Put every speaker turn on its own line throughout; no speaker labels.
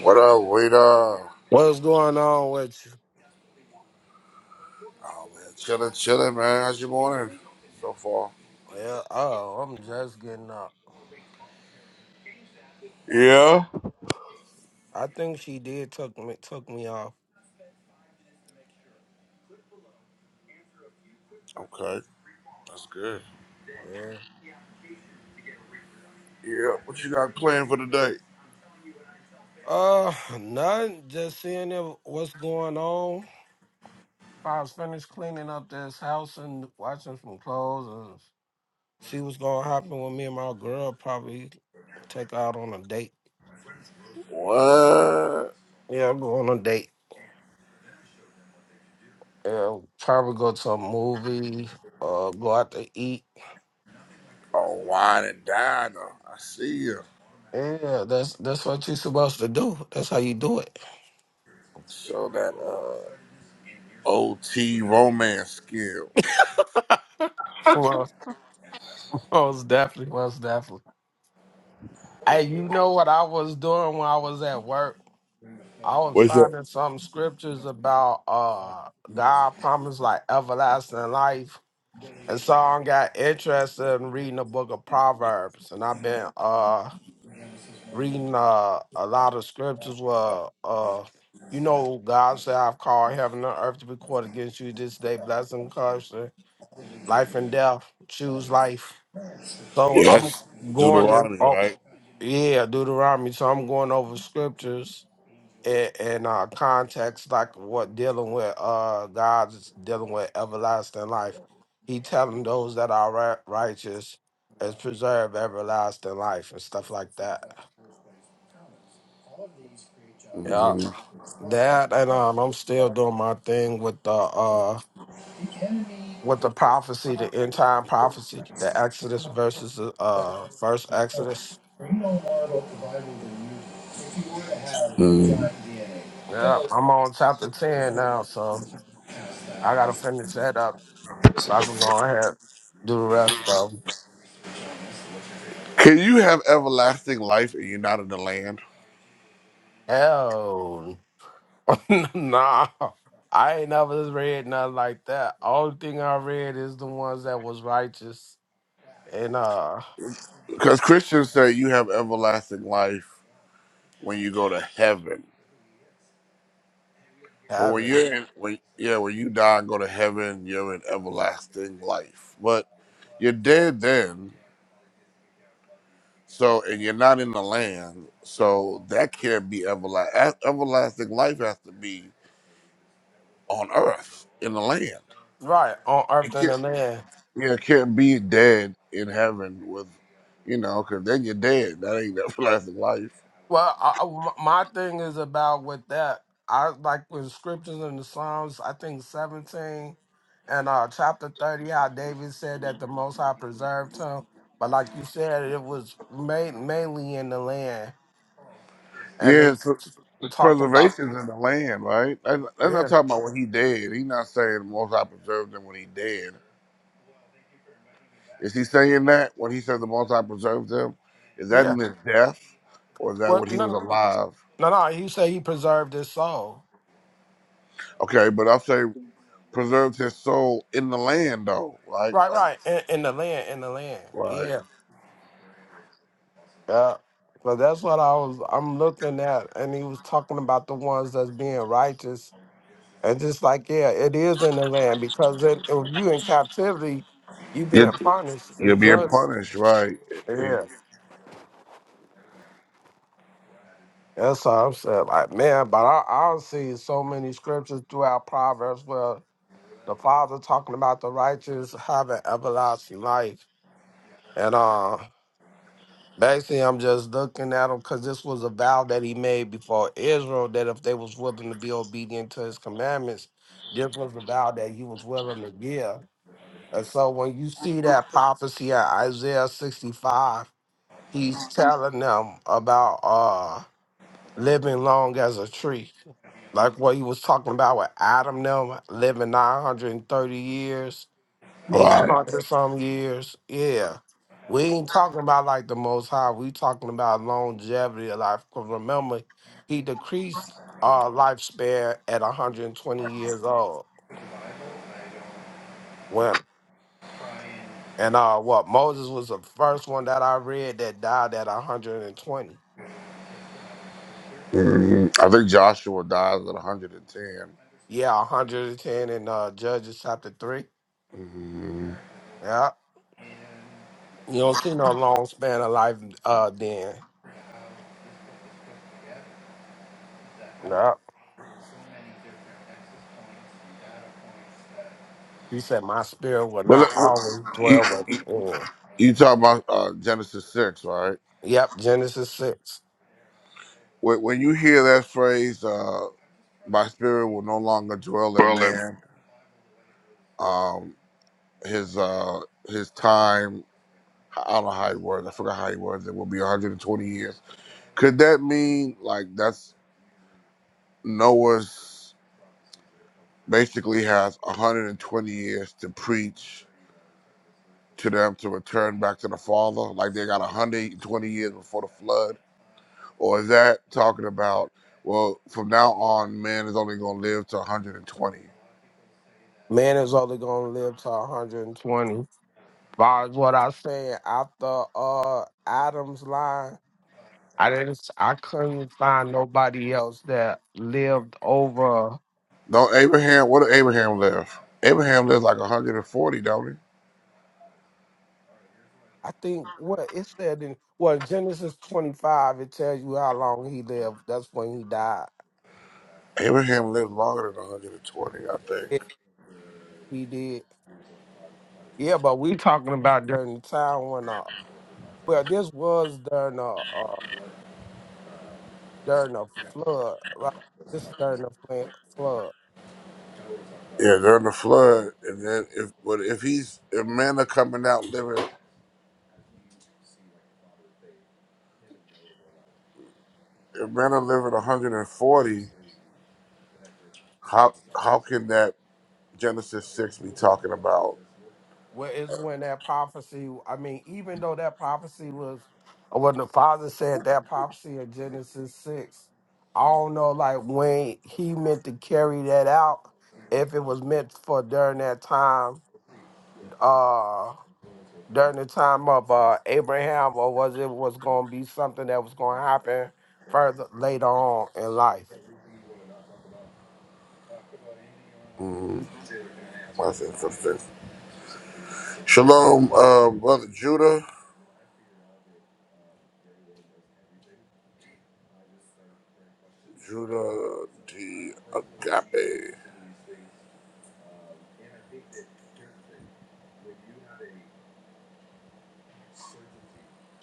What up, waiter?
What's going on with
Chilling, chilling, man. How's your morning
you?
so far?
Yeah, oh, I'm just getting up.
Yeah.
I think she did took me took me off.
Okay, that's good.
Yeah.
Yeah. What you got planned for today?
Uh, nothing. Just seeing if, what's going on. I was finished cleaning up this house and watching some clothes and see what's gonna happen with me and my girl. Probably take her out on a date.
What?
Yeah, go on a date. Yeah, probably go to a movie. Uh, go out to eat.
Oh, wine and diner. I see you.
Yeah, that's that's what you're supposed to do. That's how you do it.
Show that uh, OT romance skills.
Well. Most definitely, most definitely. Hey, you know what I was doing when I was at work? I was
What's that?
finding some scriptures about uh God promised like everlasting life. And so I got interested in reading the book of Proverbs. And I've been uh reading uh a lot of scriptures where uh you know God said I've called heaven and earth to record against you this day, blessing, curse, life and death, choose life. So
Yeah,
I'm
that's
going to.
Deuteronomy,
oh,
right?
Yeah, Deuteronomy. So I'm going over scriptures and, and uh context like what dealing with uh God's dealing with everlasting life. He telling those that are ri- righteous is preserve everlasting life and stuff like that. Yeah. That and um I'm still doing my thing with the uh with the prophecy, the end time prophecy, the Exodus versus the uh first Exodus. Yeah, I'm on chapter ten now, so I gotta finish that up So I can go ahead and do the rest of them.
Can you have everlasting life and you're not in the land?
Hell, nah. I ain't never just read nothing like that. Only thing I read is the ones that was righteous in uh
Because Christians say you have everlasting life when you go to heaven. But when
heaven,
you're in, when yeah, when you die and go to heaven, you're in everlasting life. But you're dead then, so and you're not in the land, so that can't be everlasting. Everlasting life has to be on earth in the land.
right on
It
earth and
can't,
the land.
yeah, it can't be dead in heaven with, you know, because then you're dead. That ain't everlasting life.
Well, I, I- my thing is about with that. I like with scriptures in the Psalms. I think seventeen and uh chapter thirty, how David said that the Most High preserved him. But like you said, it was made mainly in the land. and
Yeah, it's,
it's
pre- it's
talking about
preservation's in the land, right? That's, that's not
yeah,
talking about when he dead. He's not saying the most I preserved him when he dead Is he saying that when he says the Most High preserved him? Is that
yeah.
in his death, or is that
Well,
when he
no,
was
no,
alive?
no. no, He said he preserved his soul.
Okay, but I say preserved his soul in the land though, right?
Right,
Like,
right. In, in the land, in the land.
right?
Yeah, yeah. But that's what I was. I'm looking at, and he was talking about the ones that's being righteous, and just like yeah, it is in the land because it, if you in captivity, you
You're,
being punished is
you're being
judged
punished, right?
Yeah. That's all I'm saying. Like, man, but I, I'll see so many scriptures throughout Proverbs where the father talking about the righteous having everlasting life. And uh basically I'm just looking at him because this was a vow that he made before Israel that if they was willing to be obedient to his commandments, this was a vow that he was willing to give. And so when you see that prophecy in Isaiah 65, he's telling them about uh living long as a tree. Like what he was talking about with Adam them living 930 years eight
Right.
hundred some years. Yeah. We ain't talking about like the most high. We talking about longevity of life. 'Cause remember, he decreased our lifespan at 120 years old. When and uh what Moses was the first one that I read that died at 120.
hmm I think Joshua dies at 110.
Yeah, 110 in uh Judges chapter three.
hmm
Yeah. You don't see no long span of life uh then. Yeah. He said my spirit will
But
not
look,
always
you,
dwell with
you,
me.
you talk about uh, Genesis 6, right?
Yep, Genesis 6.
When, when you hear that phrase, uh, "My spirit will no longer dwell in
Well, let me,
man," um, his uh his time. I don't know how he was. I forgot how he was. It will be 120 years. Could that mean like that's Noah's basically has 120 years to preach to them to return back to the Father? Like they got 120 years before the flood, or is that talking about well from now on man is only going to live to 120?
Man is only going to live to 120. Far as what I said, after uh Adam's line, I didn't I couldn't find nobody else that lived over
Don't Abraham? What did Abraham live? Abraham lives like 140, don't he?
I think what it said in well Genesis 25 it tells you how long he lived. That's when he died.
Abraham lived longer than 120, I think.
Yeah, he did. Yeah, but we talking about during the time when uh well this was during uh, uh, during the flood, right? This is during the fla- flood.
Yeah, during the flood, and then if but if he's if men are coming out living, if men are living 140, how how can that Genesis six be talking about?
Where is when that prophecy? I mean, even though that prophecy was, uh, when the father said that prophecy in Genesis six, I don't know, like when he meant to carry that out, if it was meant for during that time, uh, during the time of uh Abraham, or was it was going to be something that was going to happen further later on in life?
Mm, I said something. Shalom, uh, brother Judah, Judah D Agape.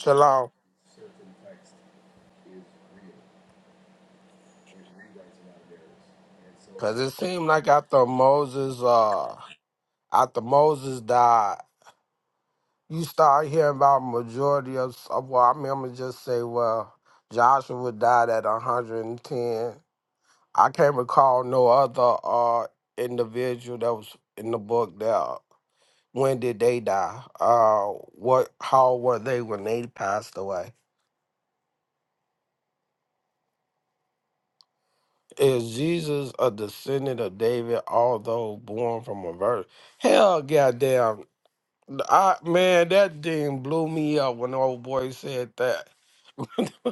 Shalom, because it seemed like after Moses, uh. after Moses died, you start hearing about majority of of- well, I mean, I'm gonna just say, well, Joshua died at 110. I can't recall no other uh individual that was in the book that when did they die? Uh, what how were they when they passed away? Is Jesus a descendant of David, although born from a virgin? Hell, goddamn! I man, that thing blew me up when the old boy said that.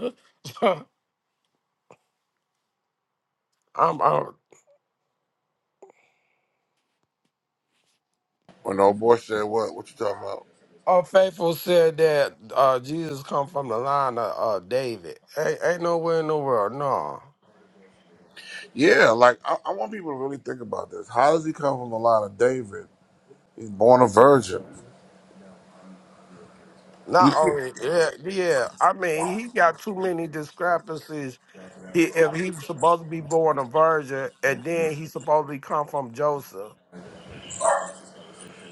I'm uh,
When old boy said what? What you talking about?
all faithful said that uh, Jesus come from the line of uh, David. Ain't, ain't nowhere in the world, no.
Yeah, like I, I want people to really think about this. How does he come from the line of David? He's born a virgin.
Not
You,
only, yeah, yeah. I mean, he got too many discrepancies. He, if he's supposed to be born a virgin, and then he's supposed to come from Joseph.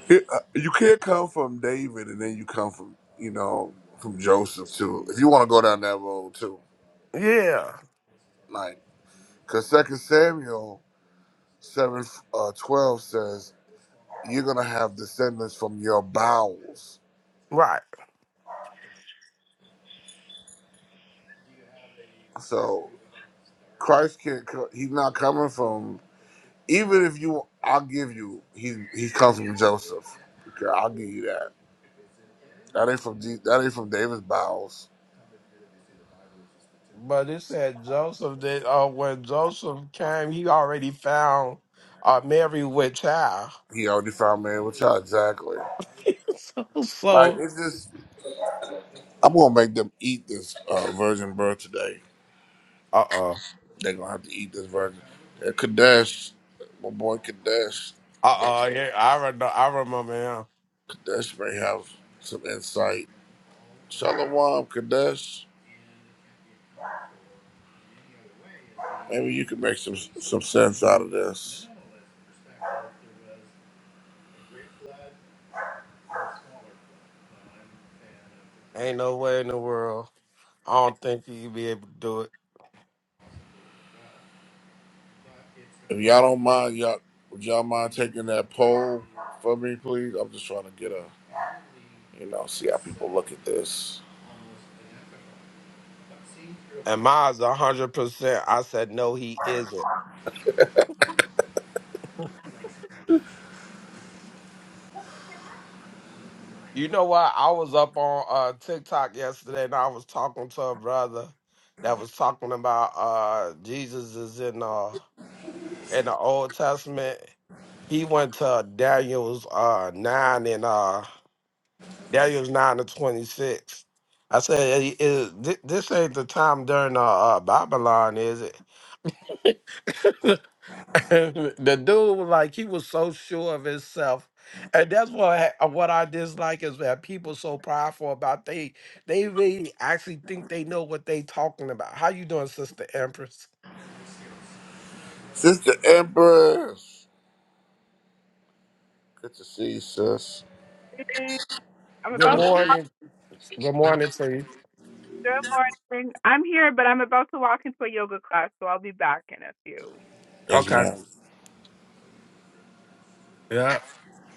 It, uh, you can't come from David and then you come from, you know, from Joseph too. If you want to go down that road too,
Yeah,
like, because Second Samuel seven uh, twelve says you're gonna have descendants from your bowels.
right.
So Christ can't. co- He's not coming from. Even if you, I'll give you. He he comes from Joseph. Okay, I'll give you that. That ain't from D, that ain't from David's bowels.
But it said Joseph that uh, when Joseph came, he already found uh, Mary with child.
He already found man with child. Exactly.
so,
Like
so.
it just I'm gonna make them eat this uh, virgin birth today.
Uh oh.
They're gonna have to eat this virgin. And Kadesh, my boy Kadesh,
Uh oh, yeah, I re- I remember him.
Kadesh may have some insight. Shalom, Kadesh. Maybe you can make some some sense out of this.
Ain't no way in the world. I don't think he'd be able to do it.
If y'all don't mind, y'all would y'all mind taking that poll for me, please? I'm just trying to get a you know see how people look at this.
And mine's a hundred percent. I said no, he isn't. You know what? I was up on uh TikTok yesterday and I was talking to a brother that was talking about uh Jesus is in uh in the Old Testament. He went to Daniel's uh nine and uh Daniel's nine to twenty six. I said, "Hey, is, thi- this ain't the time during uh, uh, Babylon, is it? the dude was like he was so sure of himself and that's what I, uh, what I dislike is that people so prideful about they they really actually think they know what they talking about. How you doing, Sister Empress?
Sister Empress, good to see you, sis.
I'm
Good
about
morning. Good morning to you.
good morning. I'm here, but I'm about to walk into a yoga class, so I'll be back in a few.
Yes,
Okay.
ma'am.
Yeah.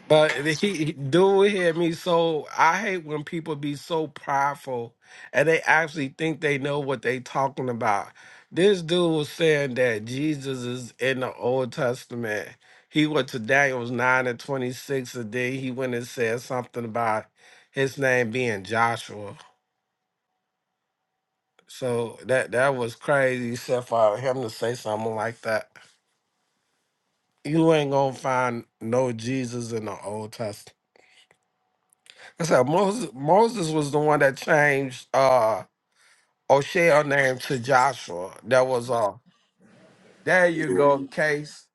But he, he do hear me. So I hate when people be so prideful and they actually think they know what they talking about. This dude was saying that Jesus is in the Old Testament. He went to Daniel's 9 and 26 a day. He went and said something about his name being Joshua. So that that was crazy, except for him to say something like that. You ain't gonna find no Jesus in the Old Testament. I said Moses, Moses was the one that changed uh O'Shell name to Joshua. That was uh there you go, case.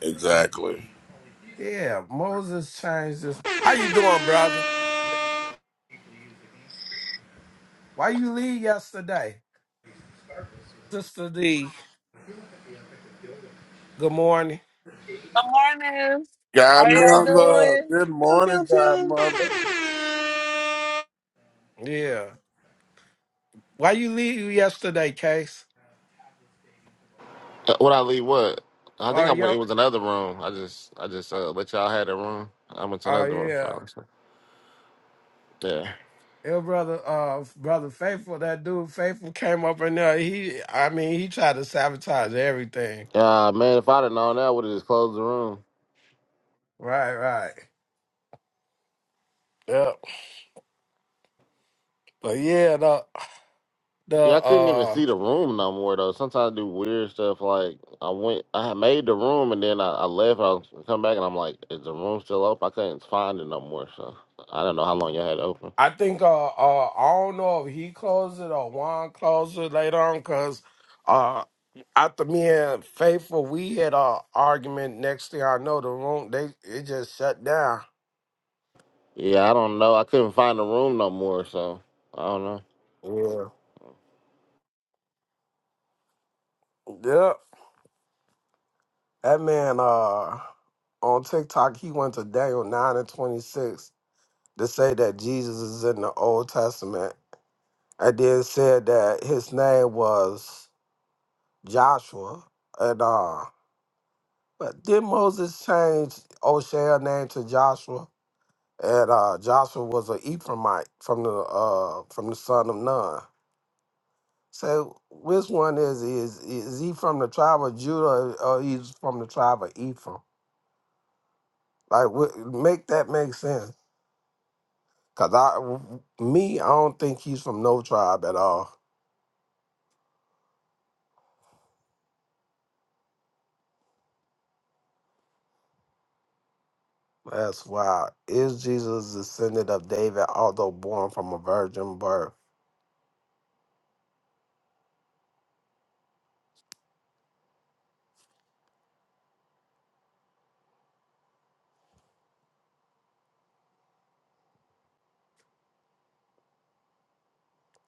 Exactly.
Yeah, Moses changed this. How you doing, brother? Why you leave yesterday? Sister D, good morning.
Good morning. How are y'all
Godmother,
doing?
good
Pew, pew,
morning,
pew.
Godmother.
Yeah. Why you leave yesterday, Case?
Uh, What I leave? What? I think
Oh
I went. It
yo
was another room. I just, I just uh, let y'all had that room. I went to
oh
another room. So I
yeah.
like, yeah.
Your brother uh brother Faithful, that dude Faithful came up in there. He I mean he tried to sabotage everything.
Yeah, man. If I'd have known that, I would have just closed the room.
Right, right. Yep. But yeah, the the
Yeah, I couldn't even
uh
see the room no more though. Sometimes I do weird stuff. Like I went, I had made the room and then I, I left. I come back and I'm like, is the room still open? I couldn't find it no more. So I don't know how long y'all had it open.
I think uh uh I don't know if he closed it or Juan closed it later on because uh after me and Faithful we had a argument next thing I know the room they it just shut down.
Yeah, I don't know. I couldn't find the room no more. So I don't know.
Yeah. Yep. That man uh on TikTok he went to Daniel nine and twenty six to say that Jesus is in the Old Testament and then said that his name was Joshua and uh But did Moses change Oshea name to Joshua? And uh, Joshua was an Ephraimite from the uh, from the son of Nun. So which one is he? is is he from the tribe of Judah or he's from the tribe of Ephraim? Like wh- make that make sense? Cause I w- me I don't think he's from no tribe at all. That's why is Jesus descendant of David, although born from a virgin birth?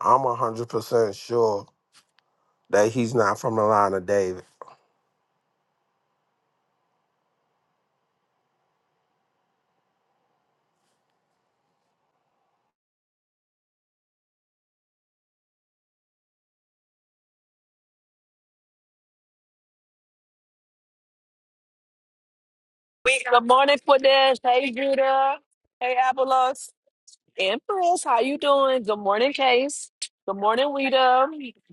I'm hundred percent sure that he's not from the line of David.
We- Good morning, Quadesh. Hey, Judah. Hey, Avalos. Empress, how you doing? Good morning, Case. Good morning, Weta.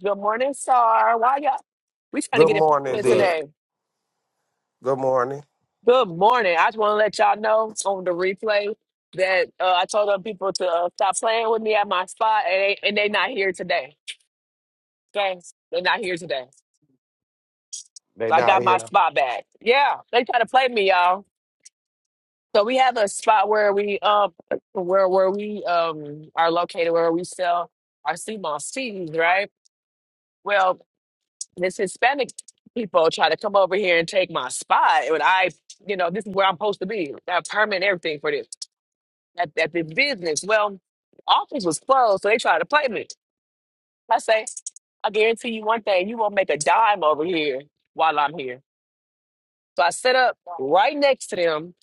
Good morning, Star. Why y'all? We trying to
Good
get
What's,
it
morning,
popping
what's
D.
up?
today.
Good morning.
Good morning. I just want to let y'all know on the replay that uh, I told other people to uh, stop playing with me at my spot, and they, and they not here today. Okay, they're not here today.
They
So I
not
got my
here.
spot back. Yeah, they try to play me, y'all. So we have a spot where we um where where we um are located where we sell our sea moss teas, right? Well, this Hispanic people try to come over here and take my spot and I you know, this is where I'm supposed to be. I have permit and everything for this at, at the business. Well, office was closed, so they tried to play me. I say, I guarantee you one thing, you won't make a dime over here while I'm here. So I set up right next to them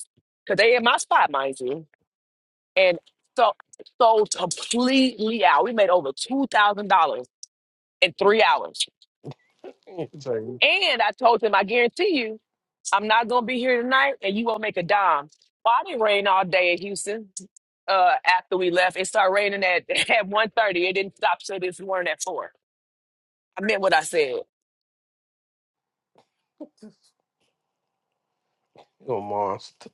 because they in my spot, mind you. And so sold completely out. We made over two thousand dollars in three hours.
Good
And I told him, I guarantee you, I'm not gonna be here tonight, and you won't make a dime. Well, I didn't rain all day in Houston. Uh, after we left, it started raining at at one thirty. It didn't stop till this morning at four. I meant what I said.
monster.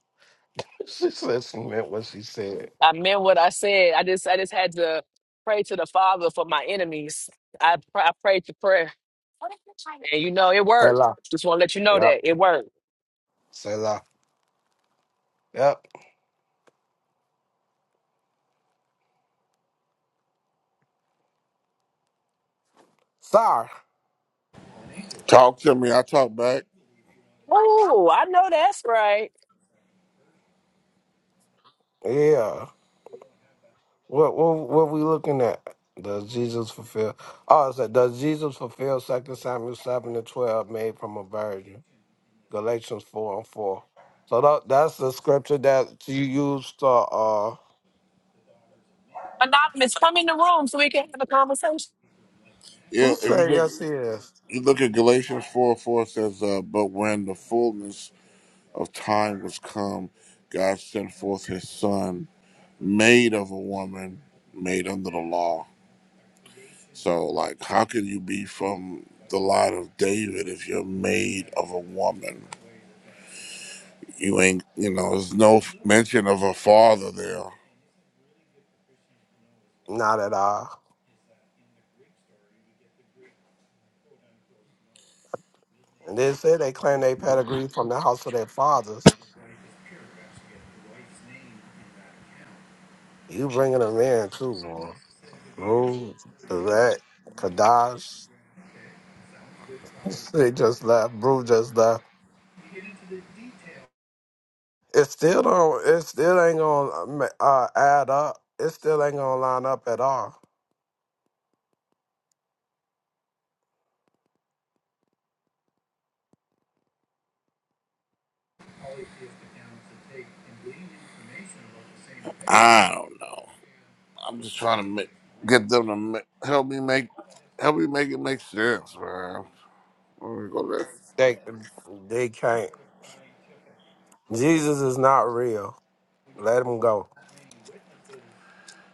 She said she meant what she said.
I meant what I said. I just I just had to pray to the Father for my enemies. I pr- I prayed the prayer, and you know it worked.
Selah.
Just want to let you know
Yep.
that it worked.
Selah. Yep. Sir.
Talk to me. I talk back.
Oh, I know that's right.
Yeah. What what what we looking at? Does Jesus fulfill? Oh, it said, does Jesus fulfill Second Samuel seven and twelve, made from a virgin? Galatians four and four. So that, that's the scripture that you used to. Uh,
Anonymous, come in the room so we can have a conversation.
Yeah,
who
if you
said
look,
yes? He is
you look at Galatians four four it says, uh, "But when the fullness of time was come, God sent forth His Son, made of a woman, made under the law." So, like, how can you be from the line of David if you're made of a woman? You ain't, you know. There's no mention of a father there.
not at all. And they say they claim they pedigree from the house of their fathers. You bringing them in too, boy. Rue, Direct, Kadash. They just left. Brew just left. It still don't. It still ain't gonna uh, uh, add up. It still ain't gonna line up at all.
I don't know. I'm just trying to make, get them to ma- help me make help me make it make sense, man. Let me go there.
They they can't. Jesus is not real. Let him go.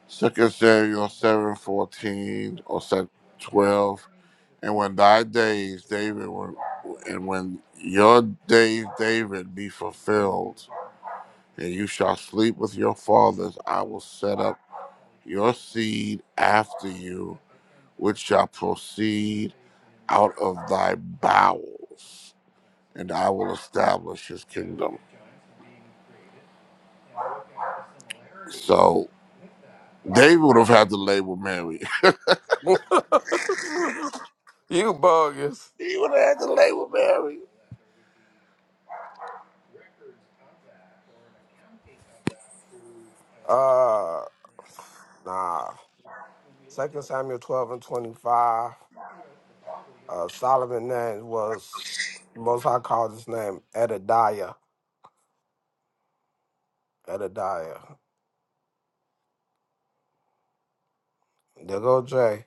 Second Samuel seven fourteen or seven twelve. And when thy days, David, were, and when your days, David, be fulfilled, and you shall sleep with your fathers, I will set up your seed after you, which shall proceed out of thy bowels, and I will establish his kingdom. So David would have had to label Mary.
you bogus.
he would have had to label Mary.
Uh, nah. Second Samuel twelve and twenty five. Uh, Solomon's name was most high called his name Edadiah. Edadiah. There go Jay.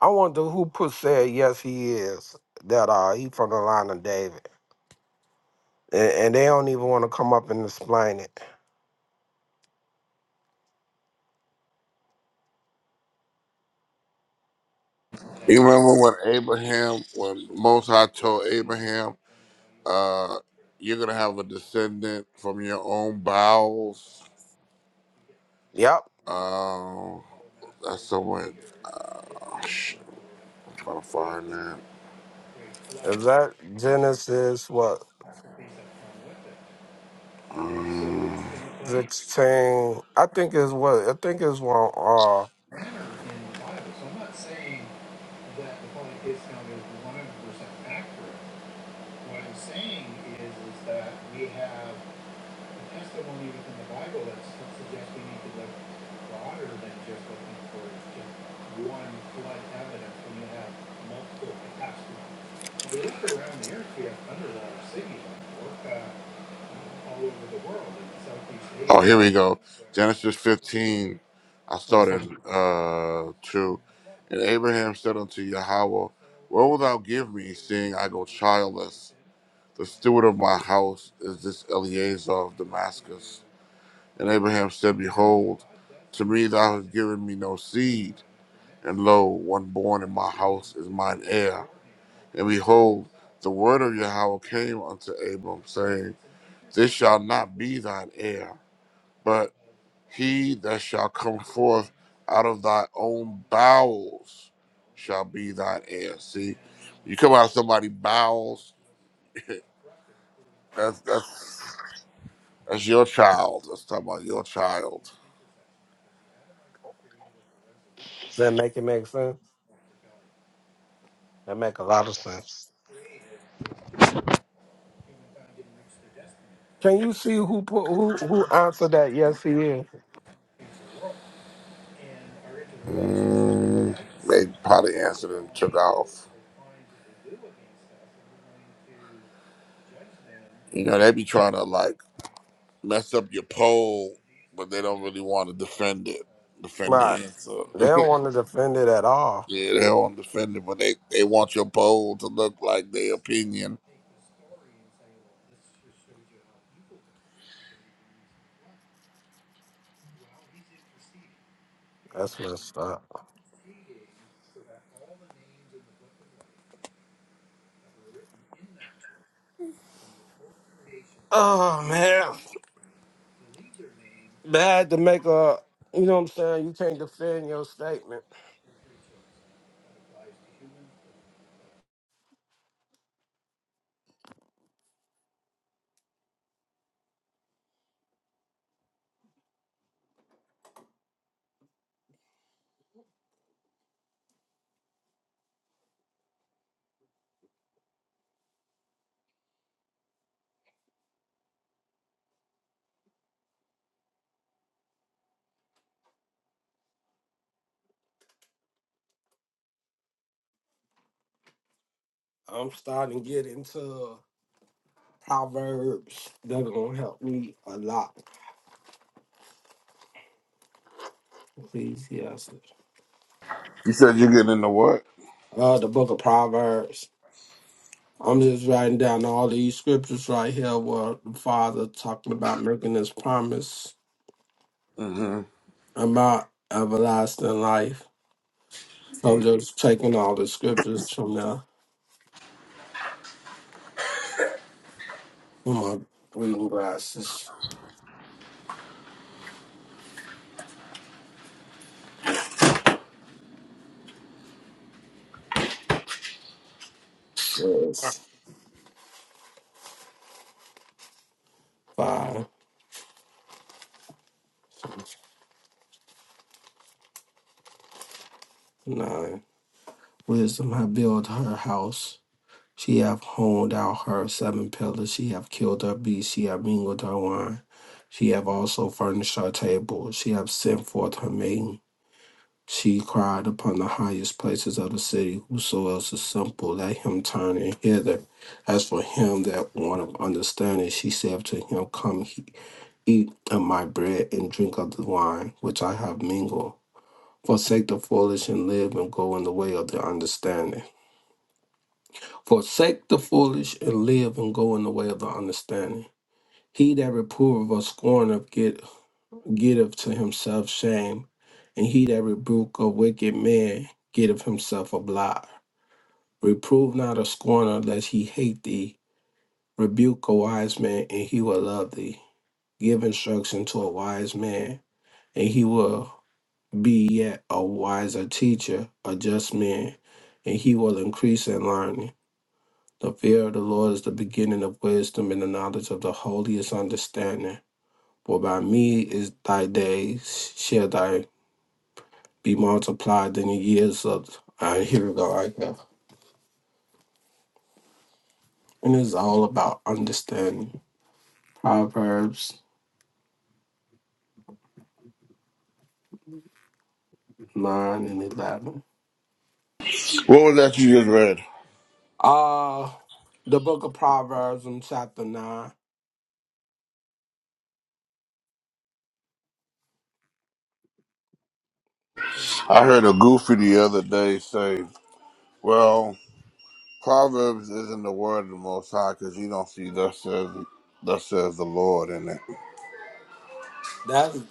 I wonder who put said yes he is. That uh he from the line of David. And, and they don't even want to come up and explain it.
You remember when Abraham, when Most High told Abraham, uh, you're gonna have a descendant from your own bowels.
Yep.
Um, that's somewhere. Oh, shit, I'm trying to find that.
Is that Genesis what
Um,
sixteen? I think is what I think is one uh
oh, here we go. Genesis 15. I started uh two. And Abraham said unto Yahweh, Where wilt thou give me, seeing I go childless? The steward of my house is this Eleazar of Damascus. And Abraham said, Behold, to me thou hast given me no seed, and lo, one born in my house is mine heir. And behold, the word of Yahweh came unto Abram, saying, This shall not be thine heir, he that shall come forth out of thy own bowels shall be thine heir. See, you come out of somebody's bowels, that's that's that's your child. Let's talk about your child.
that make it make sense. That make a lot of sense. Can you see who put who who answered that yes he is?
Mm, they probably answered and took off. You know, they be trying to like mess up your poll, but they don't really want to defend it. Defend the
Right.
answer.
They don't want to defend it at all.
yeah, they don't want to defend it, but they, they want your poll to look like their opinion.
That's messed up. Oh man. Bad to make a you know what I'm saying? You can't defend your statement. I'm starting to get into Proverbs. That's gonna help me a lot. Please, yes.
You said you're getting into what?
Uh the book of Proverbs. I'm just writing down all these scriptures right here where the father talking about making his promise
hmm
about everlasting life. So I'm just taking all the scriptures from there. Where my reading glasses? Says five nine. Wisdom have built her house. She have honed out her seven pillars. She have killed her beast. She have mingled her wine. She have also furnished her table. She have sent forth her maiden. She cried upon the highest places of the city. Whoso else is simple, let him turn in hither. As for him that want of understanding, she said to him, Come Eat of my bread and drink of the wine which I have mingled. Forsake the foolish and live and go in the way of the understanding. Forsake the foolish and live and go in the way of the understanding. He that reproveth or scorneth get, getteth to himself shame, and he that rebuke a wicked man getteth himself a blot. Reprove not a scorner lest he hate thee. Rebuke a wise man and he will love thee. Give instruction to a wise man and he will. be yet a wiser teacher, a just man, and he will increase in learning. The fear of the Lord is the beginning of wisdom, and the knowledge of the holy is understanding. For by me is thy days, shall thy be multiplied in the years of. Uh, here we go, right there. And it's all about understanding. Proverbs 9 and 11.
What was that you just read?
Uh, the book of Proverbs in chapter 9.
I heard a goofy the other day say, "Well, Proverbs isn't the word of the Most High because you don't see thus says thus says the Lord in it."
That's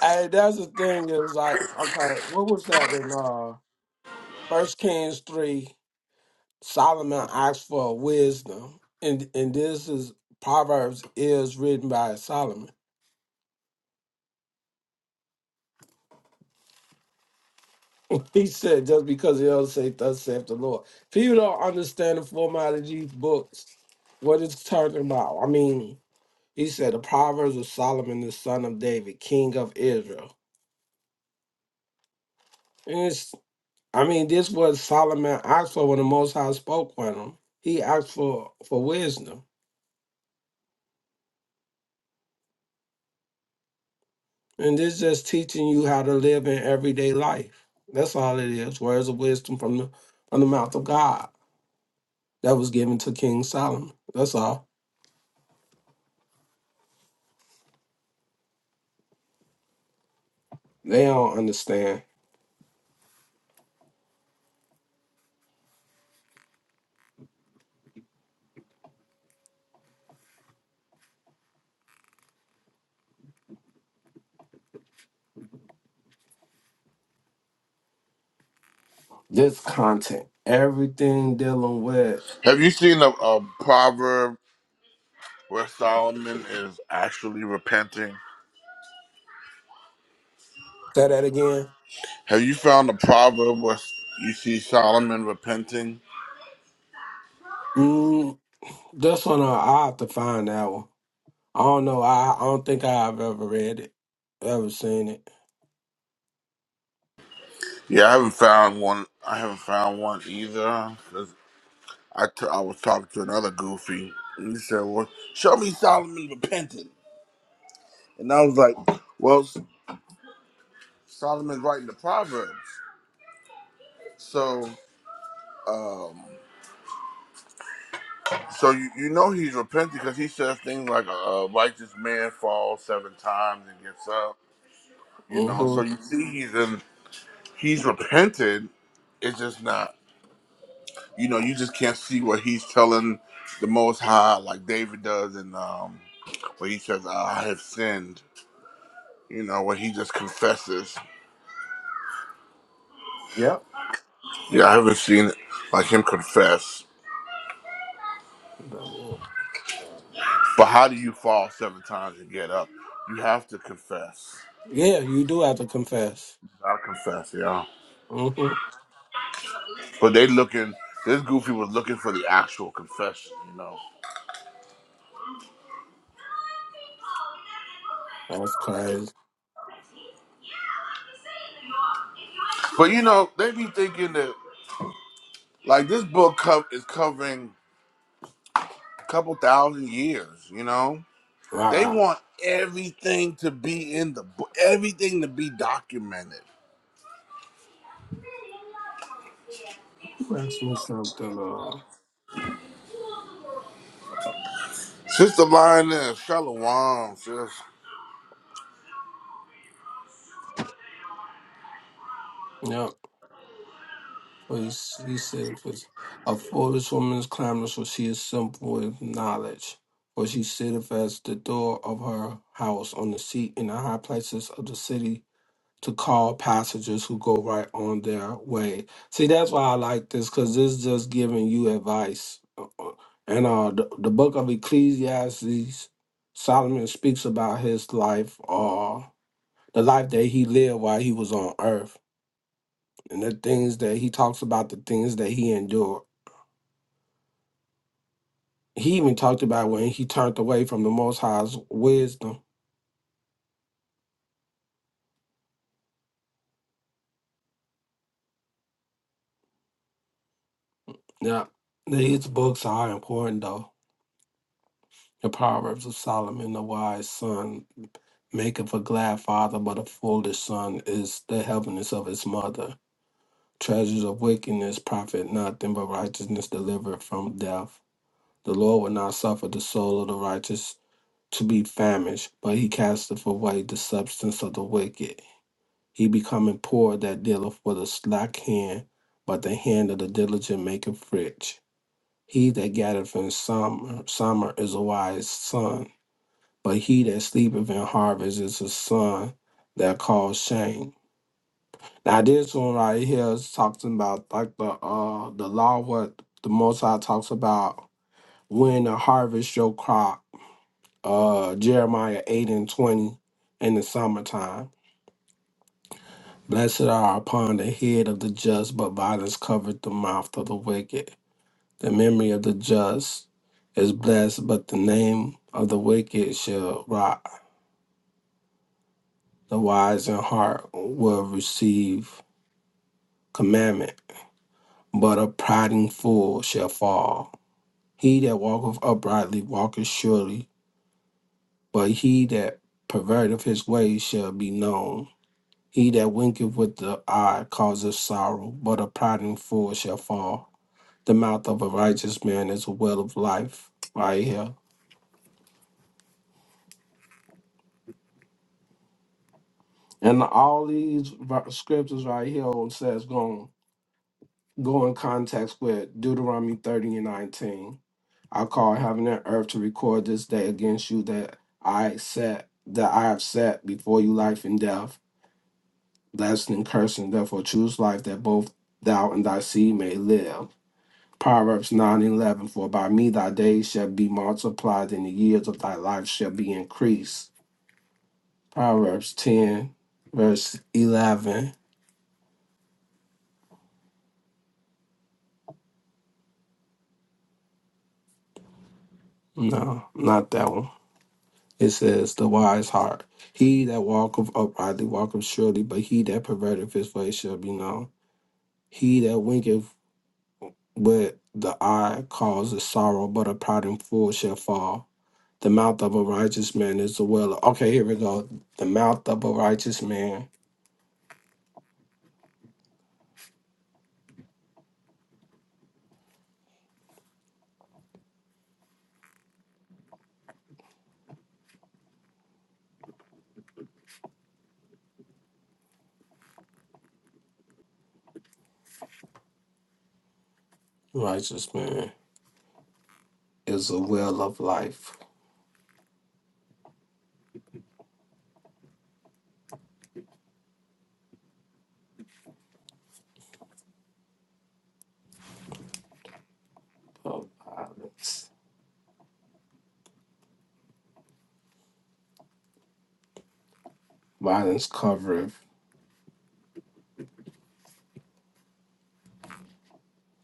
Hey, that's the thing is like, okay, what was that in uh First Kings three? Solomon asked for wisdom, and and this is Proverbs is written by Solomon. He said, just because the elders say thus saith the Lord. People don't understand the format of these books, what it's talking about. I mean, he said the Proverbs of Solomon, the son of David, king of Israel. I mean, this was Solomon asked for when the Most High spoke with him. He asked for for wisdom, and this just teaching you how to live in everyday life. That's all it is. Words of wisdom from the from the mouth of God that was given to King Solomon. That's all. They don't understand this content. Everything dealing with.
Have you seen a, a proverb where Solomon is actually repenting?
Say that again.
Have you found a proverb where you see Solomon repenting?
Mm, this one uh, I have to find that one. I don't know. I, I don't think I've ever read it, ever seen it.
Yeah, I haven't found one. I haven't found one either. 'cause I, t- I was talking to another goofy. And he said, "Well, show me Solomon repenting." And I was like, well, Solomon's writing the Proverbs. So so you, you know he's repenting because he says things like a righteous man falls seven times and gets up. You know, so
Mm-hmm.
you see he's in, he's repented. It's just not, you know, you just can't see what he's telling the Most High like David does and um, where he says, "Ah, I have sinned. You know, where he just confesses.
Yep.
Yeah, I haven't seen like him confess. But how do you fall seven times and get up? You have to confess.
Yeah, you do have to confess.
I confess, yeah.
hmm
But they looking. This goofy was looking for the actual confession, you know.
That's crazy.
But you know, they be thinking that like this book co- is covering a couple thousand years, you know. They
Wow.
want everything to be in the book, everything to be documented.
Who asked me something. Uh,
Sister Lionel, Shalom, sis.
yep. Well, he, s- he said, "Cause a foolish woman is clamorous, for she is simple with knowledge. For she sitteth at the door of her house, on the seat in the high places of the city. to call passengers who go right on their way. See, that's why I like this because this is just giving you advice. Uh, uh, And uh, the, the book of Ecclesiastes, Solomon speaks about his life, uh, the life that he lived while he was on earth, and the things that he talks about, the things that he endured. He even talked about when he turned away from the Most High's wisdom. Now, these books are important, though. The Proverbs of Solomon, the wise son, maketh a glad father, but a foolish son is the heaviness of his mother. Treasures of wickedness profit nothing, but righteousness delivereth from death. The Lord will not suffer the soul of the righteous to be famished, but he casteth away the substance of the wicked. He becometh poor that dealeth with a slack hand, but the hand of the diligent maketh rich. He that gathereth in summer, summer is a wise son, but he that sleepeth in harvest is his son that cause shame. Now this one right here is talking about like the uh the law what the most High talks about when to harvest your crop, uh Jeremiah eight and twenty in the summertime. Blessed are upon the head of the just, but violence covered the mouth of the wicked. The memory of the just is blessed, but the name of the wicked shall rot. The wise in heart will receive commandment, but a priding fool shall fall. He that walketh uprightly walketh surely, but he that perverteth his ways shall be known. He that winketh with the eye causeth sorrow, but a priding fool shall fall. The mouth of a righteous man is a well of life, right here. And all these ver- scriptures right here says going go in context with Deuteronomy 30 and 19 I call heaven and earth to record this day against you that I set that I have set before you life and death, blessing and cursing. Therefore choose life that both thou and thy seed may live. Proverbs 9:11. For by me thy days shall be multiplied, and the years of thy life shall be increased. Proverbs ten, verse eleven. No, not that one. It says the wise heart. He that walketh uprightly walketh surely, but he that perverteth his way shall be known. He that winketh with the eye causes sorrow, but a proud fool shall fall. The mouth of a righteous man is the well. Of, Okay, here we go. The mouth of a righteous man, righteous man, is the well of life. Of violence, violence covereth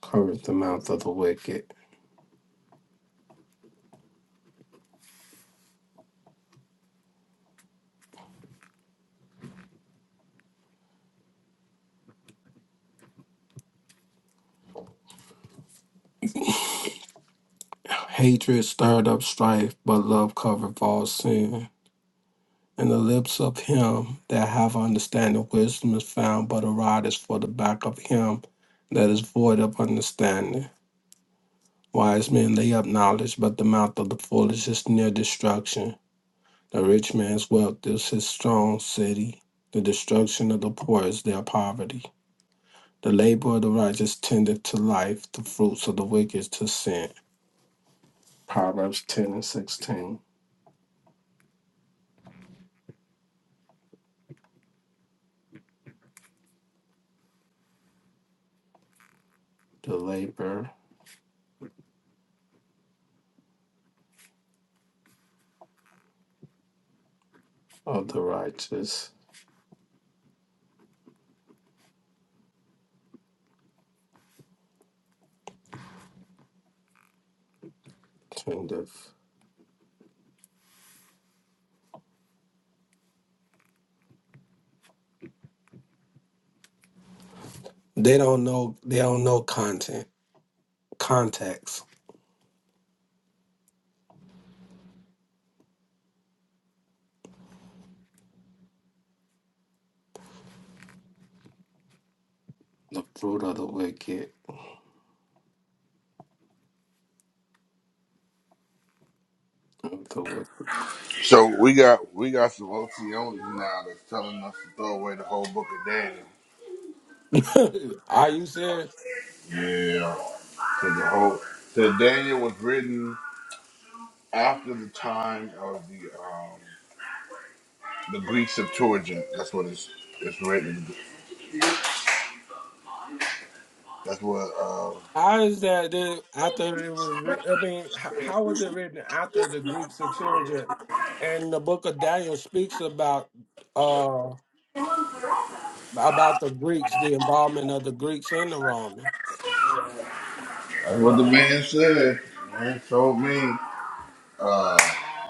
covereth the mouth of the wicked. Hatred stirred up strife, but love covereth all sin. In the lips of him that have understanding, wisdom is found, but a rod is for the back of him that is void of understanding. Wise men lay up knowledge, but the mouth of the foolish is near destruction. The rich man's wealth is his strong city. The destruction of the poor is their poverty. The labor of the righteous tendeth to life, the fruits of the wicked to sin. Proverbs 10 and 16. The labor of the righteous tendeth They don't know. They don't know content context. The fruit of the wicked, of the
So we got we got some OT OTOs now that's telling us to throw away the whole book of Daniel.
wicked. Are you serious?
Yeah. So the whole so Daniel was written after the time of the um, the Greek Septuagint. That's what it's it's written. That's what uh,
How is that? Dude, after it was, writ- I mean, how, how was it written after the Greek Septuagint? And the Book of Daniel speaks about uh about the Greeks, the involvement of the Greeks in the Roman.
that's what the man said. The man told me uh,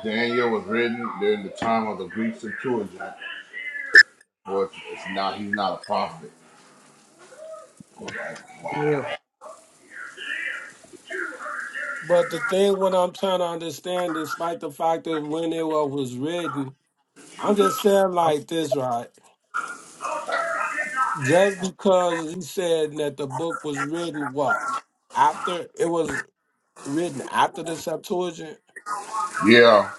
Daniel was written during the time of the Greek Septuagint. Or it's it's not he's not a prophet. Like, wow.
you?
But the thing, what I'm trying to understand, despite the fact that when it wa- was written, I'm just saying like this, right? Just because he said that the book was written what? After it was written after the Septuagint?
Yeah,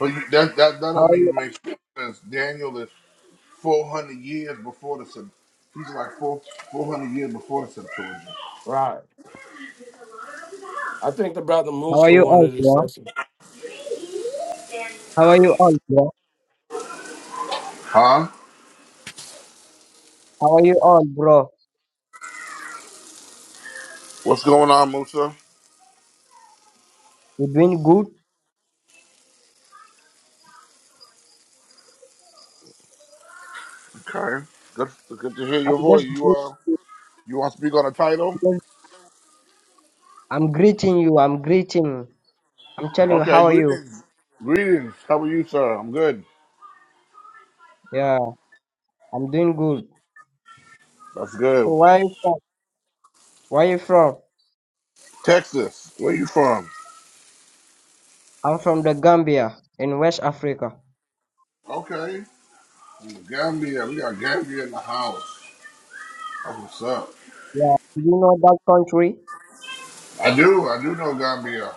but you, that that that
How
don't
are you?
even make sense. Daniel is four hundred years before the Sep- he's like four four hundred years before the Septuagint.
Right. I think the brother
How are
Musa
you all,
wanted this
bro?
session.
How are you all, bro?
Huh?
How are you all, bro?
What's going on, Musa?
You doing good?
Okay, good good to hear your
I'm
voice.
just,
You uh,
greeting-
you want to speak on the title?
I'm greeting you. I'm greeting. I'm telling you,
Okay,
how are you?
greetings, greetings. How are you, sir? I'm good.
Yeah, I'm doing good.
That's good.
So where are you from? Where are you from?
Texas, where you from?
I'm from the Gambia in West Africa.
Okay, from Gambia. We got Gambia in the house. Oh, what's up?
Yeah, do you know that country?
I do, I do know Gambia.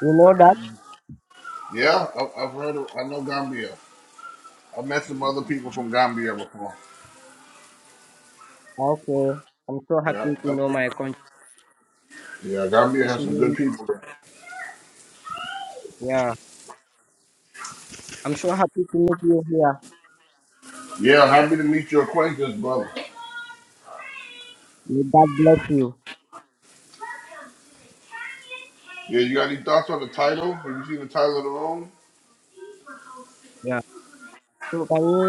You know that?
Yeah, I've, I've heard of, I know Gambia. I've met some other people from Gambia before.
Okay. I'm so
Yeah,
happy to know my country.
yeah, Gambia
It's
has some good
me.
people.
Yeah, I'm so happy to meet you here.
Yeah, happy to meet your acquaintance, brother.
May God bless you.
Yeah, you got any thoughts on the title? Have you seen the title of the room?
Yeah. So can you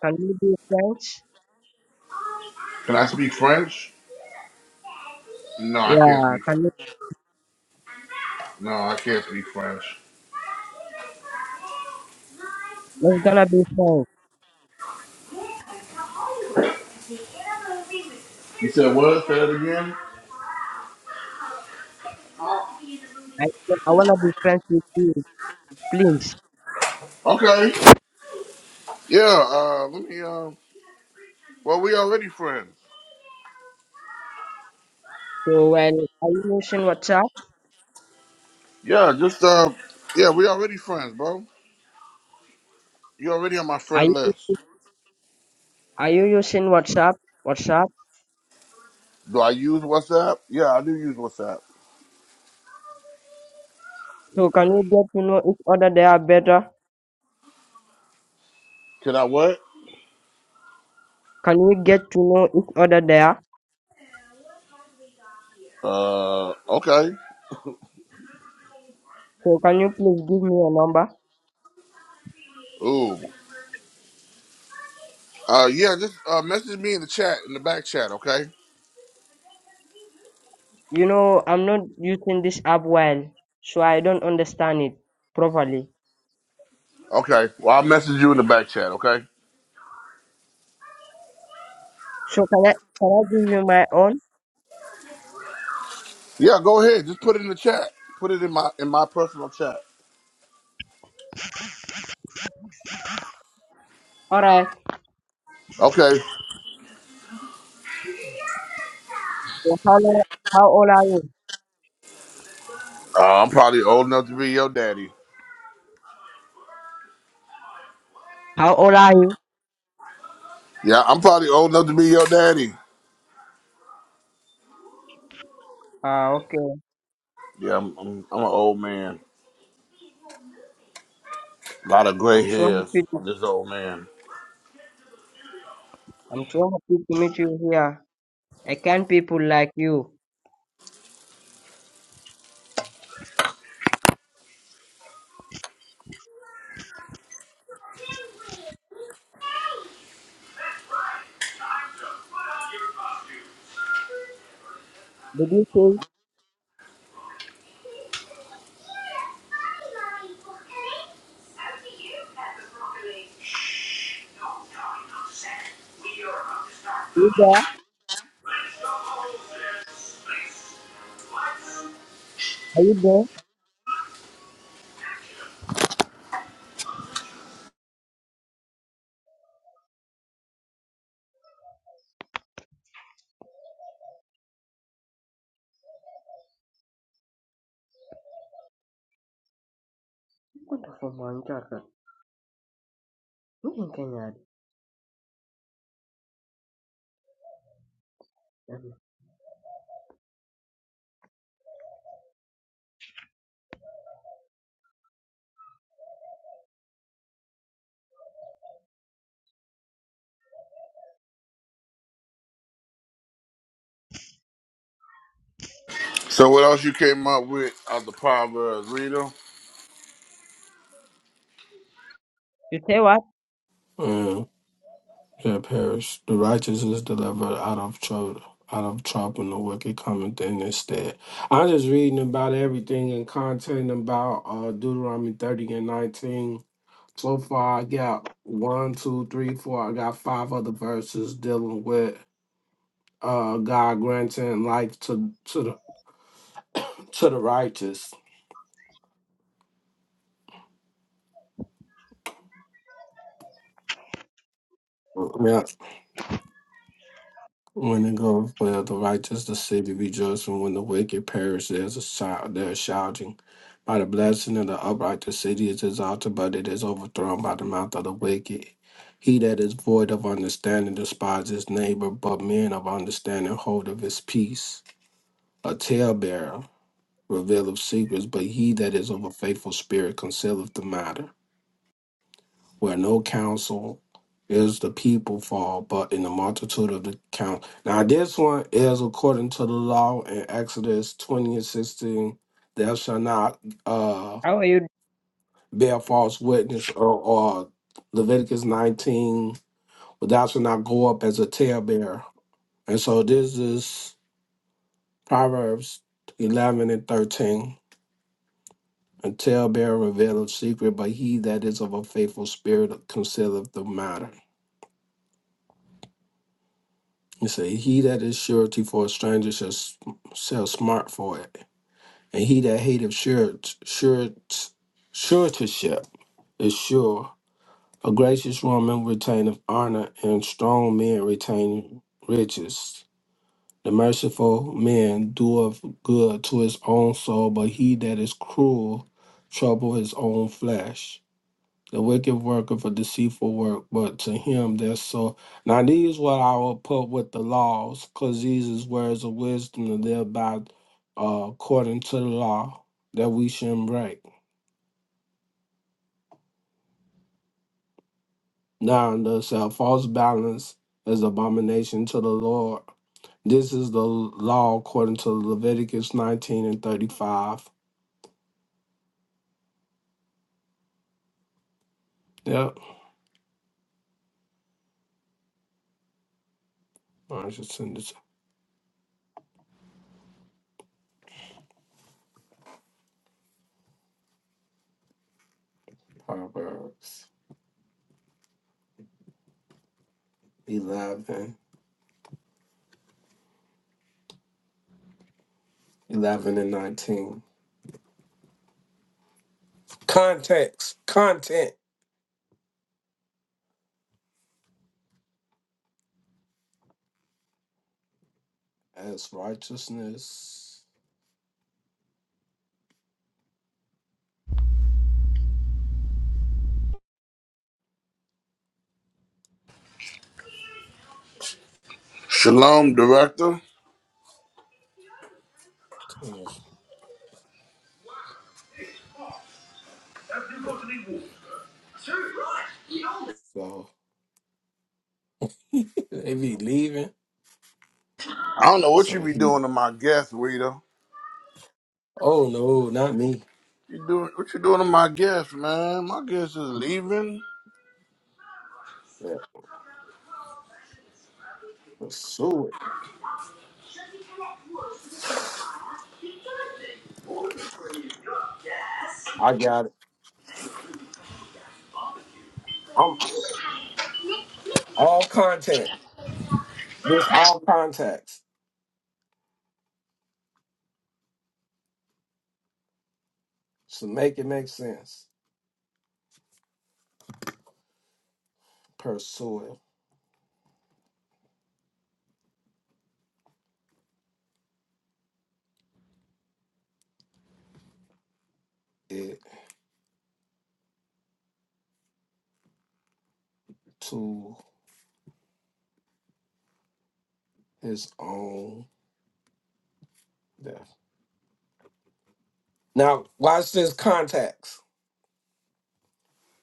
can you be friends?
Can I speak French? No, I can't
Yeah,
speak
can you
French. No, I can't speak French.
let's gonna be friends.
You said what? Say that again.
I I wanna be friends with you, please.
Okay. Yeah. Uh, let me. Uh, well, we already friends.
So when are you using WhatsApp?
Yeah, just uh, yeah, we already friends, bro. You already on my
Are
friend
you
list.
are you using WhatsApp? WhatsApp?
Do I use WhatsApp? Yeah, I do use WhatsApp.
So can you get to know each other there better?
Can I what?
Can we get to know each other there?
Uh, okay.
So can you please give me your number?
Ooh. Uh, yeah, just uh, message me in the chat, in the back chat, okay?
You know I'm not using this app well, so I don't understand it properly.
Okay. Well, I'll message you in the back chat, okay?
So can I can I give you my own?
Yeah, go ahead. Just put it in the chat. Put it in my in my personal chat.
Alright.
Okay.
So how long, how old are you?
Uh, I'm probably old enough to be your daddy.
How old are you?
Yeah, I'm probably old enough to be your daddy.
Ah, okay.
Yeah, I'm I'm, I'm an old man. A lot of gray
I'm so
hairs
happy to
on this old man.
I'm so happy to meet you here. I can not people like you. Did you say you there? Are you there? Wonderful man, Jordan. You in Kenya.
So what else you came up with out the Proverbs, Rita?
You say what?
Yeah, yeah, perish. The righteous is delivered out of trouble out of trouble and the wicked cometh in instead. I'm just reading about everything and content about uh Deuteronomy thirty and nineteen. So far I got one, two, three, four. I got five other verses dealing with uh, God granting life to to the to the righteous. Yeah. When it goes well, the righteous the city rejoices, and when the wicked perish, there's a shout. There's shouting. By the blessing of the upright, the city is exalted, but it is overthrown by the mouth of the wicked. He that is void of understanding despises his neighbor, but men of understanding hold of his peace. A talebearer revealeth secrets, but he that is of a faithful spirit concealeth the matter. where no counsel is the people fall, but in the multitude of the count. Now this one is according to the law in Exodus twenty and sixteen. Thou shalt not uh,
How are you
bear false witness, or, or Leviticus nineteen. But thou shalt not go up as a talebearer. And so this is Proverbs eleven and thirteen. A talebearer revealeth secret, but he that is of a faithful spirit concealeth the matter. You say, He that is surety for a stranger shall, s- shall smart for it. And he that hateth sure, sure, suretyship is sure. A gracious woman retaineth honor, and strong men retain riches. The merciful man doeth good to his own soul, but he that is cruel trouble his own flesh the wicked work of a deceitful work, but to him that's so. Now these what I will put with the laws, because these is words of wisdom and thereby uh, according to the law that we shouldn't break. Now thus a false balance is abomination to the Lord. This is the law according to Leviticus 19 and 35. Yep. I should send it to Proverbs eleven, eleven and 19. Context, content. as righteousness
Shalom, director.
So they be leaving.
I don't know what you
So
be
he,
doing to my guest, Rita.
oh no, not me.
You doing what you doing to my guest, man? My guest is leaving.
Yeah, pursue it. I got it. I'm all contact. This all contacts. So make it make sense. Pursue it to his own death. Now watch this contacts.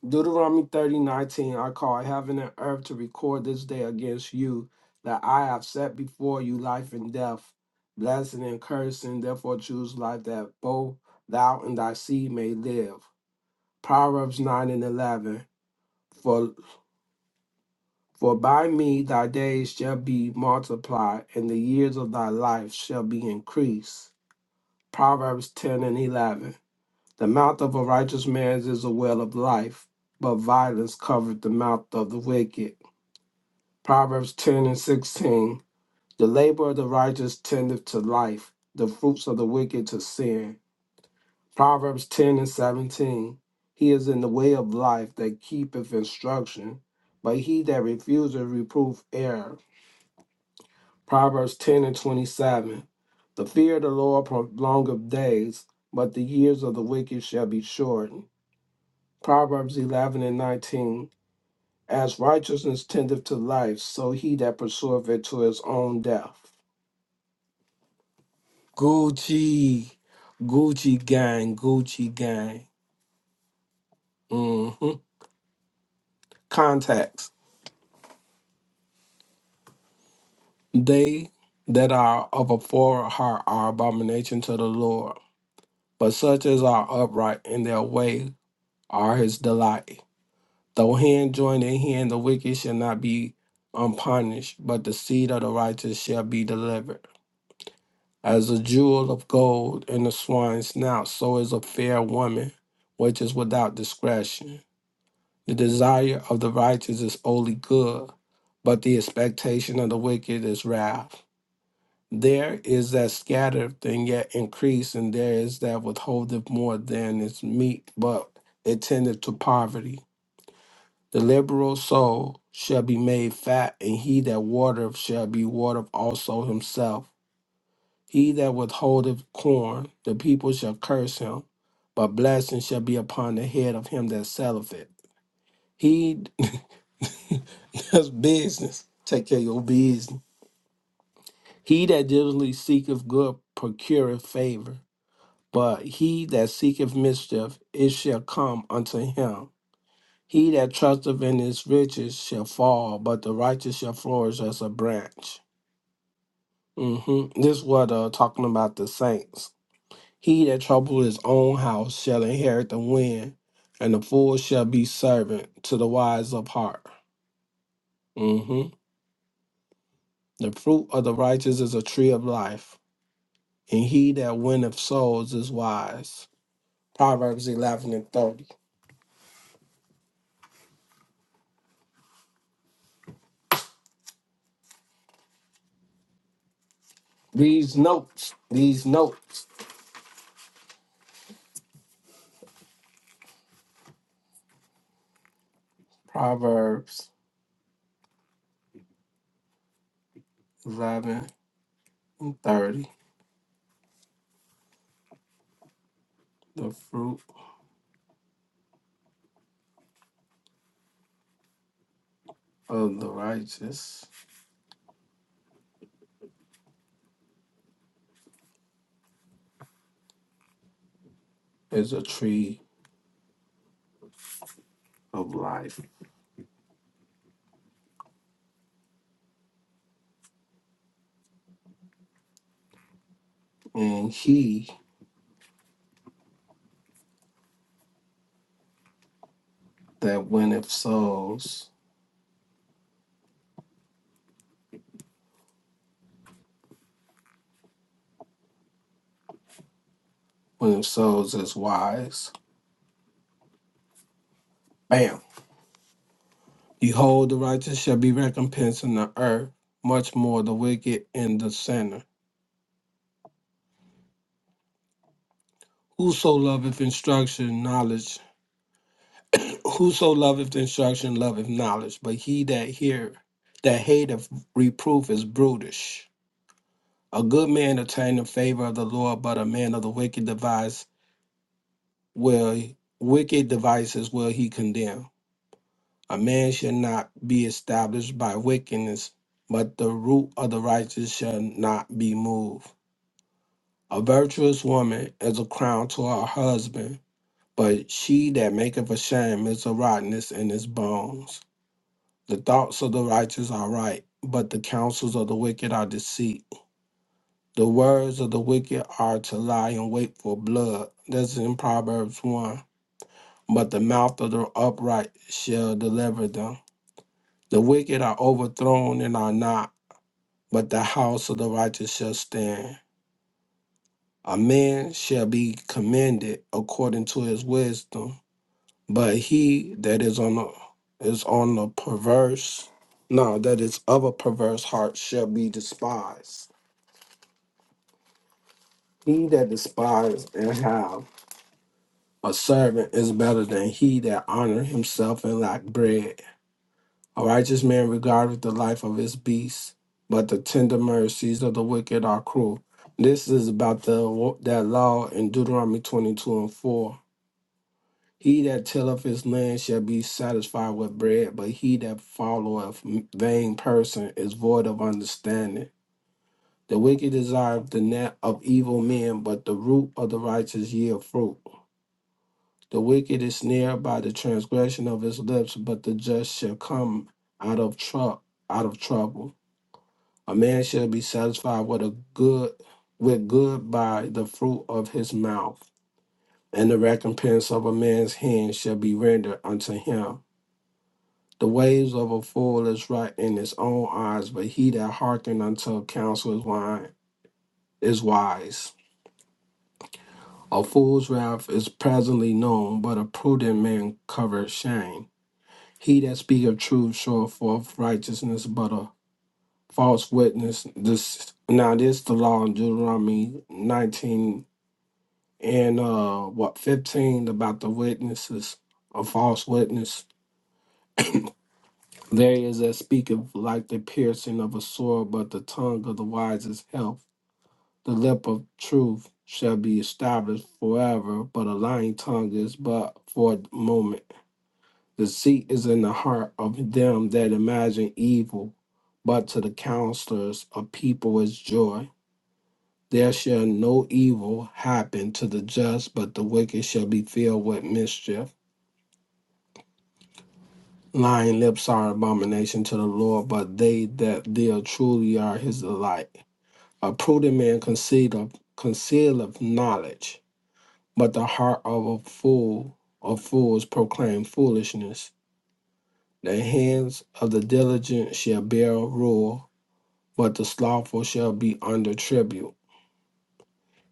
Deuteronomy thirty nineteen, I call heaven and earth to record this day against you, that I have set before you life and death, blessing and cursing. Therefore, choose life that both thou and thy seed may live. Proverbs 9 and 11. For, for by me thy days shall be multiplied, and the years of thy life shall be increased. Proverbs 10 and 11. The mouth of a righteous man is a well of life, but violence covereth the mouth of the wicked. Proverbs 10 and 16. The labor of the righteous tendeth to life, the fruits of the wicked to sin. Proverbs 10 and 17. He is in the way of life that keepeth instruction, but he that refuseth reproof error. Proverbs 10 and 27. The fear of the Lord prolongeth days, but the years of the wicked shall be shortened. Proverbs 11 and 19. As righteousness tendeth to life, so he that pursueth it to his own death. Gucci, Gucci gang, Gucci gang. hmm Contacts. They that are of a foreign heart are abomination to the Lord, but such as are upright in their way are his delight. Though hand join in hand, the wicked shall not be unpunished, but the seed of the righteous shall be delivered. As a jewel of gold in the swine's snout, so is a fair woman, which is without discretion. The desire of the righteous is only good, but the expectation of the wicked is wrath. There is that scattereth and yet increase, and there is that withholdeth more than is meet, but it tendeth to poverty. The liberal soul shall be made fat, and he that watereth shall be watered also himself. He that withholdeth corn, the people shall curse him, but blessing shall be upon the head of him that selleth it. He that's business. Take care of your business. He that diligently seeketh good procureth favor, but he that seeketh mischief, it shall come unto him. He that trusteth in his riches shall fall, but the righteous shall flourish as a branch. hmm This is what uh talking about the saints. He that troubleth his own house shall inherit the wind, and the fool shall be servant to the wise of heart. Mm-hmm. The fruit of the righteous is a tree of life, and he that winneth souls is wise. Proverbs 11 and 30. These notes, these notes, Proverbs 11 and 30. The fruit of the righteous is a tree of life, and he that winneth souls, winneth souls is wise. Bam. Behold, the righteous shall be recompensed in the earth, much more the wicked and the sinner. Whoso loveth instruction, knowledge. Whoso loveth instruction, loveth knowledge. But he that hear, that hateth reproof is brutish. A good man attaineth favor of the Lord, but a man of the wicked device will wicked devices will he condemn. A man shall not be established by wickedness, but the root of the righteous shall not be moved. A virtuous woman is a crown to her husband, But she that maketh a shame is a rottenness in his bones. The thoughts of the righteous are right, but the counsels of the wicked are deceit. The words of the wicked are to lie in wait for blood. That's in Proverbs 1. But the mouth of the upright shall deliver them. The wicked are overthrown and are not, but the house of the righteous shall stand. A man shall be commended according to his wisdom But he that is on the is on the perverse, no, that is of a perverse heart shall be despised. He that despised and have a servant is better than he that honor himself and lack bread. A righteous man regardeth the life of his beast, but the tender mercies of the wicked are cruel. This is about the that law in Deuteronomy twenty two and four He that tilleth his land shall be satisfied with bread, but he that followeth vain person is void of understanding. The wicked desire the net of evil men, but the root of the righteous yield fruit. The wicked is snared by the transgression of his lips, but the just shall come out of trouble. Out of trouble, a man shall be satisfied with a good, with good by the fruit of his mouth, and the recompense of a man's hand shall be rendered unto him The ways of a fool is right in his own eyes, but he that hearkeneth unto counsel is wise. Is wise. A fool's wrath is presently known, but a prudent man covereth shame. He that speaketh truth showeth forth righteousness, but a false witness. This now this the law in Deuteronomy nineteen and uh what fifteen about the witnesses, a false witness There is that speaketh like the piercing of a sword, but the tongue of the wise is health. The lip of truth shall be established forever, but a lying tongue is but for a moment. Deceit is in the heart of them that imagine evil, but to the counselors of people is joy. There shall no evil happen to the just, but the wicked shall be filled with mischief. Lying lips are abomination to the Lord, but they that deal truly are his delight. A prudent man concealeth concealeth knowledge, but the heart of a fool of fools proclaim foolishness. The hands of the diligent shall bear rule, but the slothful shall be under tribute.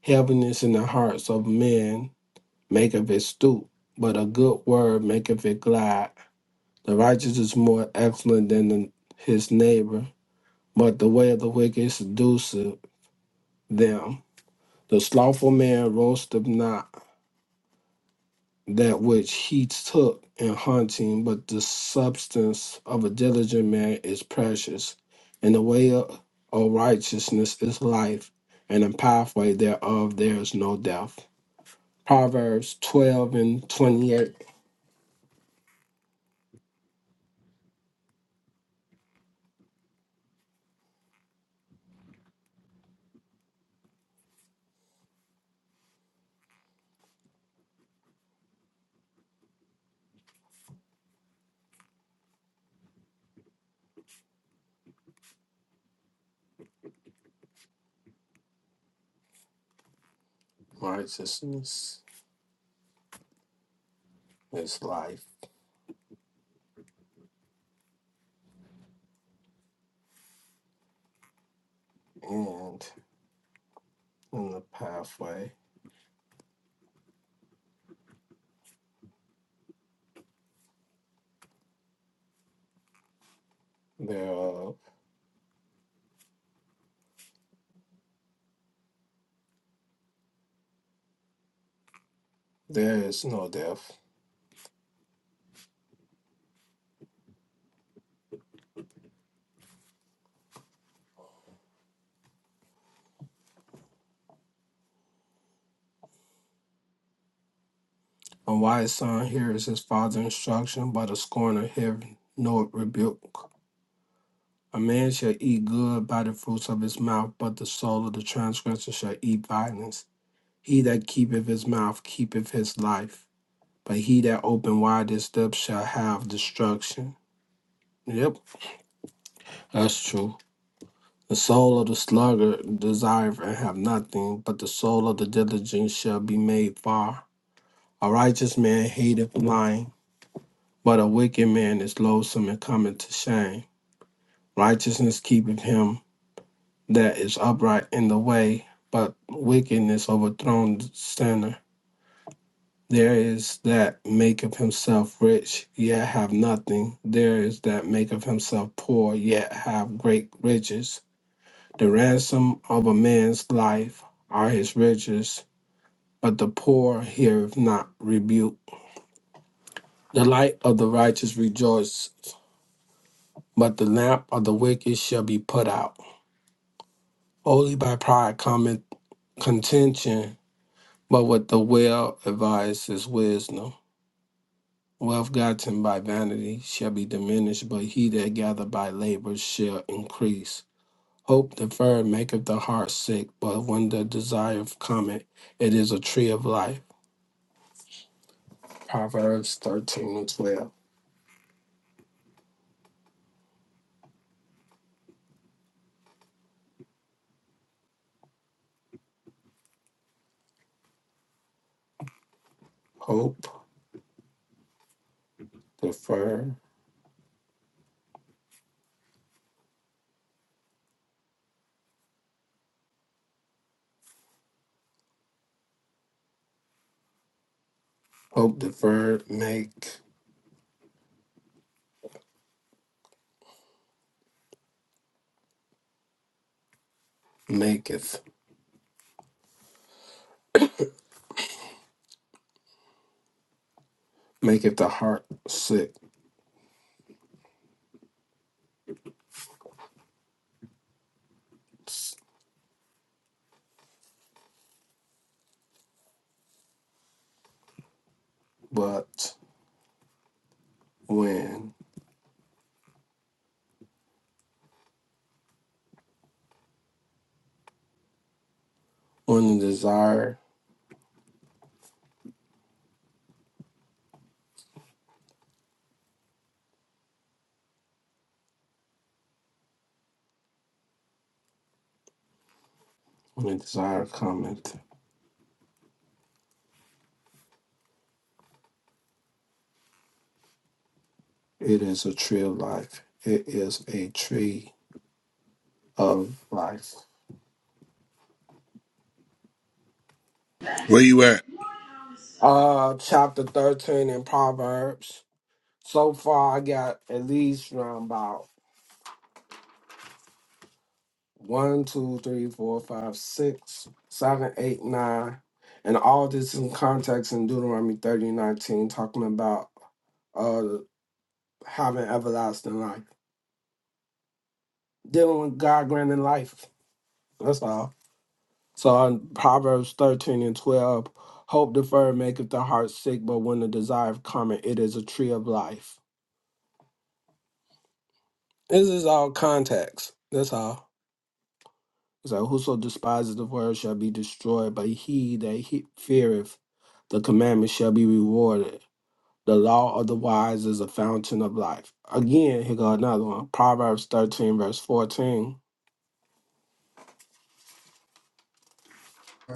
Heaviness in the hearts of men maketh it stoop, but a good word maketh it glad. The righteous is more excellent than the- his neighbor, but the way of the wicked seduceth them. The slothful man roasteth not, that which he took in hunting, but the substance of a diligent man is precious, and the way of, of righteousness is life, and the pathway thereof there is no death. Proverbs 12 and 28. Righteousness is life, and in the pathway thereof there is no death. A wise son hears his father's instruction, but a scorner hears no rebuke. A man shall eat good by the fruits of his mouth, but the soul of the transgressor shall eat violence. He that keepeth his mouth keepeth his life, but he that open wide his lips shall have destruction. Yep, that's true. The soul of the sluggard desireth and have nothing, but the soul of the diligent shall be made far. A righteous man hateth lying, but a wicked man is loathsome and cometh to shame. Righteousness keepeth him, that is upright in the way, but wickedness overthrown the sinner. There is that maketh himself rich, yet have nothing. There is that maketh himself poor, yet have great riches. The ransom of a man's life are his riches, but the poor heareth not rebuke. The light of the righteous rejoices, but the lamp of the wicked shall be put out. Only by pride cometh contention, But with the well advised is wisdom. Wealth gotten by vanity shall be diminished, but he that gather by labor shall increase. Hope deferred maketh the heart sick, but when the desire cometh, it is a tree of life. Proverbs 13 and 12. Hope deferred, hope deferred make maketh maketh the heart sick, but when when the desire when the desire cometh, It is a tree of life. It is a tree of life.
Where you at?
Uh, chapter 13 in Proverbs. So far, I got at least around about one, 2, 3, 4, 5, 6, 7, 8, 9, And all this in context in Deuteronomy 30 19, talking about uh having everlasting life. Dealing with God granting life. That's all. So in Proverbs 13 and 12, hope deferred maketh the heart sick, but when the desire cometh, it is a tree of life. This is all context. That's all. So whoso despises the word shall be destroyed, but he that he feareth the commandment shall be rewarded. The law of the wise is a fountain of life. Again, here go another one. Proverbs 13, verse 14.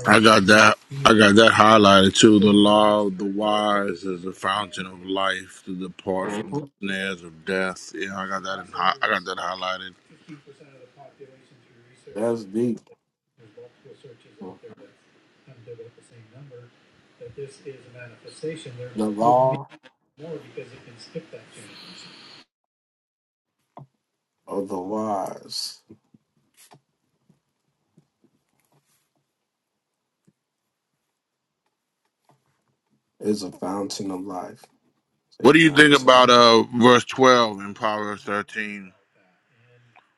I got that. I got that highlighted too. The law of the wise is the fountain of life to depart from the
Mhm.
snares of death. Yeah, I got that. In, hi- I got that highlighted.
That's deep. The law of the wise is a fountain of life. Say
What do you think about
fountain.
uh verse twelve in Proverbs 13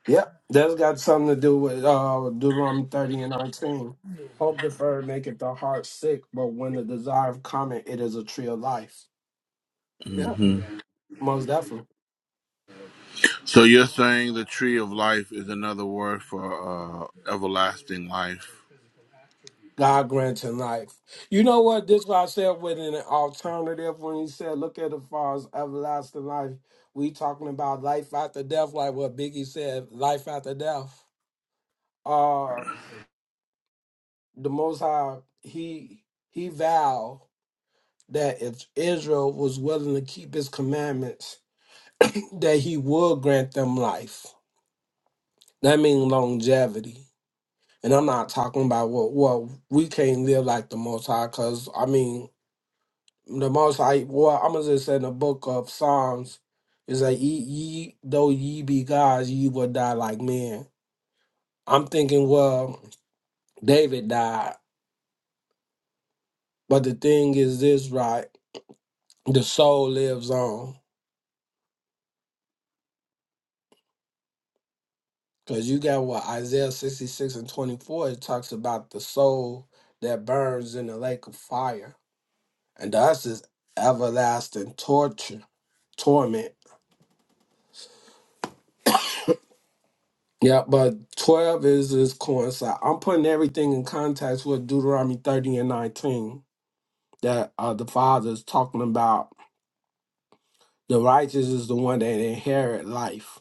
Yep, that's got something to do with uh Deuteronomy 30 and 19. Hope deferred maketh the heart sick, but when the desire cometh, it is a tree of life. Yeah, most definitely.
So you're saying the tree of life is another word for uh, everlasting life.
God granting life. You know what? This what I said with an alternative when he said, look at the far as everlasting life. We talking about life after death, like what Biggie said, life after death. Uh the most high, he he vowed that if Israel was willing to keep his commandments, that he would grant them life. That means longevity. And I'm not talking about what well, well, we can't live like the Most High, because I mean the Most High. Well, I'm gonna just say in the book of Psalms is like ye, ye though ye be gods, ye will die like men. I'm thinking, well, David died, but the thing is this, right? The soul lives on. Because you got what Isaiah 66 and 24, it talks about the soul that burns in the lake of fire. And to us is everlasting torture, torment. Yeah, but 12 is is coincide. I'm putting everything in context with Deuteronomy 30 and 19 that uh, the father is talking about. The righteous is the one that inherit life,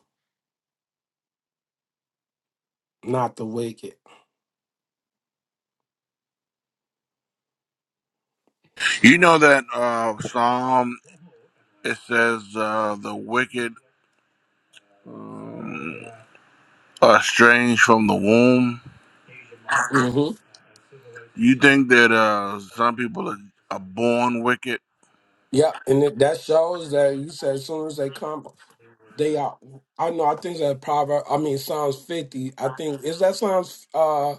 not the wicked.
You know that uh, Psalm it says uh, the wicked um, are estranged from the womb.
Mm-hmm.
You think that uh, some people are, are born wicked?
Yep, and it, that shows that you said as soon as they come. They are. I know. I think that proverb. I mean, Psalms fifty. I think is that Psalms. Uh,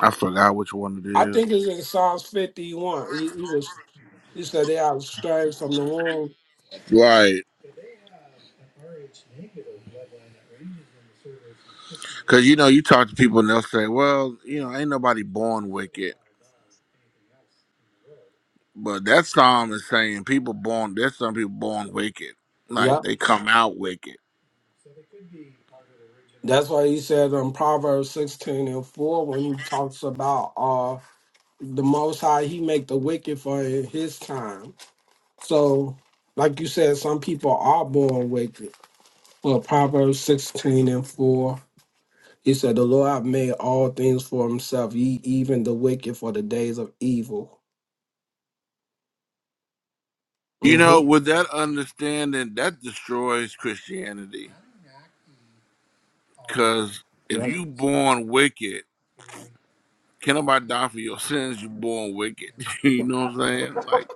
I forgot which one it
I
is.
think it's in Psalms fifty-one. He, he was. He said they are strayed from the womb.
Right, because you know you talk to people and they'll say, "Well, you know, ain't nobody born wicked." But that psalm is saying people born. There's some people born wicked, like
Yep.
they come out wicked.
That's why he said in Proverbs sixteen and four when he talks about uh the Most High, he make the wicked for in his time. So, like you said, some people are born wicked. Well, Proverbs sixteen and four. He said, The Lord hath made all things for himself, ye even the wicked for the days of evil.
You know,
Mm-hmm.
with that understanding, that destroys Christianity. Because if
Yeah.
you born wicked, can nobody die for your sins? You born wicked. you know what I'm saying? Like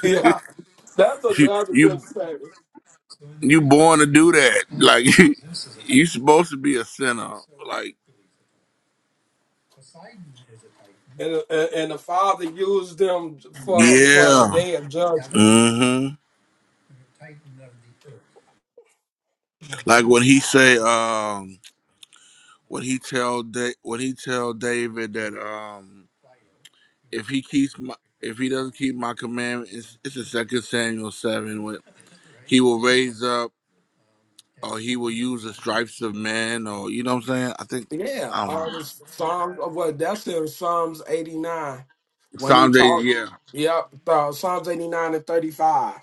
yeah, that's
you,
another
you,
good statement.
you born to do that. Like you you supposed to be a sinner. Like
And, uh, and and the Father used them for for the
yeah,
day of judgment.
hmm like when he say, um, when he tell da- when he tell David that, um, if he keeps my if he doesn't keep my commandments, it's the second Samuel seven. He will raise up, or he will use the stripes of men, or you know what I'm saying. I think
Yeah,
I don't
uh,
know.
the Psalms. uh, Well, that's in Psalms eighty nine when he
Psalm day,
talked.
yeah.
Yep, uh, Psalms eighty nine and thirty five.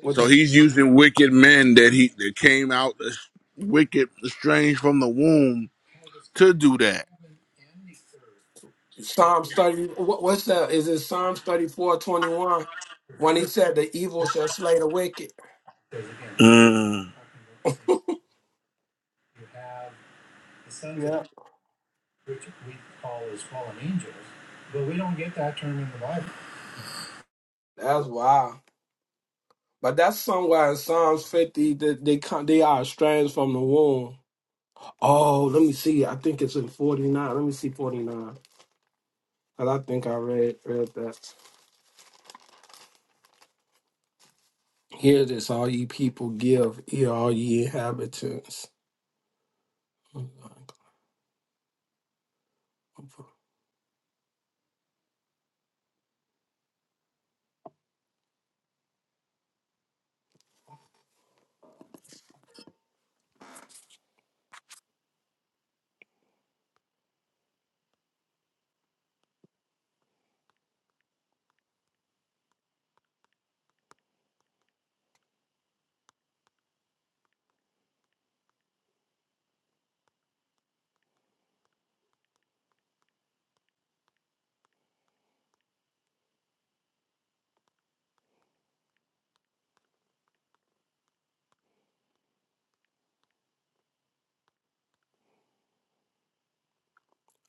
With
So
the,
he's using wicked men that he that came out as wicked, estranged from the womb to do that.
Psalms thirty, what, what's that? Is it Psalms thirty four twenty one? When he said, "The evil shall slay the wicked."
Mm.
That's wild. But that's somewhere in Psalms 50 that they come, they are estranged from the womb. Oh, let me see. I think it's in 49. Let me see 49. Cause I think I read read that. Hear this, all ye people give, hear all ye inhabitants.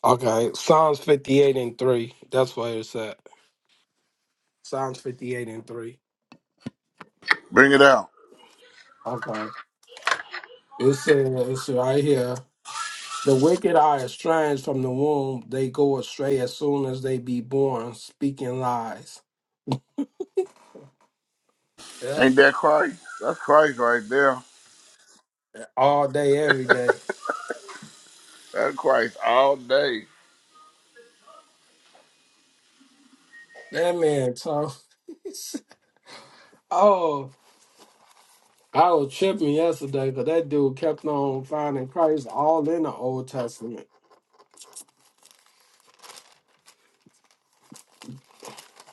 Okay, Psalms 58 and 3. That's where it's at. Psalms 58 and 3.
Bring it out.
Okay. It says it's right here. The wicked are estranged from the womb. They go astray as soon as they be born, speaking lies. Yep.
Ain't that Christ? That's Christ right there.
All day, every day.
That's Christ all day.
That man tough. oh, I was tripping yesterday because that dude kept on finding Christ all in the Old Testament.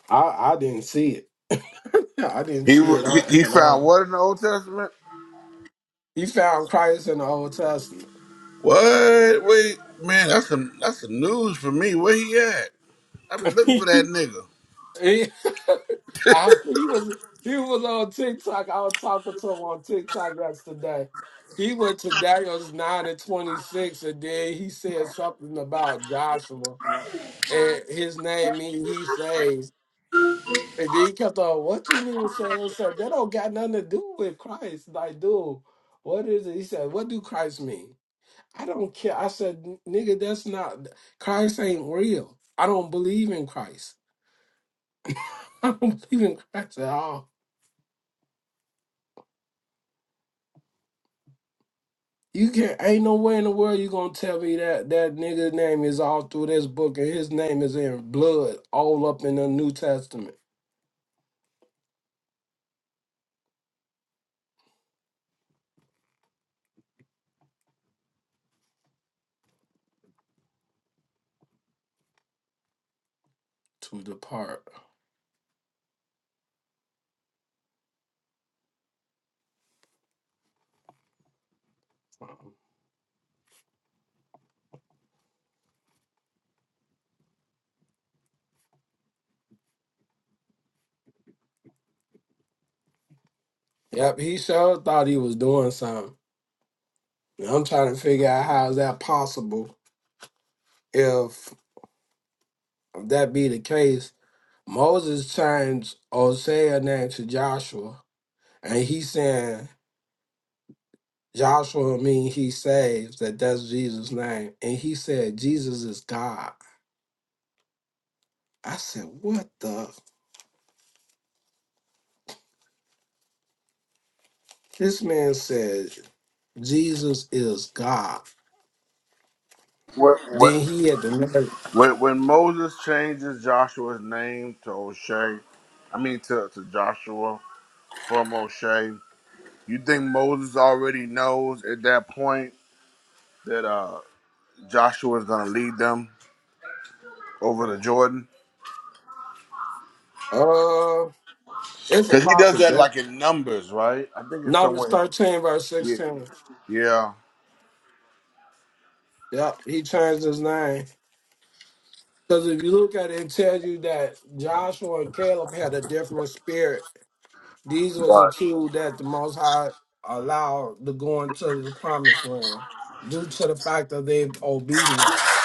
I, I didn't see it. I didn't
He
see
wa-
it all,
he,
at
he found
all.
what in the Old Testament?
He found Christ in the Old Testament.
What? Wait, man, that's some that's some news for me. Where he at? I've been looking for that nigga.
He, I, he was he was on TikTok. I was talking to him on TikTok yesterday. He went to Daniel's nine and twenty six, and then he said something about Joshua, and his name mean he saves. And then he kept on, "What you mean, Shane?" I said, "That don't got nothing to do with Christ." Like, dude, what is it? He said, "What do Christ mean?" I don't care. I said, "Nigga, that's not Christ. Ain't real. I don't believe in Christ. I don't believe in Christ at all." You can't. Ain't no way in the world you gonna tell me that that nigga's name is all through this book and his name is in blood all up in the New Testament. To depart. Yep, he sure thought he was doing something. And I'm trying to figure out how is that possible if that be the case. Moses changed Hosea name to Joshua, and he saying Joshua mean he saves. That that's Jesus' name, and he said Jesus is God. I said, what the? This man said Jesus is God.
What? What?
Then he had to nerve.
When, when Moses changes Joshua's name to O'Shea, I mean to, to Joshua from O'Shea, you think Moses already knows at that point that uh, Joshua is going to lead them over the Jordan?
Uh, it's a
Because he does that
possibility.
like in numbers, right? I think it's
Numbers
somewhere.
13, verse
Yeah.
16.
Yeah.
Yep, he changed his name. Because if you look at it, it tells you that Joshua and Caleb had a different spirit. These was
Right.
accused that the Most High allowed to go into the promised land due to the fact of their obedience.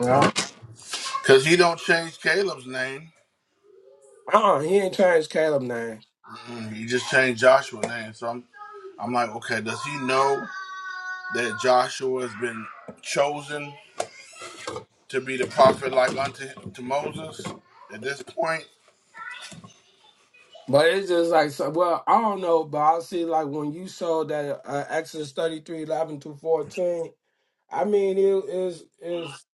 Yeah.
Because he don't change Caleb's name.
Uh-uh, he ain't changed Caleb name.
He just changed Joshua's name. So I'm, I'm like, okay, does he know that Joshua has been chosen to be the prophet like unto to Moses at this point?
But it's just like, so, well, I don't know, but I see like when you saw that uh, Exodus thirty three eleven 11 to 14, I mean, it is is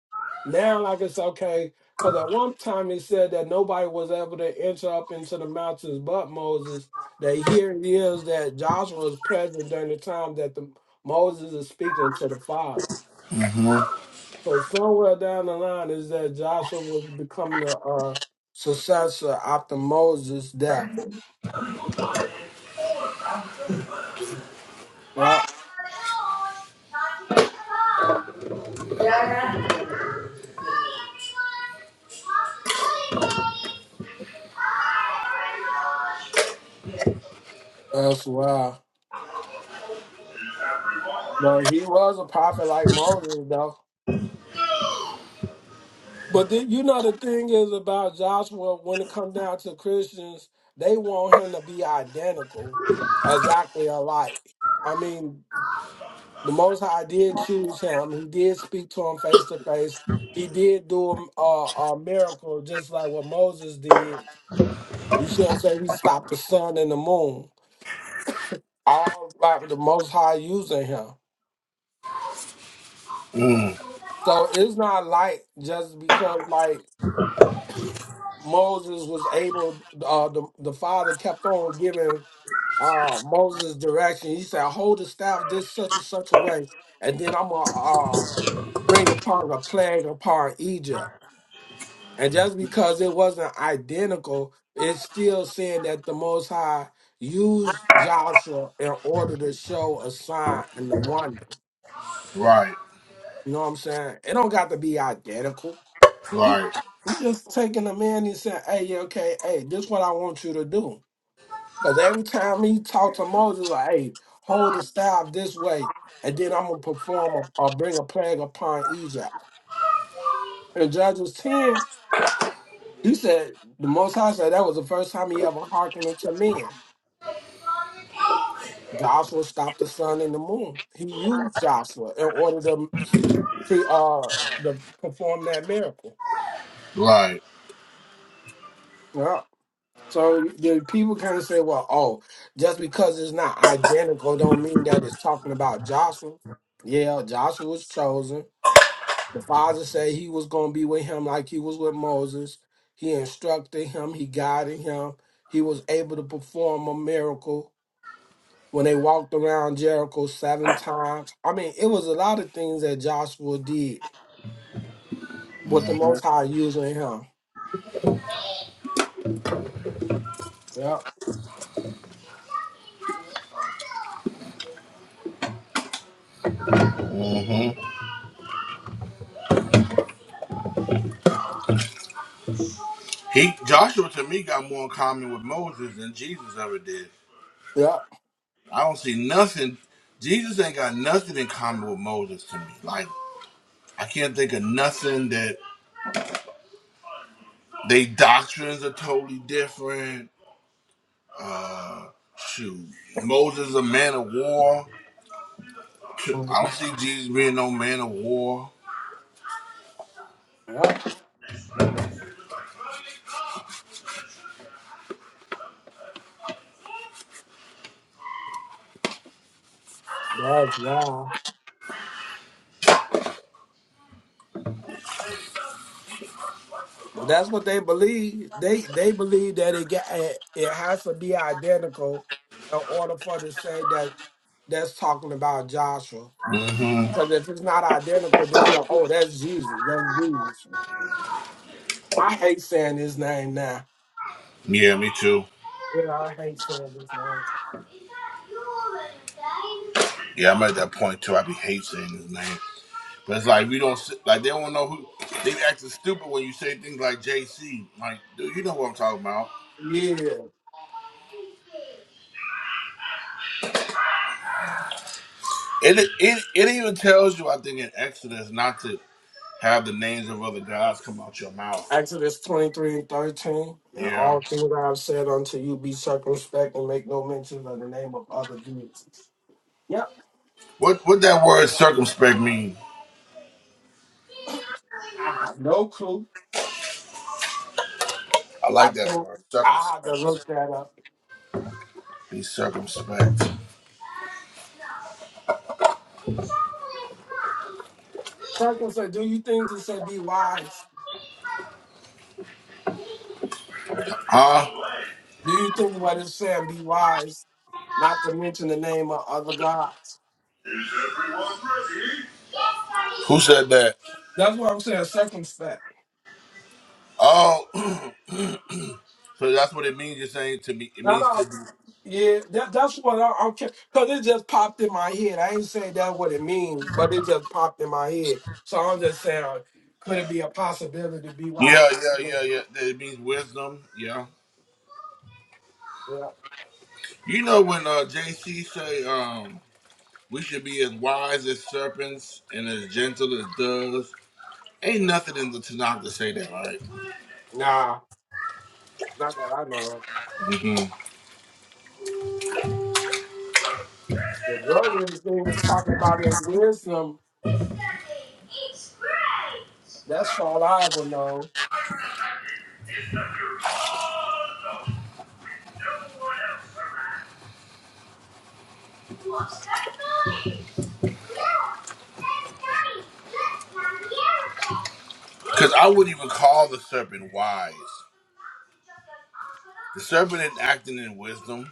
now like it's okay. Because at one time it said that nobody was able to enter up into the mountains but Moses. That here it is that Joshua was present during the time that the Moses is speaking to the Father.
hmm
So somewhere down the line is that Joshua was becoming the uh, successor after Moses' death. Yeah, that's why. No, he was a prophet like Moses, though. But then, you know, the thing is about Joshua, when it comes down to Christians, they want him to be identical, exactly alike. I mean, the Most High did choose him. He did speak to him face to face. He did do a, a, a miracle, just like what Moses did. You see what I'm saying? He stopped the sun and the moon, all by the Most High using him. So it's not like just because, like, Moses was able, uh, the, the father kept on giving uh, Moses direction. He said, Hold the staff this such and such a way, and then I'm going to uh, bring upon a plague upon Egypt. And just because it wasn't identical, it's still saying that the Most High used Joshua in order to show a sign and a wonder.
Right,
You know what I'm saying? It don't got to be identical. He,
right,
I'm just taking a man and saying, hey, yeah, okay, hey, this is what I want you to do. Because every time he talked to Moses, like, hey, hold the staff this way, and then I'm going to perform a, or bring a plague upon Egypt. In Judges 10, he said, the Most High said that was the first time he ever hearkened unto men. Joshua stopped the sun and the moon. He used Joshua in order to, pre- uh, to perform that miracle.
right.
Yeah. So the people can't say, well, oh, just because it's not identical don't mean that it's talking about Joshua. Yeah, Joshua was chosen The father said he was going to be with him like he was with Moses. He instructed him, he guided him. He was able to perform a miracle when they walked around Jericho seven times. I mean, it was a lot of things that Joshua did with the Most High using him. Yep,
He Joshua to me got more in common with Moses than Jesus ever did.
yep,
I don't see nothing. Jesus ain't got nothing in common with Moses to me. Like I can't think of nothing that they doctrines are totally different. Shoot, Moses a man of war. Shoot, I don't
mhm,
see Jesus being no man of war.
yep. That's wild. But that's what they believe. They they believe that it got it, it has to be identical in order for to say that that's talking about Joshua.
hmm
So that if it's not identical, then you're like, oh, that's Jesus. That's Jesus. I hate saying his name now.
Yeah, me too.
Yeah, I hate saying his name.
Yeah, I'm at that point too. I be hate saying his name, but it's like we don't s- like they don't know who they be acting stupid when you say things like JC. Like, dude, you know what I'm talking about.
Yeah.
It it it even tells you, I think, in Exodus not to have the names of other gods come out your mouth.
Exodus 23 and 13. And
Yeah.
all things I have said unto you be circumspect and make no mention of the name of other deities. Yep.
What what that word circumspect mean?
I have no clue.
I
I
like that
think
word
I have to look
circumspect.
that up.
Be circumspect.
Circumspect, do you think it said be wise?
Huh?
Do you think what it's saying be wise? Not to mention the name of other gods.
Who said that?
That's what I'm saying, circumspect.
Oh. So that's what it means. You're saying to be. It
No,
means
no,
to be.
yeah, that, that's what I, I'm because it just popped in my head. I ain't saying that's what it means, but it just popped in my head. So I'm just saying, could it be a possibility to be wise?
Yeah, yeah, yeah, yeah. That it means wisdom. Yeah.
Yeah.
You know when uh, JC say um we should be as wise as serpents and as gentle as doves. Ain't nothing in the Tanakh to say that, right?
Nah, not that I know. of.
Mm-hmm.
The girl thing is talking about is wisdom. That's all I ever known.
Cause I wouldn't even call the serpent wise. The serpent is acting in wisdom.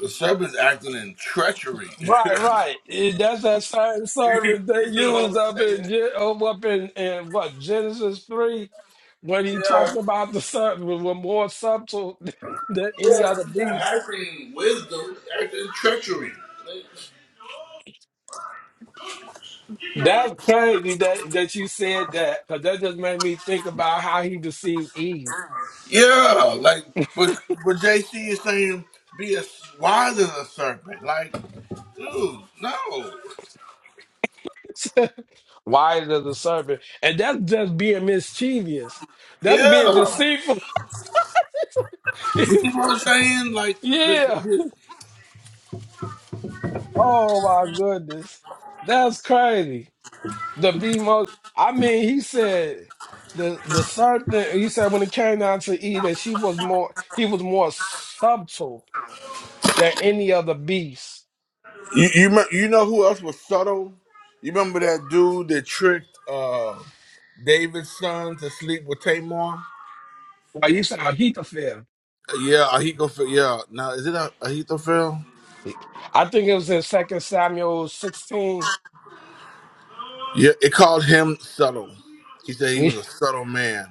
The serpent's acting in treachery. you
Right, right. It- That's that same service they
know what I'm
used up in
saying?
Gen- um, up in, in what Genesis three, when he
Yeah,
talked about the serpent were more subtle than
yeah.
any other
He's not
beast.
acting in wisdom. He's acting in treachery.
That's crazy that that you said that because that just made me think about how he deceived Eve.
Yeah, like but but JC is saying be as wise as a serpent. Like, dude, no.
Wise as a serpent, and that's just being mischievous. That's being
Yeah,
deceitful.
you see what I'm saying? Like, the,
yeah.
the,
Oh my goodness, that's crazy. The be most. I mean, he said the the serpent. He said when it came down to Eve, that she was more. He was more subtle than any other beast.
you you me- you know who else was subtle? You remember that dude that tricked uh David's son to sleep with Tamar?
Like you said, Ahithophel.
Yeah, Ahithophel. Yeah, now is it a Ahithophel?
I think it was in Second Samuel sixteen.
Yeah, it called him subtle. He said he
yeah,
was a subtle man.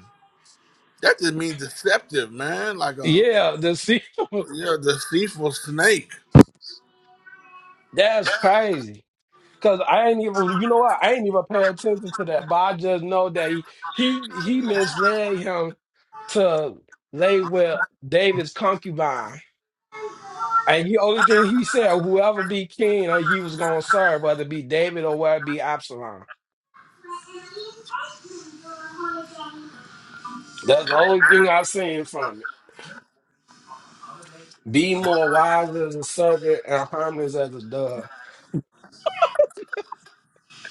That just means deceptive, man. Like a
the se-
Yeah, are deceitful snake.
that's crazy. Cause I ain't even, you know what? I ain't even pay attention to that, but I just know that he he, he misled him to lay with David's concubine. And the only thing he said, whoever be king, uh, he was gonna serve, whether it be David or whether it be Absalom. That's the only thing I've seen from it. Be more wise as a serpent and harmless as a dove.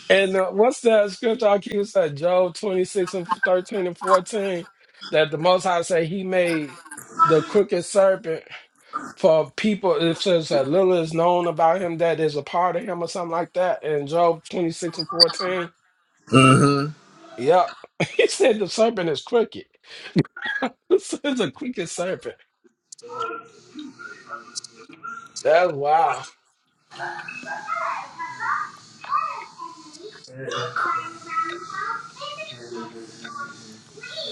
And uh, what's that scripture I keep saying? Job 26 and 13 and 14. That the Most High say he made the crooked serpent for people. It says that little is known about him that is a part of him or something like that. And Job 26 and 14.
Mm-hmm.
Yep. he said the serpent is crooked. It's is the quickest serpent. That's wild.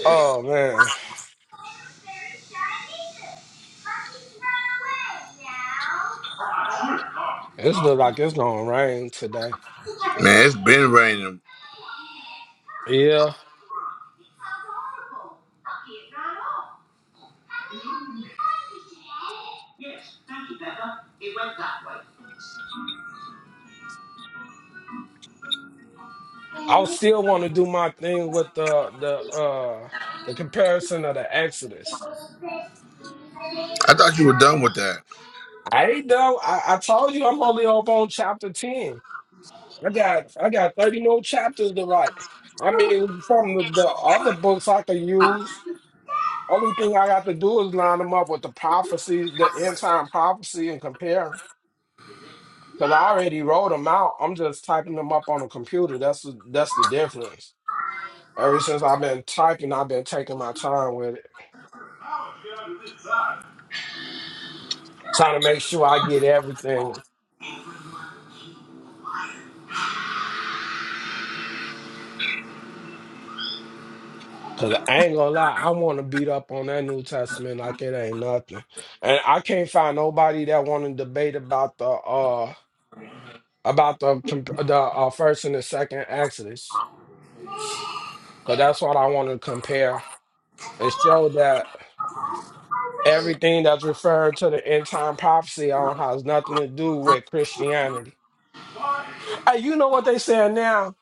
Oh man, it's look like it's gonna rain today.
Man, it's been raining.
Yeah, I still want to do my thing with the the uh the comparison of the Exodus.
I thought you were done with that.
I ain't done. I, I told you I'm only up on chapter ten. I got I got thirty more chapters to write. I mean, from the, the other books I could use. Only thing I got to do is line them up with the prophecy, the end time prophecy, and compare 'em. Cause I already wrote them out. I'm just typing them up on the computer. That's the that's the difference. Ever since I've been typing, I've been taking my time with it, trying to make sure I get everything. Cause I ain't gonna lie, I want to beat up on that New Testament like it ain't nothing. And I can't find nobody that want to debate about the uh about the comp- the uh, first and the second Exodus. Cause that's what I want to compare and show that. Everything that's referring to the end time prophecy on has nothing to do with Christianity. Uh, you know what they saying now?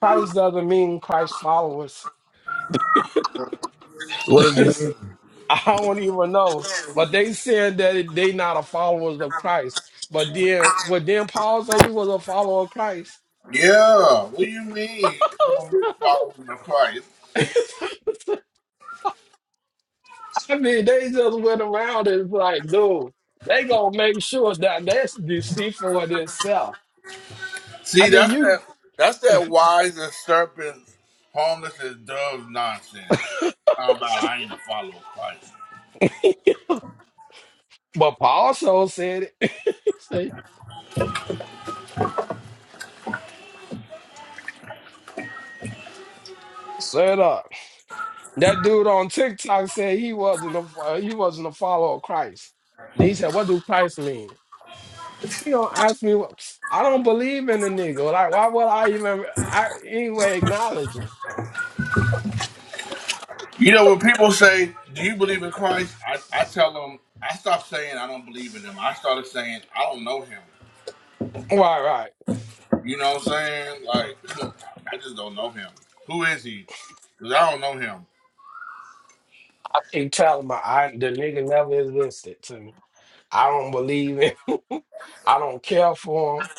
Christ doesn't mean Christ followers.
What does
I
it mean?
don't even know. But they said that they not a followers of Christ. But then would then Paul say he was a follower of Christ?
Yeah. What do you mean? You don't be following the Christ.
I mean, they just went around and like, dude, they gonna make sure that that's deceitful in itself.
See,
I mean,
that's
you
that. That's that wise as serpents, harmless as doves nonsense. How about I ain't a follower of Christ?
But Paul also said it. he said, "Shut up." That dude on TikTok said he wasn't a he wasn't a follower of Christ. Then he said, "What do Christ mean?" He gonna ask me what I don't believe in the nigga. Like, why would I even I, anyway acknowledge him?
You know when people say, "Do you believe in Christ?" I, I tell them, I stopped saying I don't believe in him. I started saying I don't know him.
Right, right.
You know what I'm saying? Like, I just don't know him. Who is he? Cause I don't know him.
I keep telling my I, the nigga never existed to me. I don't believe in. I don't care for him.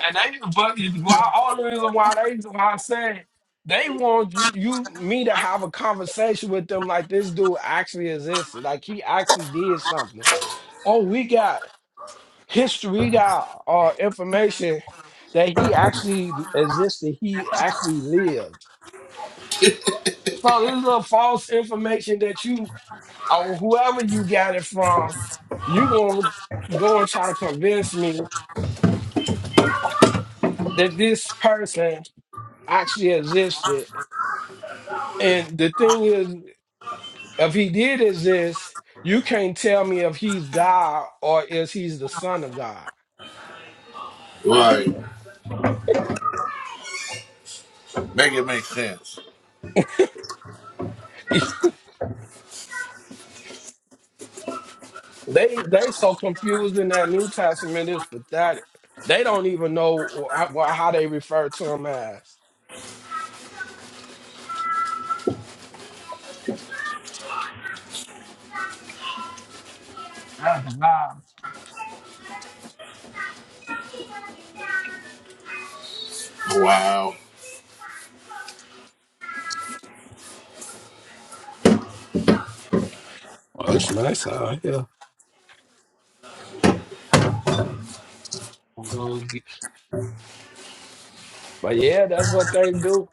And they, but why all the reason why they, why I said they want you, you, me to have a conversation with them like this dude actually existed, like he actually did something. Oh, we got history, we got uh, information that he actually existed, he actually lived. So this little false information that you or whoever you got it from, you gonna go and try to convince me that this person actually existed And the thing is, if he did exist, you can't tell me if he's God or is he's the Son of God.
Like, make it make sense.
they they so confused in that New Testament. It's pathetic. They don't even know wh- how, wh- how they refer to him as. That's God.
Wow.
Well, it's nice out here. But yeah, that's what they do.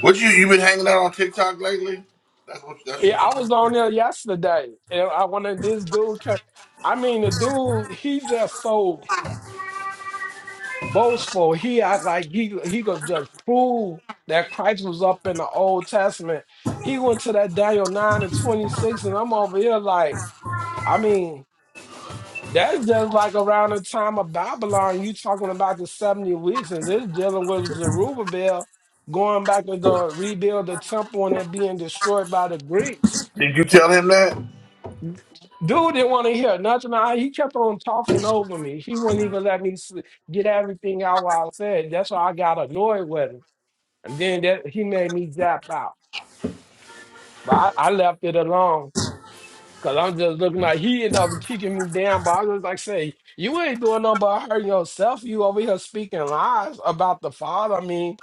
What you you been hanging out on TikTok lately? That's what that's
Yeah,
what you
I was
been.
on there yesterday, and I wanted this dude. Kept, I mean, the dude, he just so. boastful. He act like he he could just prove that Christ was up in the Old Testament. He went to that Daniel nine and twenty six, and I'm over here like, I mean, that's just like around the time of Babylon. You talking about the seventy weeks, and this dealing with Zerubbabel going back to the rebuild the temple and it being destroyed by the Greeks.
Did you tell him that?
Dude didn't want to hear nothing. I, he kept on talking over me. He wouldn't even let me s- get everything out what I said. That's why I got annoyed with him. And then that he made me zap out. But I, I left it alone because I'm just looking like he ended up kicking me down. But I was like, say, you ain't doing nothing but hurting yourself. You over here speaking lies about the father. I mean,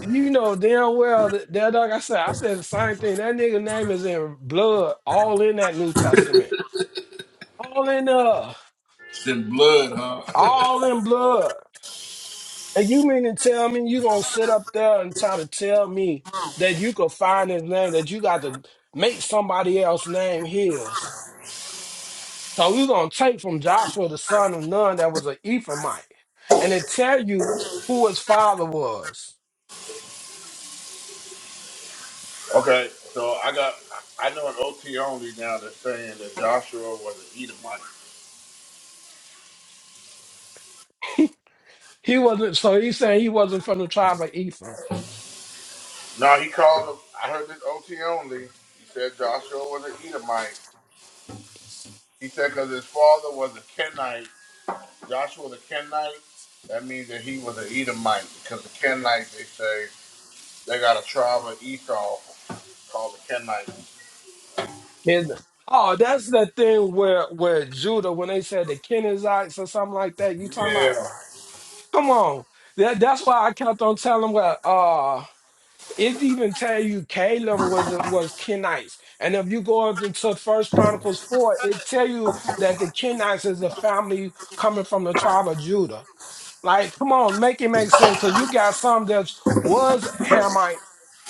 you know damn well that, that like I said, I said the same thing. That nigga name is in blood, all in that New Testament. All in uh,
It's in blood, huh?
all in blood. And you mean to tell me you gonna sit up there and try to tell me that you could find his name, that you got to make somebody else's name his? So you gonna take from Joshua the son of Nun that was an Ephraimite, and then tell you who his father was.
okay, so I got I know an OT only now that's saying that Joshua was an Edomite.
He wasn't so he's saying he wasn't from the tribe of Ephraim.
No, he called him. I heard this OT only. He said Joshua was an Edomite. He said because his father was a Kenite Joshua the Kenite, that means that he was an Edomite because the Kenites, they say, they got a tribe of Esau called the Kenites.
And- oh, that's that thing where where Judah, when they said the Kenizzites or something like that, you talking
Yeah.
about come on. That, that's why I kept on telling him well. uh It even tell you Caleb was was Kenites, and if you go up into First Chronicles four, it tell you that the Kenites is a family coming from the tribe of Judah. Like, come on, make it make sense, because you got some that was Hamites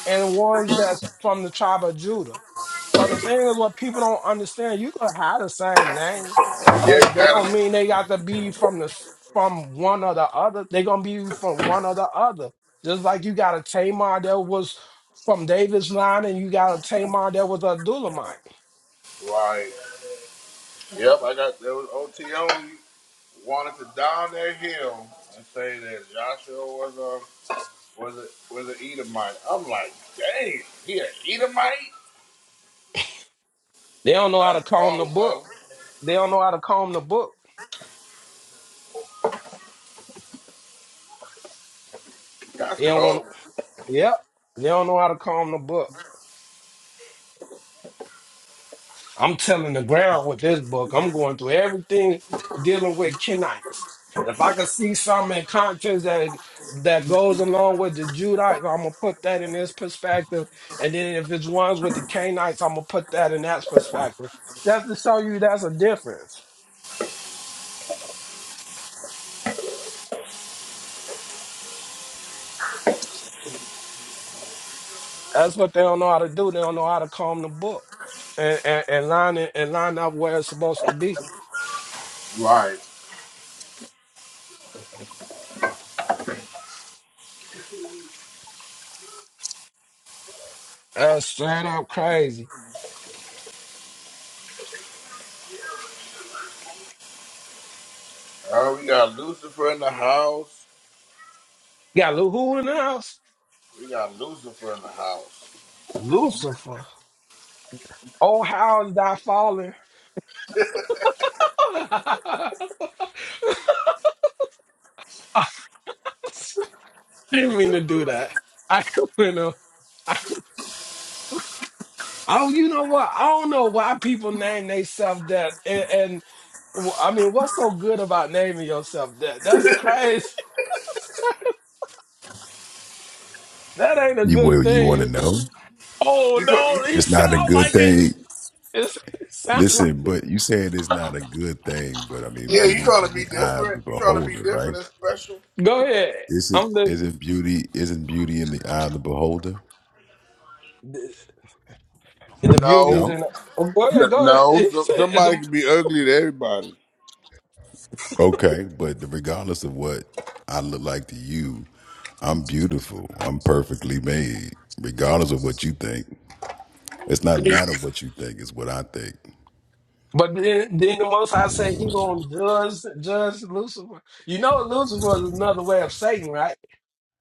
and one that's from the tribe of Judah. So the thing is, what people don't understand, you could have the same name,
Yeah, you
but that
got
don't
it.
mean they got to be from the s- from one or the other. They gonna be from one or the other. Just like you got a Tamar that was from David's line, and you got a Tamar that was a Dulamite.
Right. Yep, I got, there was OTO wanted to down that hill and say that Joshua was a, was a, was an Edomite. I'm like, dang, he an Edomite?
They don't know how to
That's
comb the
cold, bro.
book. They don't know how to comb the book.
That's
They don't want.
cold.
Yep. They don't know how to comb the book. I'm telling the ground with this book. I'm going through everything dealing with Kenites. And if I can see something in context that that goes along with the Judites, I'm gonna put that in this perspective. And then if it's ones with the Canaanites, I'm gonna put that in that perspective. That's to show you that's a difference. That's what they don't know how to do. They don't know how to comb the book and and, and line it and line up where it's supposed to be.
Right.
That's straight up crazy.
Uh, we got Lucifer in the house.
Got Lu- who in the house?
We got Lucifer in the house.
Lucifer. Oh, how is thy fallen? I didn't mean to do that. I you know, I, oh, you know what? I don't know why people name themselves that, and, and w- I mean, what's so good about naming yourself that? That's crazy. that ain't a
You
good
well, you want to
thing.
know?
Oh
You, try, you
no, he
It's not a
sound
good
like it.
thing.
It's, it sound like
Listen,
it.
but you said it's not a good thing, but I mean,
You-
yeah, you
beauty is
trying to
in
be
the eye of
different?
the
You trying to be
beholder, right?
different and special?
Go ahead.
Isn't
I'm listening.
isn't beauty isn't beauty in the eye of the beholder?
The, the beauty is
No,
No.
in. Oh, go
N-
ahead. Go ahead.
no.
He
So,
said
somebody can be ugly to everybody.
Okay, but regardless of what I look like to you, I'm beautiful. I'm perfectly made. Regardless of what you think, it's not
the-
matter what you think. It's what I think.
But then, then the most High say he gonna judge judge Lucifer. You know Lucifer is another way of Satan, right?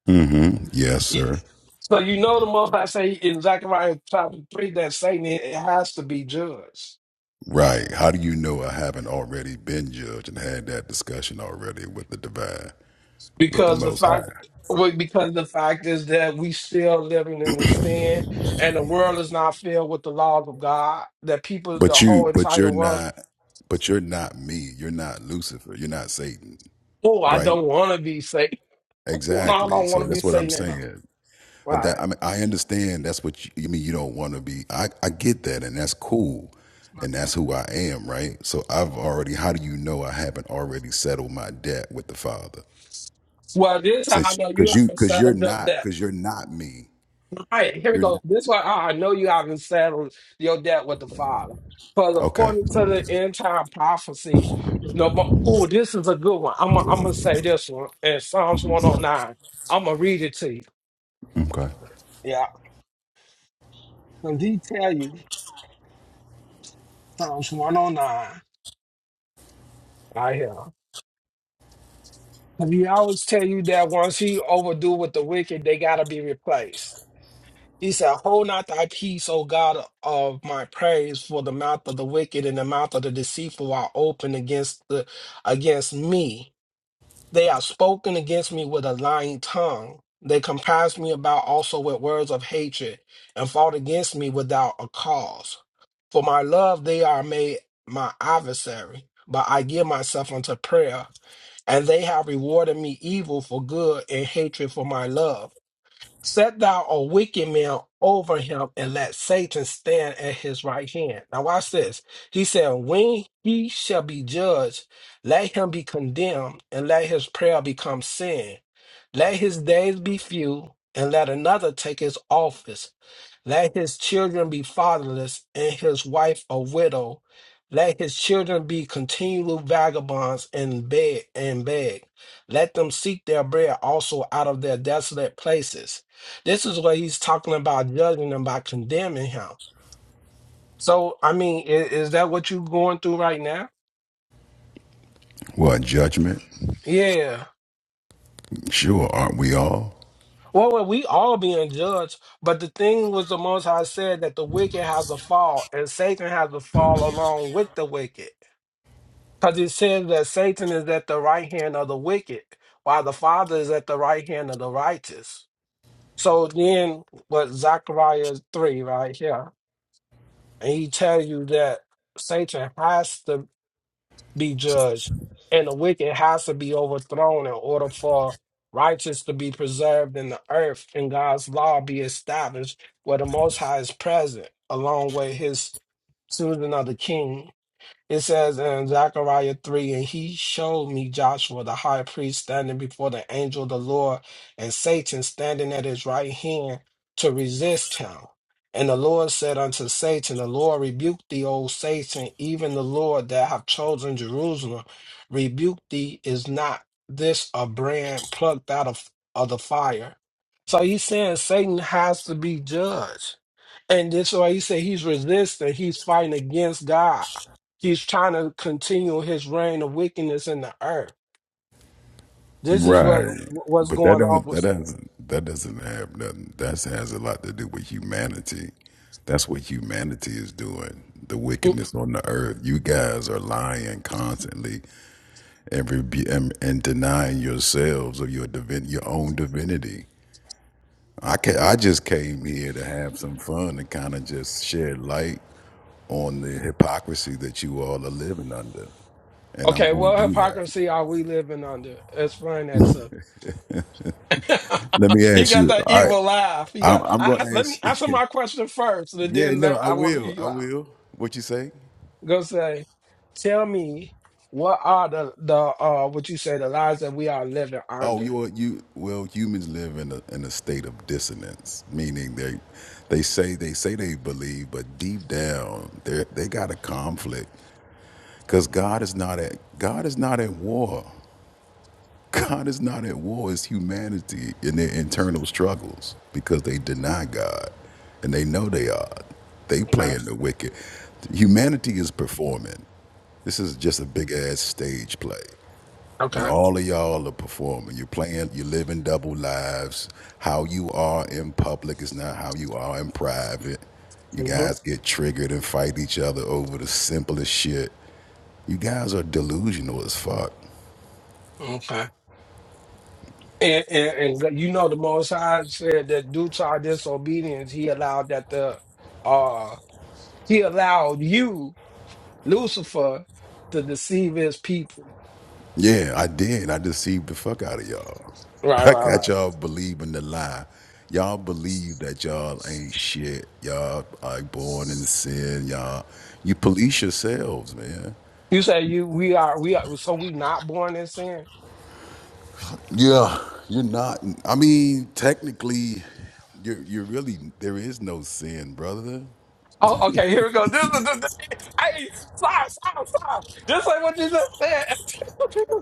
hmm Yes,
You-
sir.
So you know the most High say in Zechariah chapter three that Satan it it has to be judged
Right. How do you know I haven't already been judged and had that discussion already with the divine, with the
because the
most
fact
high?
well, because the fact is that we still living in sin and the world is not filled with the laws of God. That people, the
But you
whole
but
entire
you're
world.
not but you're not me. You're not Lucifer. You're not Satan.
Oh, I
Right?
don't want to be Satan. no, I
Exactly.
don't want
So
to be
that's what I'm
Satan enough.
saying. But that
Right.
I mean I understand that's what you, you mean you don't want to be I, I get that and that's cool. And that's who I am, right? So I've already how do you know I haven't already settled my debt with the Father?
Well, this time I
Since
know you
because you
have to
because you're
settle up
not
that.
because you're not me.
All right, here we
You're not.
go. This one, I I know you haven't settled your debt with the Father. Because
Okay.
according to the end time prophecy, no more. Oh, this is a good one. I'm going I'm to say this one in Psalms 109. I'm going to read it to you.
Okay.
Yeah. Because he tell you, Psalms 109, right here. Because he always tell you that once he overdo with the wicked, they got to be replaced. He said, Hold not thy peace, O God of my praise, for the mouth of the wicked and the mouth of the deceitful are open against the against me. They are spoken against me with a lying tongue. They compassed me about also with words of hatred, and fought against me without a cause. For my love they are made my adversary, but I give myself unto prayer, and they have rewarded me evil for good and hatred for my love. Set thou a wicked man over him, and let Satan stand at his right hand. Now, watch this. He said, When he shall be judged, let him be condemned, and let his prayer become sin. Let his days be few, and let another take his office. Let his children be fatherless and his wife a widow. Let his children be continual vagabonds and beg and beg. Let them seek their bread also out of their desolate places. This is what he's talking about judging and by condemning him. So I mean, is, is that what you are going through right now?
Well, a judgment.
Yeah.
Sure, aren't we all?
Well, well, we all being judged, but the thing was the Most High said that the wicked has to fall, and Satan has to fall along with the wicked. Because it says that Satan is at the right hand of the wicked, while the Father is at the right hand of the righteous. So then, what Zechariah 3, right here, and he tells you that Satan has to be judged and the wicked has to be overthrown in order for righteous to be preserved in the earth and God's law be established where the Most High is present, along with his choosing of the king it says in Zechariah 3, and he showed me Joshua the high priest standing before the angel of the Lord, and Satan standing at his right hand to resist him. And the Lord said unto Satan, The Lord rebuke thee, O Satan, even the Lord that have chosen Jerusalem, rebuke thee, is not this a brand plucked out of, of the fire? So he's saying Satan has to be judged. And this why he said he's resisting, he's fighting against God. He's trying to continue his reign of wickedness in the earth. This is what
Right.
what's
But that
going on
don't that
with.
doesn't that doesn't have nothing. That has a lot to do with humanity. That's what humanity is doing. The wickedness on the earth. You guys are lying constantly and rebu- and, and denying yourselves of your divin- your own divinity. I ca- I just came here to have some fun and kind of just shed light on the hypocrisy that you all are living under. and I'm
Okay,
going
what
to do that.
hypocrisy are we living under? Explain that to.
Let me
he
ask
got
you.
that
All right,
evil laugh. He
I'm
got.
I'm
I,
going
I,
to
let me
ask.
answer my question first, and
yeah,
then
no,
let,
I
I want to hear
will. I
you out.
will. What you say?
Go say, tell me what are the the uh what you say the lies that we are living
Oh,
under?
you are- you well, humans live in a in a state of dissonance, meaning they they say they say they believe, but deep down they they got a conflict because God is not at God is not at war. God is not at war, it's humanity in their internal struggles because they deny God and they know they are. They
Okay.
playing the wicked. Humanity is performing. This is just a big ass stage play. And
Okay.
all of y'all are performing. You're playing, you're living double lives. How you are in public is not how you are in private. You
hmm
guys get triggered and fight each other over the simplest shit. You guys are delusional as fuck.
Okay. And, and, and you know, the Most High said that due to our disobedience, he allowed that the uh he allowed you, Lucifer, to deceive his people.
Yeah, I did. I deceived the fuck out of y'all.
Right,
I
right,
got
right.
y'all believing the lie. Y'all believe that y'all ain't shit. Y'all are born in sin. Y'all, you police yourselves, man.
You say you we are we are so we not born in sin.
Yeah, you're not. I mean, technically, you're you're really there is no sin, brother.
Oh, okay. Here we go. This is the thing. Hey, stop, stop, stop. This ain't what you just said.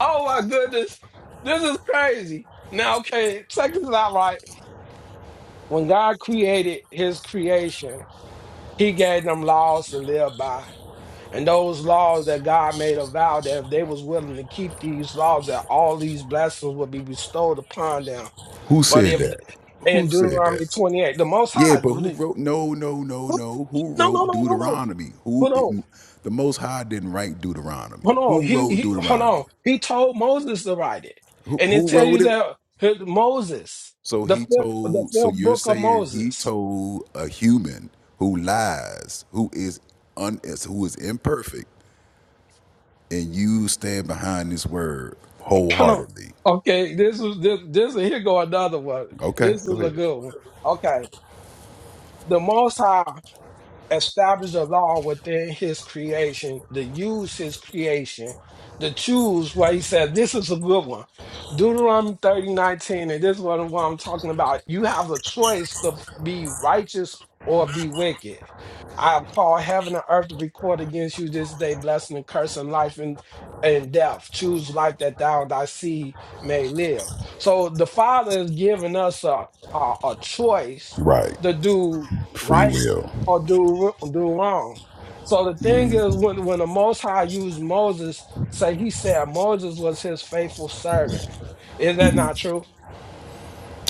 oh my goodness, this is crazy. Now, okay, check this out. Right, when God created His creation. He gave them laws to live by. And those laws that God made a vow that if they was willing to keep these laws, that all these blessings would be bestowed upon them.
Who
But
said
if
that?
in
Who said
Deuteronomy
that?
28, the most
Yeah,
high,
but who
dude,
wrote? No, no, no,
who-
no. Who
no, no,
wrote
no, no, no.
Deuteronomy? Who?
Hold on.
It, the Most High didn't write Deuteronomy.
Hold on.
Who
He,
wrote
he hold
Deuteronomy?
on. He told Moses to write it.
Who
And it
who
tells you
wrote it?
that his- Moses,
So
the
he
fifth the
told. So
fifth
you're
book of
saying he
Moses.
told a human who lies, who is un, is- who is imperfect, and you stand behind this word
Hold on.
wholeheartedly.
Okay, this is this this here go another one.
Okay,
This is
go
a
ahead.
good one. Okay. the Most High established a law within his creation, to use his creation, to choose what he said. This is a good one. Deuteronomy 30 19, and this is what, what I'm talking about. You have a choice to be righteous or be wicked. I have called heaven and earth to record against you this day, blessing and cursing life and and death, choose life that thou and thy seed may live. So the Father is giving us a, a, a choice
Right,
to do
free
right
will.
or do do wrong. So the thing is, when when the Most High used Moses, say he said Moses was his faithful servant. Is that not true?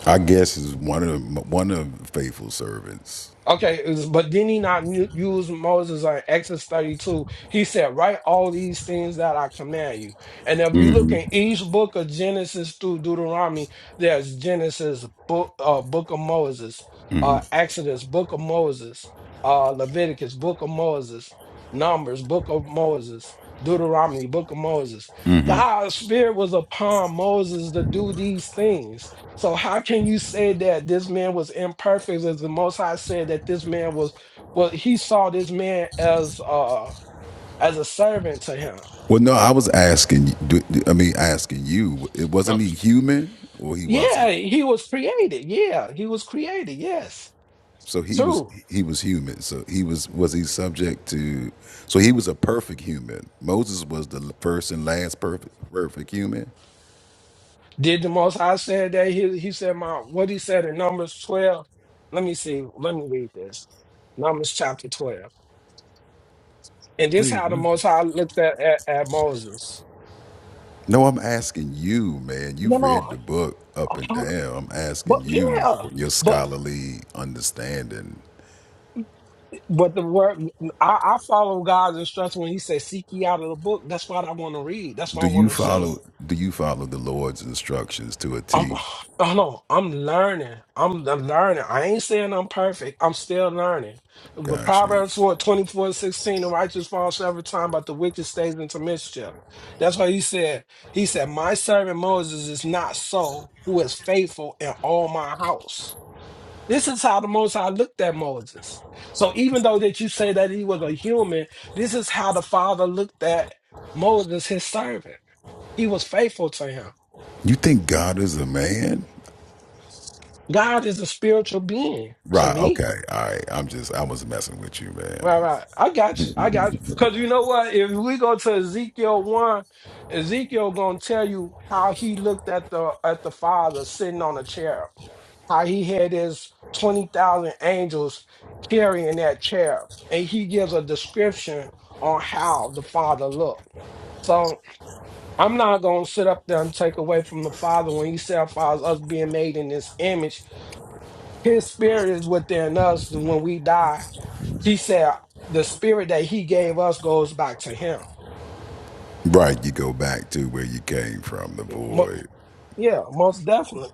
I guess is one of the- one of the faithful servants.
Okay, is- but did he not u- use Moses on Exodus 32? He said, Write all these things that I command you. And if you look in each book of Genesis through Deuteronomy, there's Genesis, book, uh, book of Moses, uh, Exodus, book of Moses, uh, Leviticus, book of Moses, Numbers, book of Moses, Deuteronomy, book of Moses. God's spirit was upon Moses to do these things. So how can you say that this man was imperfect as the most high said that this man was well he saw this man as uh as a servant to him.
Well, no, I was asking. do- do- I mean, asking you. It
Oh.
wasn't he human, or he
Yeah,
wasn't.
he was created. Yeah, he was created. Yes.
So he was
True.
he was human. So he was was he subject to? So he was a perfect human. Moses was the first and last perfect perfect human.
Did the most high say that he he said my what he said in Numbers 12? Let me see. Let me read this. Numbers chapter 12. And this
Wait,
how the
what?
most high looked at, at, at Moses.
No, I'm asking you, man.
No,
You've read
no,
the book
uh,
up and
uh,
down. I'm
but
asking you
yeah.
for your
but.
scholarly understanding.
But the word I, I follow God's instruction when He says, "Seek ye out of the book." That's what I want to read. That's what I
Do
want
you
to show you.
follow do you follow the Lord's instructions to a
I'm,
T?
I know I'm learning. I'm the learner. I ain't saying I'm perfect. I'm still learning. With
Got you.
Proverbs 4 24 16, the righteous falls every time, but the wicked stays into mischief. That's why he said, he said, my servant Moses is not so, who is faithful in all my house. This is how the Most High looked at Moses. So even though that you say that he was a human, this is how the Father looked at Moses, his servant. He was faithful to him.
You think God is a man?
God is a spiritual being to
Right,
me.
okay. All right. I'm just I was messing with you,
Right,
man.
right. I got you. I got you. Because you know what? If we go to Ezekiel 1, Ezekiel gonna tell you how he looked at the at the father sitting on a chair. how he had his 20,000 angels carrying that chair. And he gives a description on how the Father looked. So I'm not going to sit up there and take away from the Father when he said, Father, us being made in his image. His spirit is within us. And when we die, he said, the spirit that he gave us goes back to him.
Right, you go back to where you came from, the
Mo-
void,
Yeah, most definitely.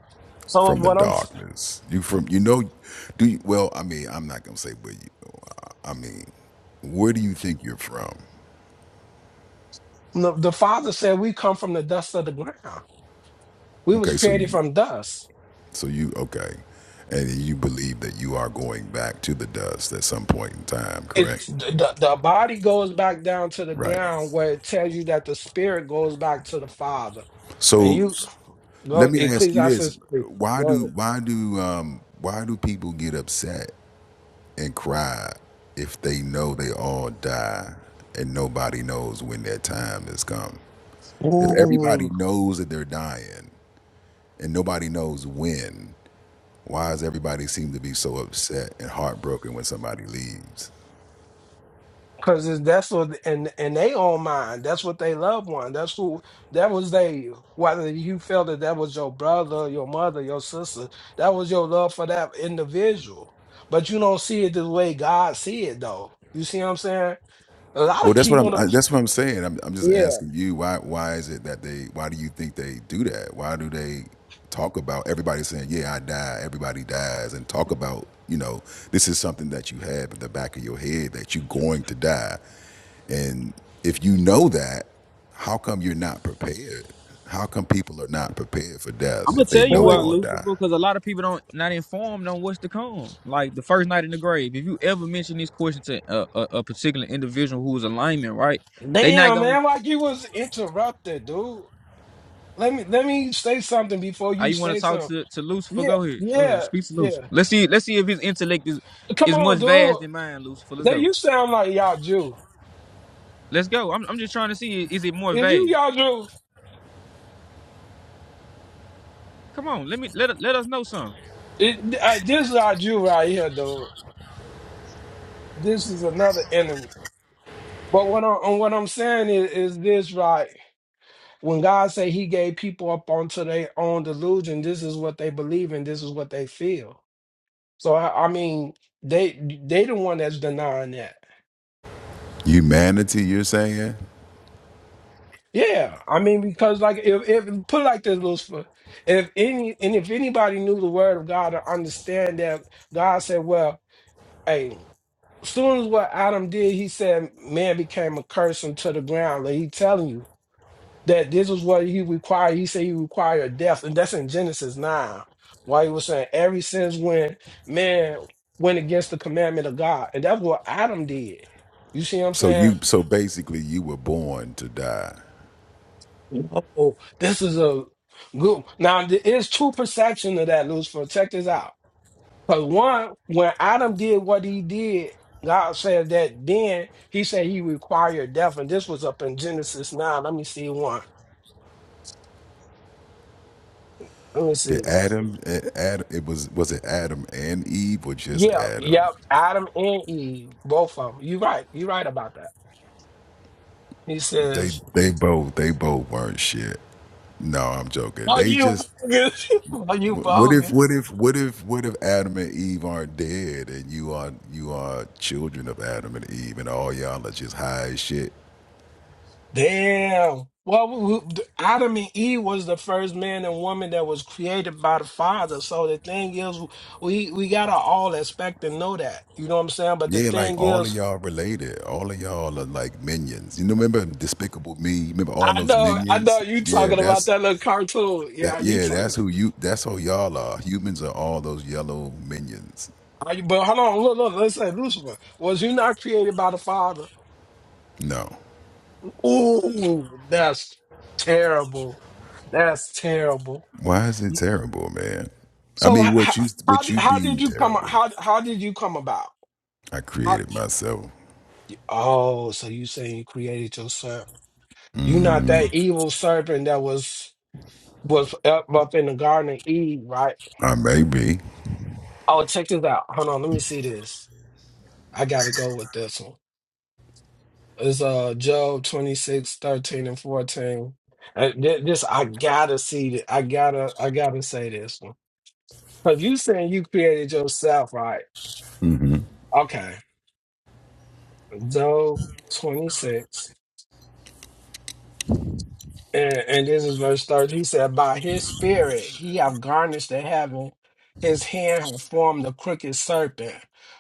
So
from the
what I'm,
darkness. You from you know, do you, well. I mean, I'm not gonna say where you. I mean, where do you think you're from?
the the Father said, we come from the dust of the ground. We was
Okay, so
created
you,
from dust.
so you okay, and you believe that you are going back to the dust at some point in time, correct?
it's the, the body goes back down to the
Right.
ground where it tells you that the spirit goes back to the father and
So
you
s-
go
let me ask you this:
ecclesiastes 3
Why
go
do
ahead
why do um, why do people get upset and cry if they know they all die and nobody knows when their time has come? If everybody
Ooh,
knows that they're dying and nobody knows when, why does everybody seem to be so upset and heartbroken when somebody leaves?
because that's what and and they own mind that's what they loved one that's who that was they whether you felt that that was your brother your mother your sister that was your love for that individual but you don't see it the way god see it though you see what i'm saying a lot of
Well, that's what I'm.
people
I,
don't
that's what I'm saying. I'm, I'm just
yeah
asking you why. Why is it that they? Why do you think they do that? Why do they talk about everybody saying, "Yeah, I die." Everybody dies, and talk about you know this is something that you have in the back of your head that you're going to die. And if you know that, how come you're not prepared? How come people are not prepared for
I'm
death
gonna
if they
tell you
know they're
why,
going to die?
Lucifer, because a lot of people don't not informed on what's to come. Like the first night in the grave. If you ever mention this question to a, a, a particular individual who's a lineman, right? They not
Damn,
gonna.
man, like you was interrupted, dude. Let me let me say something before
Are
you
you want
say
to talk
something.
to to Lucifer?
Yeah,
Go ahead, go ahead.
yeah,
Speak to Lucifer.
yeah.
Let's see. Let's see if his intellect is
Come
is
on,
much
dude.
vast than mine, Lucifer. Let's
That
go.
you sound like y'all Jew.
Let's go. I'm I'm just trying to see is it more
Is you
vast.
y'all Jew?
Come on, let me let let us know something.
It, uh, this is our Jew right here, dude. This is another enemy. But what I'm what I'm saying is, is this right? When God say He gave people up onto their own delusion, this is what they believe and this is what they feel. So I, I mean, they they the one that's denying that.
Humanity, you're saying?
Yeah, I mean, because like if, if put it like this, Lucifer, if any and if anybody knew the word of God to understand that God said, well, hey, soon as what Adam did, he said man became a curse unto the ground. Like he telling you that this is what he required. He said he required death, and that's in Genesis nine. Why he was saying every since when man went against the commandment of God, and that's what Adam did. You see what I'm
So
saying?
you so basically you were born to die.
Oh, this is a good. Now there is two perception of that, Lucifer. Check this out. Because one, when Adam did what he did, God said that then he said he required death, and this was up in Genesis nine. Let me see one. Let me
Did
see.
Adam Adam it was was it Adam and Eve or just
Yeah,
Adam?
yep. Adam and Eve, both of them. You right. You right about that. He
They
says,
they both they both weren't shit. No, I'm joking.
"Are
They
you
just
bogus? Are you
What if
bogus?"
what if what if what if Adam and Eve aren't dead and you are you are children of Adam and Eve and all y'all are just high as shit?
Damn. Well, w- w- Adam and Eve was the first man and woman that was created by the Father. So the thing is, we we gotta all expect and know that. You know what I'm saying? But the
Yeah, like
thing
all of
is,
y'all related. All of y'all are like minions. You know, remember Despicable Me? Remember all
I
those
know, I
minions?
know you
Yeah,
talking about
that's
that little cartoon.
that.
Yeah, you
Yeah, that's
talking.
who you. That's who y'all are. Humans are all those yellow minions.
Are you, but hold on, look, look, let's say Lucifer was you not created by the Father?
No,
Ooh, that's terrible. That's terrible.
why is it terrible, man? I
So
mean, what
how,
you
how,
what you
how
deem
did you come?
terrible,
How how did you come about?
I created myself.
Oh, so you saying you created yourself? You not
Mm,
that evil serpent that was was up, up in the Garden of Eve, right?
I may be.
Oh, check this out. Hold on, let me see this. I gotta go with this one. It's uh Job 26 13 and 14. Uh, thi- This I gotta see this. I gotta I gotta say this one. Cause you saying you created yourself, right?
hmm
Okay. Job 26. And, and this is verse 13. He said, By his spirit he have garnished the heaven, his hand hath formed the crooked serpent.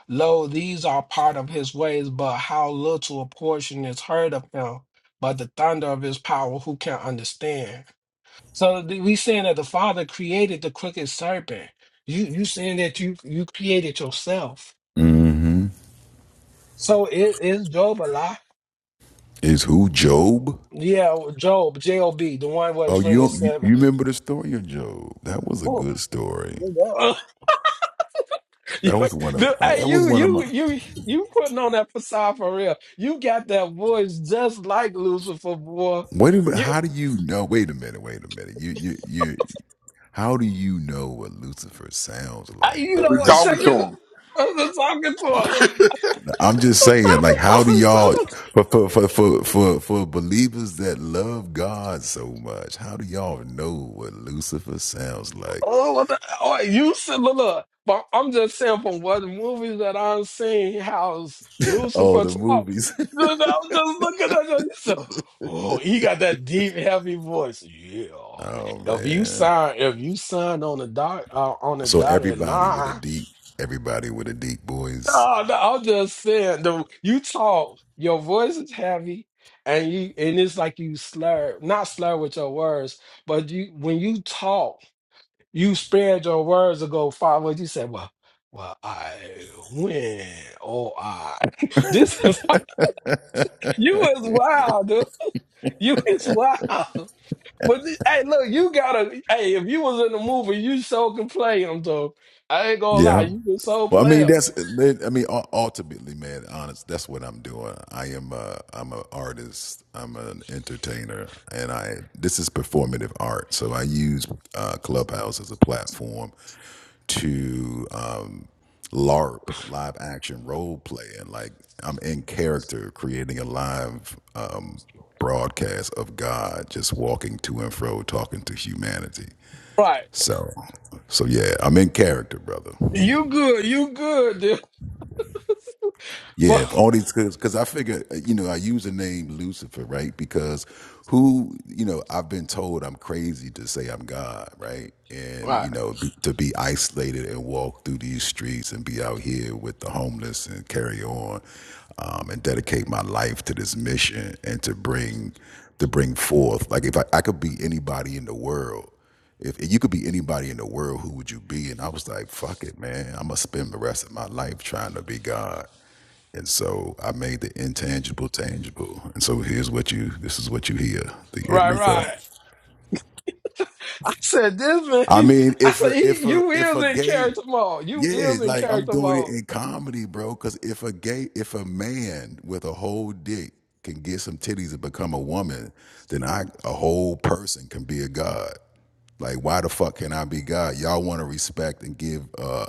Lo, these are part of his ways, but how little a portion is heard of him, but the thunder of his power, who can understand? So th- we saying that the Father created the crooked serpent. You you saying that you you created yourself.
hmm
So it is Job a lie?
Is who Job?
Yeah, Job, J O B, the one
Oh,
was written in
you you
seven.
you remember the story of Job? That was a
Oh,
good story.
You,
That was one of
the,
I-
hey,
that was
you,
one of
you,
my.
you, you putting on that facade for real. You got that voice just like Lucifer, boy.
Wait a minute.
You,
How do you know? Wait a minute. Wait a minute. You you you. How do you know what Lucifer sounds
I,
like
you
But
though?
know
we
what?
That's
talking
Check
to
this.
him.
I was just talking to her. I
I'm just saying. Like, how do
was just talking
y'all
to her.
for for for for for, for believers that love God so much? How do y'all know what Lucifer sounds like?
Oh, what the, oh you said, look, look, but I'm just saying from what movies that I'm seeing, how's
Oh,
Lucifer
the
talk?
movies.
You know, I'm just looking at him. He said, oh, he got that deep, heavy voice. Yeah.
Oh
If you
man.
sign, if you sign on the dot, uh, on the
So
dotted
everybody with a
line,
deep, everybody with a deep voice.
no, no, I'm just saying, the, you talk, your voice is heavy, and you, and it's like you slur, not slur with your words, but you, when you talk. You spared your words ago, Father. You said, well, well, I win. Oh, I. This is, you is wild, dude. You is wild. But, this, hey, look, you gotta, hey, if you was in the movie, you so can play him, though. I ain't gonna lie,
Yeah.
you can so
Well, I
play
mean,
him.
that's, I mean, u- ultimately, man, honest, that's what I'm doing. I am a, I'm an artist, I'm an entertainer, and I, this is performative art. So I use uh, Clubhouse as a platform to um, LARP, live action role play, and like I'm in character creating a live um, broadcast of God just walking to and fro, talking to humanity.
Right.
So, so yeah, I'm in character, brother.
You good, you good, dude. But,
Yeah, all these because because I figure uh, you know I use the name Lucifer right because who you know I've been told I'm crazy to say I'm God right and
right,
you know be, to be isolated and walk through these streets and be out here with the homeless and carry on um, and dedicate my life to this mission and to bring to bring forth like if I, I could be anybody in the world if you could be anybody in the world, who would you be? And I was like, fuck it, man. I'm going to spend the rest of my life trying to be God. And so I made the intangible tangible. And so here's what you this is what you hear, the end
right,
result.
right. I said, this
I
man,
mean,
I
if
said,
a
he,
if a
you
if
is
a
in
gay
character mode. You
yeah,
is in
like I'm
character
doing it
mode.
in comedy, bro. Cause if a gay if a man with a whole dick can get some titties and become a woman, then I a whole person can be a god. Like why the fuck can I be God? Y'all want to respect and give uh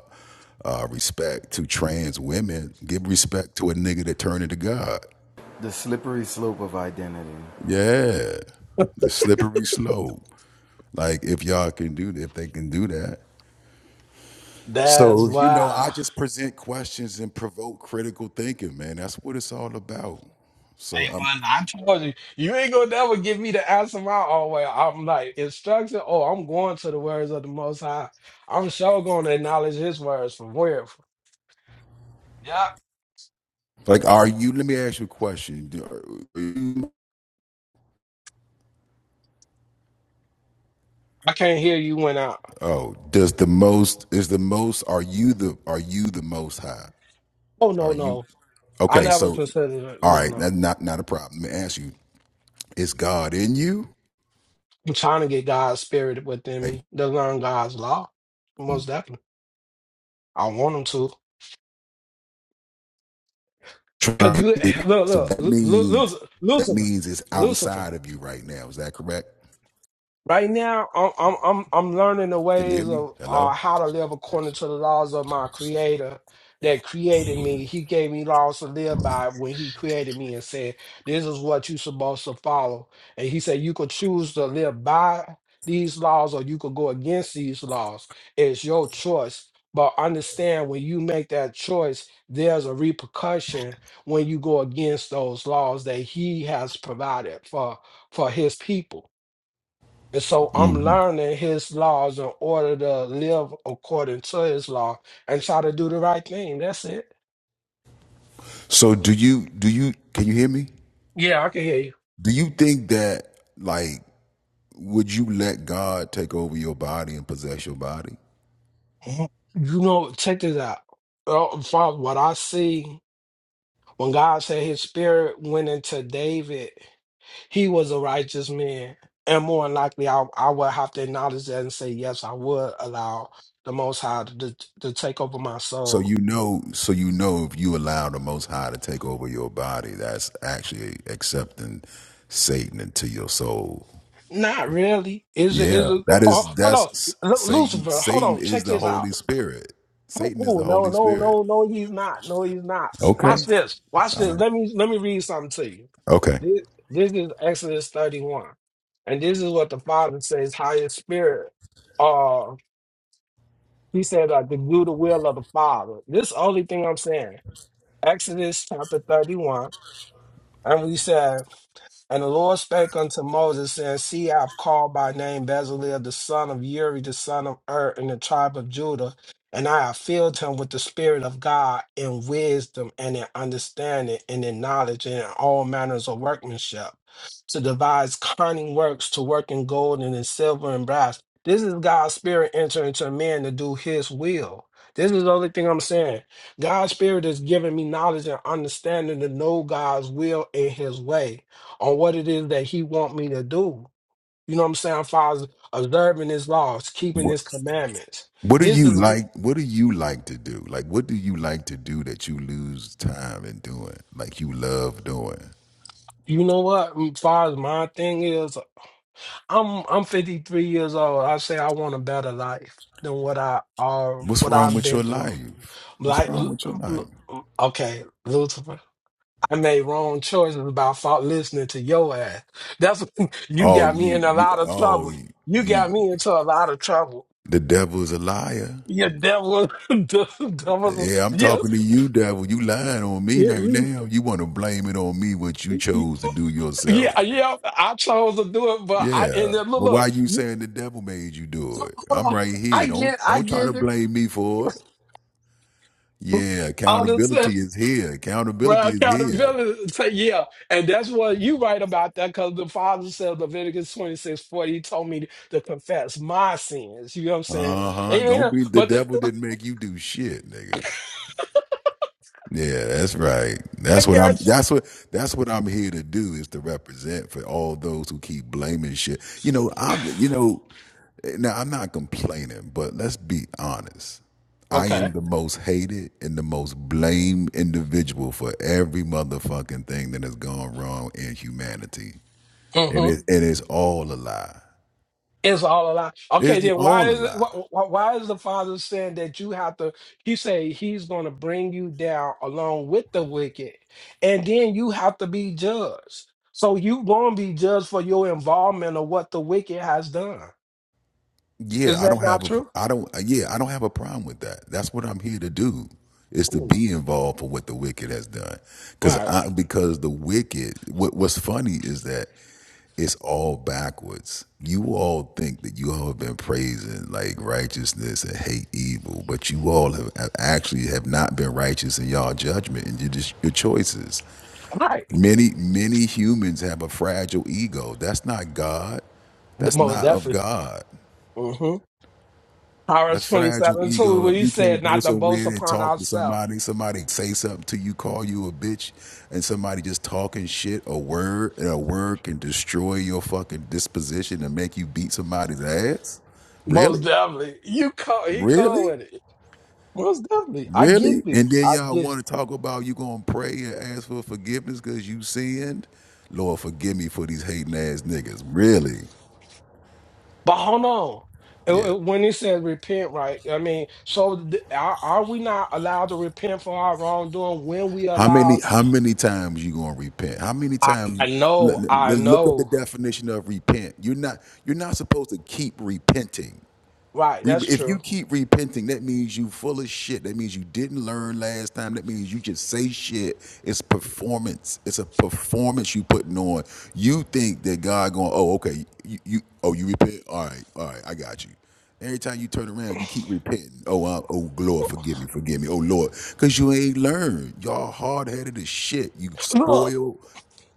uh respect to trans women. Give respect to a nigga that turned into God.
The slippery slope of identity.
Yeah, the slippery slope. Like if y'all can do that, if they can do that.
That's
So you know, I
why.
just present questions and provoke critical thinking, man. That's what it's all about.
Hey,
So I'm
man, I told you, you ain't gonna never give me the answer my own way. I'm like, instruction, oh, I'm going to the words of the Most High. I'm sure gonna acknowledge His words from where? Yeah,
like, are you? Let me ask you a question. Do- are you-
I can't hear you when I,
Oh, does the most is the most? Are you the are you the most high?
oh,
Are
no,
you
no. I
okay?
never
So
considered it.
all
No,
right,
no.
that's not not a problem. Let me ask you: Is God in you?
I'm trying to get God's spirit within
Like,
me to learn God's law. Most definitely. I want him to. Cause
trying
you,
to get it.
look,
So
look,
that
look, Lu- Lu-
means that
Lucifer,
means it's
Lucifer,
outside of you right now. Is that correct?
Right now, I'm I'm I'm I'm learning the
Can you hear
ways
me?
of uh,
Hello?
how to live according to the laws of my Creator that created me. He gave me laws to live by when He created me and said, "This is what you're supposed to follow." And He said, "You could choose to live by these laws, or you could go against these laws. It's your choice." But understand when you make that choice, there's a repercussion when you go against those laws that He has provided for for His people and so I'm
hmm
learning his laws in order to live according to his law and try to do the right thing. That's it.
So do you do you can you hear me?
Yeah, I can hear you.
Do you think that like would you let God take over your body and possess your body?
Mhm. You know, check this out. Uh, Father, what I see when God said his spirit went into David, he was a righteous man. And more than likely, I, I would have to acknowledge that and say, yes, I would allow the Most High to, to take over my
So
soul.
you know so you know if you allow the most high to take over your body, that's actually accepting Satan into your soul.
Not really. Is it? Is
Yeah,
it? Oh,
that
hold
is
on,
that's
Lu-
Satan.
Lucifer. Hold
Satan
on.
is
Check
the
this out.
Holy Spirit. Satan is
Oh
the
no,
Holy
no,
Spirit.
no, no, he's not. No, he's not. Watch
Okay.
this. Watch this. Let me let me read something to you.
Okay.
This, this is Exodus 31. And this is what the Father says, higher spirit. Uh he said uh, to do the will of the Father. This is the only thing I'm saying. Exodus chapter 31. And we said. And the Lord spake unto Moses, saying, See, I have called by name Bezalel, the son of Uri, the son of Ur, in the tribe of Judah, and I have filled him with the Spirit of God in wisdom and in understanding and in knowledge and in all manners of workmanship, to devise cunning works, to work in gold and in silver and brass. This is God's Spirit entering into man to do his will. This is the only thing I'm saying. God's Spirit is giving me knowledge and understanding to know God's will and his way on what it is that he want me to do. You know what I'm saying? Father, observing his laws, keeping
What,
his commandments.
what do
This is
you like? What do you like to do? Like, what do you like to do that you lose time in doing? Like, you love doing.
you know what, as far as my thing is, I'm I'm 53 years old. I say I want a better life than what I are
What's
what
wrong
I've
with
been
your
through.
life? What's
Like
wrong
l-
with your life?
l- l- okay, Lucifer. I made wrong choices about fought listening to your ass. That's you
Oh,
got me
you,
in a
you,
lot of
oh,
trouble. You
you.
got me into a lot of trouble.
The devil's a liar.
Your devil, devil,
Yeah, I'm
yeah.
talking to you, devil. You lying on me
Yeah,
right
you,
now. You want to blame it on me what you
you-
chose to do yourself.
yeah, yeah. I chose to do it, but I
Yeah.
ended up. Look,
Well, why
look,
you
you
saying the devil made you do
so,
it?
hold
I'm right
on.
here.
I
Don't
get, I
don't try
give
to
you
blame me for it. Yeah,
honestly,
accountability is here.
well,
Accountability is here.
accountability. Say, yeah, and that's what you right about that because the Father said Leviticus twenty six forty. He told me to confess my sins. You know what I'm saying?
Uh-huh. Don't
Yeah,
be the
but the,
devil didn't make you do shit, nigga. Yeah, that's right. That's
I
what I'm
got you.
that's what that's what I'm here to do is to represent for all those who keep blaming shit. You know, I'm you know, Now I'm not complaining, but let's be honest. I
Okay.
am the most hated and the most blamed individual for every motherfucking thing that has gone wrong in humanity,
Mm-hmm.
and it and it's all a lie.
It's all a lie.
It's
Okay,
the
then why
all a
is it,
lie.
why, why is the father saying that you have to? He say he's going to bring you down along with the wicked, and then you have to be judged. So you going to be judged for your involvement of what the wicked has done. Is
Yeah, I
that
don't have
not
a
true?
I don't yeah I don't have a problem with that. That's what I'm here to do is to
Mm.
be involved for what the wicked has done. Because
Right,
I because the wicked what what's funny is that it's all backwards. You all think that you all have been praising like righteousness and hate evil, but you all have, have actually have not been righteous in y'all judgment and your, your choices.
right.
Many many humans have a fragile ego. That's not God.
The-
That's
Most
not of
definitely.
God
Mm-hmm.
a
Proverbs
fragile
twenty-seven two, when
ego.
he
You can't
said
go
not to
somewhere
boast
and
upon
talk to
ourselves.
somebody. Somebody say something to you, call you a bitch, and somebody just talking shit. A word and a word can destroy your fucking disposition and make you beat somebody's ass.
Most
Really,
definitely. You call. He call
really,
with it. Most definitely. I get
really.
this.
And then
I
y'all
get.
want to talk about you gonna pray and ask for forgiveness because you sinned. Lord, forgive me for these hating ass niggas. Really?
But hold on. Uh,
Yeah.
uh, When it says repent, right? I mean, so th- are, are we not allowed to repent for our wrongdoing when we
How many
allow?
how many times you gonna repent? How many
I,
times
I
l- l-
know, I
l- look up the
know.
definition of repent? You're not you're not supposed to keep repenting.
Right,
Re-
that's
If you
true.
keep repenting, that means you full of shit. That means you didn't learn last time. That means you just say shit. It's performance. It's a performance you putting on. You think that God going, oh, okay, you, you oh, you repent? All right, all right, I got you. Every time you turn around, you keep repenting. Oh, I, oh, Lord, forgive me, forgive me. Oh, Lord, because you ain't learned. Y'all hard headed as shit. You
Look,
spoiled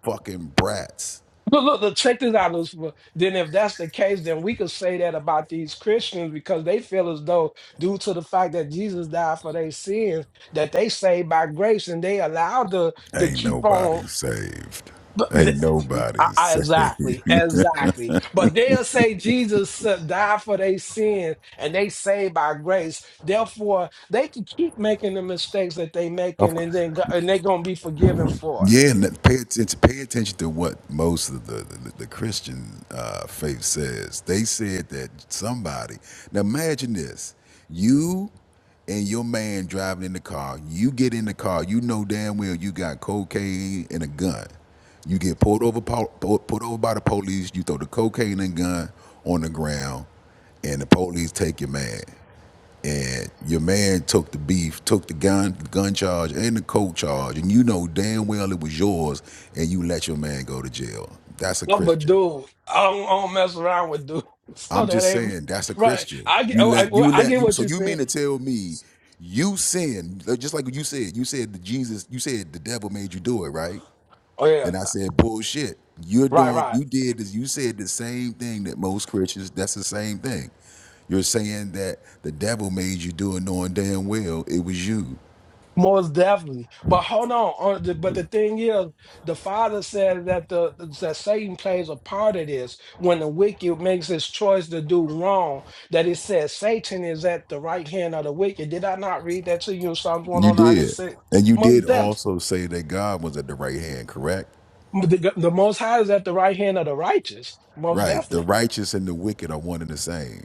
fucking brats.
look, look, look, check this out, Lucifer. Then, if that's the case, then we could say that about these Christians because they feel as though, due to the fact that Jesus died for their sins, that they saved by grace and they allowed to, to
Ain't
keep on.
nobody saved. Ain't nobody
I, I-
saved.
exactly, exactly. But they'll say Jesus uh, died for their sin and they saved by grace. Therefore, they can keep making the mistakes that they
Of
making, and then go- and they gonna be forgiven for it.
Yeah, and that- pay attention. Pay attention to what most of the the, the Christian uh, faith says. They said that somebody. Now imagine this: you and your man driving in the car. You get in the car. You know damn well you got cocaine and a gun. You get pulled over, po- po- put over by the police. You throw the cocaine and gun on the ground, and the police take your man and your man took the beef, took the gun gun charge and the coke charge, and you know damn well it was yours, and you let your man go to jail. That's a
Oh, but
Christian.
dude, I don't, I don't mess around with dude. So
I'm
that
just
ain't
saying that's a
right.
Christian.
I get,
You
oh, I,
let
well,
you
I
let
get
you.
what
So
you
you mean
saying.
to tell me you sinned uh, just like you said? You said that Jesus. You said the devil made you do it, right?
Oh yeah,
And I said bullshit. You're
right,
doing.
right.
You did this. You said the same thing that most Christians. That's the same thing. You're saying that the devil made you do it, knowing damn well it was you.
Most definitely. But hold on. uh, the- But the thing is, the father said that the that Satan plays a part of this when the wicked makes his choice to do wrong. That it says Satan is at the right hand of the wicked. Did I not read that to you in Psalms
You
109 and
did.
6?
And you
Most
did
definitely.
also say that God was at the right hand, correct?
The, the most high is at the right hand of the righteous. Most
Right. The
definitely.
righteous and the wicked are one and the same.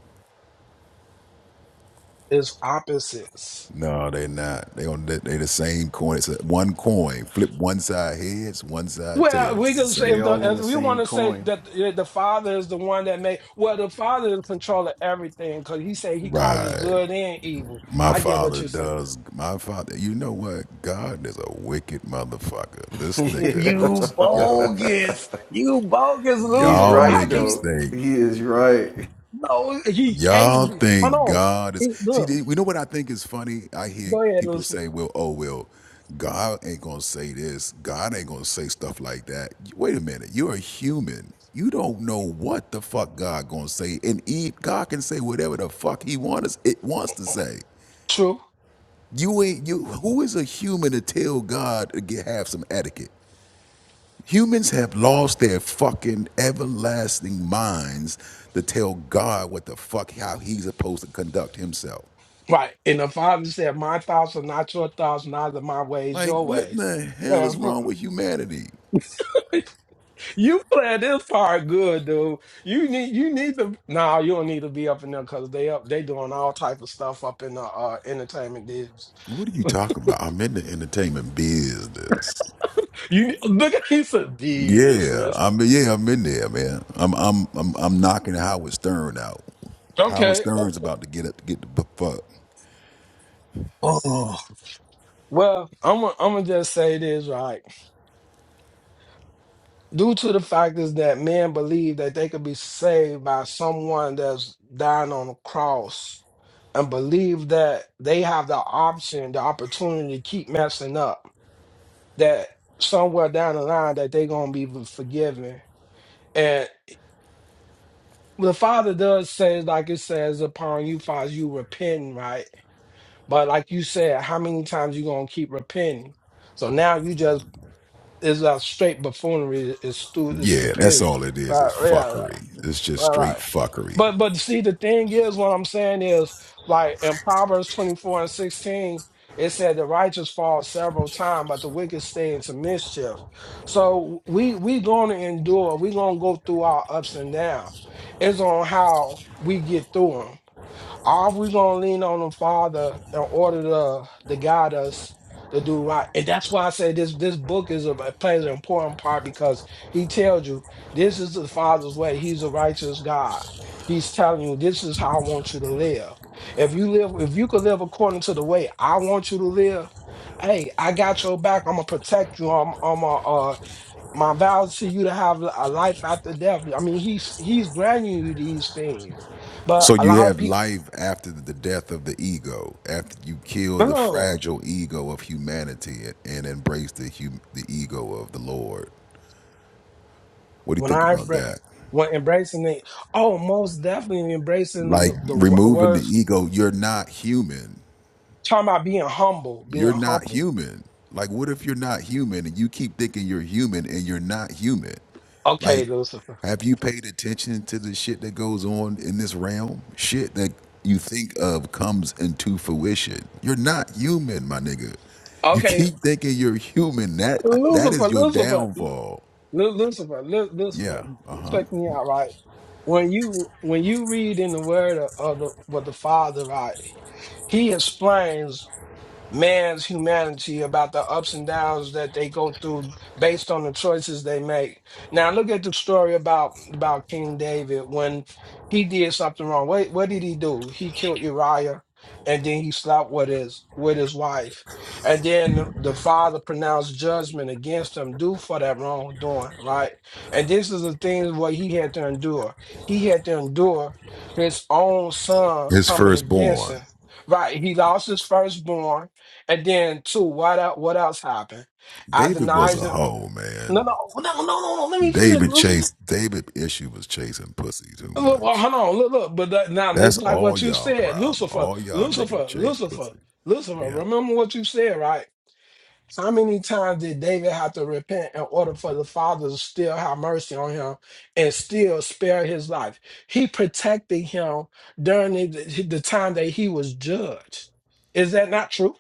It's opposites.
No, they're not. They on they they the same coin. It's a, one coin. Flip one side heads, one side
Well,
tails.
we can
It's the
say
They
if
same
the
all on
if
the
coin.
we want
same
to say
coin.
that the, the father is the one that made. Well, the father is in control of everything because he said he causes
Right.
good and evil.
My
I get what
father
you're saying.
does. My father. You know what? God is a wicked motherfucker. This
yeah.
nigga
You
was yo.
bogus. You bogus
He's
Y'all
Lucifer.
right
How can you?
niggas
though.
think
He is right.
No, He
Y'all
can't. be- Hold
think
on.
God is
He-
see?
look,
th- We know what I think is funny. I hear
go ahead,
people
Lucy.
say, "Well, oh well, God ain't gonna say this. God ain't gonna say stuff like that." Wait a minute, you're a human. You don't know what the fuck God gonna say, and he, God can say whatever the fuck He wants it wants to say.
True.
You ain't you. Who is a human to tell God to get, have some etiquette? Humans have lost their fucking everlasting minds to tell God what the fuck how he's supposed to conduct himself.
Right. And the father said, "My thoughts are not your thoughts, neither my ways
Like,
your
what in
ways."
the hell
Well,
is wrong with
huh.
humanity?
You planned this part good, dude. You need you need to no, you don't need to be up in there because they up they doing all type of stuff up in the uh entertainment business.
What are you talking about? I'm in the entertainment business.
You need- look at he said
Yeah,
business.
I'm yeah, I'm in there, man. I'm I'm I'm I'm knocking Howard Stern out. Howard
Okay.
Stern's about to get up to get the fuck.
Oh. Well, I'm gonna I'm gonna just say this right. Due to the fact is that men believe that they could be saved by someone that's dying on a cross and believe that they have the option, the opportunity to keep messing up that somewhere down the line that they're gonna be forgiven. And the Father does say, like it says, upon you, Father, you repenting, right? But like you said, how many times you gonna keep repenting? So now you just it's a straight buffoonery, it's, stu- it's
Yeah, that's
stupidity,
all it is.
right?
It's
Yeah, yeah.
fuckery. It's just
Right,
straight
right.
fuckery.
But but see, the thing is, what I'm saying is, like in Proverbs 24 and 16, it said the righteous fall several times, but the wicked stay into mischief. So we we gonna endure. We gonna go through our ups and downs. It's on how we get through them. Are we gonna lean on the Father in order to to guide us to do right? And that's why I say this this book is a plays an important part because he tells you this is the Father's way. He's a righteous God. He's telling you this is how I want you to live. If you live, if you could live according to the way I want you to live, hey, I got your back. I'm gonna protect you. I'm I'm a uh my vows to you to have a life after death. I mean, he's he's granting you these things. But
So
a
you
lot of
have
people
life after the death of the ego, after you kill the
No,
fragile ego of humanity and embrace the hum- the ego of the Lord. What do you
when
think
I
about
embra-
that?
when embracing it, oh, most definitely embracing
Like
the, the wo-
removing the
words.
ego, you're not human.
Talking about being humble, being
you're not
humble.
human. Like, what if you're not human and you keep thinking you're human and you're not human? Like,
Okay, Lucifer.
have you paid attention to the shit that goes on in this realm? Shit that you think of comes into fruition. You're not human, my nigga. You
Okay,
keep thinking you're human. That that
Lucifer,
is your
Lucifer, Lu-
downfall.
Lu- Lucifer, Lu- Lucifer.
Yeah. Uh huh.
Check me out, right? When you when you read in the Word of, of the with the Father, right? He explains man's humanity about the ups and downs that they go through based on the choices they make. Now look at the story about about King David when he did something wrong. What what did he do? He killed Uriah and then he slept with his with his wife. And then the the father pronounced judgment against him due for that wrongdoing, right? And this is the things what he had to endure. He had to endure his own son
His
coming against
firstborn,
him. Right. He lost his firstborn and then two, what else, what else happened? I
David, was
denied
a
it.
hoe,
No,
man.
no, no, no, no, no. Let me finish.
David
Lucifer.
chased. David issue was chasing pussy too
Look, well,
much.
hold on, look, look. But that, now
That's
it's like
all
what you
y'all
said,
problem.
Lucifer,
All y'all niggas
Lucifer,
chase
Lucifer,
pussy.
Lucifer.
Yeah.
Remember what you said, right? How many times did David have to repent in order for the Father to still have mercy on him and still spare his life? He protected him during the, the time that he was judged. Is that not true?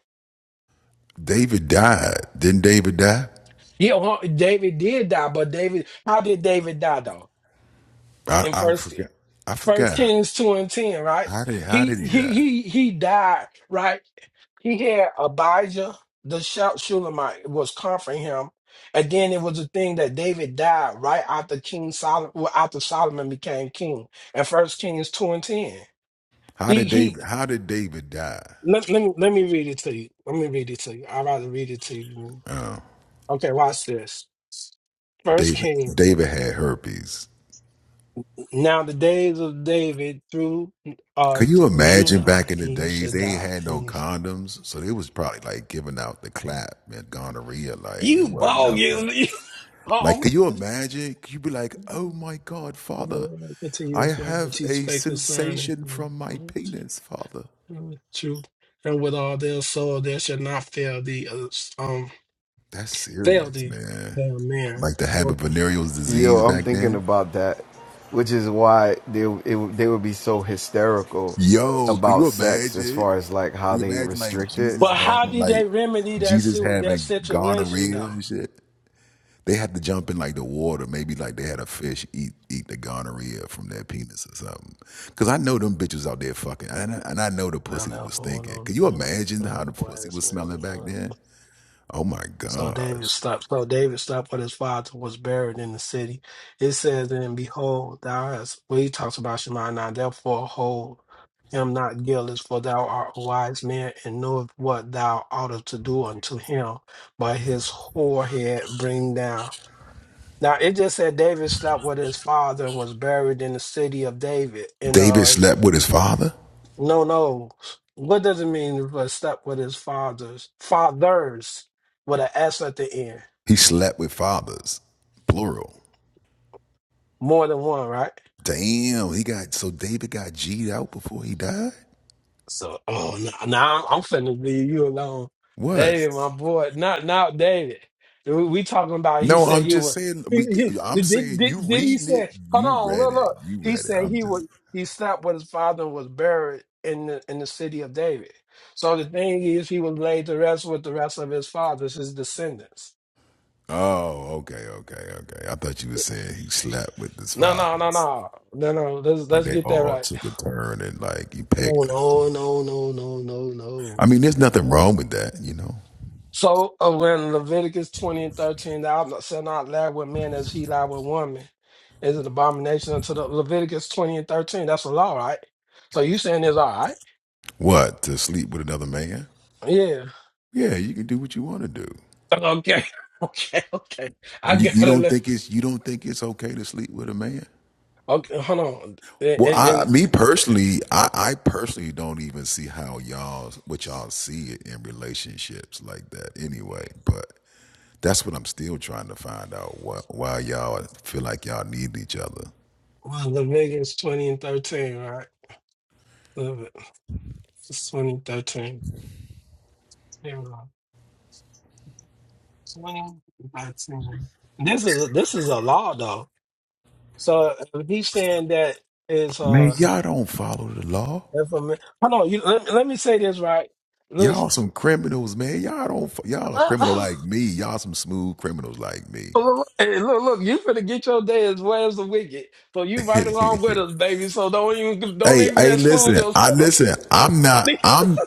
David died. Didn't David die?
Yeah, well, David did die, but David, how did David die though?
I,
In
I
first
forgot. I
First
forgot.
Kings two and ten, right?
How did how
He
did he
he
die?
he he died, right? He had Abijah, the shout Shulamite, was comforting him, and then it was a thing that David died right after King Solomon, well, after Solomon became king. And First Kings two and ten,
How
he
did David
he
how did David die?
let, let me let me read it to you. Let me read it to you. I'd rather read it to you. Okay, watch this. First
David
Kings.
David had herpes.
Now the days of David through uh
Could you
Drew
imagine
nine,
back in the
and he
days
should
they ain't
die.
had
And
no
he's
condoms? So they was probably like giving out the clap and gonorrhea, like it
you
wasn't
bogus.
nothing.
You
Like,
wrong."
could you imagine? Could you be like, oh
The
my God, father,
Lord may continue
I
his work which
have
he's
a
faithful concerning
sensation
you.
from my penis, father.
true, and with all their soul they shall not fail thee. uh, Um,
That's
fail
serious,
thee,
man.
amen.
Like to have a
But
venereal
Yo,
disease
I'm
back
thinking
then.
about that, which is why they it, they would be so hysterical
Yo, could
about
you
sex as
imagine?
far as like how
Could you
they
imagine like
restrict it
Jesus
but how
having
did
like
they remedy that
Jesus
suit that
having
situation
gonorrhea
though?
and shit? They had to jump in like the water. Maybe like they had a fish eat eat the gonorrhea from their penis or something. Cause I know them bitches out there fucking, and I, and I know the
Now
pussy
that
was
hold
stinking.
on,
Could you
remember.
imagine how the
Oh,
pussy
wise
was smelling back
man,
then? Oh my
So David
gosh.
stopped. So David stopped what his father was buried in the city. It says, "And behold, thou hast." Well, he talks about Shema now. Therefore, hold him not guiltless, for thou art a wise man and knoweth what thou oughtest to do unto him. But his forehead bring down. Now it just said David stopped with his father and was buried in the city of David. And
David
uh,
slept with his father.
no, no, what does it mean? But stop with his father's fathers with an S at the end.
He slept with fathers, plural.
More than one, right?
Damn, he got so David got G'd out before he died.
So, oh, now nah, I'm, finna leave you alone,
What?
David, my boy. Not now, David. We, we talking about. He
No,
said
I'm
he
just
was.
saying. We,
He, he,
I'm
did, did
saying you
did did he
reading it.
say? Hold
You
on,
read
look,
it.
look.
You
He
read it.
said
I'm
he
just.
would. He slept with his father and was buried in the in the city of David. So the thing is, he was laid to rest with the rest of his fathers, his descendants.
Oh, okay, okay, okay. I thought you were saying he slept with his
No,
father.
no, no, no, no, no. Let's
Like
let's
they
get that
all
right.
took a turn and like he
Oh
pegged him.
no, no, no, no, no, no.
I mean, there's nothing wrong with that, you know.
So uh, when Leviticus 20 and 13, thou not- shalt not lie with men as he lie with woman, is an abomination unto the Leviticus 20 and 13. That's a law, right? So you saying it's all right?
What to sleep with another man?
Yeah.
Yeah, you can do what you want to do.
Okay. Okay. Okay. I
You,
got
you don't
to
think it's you don't think it's okay to sleep with a man?
Okay. Hold on. And,
Well,
and,
I
and
me personally, I, I personally don't even see how y'all what y'all see it in relationships like that anyway. But that's what I'm still trying to find out. Why, why y'all feel like y'all need each other?
well, Leviticus 20 and 13, right? Leviticus 20 and 13. Here we go. 20 and 13. This is, this is a law, though. So if he's saying that is.
Man,
uh.
y'all don't follow the law.
That's what I mean. Hold on, you, let, let me say this right. Listen,
Y'all some criminals, man. Y'all don't. fo- Y'all a criminal
Uh-oh.
like me. Y'all some smooth criminals like me.
hey, look, look, you finna get your day as well as the wicked, so you right along with us, baby. So don't even don't
Hey,
even
hey,
exclude
listen, I
yourself.
listen. I'm not. I'm.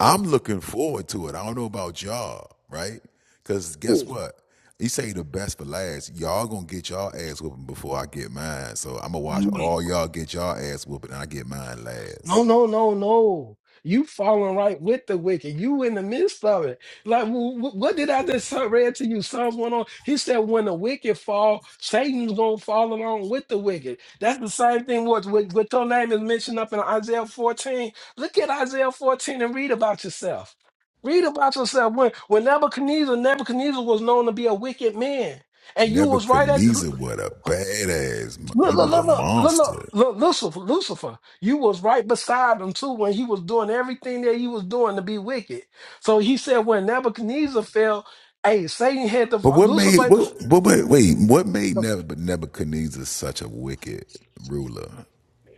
I'm looking forward to it. I don't know about y'all, right? Because guess what? He say the best for last. Y'all gonna get y'all ass whooping before I get mine. So I'm gonna watch all y'all get y'all ass whooping, and I get mine
No,
last.
no, no, no. You falling right with the wicked. You in the midst of it. Like, wh- wh- what did I just read to you? Psalms one. On He said, when the wicked fall, Satan's going to fall along with the wicked. That's the same thing with, with, with your name is mentioned up in Isaiah 14. Look at Isaiah 14 and read about yourself. Read about yourself. When, when Nebuchadnezzar, Nebuchadnezzar was known to be a wicked man. And you was right at
Nebuchadnezzar what a badass. mo-
Look,
He
look,
was a
look, look, look,
monster.
look, look, Lucifer, Lucifer, you was right beside him too when he was doing everything that he was doing to be wicked. So he said when Nebuchadnezzar fell, hey, Satan had to,
But what
Lucifer,
made
had to-
what, what, what wait? What made Neb- Nebuchadnezzar such a wicked ruler?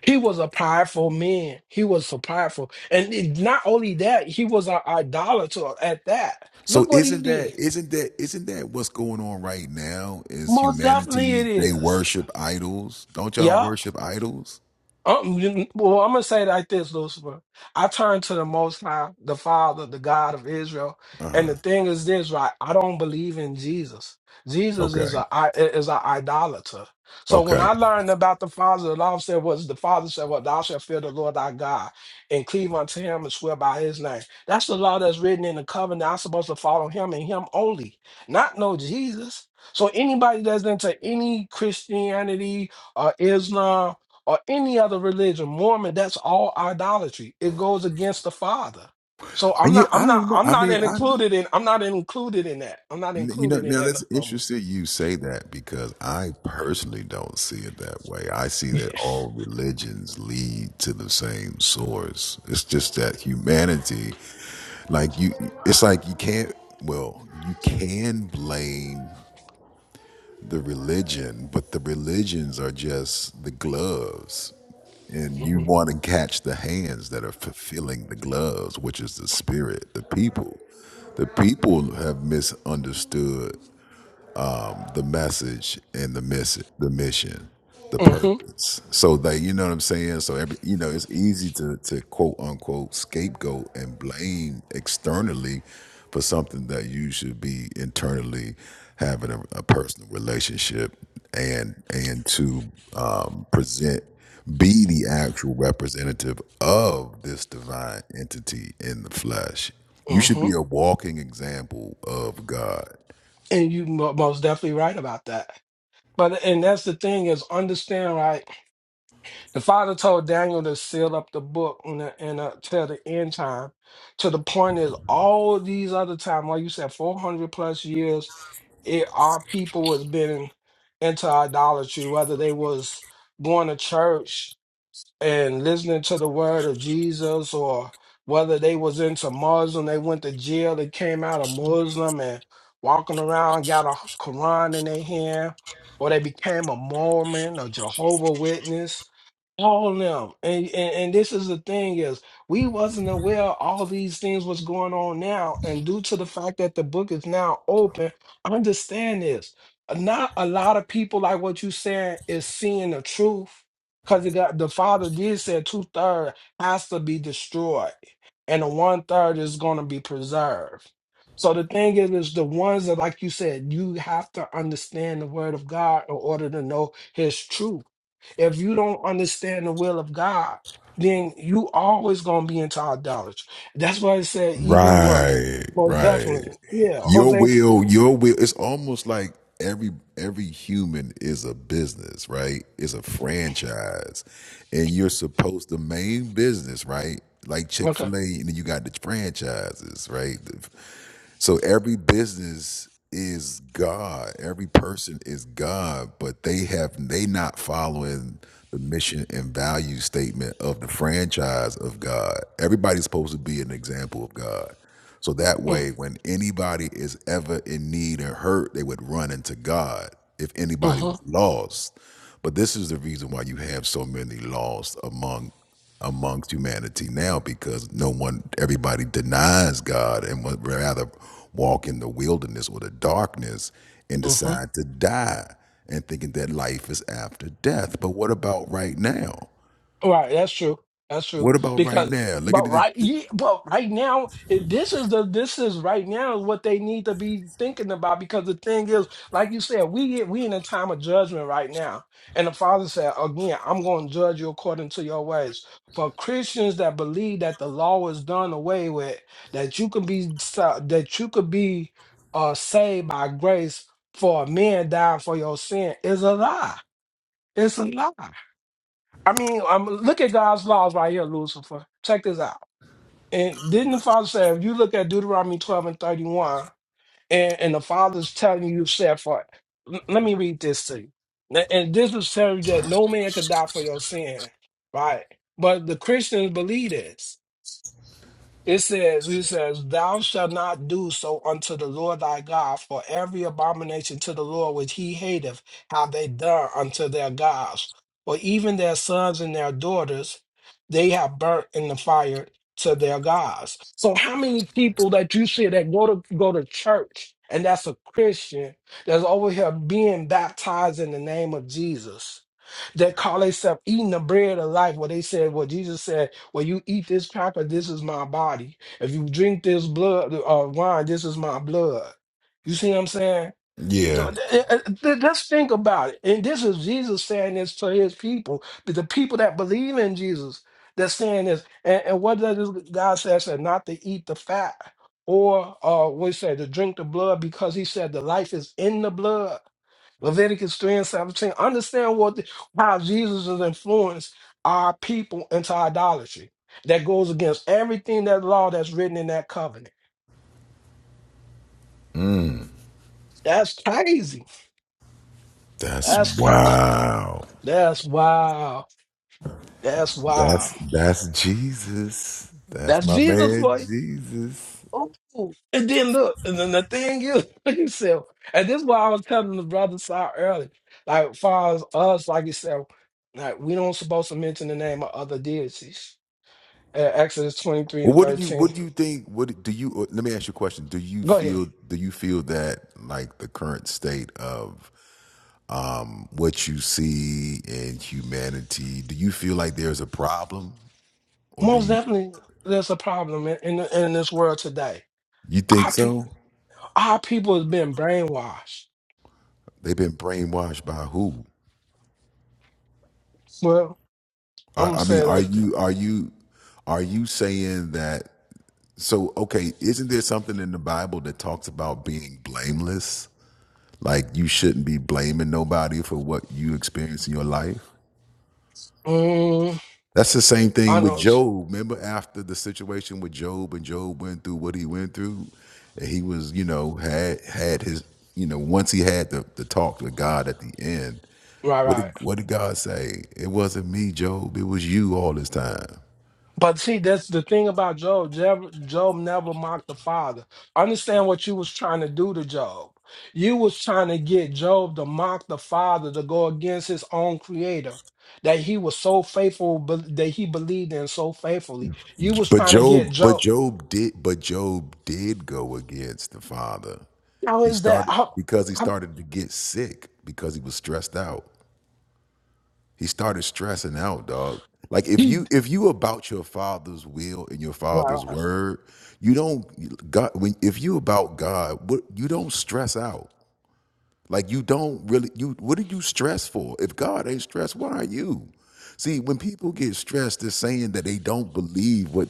he was a prideful man. He was so prideful. And it- not only that, he was an idolater at that.
So
Look what he
isn't that
did.
isn't that isn't that what's going on right now? Is
Most definitely
humanity
it
they
is.
worship idols? Don't y'all
Yep.
worship idols?
Um, you- well, I'm gonna say it like this, Lucifer. I turn to the Most High, the Father, the God of Israel.
Uh
And
huh.
the thing is this, right? I don't believe in Jesus. Jesus is
Okay.
a i- is an idolater. So when
Okay.
I learned about the Father, the law said was the Father said, "Well, thou shalt fear the Lord thy God, and cleave unto Him and swear by His name." That's the law that's written in the covenant. I'm supposed to follow Him and Him only, not no Jesus. So anybody that's into any Christianity or Islam or any other religion, Mormon, that's all idolatry. It goes against the Father. So I'm
And you,
not,
I
I'm not,
don't know.
I'm
I
not
mean,
in-
I
included in, I'm not included in that. I'm not
you know
included in
now
that no
that's
no more.
interesting. You say that because I personally don't see it that way. I see that all religions lead to the same source. It's just that humanity, like you, it's like you can't. Well, you can blame. the religion, but the religions are just the gloves. And you
Mm-hmm,
want to catch the hands that are fulfilling the gloves, which is the spirit, the people. The people have misunderstood the message and the miss the mission, the
hmm hmm
purpose. So they, you know what I'm saying? So every, you know, it's easy to to quote unquote scapegoat and blame externally for something that you should be internally having a, a personal relationship and and to um, present be the actual representative of this divine entity in the flesh. You should
hmm
be a walking example of God.
And you mo- most definitely right about that. But and that's the thing is understand right. The Father told Daniel to seal up the book and uh, and uh, till the end time. To the point is all these other time, like you said, four hundred plus years it, our people has been into idolatry, whether they was going to church and listening to the word of Jesus, or whether they was into Muslim, they went to jail, they came out a Muslim and walking around, got a Quran in their hand, or they became a Mormon, or Jehovah Witness all of them and, and and this is the thing is we wasn't aware all these things was going on now and due to the fact that the book is now open understand this not a lot of people like what you saying is seeing the truth because it got the father did say two-thirds has to be destroyed and the one-third is going to be preserved so the thing is is the ones that like you said you have to understand the word of god in order to know his truth if you don't understand the will of God, then you always gonna be into idolatry. That's why I said even what
Right,
most
right
definitely, yeah,
your
Jose.
will, your will. It's almost like every every human is a business, right? It's a franchise, and you're supposed the main business, right? Like Chick
Okay,
Fil A, and then you got the franchises, right? So every business is God. Every person is God, but they have they not following the mission and value statement of the franchise of God. Everybody's supposed to be an example of God. So that
mm,
way, when anybody is ever in need or hurt, they would run into God if anybody
mhm,
was lost. But this is the reason why you have so many lost among amongst humanity now, because no one, everybody denies God and would rather walk in the wilderness or the darkness and
mhm.
decide to die and thinking that life is after death. But what about right now?
Right, that's true. That's true.
What about right
Because,
now? Look at
but
the
right, ye- but right now, it, this is the this is right now what they need to be thinking about. Because the thing is, like you said, we get we in a time of judgment right now, and the Father said again, "I'm going to judge you according to your ways." For Christians that believe that the law is done away with, that you can be sa- that you could be uh, saved by grace for a man dying for your sin is a lie. It's a lie. I mean, um look at God's laws right here, Lucifer. Check this out. And didn't the Father say, if you look at Deuteronomy 12 and 31, and, and the Father's telling you, said for, l- let me read this to you. N- And this is telling you that no man could die for your sin, right? But the Christians believe this. It says, it says, Thou shalt not do so unto the Lord thy God, for every abomination to the Lord which he hateth have they done unto their gods, or even their sons and their daughters they have burnt in the fire to their gods. So how many people that you see that go to go to church and that's a Christian that's over here being baptized in the name of Jesus? that call themselves eating the bread of life. Where they said, well, Jesus said, well, you eat this cracker, this is my body. If you drink this blood uh, wine, this is my blood. You see what I'm saying?
yeah.
Th- th- th- th- Let's think about it. And this is Jesus saying this to his people, to the people that believe in Jesus. They're saying this. And, and what does God say? I said, not to eat the fat or uh, what he said, to drink the blood because he said the life is in the blood. Leviticus 3 and 17. Understand what the, how Jesus has influenced our people into idolatry. That goes against everything that law that's written in that covenant.
Mm,
That's crazy.
that's
That's crazy.
wow.
That's wow. That's wow.
That's that's Jesus. That's
That's
my
Jesus
man
for you.
Jesus.
Oh, and then look, and then the thing is, look yourself. And this is why I was telling the brother Saul earlier. Like, far as us, like you said, like we don't supposed to mention the name of other deities. Uh, Exodus 23
Well,
and
what do you
13
what do you think? What do you? uh, Let me ask you a question. Do you
Go ahead.
feel do you feel that like the current state of um, what you see in humanity? Do you feel like there's a problem, or do
Most
you
definitely, there's a problem in, in in this world today.
you think
Our
so?
people, our people has been brainwashed.
They've been brainwashed by who?
Well, I'm
I,
gonna
I mean,
say it
are
like, that.
you are you are you saying that? So okay, isn't there something in the Bible that talks about being blameless? Like you shouldn't be blaming nobody for what you experience in your life.
mm,
That's the same
I
thing
know,
with
it's-
Job. Remember after the situation with Job and Job went through what he went through, and he was, you know, had had his, you know, once he had the, the talk with God at the end,
right,
what
right.
did what did God say? It wasn't me, Job, it was you all this time.
But see, that's the thing about Job. Job. Job never mocked the Father. Understand what you was trying to do to Job. You was trying to get Job to mock the Father to go against his own Creator. That he was so faithful, but that he believed in so faithfully. You was
But
trying to
Job,
get
but
Job.
Job did but Job did go against the father.
How
He
is that?
started
How,
because he
how
started to get sick because he was stressed out. He started stressing out, dog. Like if
he?
you if you about your father's will and your
Right,
father's
right.
word, you don't God when if you about God, what you don't stress out. Like you don't really you what are you stressed for? If God ain't stressed, why are you? See, when people get stressed, they're saying that they don't believe what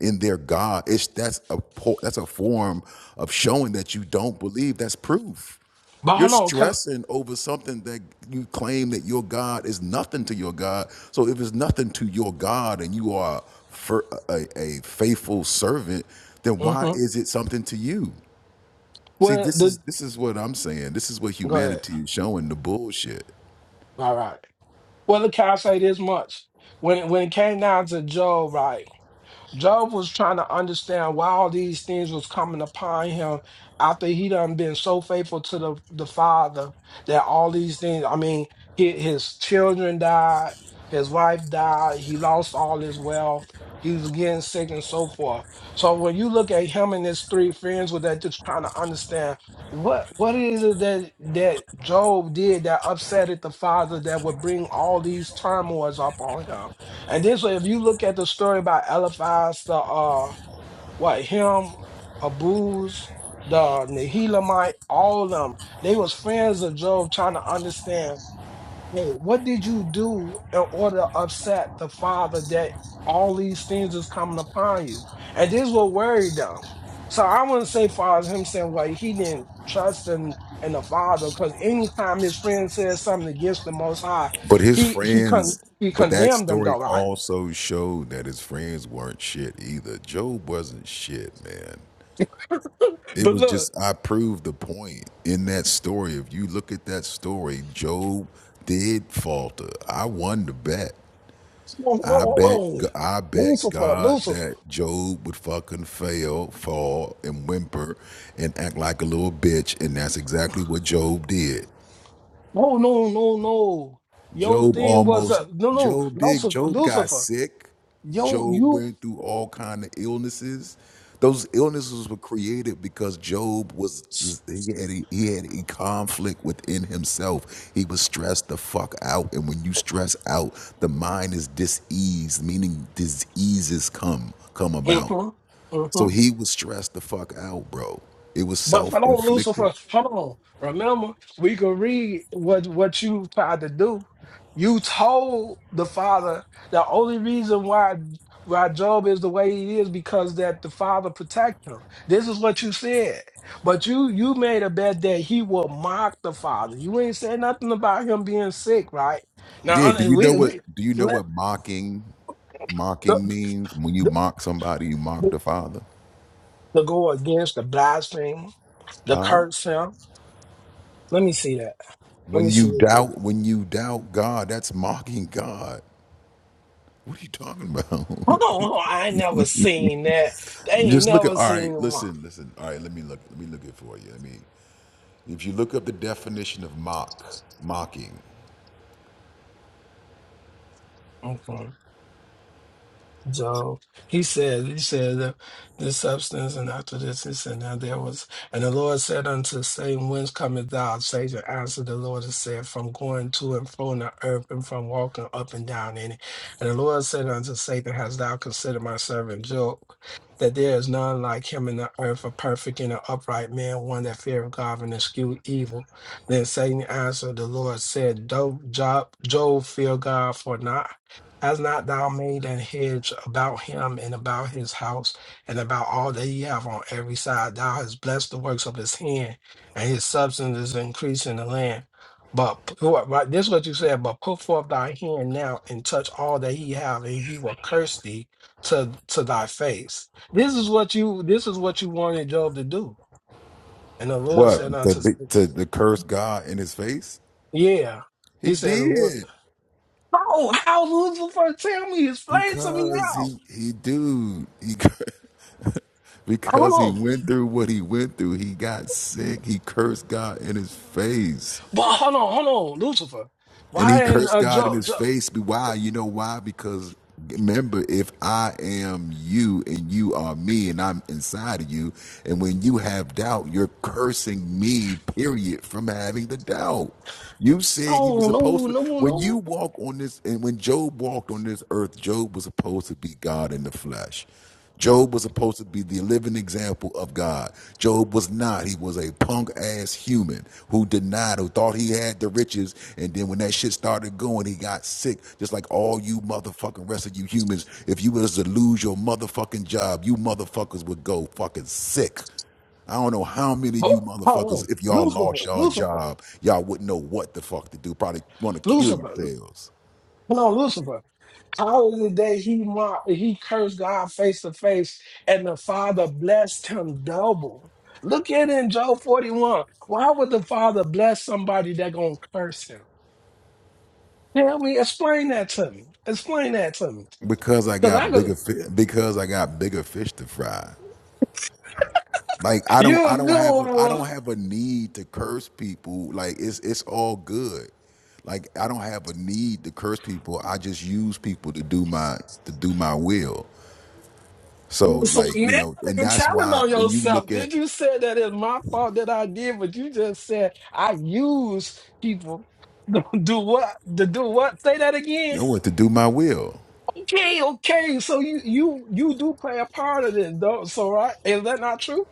in their God. It's that's a po- that's a form of showing that you don't believe. That's proof.
But
You're
hold on, can
stressing over something that you claim that your God is nothing to your God. So if it's nothing to your God and you are fir- a, a faithful servant, then why
mm-hmm.
is it something to you? See,
well
this is
the
this is what I'm saying. This is what
go ahead.
humanity is showing the bullshit.
All right. Well, look, can I say this much? When it, when it came down to Job, right? Job was trying to understand why all these things was coming upon him after he done been so faithful to the, the father that all these things, I mean, his, his children died, his wife died, he lost all his wealth, he was getting sick and so forth. So when you look at him and his three friends with that just trying to understand what what is it that that Job did that upset at the father that would bring all these turmoils upon him and this way, if you look at the story about Eliphaz, the uh, what him, Abuz, the Nehelamite, all of them, they was friends of Job, trying to understand, hey, what did you do in order to upset the father that all these things is coming upon you? And this will worry them. So I wouldn't say far as him saying, well, he didn't trust in in the father, because anytime his friend says something against the Most High,
But his
he he con
friends,
he
but that
condemned them
story
though, right?
also showed that his friends weren't shit either. Job wasn't shit, man. It
But
was
look,
just I proved the point in that story. If you look at that story, Job did falter. I won the bet.
no,
I
no,
bet
no.
I bet
Lucifer,
God
Lucifer.
that Job would fucking fail, fall, and whimper and act like a little bitch, and that's exactly what Job did.
No, no, no, no. Your
Job
thing was
almost
a no, no,
Job did
Lucifer,
Job got
Lucifer.
sick.
Yo,
Job
you.
went through all kind of illnesses. Those illnesses were created because Job was he had a, he had a conflict within himself. He was stressed the fuck out, and when you stress out, the mind is diseased, meaning diseases come come about.
Mhm, mhm.
So he was stressed the fuck out, bro. It was
But
self
hold on, Lucifer.
inflicted.
Hold on. Remember, we can read what what you tried to do. You told the father the only reason why why Job is the way he is because that the father protect him. This is what you said. But you you made a bet that he will mock the father. You ain't said nothing about him being sick, right? Now
Yeah. Do
un-
you know
we
what?
we
Do you know
let
what mocking
the,
mocking means? When you
the,
mock somebody, you mock
the,
the Father.
to go against the blasphemer, the
Huh?
curse him. Let me see that. Let me
When you
see.
doubt, when you doubt God, that's mocking God. What are you talking about?
Hold on, hold on. I ain't never seen that. They ain't
Just look at.
never
All right.
seen one.
Listen. Listen. All right. Let me look. Let me look it for you. Let me. If you look up the definition of mock, mocking,
Mhm. Job. He said, He said that this substance and after this, this and now there was. And the Lord said unto Satan, Whence cometh thou? Satan answered the Lord and said, From going to and fro in the earth and from walking up and down in it. And the Lord said unto Satan, Hast thou considered my servant Job? That there is none like him in the earth, a perfect and an upright man, one that feareth God and eschew evil. Then Satan answered the Lord, said, Do Job, Job fear God for not? Has not thou made an hedge about him and about his house and about all that ye have on every side? Thou hast blessed the works of his hand, and his substance is increasing the land. But put- forth- right, this is what you said, but put forth thy hand now and touch all that he have, and he will curse thee to, to thy face. This is what you this is what you wanted Job to do. And the Lord said
what to
unto
big
Satan,
to the curse God in his face?
Yeah. He
He
said the Lord
did
said, How how Lucifer tell me, explain to me
because
how.
he he dude he.
Hold
Because he
on.
went through what he went through, he got sick. He cursed God in his face.
But hold on, hold on, Lucifer.
And he
Why in
cursed
uh,
God in
Joe? Jo-
his face. Why? You know why? Because remember, if I am you and you are me and I'm inside of you, and when you have doubt, you're cursing me, period, from having the doubt. You said you were supposed
no,
to
no, no,
when
no.
you walk on this and when Job walked on this earth, Job was supposed to be God in the flesh. Job was supposed to be the living example of God. Job was not. He was a punk ass human who denied, who thought he had the riches. And then when that shit started going, he got sick, just like all you motherfucking rest of you humans. If you was to lose your motherfucking job, you motherfuckers would go fucking sick. I don't know how many of
But
you
hold
motherfuckers,
on,
if y'all
Lucifer,
lost y'all
Lucifer,
job, y'all wouldn't know what the fuck to do. Probably want to kill
Lucifer.
yourselves
Hold on, Lucifer. How is it that he mocked, he cursed God face to face, and the Father blessed him double? Look at it in Job forty one. Why would the Father bless somebody that gonna curse him? Tell me, explain that to me. Explain that to me.
because I
Cause I
got
could,
bigger fi- because I got bigger fish to fry. Like I don't
you
I
a
don't
good
have a
one.
I
boy.
don't have a need to curse people. Like it's it's all good. Like I don't have a need to curse people. I just use people to do my to do my will. So
So
like, you
now
know, and
you're
that's
telling
why
on
when you
yourself.
look at
Did you say that it's my fault that I did? But you just said I use people to do what? To do what? Say that again.
no what to do my will.
Okay, okay. So you you you do play a part of this, though. So right? Is that not true?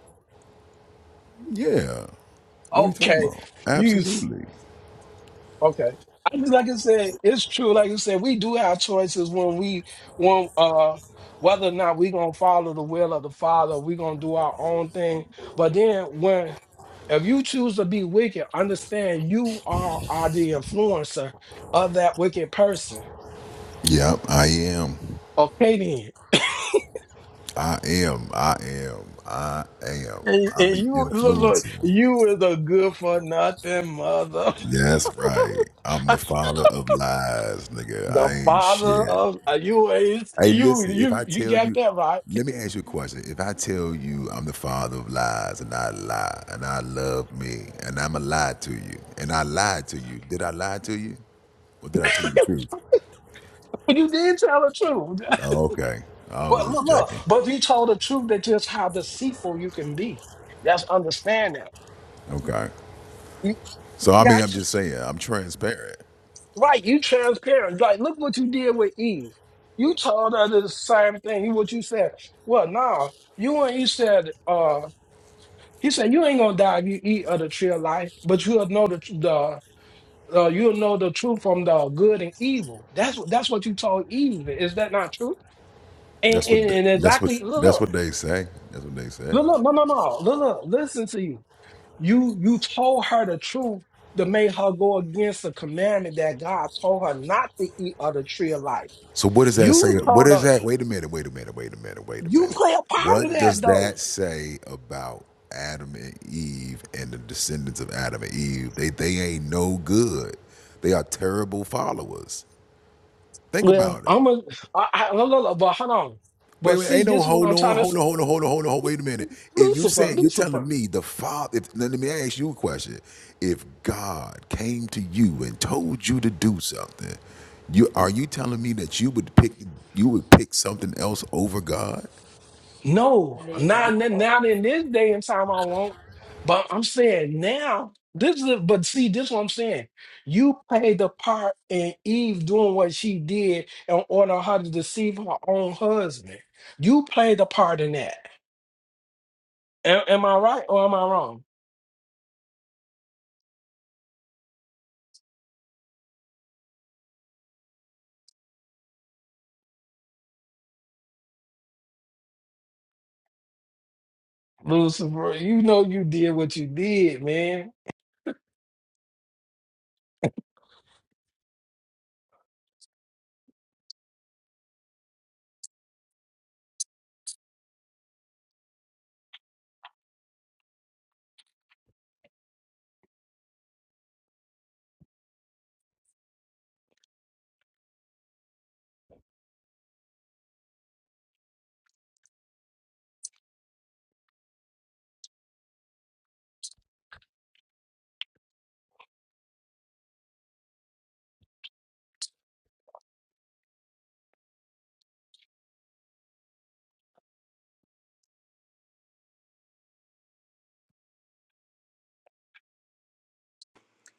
Yeah. What are you talking
Okay.
about?
You.
Absolutely.
Okay. I mean, like I said, it's true. Like I said, we do have choices when we want uh whether or not we're gonna follow the will of the Father, we're gonna do our own thing. But then when if you choose to be wicked, understand you are, are the influencer of that wicked person.
Yep, I am.
Okay then.
I am. I am. I am.
And,
I'm
and
the
you look, look,
influencer.
you is a good for nothing mother.
That's right. I'm the father of lies, nigga.
the
I ain't
father
shit.
of uh, you is
Hey,
you
listen, if
you
I
you
tell
got
you,
that right.
let me ask you a question. If I tell you I'm the father of lies and I lie and I love me and I'm a lie to you and I lied to you, did I lie to you or did I tell you the truth?
But you did tell the truth.
Oh, okay. I
But
was
look,
just
look,
checking.
but you told the truth that just how deceitful you can be. That's understand that.
Okay.
You
So I mean, I'm
got you.
just saying, I'm transparent.
Right, you transparent. Like, look what you did with Eve. You told her the same thing. What you said. Well, no, you and he said, uh, he said, you ain't gonna die if you eat of the tree of life, but you'll know the the uh, you'll know the truth from the good and evil. That's what that's what you told Eve. Is that not true? And,
That's what
and,
they,
and
that's
exactly
what
look,
that's
look.
what they say. That's what they say.
No, no, no, no, no. No, no. Listen to you. You you told her the truth to make her go against the commandment that God told her not to eat of the tree of life.
So what does that
You
say? What
told
is
her
that? Wait a minute, wait a minute, wait a minute, wait a
you
minute.
play a part of
What
that
does
though.
that say about Adam and Eve and the descendants of Adam and Eve? They they ain't no good. They are terrible followers. Think
Well,
about it.
I'm a I, I look, look, look, but hold on.
Wait,
But
wait,
see,
ain't no
this is what
hold
I'm
on,
trying to
hold on,
say.
hold on, hold on, hold on, hold Wait a minute. If you
Lucifer,
say you're
Lucifer.
telling me the Father, if, let me ask you a question. If God came to you and told you to do something, you are you telling me that you would pick you would pick something else over God?
No, not n- not in this day and time. I won't. But I'm saying now. This is. But see, this is what I'm saying. You played the part in Eve doing what she did in order her to deceive her own husband. You played the part in that. Am, am I right or am I wrong, Lucifer? You know you did what you did, man.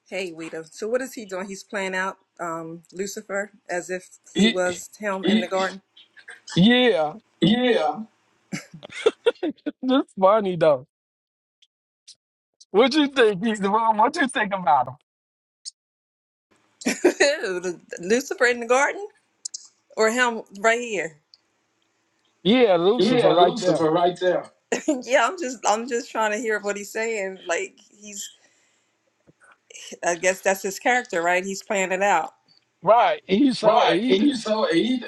Hey, Weta. So what is he doing? He's playing out um, Lucifer as if he
Ye-
was him in the Y- garden.
yeah, that's funny though. What you think? He's the one. What you think about him?
Yeah, Lucifer in the garden, or him right here?
Yeah,
yeah,
Lucifer, right there.
Lucifer right there. yeah, I'm just I'm just trying to hear what he's saying. Like he's, I guess that's his character, right? He's playing it out.
Right. He so
Right, and
he.
you so he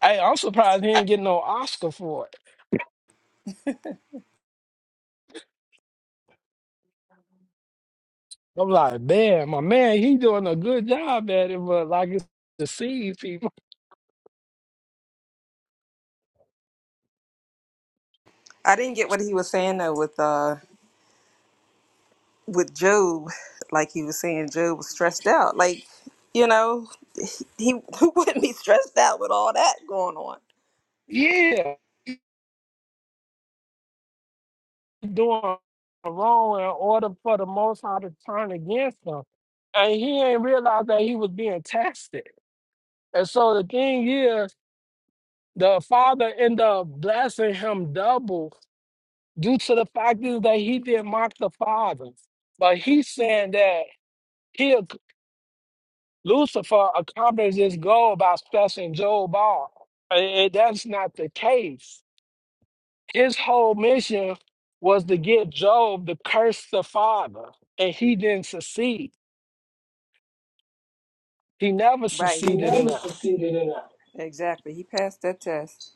Hey, I'm surprised he ain't get no Oscar for it. I'm like, man, my man, he doing a good job at it, but like it's deceived people.
I didn't get what he was saying though with uh with Job, like he was saying Job was stressed out, like you know. He who wouldn't be stressed out with all that going on.
Yeah, he doing wrong in order for the Most High to turn against him, and he ain't realized that he was being tested. And so the thing is, the Father ended up blessing him double due to the fact is that he didn't mock the Father. But he's saying that he, Lucifer accomplished his goal by stressing Job off. Eh, eh, That's not the case. His whole mission was to get Job to curse the Father, and he didn't succeed. He never
Right. He He he
succeeded in
never
that.
succeeded in that. exactly. He passed that test.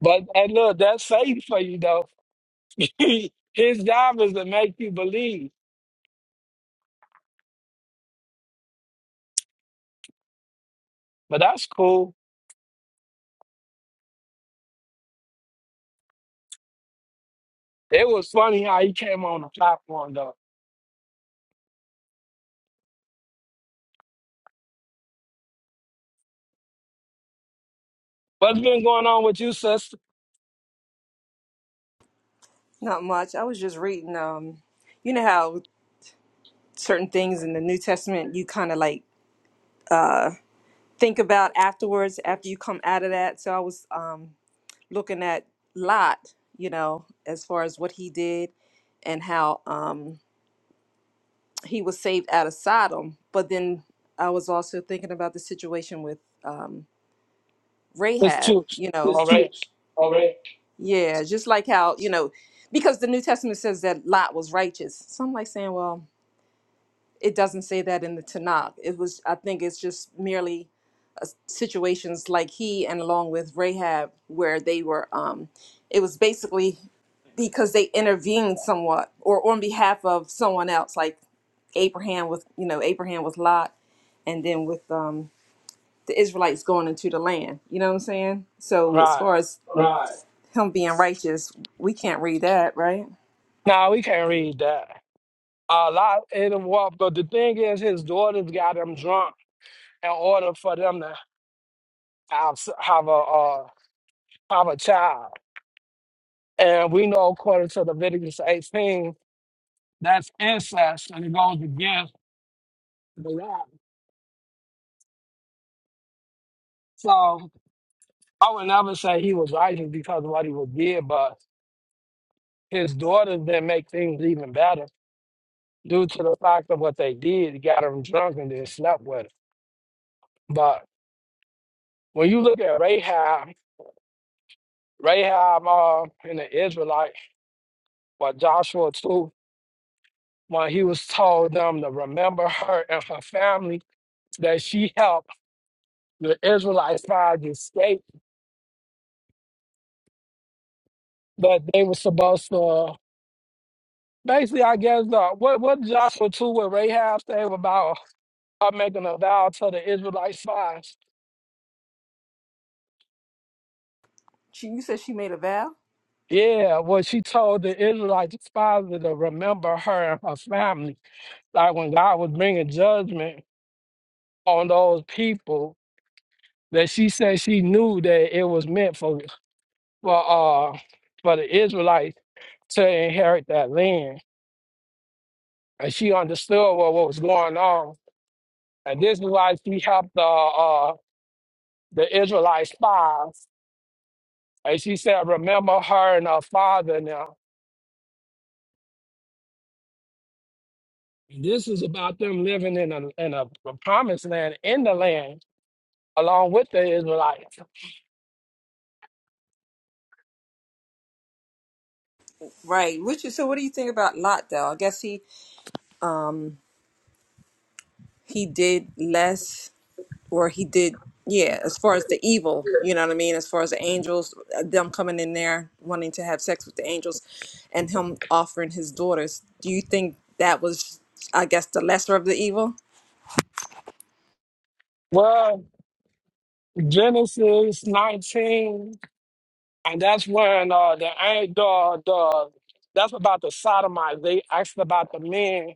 But and look, that's safe for you though. his job is to make you believe. But that's cool. It was funny how he came on the platform though. What's been going on with you, sister?
Not much. I was just reading um you know how certain things in the New Testament you kind of like uh think about afterwards after you come out of that. So I was um looking at Lot, you know, as far as what he did and how um he was saved out of Sodom, but then I was also thinking about the situation with um.
It's
Rahab,
true.
you know, There's
All
two.
right.
All right. yeah, just like how, you know, because the New Testament says that Lot was righteous. So I'm like saying, well, it doesn't say that in the Tanakh. It was, I think it's just merely situations like he and along with Rahab where they were, um, it was basically because they intervened somewhat or on behalf of someone else, like Abraham with, you know, Abraham with Lot and then with um, the Israelites going into the land. You know what I'm saying? So as
Right.
far as Right. him being righteous, we can't read that, right?
Now we can't read that. A lot in the walk, but the thing is, his daughters got him drunk in order for them to have, s- have a uh, have a child. And we know, according to Leviticus 18, that's incest and it goes against the law. So I would never say he was righteous because of what he was did, but his daughters then make things even better due to the fact of what they did. He got him drunk and then slept with him. But when you look at Rahab, Rahab uh, and the Israelite, or Joshua too, when he was told them to remember her and her family, that she helped the Israelites find the escape that they were supposed to. Basically, I guess uh, what what Joshua two with Rahab say about her making a vow to the Israelite spies.
She, you said she made a vow,
Yeah, well, she told the Israelite spies to remember her and her family. Like when God was bringing judgment, on those people that she said she knew that it was meant for for uh for the Israelites to inherit that land. And she understood what, what was going on. And this is why she helped the uh the Israelite spies. And she said, remember her and her father now. This is about them living in a in a promised land, in the land, along with the Israelites.
right? Which is so. What do you think about Lot though? I guess he he did less, or he did yeah. As far as the evil, you know what I mean. As far as the angels, uh, them coming in there wanting to have sex with the angels, and him offering his daughters. Do you think that was, I guess, the lesser of the evil?
Well, Genesis 19 And that's when uh, the, ang- the the that's about the sodomites. They asked about the men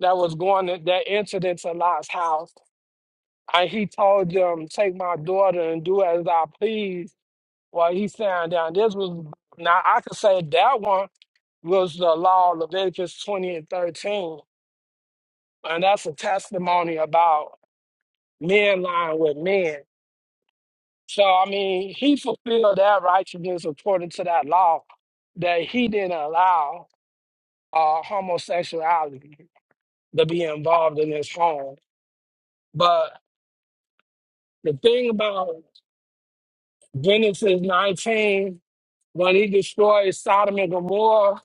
that was going to, that entered into Lot's house, and he told them, "Take my daughter and do as I please." While he's standing down, this was now I could say that one was the law of Leviticus twenty and thirteen, and that's a testimony about men lying with men. So I mean, he fulfilled that righteousness according to that law that he didn't allow. uh, homosexuality to be involved in this home. But the thing about Genesis 19, when he destroys Sodom and Gomorrah,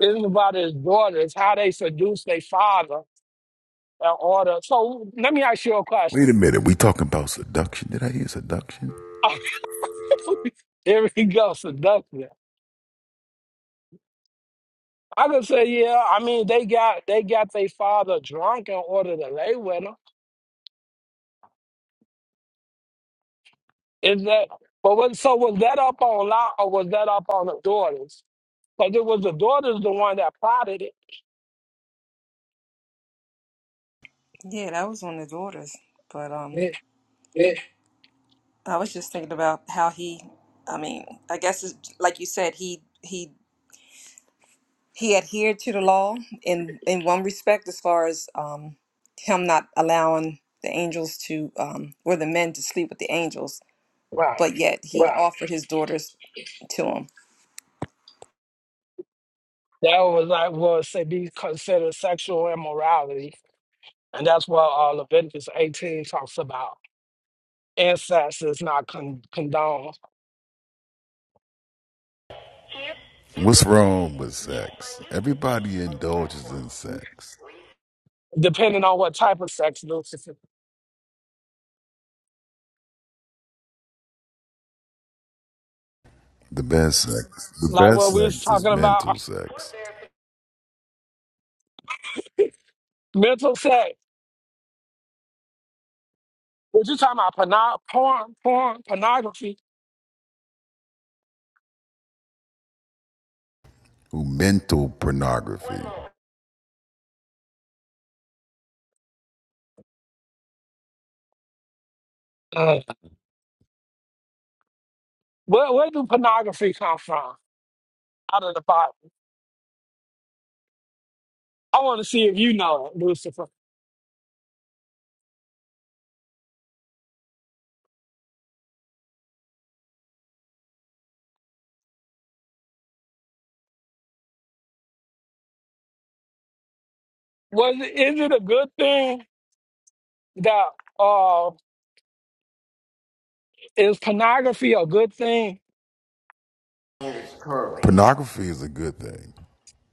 isn't about his daughters, how they seduce their father in order. So let me ask you a
Wait a
question.
minute. We talking about seduction? Did I hear seduction?
Here we go, seduction. I could say, yeah, I mean they got they got their father drunk in order to lay with him. Is that but was, so was that up on Lot or was that up on the daughters? Because it was the daughter's the one that plotted it.
Yeah, that was on the daughters, but um.
it
I was just thinking about how he, I mean, I guess it's, like you said, he he he adhered to the law in in one respect, as far as um, him not allowing the angels to um, or the men to sleep with the angels,
right.
but yet he Right. offered his daughters to him.
That was like was say be considered sexual immorality. And that's what uh, Leviticus 18 talks about. Incest is not con- condoned,
What's wrong with sex? Everybody indulges in sex.
depending on what type of sex Lucifer.
The best sex, the
Like
best
what we was
sex is
talking about, uh,
mental sex,
mental sex. What you talking about? Porno- porn, porn, pornography.
Ooh, mental pornography.
Uh, where, where do pornography come from? Out of the Bible. I want to see if you know, it, Lucifer. Was it, is it a good thing that uh, is pornography a good thing?
and curly. Pornography is a good thing.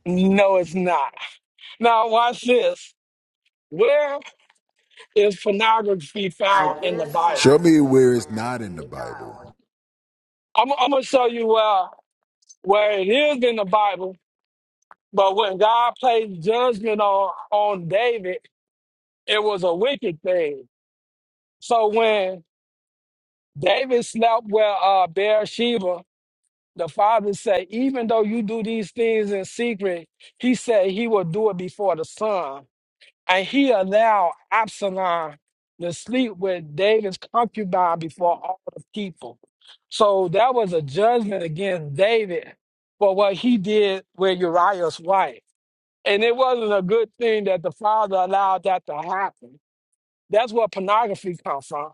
No, it's not. Now, watch this. Where is pornography
I
found
get
in the Bible?
Show me where it's not in the Bible.
I'm, I'm gonna show you where where it is in the Bible. But when God placed judgment on on David, it was a wicked thing. So when David slept with uh, Bathsheba, the father said, "Even though you do these things in secret, he said he will do it before the sun." And he allowed Absalom to sleep with David's concubine before all the people. So that was a judgment against David for what he did with Uriah's wife. And it wasn't a good thing that the father allowed that to happen. That's where pornography comes from.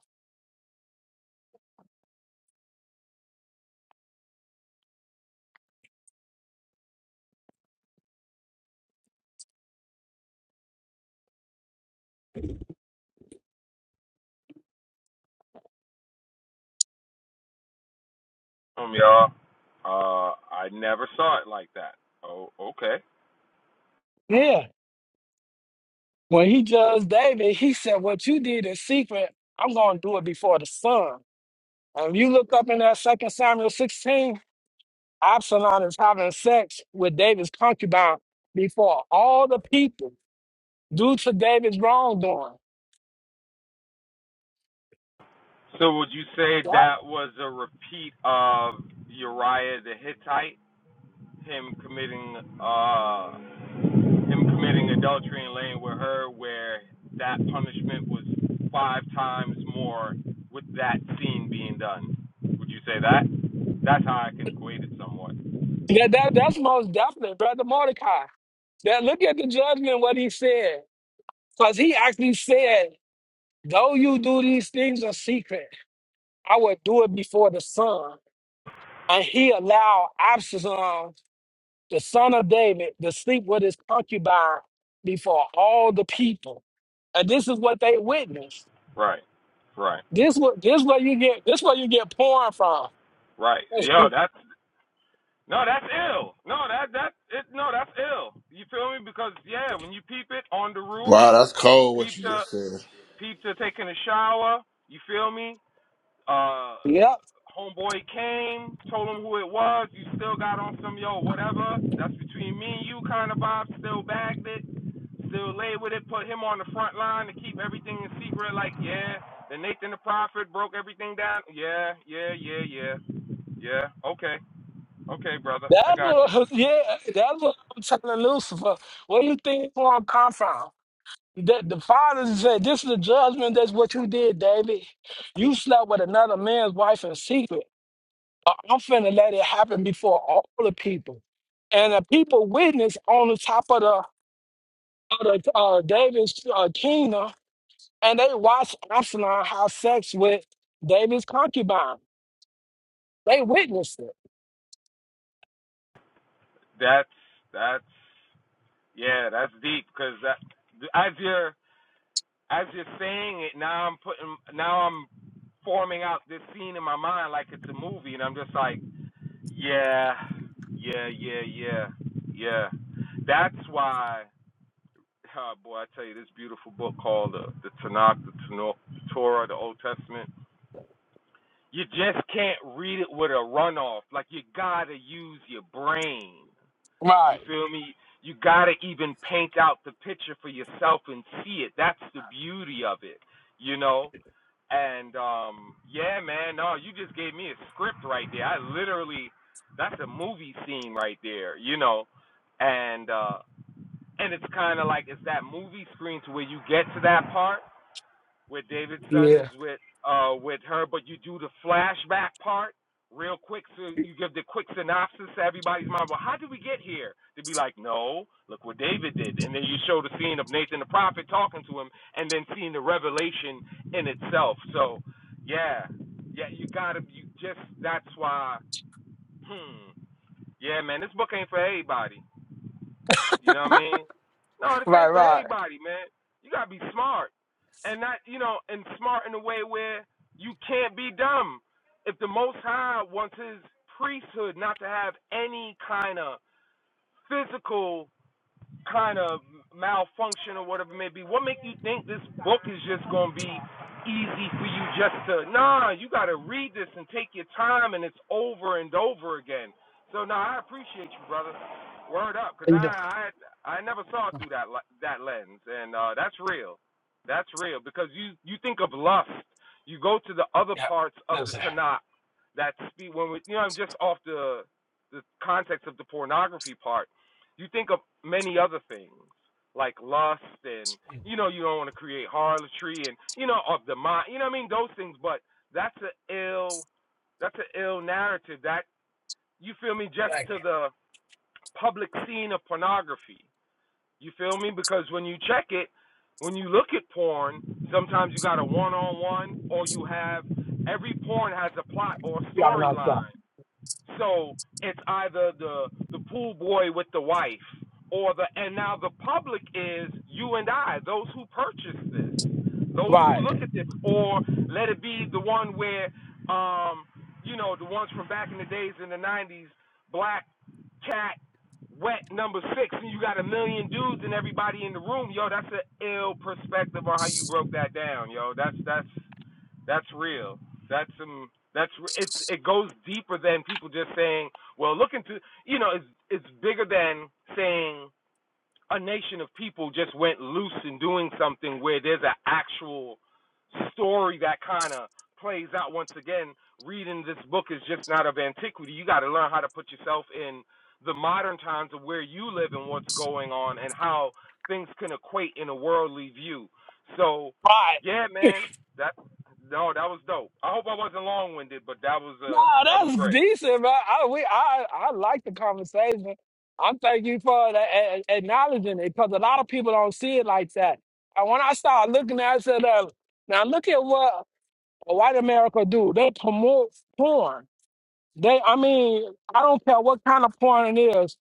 Um, y'all, uh, I never saw it like that. Oh, okay.
Yeah. When he judged David, he said, What you did in secret, I'm going to do it before the sun. And you look up in that Second Samuel 16, Absalom is having sex with David's concubine before all the people due to David's wrongdoing.
So would you say
That,
that was a repeat of Uriah the Hittite, him committing, uh, him committing adultery and laying with her, where that punishment was five times more with that scene being done? Would you say that? That's how I can equate it somewhat.
that, that- that's most definitely Brother Mordecai. Now look at the judgment, what he said. Because he actually said, though you do these things in secret, I will do it before the sun. And he allowed Absalom, the son of David, to sleep with his concubine before all the people. And this is what they witnessed.
Right, right,
This what this where you get this where you get porn from.
right. Yo, that's No, that's ill. No, that that it. No, that's ill. You feel me? Because yeah, when you peep it on the roof,
Wow, that's cold.
peep
What you
to
just said.
peep to taking a shower. You feel me? Uh,
yep.
homeboy came, told him who it was. You still got on some yo whatever. That's between me and you kind of vibe. Still bagged it. Still lay with it. Put him on the front line to keep everything in secret. Like yeah, then Nathan the prophet broke everything down. Yeah, yeah, yeah, yeah, yeah. Okay, okay, brother, I
That's
got you.
what yeah, that's what I'm telling Lucifer. Where you think porn come from? The, the father said, This is the judgment, that's what you did, David. You slept with another man's wife in secret. I- I'm finna let it happen before all the people. And the people witness on the top of the of the uh, David's uh, kingdom, and they watched Absalom have sex with David's concubine. They witnessed it.
That's that's yeah, that's deep because as you're as you're saying it now, I'm putting now I'm forming out this scene in my mind like it's a movie, and I'm just like, yeah, yeah, yeah, yeah, yeah. That's why, oh boy, I tell you, this beautiful book called the, the Tanakh, the, Tano- the Torah, the Old Testament. You just can't read it with a runoff. Like you gotta use your brain. You
Right.
feel me? You gotta even paint out the picture for yourself and see it. That's the beauty of it, you know. And um, yeah, man, no, you just gave me a script right there. I literally, that's a movie scene right there, you know. And uh, and it's kind of like it's that movie screen to where you get to that part where David's son is
Yeah.
with uh with her, but you do the flashback part real quick, so you give the quick synopsis to everybody's mind. Well, how did we get here? To be like, no, look what David did, and then you show the scene of Nathan the prophet talking to him, and then seeing the revelation in itself. So, yeah, yeah, you gotta, you just that's why. Hmm. Yeah, man, this book ain't for everybody. You know what I mean? No, this
Right,
ain't for
right.
everybody, man. You gotta be smart, and not you know, and smart in a way where you can't be dumb. If the Most High wants His priesthood not to have any kind of physical kind of malfunction or whatever it may be, what make you think this book is just going to be easy for you just to, nah, you got to read this and take your time and it's over and over again. So, no, nah, I appreciate you, brother. Word up, because
How you doing?
I, I I never saw it through that that lens, and uh, that's real. That's real because you you think of lust, you go to the other
Yeah.
parts of the
That's it.
Tanakh that speak when we, you know I'm just off the the context of the pornography part you think of many other things like lust and you know you don't want to create harlotry and you know of the mind. You know what I mean? Those things, but that's a ill that's an ill narrative. That you feel me? Just
Thank you.
to the public scene of pornography. You feel me? Because when you check it, when you look at porn, sometimes you got a one-on-one, or you have every porn has a plot or
You have a nice day.
storyline. So it's either the the pool boy with the wife or the and now the public is you and I, those who purchase this, those who
Right.
look at this, or let it be the one where um you know, the ones from back in the days in the nineties, black cat wet number six and you got a million dudes and everybody in the room, yo, that's an ill perspective on how you broke that down, yo. That's that's that's real. That's um. That's it's. It goes deeper than people just saying, "Well, look into." You know, it's it's bigger than saying a nation of people just went loose in doing something where there's an actual story that kind of plays out once again reading this book is just not of antiquity you got to learn how to put yourself in the modern times of where you live and what's going on and how things can equate in a worldly view so
Right.
yeah man that no that was dope i hope i wasn't long-winded but that was
No,
uh that was
that's
great
decent, man. I we I I like the conversation. I'm thank you for the, a, a- acknowledging it because a lot of people don't see it like that. And when I start looking at it, I said, uh, now look at what white America do. They promote porn. They, I mean, I don't care what kind of porn it is,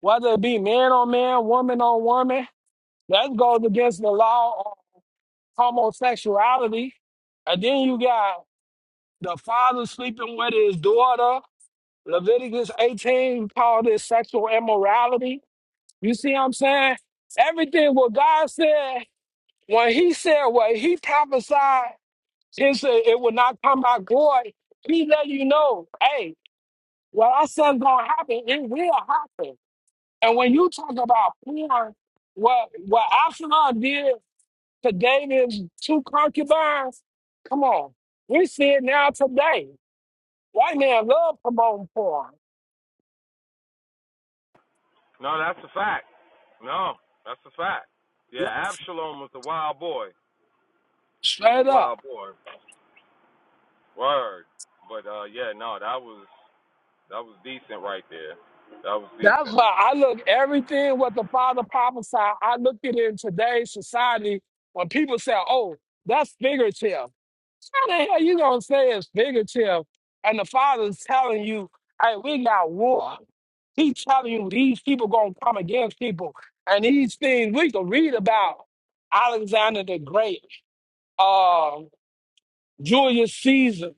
whether it be man on man, woman on woman. That goes against the law of homosexuality. And then you got the father sleeping with his daughter. Leviticus 18 called it sexual immorality. You see what I'm saying? Everything what God said, when he said what he prophesied, he said it will not come by glory. He let you know, hey, what I said's gonna happen, it will happen. And when you talk about porn, what what Absalom did to gain him two concubines? Come on. We see it now today. White man love promoting porn.
no that's a fact no that's a fact yeah absalom was the wild boy He was a
Straight up.
wild boy. Word. But uh yeah, no, that was that was decent right there. That was
That's
decent.
why I look everything what the Father prophesied. I look at it in today's society when people say, "Oh, that's figurative." How the hell you gonna say it's figurative? And the Father's telling you, "Hey, we got war." He's telling you these people gonna come against people, and these things we can read about Alexander the Great, uh, Julius Caesar,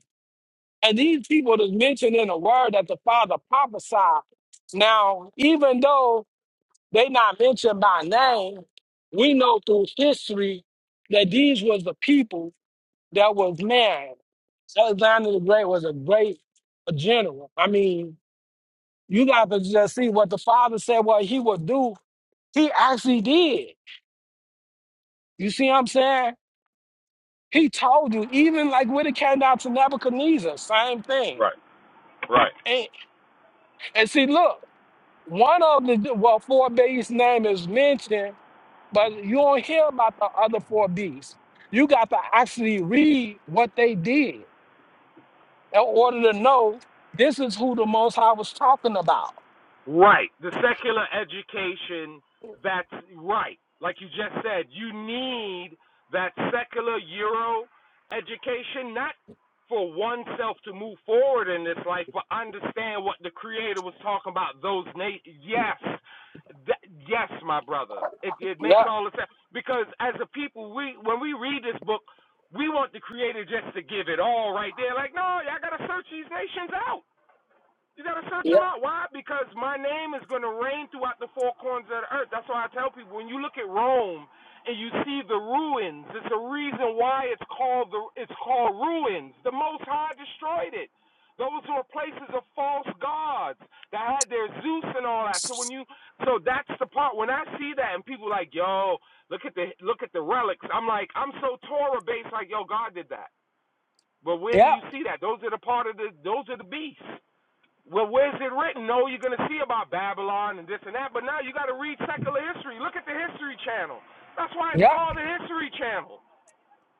and these people that's mentioned in the Word that the Father prophesied. Now, even though they not mentioned by name. We know through history that these was the people that was married. Alexander the Great was a great general. I mean, you got to just see what the father said, what he would do. He actually did. You see what I'm saying? He told you, even like when it came down to Nebuchadnezzar, same thing.
Right. Right.
And, and see, look, one of the, well, four babies' name is mentioned but you don't hear about the other four B's. You got to actually read what they did in order to know this is who the Most High was talking about.
Right. The secular education that's right. Like you just said, you need that secular Euro education, not for oneself to move forward in this life, but understand what the Creator was talking about. Those na- yes, Th- yes, my brother. It it
Yeah,
makes all the sense because as a people, we when we read this book, we want the Creator just to give it all right there. Like, no, y'all gotta search these nations out. You gotta search
yeah,
them out. Why? Because my name is gonna reign throughout the four corners of the earth. That's why I tell people when you look at Rome and you see the ruins, it's a reason why it's called the it's called ruins. The Most High destroyed it. Those were places of false gods that had their Zeus and all that. So when you so that's the part when I see that and people like, yo, look at the look at the relics. I'm like, I'm so Torah based, like, yo, God did that. But where do
yeah,
you see that? Those are the part of the those are the beasts. Well, where's it written? No, you're going to see about Babylon and this and that, but now you got to read secular history. Look at the History Channel. That's why it's
yeah,
called the History Channel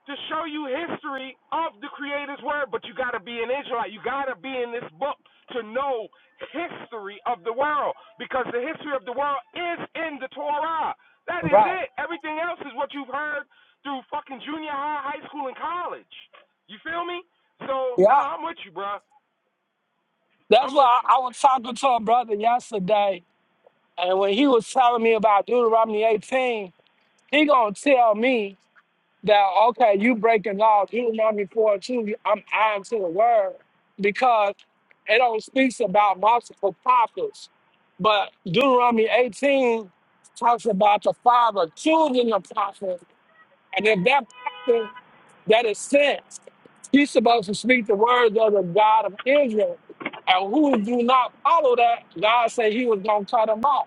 to show you history of the Creator's Word. But you got to be an Israelite. You got to be in this book to know history of the world because the history of the world is in the Torah. That is
right,
it. Everything else is what you've heard through fucking junior high, high school, and college. You feel me? So,
yeah.
nah, I'm with you, bro.
That's
I'm with
why
you.
I, I was talking to a brother yesterday, and when he was telling me about Deuteronomy 18, he gonna tell me that okay, you breaking laws? Deuteronomy four and two, I'm I am to the word because it only speaks about multiple prophets. But Deuteronomy 18 talks about the father choosing a prophet, and if that prophet that is sent, he's supposed to speak the words of the God of Israel. And who do not follow that, God said he was gonna cut him off.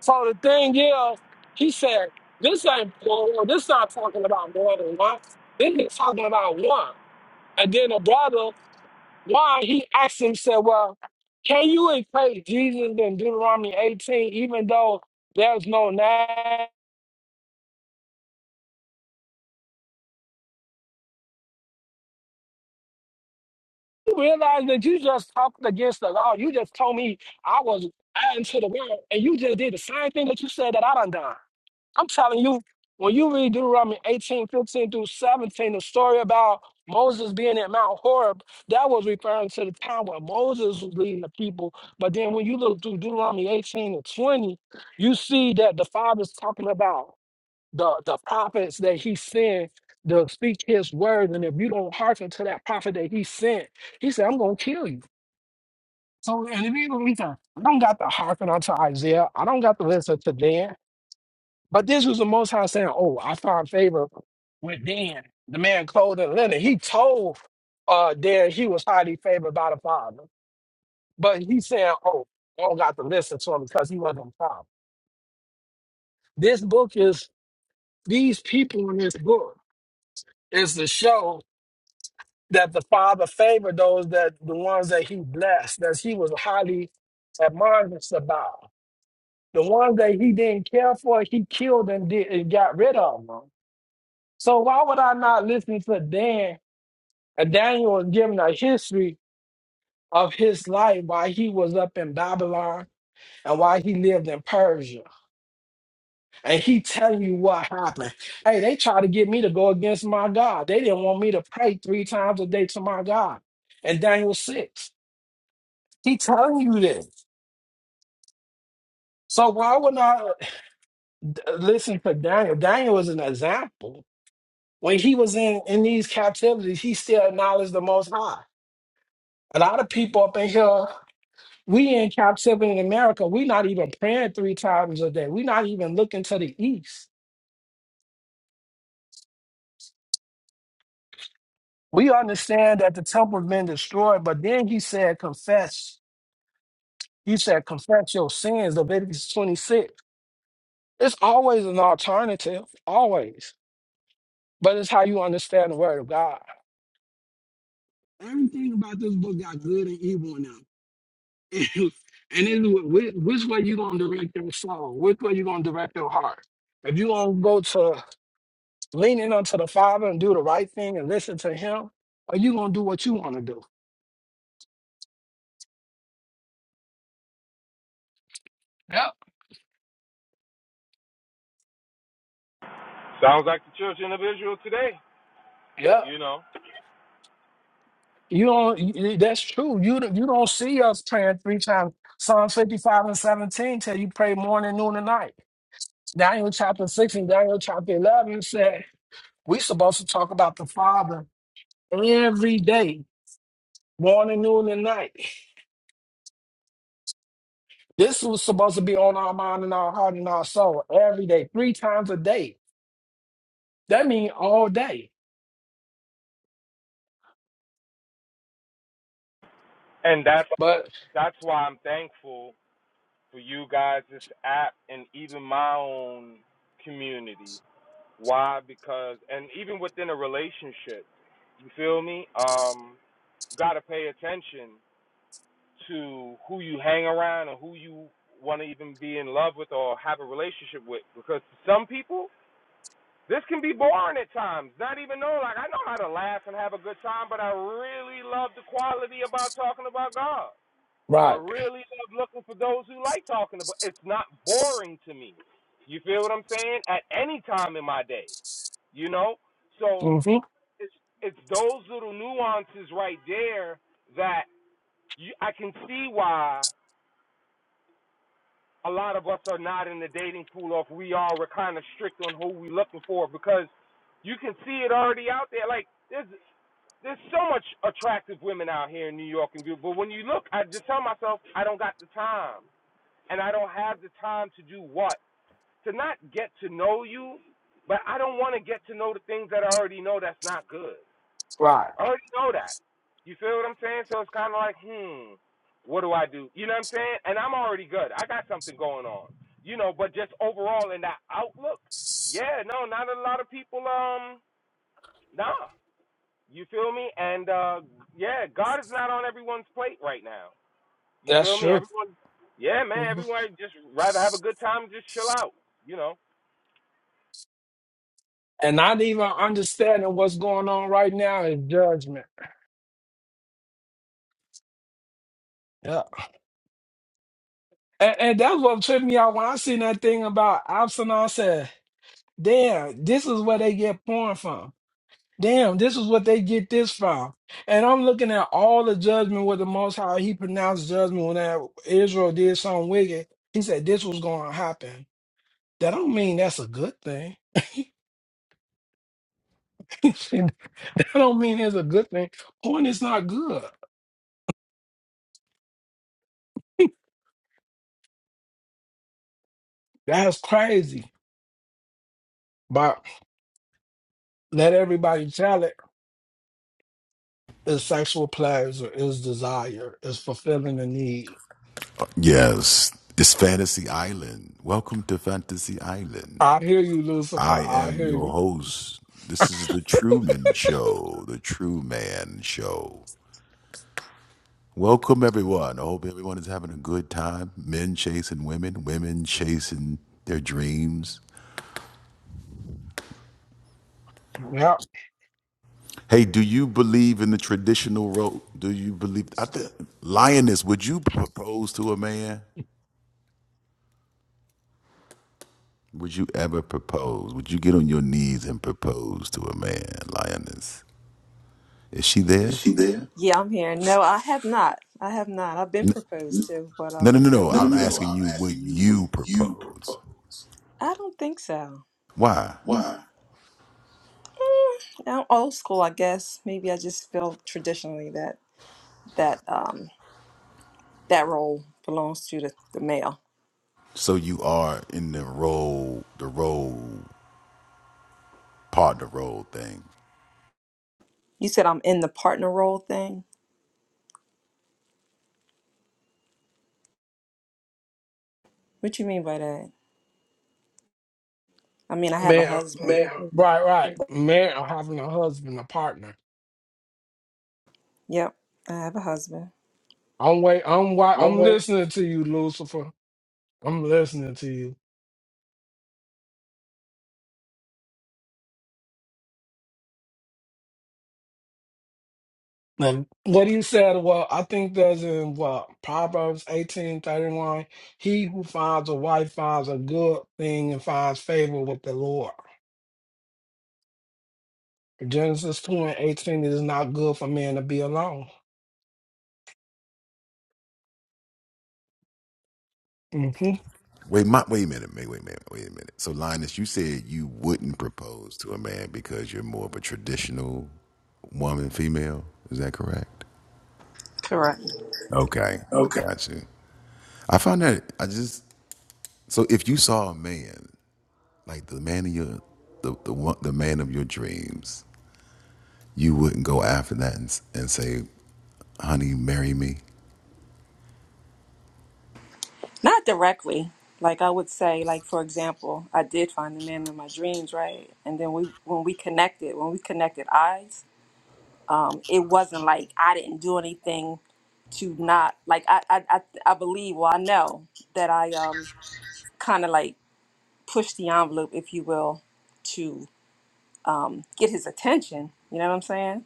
So the thing is, he said, this ain't plural. This not talking about more than one. This is talking about one. And then the brother, why he asked him, said, well, can you equate Jesus in Deuteronomy 18, even though there's no name? You realize that you just talked against the law. You just told me I was adding to the world, and you just did the same thing that you said that I done done. I'm telling you, when you read Deuteronomy 18:15 through 17, the story about Moses being at Mount Horeb, that was referring to the time when Moses was leading the people. But then when you look through Deuteronomy 18 and 20, you see that the Father's talking about the, the prophets that he sent to speak his word. And if you don't hearken to that prophet that he sent, he said, I'm going to kill you. So, and if you don't listen, I don't got to hearken unto Isaiah. I don't got to listen to Dan. But this was the Most High saying, "Oh, I found favor with Dan, the man clothed in linen." He told uh Dan he was highly favored by the Father, but he said, "Oh, I don't got to listen to him because he wasn't the Father." This book is these people in this book is to show that the Father favored those that the ones that He blessed, that He was highly admonished about. The ones that He didn't care for, He killed and did and got rid of them. So why would I not listen to Dan And Daniel was given a history of his life while he was up in Babylon and while he lived in Persia. And he telling you what happened. Hey, they tried to get me to go against my God. They didn't want me to pray three times a day to my God. And Daniel 6, he telling you this. So why would not uh, listen to Daniel? Daniel was an example. When he was in, in these captivities, he still acknowledged the Most High. A lot of people up in here We in Cap 7 in America, we not even praying three times a day. we not even looking to the east. We understand that the temple's been destroyed, but then he said, confess. He said, confess your sins, Leviticus 26. It's always an alternative, always. But it's how you understand the word of God. Everything about this book got good and evil in them. And it's wh- wh- which way you gonna direct your soul? Which way you gonna direct your heart? If you gonna go to leaning unto the Father and do the right thing and listen to Him, or you gonna do what you want to do? Yep,
Sounds like the children of Israel today,
yep.
you know.
You don't. you- That's true. You don't- you don't see us praying three times. Psalm fifty five and seventeen tell you pray morning, noon, and night. Daniel chapter six and Daniel chapter eleven said we supposed to talk about the Father every day, morning, noon, and night. This was supposed to be on our mind and our heart and our soul every day, three times a day. That means all day.
And that's
But
that's why I'm thankful for you guys, this app, and even my own community. Why? Because and even within a relationship, you feel me? Um, gotta pay attention to who you hang around and who you want to even be in love with or have a relationship with. Because some people This can be boring at times. Not even knowing, like I know how to laugh and have a good time, but I really love the quality about talking about God. I
right.
really love looking for those who like talking about. It's not boring to me. You feel what I'm saying? At any time in my day, you know. So
Mm-hmm.
it's it's those little nuances right there that you, I can see why a lot of us are not in the dating pool or if we are, we're kind of strict on who we are looking for because you can see it already out there. Like there's there's so much attractive women out here in New York and beautiful. But when you look, I just tell myself I don't got the time, and I don't have the time to do what to not get to know you, but I don't want to get to know the things that I already know that's not good.
Right.
I already know that. You feel what I'm saying? So it's kind of like, hmm, what do I do? You know what I'm saying? And I'm already good. I got something going on. You know, but just overall in that outlook, yeah, no, not a lot of people. Um, nah, you feel me? And uh, yeah, God is not on everyone's plate right now. You
That's
feel me?
true.
Everyone, yeah, man,
hmm
everyone just rather have a good time, and just chill out. You know.
And not even understanding what's going on right now is judgment. Yeah. And, and that's what tripped me out when I seen that thing about Absalom. I said, damn, this is where they get porn from. Damn, this is what they get this from. And I'm looking at all the judgment with the Most High. He pronounced judgment when that Israel did something wicked. He said this was going to happen. That don't mean that's a good thing. that don't mean it's a good thing. Porn is not good. That's crazy. But let everybody tell it is sexual pleasure, is desire, is fulfilling a need.
Yes, it's Fantasy Island. Welcome to Fantasy Island.
I hear you,
I
Lucifer. I
am
hear
your
you.
host. This is the Truman Show, the True Man Show. Welcome, everyone. I hope everyone is having a good time. Men chasing women, women chasing their dreams.
yep,
Hey, do you believe in the traditional rope? Do you believe? I think, Lioness, would you propose to a man? Would you ever propose? Would you get on your knees and propose to a man, lioness? Is she
Is
there?
she there? Yeah, I'm here. No, I have not. I have not. I've been
N-
proposed N- to, but
No, no,
um,
no,
nope.
no.
No, no,
I'm
no, no.
asking
I'm
you, would
asking you, would
you
you
propose?
propose? I don't think so.
Why?
Why? I'm old school, I guess. Maybe I just feel traditionally that that um, that role belongs to the, the male.
So you are in the role, the role, partner role thing.
You said I'm in the partner role thing. What you mean by that? I mean I have a
man.
husband. Male.
Right, right. Man, I'm having a husband, a partner.
Yep, I have a husband.
I'm wait. I'm wa
I'm
I'm
waiting.
listening to you, Lucifer. I'm listening to you. And what he said, well, I think that's in what Proverbs eighteen thirty one. He who finds a wife finds a good thing and finds favor with the Lord. Genesis 2 and 18, it is not good for man to be alone. Mm-hmm.
Wait, my, wait a minute, wait, wait a minute, wait a minute. So, Linus, you said you wouldn't propose to a man because you're more of a traditional woman, female. Is that correct?
Correct.
Okay,
Okay.
I got you. I found that I just so if you saw a man like the man of your the the one the man of your dreams, you wouldn't go after that and, s- and say, "Honey, marry me."
Not directly. Like I would say, like for example, I did find the man of my dreams, right? And then we when we connected, when we connected eyes. um, it wasn't like I didn't do anything to not like I I I, I believe well I know that I um kind of like pushed the envelope if you will to um, get his attention. You know what I'm saying?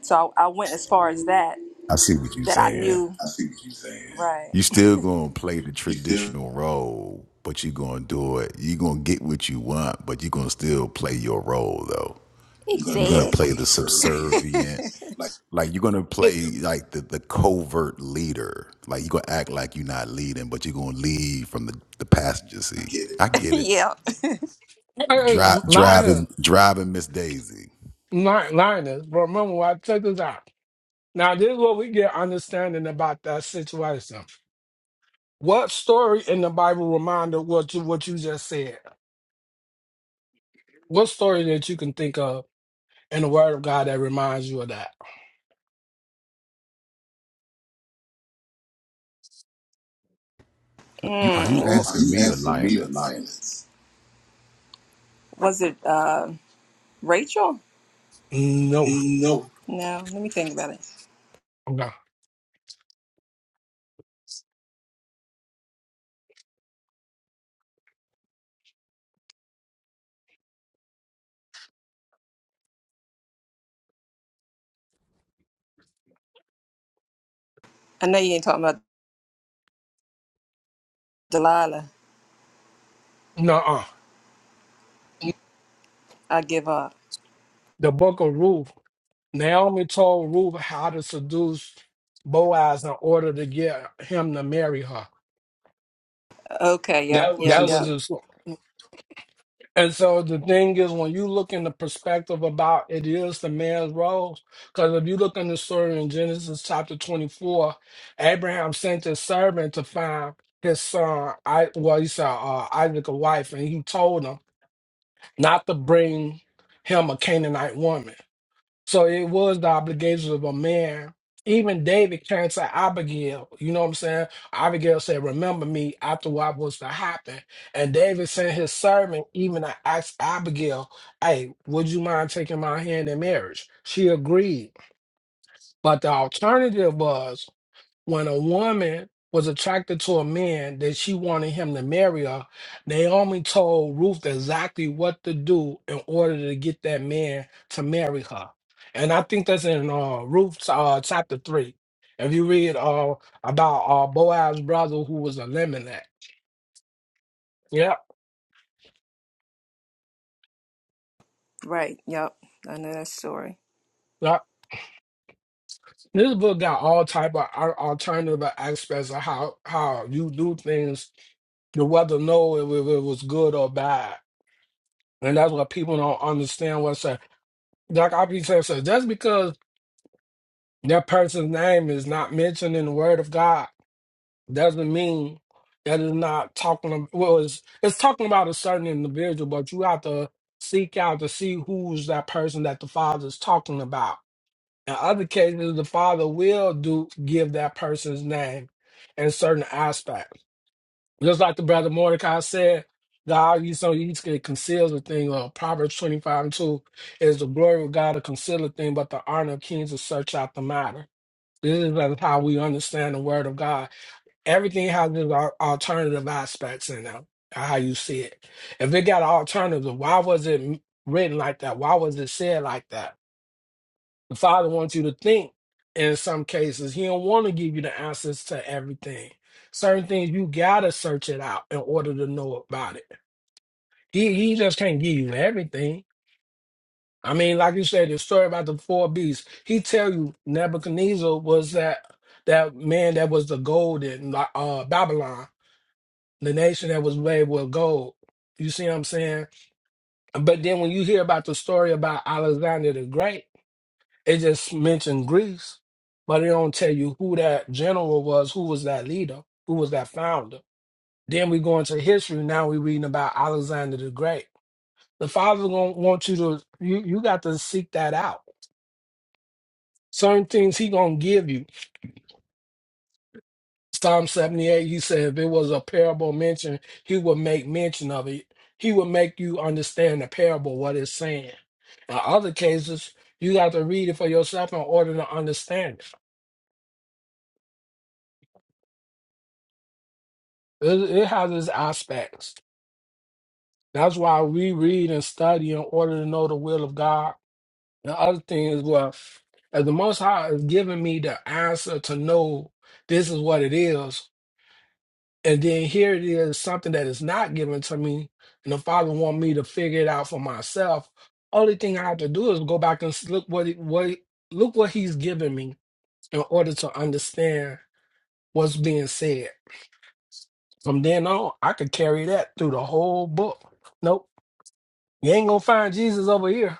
So I, I went as far as that
I see what you're
that I
saying.
knew. I see what you're saying. Right.
You still gonna play the
You still
traditional role, but you gonna do it. you gonna get what you want, but you gonna still play your role though.
you're gonna
You're
play this
gonna play
Exactly.
the
subservient.
subservient.
Like
Like you're gonna
Hey,
play like the, the covert leader. Like you're gonna act like you're not leading, but you're gonna lead from the, the passenger
I
seat.
get
I
it.
get it.
yeah.
Dri
hey, Linus,
driving, driving Miss Daisy.
Li- Linus, bro, remember what I check this out. Now, this is what we get understanding about that situation. What story in the Bible reminded what you what you just said? What story that you can think of in the Word of God that reminds you of that?
You are
Mm. You,
you
Mm, are
asking
you
me or
asking me or
Lioness?
Lioness? was it uh, Rachel?
No,
No. No. Let me think about it.
no,
I know you ain't talking about Delilah.
no. uh
I give up.
The Book of Ruth. Naomi told Ruth how to seduce Boaz in order to get him to marry her.
Okay, yep, That was yep, a
That was
yep.
his. And so the thing is, when you look in the perspective about it is the man's role, because if you look in the story in Genesis chapter 24, Abraham sent his servant to find his son, I well, he saw uh, Isaac a wife, and he told him not to bring him a Canaanite woman. So it was the obligations of a man. Even David turned to Abigail. You know what I'm saying? Abigail said, Remember me after what was to happen. And David sent his servant even to ask Abigail, Hey, would you mind taking my hand in marriage? She agreed. But the alternative was when a woman was attracted to a man that she wanted him to marry her, Naomi told Ruth exactly what to do in order to get that man to marry her. And I think that's in uh, Ruth uh, chapter 3. If you read uh, about uh, Boaz's brother who was eliminated. Yeah.
Right, yep. I know that story.
yeah. This book got all type of al- alternative aspects of how, how you do things to whether know if if it was good or bad. And that's what people don't understand. What's that? like I be saying, so just because that person's name is not mentioned in the Word of God doesn't mean that it's not talking. ab- Well, it's it's talking about a certain individual, but you have to seek out to see who's that person that the Father's talking about. In other cases, the Father will do give that person's name in certain aspects. Just like the brother Mordecai said, God, you so you can conceal the thing. Uh, Proverbs 25 and 2 is the glory of God to conceal a thing, but the honor of kings to search out the matter. This is like how we understand the word of God. Everything has its al- alternative aspects in it, how you see it. If it got an alternative, why was it written like that? Why was it said like that? The Father wants you to think in some cases. He don't want to give you the answers to everything. Certain things you gotta search it out in order to know about it. He he just can't give you everything. I mean, like you said, the story about the four beasts. He tell you Nebuchadnezzar was that that man that was the gold in like, uh, Babylon, the nation that was made with gold. You see what I'm saying? But then when you hear about the story about Alexander the Great. It just mentioned Greece, but it don't tell you who that general was, who was that leader, who was that founder. Then we go into history. Now we are reading about Alexander the Great. The father gonna want you to you you got to seek that out. Certain things he gonna give you. Psalm 78, he said if it was a parable mention, he would make mention of it. He would make you understand the parable, what it's saying. In other cases, you got to read it for yourself in order to understand it. It, it has its aspects. That's why we read and study in order to know the will of God. The other thing is, well, as the Most High is giving me the answer to know this is what it is, and then here it is something that is not given to me, and the Father want me to figure it out for myself. Only thing I have to do is go back and s- look what it, what it- look what He's given me in order to understand what's being said. From then on, I could carry that through the whole book. Nope, you ain't gonna find Jesus over here.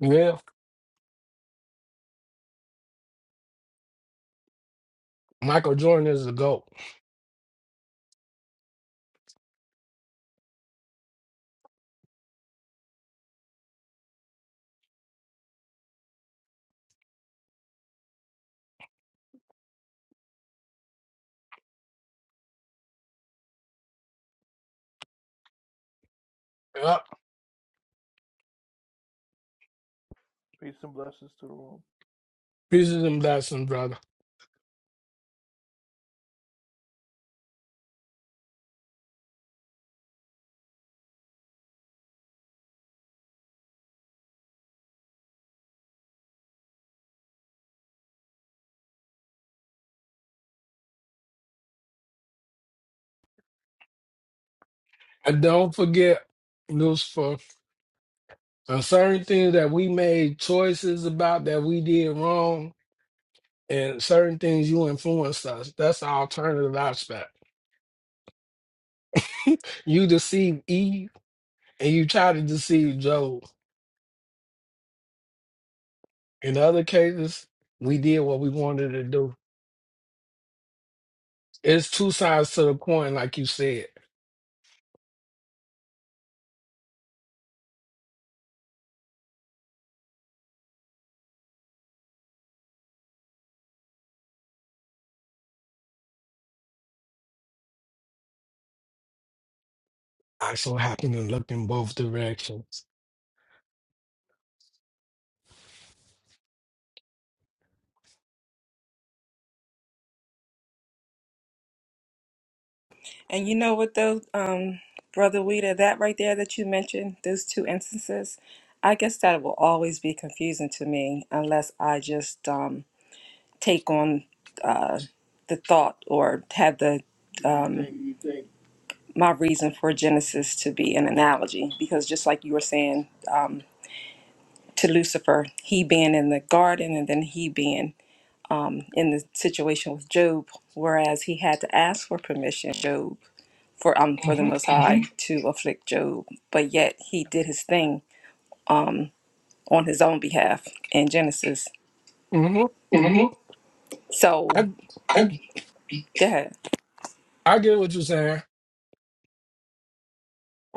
Yeah. Michael Jordan is the GOAT. Yep.
Peace and blessings to the room.
Pieces and blessings, brother. And don't forget, Lucifer, uh, certain things that we made choices about that we did wrong, and certain things you influenced us. That's the alternative aspect. you deceived Eve, and you tried to deceive Job. In other cases, we did what we wanted to do. It's two sides to the coin, like you said. I so happen to look in both directions.
And you know what though, um, Brother Weeda, that right there that you mentioned, those two instances, I guess that will always be confusing to me unless I just um take on uh the thought or have the
Do you think
my reason for Genesis to be an analogy because just like you were saying to Lucifer, he being in the garden and then he being in the situation with Job, whereas he had to ask for permission, Job, for um for the
hmm
Most High Mhm. to afflict Job, but yet he did his thing on his own behalf in Genesis.
hmm
Mhm. So
I
I- go ahead.
I get what you're saying.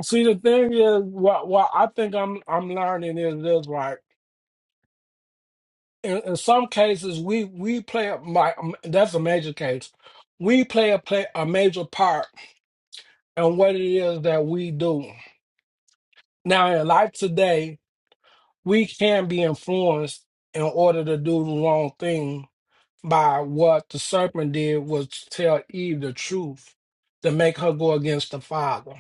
See, the thing is, what what I think I'm I'm learning is this, right? In, in some cases, we we play a my um, that's a major case. We play a play a major part in what it is that we do. Now, in life today, we can be influenced in order to do the wrong thing by what the serpent did was to tell Eve the truth to make her go against the Father.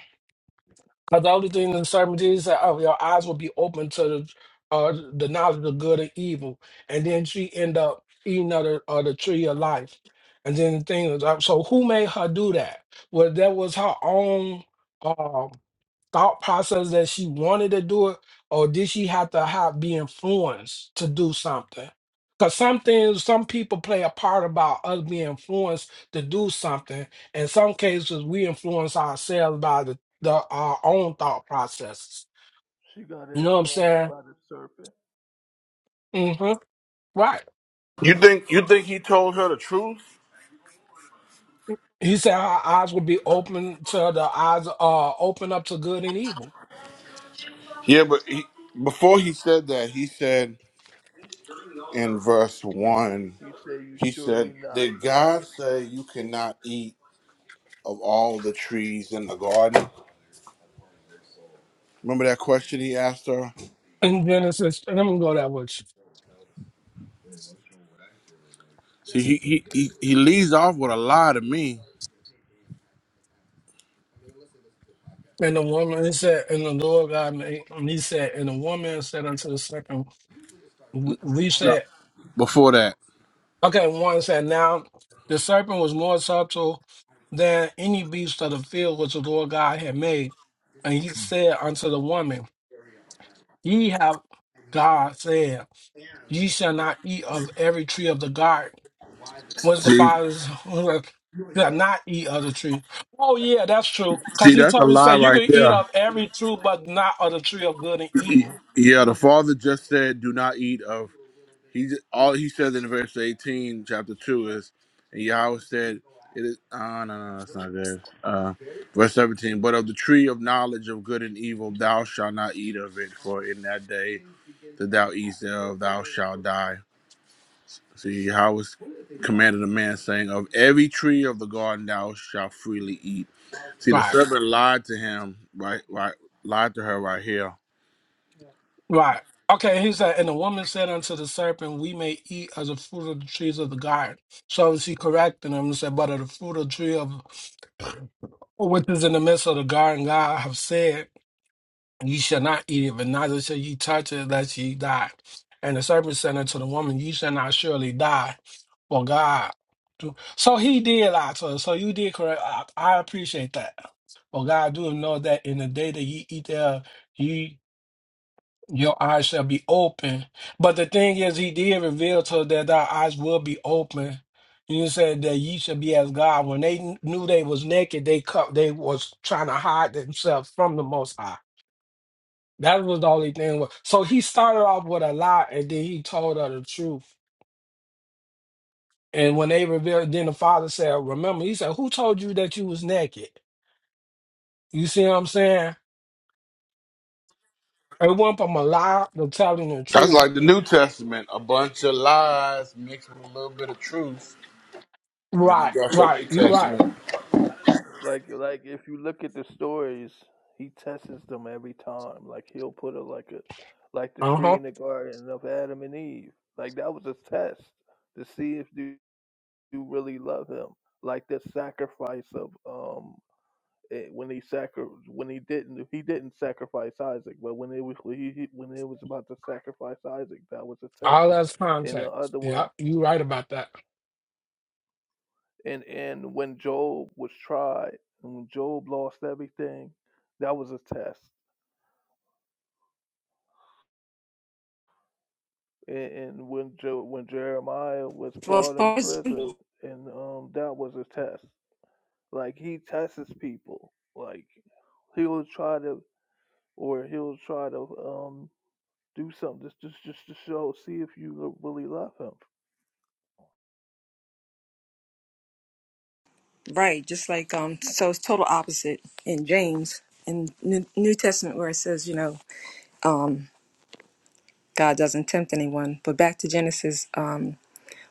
Because the only thing in sermon Jesus said, oh, your eyes will be open to the uh, the knowledge of good and evil. And then she end up eating of the, of the tree of life. And then the thing is, uh, so who made her do that? Well, that was her own. uh, thought process that she wanted to do it, or did she have to have be influenced to do something? Because some things, some people play a part about us being influenced to do something. In some cases, we influence ourselves by the, the our own thought processes.
she got
You know what I'm
influenced
saying?
by the serpent?
hmm Right.
You think you think he told her the truth?
He said our eyes will be open to the eyes, uh, open up to good and evil
Yeah, but he, before he said that, he said in verse one,
You say you
he
surely
said,
not.
"Did God say you cannot eat of all the trees in the garden?" Remember that question he asked her.
in Genesis. And I'm gonna go that way.
See, he he he, he leads off with a lie to me.
And the woman, he said, and the Lord God made, and he said, and the woman said unto the serpent, we we said,
before that.
okay, one said, now the serpent was more subtle than any beast of the field which the Lord God had made. And he said unto the woman, ye have, God said, ye shall not eat of every tree of the garden. Was the
See,
father's, shall not eat of the tree. Oh yeah, that's true. Cause
see,
he
that's a
told, you
lie
said, you
right
can eat
there.
of every tree, but not of the tree of good and
He-
evil.
yeah, the father just said, "Do not eat of." He ju- all he says in verse eighteen, chapter two, is, and Yahweh said, "It is." Ah, no, no, no, that's not good. Uh, verse seventeen. But of the tree of knowledge of good and evil, thou shalt not eat of it, for in that day that thou eatest thereof, thou shalt die. See how how is commanded a man saying, Of every tree of the garden thou shalt freely eat. See the
Right,
servant lied to him right right lied to her right here.
right. Okay, he said, and the woman said unto the serpent, We may eat of the fruit of the trees of the garden. So she corrected him and said, But of the fruit of the tree of which is in the midst of the garden, God have said, Ye shall not eat of it, neither shall ye touch it, lest ye die. And the serpent said unto the woman, Ye shall not surely die, for God. do-" So he did lie to her. So you did correct. I, I appreciate that. For God do know that in the day that ye eat thereof, Your eyes shall be open. But the thing is, he did reveal to her that thy eyes will be open. You said that ye shall be as God. When they kn- knew they was naked, they cut, they was trying to hide themselves from the Most High. That was the only thing. wa- So he started off with a lie, and then he told her the truth. And when they revealed, then the father said, "Remember," he said, "Who told you that you was naked?" You see what I'm saying? It went from a lie to telling the
That's
truth.
like the New Testament, a bunch of lies mixed with a little bit of truth. And then you
Right,
got your New
right. You right.
Testament.
Like like if you look at the stories, he tests them every time. Like he'll put her like a like the
Uh
tree
huh.
in the garden of Adam and Eve. Like that was a test to see if you, you really love him. Like the sacrifice of um eh, when he sacri- when he didn't he didn't sacrifice Isaac, but when it was when he, he- when it was about to sacrifice Isaac, that was a test.
All that's
And the
context.
other
Yeah,
one,
you right about that.
and and when Job was tried, and when Job lost everything, that was a test. And, and when jo- when Jeremiah was
Well, as
brought in
far as
prison, and um that was a test. Like he tests people. Like he'll try to or he'll try to um do something just just just to show see if you lo- really love him
right, just like um, so it's total opposite in James in New, New Testament where it says, you know, um, God doesn't tempt anyone. But back to Genesis, um,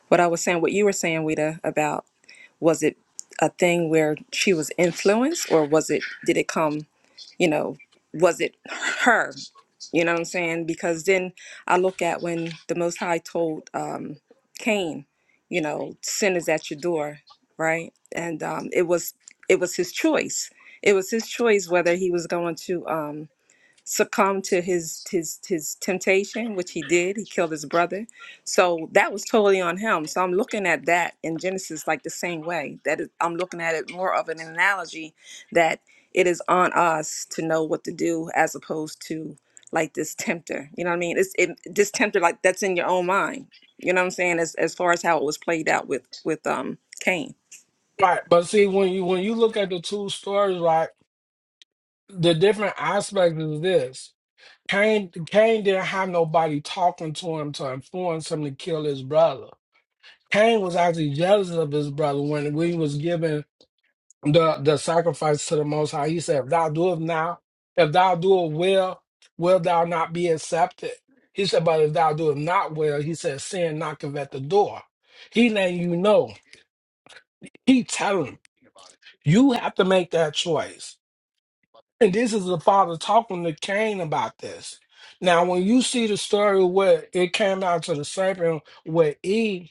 what I was saying, what you were saying, Wita, about was it a thing where she was influenced or was it did it come you know was it her you know what i'm saying because then i look at when the most high told um cain you know sin is at your door right and um it was it was his choice it was his choice whether he was going to Um, succumbed to his his his temptation, which he did. He killed his brother. So that was totally on him. So I'm looking at that in Genesis like the same way. That is, I'm looking at it more of an analogy that it is on us to know what to do as opposed to like this tempter. You know what I mean? It's it, this tempter like that's in your own mind. You know what I'm saying? As as far as how it was played out with with um Cain.
Right. But see, when you when you look at the two stories, like the different aspects of this, Cain Cain didn't have nobody talking to him to influence him to kill his brother. Cain was actually jealous of his brother when when he was given the the sacrifice to the Most High. He said, "If thou do it now, if thou do it well, will thou not be accepted?" He said, "But if thou do it not well," he said, "Sin knocketh at the door." He letting you know. He telling him, you have to make that choice. And this is the father talking to Cain about this. Now, when you see the story where it came down to the serpent, where Eve,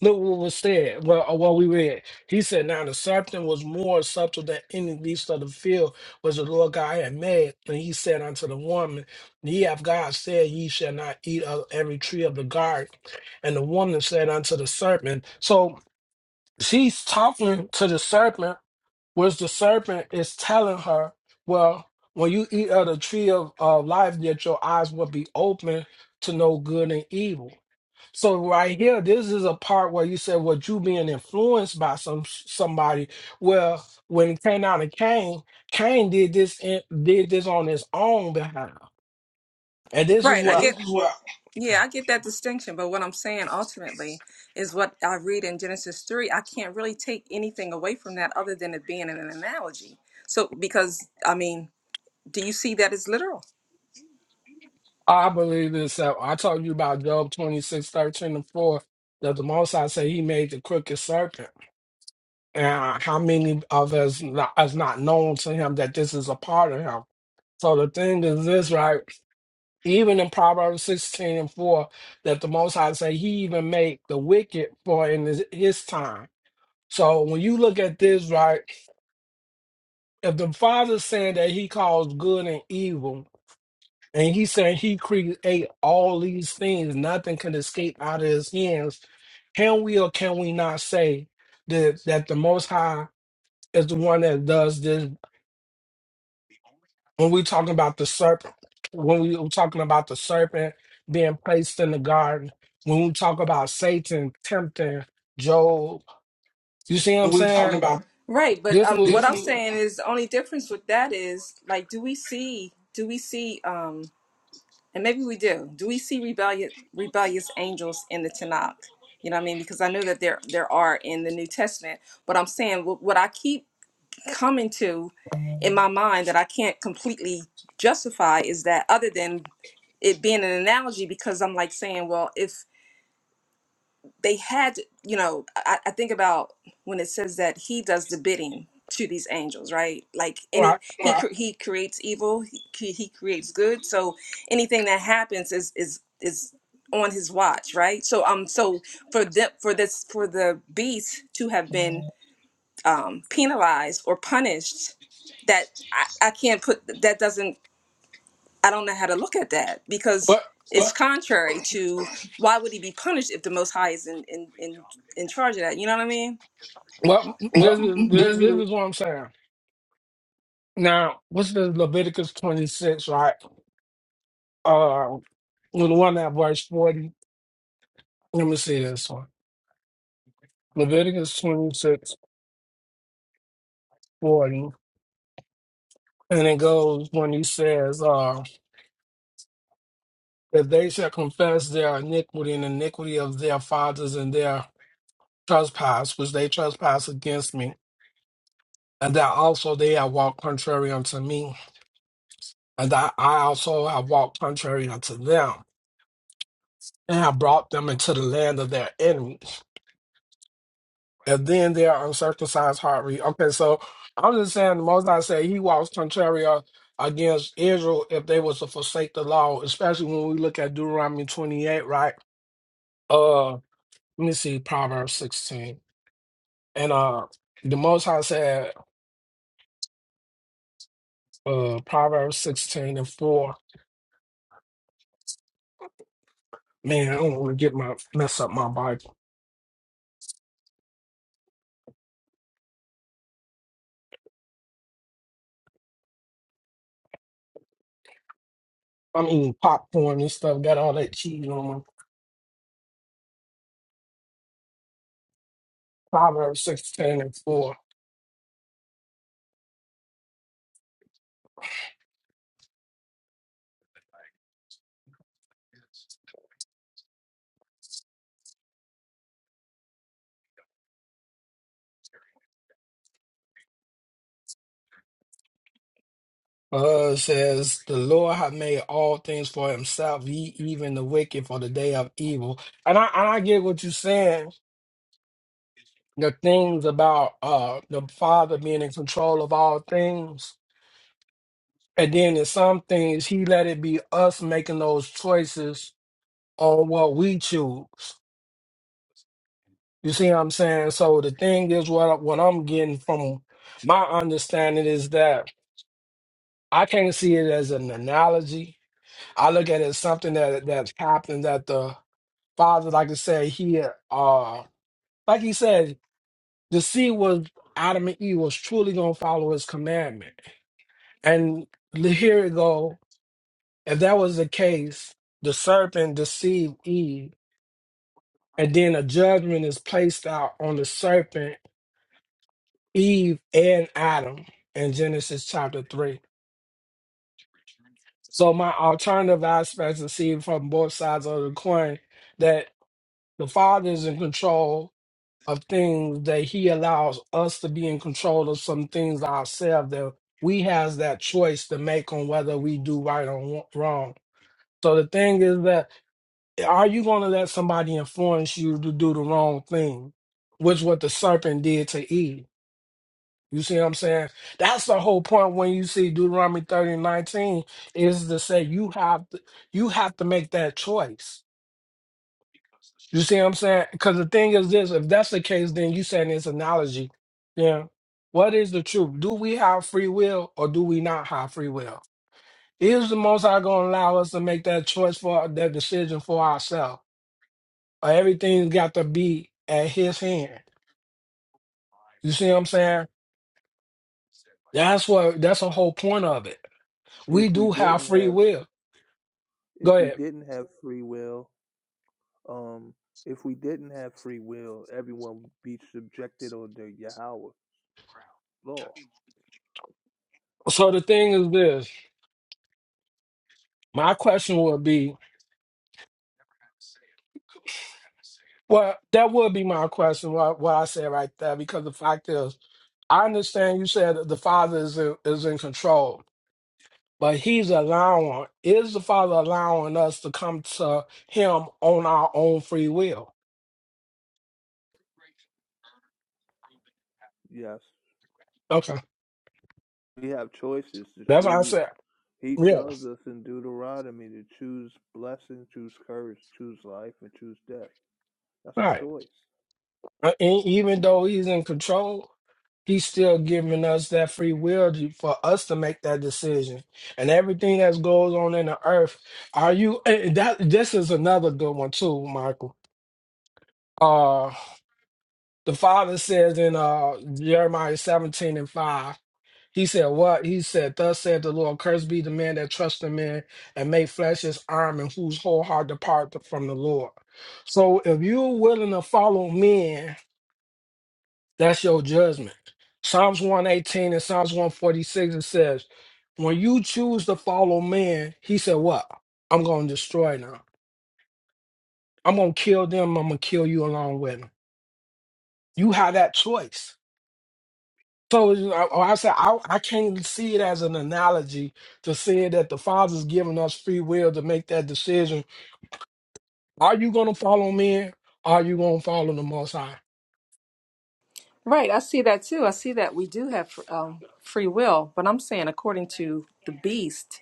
look what was said, well, or what we read. He said, Now the serpent was more subtle than any beast of the field which the Lord God had made. And he said unto the woman, Ye have God said, Ye shall not eat of every tree of the garden. And the woman said unto the serpent, So she's talking to the serpent which the serpent is telling her, well, when you eat of the tree of uh, life, yet your eyes will be open to know good and evil. So right here, this is a part where you said, "Well, you being influenced by some somebody." Well, when it came out and Cain, Cain did this in, did this on his own behalf, and this is
Right. I And
what
this get, this is what yeah, I get that distinction. But what I'm saying ultimately is what I read in Genesis 3. I can't really take anything away from that other than it being an analogy. So, because, I mean, do you see that as literal?
I believe is that I told you about Job twenty six thirteen and four that the Most High said He made the crooked serpent. and how many of us not, is not known to him that this is a part of him. So the thing is this, right? Even in Proverbs 16 and 4, that the Most High say he even made the wicked for in his, his time. So when you look at this, right, if the Father's saying that he calls good and evil, and he's saying he create all these things, nothing can escape out of his hands, can we or can we not say that, that the Most High is the one that does this when we talking about the serpent, when we were talking about the serpent being placed in the garden, when we talk about Satan tempting Job, you see what I'm
we talking
saying?
about. Right, but
This
um, what
was
This I'm is saying is the only difference with that is like, do we see, do we see, um, and maybe we do, do we see rebellious rebellious angels in the Tanakh? You know what I mean? Because I know that there there are in the New Testament, but I'm saying what, what I keep coming to in my mind that I can't completely justify is that other than it being an analogy because I'm like saying, well, if they had, you know, I, I think about when it says that he does the bidding to these angels, right? Like any
like,
he Right. cre- he creates evil, he, cre- he creates good. So anything that happens is is is on his watch, right? So um, so for the for this for the beast to have been um, penalized or punished that I, I can't put that doesn't i don't know how to look at that because
but
it's contrary to why would he be punished if the most high is in in in, in charge of that you know what i mean
well,
Well,
this is this
there's-
this is what I'm saying. Now, what's the Leviticus 26, right? Uh, with the one at verse 40. Let me see this one. Leviticus 26:40, And it goes when he says, uh, that they shall confess their iniquity and iniquity of their fathers and their trespass, which they trespass against me, and that also they have walked contrary unto me, and that I also have walked contrary unto them, and have brought them into the land of their enemies. And then their uncircumcised heart. Re- okay, so I'm just saying, the most I say, he walks contrary uh, against Israel if they was to forsake the law, especially when we look at Deuteronomy 28, right? Uh, let me see, Proverbs 16. And uh, the Most High said, uh, Proverbs 16 and 4. Man, I don't want to get my mess up my Bible. I'm eating popcorn and stuff, got all that cheese on me. Proverbs 16 and 4 uh, it says, The Lord hath made all things for himself, ye even the wicked for the day of evil. And I, and I get what you're saying. The things about uh, the Father being in control of all things. And then in some things, He let it be us making those choices on what we choose. You see what I'm saying? So the thing is what what I'm getting from my understanding is that I can't see it as an analogy. I look at it as something that that's happened that the father, like I said, he uh like he said, the seed was Adam and Eve was truly gonna follow his commandment. And here it go. If that was the case, the serpent deceived Eve, and then a judgment is placed out on the serpent Eve and Adam in Genesis chapter 3. So my alternative aspects is seen from both sides of the coin that the Father is in control of things that he allows us to be in control of some things ourselves that we has that choice to make on whether we do right or wrong. So the thing is that are you going to let somebody influence you to do the wrong thing, which what the serpent did to Eve? You see what I'm saying? That's the whole point when you see Deuteronomy 30 and 19 is to say you have to, you have to make that choice. You see what I'm saying? Because the thing is this, if that's the case, then you saying this analogy. Yeah. What is the truth? Do we have free will or do we not have free will? Is the most High gonna allow us to make that choice for that decision for ourselves? Or everything's got to be at his hand. You see what I'm saying? That's what that's the whole point of it. We
if we
do have
didn't
free
have
will. Go
if we
ahead.
didn't have free will um if we didn't have free will everyone would be subjected under Yahweh law
So the thing is this. My question would be, well, that would be my question. What, what I said right there, because the fact is, I understand you said that the father is in, is in control, but he's allowing. Is the father allowing us to come to him on our own free will?
yes
Okay,
we have choices to
that's what I
choose
said.
he
Yeah,
tells us in Deuteronomy to choose blessing choose courage choose life and choose death that's a
right.
choice
Uh, And even though he's in control, he's still giving us that free will to, for us to make that decision. And everything that goes on in the earth, are you and that this is another good one too, Michael. Uh the father says in uh Jeremiah 17 and 5, he said, What? He said, Thus said the Lord, cursed be the man that trusts in man and make flesh his arm and whose whole heart depart from the Lord. So if you're willing to follow men That's your judgment. Psalms 118 and Psalms 146, it says, When you choose to follow man, he said, What? I'm going to destroy them. I'm going to kill them. I'm going to kill you along with them. You have that choice. So you know, I I said, I, I can't see it as an analogy to say that the Father's giving us free will to make that decision. Are you going to follow men? Are you going to follow the Most High,
Right, I see that too. I see that we do have um, free will, but I'm saying according to the beast,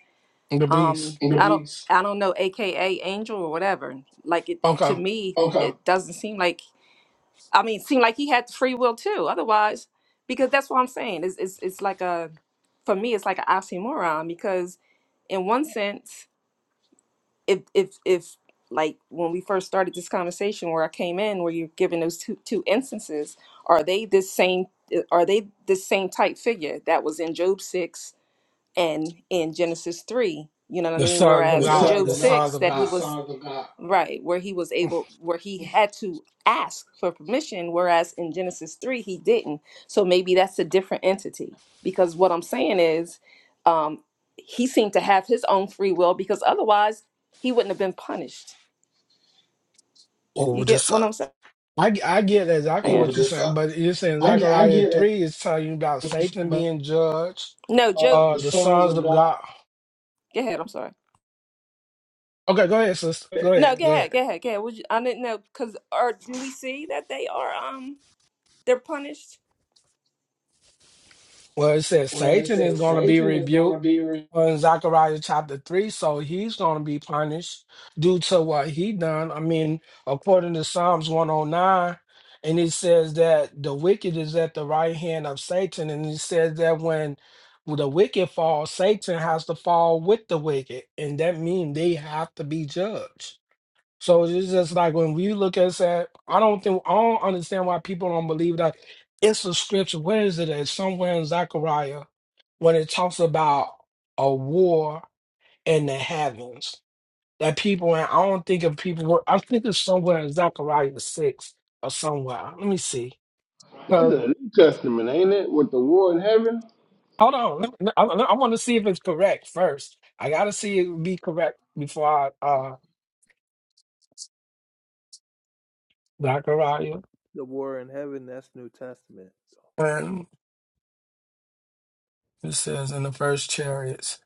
the
um,
Beast?
the I don't, beast. I don't know, AKA angel or whatever. Like it to
Okay.
me, Okay. it doesn't seem like. I mean, seemed like he had the free will too. Otherwise, because that's what I'm saying. It's, it's, it's like a, for me, it's like an oxymoron because in one sense, if, if, if like when we first started this conversation where I came in, where you're giving those two, two instances, are they this same, eh, are they the same type figure that was in Job 6 and in Genesis 3, you know what I
The
mean?
sons of
Whereas The in Job
God,
sons of
the
God.
sons
6
of
that The he The
God.
was sons of God. right, where he was able where he had to ask for permission whereas in Genesis 3 he didn't. So maybe that's a different entity because what I'm saying is um he seemed to have his own free will because otherwise he wouldn't have been punished.
Oh,
You get
this.
what I'm Yeah, saying?
I, I get exactly
Yeah, but
what
the
you're
son,
saying, but you're saying
I, I
Zechariah
get it.
3 is telling you about Satan
But
being judged,
No, uh, Job, Uh,
uh,
the
the
sons
sons
of
of
God.
God.
go ahead, I'm sorry.
Okay, go ahead, sister. Go ahead.
No,
Go
go
ahead.
ahead, go ahead, go ahead. Would you, I didn't know because or do we see that they are um they're punished?
Well, it says
Well, it
Satan is
says
going to be
Satan is
rebuked.
going to be
or in Zechariah chapter 3, so he's going to be punished due to what he done. I mean, according to Psalms 109, and it says that the wicked is at the right hand of Satan, and it says that when the wicked falls, Satan has to fall with the wicked, and that means they have to be judged. So it's just like when we look at that, I don't think I don't understand why people don't believe that it's a scripture. Where is it? It's somewhere in Zechariah when it talks about a war in the heavens. That people and I don't think if people were I think it's somewhere in Zechariah six or somewhere. Let me see.
That's
Cause
the New Testament, ain't it? With the war in heaven?
hold on, let me- I, want to see if it's correct first. I gotta see it be correct before I uh Zechariah
the war in heaven that's New Testament
and it says in the first chariots.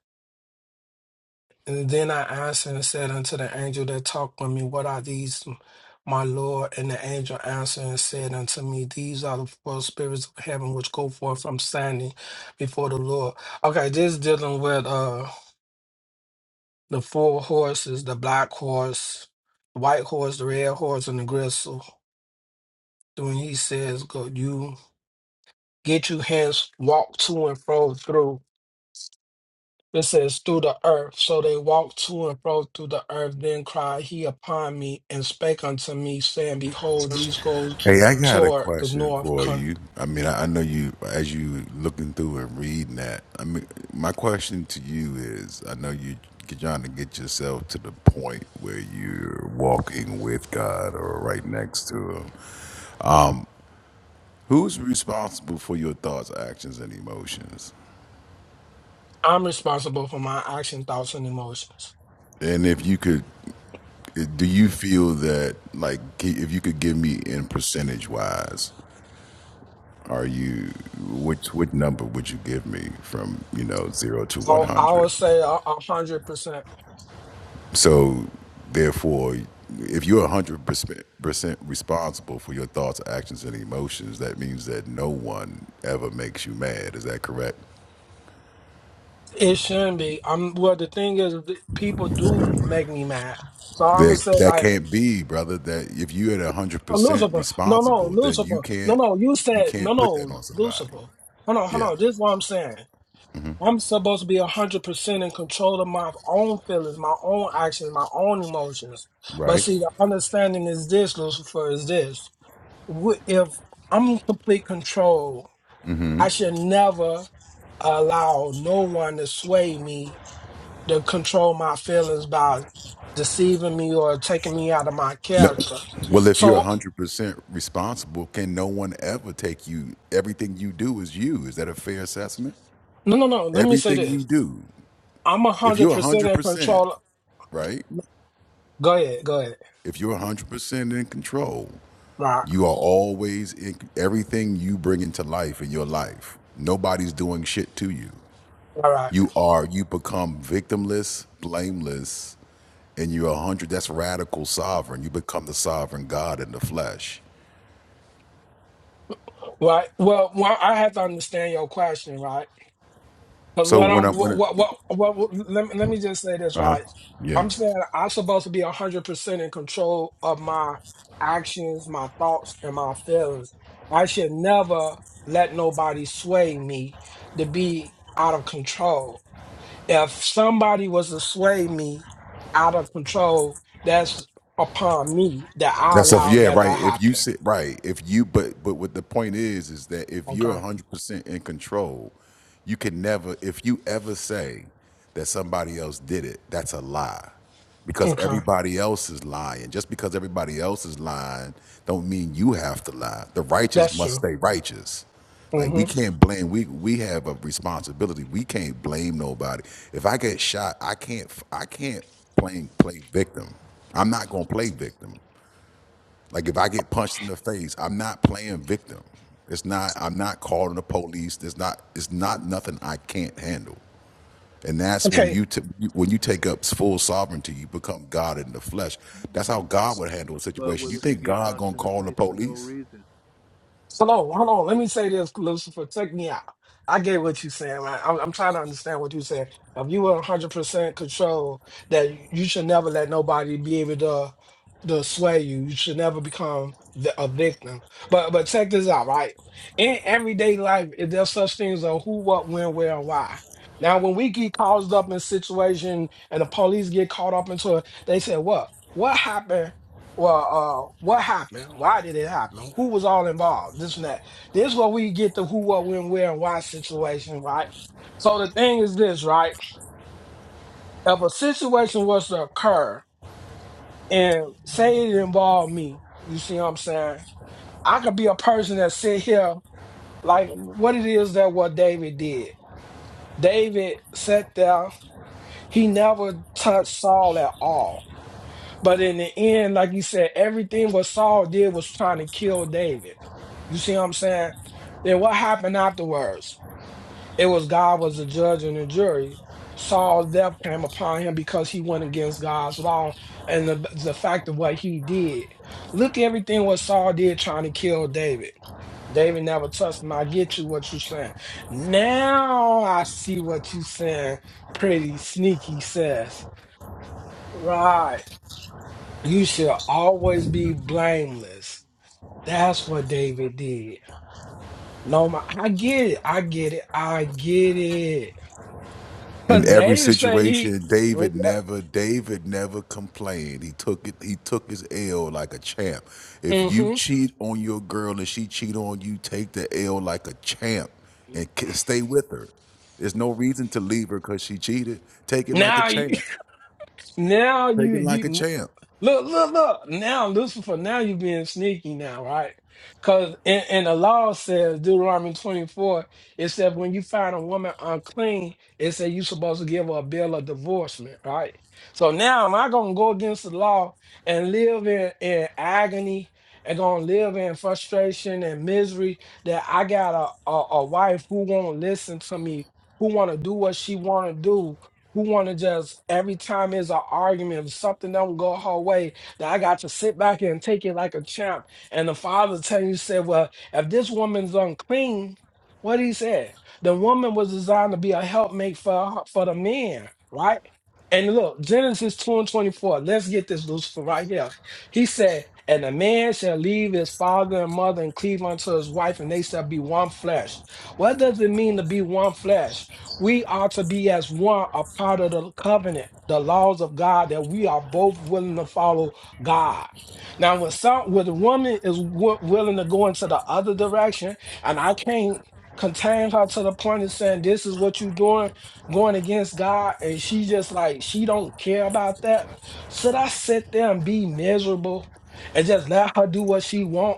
And then I answered and said unto the angel that talked with me, What are these, my Lord? And the angel answered and said unto me, These are the four spirits of heaven which go forth from standing before the Lord. Okay, this dealing with uh the four horses, the black horse, the white horse, the red horse, and the gristle. When he says, Go you get you hence, walk to and fro through. It says, through the earth. So they walked to and fro through the earth. Then cried he upon me and spake unto me, saying, Behold, these go
Hey, I got a
toward the
question
north.
for
Con-
you. I mean, I, I know you as you looking through and reading that. I mean, my question to you is: I know you you're trying to get yourself to the point where you're walking with God or right next to Him. Who's responsible for your thoughts, actions, and emotions?
I'm responsible for my action, thoughts, and emotions.
And if you could, eh, do you feel that like if you could give me in percentage wise? Are you which what number would you give me from you know zero to one
So I
hundred?
would say a a hundred percent.
So therefore, if you're hundred percent responsible for your thoughts, actions, and emotions, that means that no one ever makes you mad. Is that correct?
It shouldn't be. I'm well. The thing is, th- people do make me mad. So I'm gonna
That
say
that
like
can't be, brother. That if you're at hundred
oh,
percent
Lucifer. No, no,
responsible, then you
Lucifer. No,
can't
no. You
you
said no,
can't put that
no,
on somebody.
Lucifer. Hold on, hold
Yeah.
on. This is what I'm saying. I'm supposed to be 100% in control of my own feelings, my own actions, my own emotions. But
Right.
see, the understanding is this, Lucifer, is this. Wh- If I'm in complete control, I should never allow no one to sway me to control my feelings by deceiving me or taking me out of my
No.
character.
Well, if you're
So,
100% responsible, can no one ever take you? Everything you do is you. Is that a fair assessment?
no, no, no. Let me say
Everything you
this.
do.
I'm
If you're
100% in
100%,
control.
right?
Go ahead. Go ahead.
If you're 100% in control,
Right.
you are always in everything you bring into life in your life. Nobody's doing shit to you.
All right.
You are, you become victimless, blameless, and you're 100. That's radical sovereign. You become the sovereign God in the flesh.
Right. Well, well, I have to understand your question, right? But
So
what
when I
I'm,
when
what, what,
I-
what, what what- let, me- let me just say this,
Uh huh.
right? I'm
Yeah.
saying I'm supposed to be 100% in control of my actions, my thoughts, and my feelings. I should never let nobody sway me to be out of control. If somebody was to sway me out of control, that's upon me that I
That's a
allow
yeah,
that to
right. If you
happen.
sit right, if you but but what the point is is that if you're
Okay.
hundred percent in control, you can never if you ever say that somebody else did it, that's a lie. Because
Okay.
everybody else is lying. Just because everybody else is lying don't mean you have to lie. The righteous
That's
must
true.
stay righteous. Like
hmm
we can't blame we we have a responsibility. We can't blame nobody. If I get shot, I can't I can't blame play victim. I'm not gonna play victim. Like if I get punched in the face, I'm not playing victim. It's not I'm not calling the police. There's not it's not nothing I can't handle. And that's when
Okay,
you t- when you take up full sovereignty, you become God in the flesh. That's how God would handle a
but
situation.
what
You
if you
think
get
God
punched
gonna
in the
call the
face for no
police?
reason
So no, hold on. Let me say this, Lucifer. Take me out. I get what you're saying. man. I'm, I'm trying to understand what you're saying. If you were 100% control, that you should never let nobody be able to to sway you. You should never become the, a victim. But but check this out, right? In everyday life, if there's such things as who, what, when, where, and why. Now, when we get caught up in a situation and the police get caught up into it, they say, "What? What happened?" Well, uh, what happened? Why did it happen? Who was all involved? This and that. This is where we get the who, what, when, where, and why situation, right? So the thing is this, right? If a situation was to occur and say it involved me, you see what I'm saying? I could be a person that sit here like what it is that what David did. David sat there. He never touched Saul at all But in the end, like you said, everything what Saul did was trying to kill David. You see what I'm saying? Then what happened afterwards? It was God was the judge and the jury. Saul's death came upon him because he went against God's law and the, the fact of what he did. Look at everything what Saul did trying to kill David. David never touched him. I get you what you saying. Now I see what you saying. Pretty sneaky says. Right. You should always be blameless. That's what David did. No, my, I get it. I get it. I get it.
In
But
every
David say he.
situation,
Well,
David never David never complained. He took it he took his L like a champ. If
yeah.
you
hmm
cheat on your girl and she cheat on you, take the L like a champ and k- stay with her. There's no reason to leave her cuz she cheated. Take it like a
Now, you,
champ.
now
Take
you
it like
you.
a champ.
Look, look, look. Now, Lucifer, now you're being sneaky now, right? Because in, in the law says, Deuteronomy 24, it says when you find a woman unclean, it says you're supposed to give her a bill of divorcement, right? So now am I going to go against the law and live in, in agony and going to live in frustration and misery that I got a, a, a wife who won't listen to me, who want to do what she want to do, who want to just every time there's an argument, if something don't go her way, that I got to sit back and take it like a champ. And the father telling you, said, well, if this woman's unclean, what he said, the woman was designed to be a helpmate for her- for the man, right? And look, Genesis 2 and 24. Let's get this Lucifer right here. He said, And the man shall leave his father and mother and cleave unto his wife, and they shall be one flesh. What does it mean to be one flesh? we are to be as one a part of the covenant the laws of god that we are both willing to follow god now when some when the woman is w- willing to go into the other direction and i can't contain her to the point of saying this is what you're doing going against god and she just like she don't care about that should i sit there and be miserable and just let her do what she want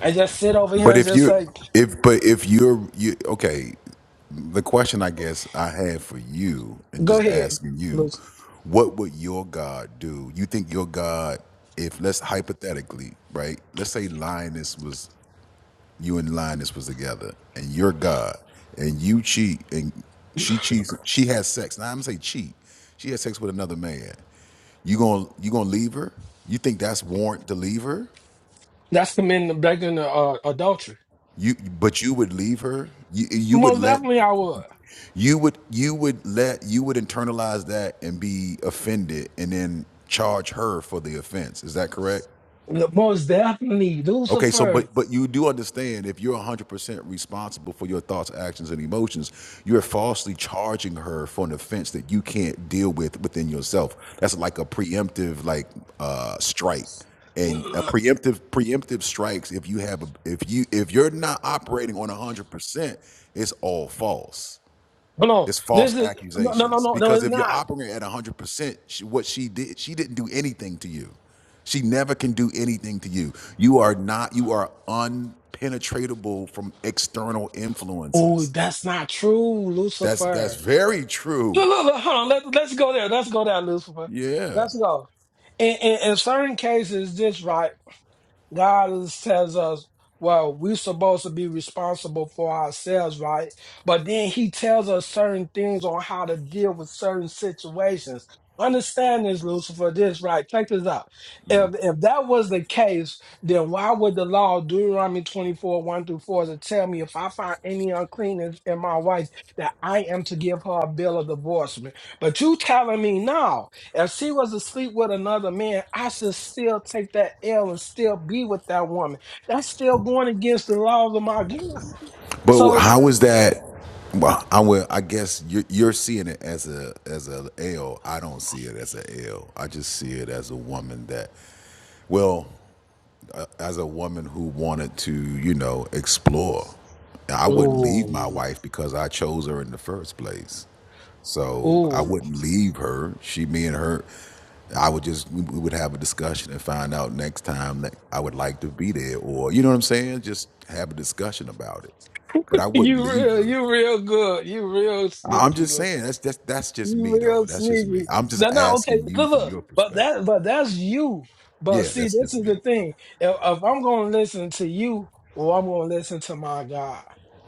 and just sit over here
But
and
if
just
you
like
if but if you're you okay, the question I guess I have for you, and
go
just
ahead
asking you, what would your God do? You think your God, if let's hypothetically, right? Let's say Linus was you and Linus was together, and your God, and you cheat, and she cheats, she has sex. Now I'm gonna say cheat. She has sex with another man. You gonna you gonna leave her? You think that's warrant to leave her?
That's committing begging uh, adultery.
You but you would leave her? You you would
Most
let?
definitely, I would.
You would you would let you would internalize that and be offended and then charge her for the offense. Is that correct?
Look, Most definitely,
Okay, so
Lucifer.
but but you do understand if you're 100% responsible for your thoughts, actions and emotions, you're falsely charging her for an offense that you can't deal with within yourself. That's like a preemptive like uh strike. And a
Hold
preemptive preemptive strikes if you have a, if you if you're not operating on 100%, it's all false.
on,
It's false
this is no, no, no,
accusations
no, no.
because
It's
if you're
not.
operating at 100%, she, what she did, she didn't do anything to you. She never can do anything to you. You are not you are unpenetratable from external
Oh,
influences.
that's not true,
That's that's
Lucifer.
very true.
Look, look, look hold on. Let, let's go there. Let's go there, Lucifer.
Yeah.
Let's go. In, in, in certain cases, this right. God is- tells us, well, we're supposed to be responsible for ourselves, right? But then he tells us certain things on how to deal with certain situations. Understand this, Lucifer, this, right? Check this out. If if that was the case, then why would the law, Deuteronomy 24, 1 through 4, to tell me if I find any uncleanness in my wife that I am to give her a bill of divorcement? But you telling me no. If she was asleep with another man, I should still take that L and still be with that woman. That's still going against the laws of my God.
But
So,
how is that well, I will. I guess you're, you're seeing it as a as a L. I don't see it as a L. I just see it as a woman that well as a woman who wanted to, you know, explore. I
the,
wouldn't leave my
ooh,
wife because I chose her in the first place. So I
ooh,
wouldn't leave her. She, me, and her. I would just we we would have a discussion and find out next time that I would like to be there, or you know what I'm saying. Just have a discussion about it. But I wouldn't
you
leave
real,
her.
you real good, you real
I- I'm just
sneaky,
saying that's that's that's just
You
me
real
though. That's just me.
sneaky.
I'm just
No, no, okay.
asking
Look,
you from
look.
your
But
perspective.
that, but that's you. But
Yeah,
see,
that's
this
just
is
me.
the thing. If, if I'm going to listen to you, or I'm going to listen to my God,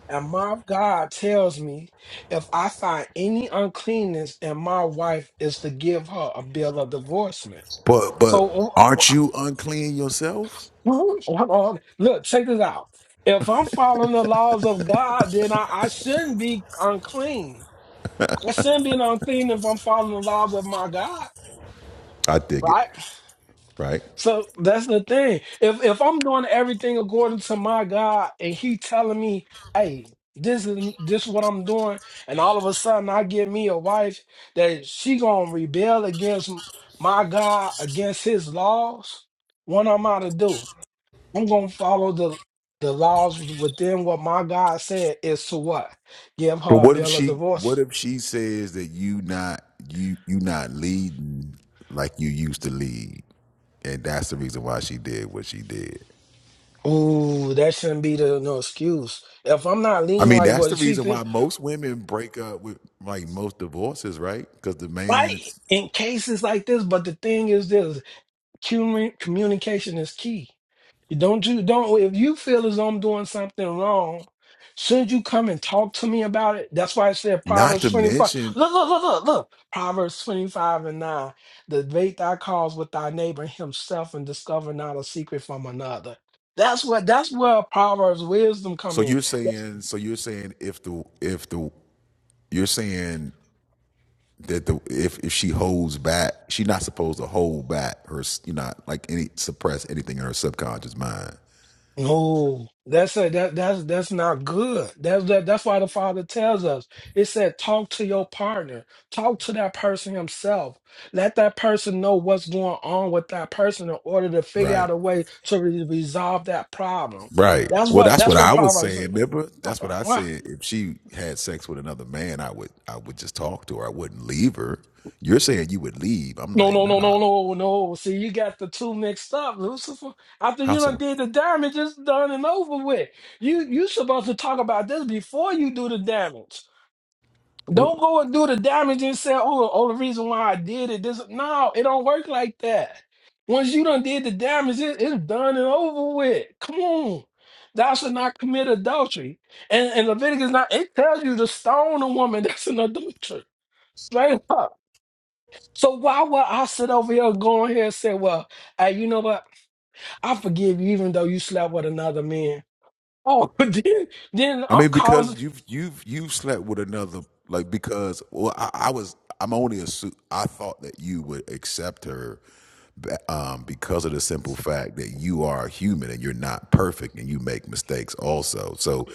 and my God tells me if I find any uncleanness in my wife, is to give her a bill of divorcement.
But but
So,
aren't
uh,
you unclean yourself?
hold on. Look, check this out. If I'm following the laws of God, then I, I shouldn't be unclean. I shouldn't be unclean if I'm following the laws of my God.
I dig it.
Right?
Right.
So that's the thing. If if I'm doing everything according to my God and he telling me, hey, this is this is what I'm doing, and all of a sudden I get me a wife that she gonna rebel against my God, against his laws, what am I to do? I'm gonna follow the the laws within what my God said is to what? Give
But
her a
what if
bill of
she what
divorce.
if she says that you not you you not leading like you used to lead? And that's the reason why she did what she did.
Ooh, that shouldn't be the no excuse. If I'm not
I
leaning
mean,
like
that's the
what she
reason
think.
why most women break up with like most divorces, right? Because the man
right
is
in cases like this. But the thing is this commu- communication is key. You Don't you don't if you feel as though I'm doing something wrong, shouldn't you come and talk to me about it? That's why I said
not
Proverbs
to
25.
mention
Look, look, look, look, look. Proverbs 25 and 9. Debate thy cause with thy neighbor himself and discover not a secret from another. That's what that's where Proverbs wisdom come
so
in.
you're saying so you're saying if the if the you're saying that the if, if she holds back, she's not supposed to hold back her you know like any suppress anything in her subconscious mind.
No, that's a, that that's that's not good. That's that, that's why the Father tells us. It said, talk to your partner, talk to that person himself. Let that person know what's going on with that person in order to figure
Right.
out a way to re- resolve that problem.
Right.
That's
Well,
what
that's
that's
what
what
I was
Proverbs.
saying. Remember, that's what I
What?
said. If she had sex with another man, I would, I would just talk to her. I wouldn't leave her. You're saying you would leave. I'm
No,
like,
no, no, no,
nah.
no, no. See, you got the two mixed up, Lucifer. After
How
you done
so?
did the damage, it's done and over with. You you supposed to talk about this before you do the damage. Don't go and do the damage and say, oh, oh, the reason why I did it. This no, it don't work like that. Once you done did the damage, it- it's done and over with. Come on. Thou shalt not commit adultery. And, and Leviticus not, it tells you to stone a woman that's an adulterer. Straight up. So why would I sit over here going here and say, well, hey, you know what? I forgive you even though you slept with another man. Oh, but then then
I
I'm
mean,
causing
because you've you've you've slept with another like because well, I, I was I'm only a su- I thought that you would accept her ba- um, because of the simple fact that you are human and you're not perfect and you make mistakes also. So,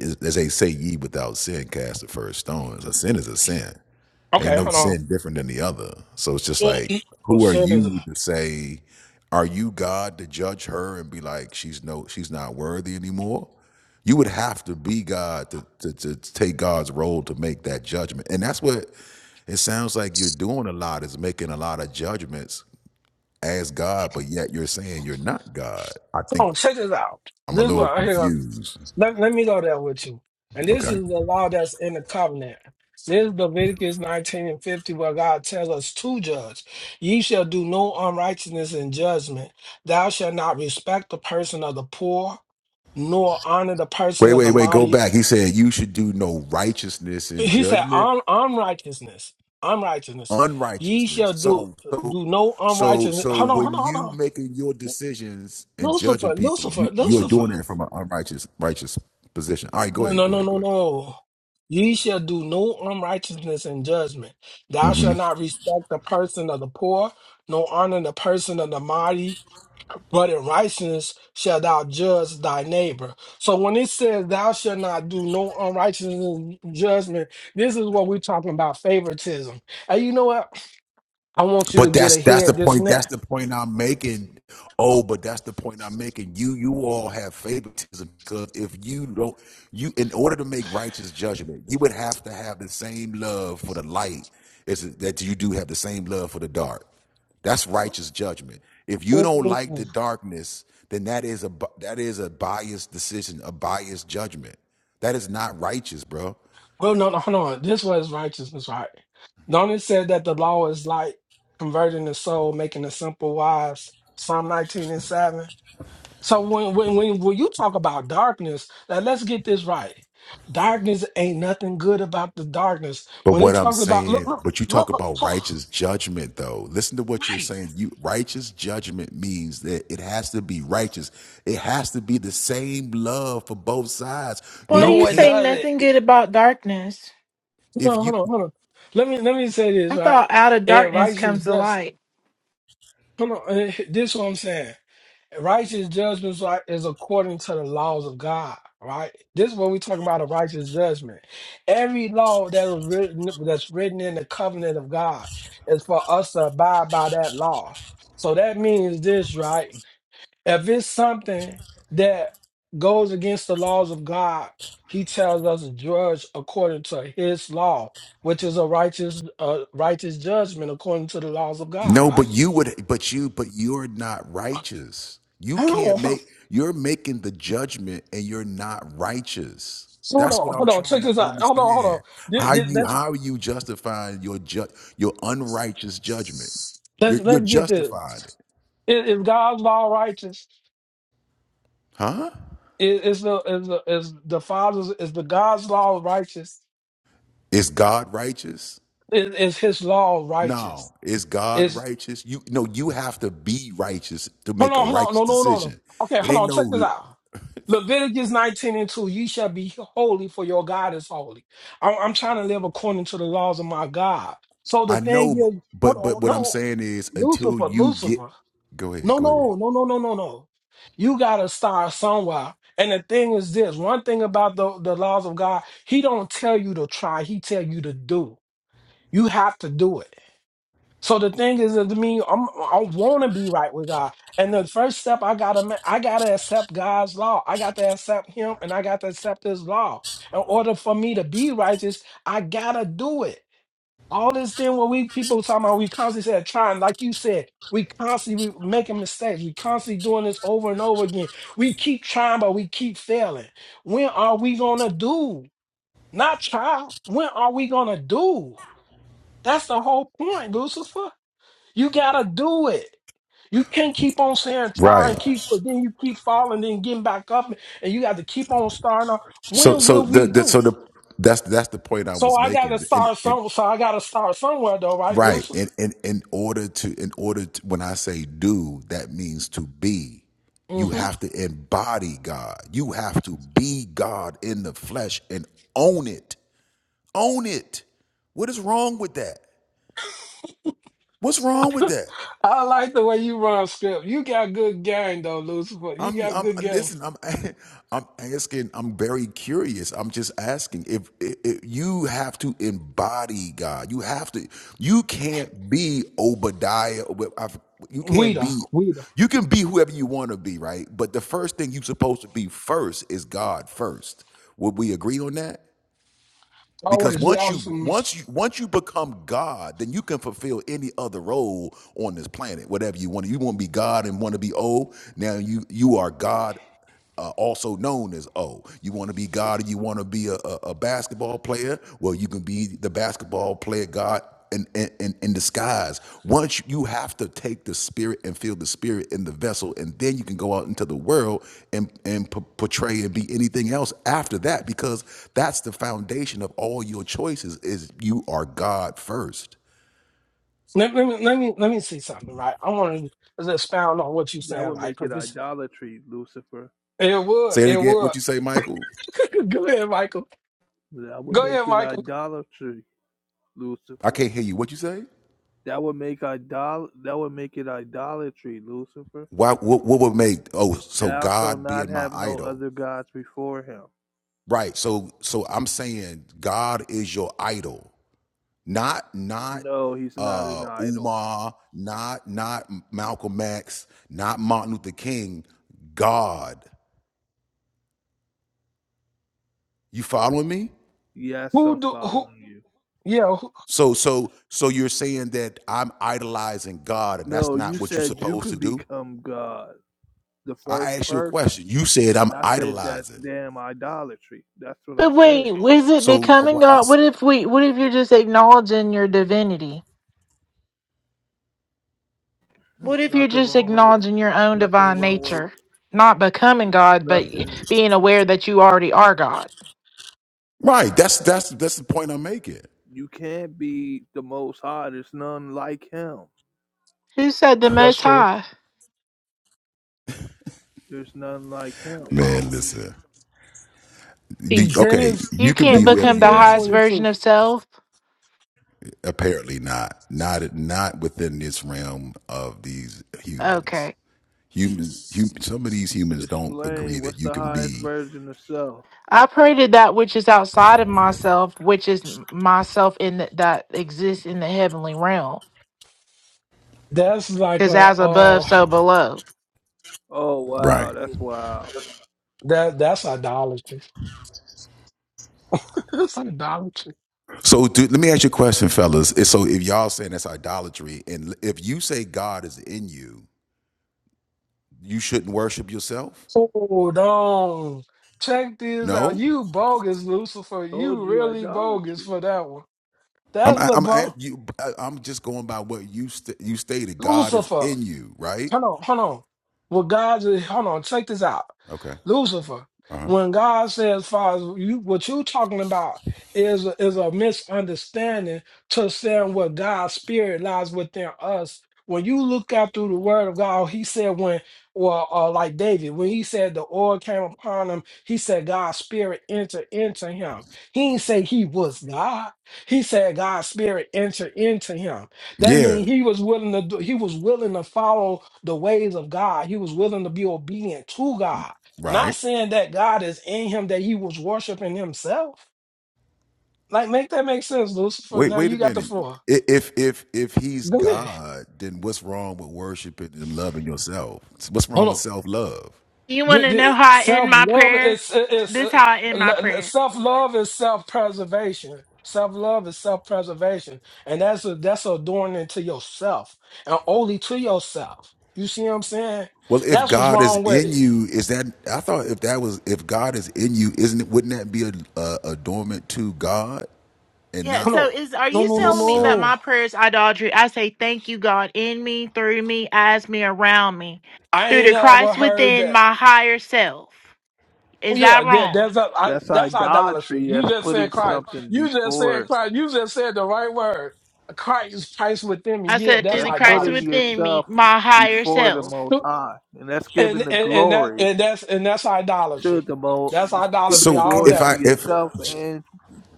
as as they say, ye without sin cast the first stone. A sin is a sin. Ain't
okay,
no
hold on.
sin different than the other. So it's just like,
Oh,
who are
sin is
you to say, are you God to judge her and be like, she's no, she's not worthy anymore? You would have to be God to, to, to take God's role to make that judgment. And that's what it sounds like you're doing a lot is making a lot of judgments as God, but yet you're saying you're not God. I
Come
think
on, check this out.
I'm a
This one
little
right here.
confused.
Let, let me go there with you. And this is
Okay.
the law that's in the covenant. This is Leviticus 19 and 50, where God tells us to judge. Ye shall do no unrighteousness in judgment. Thou shalt not respect the person of the poor, nor honor the person
Wait,
of
wait,
the
wait, go
mighty.
back. He said you should do no righteousness in
He said,
judgment.
Un- unrighteousness. Unrighteousness. Ye shall
unrighteousness.
do
So so
do no
so
unrighteousness.
so
Hold on, hold
when
on, hold
you
on.
making your decisions and judging
Lucifer,
people,
Lucifer,
you you're
Lucifer.
doing it from an unrighteous righteous position. All right, go
No,
ahead,
no,
go
no,
ahead, go
no,
ahead.
no. Ye shall do no unrighteousness in judgment. Thou
Mm-hmm.
shalt not respect the person of the poor, nor honor the person of the mighty, but in righteousness shalt thou judge thy neighbor. So when it says thou shalt not do no unrighteousness in judgment, this is what we're talking about favoritism. And you know what? I want you to
But
get
that's that's the
ahead this and
point. That's
that.
the point I'm making. Oh, but that's the point I'm making. You you all have favoritism because if you don't, you in order to make righteous judgment, you would have to have the same love for the light as that you do have the same love for the dark. That's
Oh.
righteous judgment. If you don't
Ooh.
like the darkness, then that is a bu- that is a biased decision, a biased judgment. That is not righteous, bro.
Well, no, no, hold on. This was righteousness, right? Don't it say that the law is like converting the soul, making the simple wise? Psalm 19 and 7. So when when when, when you talk about darkness, now let's get this right. Darkness ain't nothing good about the darkness.
But
When it
what I'm
talks about look,
saying,
look,
but you talk
look,
about
look
righteous judgment though. Listen to what you're saying. You righteous judgment means that it has to be righteous. It has to be the same love for both sides.
Why do
You
no,
you
it
say
can't
doesn't.
nothing good about darkness?
Hold on,
if you
hold on, hold on. Let me let me say this,
I
right?
thought out of
And
darkness
righteous
comes the
just
light.
hold on. eh, This is what I'm saying. righteous judgments are, is according to the laws of God, right? This is what we're talking about a righteous judgment. Every law that was written that's written in the covenant of God is for us to abide by that law. So that means this, right? If it's something that goes against the laws of God, he tells us to judge according to his law, which is a righteous uh, righteous judgment according to the laws of God,
No,
right?
but you would but you but you're not righteous. You can't
Hold on.
make you're making the judgment and you're not righteous.
So hold
That's what
on,
I'm
hold on,
trying
check
to
this out. Hold on, hold on.
understand.
Th-
How
th-
you
Let's
how are you justifying your ju- your unrighteous judgment?
let's
You're, you're
let's get this.
justified.
Is, is God's law righteous?
Huh?
Is, is the is the is the Father's is the God's law righteous?
Is God righteous?
Is, is His law righteous?
No. Is God
Is
righteous? You no, you have to be righteous to
hold
make a
on, hold on,
righteous
no, no, no, no.
decision.
Okay,
It
hold
ain't
on, check this
no
out. Leviticus 19 and 2, ye shall be holy, for your God is holy. I'm, I'm trying to live according to the laws of my God. So the
I
thing
know
is, hold
but but
on,
what I'm
no,
saying is until
Lucifer,
you get
Lucifer.
go ahead,
No,
go ahead.
no, no, no, no, no, no. You gotta start somewhere. And the thing is this one thing about the, the laws of God, he don't tell you to try, he tell you to do. You have to do it. So the thing is to me, I'm, I want to be right with God, and the first step I gotta ma- I gotta accept God's law. I got to accept Him, and I got to accept His law. In order for me to be righteous, I gotta do it. All this thing what we people talking about, we constantly said trying, like you said, we constantly we making mistakes. We constantly doing this over and over again. We keep trying, but we keep failing. When are we gonna do? Not try. When are we gonna do? That's the whole point, Lucifer. You gotta do it. You can't keep on saying try
Right.
and keep, but then you keep falling, then getting back up, and you got to keep on starting. off.
So
When
so
will
the,
we
the
do?
so the that's that's the point I
So
was
I gotta
making. And,
start
and
some. So I gotta start somewhere, though, right,
Right.
Lucifer?
And in, in, in order to, in order to, when I say do, that means to be. You
Mm-hmm.
have to embody God. You have to be God in the flesh and own it. Own it. What is wrong with that? What's wrong with that?
I like the way you run script. You got good game though, Lucifer. You
I'm,
got
I'm
good game.
listen. I'm, I'm asking. I'm very curious. I'm just asking if, if, if you have to embody God, you have to. You can't be Obadiah. or I've- You can't
Weeda,
be.
Weeda.
You can be whoever you want to be, right? But the first thing you're supposed to be first is God first. Would we agree on that? Because
Always, we
once
always.
you
from-
once you once you become God, then you can fulfill any other role on this planet, whatever you want. You want to be God and want to be O. Now you you are God, uh, also known as O. You want to be God and you want to be a, a, a basketball player. Well, you can be the basketball player God in, in, in disguise. Once you have to take the spirit and feel the spirit in the vessel, and then you can go out into the world and, and p- portray and be anything else after that, because that's the foundation of all your choices is you are God first.
Let, let me, let me, let me see something, right? I want to just expound on what you
That
saying,
would
right?
make it
Because this,
idolatry, Lucifer.
it would,
Say it
it
again.
would.
What you say, Michael?
Go ahead, Michael.
That would
Go
make
ahead,
it
Michael.
idolatry,
I
Lucifer.
can't hear you. What you say?
That would make idol. That would make it idolatry, Lucifer.
Why? What, what would make? Oh, so
Thou shalt
God
not
being my
have no
idol,
other gods before him.
right? So, so I'm saying God is your idol. not not
No, he's not an
uh
idol.
Umar, not not Malcolm X, not Martin Luther King, God. You following me?
Yes, I'm
Who do who?
following you.
Yeah, who,
So so so you're saying that I'm idolizing God and that's
No, you
not what you're
said you
supposed to
could
do?
become God, the first
I asked you a
person,
question. You said I'm
and I said that's
idolizing.
damn idolatry. That's what I
But wait,
said.
is it
So uh,
becoming
what
God?
else?
What if we? What if you're just acknowledging your divinity? What
It's
if you're
nothing
just
wrong with it.
acknowledging your
It's
own
nothing
divine
wrong with. it.
nature, not becoming
It's
God, but
nothing.
being aware that you already are God?
Right, that's that's that's the point I'm making.
You can't be the most high. There's none like him.
Who said the
that's
Most
true.
High?
There's none like him.
Oh.
Man, listen. Do-
In
Okay,
Genesis,
you
You
can be
can't
whoever
Genesis
become
you
the
three
want to
highest
twenty
be.
version
two.
of self.
Apparently not. Not not within this realm of these humans.
Okay,
Humans, hum, some of these humans don't agree
Explain
that
what's
you
the
can
highest
be
version of self?
I pray to that which is outside of myself, which is myself in the, that exists in the heavenly realm.
That's like
Because
a
as above,
uh,
so below.
Oh
right.
wow, that's wild.
that that's idolatry. that's idolatry.
So do, let me ask you a question, fellas. So if y'all saying that's idolatry, and if you say God is in you, you shouldn't worship yourself.
Hold on. Check this out.
No,
You bogus, Lucifer.
Told
You
you
really bogus
idolatry.
for that one.
I'm
That's
I-
the
I'm
ball.
at you. I- I'm just going by what you st- you stated. God is
Lucifer.
in you, right?
Hold on, hold on. Well, God, hold on. Check this out,
Okay.
Lucifer.
Uh huh.
When God says, "Father, you," what you talking about is is a misunderstanding to saying what God's spirit lies within us. When you look out through the Word of God, He said when, well, uh, like David, when he said the oil came upon him, he said God's spirit entered into him. He didn't say he was God. He said God's spirit entered into him. That
Yeah.
means he was willing to do, he was willing to follow the ways of God. He was willing to be obedient to God.
Right.
Not saying that God is in him, that he was worshiping himself. Like, make that make sense, Lucifer.
Wait,
Now
wait a
you got the
minute.
floor.
I- If if if he's
Go ahead.
God, then what's wrong with worshiping and loving yourself? What's
Hold
wrong with
on.
self love?
You want to know how I end
Self
my
love
prayer?
is is
This how I end my prayer.
self love is self preservation. Self love is self preservation, and that's a, that's adorning to yourself and only to yourself. You see what I'm saying?
Well, if
That's what's
God is
wrong with
in
it.
you, is that I thought if that was if God is in you, isn't it? Wouldn't that be a, a, a dormant to God and
Yeah,
Hold
not
so
on.
is are
No,
you
no, no,
telling me that
yourself?
no.
my prayer is idolatry? I say thank you, God, in me, through me, as me, around me,
I
through
ain't
the
never
Christ
heard
within
that.
my higher self.
Oh
Is
yeah,
that
yeah.
wrong?
That's a, I,
That's
that's idolatry.
idolatry.
You
That's
just
putting
said Christ.
something
You just said
before.
Christ. You just said the right word. Christ, Christ within me.
I
Yeah,
said through
that's
the
That's
Christ
putting
idolatry.
within me,
yourself
my higher
before the
self.
most high. And that's giving
And
the
and and that
glory
and that's and that's
to
idolatry.
the most
That's
giving
idolatry
the
So
all
glory
if
to
day.
I if
yourself and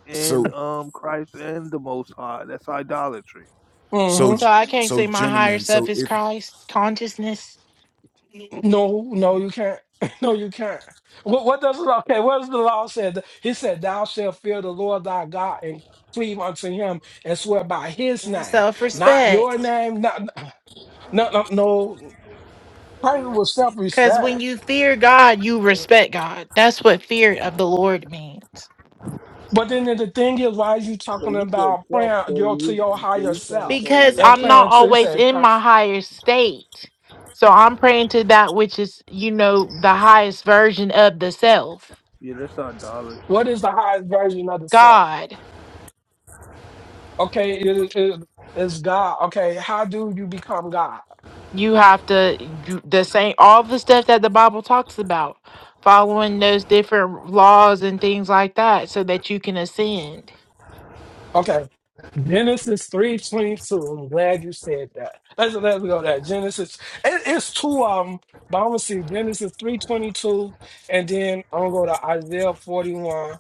and
so
um Christ and the most high. That's idolatry.
Mm-hmm.
so
So I can't
so
say my higher
gentlemen,
self
so
is
if
Christ consciousness.
No, no, you can't. No, you can't. What, what does the law? Okay, what does the law say? He said, "Thou shalt fear the Lord thy God and cleave unto Him and swear by His name,
Self
not your
respect.
name." Not, no, no, no. Praying with
Because when
self-respect.
you fear God, you respect God. That's what fear of the Lord means.
But then the thing is, why is you
So
talking
you said
about
self,
praying
so
your, to
you
your
so
higher
you trying to
self
call
Because
and
I'm
yourself
not
praying to you
God.
always
say,
in my
Christ,
higher state. So I'm praying to that which is, you know, the highest version of the self.
Yeah, that's idolatry.
what is the highest version of the self?
God,
Okay, it is it, it's God. Okay, how do you become God?
you have to, you, the same, all the stuff that the Bible talks about, following those different laws and things like that so that you can ascend.
Okay, Genesis 3.22. I'm glad you said that. Let's, let's go there. Genesis. It, it's two of them, but I'm going to see Genesis 3.22, and then I'm going to go to Isaiah 41.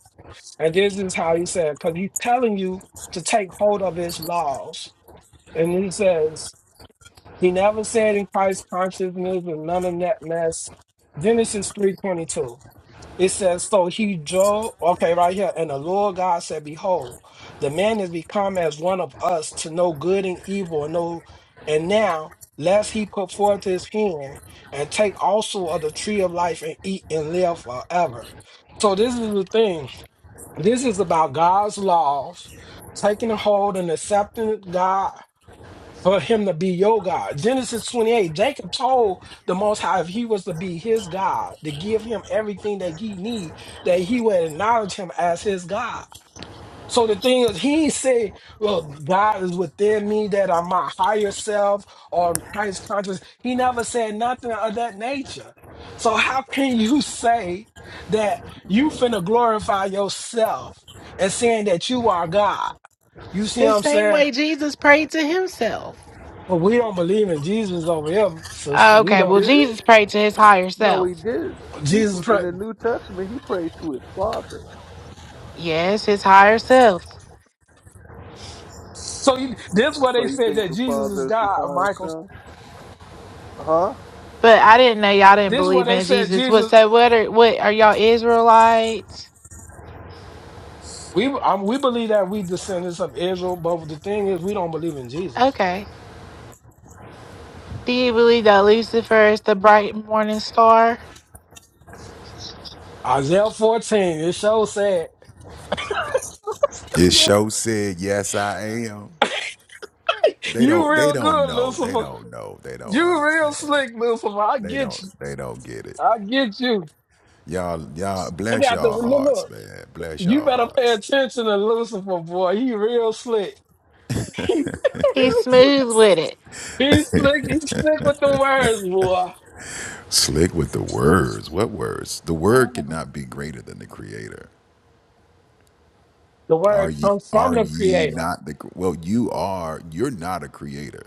And this is how he said, because he's telling you to take hold of his laws. And he says, he never said in Christ consciousness and none of that mess. Genesis 3.22. It says, so he drove, okay, right here. And the Lord God said, Behold, the man is become as one of us to know good and evil, and know, and now lest he put forth his hand and take also of the tree of life and eat and live forever. So this is the thing. This is about God's laws, taking a hold and accepting God for him to be your God. Genesis 28, Jacob told the Most High if he was to be his God, to give him everything that he need, that he would acknowledge him as his God. So the thing is, he ain't say, well, God is within me that I'm my higher self or Christ conscious. He never said nothing of that nature. So how can you say that you finna glorify yourself and saying that you are God? You see
The
what I'm
same
saying?
way Jesus prayed to himself.
Well, we don't believe in Jesus over here, sister. We
Okay,
You
well,
don't.
did?
Jesus prayed to his higher
No, he
self.
did. He
Jesus
in
Christ.
the New Testament he prayed to his father.
Yes, his higher self.
So you, this is what
So
they
you
said
think
that
the
Jesus is
father is his
God,
higher
Michael.
self? Huh?
But I didn't know y'all didn't
This is what
believe
they
in
said
Jesus. What
Jesus.
so what are what are y'all Israelites?
We um, we believe that we descendants of Israel, but the thing is, we don't believe in Jesus.
Okay. Do you believe that Lucifer is the bright morning star?
Isaiah 14, it so sad.
this show said yes, I am. They
you
don't. They
real
don't
good,
know. They
Lucifer.
don't know. They don't
You real
understand.
slick, Lucifer. I
They
get
don't.
you.
They don't get it.
I get you.
Y'all, y'all,
I
bless
got to
y'all
look.
hearts,
look,
man. Bless
You
y'all
better pay
hearts.
attention to Lucifer, boy. He real slick. He
He's
real slick.
smooth with it.
He slick, he slick with the words, boy.
Slick with the words. What words? The word cannot be greater than the creator.
The
Are
word
ye
comes from
are
the
ye
creator.
not the well, you are, you're not a creator.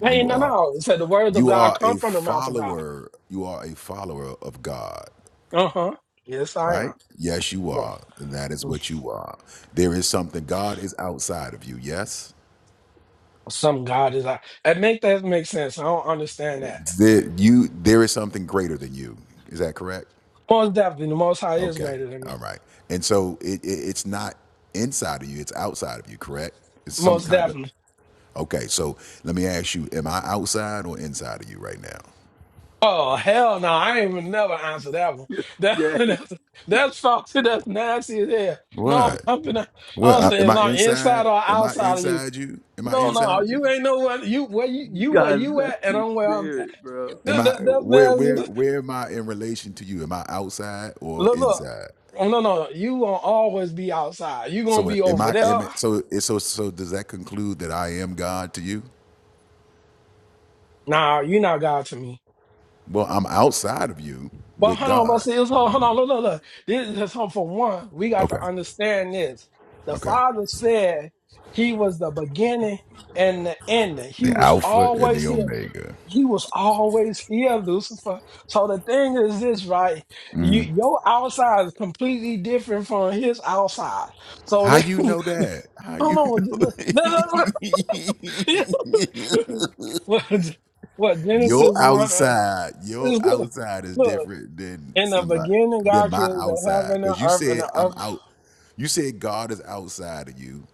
Hey,
You
no,
are
no. It said the words of
you
God
are
come
a
from the mouth of God.
follower. You are a follower of God,
Uh-huh. Yes, I am.
right? Yes, you
Well,
are. That is what you are. There is something God is outside of you, yes?
some God is I that make that make sense. I don't understand that.
There, you there is something greater than you. Is that correct?
Most definitely, the most high is
Okay.
greater than me.
All right. And so it, it it's not inside of you, it's outside of you, correct? It's some
Most
kind of
definitely.
Okay, so let me ask you, am I outside or inside of you right now?
Oh hell no, I ain't even never answer that one.
It's
That,
gay.
that's that's foxy, that's nasty as hell. No,
What?
I'm not,
What
I'm
uh, am
saying if
I
I'm inside
inside?
or
Am I
outside of you.
inside you? Am I
No, no,
inside you?
you ain't know what you where you,
You
you where
guys
you
that's
at, and
the
I'm where I'm at.
spirit, bro.
Am
That,
I
that, that's
where where
that's-
where am I in relation to you? Am I outside or
look, look.
inside?
Oh, no, no, you gonna always be outside. You gonna
So
be
am
over
I
there.
am I, so so so does that conclude that I am God to you?
Nah, you not God to me.
Well, I'm outside of you
But
with
hold on, but
God.
see, it's, hold hold on, look, look, look. This is something for one. We got to
Okay.
understand this. The
Okay.
Father said He was the beginning and the ending. He
The
was
Alpha and
always
the
here.
Omega.
He was always here, Lucifer. So the thing is this, right? You,
Mhm.
your outside is completely different from his outside. So
How
I
you know that? How
don't
you
know. Look, look, look,
know?
look. what, what Genesis
Your
one uh,
outside, your
is good.
outside is
Look,
different than
in the
somebody
beginning,
than
God
my
created the
outside.
heaven and
Cause you
earth, and
said
the
I'm
earth.
out. You said God is outside of you,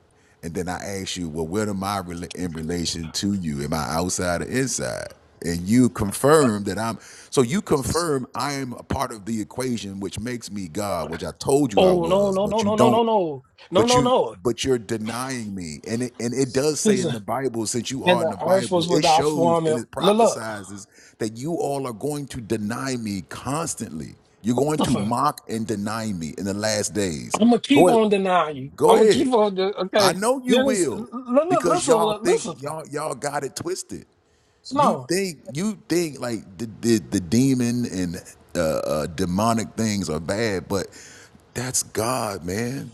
and then I asked you, well, what am I rela- in relation to you? Am I outside or inside? And you confirmed that I'm. So you confirm I am a part of the equation, which makes me God, which I told you I
Oh no,
was.
no,
But
no,
you
no, no,
don't.
no, no, no,
but
no,
you
no.
but you're denying me and it, and it does say in
Listen,
the bible since you
and
are in
the
the
earth was
bible it
without
shows
form.
and
And
it
look, look,
prophesizes that you all are going to deny me constantly you're going to
Lucifer.
mock and deny me in the last days
I'm gonna keep
go ahead
on denying you.
go
I'm gonna
ahead
keep on. De-
i
okay,
know you
Dennis,
will
l- l- l-
because
listen,
y'all
l-
think
listen,
y'all y'all got it twisted you
slow.
think you think like the the, the demon and uh, uh demonic things are bad but that's god man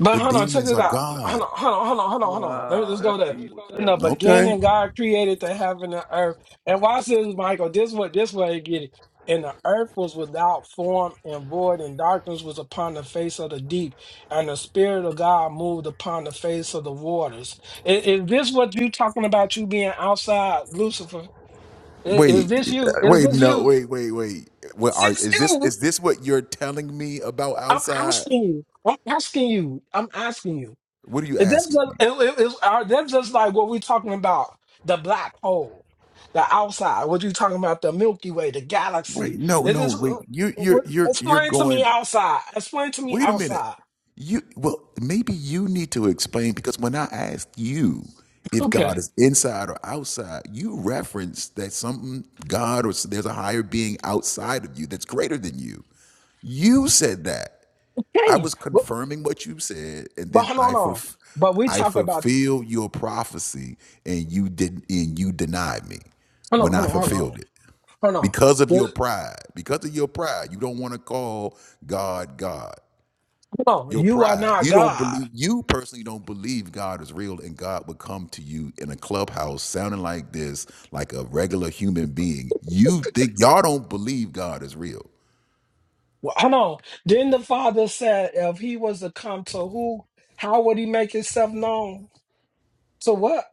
But
the
hold on, check
demons
this
are
out. Hold
god
on, hold on, hold on, hold on, hold on. Let me
Wow,
just
that's
go there.
evil as
In the
hell.
Okay.
beginning, God created the heaven and earth. And watch this, Michael. This what this way you get it. And the earth was without form and void, and darkness was upon the face of the deep, and the spirit of God moved upon the face of the waters. Is, is this what you talking about? You being outside, Lucifer? I- Is,
Wait.
this you?
uh,
Is
Wait.
this
No.
you?
Wait. Wait. Wait. What are
Since
is this?
you,
Is this what you're telling me about
I'm
outside?
asking you. I'm asking you. I'm asking you.
What are you
Is this
asking
just,
me?
it, it, it, are this just like what we are talking about? The black hole, the outside. What you talking about? The Milky Way, the galaxy.
Wait. No.
Is
No.
this?
Wait. You. You're.
What,
You're. You're
explain to me
going.
outside. Explain to me
Wait a minute.
outside.
You. Well, maybe you need to explain because when I asked you if God
Okay.
is inside or outside, you referenced that something God or s- there's a higher being outside of you that's greater than you. You said that. I
Okay.
was
but
confirming what you said, and
but
then
hold on.
I
on.
fulf-
But we
I
talk about.
fulfilled your prophecy, and you didn't, and you denied me
Hold
when
on.
I
Hold on. Hold on.
fulfilled it
Hold on.
because of your
The-
pride. Because of your pride, you don't want to call God God.
Hold on.
Your
You are
pride.
not
You don't
God.
believe. You personally don't believe God is real, and God would come to you in a clubhouse sounding like this, like a regular human being. You think y'all don't believe God is real.
Well, hold on. Then the father said, if he was to come to who, how would he make himself known? So what?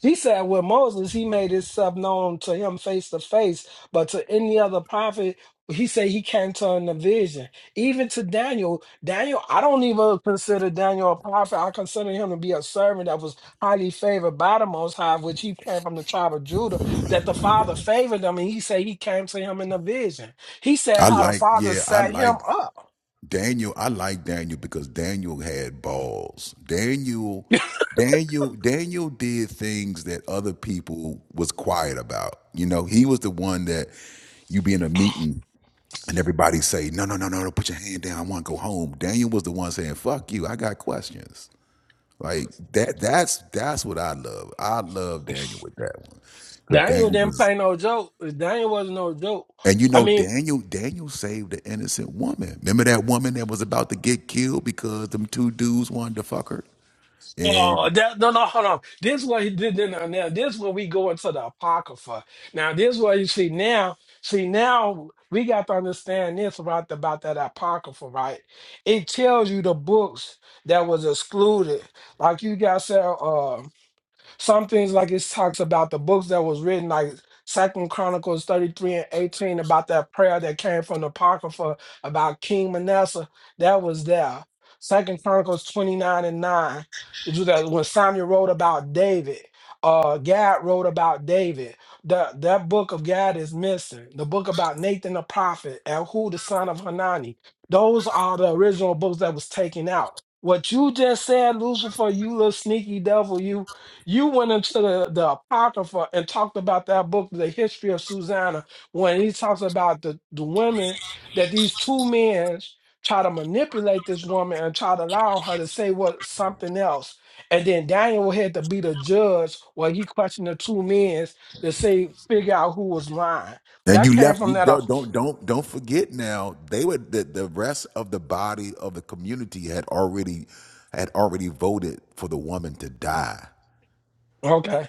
He said with Moses, he made his stuff known to him face to face, but to any other prophet, he said he can't turn the vision. Even to Daniel, Daniel, I don't even consider Daniel a prophet. I consider him to be a servant that was highly favored by the Most High, which he came from the tribe of Judah, that the Father favored him, and he said he came to him in a vision. He said
I
how the
like,
Father
yeah, I
set him
like
up.
Daniel, I like Daniel because Daniel had balls. Daniel, Daniel, Daniel did things that other people was quiet about. You know, he was the one that you be in a meeting and everybody say, "No, no, no, no, no, put your hand down. I want to go home." Daniel was the one saying, "Fuck you. I got questions." Like that. That's that's what I love. I love Daniel with that one because
Daniel
Daniel
didn't
was
play no joke. Daniel wasn't no joke.
and you
I
know,
mean,
Daniel, Daniel saved an innocent woman. Remember that woman that was about to get killed because them two dudes wanted to fuck her?
Oh,
And
that no, no, hold on. This is what he did now. Now this is where we go into the apocrypha. Now this is where you see now. See now we got to understand this about the, about that apocrypha, right? It tells you the books that was excluded. Like you guys said. uh, some things like it talks about the books that was written, like Second Chronicles 33 and 18, about that prayer that came from the Apocrypha about King Manasseh. That was there. Second Chronicles 29 and 9. It was that when Samuel wrote about David. Uh, Gad wrote about David. That that book of Gad is missing. The book about Nathan the prophet, and who the son of Hanani. Those are the original books that was taken out. What you just said, Lucifer, you little sneaky devil, you you went into the, the Apocrypha and talked about that book, The History of Susanna, when he talks about the, the women that these two men try to manipulate this woman and try to allow her to say what something else. And then Daniel had to be the judge where he questioned the two men to say, figure out who was lying.
then
That
you
came
left.
from
You
that. Ap-
don't don't don't don't forget now, they were the, the rest of the body of the community had already had already voted for the woman to die.
Okay,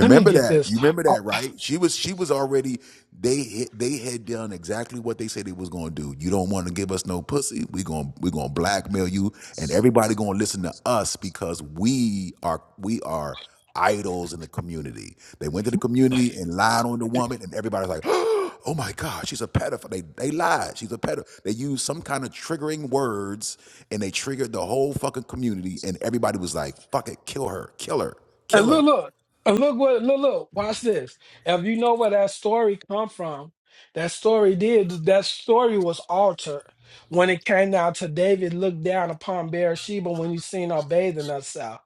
let me get
that.
this.
You remember
Uh,
that, right? She was she was already they they had done exactly what they said they was going to do. You don't want to give us no pussy. We going to we going to blackmail you and everybody going to listen to us because we are we are idols in the community. They went to the community and lied on the woman and everybody's like, "Oh my god, she's a pedophile." They they lied. She's a pedophile. They used some kind of triggering words and they triggered the whole fucking community and everybody was like, "Fuck it, kill her. Kill her.
And
Kill
look,
her."
look, and look what, look, look, watch this. If you know where that story come from, that story did, that story was altered when it came down to David looked down upon Bathsheba when he seen her bathing herself.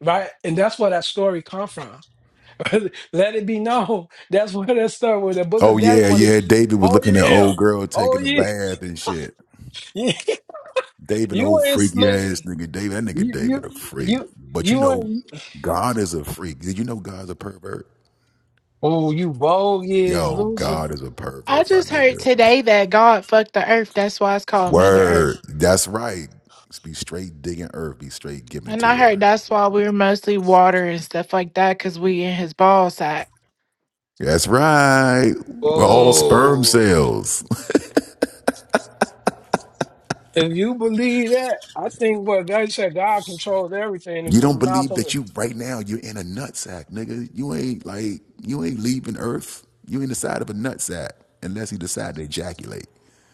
Right, and that's where that story come from. Let it be known that's where that story, where the Book of
Oh
Daniel,
yeah,
what it's.
yeah. David was
Oh
looking at
yeah,
old girl
oh
taking a
yeah,
bath and shit. David,
you
old
ain't
freaky ass
slick.
nigga. David, that nigga
You you
David a freak.
you
But you
you
know,
ain't.
God is a freak. Did you know God's a pervert?
Oh, you bogus,
Yo, God
Lucifer.
is a
I
pervert, my
just heard
nigga.
today that God fucked the earth. That's why it's called Mother Earth.
Word. That's right. Be straight digging earth. Be straight giving it
And
to
I heard
her.
that's why we were mostly water and stuff like that because we in his ball sack.
That's right. We're all sperm
Oh.
cells.
If you believe that, I think what they said, God controls everything, and
You
from the
don't
mouth
believe
of
that
it,
you right now you're in a nutsack, nigga. You ain't like you ain't leaving Earth. You in the side of a nutsack unless you decide to ejaculate.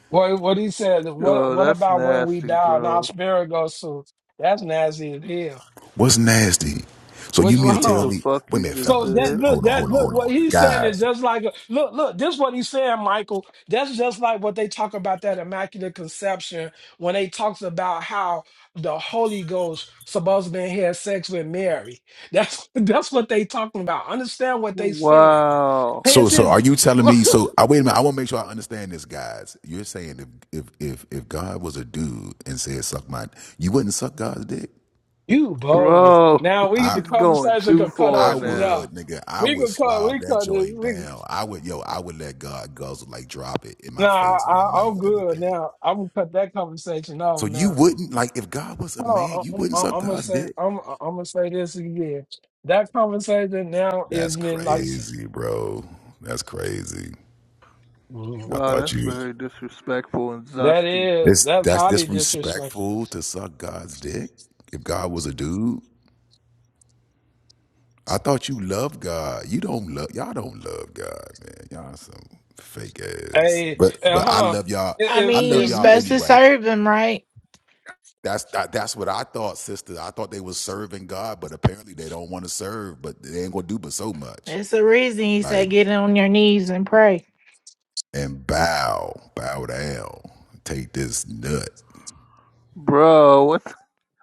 what what he said, what
Yo,
what
that's
about when we
nasty,
die and our
bro.
spirit goes to? That's nasty as hell.
What's nasty? So
What,
you mean to
hold
What
tell
the
on.
me?
fuck
Wait a
you
minute,
just
So
fellas.
that
Listen,
said?
look,
hold on,
that
hold on,
look,
hold
what
on,
he's saying is
guys.
just like look, look. This what he's saying, Michael. That's just like what they talk about that immaculate conception when they talks about how the Holy Ghost supposed to been had sex with Mary. That's that's what they talking about. Understand what they saying.
Wow.
Pay
So, so are
attention.
you telling me? So, I wait a minute. I want to make sure I understand this, guys. You're saying if if if if God was a dude and said suck my, you wouldn't suck God's dick.
you bogus.
Bro,
Now we
I.
the
he's going
conversation
too
could cut
far
I
off from
now.
now.
would, nigga, I
We
would
could cut.
slob
We
that
cut. it.
joint
We,
down. I would, yo, I would let God guzzle, like drop it in my
nah,
face, in my
I, I'm
mouth,
good
everything.
now. I'm gonna cut that conversation off
So you
now.
wouldn't, like, if God was a
Hold
man, you
on. I'm,
wouldn't
I'm,
suck
I'm gonna
God's
say.
dick?
I'm, I'm gonna say this again. That conversation now
That's
is been like
crazy, bro. That's crazy. I
Wow,
thought
that's
you,
very disrespectful and
that
zesty.
is
it's,
that's
that's
highly disrespectful.
disrespectful to suck God's dick if God was a dude. I thought you loved God. You don't love, y'all don't love God, man. Y'all some fake ass.
Hey,
But, but
and hold
I
on.
love y'all.
If
I
I
if
mean,
love
you're
if
y'all
you
supposed to
anyway.
serve him, right?
That's that, that's what I thought, sister. I thought they was serving God, but apparently they don't want to serve. But they ain't gonna do but so much.
That's the reason he
Like
said get on your knees and pray.
and bow, bow down, take this nut.
Bro, what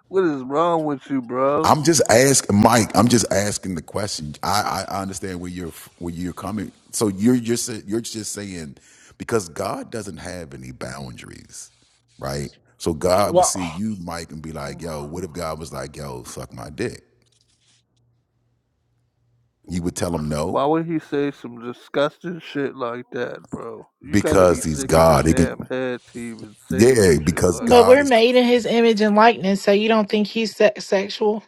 what is wrong with you, bro?
I'm just asking, Mike. I'm just asking the question. I, I I understand where you're where you're coming. So you're you're sa- you're just saying because God doesn't have any boundaries, right? So God would
well,
see you, Mike, and be like, "Yo, what if God was like, yo, suck my dick?" You would tell him no
Why would he say some disgusting shit like that, bro? You gotta be
because he's
sick in the
God. He can.
damn head to even say some
Yeah,
shit
because
like
But
God
we're
that.
is
made in his image and likeness, so you don't think he's se- sexual?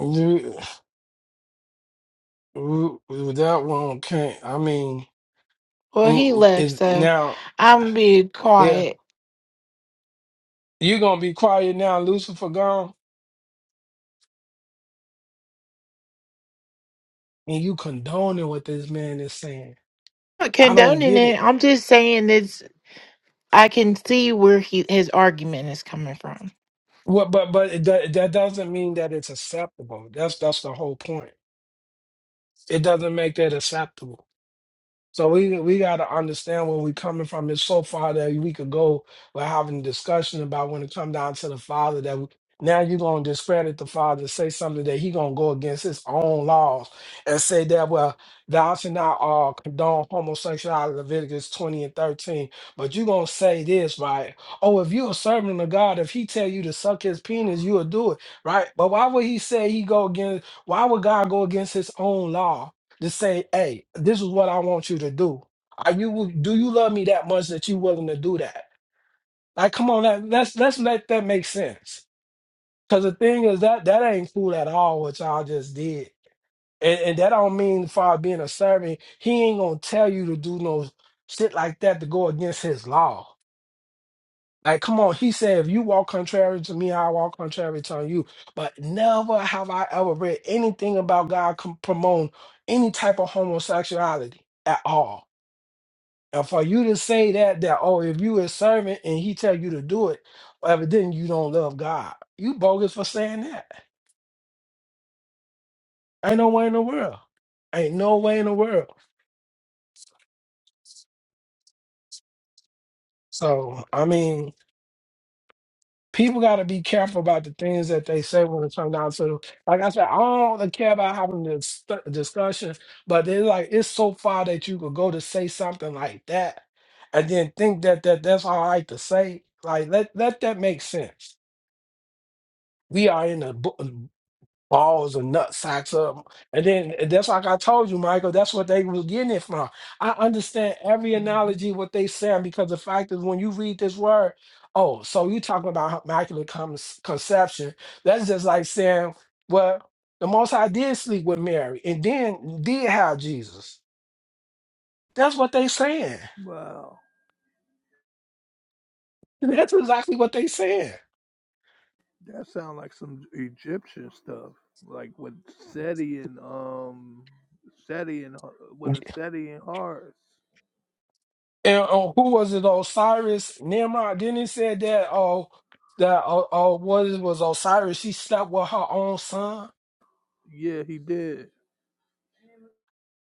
you- you- that one can't. I mean.
Well, he
Mm,
left,
is
so
now,
I'm being
yeah,
quiet.
you're gonna be quiet now, Lucifer gone, and you condoning what this man is saying.
Not
I don't
condoning
get
it.
it.
I'm just saying this. I can see where he his argument is coming from.
What, but but it, do- that doesn't mean that it's acceptable. That's that's the whole point. It doesn't make that acceptable. So we we gotta understand where we're coming from. It's so far that we could go by having a discussion about when it come down to the father that we, now you're gonna discredit the father, say something that he gonna go against his own laws and say that well thou shalt not uh, condone homosexuality, Leviticus 20 and 13. But you gonna say this, right? Oh, if you're a servant of God, if he tell you to suck his penis, you'll do it, right? But why would he say he go against why would God go against his own law? to say, "Hey, this is what I want you to do. Are you do you love me that much that you willing to do that?" Like, come on, let, let's let's let that make sense. Because the thing is that that ain't cool at all what y'all just did, and, and that don't mean far being a servant. He ain't gonna tell you to do no shit like that to go against his law. Like, come on, he said, if you walk contrary to me, I walk contrary to you. But never have I ever read anything about God com- promoting any type of homosexuality at all And for you to say that that oh, if you a servant and he tell you to do it, well, evidently you don't love God. You bogus for saying that. Ain't no way in the world. Ain't no way in the world. So I mean, people got to be careful about the things that they say when it comes down to. Like I said, I don't really care about having this stu- discussion, but they like it's so far that you could go to say something like that, and then think that that that's all right to say. Like let let that make sense we are in a book. balls or nut sacks up. And then and that's like I told you, Michael, that's what they was getting it from. I understand every
hmm
analogy what they saying because the fact is when you read this word, oh, so you talking about immaculate con- conception. That's just like saying, well, the most high did sleep with Mary and then did have Jesus. That's what they saying.
Wow,
That's exactly what they saying.
that sounds like some Egyptian stuff, like with Seti and um Seti and H- with a Seti and Horus.
And uh, who was it? Osiris Nimrod. Then he said that oh that uh, uh what it was Osiris? She slept with her own son.
Yeah, he did.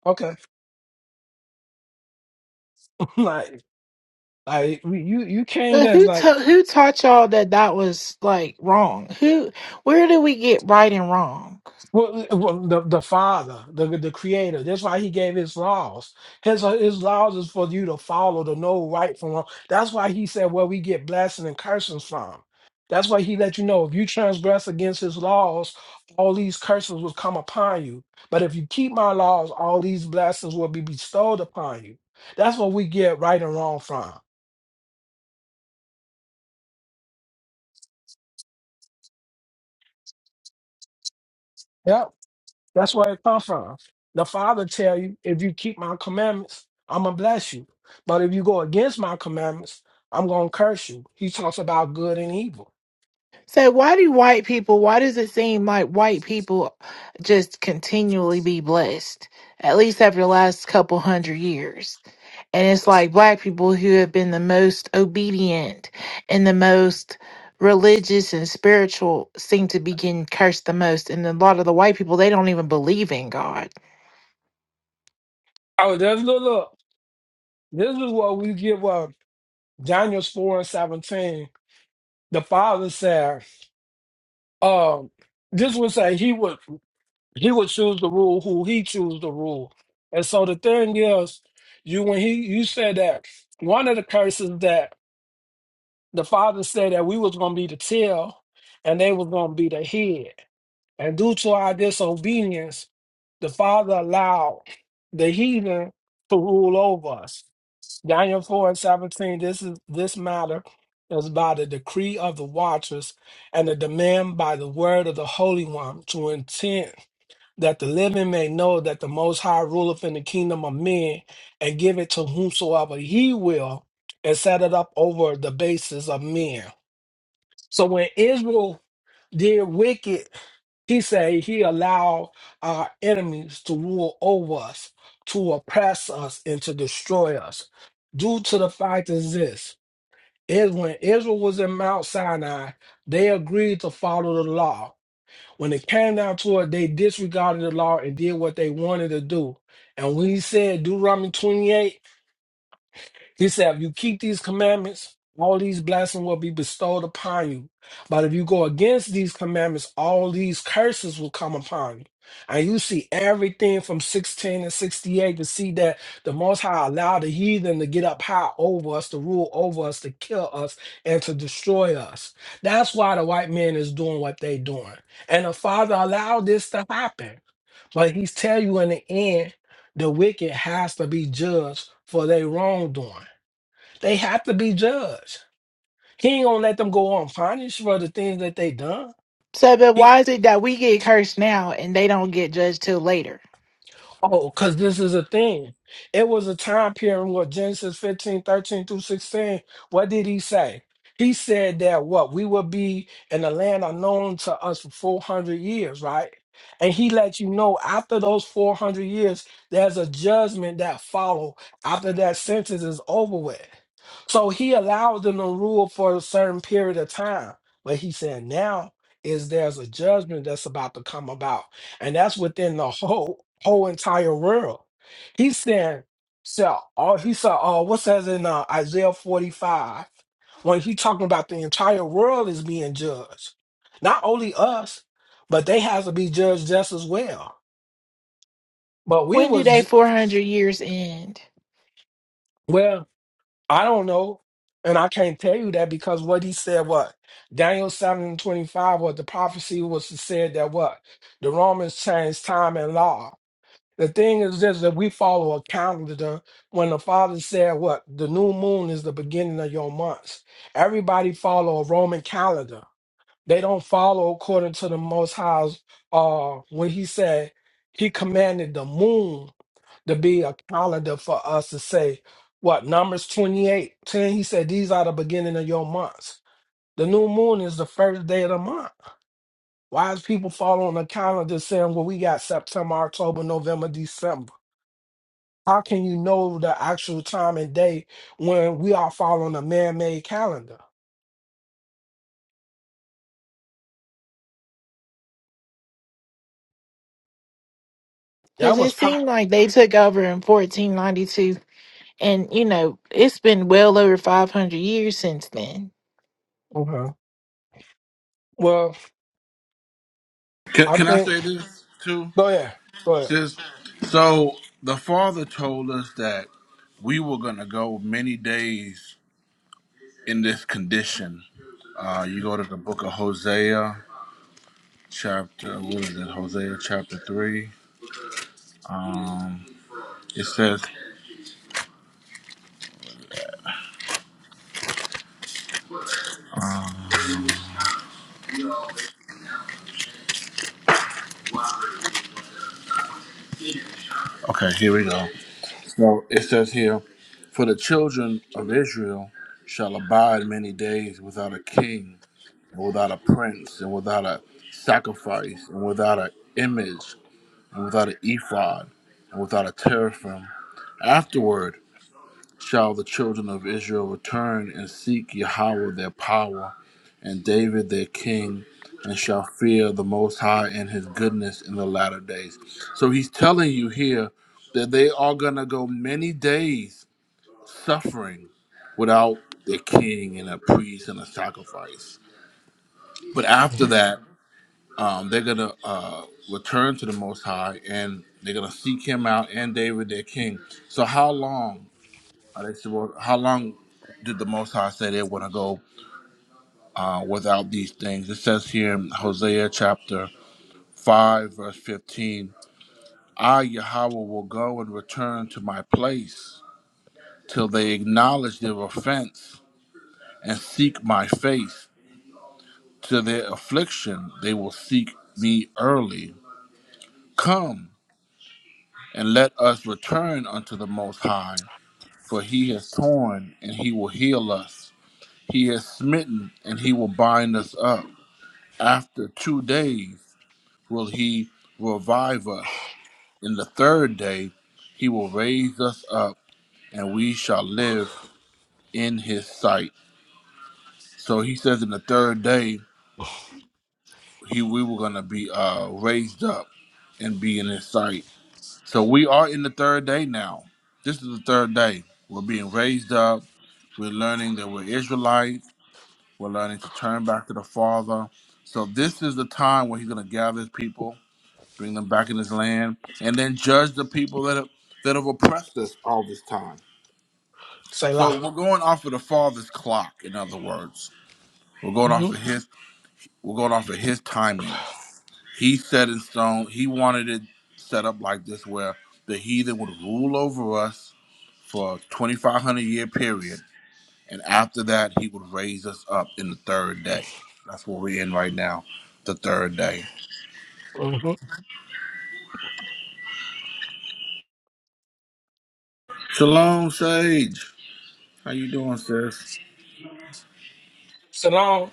Okay, like like you you came
But
as
who
like
ta- who taught y'all that that was like wrong? Who? Where do we get right and wrong?
Well, uh, well, the the Father, the the Creator. That's why He gave His laws. His uh, His laws is for you to follow, to know right from wrong. That's why He said where we get blessings and cursings from. That's why He let you know if you transgress against His laws, all these curses will come upon you. But if you keep My laws, all these blessings will be bestowed upon you. That's what we get right and wrong from. Yep. That's where it comes from. The Father tell you, if you keep my commandments, I'm gonna bless you. But if you go against my commandments, I'm gonna curse you. He talks about good and evil.
So why do white people, why does it seem like white people just continually be blessed? At least after the last couple hundred years. And it's like black people who have been the most obedient and the most religious and spiritual seem to be getting cursed the most. And a lot of the white people, they don't even believe in God.
Oh, there's look, look. This is what we give up. Daniel's four and seventeen. The Father said, um, this would say he would he would choose the rule who he choose the rule. And so the thing is, you when he you said that one of the curses that the father said that we was going to be the tail and they was going to be the head. And due to our disobedience, the father allowed the heathen to rule over us. Daniel 4 and 17, this is this matter is by the decree of the watchers and the demand by the word of the Holy One to intent that the living may know that the most high ruleth in the kingdom of men and give it to whomsoever he will and set it up over the basis of men. So when Israel did wicked, he said he allowed our enemies to rule over us, to oppress us, and to destroy us. Due to the fact is this is when Israel was in Mount Sinai, they agreed to follow the law. When it came down to it, they disregarded the law and did what they wanted to do. And we said Deuteronomy 28 he said, if you keep these commandments, all these blessings will be bestowed upon you. But if you go against these commandments, all these curses will come upon you. And you see everything from 16 and 68 to see that the Most High allowed the heathen to get up high over us, to rule over us, to kill us, and to destroy us. That's why the white man is doing what they doing. And the Father allowed this to happen. But He's tell you in the end, the wicked has to be judged for their wrongdoing. They have to be judged. He ain't gonna let them go unpunished for the things that they done.
So, but
He
why is it that we get cursed now and they don't get judged till later?
Oh, because this is a thing. It was a time period where Genesis 15 13 through 16, what did he say? He said that what we will be in a land unknown to us for 400 years, right? And he let you know after those 400 years, there's a judgment that follow after that sentence is over with. So he allowed them to rule for a certain period of time. But he said now is there's a judgment that's about to come about and that's within the whole whole entire world. He's saying, so all he said, oh, what says in uh, Isaiah 45, when he talking about the entire world is being judged, not only us, but they have to be judged just as well. But we
When do they
was
400 years end?
well, I don't know, and I can't tell you that because what he said, what Daniel 7 and 25, what the prophecy was said that what the Romans changed time and law The thing is this that we follow a calendar when the father said what the new moon is the beginning of your months. Everybody follow a Roman calendar. They don't follow according to the most high's uh when he said he commanded the moon to be a calendar for us to say what numbers 28 10 he said these are the beginning of your months. The new moon is the first day of the month. Why is people following a calendar saying well we got September, October, November, December? How can you know the actual time and day when we are following a man-made calendar? That
Because
was
it
pop.
seemed like they took over in 1492, and you know, it's been well over 500 years since then.
Okay. Well,
Can,
I
can I
think.
say this too?
Go ahead. Go ahead.
Sis? So the Father told us that we were gonna go many days in this condition. Uh, you go to the book of Hosea, chapter, what is it, Hosea chapter 3. Um, it says, okay, here we go. So it says here, For the children of Israel shall abide many days without a king, and without a prince, and without a sacrifice, and without an image, and without an ephod, and without a teraphim. Afterward, shall the children of Israel return and seek Yahweh their power, and David their king, and shall fear the Most High and his goodness in the latter days. So he's telling you here that they are going to go many days suffering without their king and a priest and a sacrifice. But after
Mm-hmm.
that, um, they're going to uh, return to the Most High and they're going to seek him out and David their king. So, how long? Uh, they said, well, how long did the Most High say they want to go uh, without these things? It says here in Hosea chapter 5, verse 15, I, Yahweh, will go and return to my place till they acknowledge their offense and seek my face. To their affliction, they will seek me early. Come and let us return unto the Most High, for he has torn and he will heal us. He has smitten and he will bind us up. After two days will he revive us. In the third day he will raise us up and we shall live in his sight. So he says in the third day he we were gonna be uh raised up and be in his sight. So we are in the third day now. This is the third day. We're being raised up. We're learning that we're Israelites. We're learning to turn back to the Father. So this is the time where he's gonna gather his people bring them back in this land, and then judge the people that have, that have oppressed us all this time.
Say
So
la.
we're going off of the Father's clock. In other words, we're going off of
Mm-hmm.
his. We're going off of his timing. He set in stone. He wanted it set up like this, where the heathen would rule over us for a 2,500 year period, and after that, he would raise us up in the third day. That's where we're in right now, the third day.
Mm-hmm.
Shalom, Sage. How you doing, sis?
So long.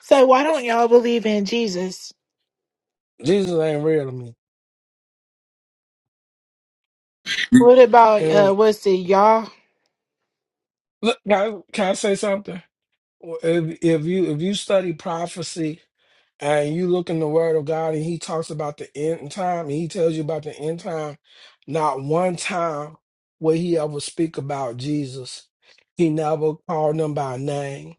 So, why don't y'all believe in Jesus?
Jesus ain't real to me.
What about,
And
uh, what's it, y'all?
look, can I, can I say something? Well, If, if you if you study prophecy and you look in the word of God and he talks about the end time and he tells you about the end time, not one time will he ever speak about Jesus. He never called them by name.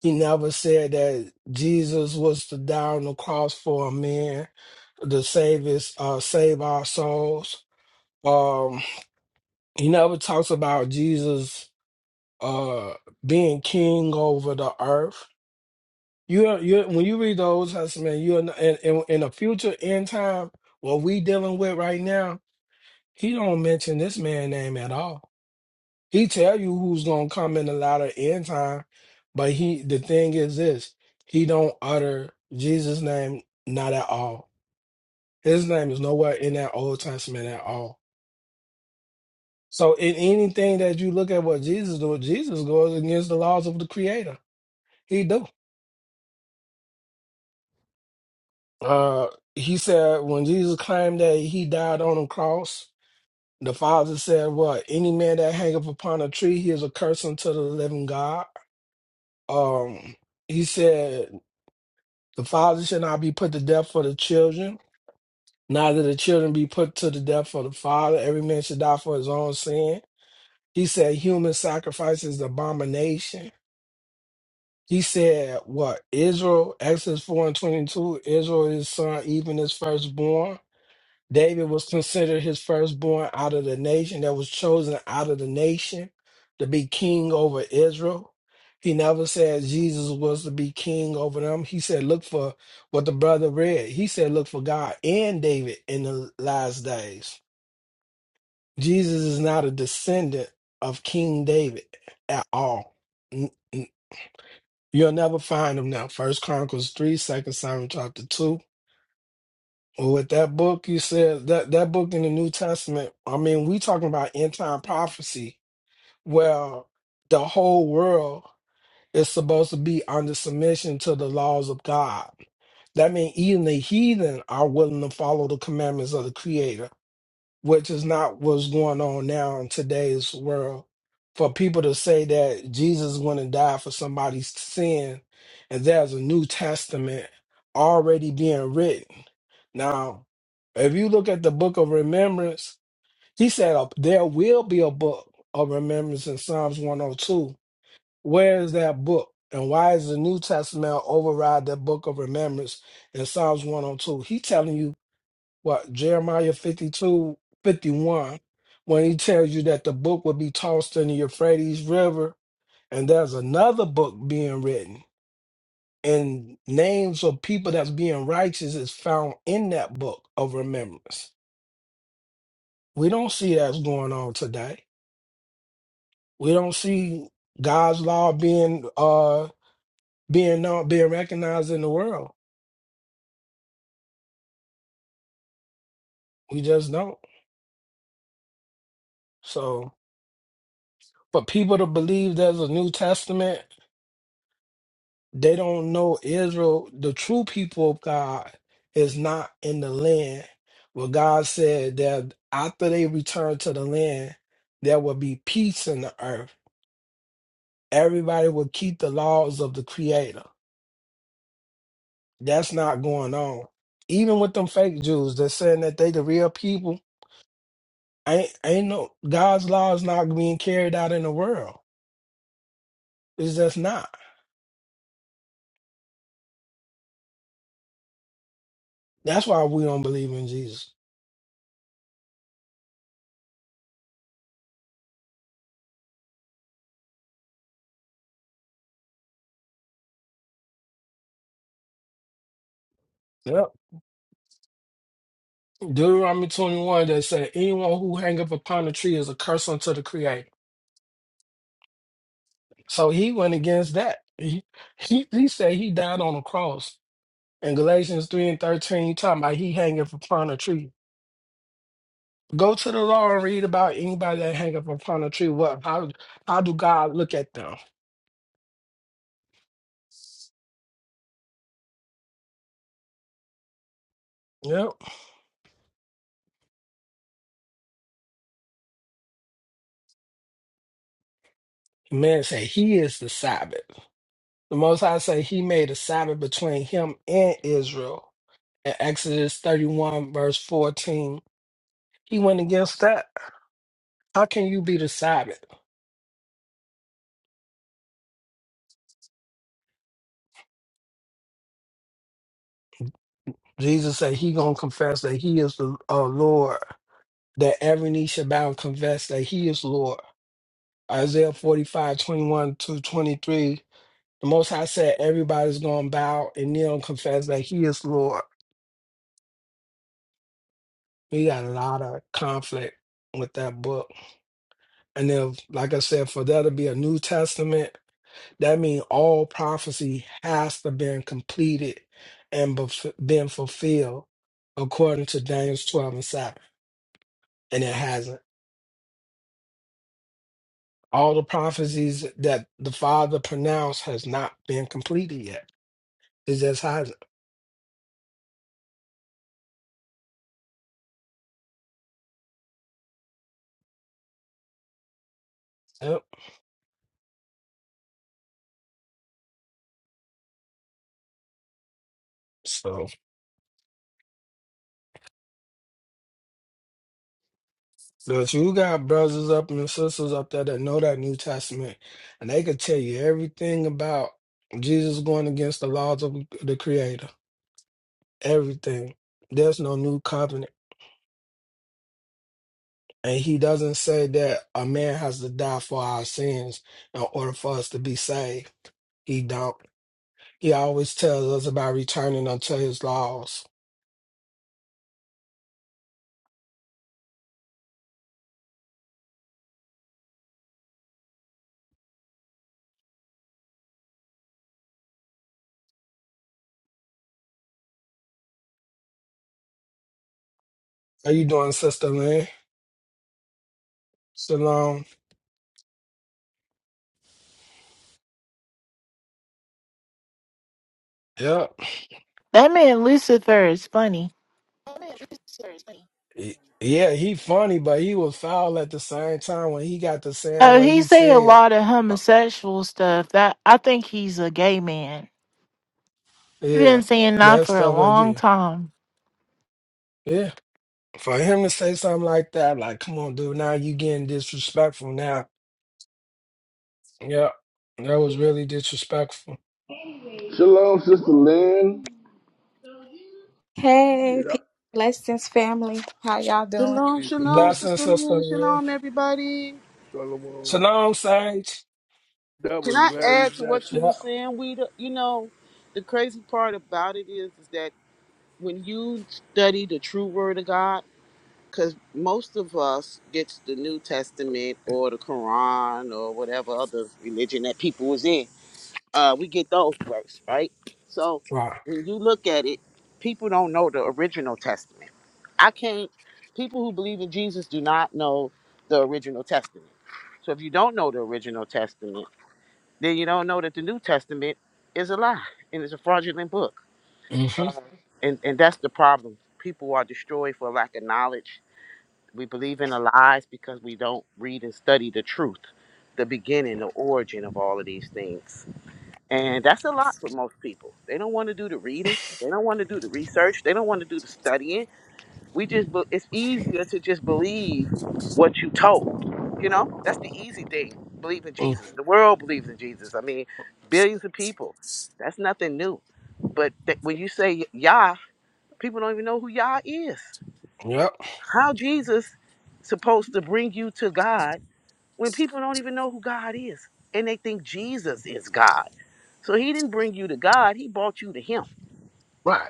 He never said that Jesus was to die on the cross for a man to save his uh save our souls. Um he never talks about Jesus uh being king over the earth you are you when you read the Old Testament, you're in, in in the future end time, what we dealing with right now, he don't mention this man name at all. He tell you who's gonna come in the latter end time, but he the thing is this, he don't utter Jesus' name not at all. His name is nowhere in that Old Testament at all. So in anything that you look at what Jesus do, Jesus goes against the laws of the Creator. He do. Uh, he said when Jesus claimed that he died on the cross, the Father said, "What any man that hangeth upon a tree, he is a curse unto the living God." Um, he said the Father should not be put to death for the children, neither the children be put to the death for the Father. Every man should die for his own sin. He said human sacrifice is an abomination. He said, "What Israel? Exodus four and twenty-two. Israel is son, even his firstborn." David was considered his firstborn out of the nation that was chosen out of the nation to be king over Israel. He never said Jesus was to be king over them. He said, look for what the brother read. He said, look for God and David in the last days. Jesus is not a descendant of King David at all. N- n- You'll never find him now. First Chronicles 3, Second Samuel chapter 2. Well, with that book you said that that book in the New Testament, I mean, we talking about end time prophecy. Well, the whole world is supposed to be under submission to the laws of God. That means even the heathen are willing to follow the commandments of the Creator which is not what's going on now in today's world. For people to say that Jesus went and died for somebody's sin, and there's a New Testament already being written. Now, if you look at the book of remembrance, he said uh, there will be a book of remembrance in Psalms 102. Where is that book? And why is the New Testament override that book of remembrance in Psalms 102? He telling you what Jeremiah 52 51, when he tells you that the book will be tossed in the Euphrates River, and there's another book being written, and names of people that's being righteous is found in that book of remembrance. We don't see that's going on today. We don't see God's law being uh being known, being recognized in the world. We just don't. So for people to believe there's a New Testament They don't know Israel, the true people of God, is not in the land. Well, God said that after they return to the land, there will be peace in the earth. Everybody will keep the laws of the Creator. That's not going on. Even with them fake Jews, they're saying that they the real people. Ain't ain't no God's law is not being carried out in the world. It's just not. That's why we don't believe in Jesus. Deuteronomy 21 that said, anyone who hang up upon a tree is a curse unto the creator. So he went against that. He, he, he said he died on a cross. In Galatians 3 and 13, you talking about he hangeth upon a tree. Go to the law and read about anybody that hang up upon a tree. What how how do God look at them? Yep. Man say he is the Sabbath. The most high say he made a Sabbath between him and Israel. In Exodus 31, verse 14. He went against that. How can you be the Sabbath? Jesus said he gonna confess that he is the uh, Lord, that every knee shall bow and confess that he is Lord. Isaiah 45 21 to 23. The Most High said everybody's gonna bow and kneel and confess that he is Lord. We got a lot of conflict with that book. And if, like I said, for there to be a New Testament, that means all prophecy has to been completed and bef- been fulfilled according to Daniel 12 and 7. and it hasn't. All the prophecies that the Father pronounced has not been completed yet. It just hasn't. Yep. So, so if you got brothers up and sisters up there that know that New Testament, and they could tell you everything about Jesus going against the laws of the Creator, everything. There's no new covenant. And he doesn't say that a man has to die for our sins in order for us to be saved. He don't. He always tells us about returning unto his laws How you doing, sister, man? Salam. Yep.
That man Lucifer is funny.
Amen. This is serious.
Y- Yeah, he funny, but he was foul at the same time when he got to saying
Oh,
what
he
he
say a
said.
lot of
Uh,
homosexual stuff. That I think he's a gay man. He's been
Yeah,
saying that
that
for a
stuff was
long
you.
time.
Yeah. For him to say something like that, like, come on, dude, now you getting disrespectful now. Yeah, that was really disrespectful.
Shalom, Sister Lynn.
Hey,
Get
peace,
up.
blessings, family. How y'all doing?
Shalom,
Peace and
shalom,
blessings.
Blessing,
sister,
sister,
Lynn,
man.
shalom, everybody.
Shalom.
Salam, Sage.
That
Can
was
I
very,
add to
that's
what you were
Yeah.
saying? We, you know, the crazy part about it is, is that when you study the true Word of God, because most of us gets the New Testament or the Quran or whatever other religion that people was in. uh, we get those works, right? So
Right.
when you look at it, people don't know the original testament. I can't. People who believe in Jesus do not know the original testament. So if you don't know the original testament, then you don't know that the New Testament is a lie and it's a fraudulent book.
Mm-hmm.
And and that's the problem. People are destroyed for lack of knowledge. We believe in the lies because we don't read and study the truth, the beginning, the origin of all of these things. And that's a lot for most people. They don't want to do the reading. They don't want to do the research. They don't want to do the studying. We just, be- it's easier to just believe what you told. You know, that's the easy thing. Believe in
Mm.
Jesus. The world believes in Jesus. I mean, billions of people. That's nothing new. But th- when you say Yah, people don't even know who Yah is.
Yep.
How Jesus supposed to bring you to God when people don't even know who God is and they think Jesus is God? So he didn't bring you to God, he brought you to him.
Right.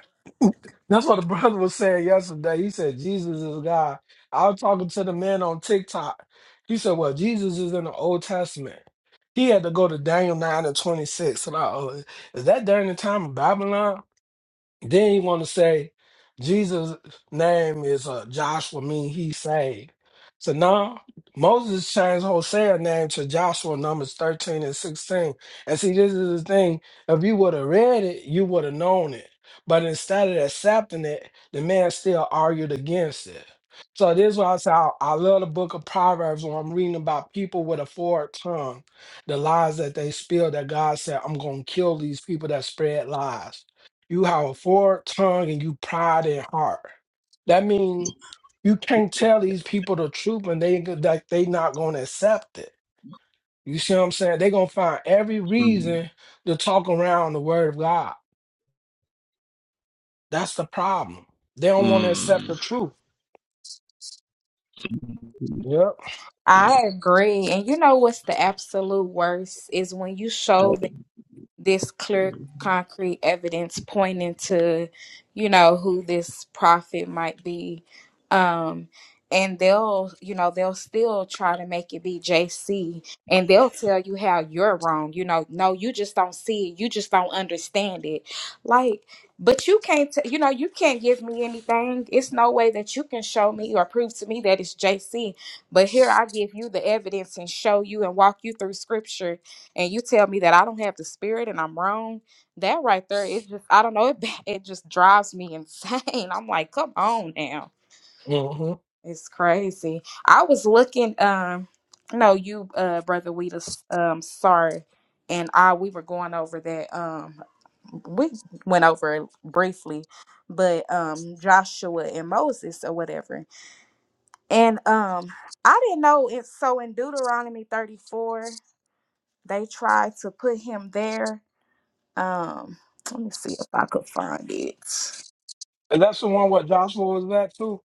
That's what the brother was saying yesterday. He said, Jesus is God. I was talking to the man on TikTok. He said, Well, Jesus is in the Old Testament. He had to go to Daniel 9 and 26. And I, oh, is that during the time of Babylon? Then he want to say Jesus' name is uh, Joshua, mean he saved. So now Moses changed Hosea's name to Joshua, Numbers 13 and 16. And see, this is the thing. If you would have read it, you would have known it. But instead of accepting it, the man still argued against it. So this is why I say I, I love the book of Proverbs when I'm reading about people with a forward tongue, the lies that they spill that God said, I'm going to kill these people that spread lies. You have a forward tongue and you pride in heart. That means you can't tell these people the truth and they like they not gonna accept it. You see what I'm saying? They're gonna find every
Mm.
reason to talk around the word of God. That's the problem. They don't want to
Mm.
accept the truth. Yep.
I agree. And you know what's the absolute worst is when you show this clear, concrete evidence pointing to, you know, who this prophet might be. Um, and they'll, you know, they'll still try to make it be JC and they'll tell you how you're wrong. You know, no, you just don't see it. You just don't understand it. Like, but you can't, t- you know, you can't give me anything. It's no way that you can show me or prove to me that it's JC. But here I give you the evidence and show you and walk you through scripture and you tell me that I don't have the spirit and I'm wrong, that right there, it just I don't know, it it just drives me insane. I'm like, come on now.
hmm
It's crazy. I was looking, um, no, you uh brother Weedus, um, sorry. And I we were going over that. Um we went over it briefly, but um Joshua and Moses or whatever. And um I didn't know it's so in Deuteronomy 34, they tried to put him there Um, let me see if I could find it.
And that's the one where Joshua was at too.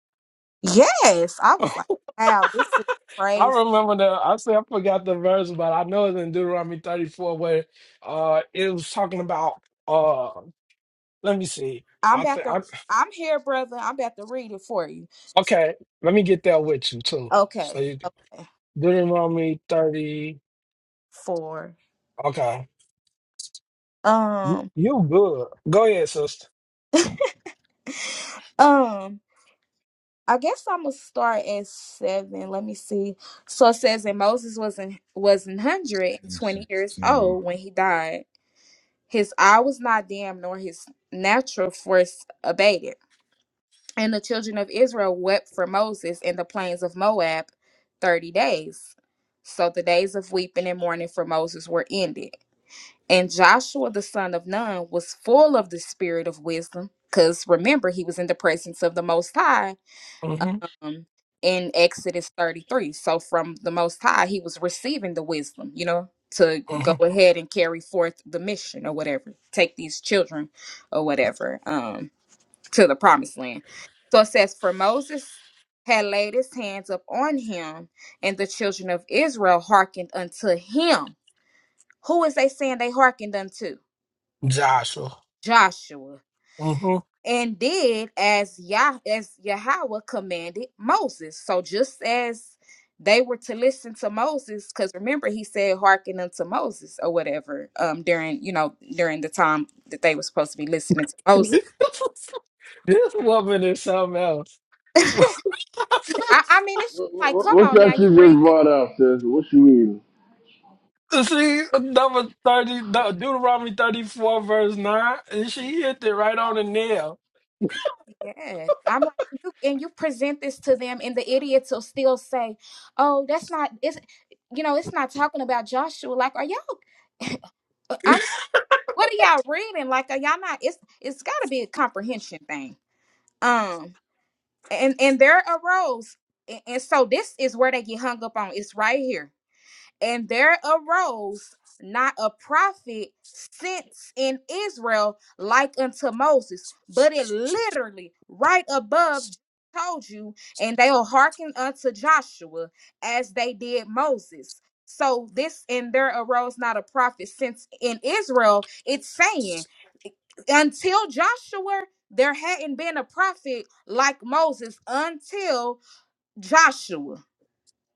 Yes, I was like, wow, this is
I
crazy.
remember the I say I forgot the verse, but I know it's in Deuteronomy 34 where uh it was talking about uh let me see.
I'm
I
about to,
think
I'm here, brother. I'm about to read it for you.
Okay, let me get that with you too. So
Okay,
you
okay.
Deuteronomy 30.
Four.
Okay. You,
Um,
you good. Go ahead, sister.
um. I guess I'm gonna start at seven. Let me see. So it says that Moses was in, was one hundred and twenty years
16.
old when he died. His eye was not dim, nor his natural force abated. And the children of Israel wept for Moses in the plains of Moab 30 days. So the days of weeping and mourning for Moses were ended. And Joshua the son of Nun was full of the spirit of wisdom because remember, he was in the presence of the Most High
Mm-hmm.
um, in Exodus 33. So from the Most High, he was receiving the wisdom, you know, to go
Mm-hmm.
ahead and carry forth the mission or whatever, take these children or whatever. Um, to the promised land. So it says, For Moses had laid his hands up on him, and the children of Israel hearkened unto him. Who is they saying they hearkened unto?
Joshua.
Joshua.
Mm-hmm.
And did as Yah as Yahweh commanded Moses. So just as they were to listen to Moses, because remember he said hearken unto Moses or whatever, um, during you know, during the time that they were supposed to be listening to Moses.
this woman is something else.
I, I mean, it's just
What,
like,
what,
come
what's
on now,
that you
you read
just
this.
brought out, sis? What you reading?
See, number 30, no, Deuteronomy 34, verse 9, and she hit it right on the nail.
Yes, I'm like you, and you present this to them, and the idiots will still say, "Oh, that's not it's, you know, it's not talking about Joshua." Like, are y'all? I mean, what are y'all reading? Like, are y'all not? It's it's got to be a comprehension thing. Um, and and there arose, and, and so this is where they get hung up on. It's right here. And there arose not a prophet since in Israel like unto Moses, but it literally right above told you, and they'll hearken unto Joshua as they did Moses. So this and there arose not a prophet since in Israel, it's saying until Joshua, there hadn't been a prophet like Moses until Joshua.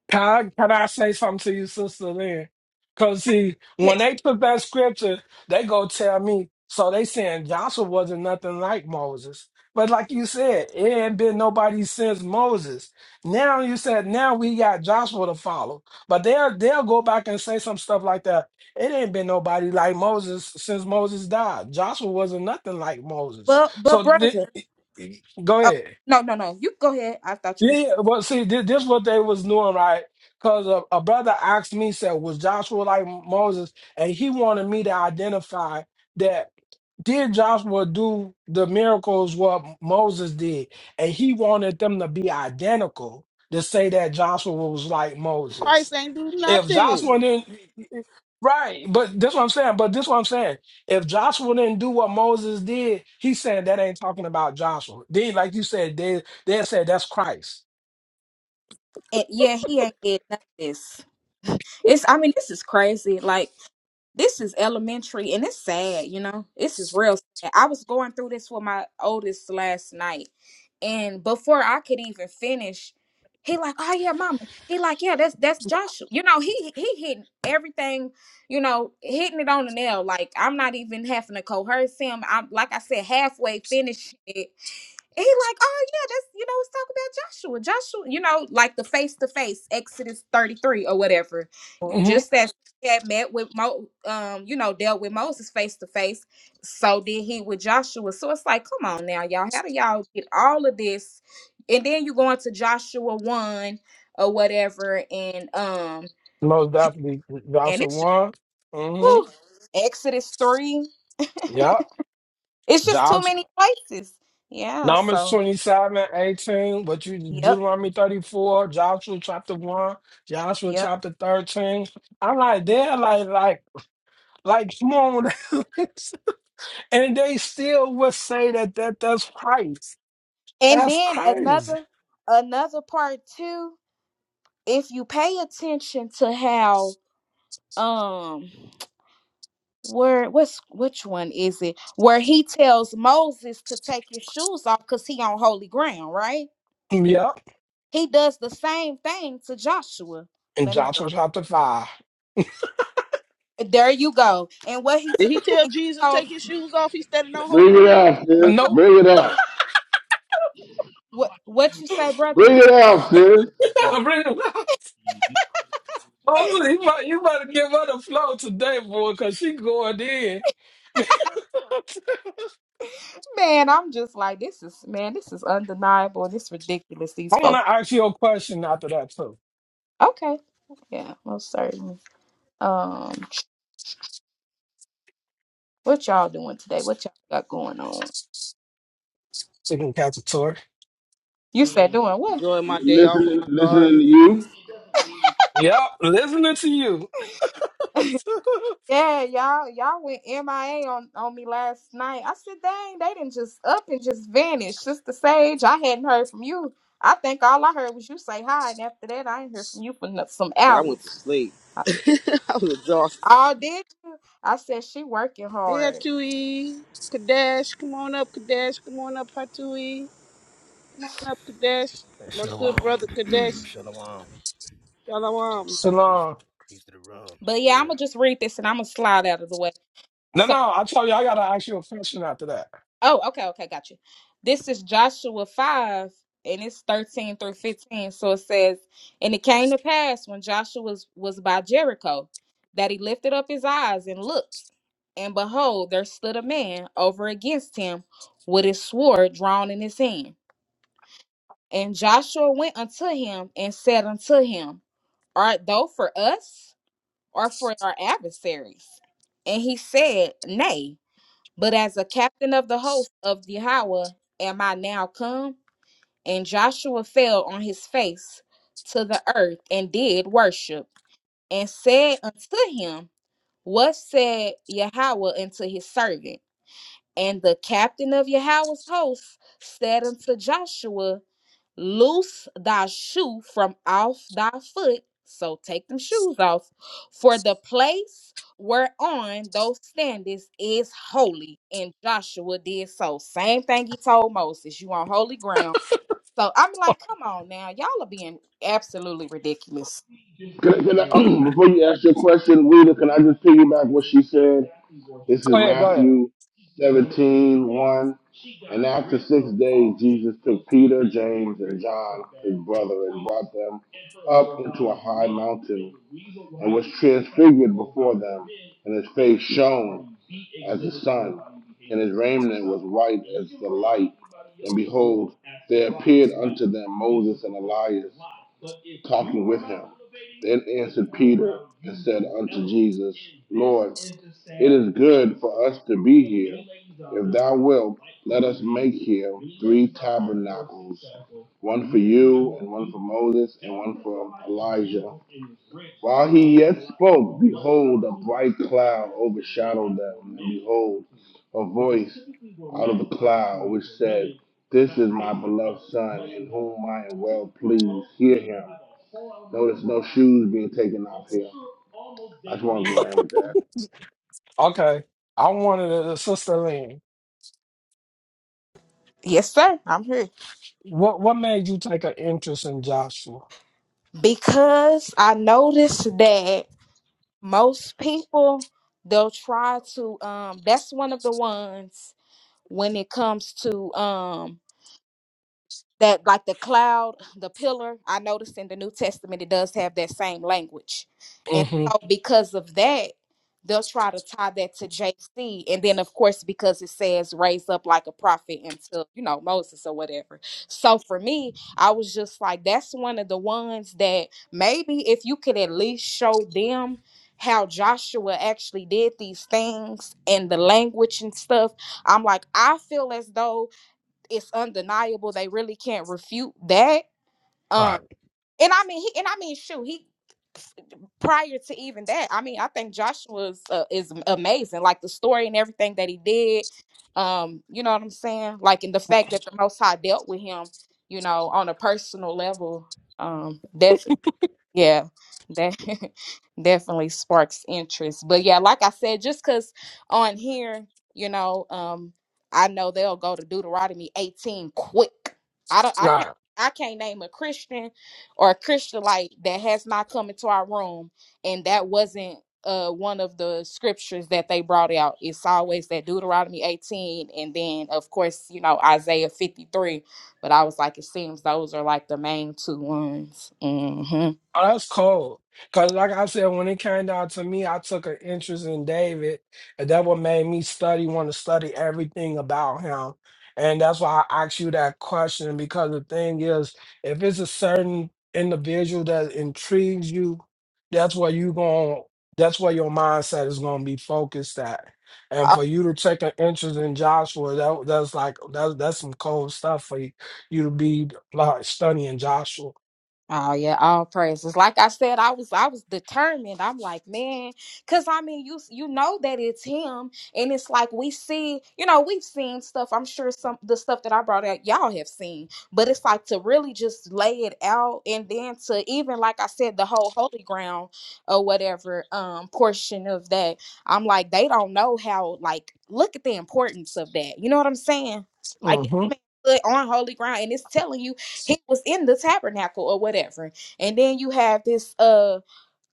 Can I, can I say something to you, Sister Lynn? Because, see, when
Yes.
they put that scripture, they go tell me, so they saying Joshua wasn't nothing like Moses. But like you said, it ain't been nobody since Moses. Now you said now we got Joshua to follow. But they'll they'll go back and say some stuff like that. It ain't been nobody like Moses since Moses died. Joshua wasn't nothing like Moses.
But but
So th-
brother,
go
Oh
ahead.
no, no, no. You go ahead. I thought you
Yeah,
was.
yeah, well, see, this, this what they was doing, right? Because a, a brother asked me, said, "Was Joshua like Moses?" And he wanted me to identify that did Joshua do the miracles what Moses did, and he wanted them to be identical to say that Joshua was like
Christ
Moses.
ain't do
If
nothing.
Joshua didn't, right? But that's what I'm saying. But this what I'm saying. If Joshua didn't do what Moses did, he's saying that ain't talking about Joshua. Then, like you said, they they said that's Christ.
And yeah, he ain't did none of this. It's. I mean, this is crazy. Like this is elementary, and it's sad. You know, this is real sad. I was going through this with my oldest last night, and before I could even finish. He like, oh yeah, mama. He like, yeah, that's that's Joshua. You know, he he hitting everything, you know, hitting it on the nail. Like I'm not even having to coerce him. I'm like I said, halfway finished he like, oh yeah, that's you know, let's talk about Joshua. Joshua, you know, like the face to face, Exodus 33 or whatever.
hmm
Just as he had met with Mo um, you know, dealt with Moses face to face, so did he with Joshua. So it's like, come on now, y'all. How do y'all get all of this? And then you go into Joshua one or whatever, and um,
Most definitely.
and
Joshua
it's just
1.
whew,
Mm-hmm.
Exodus three.
Yep.
it's just too
Joshua.
many places. Yeah,
Numbers
so
27, 18. What you
yep,
Deuteronomy 34, Joshua chapter 1, Joshua
yep.
chapter 13. I'm like, they're like, like, like, come on. and they still would say that, that that's Christ.
And
That's
then
crazy.
another another part too, if you pay attention to how um where what's which one is it where he tells Moses to take his shoes off because he on holy ground, right?
Yep.
He does the same thing to Joshua.
And
Let me
Joshua
go.
chapter 5.
There you go. And what he t-
Did he tell Jesus
told
take his shoes off? He's standing on
Bring
holy
it
ground.
out, sis.
huh,
Nope.
Bring it out.
what what you say, brother?
Bring it out, sis.
Really? Oh, you about, you about to give her the flow today, boy, because she going in.
Man, I'm just like this is man, this is undeniable. This ridiculous.
I
These
want
folks.
to ask you a question after that too.
Okay, yeah, most certainly. Um, what y'all doing today? What y'all got going on?
So you can catch a tour.
You said doing what?
Enjoying my day off in my garden.
Yep, listening to you.
Yeah, y'all, y'all went MIA on on me last night. I said, dang, they didn't just up and just vanish. Sister Sage, I hadn't heard from you. I think all I heard was you say hi, and after that, I ain't heard from you for no- some
But I went to
hours.
sleep.
I,
I was exhausted.
oh, did you? I said she working
Hey,
hard,
Hatui. Kadesh, come on up, Kadesh. Come on up, Hatui. Come on up, Kadesh. My
Shalom.
good brother, Kadesh.
Shalom.
Shalom.
Shalom. Peace,
Shalom.
peace to the room.
but yeah, I'm
Yeah.
gonna just read this and I'm gonna slide out of the way.
No,
So
no, I told you I gotta ask you a question after that.
Oh, okay, okay, got you. This is Joshua 5, and it's 13 through 15. So it says, And it came to pass when Joshua was, was by Jericho that he lifted up his eyes and looked, and behold, there stood a man over against him with his sword drawn in his hand. And Joshua went unto him and said unto him, Art thou for us or for our adversaries? And he said, Nay. But as a captain of the host of Yahweh am I now come? And Joshua fell on his face to the earth and did worship, and said unto him, What said Yahweh unto his servant? And the captain of Yahweh's host said unto Joshua, Loose thy shoe from off thy foot. So take them shoes off. For the place whereon thou standest is holy. And Joshua did so. Same thing he told Moses. You on holy ground. So I'm like, come on now. Y'all are being absolutely ridiculous.
Can, I- can I,
Okay,
before you ask your question, Rita, can I just piggyback what she said? This
go
is
ahead, go ahead.
Matthew 17, one. And after six days, Jesus took Peter, James, and John, his brother, and brought them up into a high mountain and was transfigured before them, and his face shone as the sun, and his raiment was white as the light. And behold, there appeared unto them Moses and Elias talking with him. Then answered Peter and said unto Jesus, Lord, it is good for us to be here. If thou wilt, let us make here three tabernacles one for you, and one for Moses, and one for Elijah while he yet spoke, behold, a bright cloud overshadowed them, and behold, a voice out of the cloud which said, This is my beloved Son, in whom I am well pleased. Hear him. Notice no shoes being taken off here. I just wanted to land with that.
Okay, I wanted to, sister Lynn.
Yes, sir. I'm here.
What what made you take an interest in Joshua?
Because I noticed that most people, they'll try to um that's one of the ones when it comes to um that like the cloud, the pillar, I noticed in the New Testament it does have that same language. And
Mm-hmm.
so because of that, they'll try to tie that to JC. And then of course, because it says raise up like a prophet until, you know, Moses or whatever. So for me, I was just like, that's one of the ones that maybe if you could at least show them how Joshua actually did these things and the language and stuff, I'm like, I feel as though it's undeniable. They really can't refute that. Um,
Right.
and I mean, he and I mean, shoot, he prior to even that, I mean, I think Joshua is, uh, is amazing. Like the story and everything that he did. Um, you know what I'm saying? Like, and the fact that the Most High dealt with him, you know, on a personal level. Um, yeah, that definitely sparks interest. But yeah, like I said, just because on here, you know, um, I know they'll go to Deuteronomy 18 quick. I don't I
Right.
can't I can't name a Christian or a Christianite that has not come into our room and that wasn't uh one of the scriptures that they brought out. It's always that Deuteronomy 18 and then of course, you know, Isaiah 53. But I was like, it seems those are like the main two ones. hmm
Oh, that's cold. Cause like I said, when it came down to me, I took an interest in David, and that what made me study, want to study everything about him. And that's why I asked you that question because the thing is, if it's a certain individual that intrigues you, that's where you going that's where your mindset is gonna be focused at. And
Oh,
for you to take an interest in Joshua, that that's like that's that's some cold stuff for you, you to be like studying Joshua.
oh, yeah, all praises. Like I said, I was I was determined. I'm like, man, cause I mean, you you know that it's him, and it's like we see, you know, we've seen stuff. I'm sure some the stuff that I brought out, y'all have seen, but it's like to really just lay it out, and then to even like I said, the whole holy ground or whatever um portion of that. I'm like, they don't know how. Like, look at the importance of that. You know what I'm saying? Like this man stood on holy ground, and it's telling you he was in the tabernacle or whatever and then you have this uh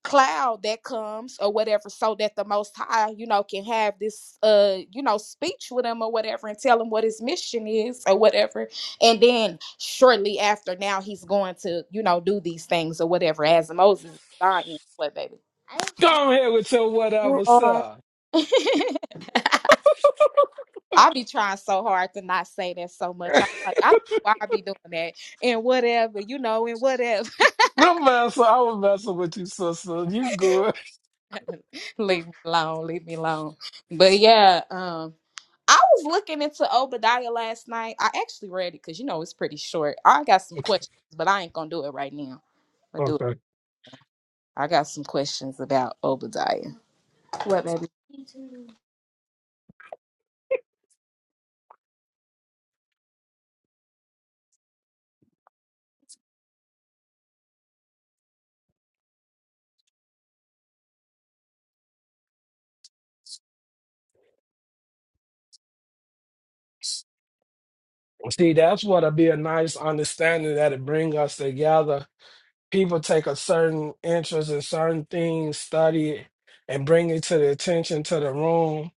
cloud that comes or whatever so that the most high you know can have this uh you know speech with him or whatever and tell him what his mission is or whatever and then shortly after now he's going to you know do these things or whatever as moses is dying what baby
Come here with your
you
whatever
are
self.
I be trying so hard to not say that so much. I'm like, I don't know why I be doing that and whatever, you know, and whatever.
Don't mess I was messing with you, sister. You good.
Leave me alone. Leave me alone. But yeah, um, I was looking into Obadiah last night. I actually read it because you know it's pretty short. I got some
Okay.
questions, but I ain't gonna do it right now. i do it.
Okay.
I got some questions about Obadiah. What, baby?
See, that's what'll be a nice understanding that it bring us together. People take a certain interest in certain things, study it, and bring it to the attention to the room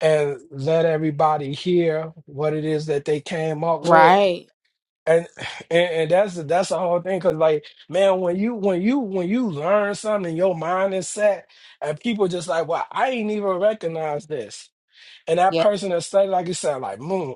and let everybody hear what it is that they came up with.
Right.
and and, and that's the that's the whole thing because like man when you when you when you learn something your mind is set and people just like well i ain't even recognize this and that
Yeah.
person that studied like you said like moon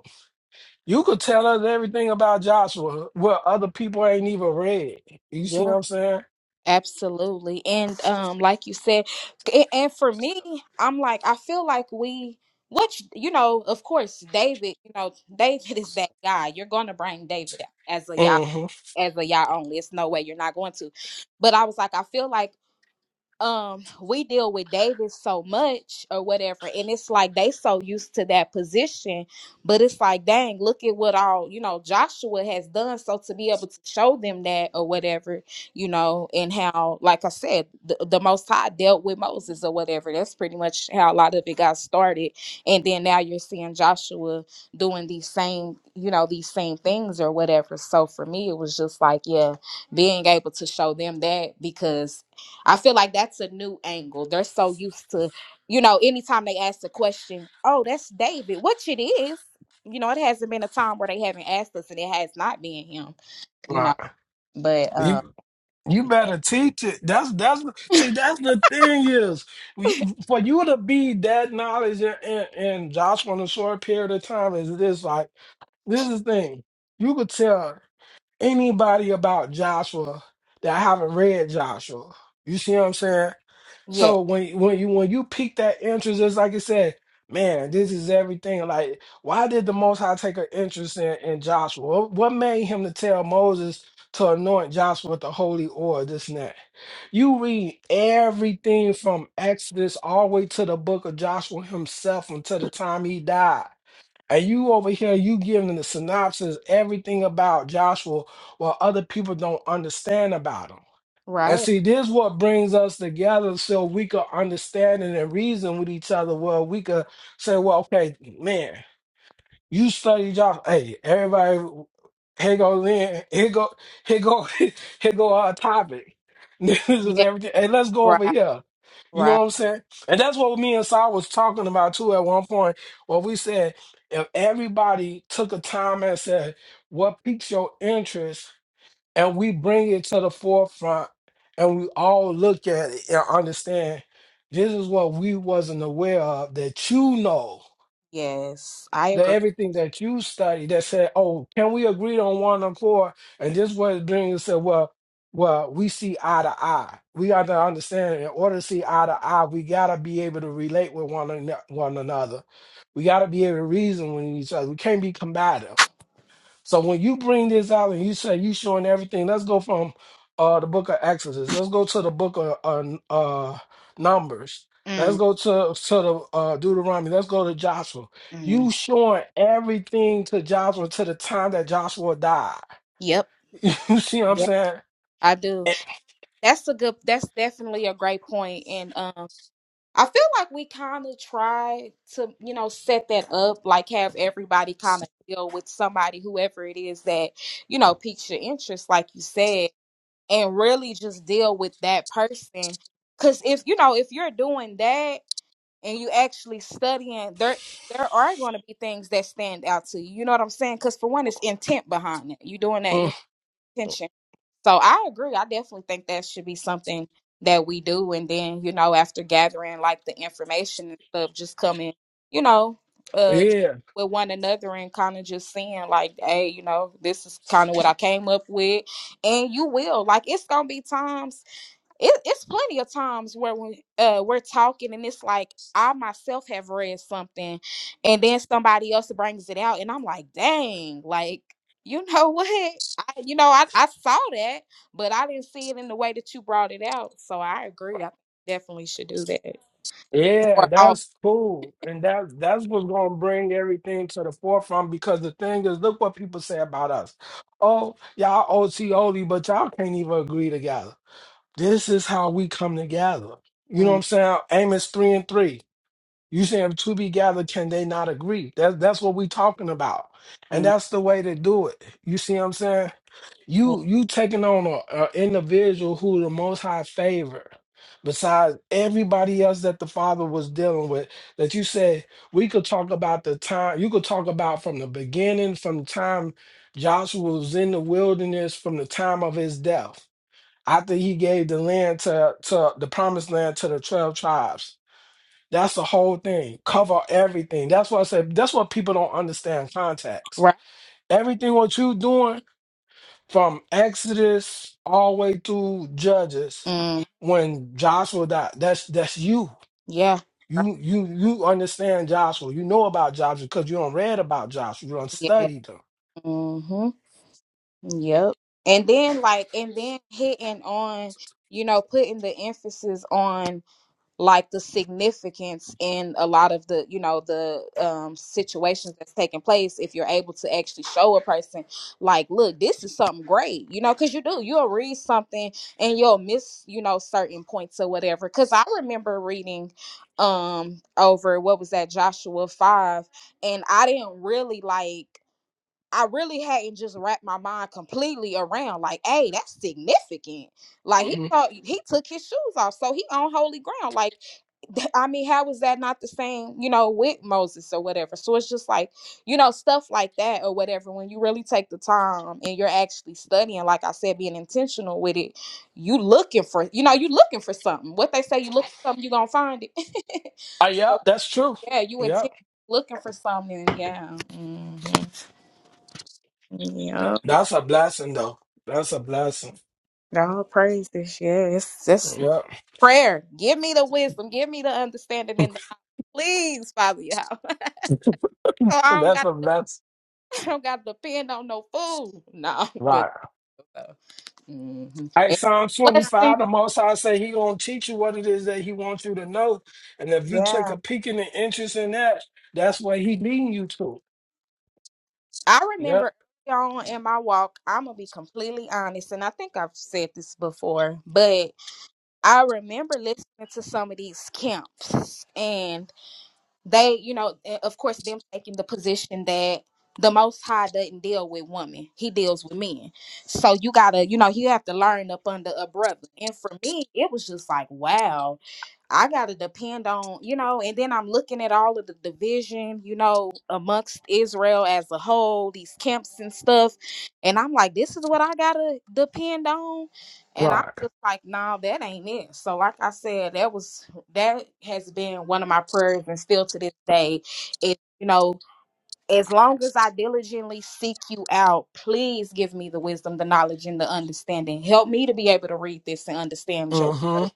you could tell us everything about joshua what other people ain't even read you see what
Yeah.
i'm saying
Absolutely. And um, like you said, a- and for me, I'm like, I feel like we, which you know, of course, David. You know, David is that guy. You're gonna bring David out as a Yahweh.
hmm
as a y'all only. It's no way you're not going to. But I was like, I feel like um we deal with Davis so much or whatever and it's like they so used to that position but it's like dang look at what all you know Joshua has done so to be able to show them that or whatever you know and how like I said the, the most high dealt with Moses or whatever that's pretty much how a lot of it got started and then now you're seeing Joshua doing these same you know these same things or whatever so for me it was just like yeah being able to show them that because I feel like that's a new angle. They're so used to, you know, anytime they ask a question, oh, that's David, which it is. You know, it hasn't been a time where they haven't asked us and it has not been him, you
right
know. But um
you you better teach it that's that's see that's the thing is we- for you to be that knowledge in, in, in joshua in a short period of time is this like this is the thing. You could tell anybody about Joshua that haven't read Joshua. You see what I'm saying?
yeah,
So when when you when you pique that interest, it's like I said, man, this is everything. Like, why did the Most High take an interest in, in Joshua? What, what made him to tell Moses to anoint Joshua with the holy oil, this and that? You read everything from Exodus all the way to the book of Joshua himself until the time he died and you over here, you giving the synopsis, everything about Joshua, while other people don't understand about him. And
right.
see, this what brings us together so we could understand and reason with each other. Well, we could say, well, okay, man, you study Joshua. Hey, everybody, here go Lynn. Here go, here go, here go our topic. This is
Yeah,
everything. Hey, let's go over
right,
here. You know
right.
what I'm saying? And that's what me and Sal was talking about too at one point, where we said if everybody took a time and said, what piques your interest, and we bring it to the forefront and we all look at it and understand this is what we wasn't aware of that you know
Yes. I
the
agree.
everything that you study that said, "Oh, can we agree on one and four? And this was bringing us said, "Well, well, we see eye to eye. We got to understand. In order to see eye to eye, we gotta be able to relate with one an- one another. We gotta be able to reason with each other. We can't be combative." So when you bring this out and you say you showing everything, let's go from uh the book of Exodus. Let's go to the book of uh, uh Numbers. Let's
mm
go to to the uh, Deuteronomy. Let's go to Joshua.
mm.
You showing everything to Joshua to the time that Joshua died.
Yep.
You see what I'm
Yeah.
saying?
I do.
Eh,
That's a good that's definitely a great point. And um I feel like we kind of try to, you know, set that up, like have everybody kind of deal with somebody, whoever it is that, you know, piques your interest, like you said, and really just deal with that person. Because if, you know, if you're doing that and you actually studying, there, there are going to be things that stand out to you. You know what I'm saying? Because for one, it's intent behind it. You doing that, you
mm,
know, intention. So I agree. I definitely think that should be something that we do. And then, you know, after gathering like the information and stuff, just coming, you know, uh
Yeah.
with one another and kind of just seeing like, hey, you know, this is kind of what I came up with. And you will. Like it's gonna be times it, it's plenty of times where when uh we're talking and it's like I myself have read something and then somebody else brings it out and I'm like, dang, like you know what? I, you know, I, I saw that, but I didn't see it in the way that you brought it out. So I agree. I definitely should do that.
Yeah,
Or oh,
that's cool. And that that's what's gonna bring everything to the forefront because the thing is, look what people say about us. Oh, y'all OT only, but y'all can't even agree together. This is how we come together. You know what I'm
mm,
saying? Amos three and three. You say if two be gathered, can they not agree? That's that's what we talking about. And
mm,
that's the way to do it. You see what I'm saying?
mm,
You you taking on a, a individual who the Most High favor, besides everybody else that the Father was dealing with. That you said we could talk about the time. You could talk about from the beginning, from the time Joshua was in the wilderness, from the time of his death, after he gave the land to to the promised land to the twelve tribes. That's the whole thing. Cover everything. That's what I said. That's what people don't understand. Context.
right?
Everything what you doing from Exodus all the way through Judges,
Mm,
when Joshua died, that's that's you.
yeah. right,
You you you understand Joshua. You know about Joshua because you don't read about Joshua. You don't
Yeah.
study them.
Mhm. Yep. And then like, and then hitting on, you know, putting the emphasis on like the significance in a lot of the you know the um situations that's taking place if you're able to actually show a person like look this is something great you know because you do you'll read something and you'll miss you know certain points or whatever because i remember reading um over what was that joshua 5 and i didn't really like I really hadn't just wrapped my mind completely around like, hey, that's significant. Like he
hmm
thought he took his shoes off, so he on holy ground. Like th- I mean, how is that not the same, you know, with Moses or whatever? So it's just like, you know, stuff like that or whatever. When you really take the time and you're actually studying, like I said, being intentional with it, you looking for, you know, you looking for something. What they say, you look for something, you gonna find it.
Uh, yep,
so
that's true.
yeah, you
Yep,
intent looking for something. Yeah. Mhm.
That-
Yep.
that's a blessing though. That's a blessing.
All praises. Yeah. It's just
Yep,
prayer. Give me the wisdom. Give me the understanding and the please, Father. Yeah. So I don't
that's a blessing.
I don't got to depend on no food. No, but
Right.
uh, hmm
Hey,
it's
Psalm
a blessing.
25, the Most High say he gonna teach you what it is that he wants you to know. And if you take
Yeah.
a peek in the interest in that, that's what he leading you to.
I
Yep.
remember early on in my walk, I'm gonna be completely honest, and I think I've said this before, but I remember listening to some of these camps, and. they, you know, eh, of course, them taking the position that the Most High doesn't deal with women; he deals with men. So you gotta, you know, you have to learn up under a brother. And for me, it was just like, wow, I gotta depend on, you know. And then I'm looking at all of the division, you know, amongst Israel as a whole, these camps and stuff, and I'm like, this is what I gotta depend on. And I'm
Right.
just like, nah, that ain't it. So, like I said, that was that has been one of my prayers and still to this day it you know as long as i diligently seek you out please give me the wisdom the knowledge and the understanding help me to be able to read this and understand your
Mm-hmm.
word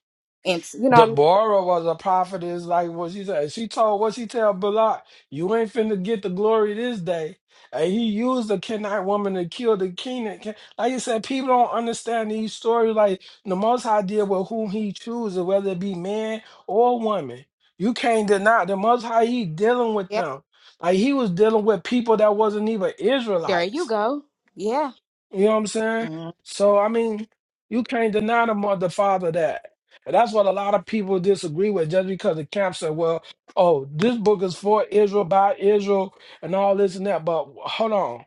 and you know
Deborah was a prophetess, like what she said. She told what she tell Balak, you ain't finna get the glory this day. And he used the Kenite woman to kill the Kenan. Ken- Like you said, people don't understand these stories. Like the Most High deal with whom He chooses, whether it be man or woman. You can't deny the Most High. He dealing with
yeah
them. Like He was dealing with people that wasn't even
there you
Israelites.
go yeah
You know what I'm saying?
Mm.
So I mean, you can't deny the mother the father that. And that's what a lot of people disagree with just because the camp said, well, oh, this book is for Israel by Israel and all this and that. But hold on.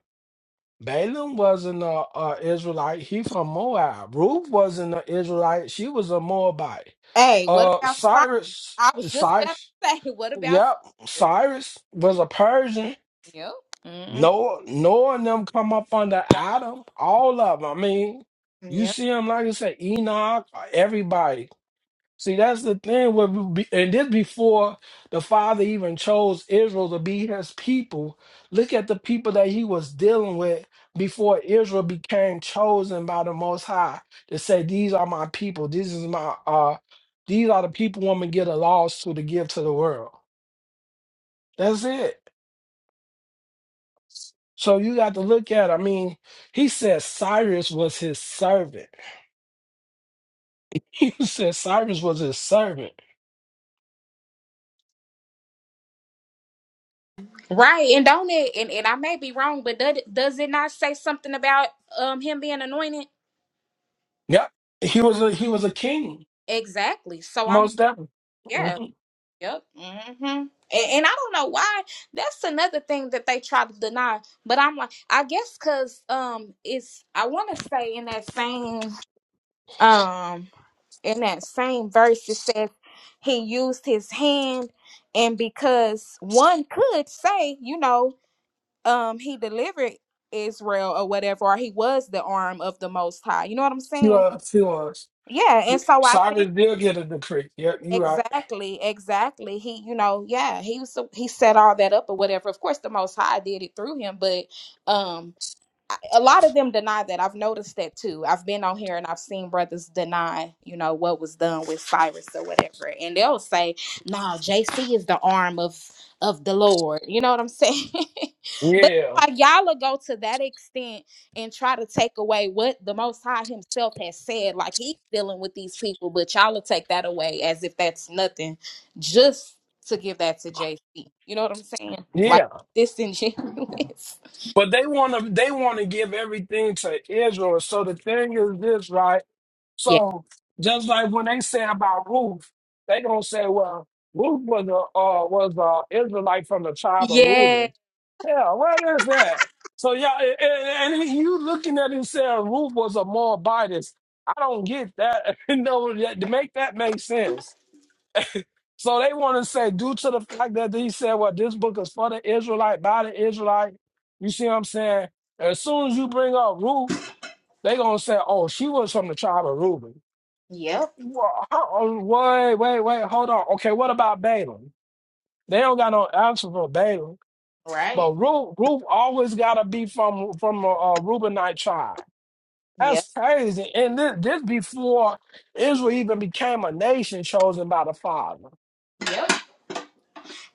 Balaam wasn't a, a Israelite. He from Moab. Ruth wasn't an Israelite. She was a Moabite.
hey what
Uh
about Cyrus?
Cyrus
i was just about
Cyrus
to say what about
Yep.
Cyrus?
Cyrus was a Persian.
yeah hmm
Noah, Noah and them come up under Adam. All of them. I mean, you
yeah.
see them, like I said, Enoch, everybody. See, that's the thing. With, be- and this before the Father even chose Israel to be his people. Look at the people that he was dealing with before Israel became chosen by the Most High to say, These are my people. This is my, uh, these are the people I'm going to get a loss to to give to the world. That's it. So you got to look at, I mean, he said Cyrus was his servant. He said Cyrus was his servant.
Right. And don't it and, and I may be wrong, but does, does it not say something about um him being anointed?
Yep. He was a he was a king,
Exactly. So I'm like,
most definitely. hmm
yeah, yep. Mm-hmm. And, and I don't know why. That's another thing that they try to deny. But I'm like, I guess because um, it's I want to say in that same um in that same verse it says he used his hand, and because one could say, you know, um, he delivered Israel or whatever, or he was the arm of the Most High. You know what I'm
He
saying?
was he was.
Yeah. And so I think.
Cyrus did get a decree. Yep, you right.
Exactly, exactly. He, you know, yeah, he was he set all that up or whatever. Of course, the Most High did it through him, but um, I- a lot of them deny that. I've noticed that too. I've been on here and I've seen brothers deny, you know, what was done with Cyrus or whatever. And they'll say, "No, JC is the arm of of the Lord." You know what I'm saying? but
Yeah.
like y'all will go to that extent and try to take away what the Most High Himself has said. Like He's dealing with these people, but y'all will take that away as if that's nothing, just to give that to JC. You know what I'm saying? Like
Yeah.
disingenuous.
But they wanna they wanna give everything to Israel. So the thing is this, right? So just like when they say about Ruth, they gonna say, well, Ruth was a uh, was a Israelite from the tribe of
Yeah.
Reuben. Yeah, what is that? So yeah, a- a- and, you looking at it saying Ruth was a Moabitess. I don't get that. no, that- to make that make sense. So they want to say due to the fact that they said, well, this book is for the Israelite by the Israelite. You see what I'm saying? As soon as you bring up Ruth, they gonna say, oh, she was from the tribe of Reuben.
Yep.
Wha- how- oh, Wait, wait, wait. Hold on. Okay, what about Balaam? They don't got no answer for Balaam.
Right.
But Ruth, Ruth always gotta be from from a, a Reubenite tribe.
Yep.
That's crazy. And this, this before Israel even became a nation chosen by the Father.
Yep.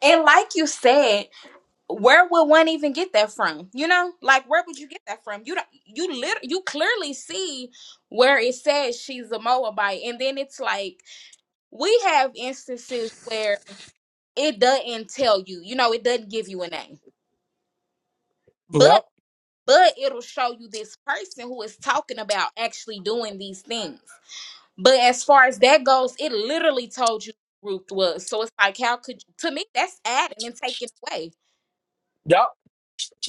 And like you said, where would one even get that from? You know, like where would you get that from? You don't. You lit. You clearly see where it says she's a Moabite, and then it's like we have instances where it doesn't tell you. You know, it doesn't give you a name,
Yep.
but but it'll show you this person who is talking about actually doing these things. But as far as that goes, it literally told you who Ruth was. So it's like, how could to me that's adding and taking away.
Yep.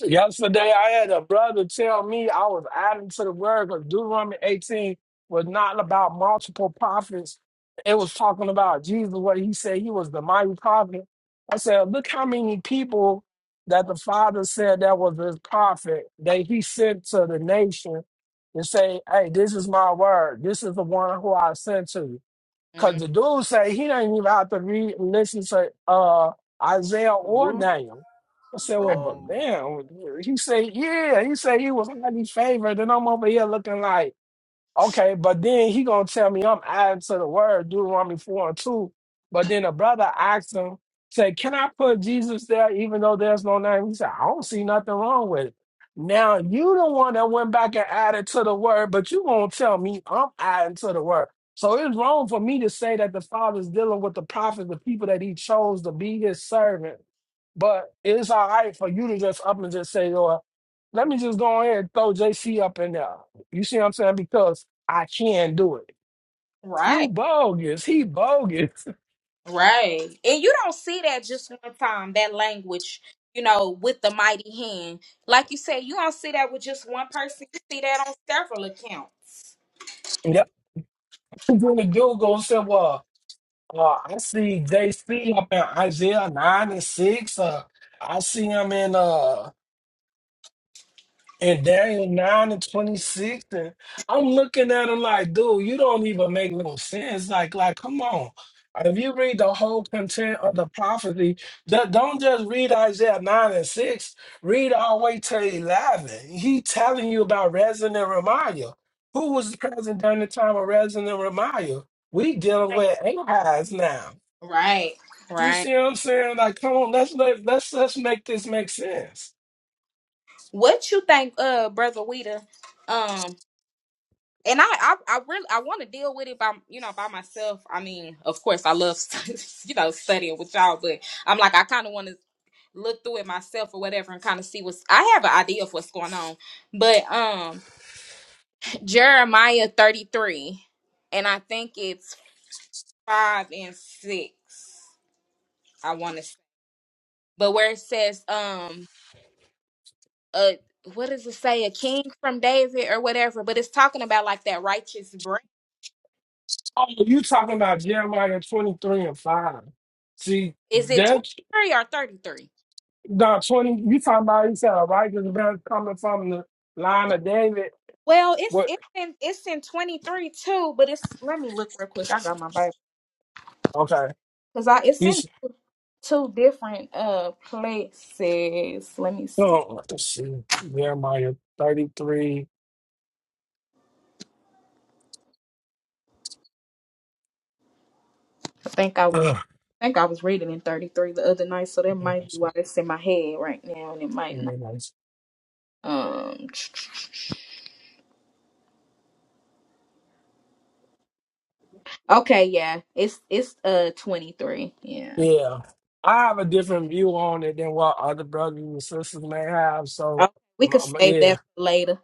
Yesterday, I had a brother tell me I was adding to the word because Deuteronomy 18 was not about multiple prophets. It was talking about Jesus, what he said he was the mighty prophet. I said, look how many people that the Father said that was his prophet that he sent to the nation and say, hey, this is my word. This is the one who I sent to. Cause
Mm,
the dude say he don't even have to read and listen to uh Isaiah or
Ruth.
Daniel. I said, well, but
Um.
damn, he say, yeah, he said he was highly favored, and I'm over here looking like. Okay, but then he gonna tell me I'm adding to the word Deuteronomy four and two. But then a brother asked him, say, "Can I put Jesus there, even though there's no name?" He said, "I don't see nothing wrong with it." Now you the one that went back and added to the word, but you gonna tell me I'm adding to the word. So it's wrong for me to say that the Father's dealing with the prophets, the people that He chose to be His servant. But it's all right for you to just up and just say, "Lord, let me just go ahead and throw JC up in there." You see what I'm saying? Because I can't do it. You
Right,
bogus. He bogus.
right. And you don't see that just one time, that language, you know, with the mighty hand. Like you said, you don't see that with just one person. You see that on several accounts.
Yep. Then the dude goes and said, Well, uh, I see JC up in Isaiah 9 and 6. Uh, I see him in uh, And Daniel 9 and 26. And I'm looking at him like, dude, you don't even make no sense. Like, like, come on. If you read the whole content of the prophecy, don't don't just read Isaiah 9 and 6, read all the way to 11. He telling you about Rezin and Ramiah. Who was present during the time of Rezin and Ramiah? We dealing with Ahaz now.
Right,
You
right.
see what I'm saying? Like, come on, let's let, let's let's make this make sense.
What you think, uh, Brother Weeder? um? and I, I, I really, I want to deal with it by, you know, by myself. I mean, of course, I love, you know, studying with y'all, but I'm like, I kind of want to look through it myself or whatever and kind of see what's. I have an idea of what's going on, but um, Jeremiah 33, and I think it's five and six. I want to, say. but where it says, um, uh, what does it say? A king from David or whatever, but it's talking about like that righteous branch.
Oh, you talking about Jeremiah 23 and 5. See,
Is it
that's
23 or 33?
not 20. You talking about, he said, a righteous man coming from the line of David.
Well, it's
What?
it's in it's in twenty three too, but it's let me look real quick. I got my Bible
Okay.
because I it's
You
in
s-
two different uh places. Let me see.
oh, let's see. Jeremiah 33.
I think I was
Ugh,
I think I was reading in thirty three the other night, so that
man,
might
that's
be
so-
why it's in my head right now, and it might not.
very nice.
Um. Okay. Yeah. It's it's uh twenty three. Yeah.
Yeah. I have a different view on it than what other brothers and sisters may have. So,
Okay, we
my,
could
my-
save that
yeah.
for later.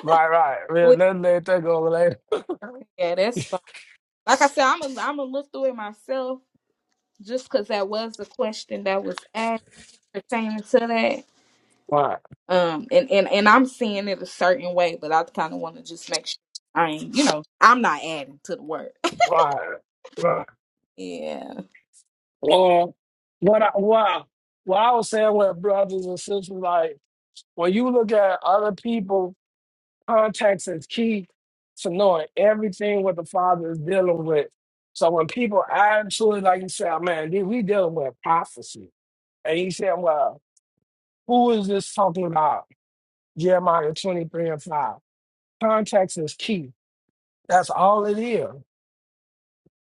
Right, right. Yeah,
We-
let's let that go later.
yeah, that's fine. Like I said, I'm i am a I'm gonna look through it myself just because that was the question that was asked. pertaining to that.
Right,
Um, and, and, and I'm seeing it a certain way, but I kind of want to just make sure I ain't, you know, I'm not adding to the word.
right, right.
yeah,
Well, what I, wow, what I was saying with brothers and sisters, like when you look at other people, context is key to knowing everything what the Father is dealing with. So when people actually, like you said, man, dude, we dealing with prophecy, and he said, well, who is this talking about? Jeremiah twenty three and five. Context is key. That's all it is.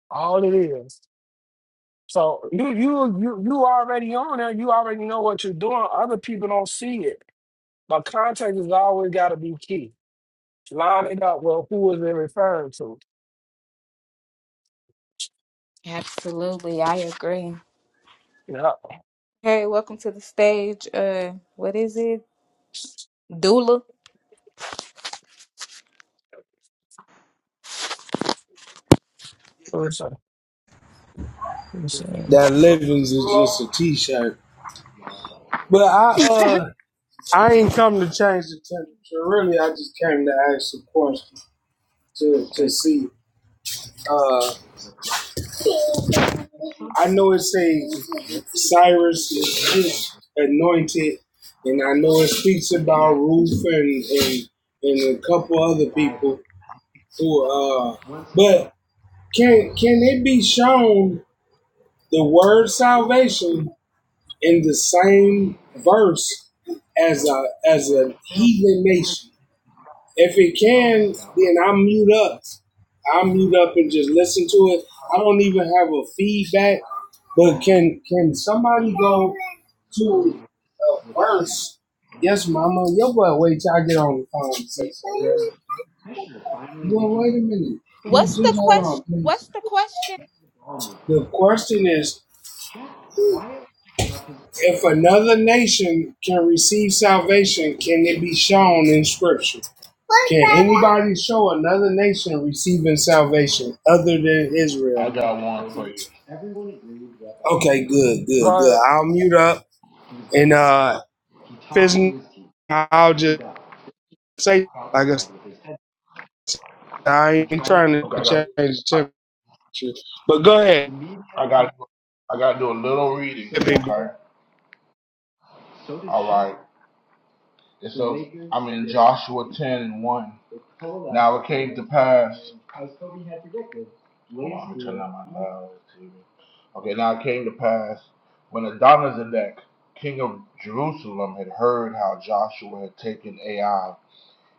All it is. So you you you you already on there. You already know what you're doing. Other people don't see it. But context has always got to be key. Line it up with who is it referring to.
Absolutely, I agree.
Yeah.
Hey, welcome to the stage. Uh, what is it? Doula.
What's up? What's up?
That livings is just a t-shirt. But I uh I ain't come to change the temperature. Really, I just came to ask a question to to see. Uh, I know it says Cyrus is anointed, and I know it speaks about Ruth and and, and a couple other people who uh. But can can it be shown the word salvation in the same verse as a as a heathen nation. If it can, then I mute up. I mute up and just listen to it. I don't even have a feedback. But can can somebody go to a verse? Yes, Mama. Yo, boy, wait till I get on the phone and Yes. Well, wait a minute. You
What's the
just hold
question?
on, please.
What's the question?
The question is, if another nation can receive salvation, can it be shown in Scripture? Can anybody show another nation receiving salvation other than
I
Israel?
got one for you.
Okay, good, good, good.
Lord,
I'll mute up and uh if it's i I'll just say like I said, I
Okay,
ain't trying to
I got,
change the temperature. But go ahead,
I got, I got to do a little reading here.
big
Okay. All right. And so I'm in Joshua 10 and 1. Now it came to pass. Hold I'm turning on my loud TV. Okay, now it came to pass when Adonizedek, king of Jerusalem, had heard how Joshua had taken Ai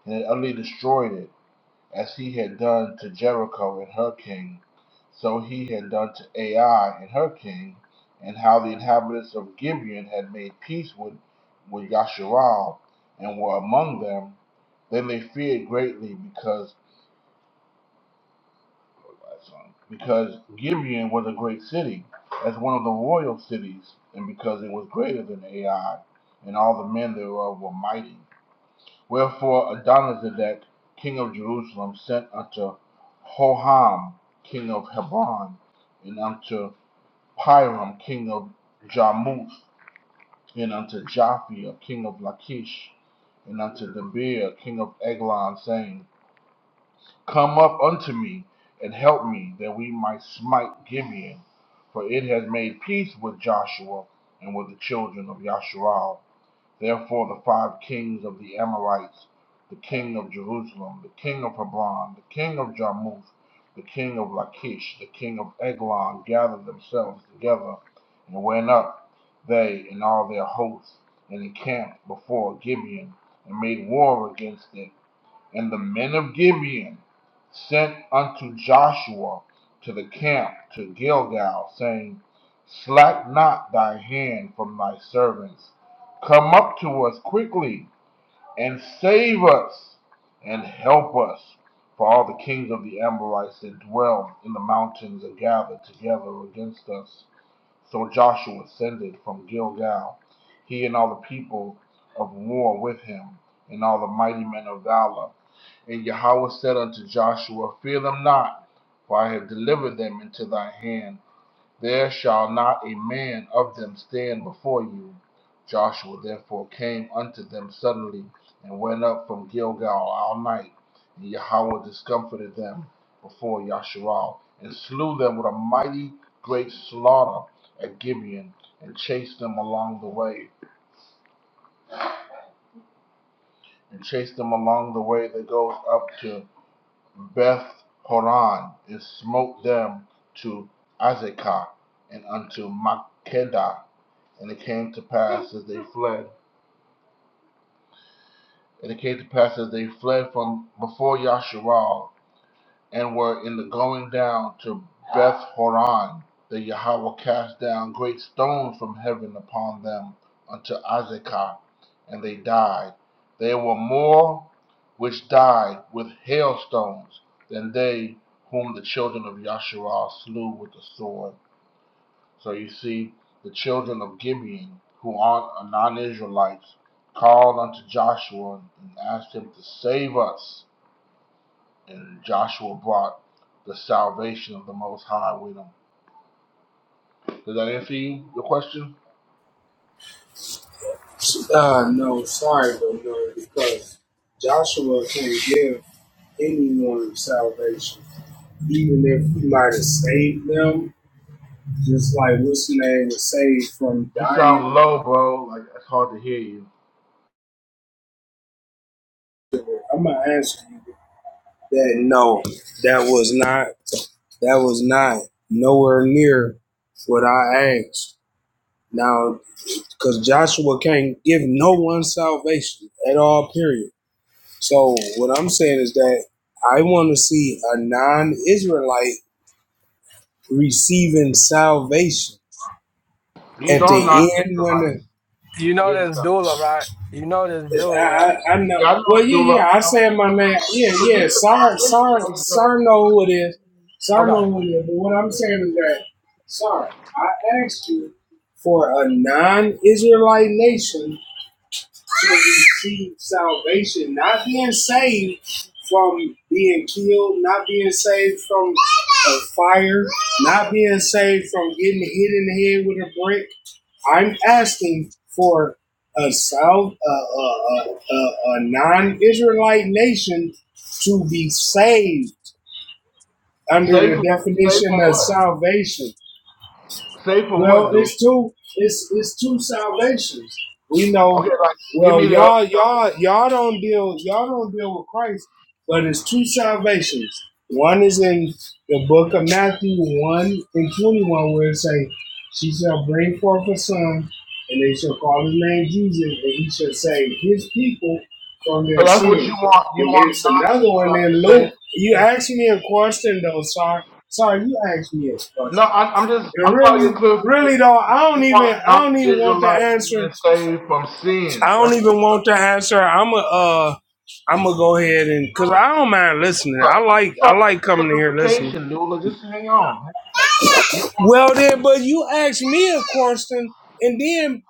and had utterly destroyed it, as he had done to Jericho and her king, so he had done to Ai and her king, and how the inhabitants of and they must, because. as one of the royal cities of God and all where King to harm King on, and unto and unto the exile coming in war and with all their things rights the king of the king of Haman, the king of Jarmuth, the king of uh, and what that and and unto us to the camp to Gilgal, saying, Slack not thy hand from thy servants, come up to us quickly. and save us and help us. For all the kings of the Amorites that dwell in the mountains are gathered together against us. So Joshua ascended from Gilgal, he and all the people of war with him, and all the mighty men of valor. And Yahweh said unto Joshua, Fear them not, for I have delivered them into thy hand. There shall not a man of them stand before you. Joshua therefore came unto them suddenly, and went up from Gilgal all night. And Yahweh discomfited them before Yasharal, and so mighty great again, and chased, and chased them along the way that goes up to Beth Horon, and smote them to Azekah, and unto Makedah. And it came to pass as they fled, and it came fled before, and when to Beth Horon that Yahweh cast down great stones from heaven upon them unto Azekah, and they died. There were more which died with hailstones than they whom the children of Yasharal slew with the sword. So you see, the children of Gibeon, who are non Israelites, called unto Joshua and asked him to save us. And Joshua brought the salvation of the Most High with him Does that answer you, your question?
Uh no, sorry, but no, because Joshua can not give anyone salvation. Even if he might have saved them, just like what's the name was saved from
You
dying.
sound low, bro. Like it's hard to hear you.
I'm gonna ask you. that no, that was not that was not nowhere near what I asked. Now, because Joshua can't give no one salvation at all, period. So what I'm saying is that I want to see a non-Israelite receiving salvation
These
at
are not
the end
Israelites
when the.
you know
getting
this doula,
salvation.
right? You know this
I,
doula, right?
I know.
Yeah, I know,
Well, yeah,
Dula. I
yeah. I
know.
said my
I'm
name.
saying,
Yeah,
but
yeah.
these are
Sar,
not
Sar,
Israelites, though.
Sar know who it is. Sar
Okay.
know who it is. But what I'm saying is that, Sar, I asked you for a non-Israelite nation to receive salvation, not being saved from being killed, not being saved from a fire, not being saved from getting hit in the head with a brick I'm asking for a South, a, a, a, a, a non-Israelite nation to be saved under
Say
the
from say
definition
from
of
what?
salvation.
Say from
Well,
what, dude?
it's two. It's it's two salvations. We know.
Okay, like give
Well,
me the other
y'all, y'all,
salvation.
y'all don't deal. Y'all don't deal with Christ, but it's two salvations. One is in the book of Matthew one and twenty one, where it say, "She shall bring forth a son, and they shall call his name Jesus, and he shall save his people from
So
their
that's what you
sins."
want. You
And
want
there's another one
non-Israelite
in
say.
Luke. You
Yeah.
asked me a question, though. Sorry, sorry, you asked me a
No,
question.
I, I'm just. I'm
And
trying to get
really, really
clarification.
though,
You
I don't
you want
even
a
I don't even want the
non-Israelite
answer.
being saved from
I
sins?
don't
That's
even want the answer. I'm a uh I'm gonna go ahead and cause
no,
I don't mind listening. I
Look, I'm
like
just
I
trying to
like
get
coming here listening.
clarification, Lula. Just hang on. You want
Well then,
you
but you asked me a question and then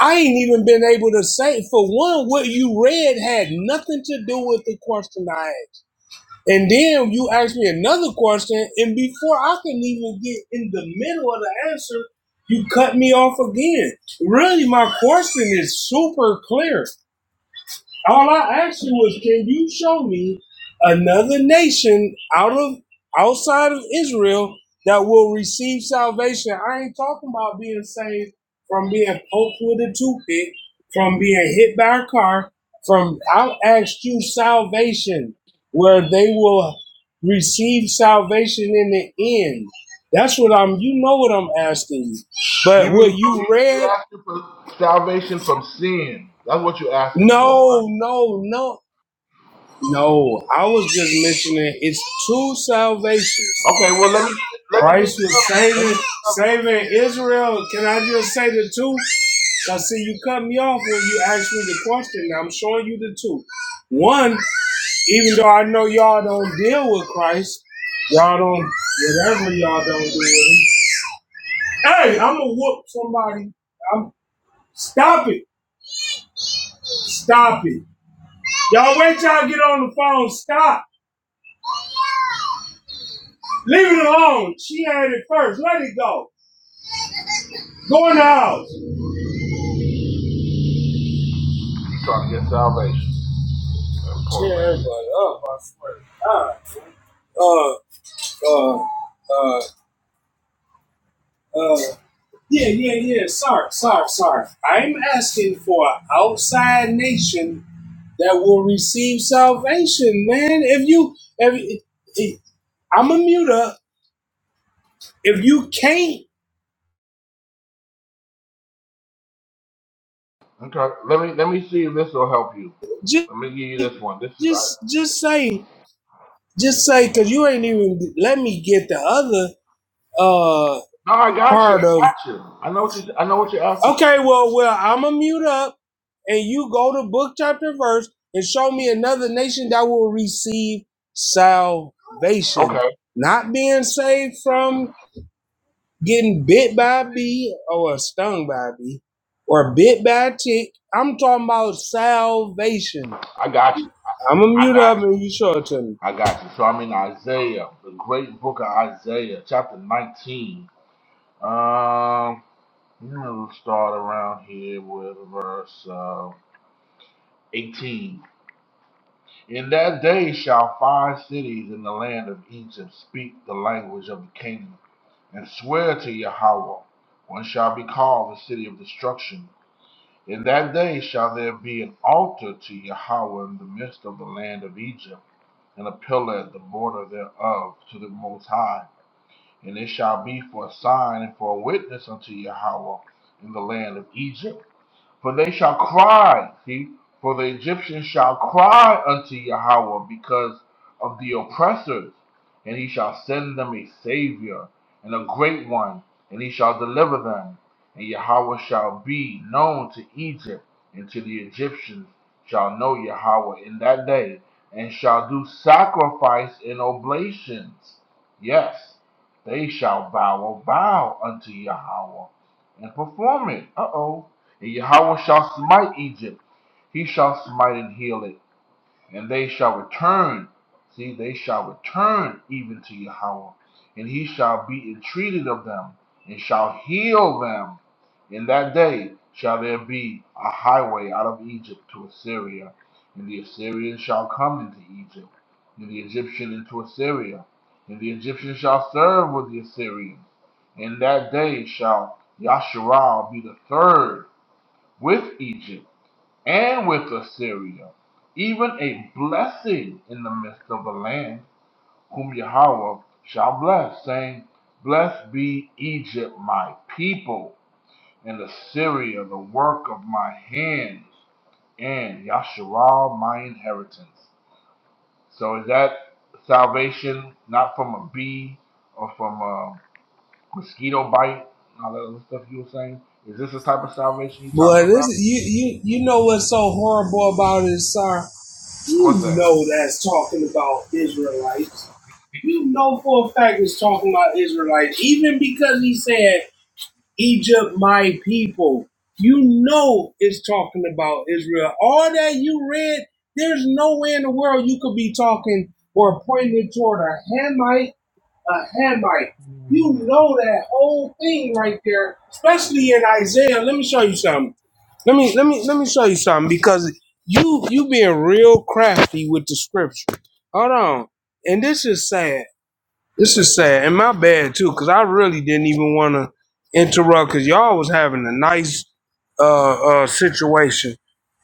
I ain't even been able to say for one what you read had nothing to do with the question I asked. And then you ask me another question, and before I can even get in the middle of the answer, you cut me off again. Really, my question is super clear. All I asked you was, can you show me another nation out of outside of Israel that will receive salvation? I ain't talking about being saved from being poked with a toothpick, from being hit by a car. From I asked you salvation, where they will receive salvation in the end. That's what I'm. You know what I'm asking you. But
you
what
mean so
you
you you
read?
asking for salvation from sin? That's what you're asking for,
No,
right?
no, no. No, I was just mentioning it's two salvations.
Okay, well let me get let me get
Christ was
another one. Let me
saving
get another one.
saving Israel. Can I just say the two? Now, see, you cut me off when you asked me the question. Now I'm showing you the two. One, even though I know y'all don't deal with Christ, y'all don't whatever y'all don't do with him. Hey, I'm gonna whoop somebody. I'm stop it, stop it. Y'all wait till I get on the phone. Stop. Leave it alone. She had it first. Let it go. Going out.
She trying to get salvation. That poor
Cheer
baby.
everybody up, I swear. to God. Uh, uh, uh, uh. Yeah, yeah, yeah. Sorry, sorry, sorry. I'm asking for an outside nation that will receive salvation, man. If you, if, if I'm a muter, if you can't,
Okay, let me let me see if this will help you.
just,
Let me give you this one. This is
just, just say, just say, because you ain't even let me get the other uh
no, I got you.
part
I
of
got you. I know what you. I know what you're asking.
Okay, well, well, I'm gonna mute up, and you go to book chapter and verse and show me another nation that will receive salvation,
Okay,
not being saved from getting bit by a bee or stung by a bee or bit by a tick. I'm talking about salvation. I'm gonna mute up and you show it to me.
I got you. So I'm in Isaiah, the great book of Isaiah, chapter 19. Um, you know, we'll start around here with verse uh, 18. In that day shall five cities in the land of Egypt speak the language of Egypt, and swear to Yahweh. One shall be called the city of destruction. In that day shall there be an altar to Yahweh in the midst of the land of Egypt, and a pillar at the border thereof to the Most High. And it shall be for a sign and for a witness unto all. In the because of the oppressors, and he shall send them a savior and a great one, and he shall deliver them. And Yahweh shall be known to Egypt, and to the Egyptians shall know Yahweh in that day, and shall do sacrifice and oblations. Yes, they shall bow a vow unto Yahweh and perform it. Uh oh. And Yahweh shall smite Egypt. He shall smite and heal it and they shall return. See, they shall return even to Yahweh, and he shall be entreated of them, and shall heal them. In that day shall there be a highway out of Egypt to Assyria, and the Assyrians shall come into Egypt, and the Egyptian into Assyria, and the Egyptian shall serve with the Assyrian. In that day shall Yasharal be the third with Egypt and with Assyria, even a blessing in the midst of the land, whom Yahweh shall bless, saying, Blessed be Egypt, my people, and Assyria, the work of my hands, and Yasharal, my inheritance. So is that salvation not from a bee or from a mosquito bite? All that other stuff you were saying. Is this the type of salvation you're
Boy,
talking about?
this you you you know what's so horrible about it, sir? You
What's that?
know that's talking about Israelites. You know for a fact it's talking about Israelites, even because he said Egypt, my people. You know it's talking about Israel. All that you read, there's no way in the world you could be talking or pointing toward a Hamite a Hamite. You know that whole thing right there, especially in Isaiah. Let me show you something. Let me let me let me show you something because you you being real crafty with the scripture. Hold on, and this is sad. This is sad, and my bad too, because I really didn't even want to interrupt because y'all was having a nice uh uh situation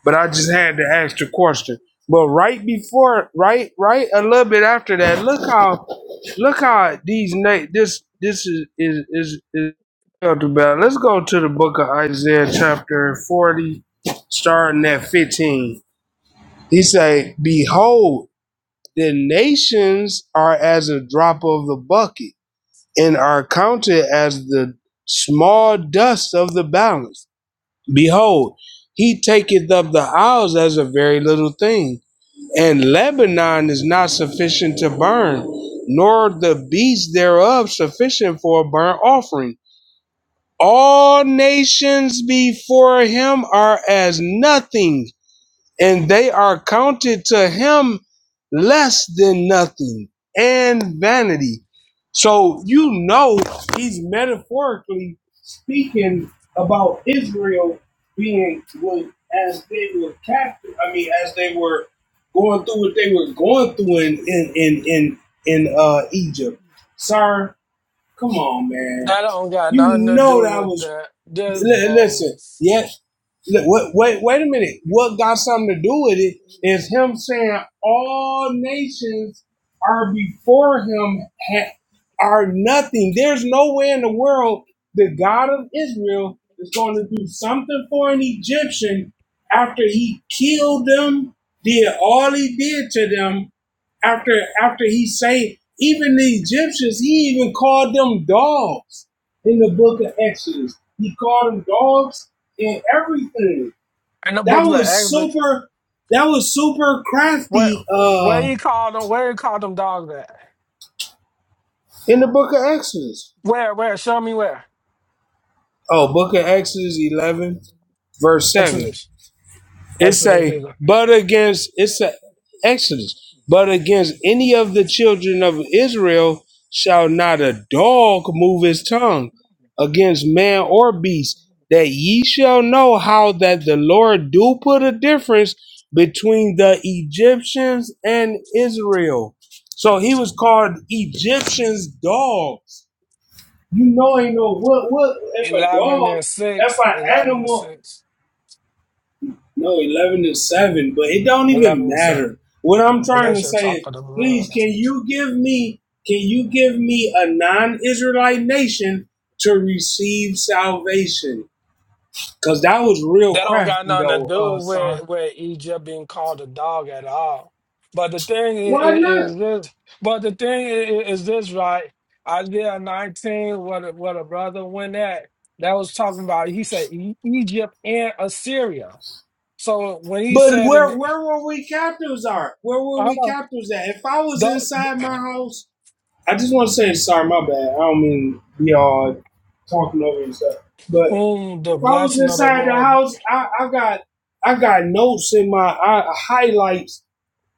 but I just had to ask the question. But right before, right, right, a little bit after that, look how, look how these na- this this is is is, is about. Let's go to the book of Isaiah chapter forty, starting at fifteen. He say, "Behold, the nations are as a drop of the bucket, and are counted as the small dust of the balance." Behold, he taketh of the isles as a very little thing, and Lebanon is not sufficient to burn, nor the beasts thereof sufficient for a burnt offering. All nations before him are as nothing, and they are counted to him less than nothing and vanity. So you know he's metaphorically speaking about Israel being was as they were captive. I mean, as they were going through what they were going through in in in in, in uh, Egypt. Sir, come on, man.
That don't got
You
nothing to
know
do
that
with
was
that. Just
Li- listen,
bones.
yes. Li- Wait, wait, wait a minute. What got something to do with it is him saying all nations are before him ha- are nothing. There's no way in the world the God of Israel is going to do something for an Egyptian after he killed them, did all he did to them, after after he saved even the Egyptians. He even called them dogs in the book of Exodus. He called them dogs and everything.
And the
That
books of
was
Exodus.
super that was super
Where
crafty
where
uh
you call them? Where you call them dogs at?
in the book of Exodus.
Where? Where? Show me where.
Oh, book of Exodus 11 verse 7.
Exodus.
It's
Exodus
a
either.
but against it's a Exodus. But against any of the children of Israel shall not a dog move his tongue against man or beast, that ye shall know how that the Lord do put a difference between the Egyptians and Israel. So he was called Egyptians dogs. You know ain't no what what if a
11
dog
and
if
six,
an
eleven and
animal
six,
no, eleven and seven, but it don't
eleven
even
and 7.
matter. What I'm
And
trying to
that's your
say is,
chocolate of
please,
love.
can you give me, can you give me a non-Israelite nation to receive salvation? Cause that was real
That don't got
crafty,
nothing to
though,
do
uh, sir.
with, with Egypt being called a dog at all. But the thing
Why
is,
not?
is this, but the thing i- i- is this, right? Isaiah 19, what a, what a brother went at, that was talking about, he said E- Egypt and Assyria. So when he
But
said in
where
the,
where were we captives are? Where were we
hold on,
captives at? If I was inside
don't.
my house, I just want to say, sorry, my bad. I don't mean to be all talking over and stuff, but
whom the
If I was
blessing of the
inside the
Lord
house, I, I got I got notes in my I, highlights.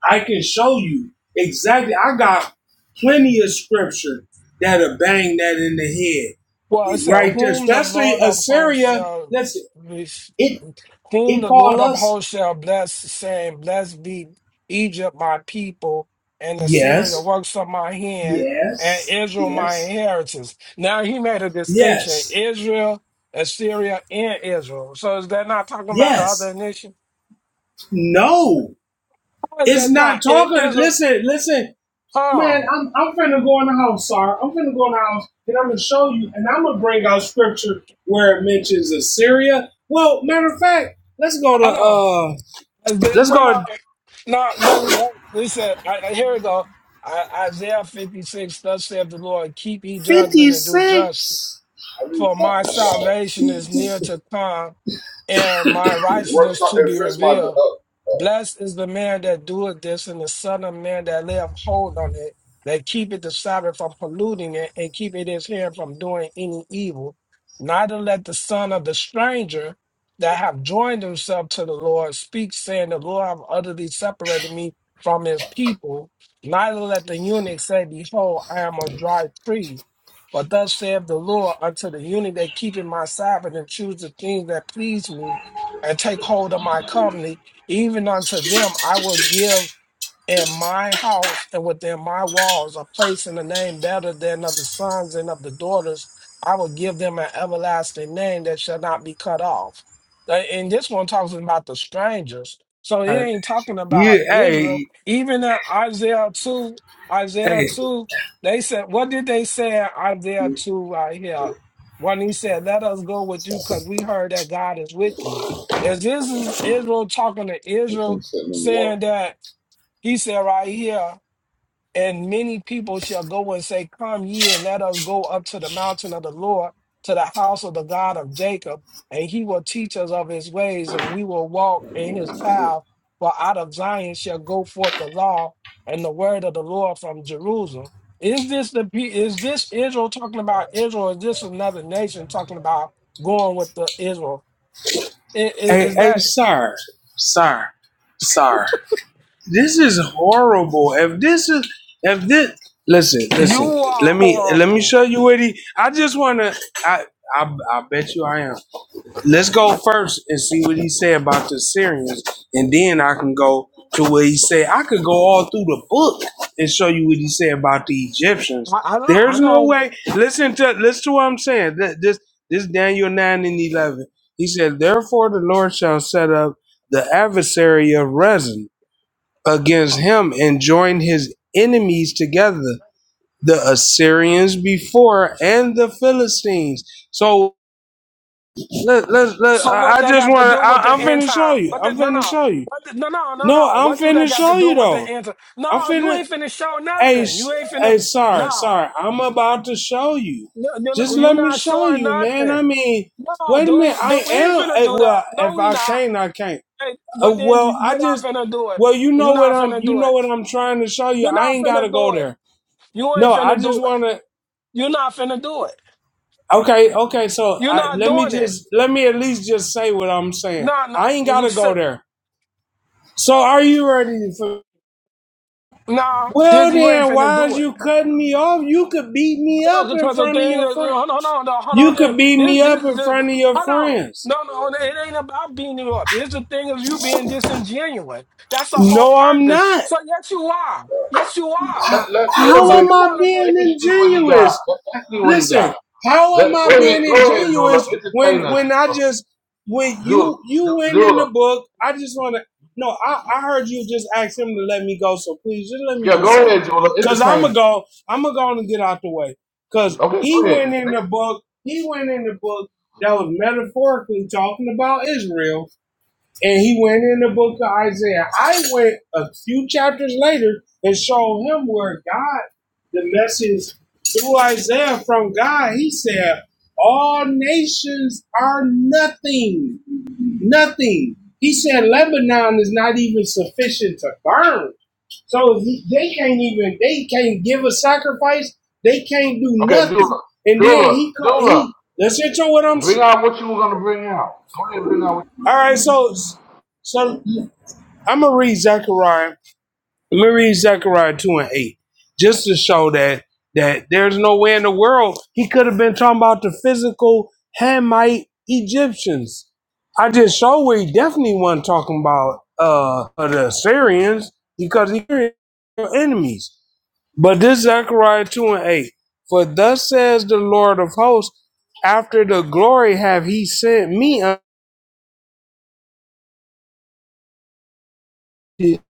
I can show you exactly. I got plenty of scripture that'll bang that in the
well it
head
said
right there.
whom the
Especially
Lord of hosts
Assyria.
shall
Listen,
res-
it
whom
it
the Lord
call
of
us
hosts shall bless, saying, Blessed be Egypt my people, and Assyria the
yes,
works of my hand, and
yes,
Israel my
yes,
inheritance. Now he made a distinction,
yes,
Israel, Assyria, and Israel. So is that not talking about the
yes.
other nation?
No,
How is
it's
that
not
not? I-
talking.
Israel,
Listen, listen. Man,
huh?
I'm I'm finna go in the house, sorry. I'm finna go in the house, and I'm gonna show you, and I'm gonna bring out scripture where it mentions Assyria. Well, matter of fact, let's go to
Hold on.
uh,
Isaiah-
let's
No,
go
no,
to
no. no, no. Listen, I, I, here we go. I, Isaiah 56, thus saith the Lord, keep ye
fifty
judgment and do justice,
six. I really
for
thought
my
you
salvation is near to come and my
Work
righteousness
truck
to
and
be
fresh my
revealed.
uh,
Blessed is the man that doeth this, and the son of man that layeth hold on it, that keepeth the Sabbath from polluting it, and keepeth his hand from doing any evil. Neither let the son of the stranger that have joined himself to the Lord speak, saying, The Lord have utterly separated me from his people. Neither let the eunuch say, Behold, I am a dry tree for thus saith the Lord unto the unit that keep in my Sabbath and choose the things that please me and take hold of my company, even unto them I will give in my house and within my walls a place in the name better than of the sons and of the daughters. I will give them an everlasting name that shall not be cut off. Uh, And this one talks about the strangers. So it
uh,
ain't talking about
You,
Israel.
hey,
Even in Isaiah 2, Isaiah
hey,
2, they said, what did they say in Isaiah 2 right here? When he said, let us go with you because we heard that God is with you. Is this is Israel talking to
everything
Israel
sitting in the water.
saying that he said right here, and many people shall go and say, Come ye and let us go up to the mountain of the Lord, to the house of the God of Jacob, and he will teach us of his ways, and we will walk in his path. For out of Zion shall go forth the law and the word of the Lord from Jerusalem. Is this the pe- is this Israel talking about Israel? Or is this another nation talking about going with the Israel? I- i-
hey,
Is,
hey,
that
sir, sir, sir. This is horrible. If this is if this listen, listen.
you are
Let me let me
horrible?
show you what he I just wanna I I, I bet you I am. Let's go first and see what he said about the Syrians, and then I can go to what he said. I could go all through the book and show you what he said about the Egyptians.
I, I know.
There's
I
no
know
way. Listen to listen to what I'm saying. Th- This this Daniel nine and eleven. He said, "Therefore the Lord shall set up the adversary of Rezin." against him and joined his enemies together, the Assyrians before and the Philistines. So let let, let
So
I
what they
just
got to
want
do
to.
with the
I'm
end
finna show
time?
you.
What the,
I'm
no
finna
no
show you.
what the, no no no
No,
no.
I'm
What do they
finna
got to
show
do
you
with the
though.
end time?
I'm
No, you
finna.
ain't finna show
Hey,
nothing. You ain't finna
hey, sorry,
no.
sorry. I'm about to show you.
No, no, no,
Just
you
let me
not
show
showing
you, man.
nothing.
I mean,
No,
wait a minute.
dude, no,
I
we ain't
am.
finna
eh,
do
Well,
that. No,
if
we
I
not.
can't, I can't.
Hey,
Uh,
well then you-
well, I
you're not
just,
finna do it.
well, you know
You're
what
not
I'm,
finna
you
do
know
it.
what I'm trying to show you.
You're
I
not
ain't
finna
gotta go
do it.
there.
You
No,
ain't
I
finna
just
do it.
want to.
You're not finna do it.
Okay, okay. So
You're
I,
not
let me
doing it.
just, let me at least just say what I'm saying.
No, no,
I ain't
you
gotta go
sit-
there. So are you ready for?
no,
Well,
this- you ain't
then,
finna
why
do
is
it.
you cutting me off? You could beat me
No,
up in
because the
front of
thing is,
your friend.
hold on, hold on, no, hold on,
You
thing.
could beat
This,
me up
this,
in
this,
front of your
hold on.
friends.
No, no, no, it ain't about beating you up. It's the thing is you being disingenuous. That's the whole
No, I'm
purpose.
not.
So yes, you are. Yes, you are.
Let, let, let him
How
So
bring.
am
you
I
want
Let,
to go.
being
let me see what he got.
ingenuous?
Let, let's see what he
Listen,
got.
how
Let,
am I
go ahead,
being
go ahead, Dula.
ingenuous when
Entertain us,
when I
Dula.
just when
Dula,
you you
Du-
went in the
Dula.
book? I just want to no. I I heard you just ask him to let me go, so please just let me
Yeah, go
just say
ahead,
this
Dula.
because I'm
Entertain
gonna
us.
go. I'm gonna go and get out the way because
Okay,
he
go
went
ahead,
in the book. He went in the book that was metaphorically talking about Israel and he went in the book of Isaiah. I went a few chapters later and showed him where God, the message through Isaiah from God, he said, All nations are nothing, nothing. He said, Lebanon is not even sufficient to burn. So he- they can't even, they can't give a sacrifice, they can't do nothing. And then he, ca- he, listen to what I'm, all right, so, so I'm going to read Zechariah Let me read Zechariah 2 and 8, just to show that that there's no way in the world he could have been talking about the physical Hamite Egyptians. I just show where he definitely wasn't talking about uh the Assyrians because he are enemies. But this Zechariah 2 and 8. For thus says the Lord of hosts, after the glory have he sent me He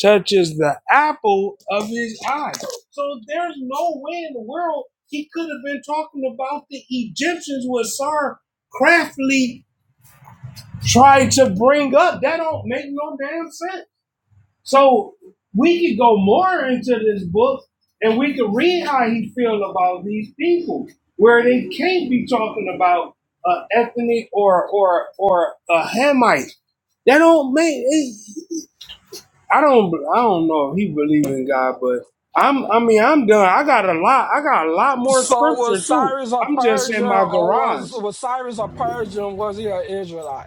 touches the apple of his eye. So there's no way in the world he could have been talking about the Egyptians what Sar craftily tried to bring up. That don't make no damn sense. So we could go more into this book and we could read how he feels about these people, where they can't be talking about uh, ethnic or or or a Hamite. That don't make it. I don't I don't know if he believe in God, but I'm I mean I'm done. I got a lot I got a lot more
So was
scripture too.
Cyrus a
I'm just in
Persian,
my
or was
garage.
was Cyrus a Persian? Was he an Israelite?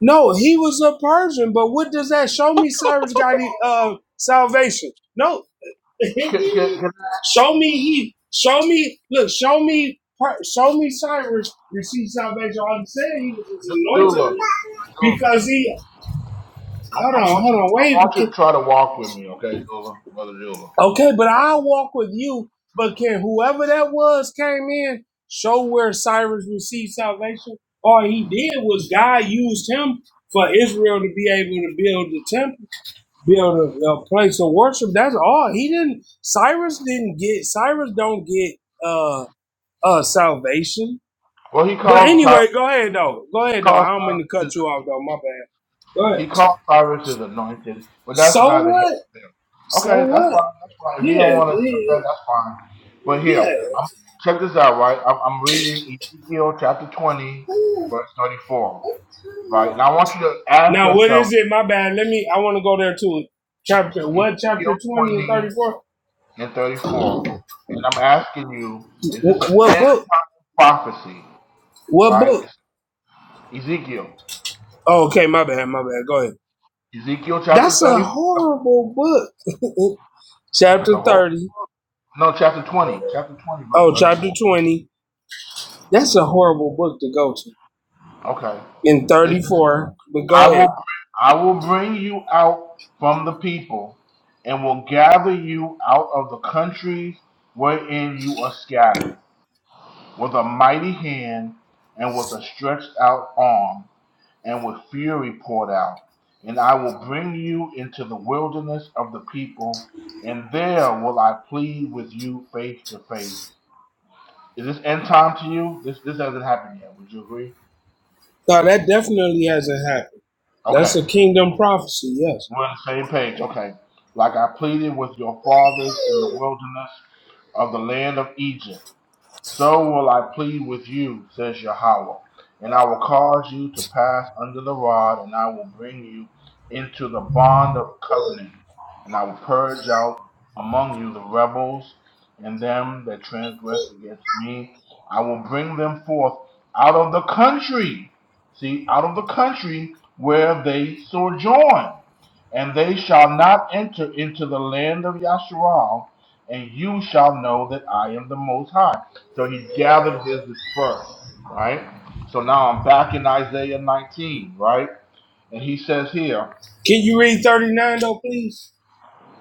No, he was a Persian, but what does that show me? Cyrus got uh, salvation. No, show me he show me look show me show me Cyrus received salvation. I'm saying he was
Dula. Dula.
anointed because he
I,
hold
I
on
want
hold
you.
on
I want you to
wait.
try to walk with me, okay, Dula, Mother Dula.
Okay, but I'll walk with you. But can whoever that was came in show where Cyrus received salvation? All he did was God used him for Israel to be able to build the temple, build a, a place of worship. That's all. He didn't. Cyrus didn't get. Cyrus don't get uh uh salvation.
Well, he
But
calls. Ty-
anyway, go ahead though. Go
He
ahead though.
calls
I don't mean to
Cyrus his
cut you off though. My bad. Go
He
ahead.
called Cyrus his anointed, but that's
So
neither here
what?
nor there.
So
Okay, that's
what?
fine. That's fine. If You don't
Yeah.
want to accept
yeah.
that. That's fine. But here,
yeah.
I'm, check this out, right? I'm, I'm reading Ezekiel chapter 20, verse 34, right? And I want you to ask
Now, what
yourself
is it? My bad. Let me. I want to go there too. Chapter what?
Ezekiel
Chapter twenty and
20
thirty four.
and 34. And I'm asking you, is this an
What
end
book?
time prophecy,
What
right?
book?
It's Ezekiel.
Oh, okay, my bad. My bad. Go ahead.
Ezekiel chapter
That's a
30.
horrible book.
It's a
chapter
whole.
thirty.
No, chapter 20. Chapter 20, verse
Oh, chapter
34.
twenty. That's a
Mhm.
horrible book to go to
Okay.
in
It
thirty four. But
I
go ahead.
will I will bring you out from the people and will gather you out of the countries wherein you are scattered with a mighty hand and with a stretched out arm and with fury poured out and I will bring you into the wilderness of the people and there will I plead with you face to face. Is this end time to you? This this hasn't happened yet. Would you agree?
No, that definitely hasn't happened.
Okay.
That's a kingdom prophecy. Yes.
We're on the same page. Okay. Like I pleaded with your fathers in the wilderness of the land of Egypt, so will I plead with you, says Yahweh. And I will cause you to pass under the rod, and I will bring you into the bond of covenant. And I will purge out among you the rebels and them that transgress against me. I will bring them forth out of the country. See, out of the country where they sojourn and they shall not enter into the land of Yasharal, and you shall know that I am the Most High. So he gathered his dispersed, right? So now I'm back in Isaiah 19, right? And he says here,
Can you read thirty nine though, please?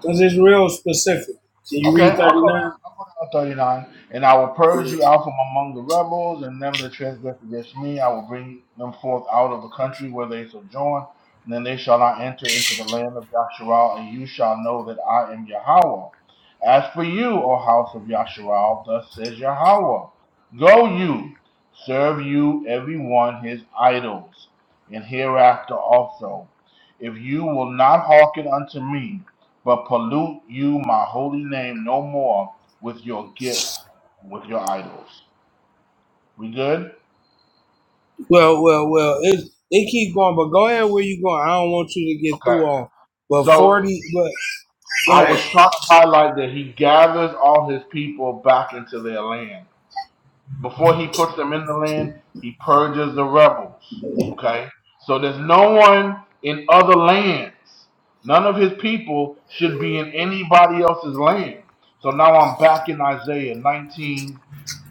Because it's real specific. Can you
okay,
read
I'll
thirty
come
nine?
on 39, and I will purge you out from among the rebels, and them that transgress against me, I will bring them forth out of the country where they sojourn, and then they shall not enter into the land of Yasharal, and you shall know that I am Yahweh. As for you, O house of Yasharal, thus says Yahweh, Go you, serve you every one his idols, and hereafter also, if you will not hearken unto me, but pollute you my holy name no more with your gifts, with your idols. We good?
Well, well, well. It it keep going, but go ahead where you going. I don't want you to get
Okay.
through all. But
So
forty. But go
I was
ahead.
trying to highlight that he gathers all his people back into their land. before he puts them in the land, he purges the rebels. Okay? So there's no one in other lands. None of his people should be in anybody else's land. So now I'm back in Isaiah 19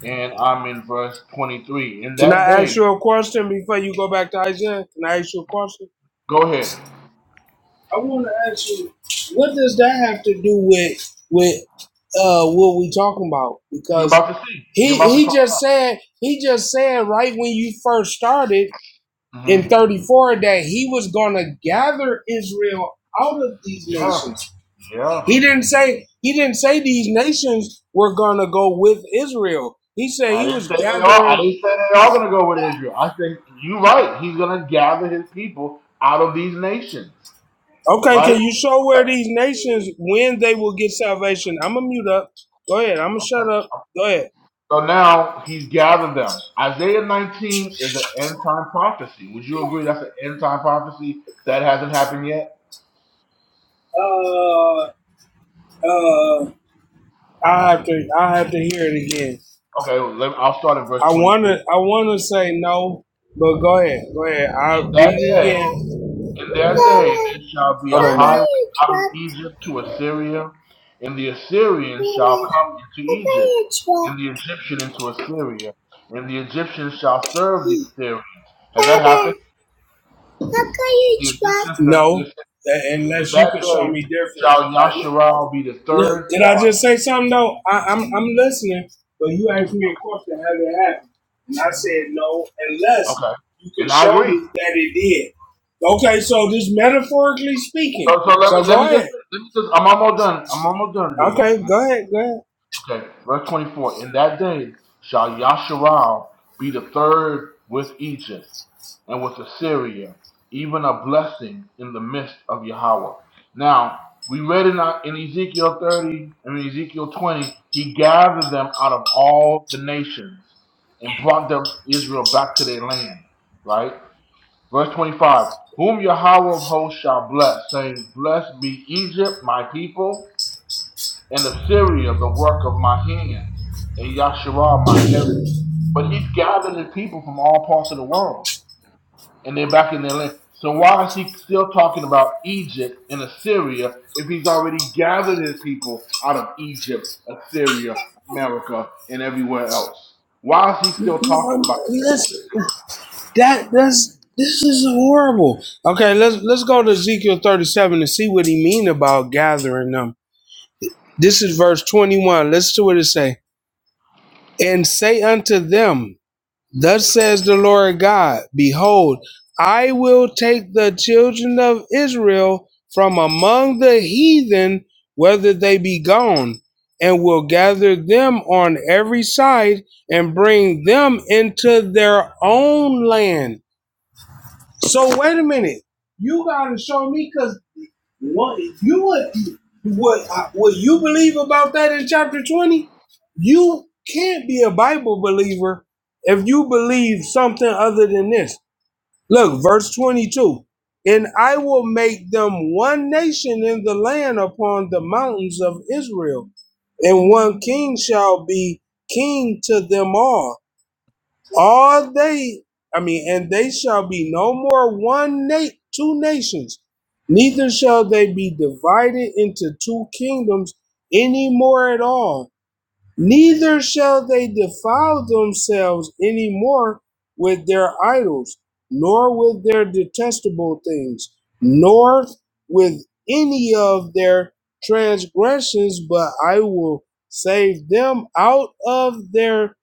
and I'm in verse 23. In
Can I
that
ask
day,
you a question before you go back to Isaiah? Can I ask you a question?
go ahead.
I want to ask you, what does that have to do with with uh what we talking about?
You're
Because
about to see. You're
he
about to
he
find.
just said he just said right when you first started
Mhm.
in thirty four that he was gonna gather Israel out of these
Yeah,
nations.
yeah.
He didn't say he didn't say these nations were gonna go with Israel. He said
I
he
didn't
was
say they are. I
gathering.
didn't say they are going to go with Israel. I said you're right. He's going to gather his people out of these nations,
Okay, can
right?
you show where these nations when they will get salvation? I'm gonna mute up. Go ahead. I'm gonna shut up. Go ahead.
So now he's gathered them. Isaiah 19 is an end time prophecy. Would you agree that's an end time prophecy that hasn't happened yet?
Uh, uh. I have to. I have to hear it again.
Okay, well, let I'll start at verse
I wanna.
23.
I wanna say no, but go ahead. Go ahead.
In
I'll read
that
it
day,
again.
in that day, there shall be
Hold
a
on, mom.
highway out of Egypt to Assyria, and the Assyrians shall come into Egypt, and the Egyptian into Assyria, and the Egyptians shall serve the Assyrians. Has that
Baba,
happened? Did The Egyptians serve the
No,
Assyrians. In
unless you
that
could show
day
me different.
shall Yasharal be the
no,
third
did
part
I just say something though? I, I'm I'm listening, but you asked me a question. How did it happen? And I said no, unless
Okay.
you can
And I
show
agree.
me that it did. Okay, so just metaphorically speaking.
So so let me
So
let
go
me just
ahead.
let me just I'm almost done. I'm almost done, Dula.
Okay, go ahead, go ahead.
Okay. Verse twenty four. In that day shall Yasharal be the third with Egypt and with Assyria, even a blessing in the midst of Yahweh. Now we read in, our- in Ezekiel 30 and in Ezekiel 20, he gathered them out of all the nations and brought them Israel back to their land, Right. Verse 25 Whom Yahweh of hosts shall bless, saying, Blessed be Egypt, my people, and Assyria, the work of my hands, and Yasharah, my heritage. But he's gathered his people from all parts of the world, and they're back in their land. So why is he still talking about Egypt and Assyria if he's already gathered his people out of Egypt, Assyria, America, and everywhere else? Why is he still
No,
talking
no,
about Egypt and
listen,
Assyria?
that that's this is horrible. Okay, let's let's go to Ezekiel 37 and see what he mean about gathering them This is verse 21. Listen to what it say. And say unto them, Thus says the Lord God, Behold, I will take the children of Israel from among the heathen, whether they be gone, and will gather them on every side and bring them into their own land. So wait a minute. You gotta show me, cause. What if you what what what you believe about that in chapter twenty? You can't be a Bible believer if you believe something other than this. Look, verse twenty-two. And I will make them one nation in the land upon the mountains of Israel, and one king shall be king to them all all they i mean and they shall be no more one na- two nations neither shall they be divided into two kingdoms any more at all neither shall they defile themselves any more with their idols nor with their detestable things nor with any of their transgressions but i will save them out of their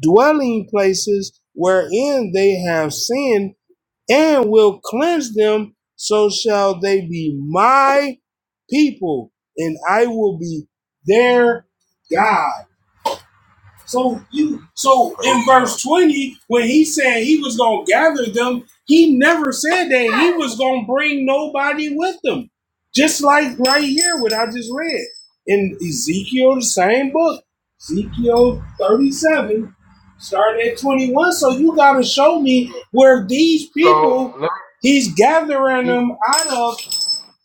dwelling places wherein they have sinned, and will cleanse them, so shall they be my people, and I will be their God. So you so in verse 20, when he said he was gonna gather them, he never said that he was gonna bring nobody with them. Just like right here, what I just read in Ezekiel, the same book, Ezekiel 37, starting at 21. So you gotta show me where these people
So let
he's gathering
me
them out of.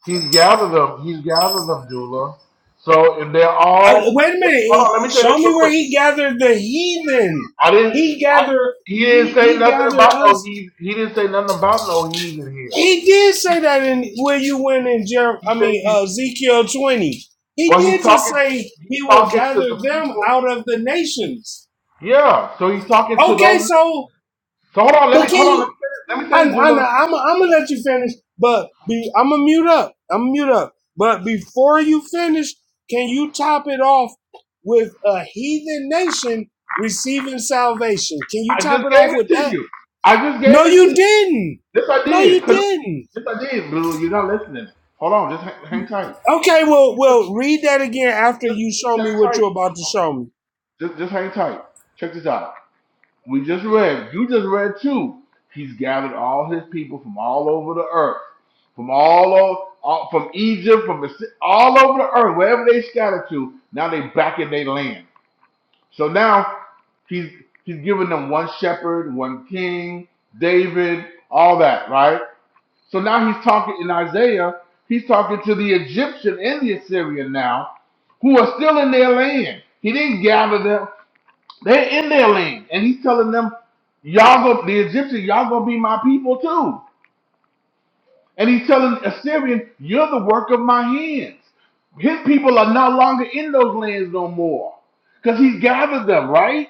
He's gathered them. He's gathered them, Dula. So if they're
Uh,
all,
wait a
if- hold
minute,
on, let me say this
show
real
me where
quick.
he gathered the heathen.
I didn't.
He
I,
gathered
he didn't
he,
say
he
nothing
gathered
about no
us
he's. He didn't say nothing about no he's in here.
He did say that in where you went in Jer-
He
I
said
mean
he.
uh, Ezekiel twenty. He
Well,
did
he's
just
talking.
say
He's
he will
talking to
gather
the
them
people.
out of the nations.
Yeah. So he's talking to
Okay,
those.
so
So hold on. Let
but
me
can
hold on. Let
you?
me say this. Let me
I,
say this,
I,
Dula.
I'm I'm gonna let you finish, but be, I'm gonna mute up. I'm gonna mute up. But before you finish, can you top it off with a heathen nation receiving salvation? Can you
I
top
just
it
gave
off with
it to
that?
you. I just
No,
gave it to
you
you.
didn't.
Yes, I
No,
did.
you
'Cause-
didn't.
yes, I did, Dula. You're not listening. Hold on. Just hang, hang tight.
Okay, well,
You just,
well, read that again after
just,
you show
just
me
hang
what you're about to
tight.
show me.
Just, just hang tight. Check this out. We just read, you just read too. He's gathered all his people from all over the earth, from all over, all, from Egypt, from the, all over the earth, wherever they scattered to. Now they back in their land. So now he's he's giving them one shepherd, one king, David, all that, right? So now he's talking in Isaiah. He's talking to the Egyptian and the Assyrian now, who are still in their land. He didn't gather them. They're in their land. And he's telling them, Y'all go the Egyptians, y'all gonna be my people too. And he's telling Assyrian, You're the work of my hands. His people are no longer in those lands no more. Because he gathered them, right?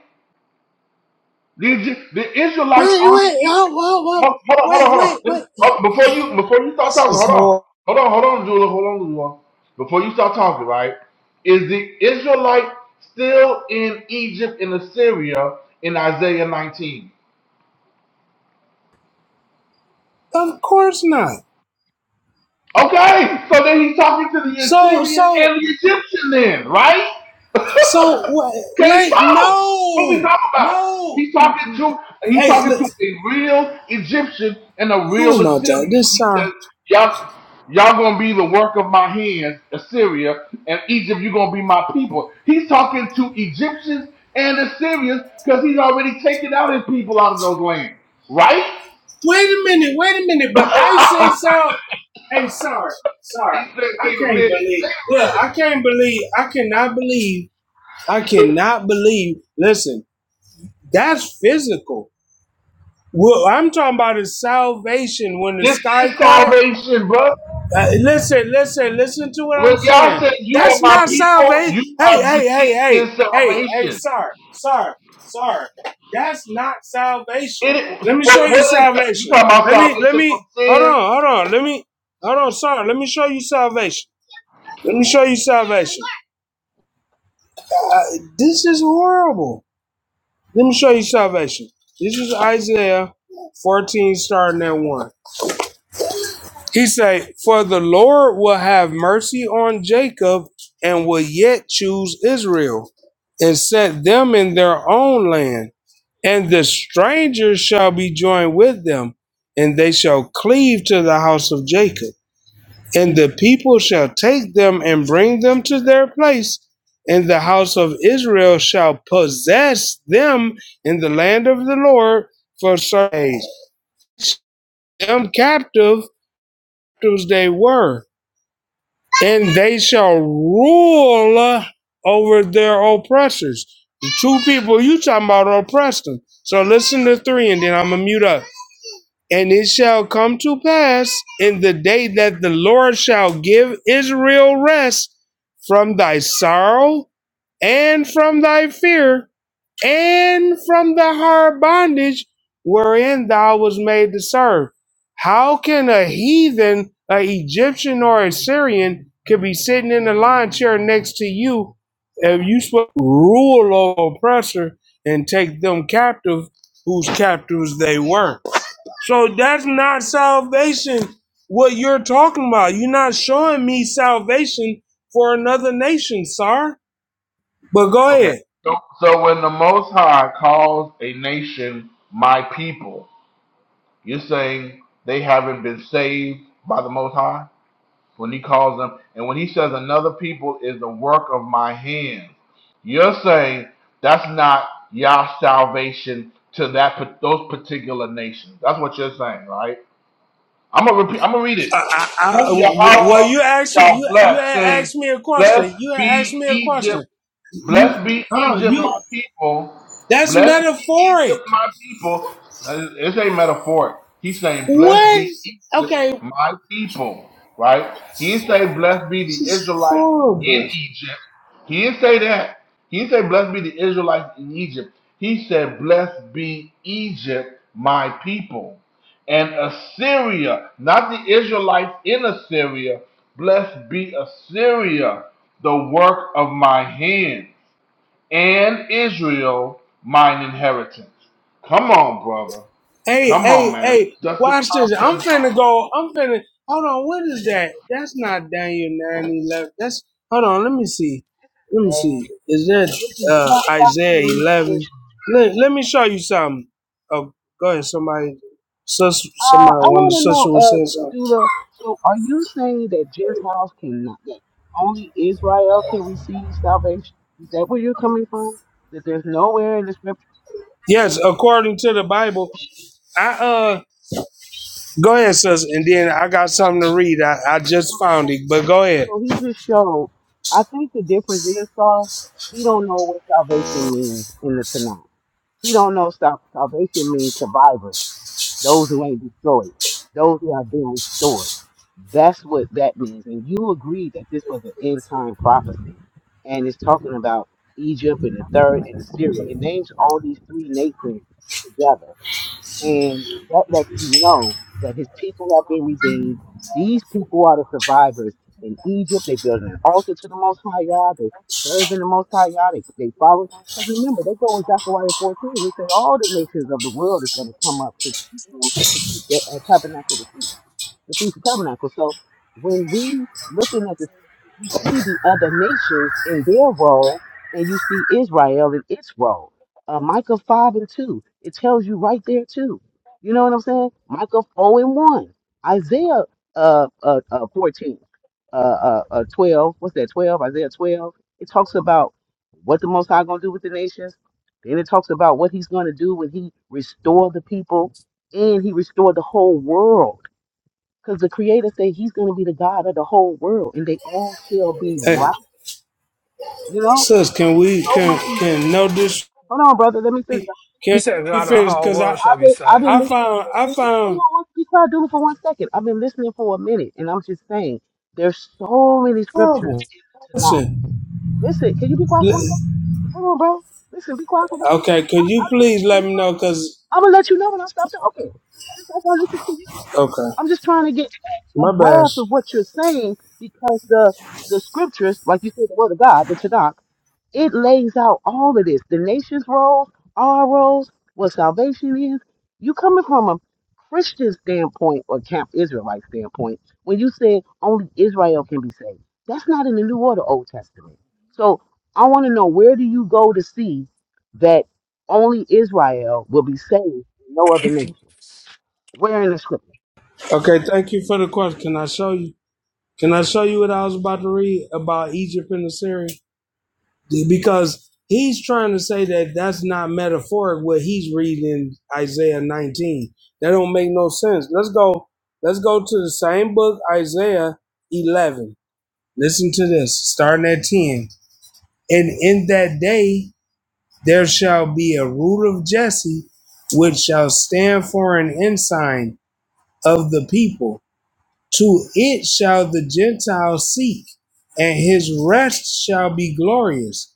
The, Egy- the Israelites
Wait,
aren't in
wait,
Egypt.
oh, oh, oh,
Hold, hold on, hold on,
wait,
hold on.
wait,
Let
wait.
me- hold- Before you before you start
This
talking,
is
hold on.
horrible.
Hold on, hold on, Julia. Hold on, Julia. Before you start talking, right? Is the Israelite still in Egypt and Assyria in Isaiah 19?
Of course not.
Okay, so then he's talking to the
So,
Assyrian
so,
and the Egyptian then, right?
so, wait,
Okay,
wait
Psalms. What are we
no,
talking about?
no.
He's talking to he's
Hey,
talking
look,
to a real Egyptian and a
oh
real
my
Assyrian.
God, this
He
sorry.
says, Y'all y'all gonna be the work of my hands, Assyria, and Egypt, you're gonna be my people. He's talking to Egyptians and Assyrians because he's already taken out his people out of those lands, right?
Wait a minute, wait a minute, but I said so. Hey, sorry,
he
sorry.
said,
I
wait a
can't
minute.
believe, look, I can't believe, I cannot believe, I cannot believe. Listen, that's physical. Well, I'm talking about his salvation when the
This
sky
is
cracked.
salvation, brother.
Uh, listen, listen, listen to what
When
I'm
y'all
saying.
say you are
That's
my
not
people,
salvation.
you
Hey,
have
hey, hey,
received
hey,
his
hey, hey,
salvation.
sir, sir, sir. That's not
It
salvation.
is,
Let
so
me show
what,
you
what is you
salvation.
talking about
Let me, let
salvation
me,
from
hold
sin?
on, hold on. Let me, hold on, sir. Let me show you salvation. Let me show you salvation. Uh, this is horrible. Let me show you salvation. This is Isaiah 14, starting at 1. He say, "For the Lord will have mercy on Jacob and will yet choose Israel and set them in their own land, and the strangers shall be joined with them, and they shall cleave to the house of Jacob. And the people shall take them and bring them to their place, and the house of Israel shall possess them in the land of the Lord for certain days. Them captive captives they were." and they shall rule over their oppressors. The two people you talking about oppressed them. So listen to three, and then I'm gonna mute up. And it shall come to pass in the day that the Lord shall give Israel rest from thy sorrow and from thy fear, and from the hard bondage wherein thou was made to serve. How can a heathen, an Egyptian, or a Syrian could be sitting in the lion chair next to you if you sw- rule over oppressor and take them captive whose captives they were? So that's not salvation, what you're talking about. You're not showing me salvation for another nation, sir. But go
Okay.
ahead.
So, so when the Most High calls a nation my people, you're saying they haven't been saved by the Most High? when he calls them, and when he says another people is the work of my hands, you're saying that's not Yah's salvation to that those particular nations. That's what you're saying, right? I'm gonna repeat. I'm gonna read it.
I, I,
Whom
well,
Yahweh
you asked me,
shall
you you
bless,
had
saying,
asked me a
"Blessed
question. You had asked
be
me a
Egypt."
question. You
Blessed be
hold on.
Egypt,
You
my people.
that's
Blessed be Egypt,
metaphoric.
my people. Uh, It's a metaphor. He's saying, Blessed
What?
be Egypt,
Okay,
my people. Right? He didn't say, Blessed be
this
the
is
Israelites
horrible.
in Egypt. He didn't say that. He didn't say, Blessed be the Israelites in Egypt. He said, Blessed be Egypt, my people. And Assyria, not the Israelites in Assyria. Blessed be Assyria, the work of my hand and Israel mine inheritance. Come on, brother.
Hey,
Come on,
hey,
man.
hey,
Dust the
watch this. I'm
cobwebs
finna
off.
go. I'm finna. Hold on. What is that? That's not Daniel 911. That's. Hold on. Let me see. Let me
man.
see. Is that
This is
uh,
not about to
Isaiah
me. It's
11? Let, let me show you something. Oh, go ahead. Somebody. Sus,
Uh,
somebody,
I
one of the
want to
sisters
know,
was
uh,
saying something.
Dula, so are you saying that Gentiles cannot, that only Israel can receive salvation? Is that where you're coming from? That there's nowhere in the scripture.
Yes, according to the Bible. I uh go ahead, sis, and then I got something to read. I, I just found it, but go ahead.
So he just showed, I think the difference is, Star, he don't know what salvation means in the Tanakh. He don't know sal- salvation means survivors. those who ain't destroyed, those who have been restored. That's what that means. And you agreed that this was an end time prophecy. And it's talking about Egypt and the third and Assyria. It names all these three nations together. And that lets you know that his people have been redeemed. These people are the survivors. In Egypt, they built an altar to the Most High God. They serve in the Most High God. They, they follow. Because remember, they go in Zechariah 14. We say all the nations of the world is going to come up to keep, them, to keep the uh, tabernacle of the feast the Feast of Tabernacles. So when we looking at the scriptures, you see the other nations in their role, and you see Israel in its role. Uh, Micah 5 and 2, it tells you right there too. You know what I'm saying? Micah 4 and 1, Isaiah uh, uh, uh, 14, uh, uh, uh, 12, what's that, 12, Isaiah 12. It talks about what the Most High going to do with the nations. Then it talks about what he's going to do when he restore the people and he restored the whole world because the Creator said He's going to be the God of the whole world, and they all shall be
Hey,
right. You know,
sis, can we
so
can
much.
can
is-
know this
Hold on, brother. Let me finish.
He
Can
said,
be
"God, the
fixed
whole
because
world
I
shall
I've
be
been I've
saved."
been
I
listening for
found
a
I
minute. Hold
found
on, one- be quiet, do it for one second. I've been listening for a minute, and I'm just saying, there's so many scriptures
horrible.
to knock.
Listen,
Listen, can you be quiet for one second?
l-
Hold on, bro. Listen, be quiet for me.
okay. Could
I
you please let me know? Cause
am gonna let you know when I stop talking. Okay. Just like I listen to you.
okay,
I'm just trying to get a
my bad.
grasp of what you're saying because the the scriptures, like you said, the word of God, the Tanakh, it lays out all of this. The nation's role, our roles, what salvation is. You coming from a Christian standpoint or camp Israelite standpoint, when you say only Israel can be saved, that's not in the New or the Old Testament. So I want to know where do you go to see that only Israel will be saved, no other nation? Where in the scripture?
Okay, thank you for the question. Can I show you? Can I show you what I was about to read about Egypt and Assyria? Because he's trying to say that that's not metaphoric. What he's reading in Isaiah 19 that don't make no sense. Let's go. Let's go to the same book, Isaiah 11. Listen to this, starting at 10. And in that day there shall be a root of Jesse, which shall stand for an ensign of the people. To it shall the Gentiles seek, and his rest shall be glorious.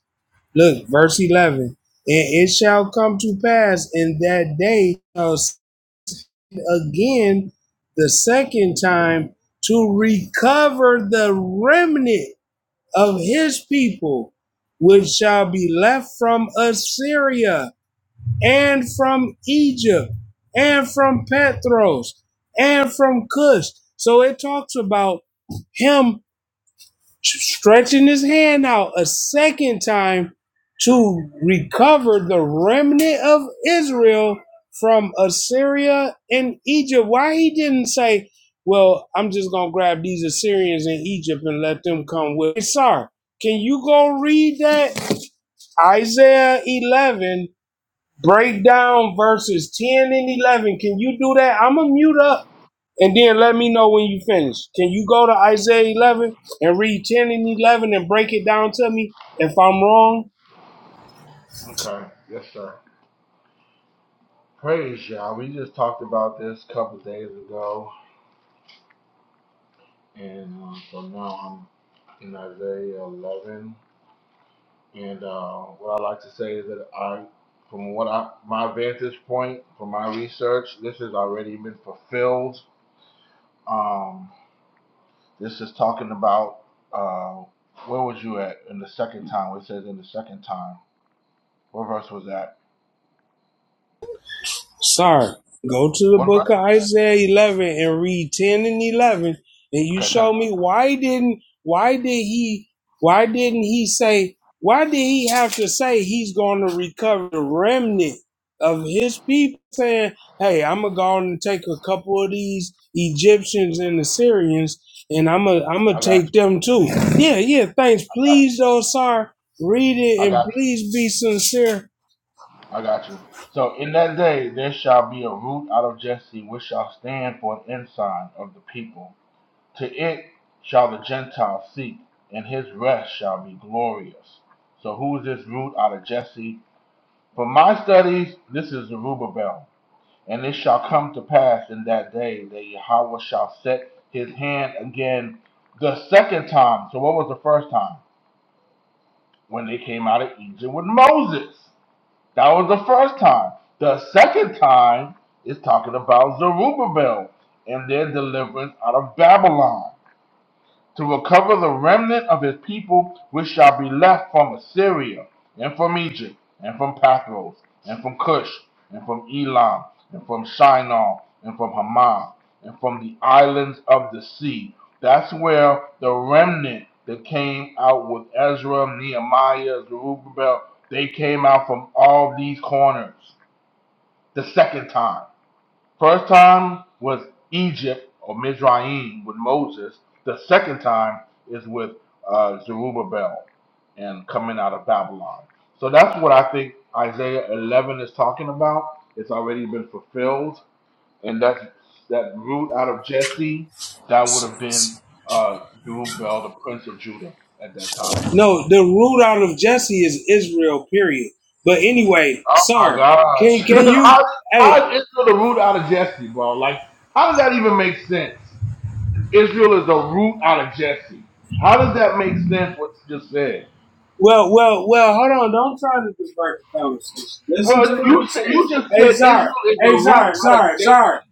Look, verse 11. And it shall come to pass in that day shall send again the second time to recover the remnant of his people, which shall be left from Assyria, and from Egypt, and from Petros, and from Cush. So it talks about him stretching his hand out a second time to recover the remnant of Israel from Assyria and Egypt. Why he didn't say, Well, I'm just gonna grab these Assyrians in Egypt and let them come with me. Sorry, can you go read that? Isaiah 11, break down verses 10 and 11. Can you do that? I'm gonna mute up and then let me know when you finish. Can you go to Isaiah 11 and read 10 and 11 and break it down to me if I'm wrong?
Okay, yes, sir. Praise y'all. We just talked about this, and well, like I got point um this out uh where we at in the second time. What about that?
Sir, go to the
What about
book of Isaiah 11 and read 10 and 11 and you
okay? Ten,
show me why didn't why did he why didn't he say why did he have to say he's going to recover the remnant of his people saying, "Hey, I'm going to go and take a couple of these Egyptians and Assyrians and I'm going I'm going
I
to
got
take
you.
them too." Yeah, yeah, thanks. Please though, sir, read it
I
and
got
please be sincere
you. I got you. So in that day there shall be a root out of Jesse, which shall stand for an ensign of the people. To it shall the Gentiles seek, and his rest shall be glorious. So who is this root out of Jesse? For my studies, this is Zerubbabel. And it shall come to pass in that day that Yahweh shall set his hand again the second time. So what was the first time? When they came out of Egypt with Moses. That was the first time. The second time is talking about Zerubbabel and their deliverance out of Babylon. to recover the remnant of his people which shall be left from Assyria, and from Egypt, and from Pathros, and from Cush, and from Elam, and from Shinar, and from Hamath, and from the islands of the sea. That's where the remnant that came out with Ezra, Nehemiah, Zerubbabel, they came out from all these corners the second time. First time was Egypt or Mizraim with Moses. The second time is with uh, Zerubbabel and coming out of Babylon. So that's what I think Isaiah 11 is talking about. It's already been fulfilled, and that's that root out of Jesse that would have been uh, Zerubbabel, the prince of Judah, at that time.
No, the root out of Jesse is Israel, period. But anyway,
Oh my
sir, can
gosh!
can you
how,
hey
how is the root out of Jesse, bro? Like, how does that even make sense? Israel is a root out of Jesse. How does that make sense? What you just said?
well well well hold on, don't try to divert the conversation. Listen to
Well,
what
you
I'm
s-
saying.
you just
Hey
said
Zar,
Israel is
hey
the root
Zar,
out of
Zar,
Jesse,
Zar.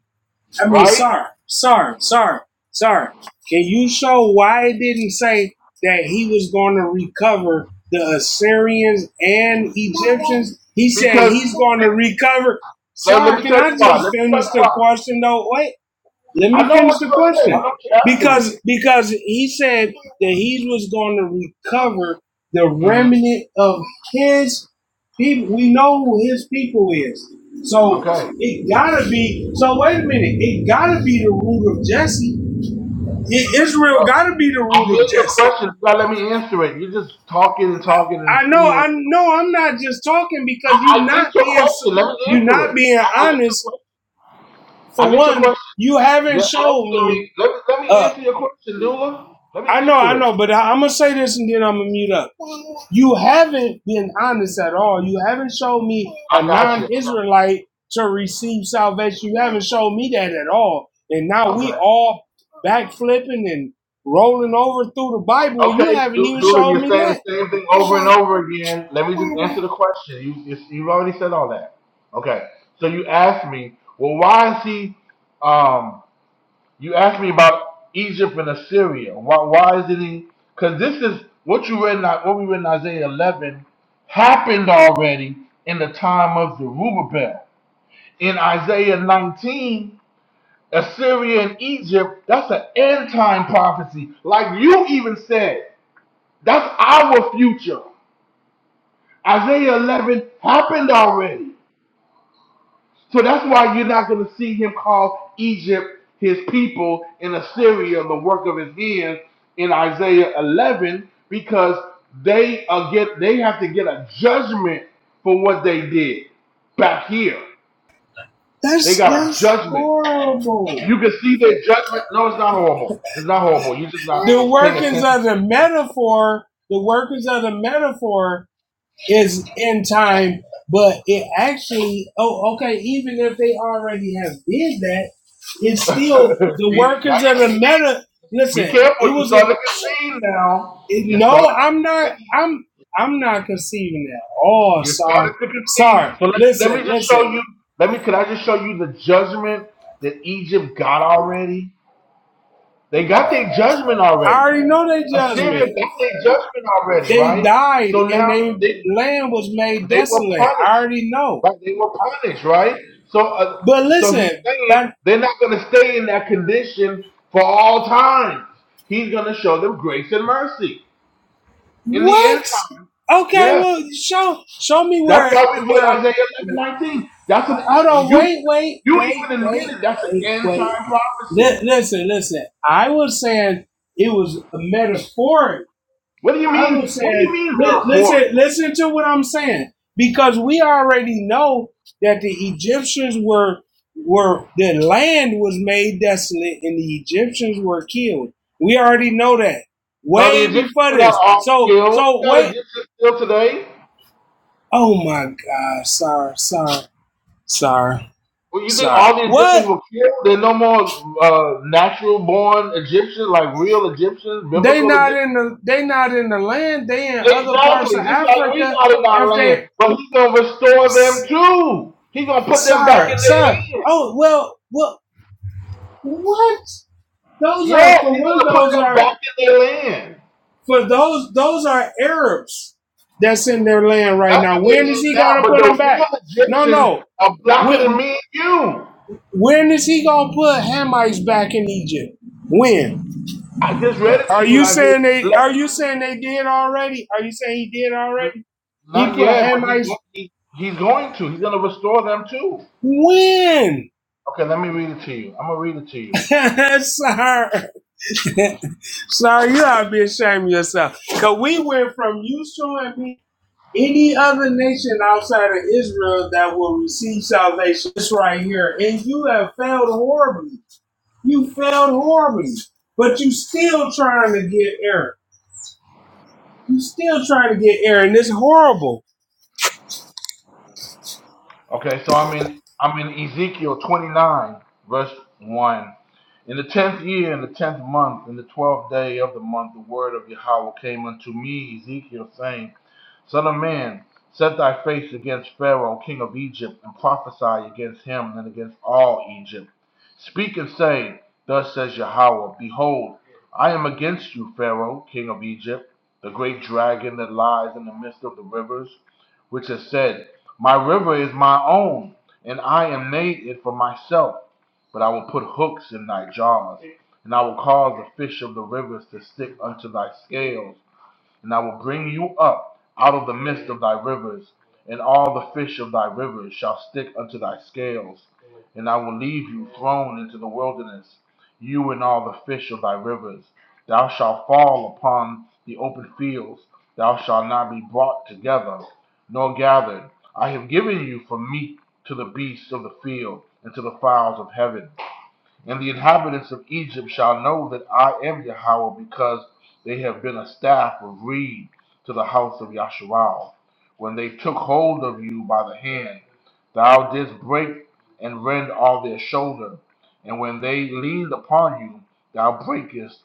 I mean
right?
sir, sir, sir, sir. Can you show why it didn't say that he was gonna recover the Assyrians and Egyptians? He said
Because
he's gonna recover
let, let
Sorry,
me
can
tell you
I
why.
just
Let me tell
finish
you
the
why.
question though? Wait, Let
I
me
know
finish
what.
the question. Because because he said that he was going to recover the remnant of his people. We know who his people is. So
Okay.
it gotta be. So wait a minute. It gotta be the root of Jesse. I- Israel
Uh,
gotta be the
I'm
root of
getting your
Jesse.
question. You gotta let me answer it. You're just talking and talking and
I
spinning
know.
your wheels.
I know. I'm not just talking
I,
because you
I
not
get your
being
question. Let me
you're
answer
not
it.
being
I, I get your
honest.
question.
For
I get your
one,
question.
you haven't
You're
showed
asking
me.
me. Let me let me
a,
answer your question, Dula. Let me
I know,
answer
I
it.
know, but I, am gonna say this and then I'm gonna mute up. You haven't been honest at all. You haven't shown me a
I got you. I got
non-Israelite to receive salvation. You haven't shown me that at all. And now
you. Okay.
we all backflipping and rolling over through the Bible, and you
Okay,
haven't
Ju-
even
Julie,
shown
you're
me
saying
that.
the same thing over and over again. Let me just answer the question. You, you you've already said all that. Okay, so you asked me, well, why is he? Um, you asked me about Egypt and Assyria. Why why is it? he? Because this is what you read in what we read in Isaiah 11 happened already in the time of Zerubbabel. In Isaiah 19, Assyria and Egypt. That's an end time prophecy, like you even said. That's our future. Isaiah 11 happened already. So that's why you're not going to see him call Egypt his people in Assyria the work of his hands in Isaiah 11 because they are get they have to get a judgment for what they did back here. They
That's
got a
that's
judgment.
horrible.
You can see their judgment. No, it's not horrible. It's not horrible. You're just not
The
paying
workings
attention.
of the
see?
metaphor, the workings of the metaphor is in time, but it actually, oh, okay, even if they already have did that, it's still
Now
the workers of the
you can see.
meta.
Be
Listen,
careful.
it
You
was a
started to concede now.
it,
You started
no. I'm
to
not.
concede.
I'm I'm not conceiving that. Oh,
You
sorry,
started to concede.
sorry.
So let me let me
Listen,
just show
listen.
you. Let me. Can I just show you the judgment that Egypt got already? They got their judgment
I
already.
already know their
Assyria
judgment.
got their judgment already,
They
right?
died,
So
and
now
their
they
land was made
they were
desolate.
punished,
I already know.
right? They were punished, right? So uh,
But
so he's
listen,
saying
but
they're not going to stay in that condition for all time. He's going to show them grace and mercy in the end
what?
time.
Okay,
Yes.
well, show show me
That's
where
why we read
where
Isaiah eleven nineteen. That's an
Hold on,
you
wait, wait,
you
wait,
even
wait,
admitted that's an
wait,
end
wait.
time
Li-
prophecy.
listen, listen. I was saying it was a metaphoric.
What do you
I
mean?
was
What do you
saying,
mean
li-
metaphor?
listen, listen to what I'm saying because we already know that the Egyptians were were the land was made desolate and the Egyptians were killed. We already know that
Now the
way
Egyptians
before
were not
this.
all
So,
killed.
so
You got
wait.
Egyptians still today.
Oh my God! Sorry, sorry, sorry,
Well,
sorry.
Egyptians
What?
were killed. They're no more uh, natural born Egyptians, like real Egyptians,
They
biblical
not
Egyptians.
in the they not in the land. They in other parts of
Exactly, just like we
Africa.
not in our
If
land.
they
But he's gonna restore them too. He's gonna put them back in
sorry sorry.
their land.
Oh well well what those are
Yes,
for
he's
one
gonna put
those
them
are
back in their land.
for those those are Arabs that's in their land right
That's
now.
in they
When is
land
he
now.
gonna
But
put them
the real
back? No
Egyptians
no.
are blacker than
When
me and you.
when is he gonna put Hamites back in Egypt? When are you saying they are you saying they did already? Are you saying he did already? He
Not
put
yet, but he's
Hamites
go- he, he's going to. He's going to restore them too.
when?
Okay, let me. I'm gonna read it to you.
sir, sir, you ought to be ashamed of yourself. Because we went from you showing me any other nation outside of Israel that will receive salvation. This right here. And you have failed horribly. You failed horribly. But you still trying to get Aaron. You still trying to get Aaron. It's horrible.
Okay, so I'm in I'm in Ezekiel 29 verse one. In the tenth year, in the tenth month, in the twelfth day of the month, the word of Yahweh came unto me, Ezekiel, saying, Son of man, set thy face against Pharaoh, king of Egypt, and prophesy against him and against all Egypt Speak and say, Thus says Yahweh, Behold, I am against you, Pharaoh, king of Egypt, the great dragon that lies in the midst of the rivers, which has said, My river is my own, and I eat it for myself. You Out of the midst of thy rivers, and all the fish of thy rivers shall stick unto thy scales. And I will leave you thrown into the wilderness, you and all the fish of thy rivers. Thou shalt fall upon the open fields, thou shalt not be brought together, nor gathered. I have given you for meat to the beasts of the field, and to the fowls of heaven and the inhabitants of Egypt shall know that I am Yahweh because they have been a staff of reed to the house of Yasharal. When they took hold of you by the hand, thou didst break and rend all their shoulder. And when they leaned upon you, thou breakest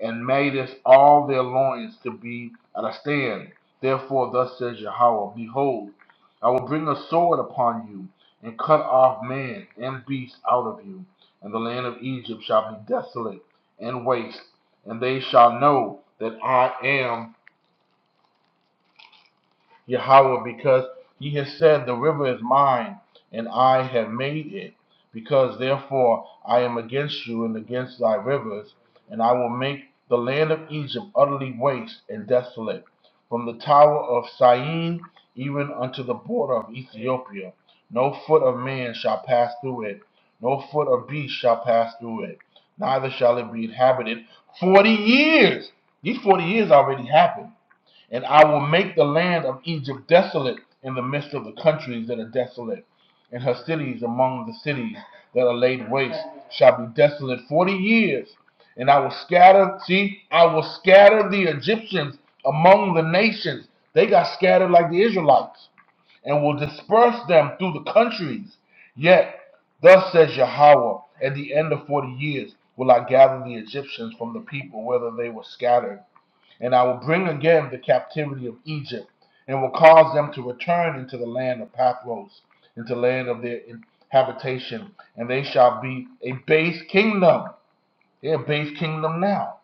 and madest all their loins to be at a stand. Therefore, thus says Yahweh, Behold, I will bring a sword upon you and cut off man and beast out of you and the land of Egypt shall be desolate and waste, and they shall know that I am Yahweh, because ye have said, The river is mine, and I have made it. Because therefore I am against you and against thy rivers, and I will make the land of Egypt utterly waste and desolate, from the tower of Syene even unto the border of Ethiopia. No foot of man shall pass through it, no foot of beast shall pass through it, neither shall it be inhabited forty years. These forty years already happened and I will make the land of Egypt desolate in the midst of the countries that are desolate, and her cities among the cities that are laid waste shall be desolate forty years. And I will scatter, see, I will scatter the Egyptians among the nations. They got scattered like the Israelites, and will disperse them through the countries. Yet, thus says Yahweh, at the end of forty years will I gather the Egyptians from the people, whether they were scattered and I will bring again the captivity of Egypt, and will cause them to return into the land of Pathros, into the land of their habitation, and they shall be a base kingdom. They're a base kingdom now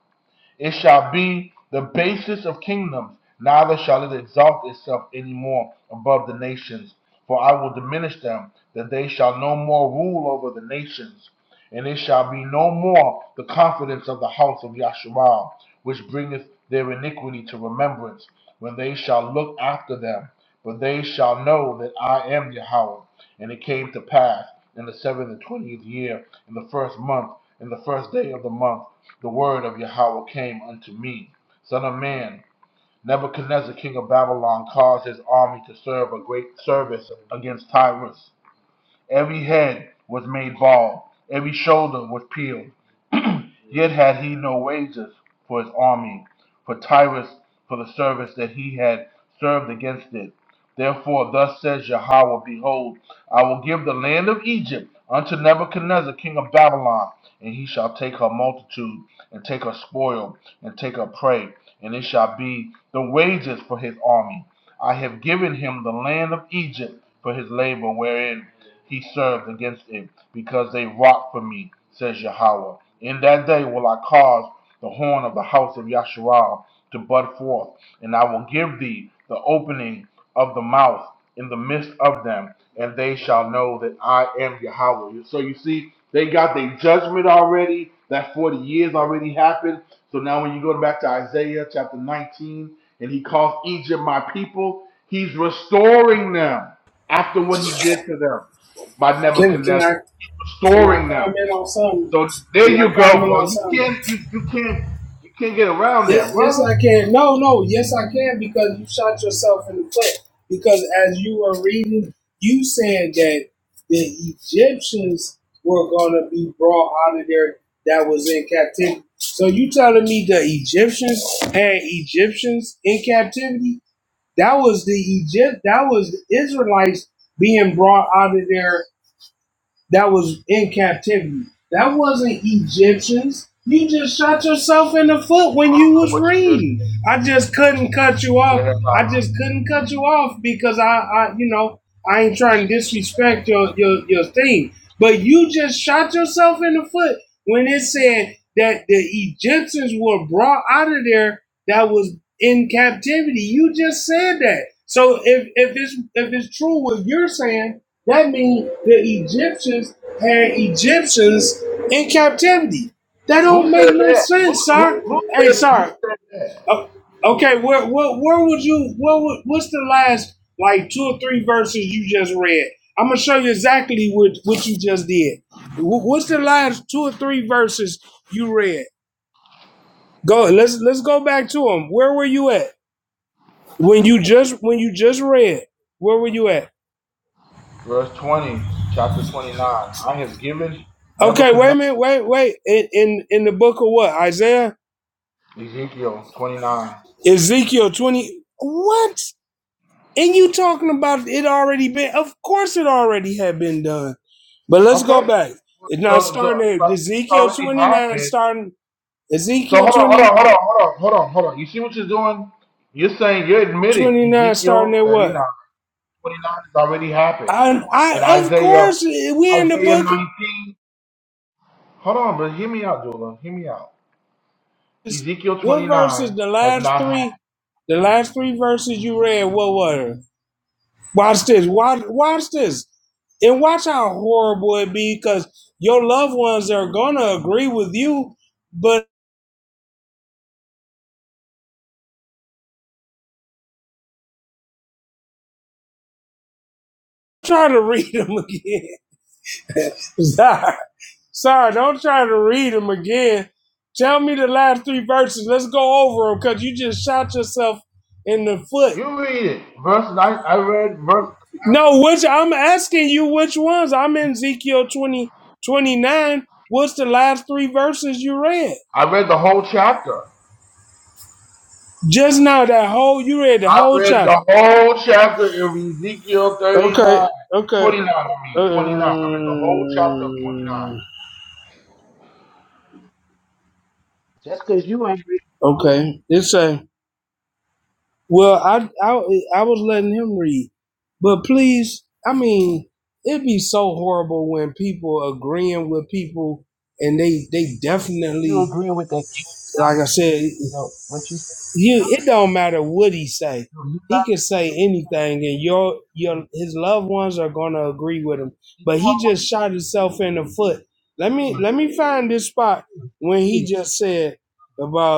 it shall be the basis of kingdoms, neither shall it exalt itself any more above the nations. For I will diminish them, that they shall no more rule over the nations. And it shall be no more the confidence of the house of Yasharal, which bringeth their iniquity to remembrance, when they shall look after them. But they shall know that I am Yahweh. And it came to pass in the seventh and twentieth year, in the first month, in the first day of the month the word of Yahweh came unto me. Son of man, Nebuchadnezzar, king of Babylon, caused his army to serve a great service against Tyrus. Every head was made bald, every shoulder was peeled, Yet had he no wages for his army, for Tyrus, for the service that he had served against it. Therefore, thus says Yahweh Behold, I will give the land of Egypt unto Nebuchadnezzar, king of Babylon, and he shall take her multitude, and take her spoil, and take her prey, and it shall be the wages for his army. I have given him the land of Egypt for his labor, wherein he served against it, because they wrought for me, says Yahweh. In that day will I cause the horn of the house of Yasharal to bud forth, and I will give thee the opening of the mouth in the midst of them, and they shall know that I am Yahweh. So you see, they got their judgment already. That 40 years already happened. So now when you go back to Isaiah chapter 19, and he calls Egypt my people, he's restoring them after what he did to them by
Can can
Nebuchadnezzar,
I
He's
can I
restoring them.
comment on something?
So there
Can I
you go,
comment on
bro. You
something?
can't you, you can't you can't get around
Yes,
that,
yes,
brother.
I can. No, no, yes, I can because you shot yourself in the foot. Because as you were reading, you said that the Egyptians were going to be brought out of there that was in captivity. So you telling me the Egyptians had Egyptians in captivity? That was the Egypt. That was the Israelites being brought out of there that was in captivity. That wasn't Egyptians. You just shot yourself in the foot when you was reading. I just couldn't cut you off. I just couldn't cut you off because I, I you know, I ain't trying to disrespect your, your your thing. But you just shot yourself in the foot when it said that the Egyptians were brought out of there that was in captivity. You just said that. So if, if it's if it's true what you're saying, that means the Egyptians had Egyptians in captivity. That don't make no sense, sir. Hey, sir. o- Okay, where, where, where would you? What would, what's the last like two or three verses you just read? I'm gonna show you exactly what what you just did. Wh- What's the last two or three verses you read? Go. Let's let's go back to them. Where were you at when you just when you just read? Where were you at?
Verse twenty, chapter twenty nine. I have given
Okay, wait a
Nebuchadnezzar
minute, wait, wait. In in in the book of what? Isaiah,
Ezekiel twenty nine.
Ezekiel twenty. What? And you talking about it already been? Of course, it already had been done. But let's go
Okay.
back. It's now
So so
starting at
it's
Ezekiel
already
twenty nine.
happened.
Starting
So
Ezekiel
hold on, hold
20
on, hold on, hold on, hold on, hold on. You see what you're doing? You're saying you're admitting
29. Starting
Ezekiel
at
thirty nine.
what? I I of
So
course we in the book. of-
Ezekiel
What
twenty
verses?
nine
The
has
last
not
three.
happened.
The last three verses you read. What were? Watch this. Watch, watch this. And watch how horrible it be because your loved ones are going to agree with you, but try to read them again. Sorry. Sorry, don't try to read them again. Tell me the last three verses. Let's go over them because you just shot yourself in the foot.
You read it. Verse nine I read verse
No, which I'm asking you which ones. I'm in Ezekiel 20 29. What's the last three verses you read?
I read the whole chapter.
Just now, that whole, you read the
I
whole
read
chapter.
the whole chapter in Ezekiel thirty
Okay,
nine,
okay,
29. I mean, 29. I
uh,
read the whole chapter of 29.
Just because you ain't agree,
okay. It say, well, I, I, I was letting him read, but please, I mean, it'd be so horrible when people agreeing with people and they, they
you
definitely,
agree with that kid.
like I said,
You know, what you said,
you it don't matter what he say
you know, you got
he can say anything and your
to
your his loved ones are gonna agree
do
with
it.
him
Did
but
you
he just shot himself in the foot let me
always
let me find this spot
do it? Do it.
when he just said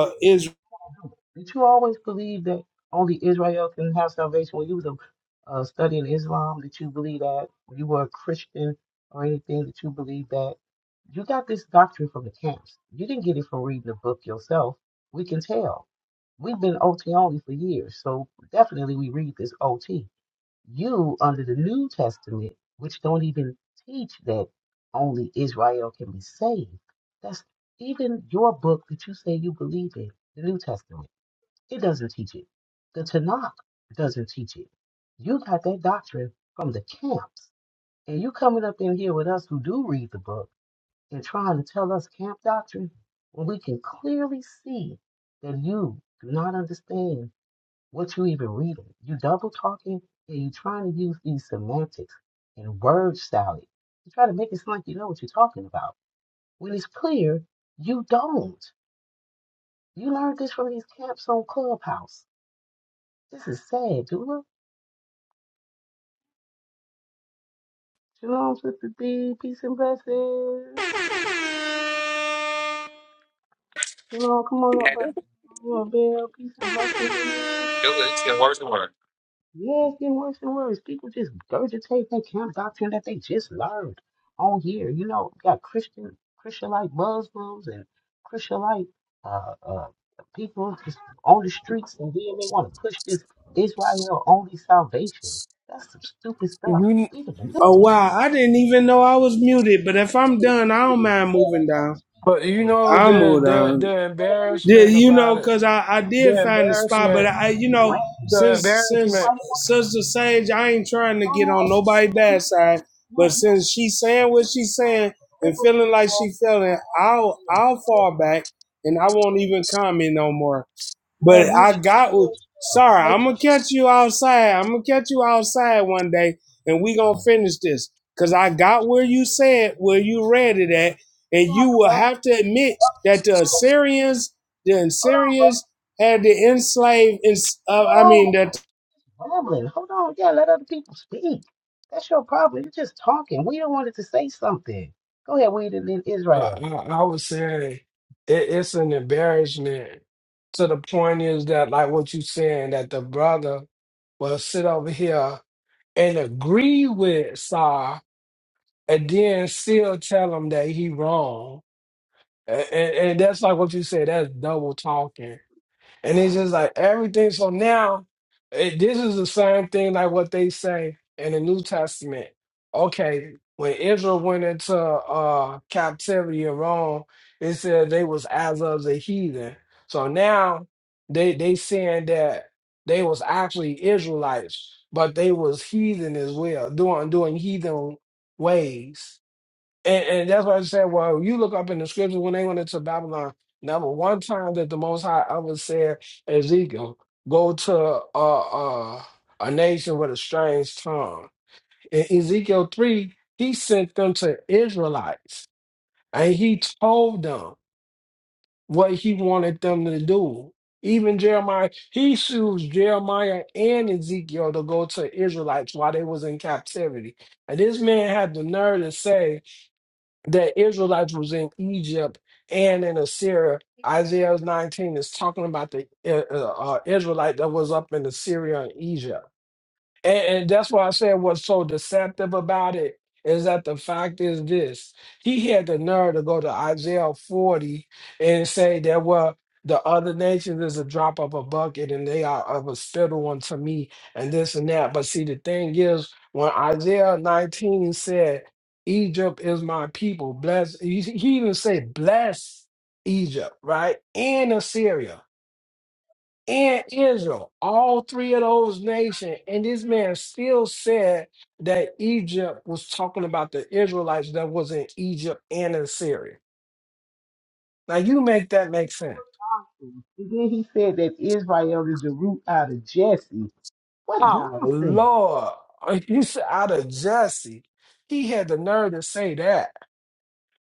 Do it. Do it.
Israel.
Do it. Did you always believe that only Israel can have salvation? When you was uh, studying Islam, did you believe that? When you were a Christian or anything, did you believe that? You got this doctrine from the camps. You didn't get it from reading the book yourself. We can tell. We've been OT only for years, so definitely we read this OT. You, under the New Testament, which don't even teach that only Israel can be saved, that's even your book that you say you believe in, the New Testament, it doesn't teach it. The Tanakh doesn't teach it. You got that doctrine from the camps. And you coming up in here with us who do read the book and trying to tell us camp doctrine when we can clearly see that you do not understand what you even reading? You double talking and you trying to use these semantics and word salad. You try to make it sound like you know what you're talking about. When it's clear, you don't. You learned this from these camps on Clubhouse. This is sad, Dula. Shalom, Sister B. Peace and blessings. You know, come on up,
Yeah,
brother.
do it.
You know, Bill. Peace and blessings.
It worse. It works.
Yes, get worse and worse. People just regurgitate that camp doctrine that they just learned on here. You know, you got Christian Christianite Muslims and Christianite uh, uh, people just on the streets, and then they want to push this Israel only salvation. That's some stupid stuff.
You,
Even the New
oh
Testament.
wow i didn't even know i was muted but if i'm done i don't
Really
mind
glad I
moving
got to
down
speak.
but
It
you
was
know
like,
i'll
the
move
the
down
the
"Hey,
Yeah,
embarrassment
you
about
know,
it.
cause I, I did
The
find the spot, but
embarrassment.
I you
you
know
ran.
The
since since
embarrassment.
Somebody want
Sister Sage, I ain't trying to get on
to tell
nobody
you, like,
bad side,
no,
but
no.
since she saying what
Well,
she's saying and feeling like she feeling, I'll I'll fall back and I won't even comment no more. But
you
I
should
got with
feel stuff.
sorry,
You make
I'm
you
gonna catch you outside. I'm gonna catch you outside one day and we gonna finish this. Cause I got where you said where you read it at, and
you don't
you
have to
will
rush
have to admit that the
off.
Assyrians, the
Hold on, bro.
Assyrians had the enslaved, uh, I
Hold
mean
on.
that
Rambling. Hold on. Yeah, let other people speak. That's your problem. You're just talking. We don't want it to say something. Go ahead, read it in
I,
Israel.
I I would say it, it's an embarrassment. To the point is that, like what you saying, that the brother will sit over here and agree with Sar, and then still tell him that he wrong, and, and, and that's like what you said. That's double talking. And it's just like everything. So now, it, this is the same thing like what they say in the New Testament. Okay, when Israel went into uh, captivity of Rome, it said they was as of the heathen. So now they they saying that they was actually Israelites, but they was heathen as well, doing doing heathen ways. And, and that's why I said, well, you look up in the scriptures when they went into Babylon, never one time that the Most High ever said, Ezekiel, go to uh, uh, a nation with a strange tongue. In Ezekiel 3, he sent them to Israelites and he told them what he wanted them to do. Even Jeremiah, he sues Jeremiah and Ezekiel to go to Israelites while they was in captivity. And this man had the nerve to say, the Israelites was in Egypt and in Assyria. Isaiah 19 is talking about the uh, uh, uh, Israelite that was up in Assyria and Egypt. And, and that's why I said what's so deceptive about it is that the fact is this. He had the nerve to go to Isaiah 40 and say that, well, the other nations is a drop of a bucket and they are of a spittle unto me and this and that. But see, the thing is, when Isaiah 19 said, Egypt is my people, bless, he he even said, bless Egypt, right? And Assyria and Israel, all three of those nations. And this man still said that Egypt was talking about the Israelites that was in Egypt and in Syria. Now you make that make sense.
And then he said that Israel is the root out of Jesse. What
Oh
nonsense.
Lord, you said out of Jesse, he had the nerve to say that.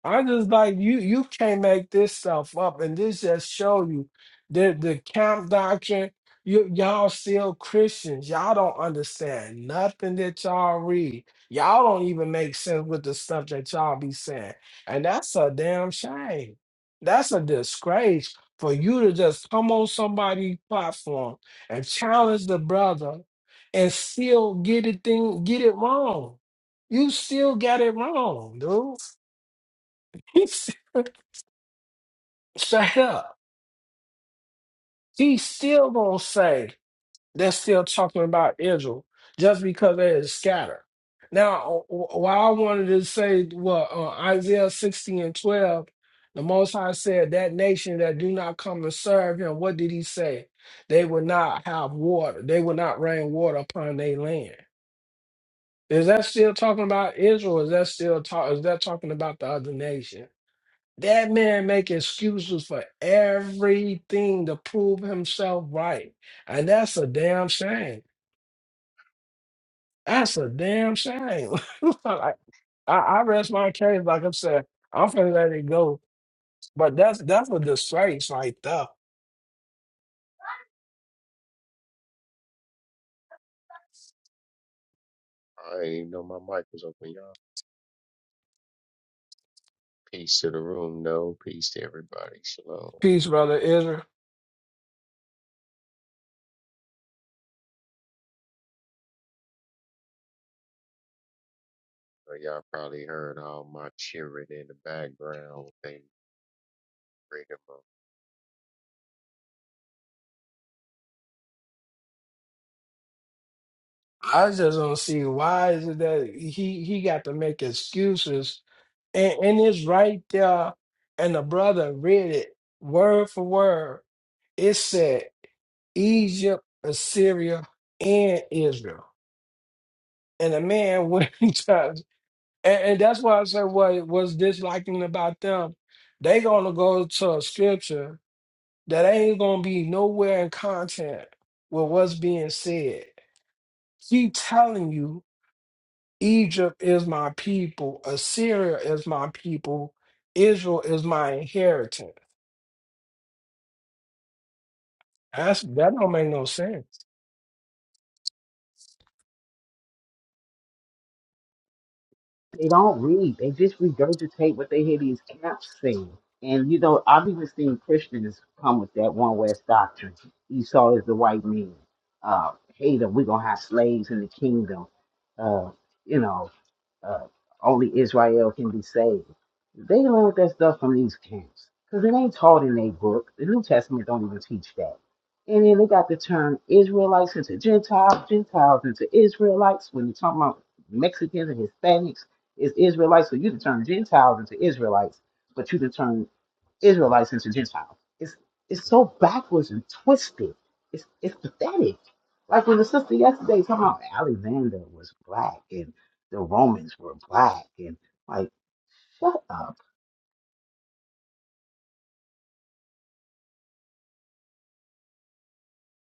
I just like you. You can't make this stuff up, and this just show you the the camp doctrine. You y'all still Christians. Y'all don't understand nothing that y'all read. Y'all don't even make sense with the stuff that y'all be saying, and that's a damn shame. That's a disgrace for you to just come on somebody's platform and challenge the brother, and still get it thing get it wrong. You still got it wrong, dude. He's straight up. He's still gonna say they're still talking about Israel just because they is scattered. Now, wh- why I wanted to say what uh, Isaiah 16 and 12, the Most High said, That nation that do not come to serve him, what did he say? They will not have water, they will not rain water upon their land. Is that still talking about Israel? Is that still talk? Is that talking about the other nation? That man make excuses for everything to prove himself right. And that's a damn shame. That's a damn shame. like, I, I rest my case, like I said, I'm finna let it go. But that's that's a disgrace right there.
I didn't even know my mic was open, y'all. Peace to the room, no. Peace to everybody. Shalom.
Peace, brother Israel.
Uh, Y'all probably heard all my cheering in the background. They bring them up.
I just don't see why is it that he he got to make excuses and, and it's right there and the brother read it word for word. It said Egypt, Assyria, and Israel. And a man went judge. And, and that's why I said what was disliking about them. They gonna go to a scripture that ain't gonna be nowhere in content with what's being said. Keep telling you Egypt is my people, Assyria is my people, Israel is my inheritance. That's that don't make no sense.
They don't read. They just regurgitate what they hear these camps saying. And you know, I've even seen Christians come with that one West doctrine. Esau is the white man. Uh, Hater, we're gonna have slaves in the kingdom. Uh, you know, uh, only Israel can be saved. They learned that stuff from these camps because it ain't taught in their book. The New Testament don't even teach that. And then they got the term Israelites into Gentiles, Gentiles into Israelites when you're talking about Mexicans and Hispanics it's Israelites, so you can turn Gentiles into Israelites, but you can turn Israelites into Gentiles. It's it's so backwards and twisted. It's it's pathetic. Like when the sister yesterday talking about Alexander was black and the Romans were black and like shut up.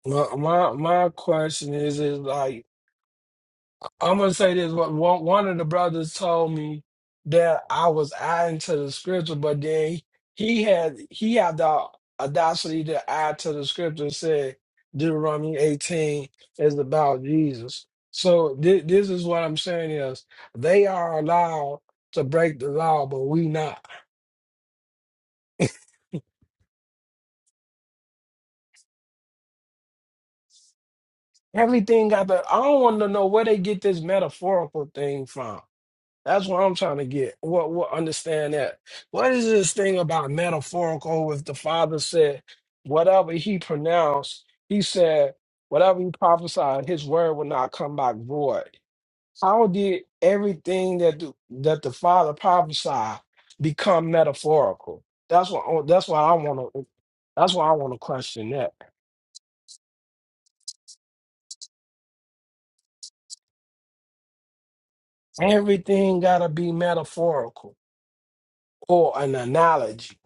My my, my question is is like I'm gonna say this: what one one of the brothers told me that I was adding to the scripture, but then he had he had the audacity to add to the scripture and said Deuteronomy 18 is about Jesus. So thi- this is what I'm saying is they are allowed to break the law, but we not. Everything got the. I don't want to know where they get this metaphorical thing from. That's what I'm trying to get. What what understand that? What is this thing about metaphorical with the father said, whatever he pronounced, he said, whatever he prophesied, his word will not come back void. How did everything that the, that the father prophesied become metaphorical? That's what oh, that's why I want to that's why I want to question that. Everything gotta be metaphorical or an analogy.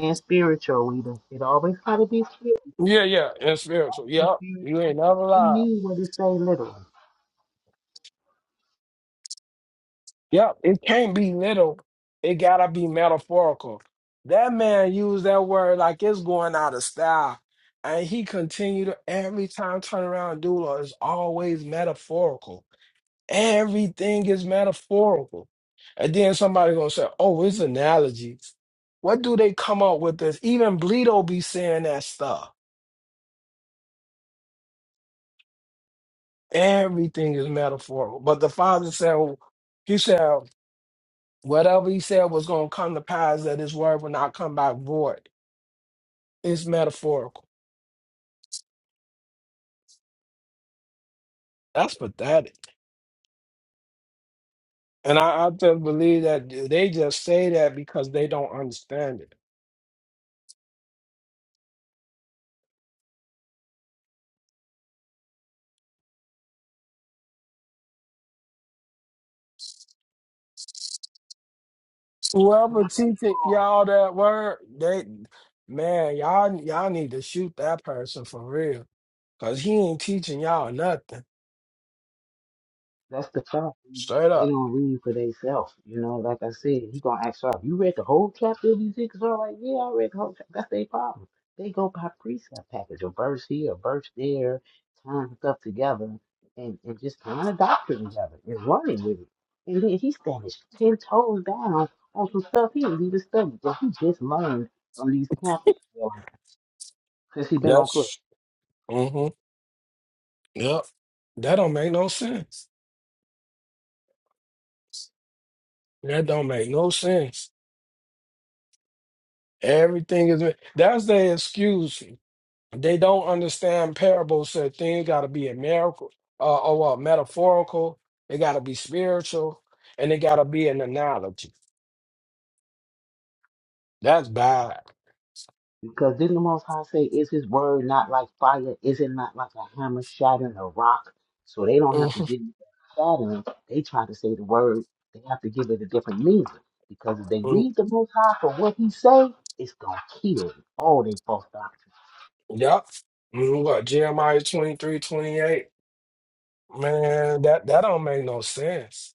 And spiritual leader. It always gotta be spiritual.
Yeah, yeah, and spiritual. Yep,
He
you ain't never lied.
mean what it say literally.
Yep, it can't be little. It gotta be metaphorical. That man used that word like it's going out of style. And he continued to- every time turn around doula is always metaphorical. Everything is metaphorical. And then somebody gonna say, Oh, it's analogies. What do they come up with this? Even Bleedo be saying that stuff. Everything is metaphorical. But the father said, he said, Whatever he said was going to come to pass, that his word will not come back void. It's metaphorical. That's pathetic. And I, I just believe that they just say that because they don't understand it. Whoever teaching y'all that word, they man, y'all y'all need to shoot that person for real. Cause he ain't teaching y'all nothing.
That's the problem.
Straight
They
up.
don't read for themselves. You know, like I said, he gonna ask y'all, you read the whole chapter of Ezekiel? Y'all like, yeah, I read the whole chapter. That's their problem. They go by precept package, a verse here, a verse there, tying stuff together, and, and just tying a doctrine together and running with it. And then he stands ten toes down on some stuff he didn't even study, but he just learned from these Catholics you know, since he been on club.
That's mm-hmm. Yep. That don't make no sense. That don't make no sense. Everything is that's their excuse. They don't understand parables. So things got to be a miracle, uh, or uh, metaphorical. They got to be spiritual, and they got to be an analogy. That's bad.
Because didn't the Most High say, Is His word not like fire? Is it not like a hammer shattering a rock? So they don't have to
Mhm.
give you shattering. They try to say the word, they have to give it a different meaning. Because if they
Mm,
read the Most High for what He say, it's going to kill all they false doctrine.
Yep. Mm, What Jeremiah 23 28. Man, that that don't make no sense.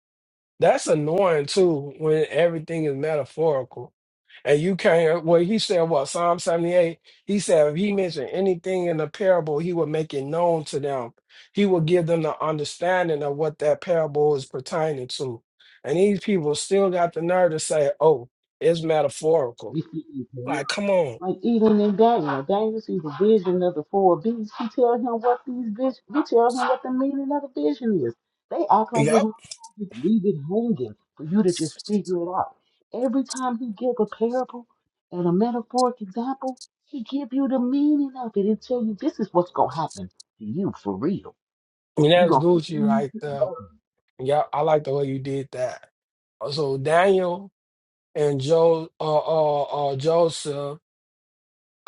That's annoying too when everything is metaphorical. And you can't, well, he said, what, Psalm 78? He said, if he mentioned anything in the parable, he would make it known to them. He would give them the understanding of what that parable is pertaining to. And these people still got the nerve to say, oh, it's metaphorical. Like, come on.
Like even in Daniel, like, Daniel sees the vision of the four beasts. He tell him what these visions. He tell him what the meaning of the vision is. They act like they're
Yep.
gonna just leave it hanging for you to just figure it out. Every time he give a parable and a metaphoric example, he give you the meaning of it and tell you this is what's gonna happen to you for real.
And
You
that's
gonna
Gucci right there. Yep. I like the way you did that. So Daniel and Jo, uh, uh, uh, Joseph.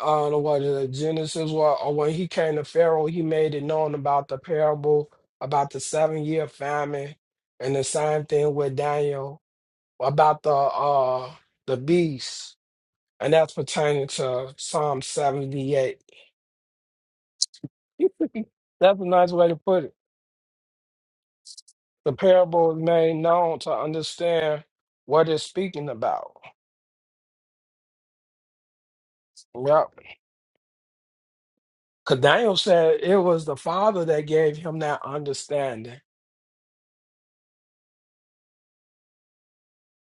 uh the what is it, Genesis well, or when he came to Pharaoh, he made it known about the parable about the seven year famine and the same thing with Daniel about the uh the beast. And that's pertaining to Psalm seventy eight. That's a nice way to put it. The parable is made known to understand what it's speaking about. Yep. Cause Daniel said it was the father that gave him that understanding.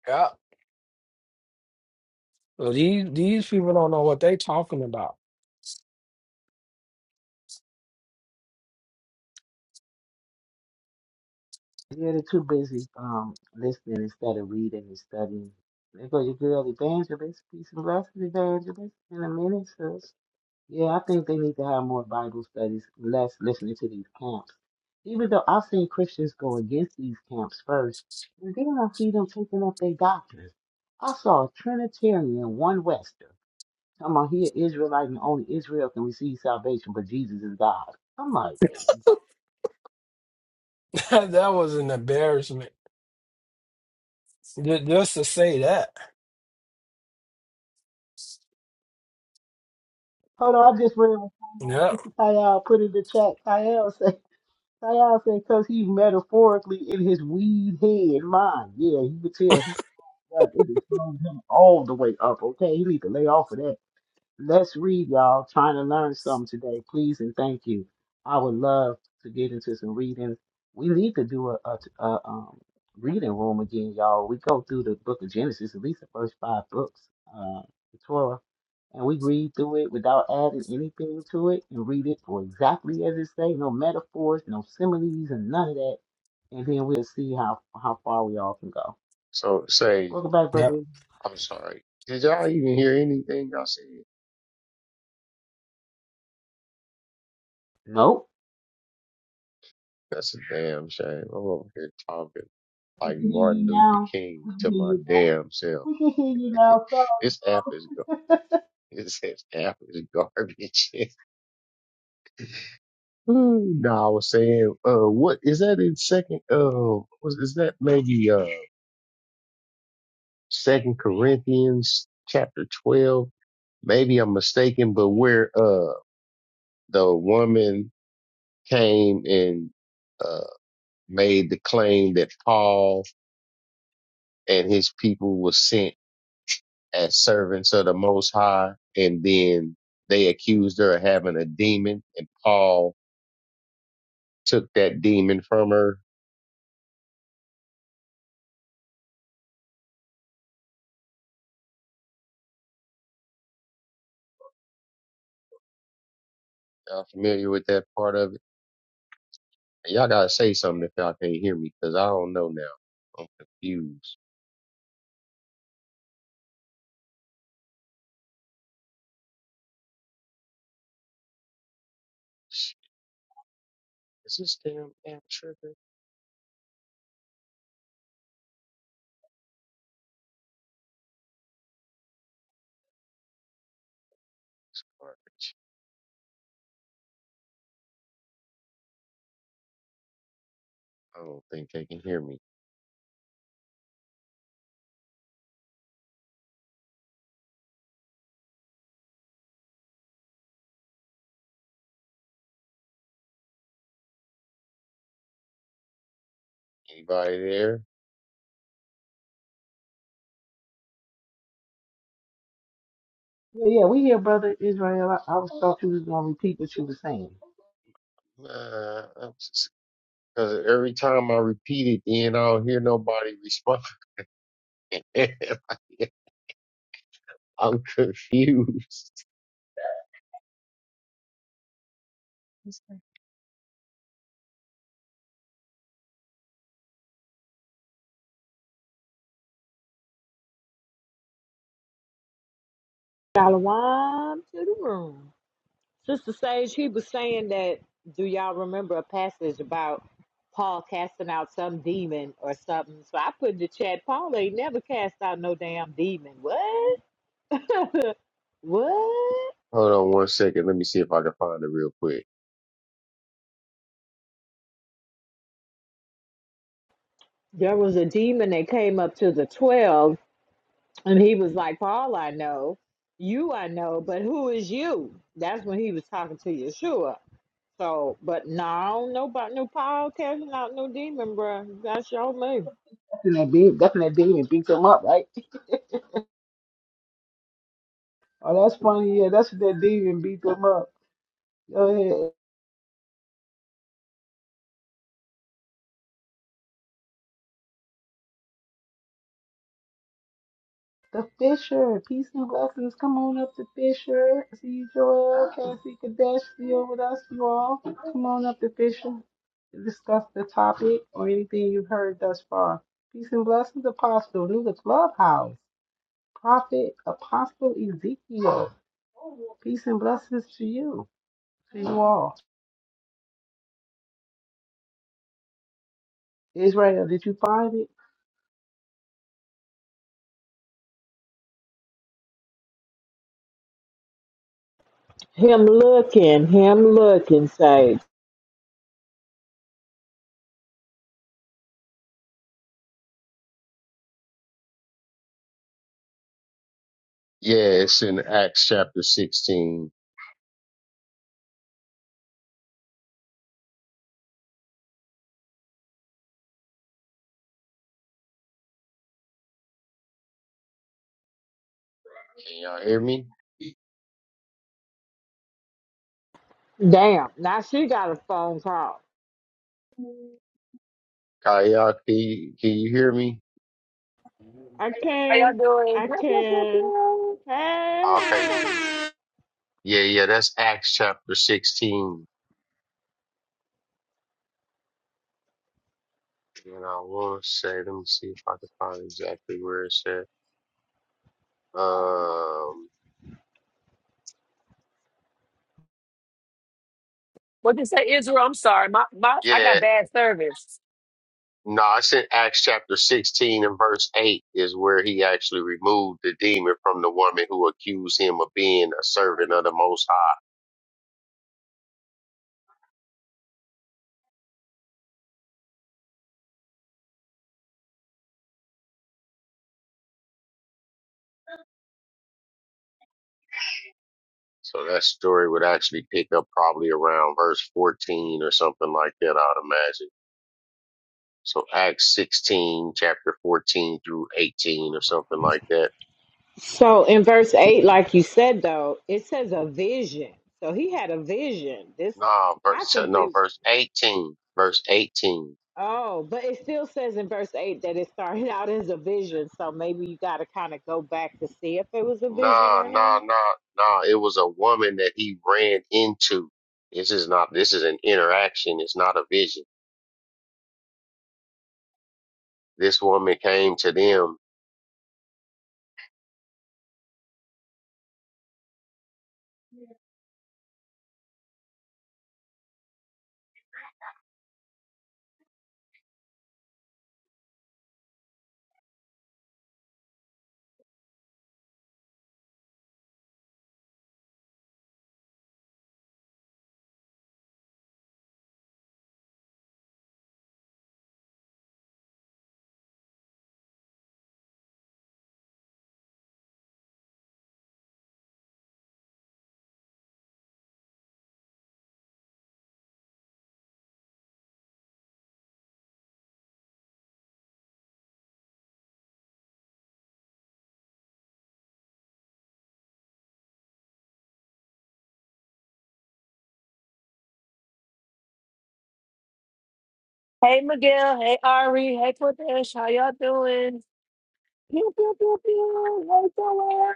Yup. So these these people don't know what they talking about.
Yeah, they're too busy um listening instead of reading and studying. There goes your girl evangelist. Peace and blessings, evangelist, in a minute, sis. Yeah, I think they need to have more Bible studies, less listening to these camps. Even though I've seen Christians go against these camps first, and then I see them taking up their doctrines. I saw a Trinitarian, one Wester. Come on, he an Israelite and only Israel can receive salvation, but Jesus is God. I'm like,
that was an embarrassment. Ju- Just to say that.
Hold on, I just read what Kyle,
Yep.
Sister Kyle put in the chat. Kyle said, Kyle said, because he's metaphorically in his weed head mind. Yeah, he could tell he like, it has blown him all the way up. Okay, he need to lay off of that. Let's read, y'all. Trying to learn something today. Please and thank you. I would love to get into some reading. We need to do a, a, a um, reading room again, y'all. We go through the book of Genesis, at least the first five books, uh, the Torah, and we read through it without adding anything to it and read it for exactly as it say, no metaphors, no similes, and none of that. And then we'll see how, how far we all can go.
So, say,
Welcome back,
Yep.
brother.
I'm sorry. Did y'all even hear anything y'all said?
Nope.
That's a damn shame. I'm over here talking
We
like
can hear
Martin
you
Luther
now. We
King
can
to
hear you
my damn self.
We can hear you now, so
this app is go. This app is garbage. no, I was saying, uh, what is that in second? Uh, was, is that maybe, uh, Second Corinthians chapter 12. Maybe I'm mistaken, but where, uh, the woman came and, uh, made the claim that Paul and his people were sent as servants of the Most High. And then they accused her of having a demon and Paul took that demon from her. Y'all familiar with that part of it? Y'all gotta say something if y'all can't hear me, cause I don't know now. I'm confused. Is this damn app tripping? Alright, I don't think they can hear me. Anybody there?
yeah, yeah, we hear brother Israel. I, I was thought you was gonna repeat what you was saying.
Nah, I'm s- cause every time I repeat it, then I don't hear nobody respond. I'm confused.
Shalom to the room. Sister Sage, he was saying that, do y'all remember a passage about Paul casting out some demon or something? So I put in the chat, Paul ain't never cast out no damn demon. What? What?
Hold on one second. Let me see if I can find it real quick.
There was a demon that came up to the 12, and he was like, Paul, I know. You, I know, but who is you? That's when he was talking to Yeshua. So, but no, nobody, no Paul casting out no demon, bruh. That's your move.
That's when that demon, that's when that demon beat them up, right? oh, that's funny. Yeah, that's when that demon beat them up. Go ahead. The Fisher, peace and blessings. Come on up to Fisher. See you, Joel, Cassie, Kadesh, still with us, you all. Come on up to Fisher to discuss the topic or anything you've heard thus far. Peace and blessings, Apostle. New to Clubhouse. Prophet Apostle Ezekiel. Peace and blessings to you, to you all. Israel, did you find it?
Him looking, him looking, say,
Yeah, it's in Acts chapter 16. Can y'all hear me?
damn, now she got a phone call.
Kaya, can you, can you hear me?
I
How
can,
y'all doing?
I
Pew, pew, pew,
can.
pew.
Hey,
Okay.
hey.
Yeah, yeah, that's Acts chapter 16. And I will say, let me see if I can find exactly where it says. Um,
What you say, Israel? I'm sorry. My, my, I
yeah,
got bad service.
no, it's in Acts chapter 16 and verse 8 is where he actually removed the demon from the woman who accused him of being a servant of the Most High. So that story would actually pick up probably around verse 14 or something like that, I'd imagine. So Acts 16, chapter 14 through 18 or something like that.
So in verse 8, like you said, though, it says a vision. So he had a vision. This
No, verse, no,
possibly,
verse 18, verse 18.
oh, but it still says in verse 8 that it started out as a vision. So maybe you got to kind of go back to see if it was a vision
Nah,
or
nah,
not.
nah, nah. It was a woman that he ran into. This is not, this is an interaction. It's not a vision. This woman came to them.
Hey, Miguel. Hey, Ari. Hey, Cordesh. How y'all doing? Pew, pew, pew, pew. Hey, away.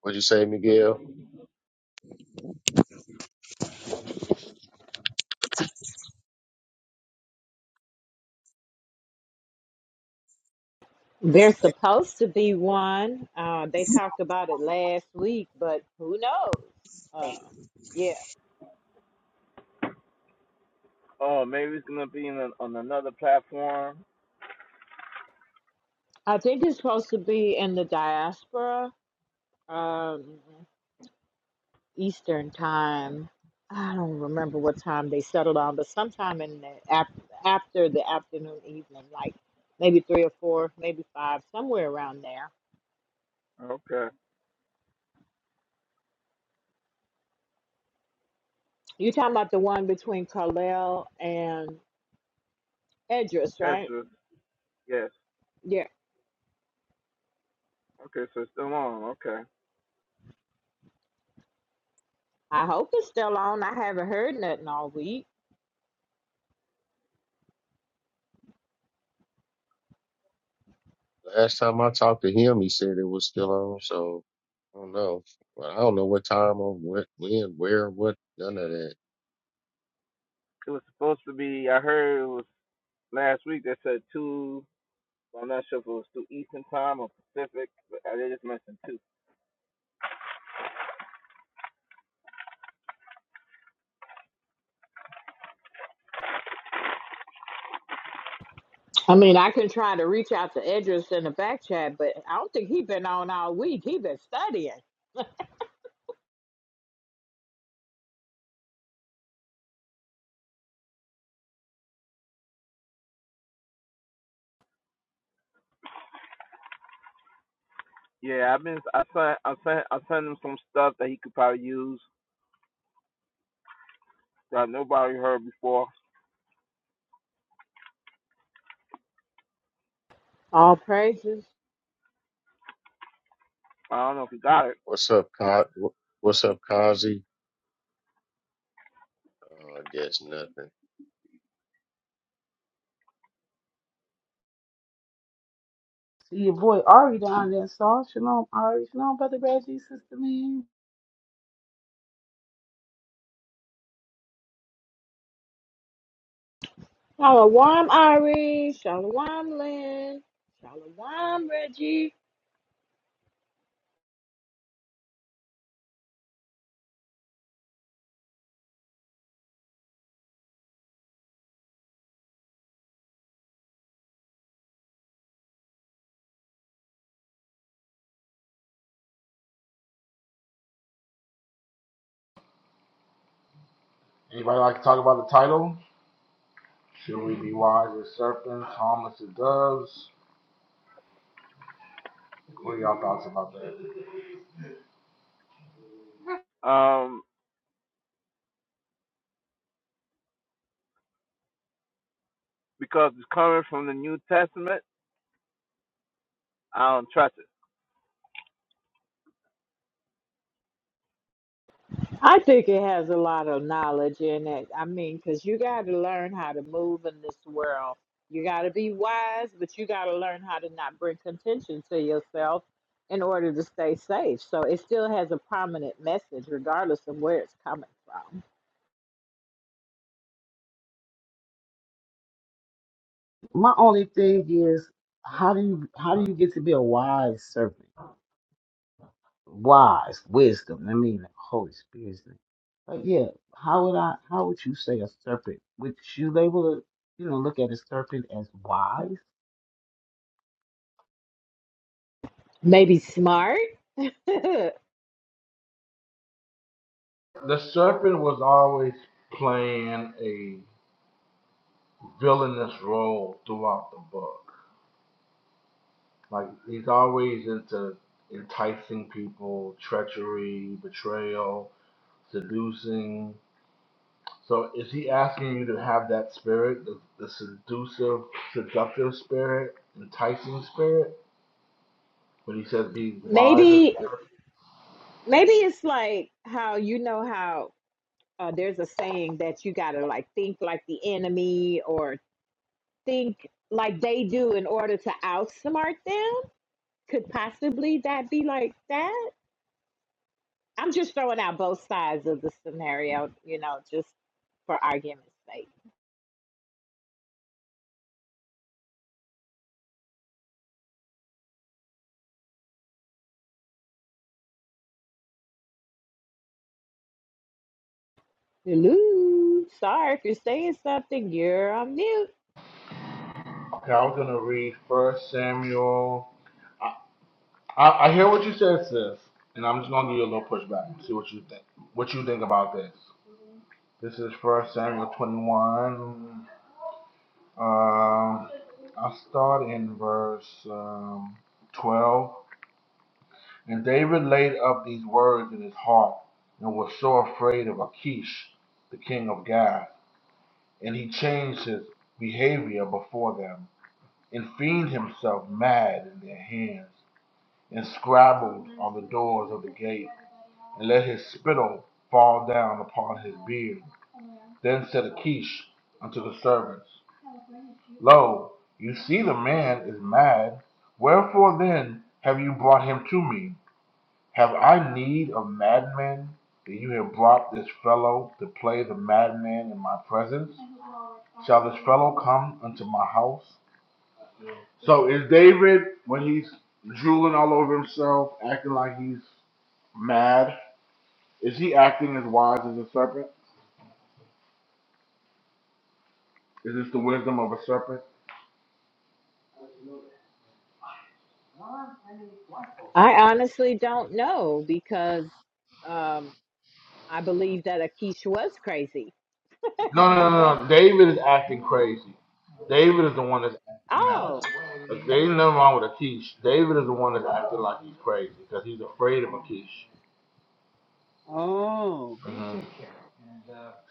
What'd you say, Miguel?
There's supposed to be one. Uh, they talked about it last week, but who knows? Uh, yeah, I think it's supposed to be in the diaspora, um, Eastern time. I don't remember what time they settled on, but sometime in the af- after the afternoon, evening, like maybe three or four, maybe five, somewhere around there. You talking about the one between Carlisle and Edris, right? Yeah. I hope it's still on. I haven't heard nothing all week.
Last time I talked to him, he said it was still on. So I don't know. Well, I don't know what time or what, when, where, what, none of that.
I mean, I can try to reach out to Idris in the back chat, but I don't think he been on all week. He been studying. All praises.
What's up, Ka- wh- What's up, Kazi? Uh, I guess nothing.
See your boy Ari down there, Saul. Shalom, Ari. Shalom, Brother Reggie, Sister Man.
Shalom, Ari. Shalom, Lynn. Shalom, Reggie.
Anybody like to talk about the title? Should we be wise as serpents, harmless as doves? What are y'all thoughts about that?
I think it has a lot of knowledge in it. I mean, because you got to learn how to move in this world. You got to be wise, but you got to learn how to not bring contention to yourself in order to stay safe. So it still has a prominent message, regardless of where it's coming from.
My only thing is, how do you how do you get to be a wise servant? Wise, wisdom. I mean, the Holy Spirit's name. But yeah, how would I? How would you say a serpent? Would you label it? You know, look at a serpent as wise.
maybe smart.
Like, he's always uh, enticing people, treachery, betrayal, seducing. So, is he asking you to have that spirit, the, the seductive, seductive spirit, enticing spirit? When he says, be wise
maybe maybe it's like how you know how uh, there's a saying that you gotta like think like the enemy or think like they do in order to outsmart them. Could possibly that be like that? I'm just throwing out both sides of the scenario, you know, just for argument's sake. Hello, sorry if you're saying something. You're on mute.
Okay, I was gonna read First Samuel. I, I, I hear what you said, sis, and I'm just gonna give you a little pushback and see what you think. What you think about this? This is First Samuel 21. Um, I'll start in verse um, 12. And David laid up these words in his heart and was so afraid of Achish, the king of Gath, and he changed his behavior before them and feigned himself mad in their hands. And scribbled on the doors of the gate, and let his spittle fall down upon his beard. Then said Achish unto the servants, Lo, you see the man is mad. Wherefore then have you brought him to me? Have I need of madmen that you have brought this fellow to play the madman in my presence? Shall this fellow come unto my house? So is David, when he's drooling all over himself, acting like he's mad, Is he acting as wise as a serpent? Is this the wisdom of a serpent?
I honestly don't know because. um I believe that Akish was crazy.
No, no, no, no. David is acting crazy. David is the one that's acting mad.
oh,
Like, there ain't nothing wrong with Akish. David is the one that's acting like he's crazy because he's afraid of Akish.
oh,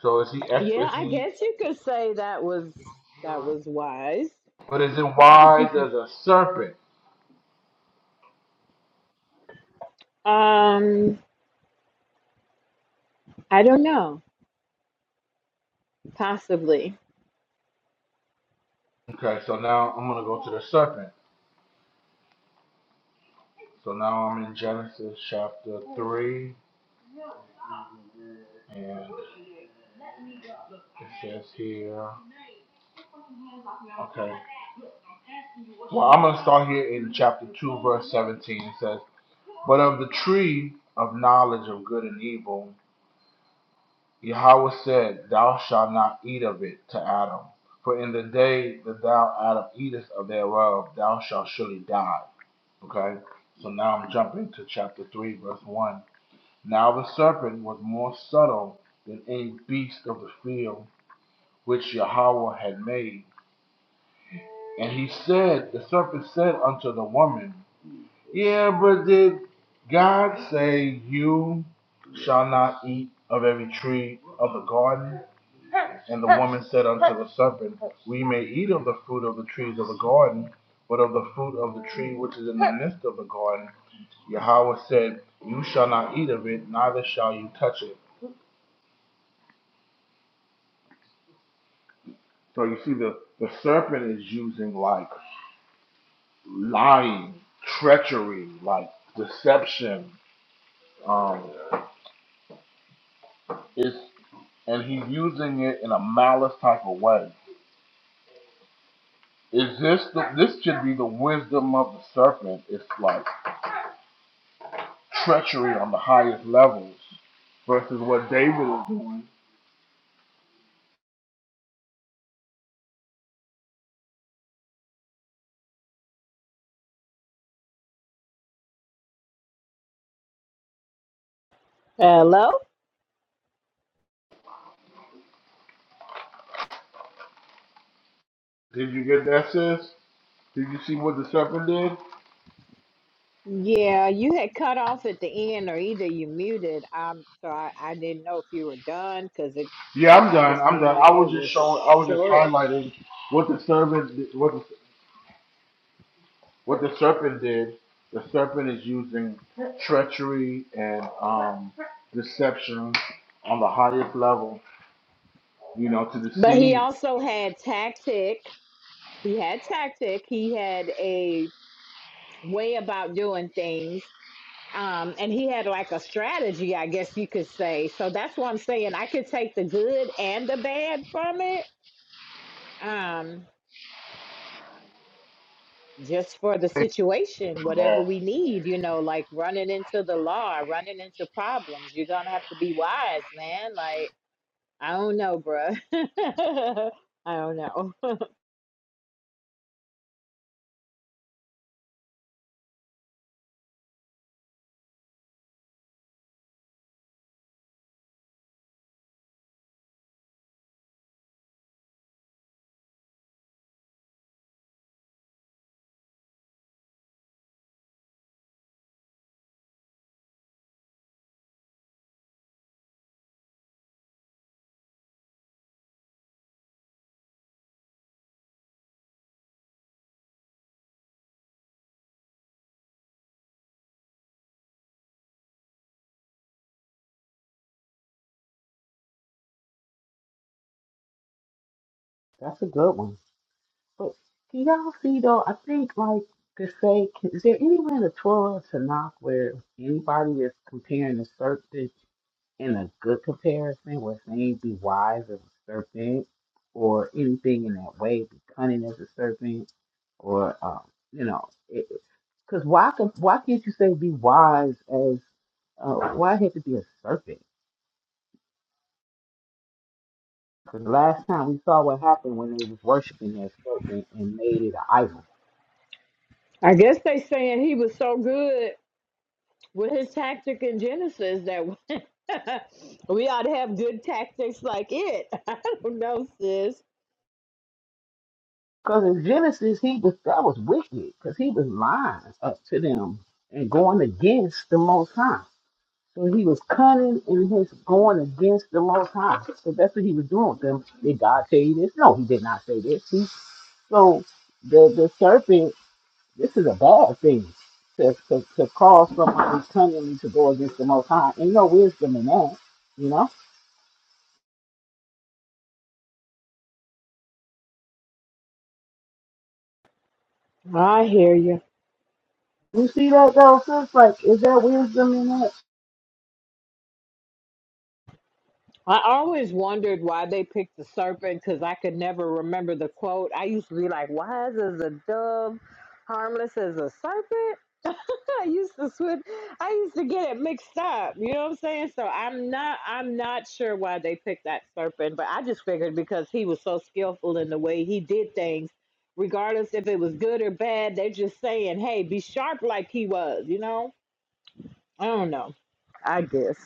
So it's
yeah.
is
I
he?
guess you could say that was that was wise.
But is it wise as a serpent?
Um, I don't know. Possibly.
Okay, so now I'm gonna go to the serpent. So now I'm in Genesis chapter three, and it says here. Okay. Well, I'm going to start here in chapter 2, verse 17. It says, But of the tree of knowledge of good and evil, Yahweh said, Thou shalt not eat of it to Adam. For in the day that thou, Adam, eatest of thereof, thou shalt surely die. Okay? So now I'm jumping to chapter 3, verse 1. Now the serpent was more subtle than any beast of the field which Yahweh had made. And he said, the serpent said unto the woman, Yeah, but did God say you shall not eat of every tree of the garden? And the woman said unto the serpent, We may eat of the fruit of the trees of the garden, but of the fruit of the tree which is in the midst of the garden, Yahweh said, You shall not eat of it, neither shall you touch it. So you see, the, the serpent is using like lying, treachery, like deception. Um, It's, and he's using it in a malice type of way. Is this the, this should be the wisdom of the serpent? It's like treachery on the highest levels versus what David is. doing.
Hello.
Did you get that, sis? Did you see what the serpent did?
Yeah, you had cut off at the end, or either you muted. Um, so I, I didn't know if you were done because it
Yeah, I'm
kind of
done. I'm
seemed
done. I
like it
was just
was
showing. I was just
short.
highlighting what the serpent did- what the, what the serpent did. The serpent is using treachery and um, deception on the highest level, you know, to
But he
deceive
also had tactic. He had tactic. He had a way about doing things um, and he had like a strategy, I guess you could say. So that's what I'm saying. I could take the good and the bad from it, um, just for the situation, whatever we need. You know, like running into the law, running into problems. You're gonna have to be wise, man. Like I don't know, bruh. I don't know.
That's a good one. But can y'all see though? I think like to say, can, is there anywhere in the Torah to knock where anybody is comparing the serpent in a good comparison, where saying be wise as a serpent, or anything in that way, be cunning as a serpent, or um, you know, because why could, why can't you say be wise as uh, why it had to be a serpent? Because last time we saw what happened when they was worshiping that serpent and made it an idol.
I guess they saying he was so good with his tactic in Genesis that we ought to have good tactics like it. I don't know, sis.
Because in Genesis, he was that was wicked because he was lying up to them and going against the Most High. So he was cunning in his going against the Most High. So that's what he was doing with them. Did God tell you this? No, he did not say this. See, so the the serpent, this is a bad thing to, to, to cause somebody cunningly to go against the Most High. Ain't no wisdom in that, you know.
I hear you.
You see that though, sis? Like, is there wisdom in that?
I always wondered why they picked the serpent because I could never remember the quote. I used to be like, wise as a dove, harmless as a serpent. I used to switch. I used to get it mixed up. You know what I'm saying? So I'm not. I'm not sure why they picked that serpent, but I just figured because he was so skillful in the way he did things, regardless if it was good or bad. They're just saying, hey, be sharp like he was. You know? I don't know. I guess.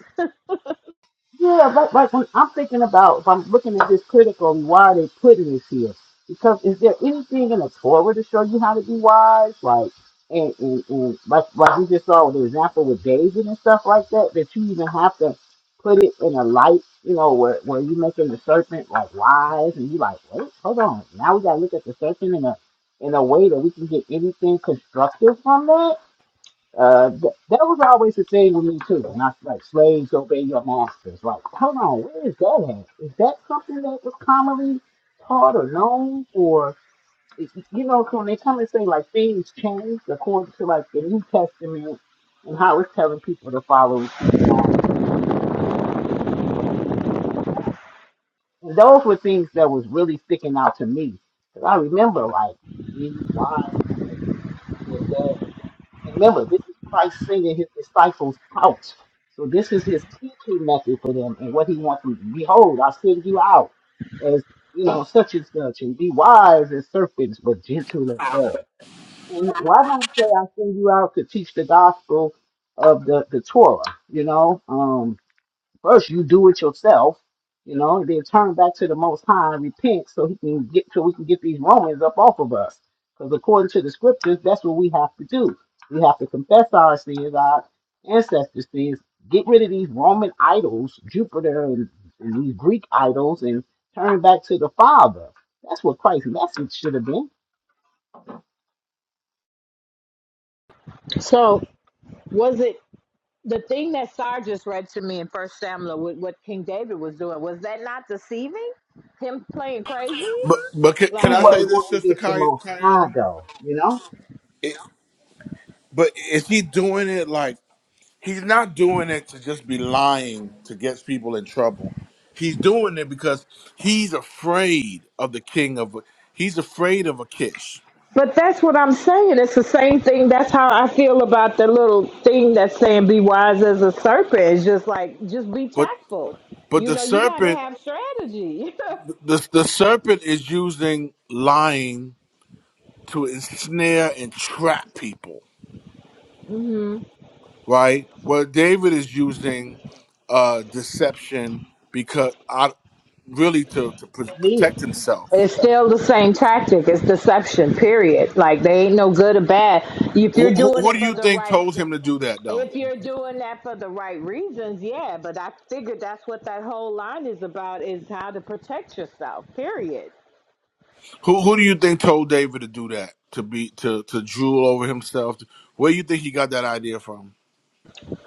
Yeah, like, like when I'm thinking about, if I'm looking at this critically, why are they putting this here? Because is there anything in the Torah to show you how to be wise? Like, and, and, and like, like we just saw with the example with David and stuff like that, that you even have to put it in a light, you know, where, where you making the serpent like wise and you like, wait, hold on. Now we gotta look at the serpent in a, in a way that we can get anything constructive from that? Uh, th- that was always the thing with me too. And I like slaves obey your masters. Like, hold on, where is that at? Is that something that was commonly taught or known, or y- y- you know, so when they come and say like things changed according to like the New Testament and how it's telling people to follow and seek God, and those were things that was really sticking out to me. 'Cause I remember like these wise remember, this is Christ singing his disciples out. So this is his teaching method for them and what he wants them to behold, I send you out as you know, such and such, and be wise as serpents, but gentle as doves. And why not say I send you out to teach the gospel of the, the Torah, you know? Um First, you do it yourself, you know, and then turn back to the Most High and repent so He can get so we can get these Romans up off of us. Because according to the Scriptures, that's what we have to do. We have to confess our sins, our ancestors' sins, get rid of these Roman idols, Jupiter and, and these Greek idols, and turn back to the Father. That's what Christ's message should have been.
So was it? The thing that Sar just read to me in First Samuel with what King David was doing, was that not deceiving? Him playing crazy?
But but can, can
He
I
Like
say
wasn't
this,
going
Sister
against the
Kay-
Most High,
Kayala?
though, you know.
It, but is he doing it like he's not doing it to just be lying to get people in trouble? He's doing it because he's afraid of the king of. He's afraid of Akish.
But that's what I'm saying. It's the same thing. That's how I feel about the little thing that's saying be wise as a serpent. It's just like just be
But
tactful.
but
You
the
know, you gotta
serpent
have strategy.
the the serpent is using lying to ensnare and trap people. right? Well, David is using uh, deception because I really to to pr-
He
protect himself.
It's still the same tactic. It's deception, period. Like they ain't no good or bad. If
Who,
you're
who,
doing
who
it
do
for
you
the
think
right
told him to do that though?
If you're doing that for the right reasons, yeah, but I figured that's what that whole line is about is how to protect yourself, period.
Who who do you think told David to do that to be to to drool over himself? Where do you think he got that idea from?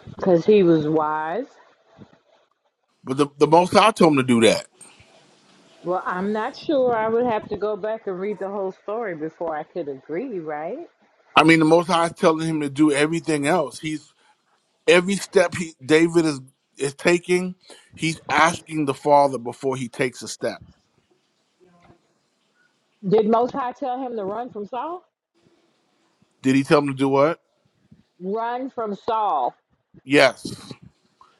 Because he was wise.
But the the Most High told him to do that.
Well, I'm not sure. I would have to go back and read the whole story before I could agree, right?
I mean, the Most High is telling him to do everything else. He's every step he David is is taking. He's asking the Father before he takes a step.
Did Most High tell him to run from Saul?
Did he tell him to do what?
Run from Saul.
Yes,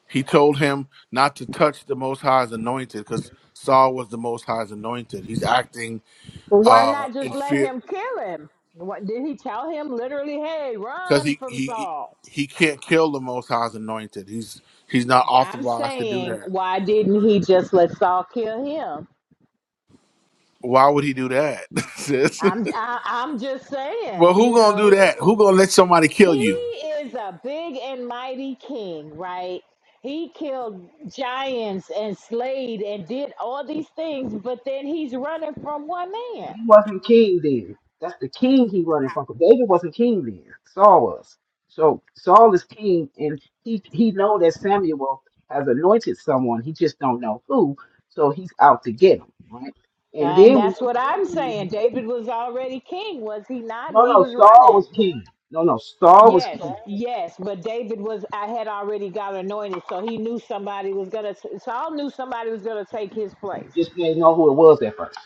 he told him not to touch the Most High's anointed because Saul was the Most High's anointed. He's acting
Well, why
uh,
not just
in
let
fear
him kill him? What, did he tell him literally, hey,
because
run
he,
from
he
Saul?
he can't kill the Most High's anointed. He's he's not
I'm
authorized to do
saying,
that.
why didn't he just let Saul kill him?
Why would he do that, sis?
I'm I, I'm just
well,
saying,
who
you
gonna do
know,
that? Who gonna let somebody
he
kill you?
is a big and mighty king, right? He killed giants and slayed and did all these things, but then he's running from one man.
He wasn't king then. That's the king he running from. 'cause David wasn't king then. Saul was. So Saul is king, and he he know that Samuel has anointed someone. He just don't know who. So he's out to get him, right? And
And
then we
that's what I'm
no
saying. David was already king, was he not? And he
no
was
Saul
running.
was king. No no Saul was
Yes,
king.
yes, but David was I had already got anointed, so he knew somebody was gonna Saul knew somebody was gonna take his
He
place.
just didn't know who it was at first.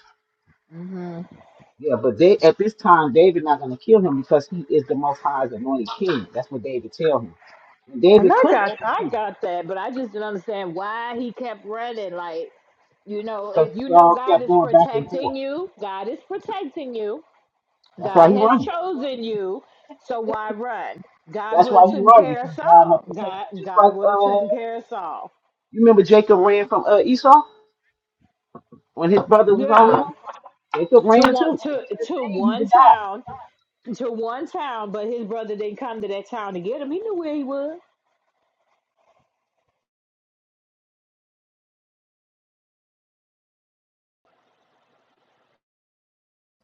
Yeah, but they at this time David not gonna kill him because he is the Most High's anointed king. That's what David tell him. And
And
David
I
could have
got That
killed him
I got that, but I just didn't understand why he kept running. Like, you know,
because
if you know
Saul
God
kept
is
going back and forth.
protecting you, God is protecting you.
That's why
God
he
has
running.
chosen you, so why run? God
That's
would
why
have
he
taken
running
care of
because
us
God has
all.
protected.
God
him. Just like
God would have
uh,
taken care of us all.
you remember Jacob ran from uh Esau when his brother was on him.
Yeah,
Jacob ran
to one
too. If
to
he'd have
to
stayed, he'd have
one
died.
town, to one town, but his brother didn't come to that town to get him. He knew where he was.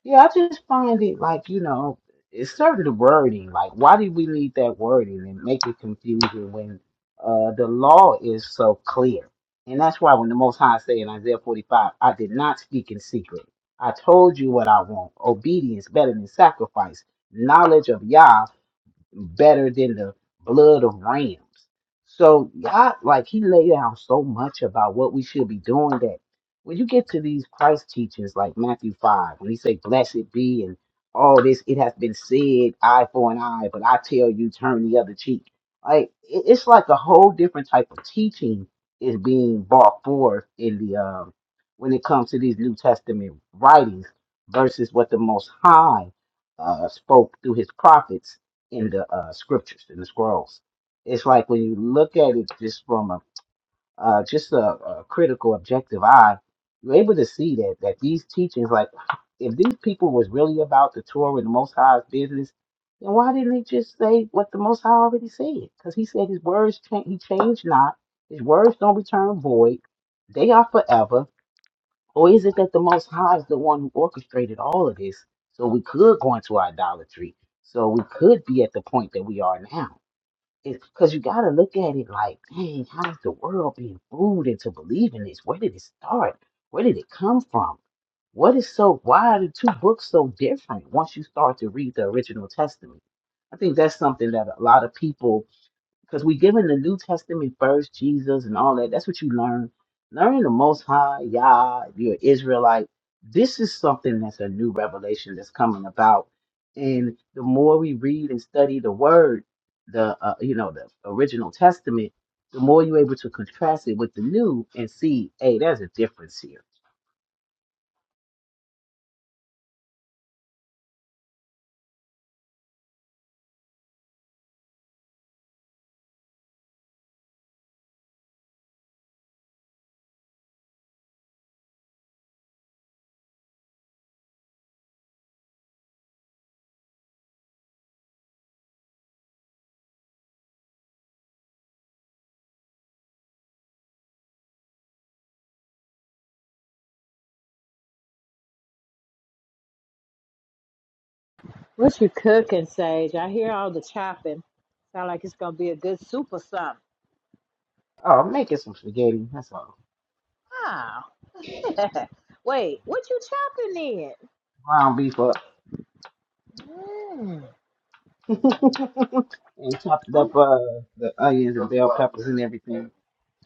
Yeah, I just find it like you know, it's certain the wording. Like, why do we need that wording and make it confusing when uh the law is so clear? And that's why when the Most High say in Isaiah 45, I did not speak in secret. I told you what I want. Obedience better than sacrifice. Knowledge of Yah better than the blood of rams. So God, like He laid out so much about what we should be doing that when you get to these Christ teachings like Matthew five, when He say, "Blessed be," and all this, it has been said, "Eye for an eye," but I tell you, turn the other cheek. Like it- it's like a whole different type of teaching is being brought forth in the um, when it comes to these New Testament writings versus what the Most High uh, spoke through His prophets in the uh, scriptures, in the scrolls. It's like when you look at it just from a uh, just a, a critical, objective eye, you're able to see that that these teachings, like if these people was really about the Torah and the Most High's business, then why didn't they just say what the Most High already said? Because He said His words change, He changed not. His words don't return void. They are forever or is it that the Most High is the one who orchestrated all of this so we could go into idolatry? So we could be at the point that we are now? Because you got to look at it like, dang, how's the world being fooled into believing this? Where did it start? Where did it come from? What is so, why are the two books so different once you start to read the original testament? I think that's something that a lot of people because we given the New Testament first, Jesus and all that. That's what you learn. Learning the Most High, Yah, if you're an Israelite, this is something that's a new revelation that's coming about. And the more we read and study the Word, the uh, you know the original Testament, the more you're able to contrast it with the New and see, hey, there's a difference here.
What you cooking, Sage? I hear all the chopping. Sound like it's gonna be a good soup or something.
Oh, I'm making some spaghetti. That's all.
Wow. Wait, what you chopping in?
Ground beef up
Mm,
and chopped
I'm
up uh, the onions and bell peppers and everything.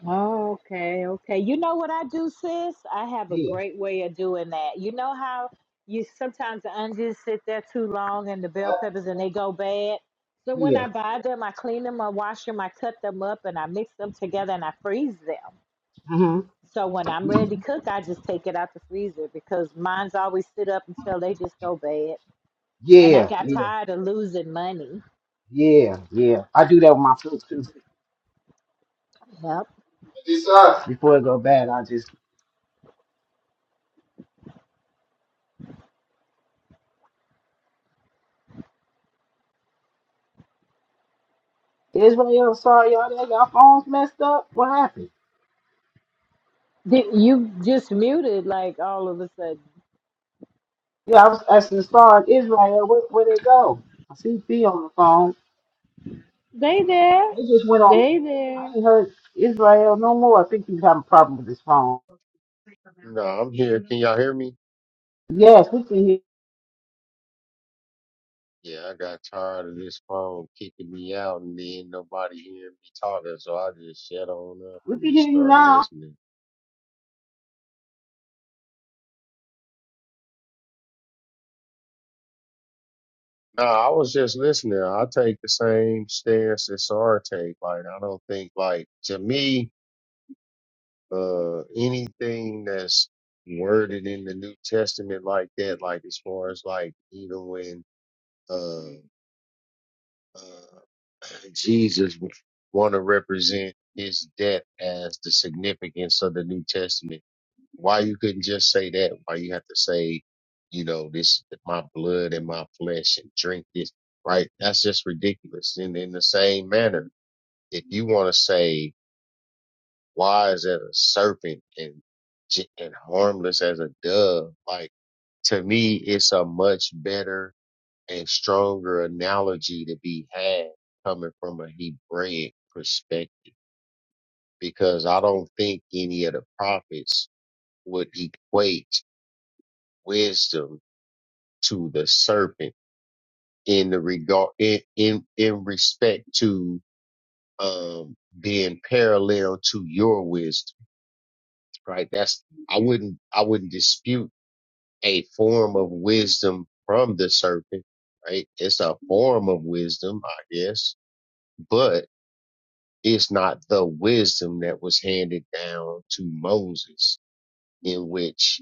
oh, okay, okay. You know what I do, sis? I have a
Yeah,
great way of doing that. You know how you sometimes the onions sit there too long and the bell peppers and they go bad. So when
yeah.
I buy them, I clean them, I wash them, I cut them up, and I mix them together and I freeze them.
Mm-hmm.
So when I'm ready to cook, I just take it out the freezer because mine's always sit up until they just go bad. And I
Yeah,
got
yeah,
tired of losing money.
yeah, yeah. I do that with my food too.
Yep.
Decide. Before it go bad, I just Israel, sorry y'all, that y'all phones messed up. What happened?
Did you just muted like all of a sudden?
Yeah, I was asking the star in Israel, where where they go? I see B on the phone.
They there.
They just went on.
They there.
I ain't heard Israel no more. I think he's having a problem with his phone.
No, I'm here. Can y'all hear me?
Yes, we can hear.
Yeah, I got tired of this phone kicking me out and then nobody hearing me talking, so I just shut on up
We
and
can hear
just
you
started
now.
listening. No, I was just listening. I take the same stance as SR take. Like, I don't think, like, to me, uh, anything that's worded in the New Testament like that, like, as far as, like, even when, uh, uh, Jesus want to represent his death as the significance of the New Testament. Why you couldn't just say that? Why you have to say, you know, this is my blood and my flesh and drink this, right? That's just ridiculous. And in the same manner, if you want to say, why is that a serpent and j- and harmless as a dove? Like to me, it's a much better and stronger analogy to be had coming from a Hebraic perspective, because I don't think any of the prophets would equate wisdom to the serpent in the regard in in, in respect to um being parallel to your wisdom right that's i wouldn't i wouldn't dispute a form of wisdom from the serpent right it's a form of wisdom i guess but it's not the wisdom that was handed down to moses in which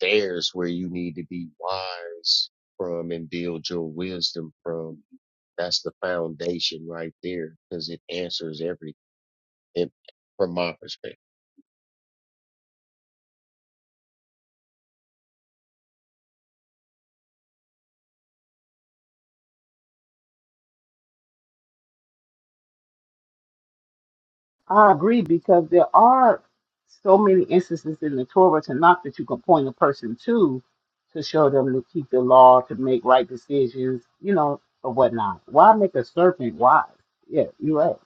there's where you need to be wise from and build your wisdom from That's the foundation right there because it answers everything it- from my perspective.
I agree because there are so many instances in the Torah to knock that you can point a person to to show them to keep the law, to make right decisions, you know, or whatnot. Why make a serpent wise? Yeah, you're right.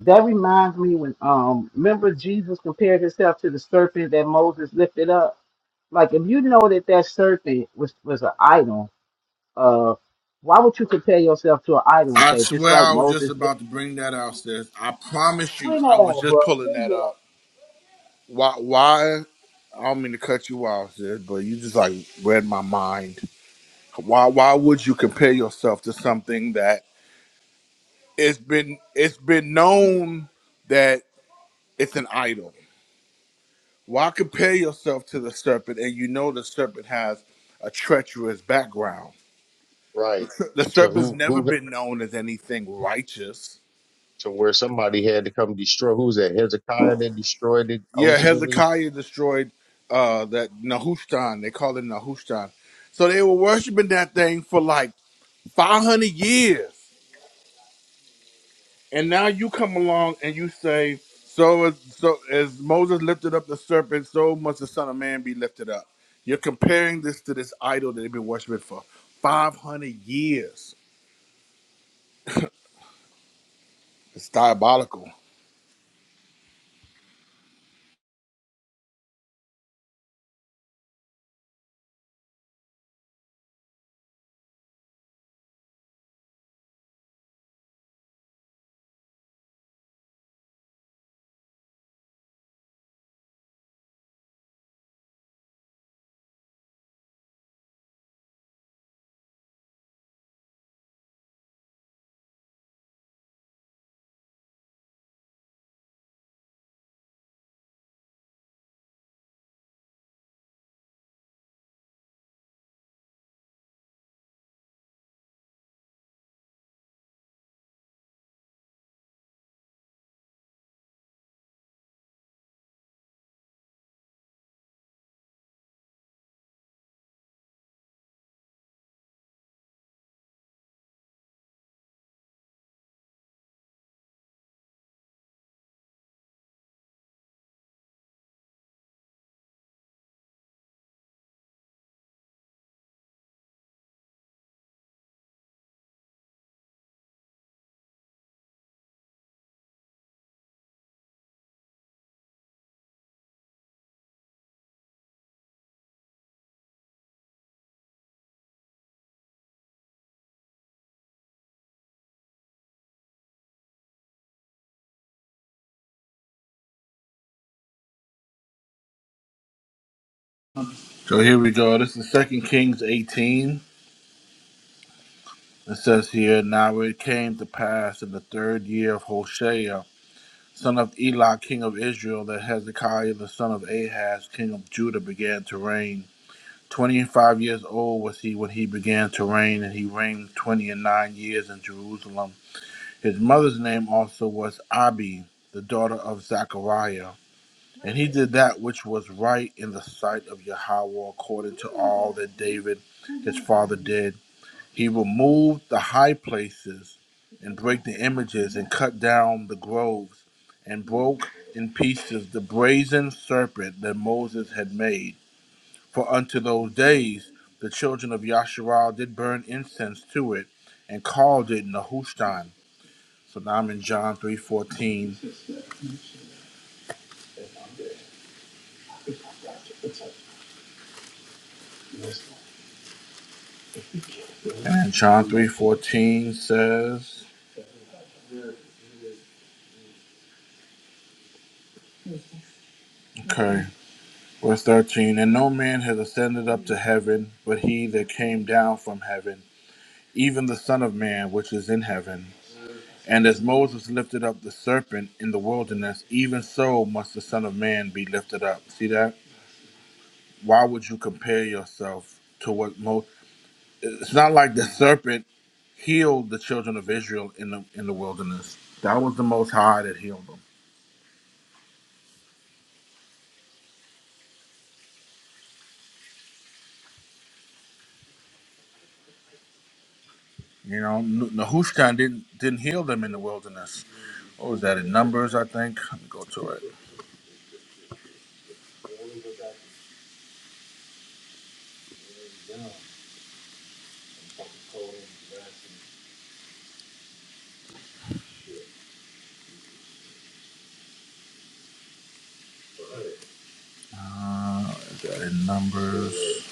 That reminds me when um remember Jesus compared himself to the serpent that Moses lifted up. Like if you know that that serpent was was an idol, uh, why would you compare yourself to an idol and
I
say just
swear,
like
I was just
Moses?
about
Lifted-"
to bring that out, sis. I promise you,
Bring that
I was
out,
just pulling that
bro.
up. Why? Why? I don't mean to cut you off, sis, but you just like read my mind. Why why would you compare yourself to something that it's been it's been known that it's an idol? Why compare yourself to the serpent and you know the serpent has a treacherous background? The,
Right.
ser- the
To
serpent's
who,
never
who,
been known as anything righteous.
to where somebody had to come destroy, who was that? Hezekiah that destroyed it
Yeah,
ultimately?
Hezekiah destroyed uh that Nehushtan. They call it Nehushtan. So they were worshiping that thing for like 500 years. And now you come along and you say, "So as so as Moses lifted up the serpent, so must the Son of Man be lifted up." You're comparing this to this idol that they've been worshiping for 500 years. It's diabolical. So here we go. This is Second Kings 18. It says here, Now it came to pass in the third year of Hoshea, son of Elah, king of Israel, that Hezekiah, the son of Ahaz, king of Judah, began to reign. Twenty-five years old was he when he began to reign, and he reigned twenty and nine years in Jerusalem. His mother's name also was Abi, the daughter of Zechariah. And he did that which was right in the sight of Yahweh according to all that David his father did. He removed the high places and break the images and cut down the groves and broke in pieces the brazen serpent that Moses had made for unto those days the children of Yasharal did burn incense to it and called it Nehushtan. So now I'm in John 3.14. And John 3.14 says, okay, verse 13, And no man has ascended up to heaven, but he that came down from heaven, even the Son of Man which is in heaven. And as Moses lifted up the serpent in the wilderness, even so must the Son of Man be lifted up. See that? Why would you compare yourself to what Moses it's not like the serpent healed the children of Israel in the in the wilderness. That was the Most High that healed them. You know, N- Nehushtan didn't didn't heal them in the wilderness. What was that in Numbers? I think. Let me go to it. Uh, is that in Numbers?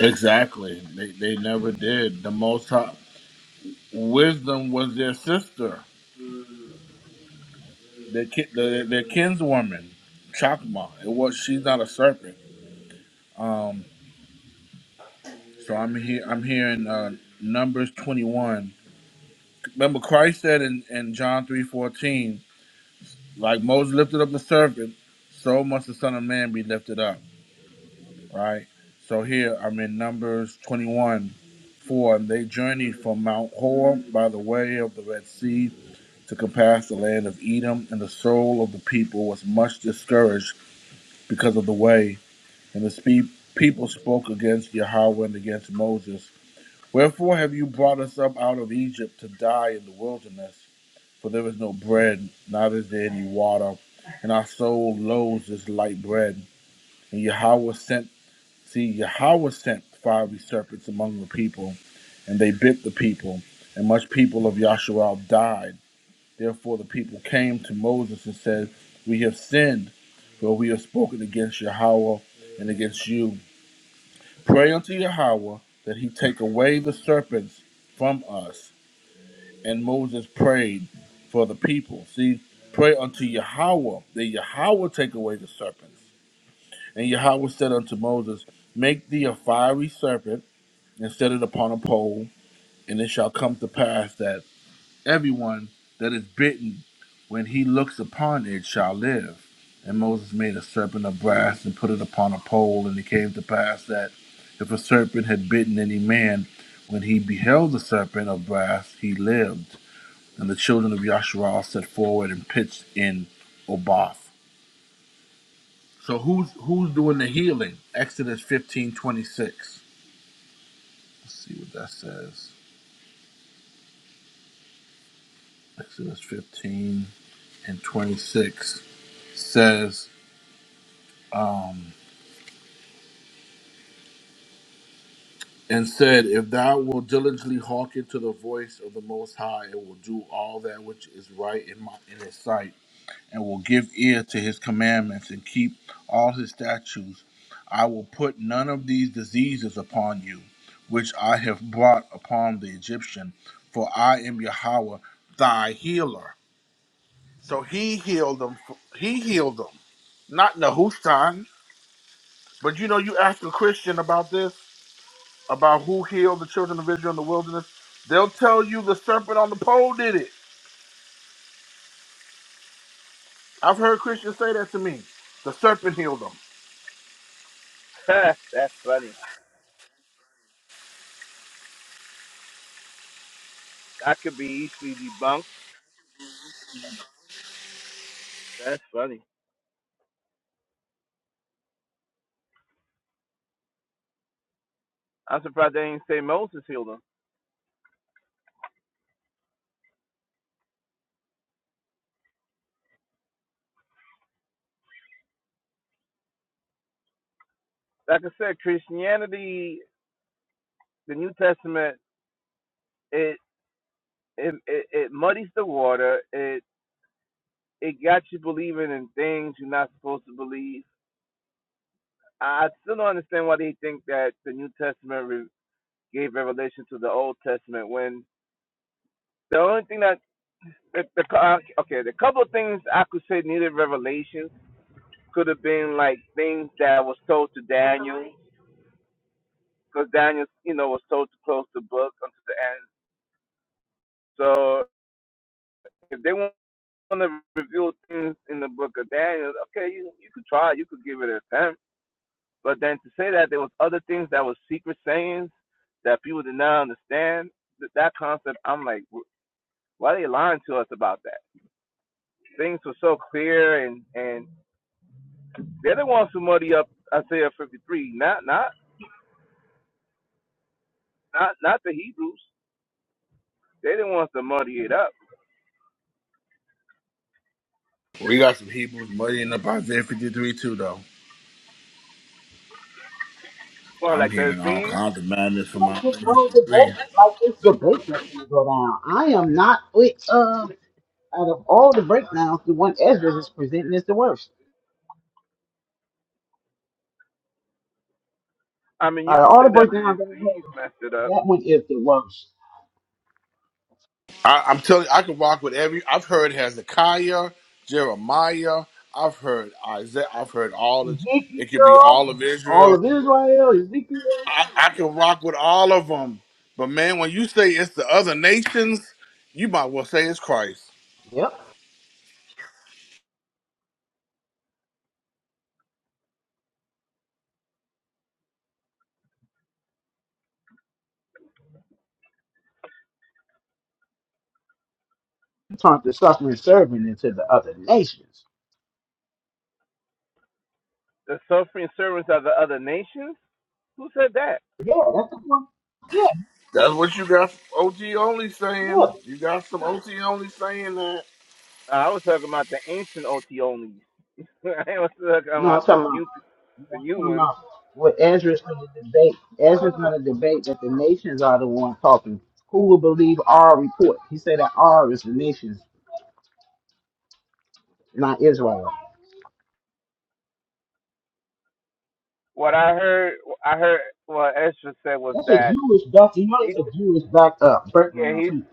Exactly. They they never did. The Most High wisdom was their sister, their ki- their, their kinswoman, Chakma. It was she's not a serpent. Um. So I'm here. I'm here in uh, Numbers 21. Remember, Christ said in, in John three fourteen, like Moses lifted up the serpent, so must the Son of Man be lifted up. Right. So here I'm in Numbers twenty one four, and they journeyed from Mount Hor by the way of the Red Sea to compass the land of Edom, and the soul of the people was much discouraged because of the way, and the spe- people spoke against Yahweh and against Moses. Wherefore have you brought us up out of Egypt to die in the wilderness? for there is no bread, neither is there any water, and our soul loathes this light bread. And Yahweh sent, see, Yahweh sent fiery serpents among the people, and they bit the people, and much people of Yahshua died. Therefore the people came to Moses and said, We have sinned, for we have spoken against Yahweh and against you. Pray unto Yahweh that he take away the serpents from us and Moses prayed for the people. See, pray unto Yahweh, that Yahweh take away the serpents. And Yahweh said unto Moses, Make thee a fiery serpent, and set it upon a pole, and it shall come to pass that everyone that is bitten, when he looks upon it, shall live. And Moses made a serpent of brass and put it upon a pole, and it came to pass that if a serpent had bitten any man, when he beheld the serpent of brass, he lived. And the children of Yasharal set forward and pitched in Oboth. So who's who's doing the healing? Exodus fifteen let Let's see what that says. Exodus 15 and 26 says, um, and said, If thou wilt diligently hearken to the voice of the Most High, and will do all that which is right in my in his sight and will give ear to his commandments and keep all his statutes, I will put none of these diseases upon you, which I have brought upon the Egyptian, for I am Yahweh, thy healer. So he healed them. He healed them, not Nahustan. But you know, you ask a Christian about this, about who healed the children of Israel in the wilderness, they'll tell you the serpent on the pole did it. I've heard Christians say that to me. The serpent healed them. We got some Hebrews muddying up Isaiah 53 too, though. I'm hearing all kinds of madness from
like this
Isaiah
whole
53.
debate, like this debate that's gonna go down. I am not with uh out of all the breakdowns, the one Ezra is presenting is the worst. Out of all the breakdowns that we have, that one is the worst.
I, I'm telling you, I could rock with every. I've heard Hezekiah, Jeremiah. I've heard Isaiah. I've heard all of. It could be
Ezekiel,
all of
all
Israel.
of Israel, Ezekiel.
I, I can rock with all of them. But man, when you say it's the other nations, you might well say it's Christ.
Yep. He turned the suffering servant into the other nations. Yeah, that's the one. Yeah,
That's what you got. OT only
yeah.
saying. You got some OT only saying that.
No, I'm talking about Yeah, I'm talking about what Ezra's going to debate. Ezra's going to debate that the nations are the one talking. Who will believe our report? He said that our is the nations, not Israel. That's a Jewish back. You know that's a Jewish back up. Breakdown too.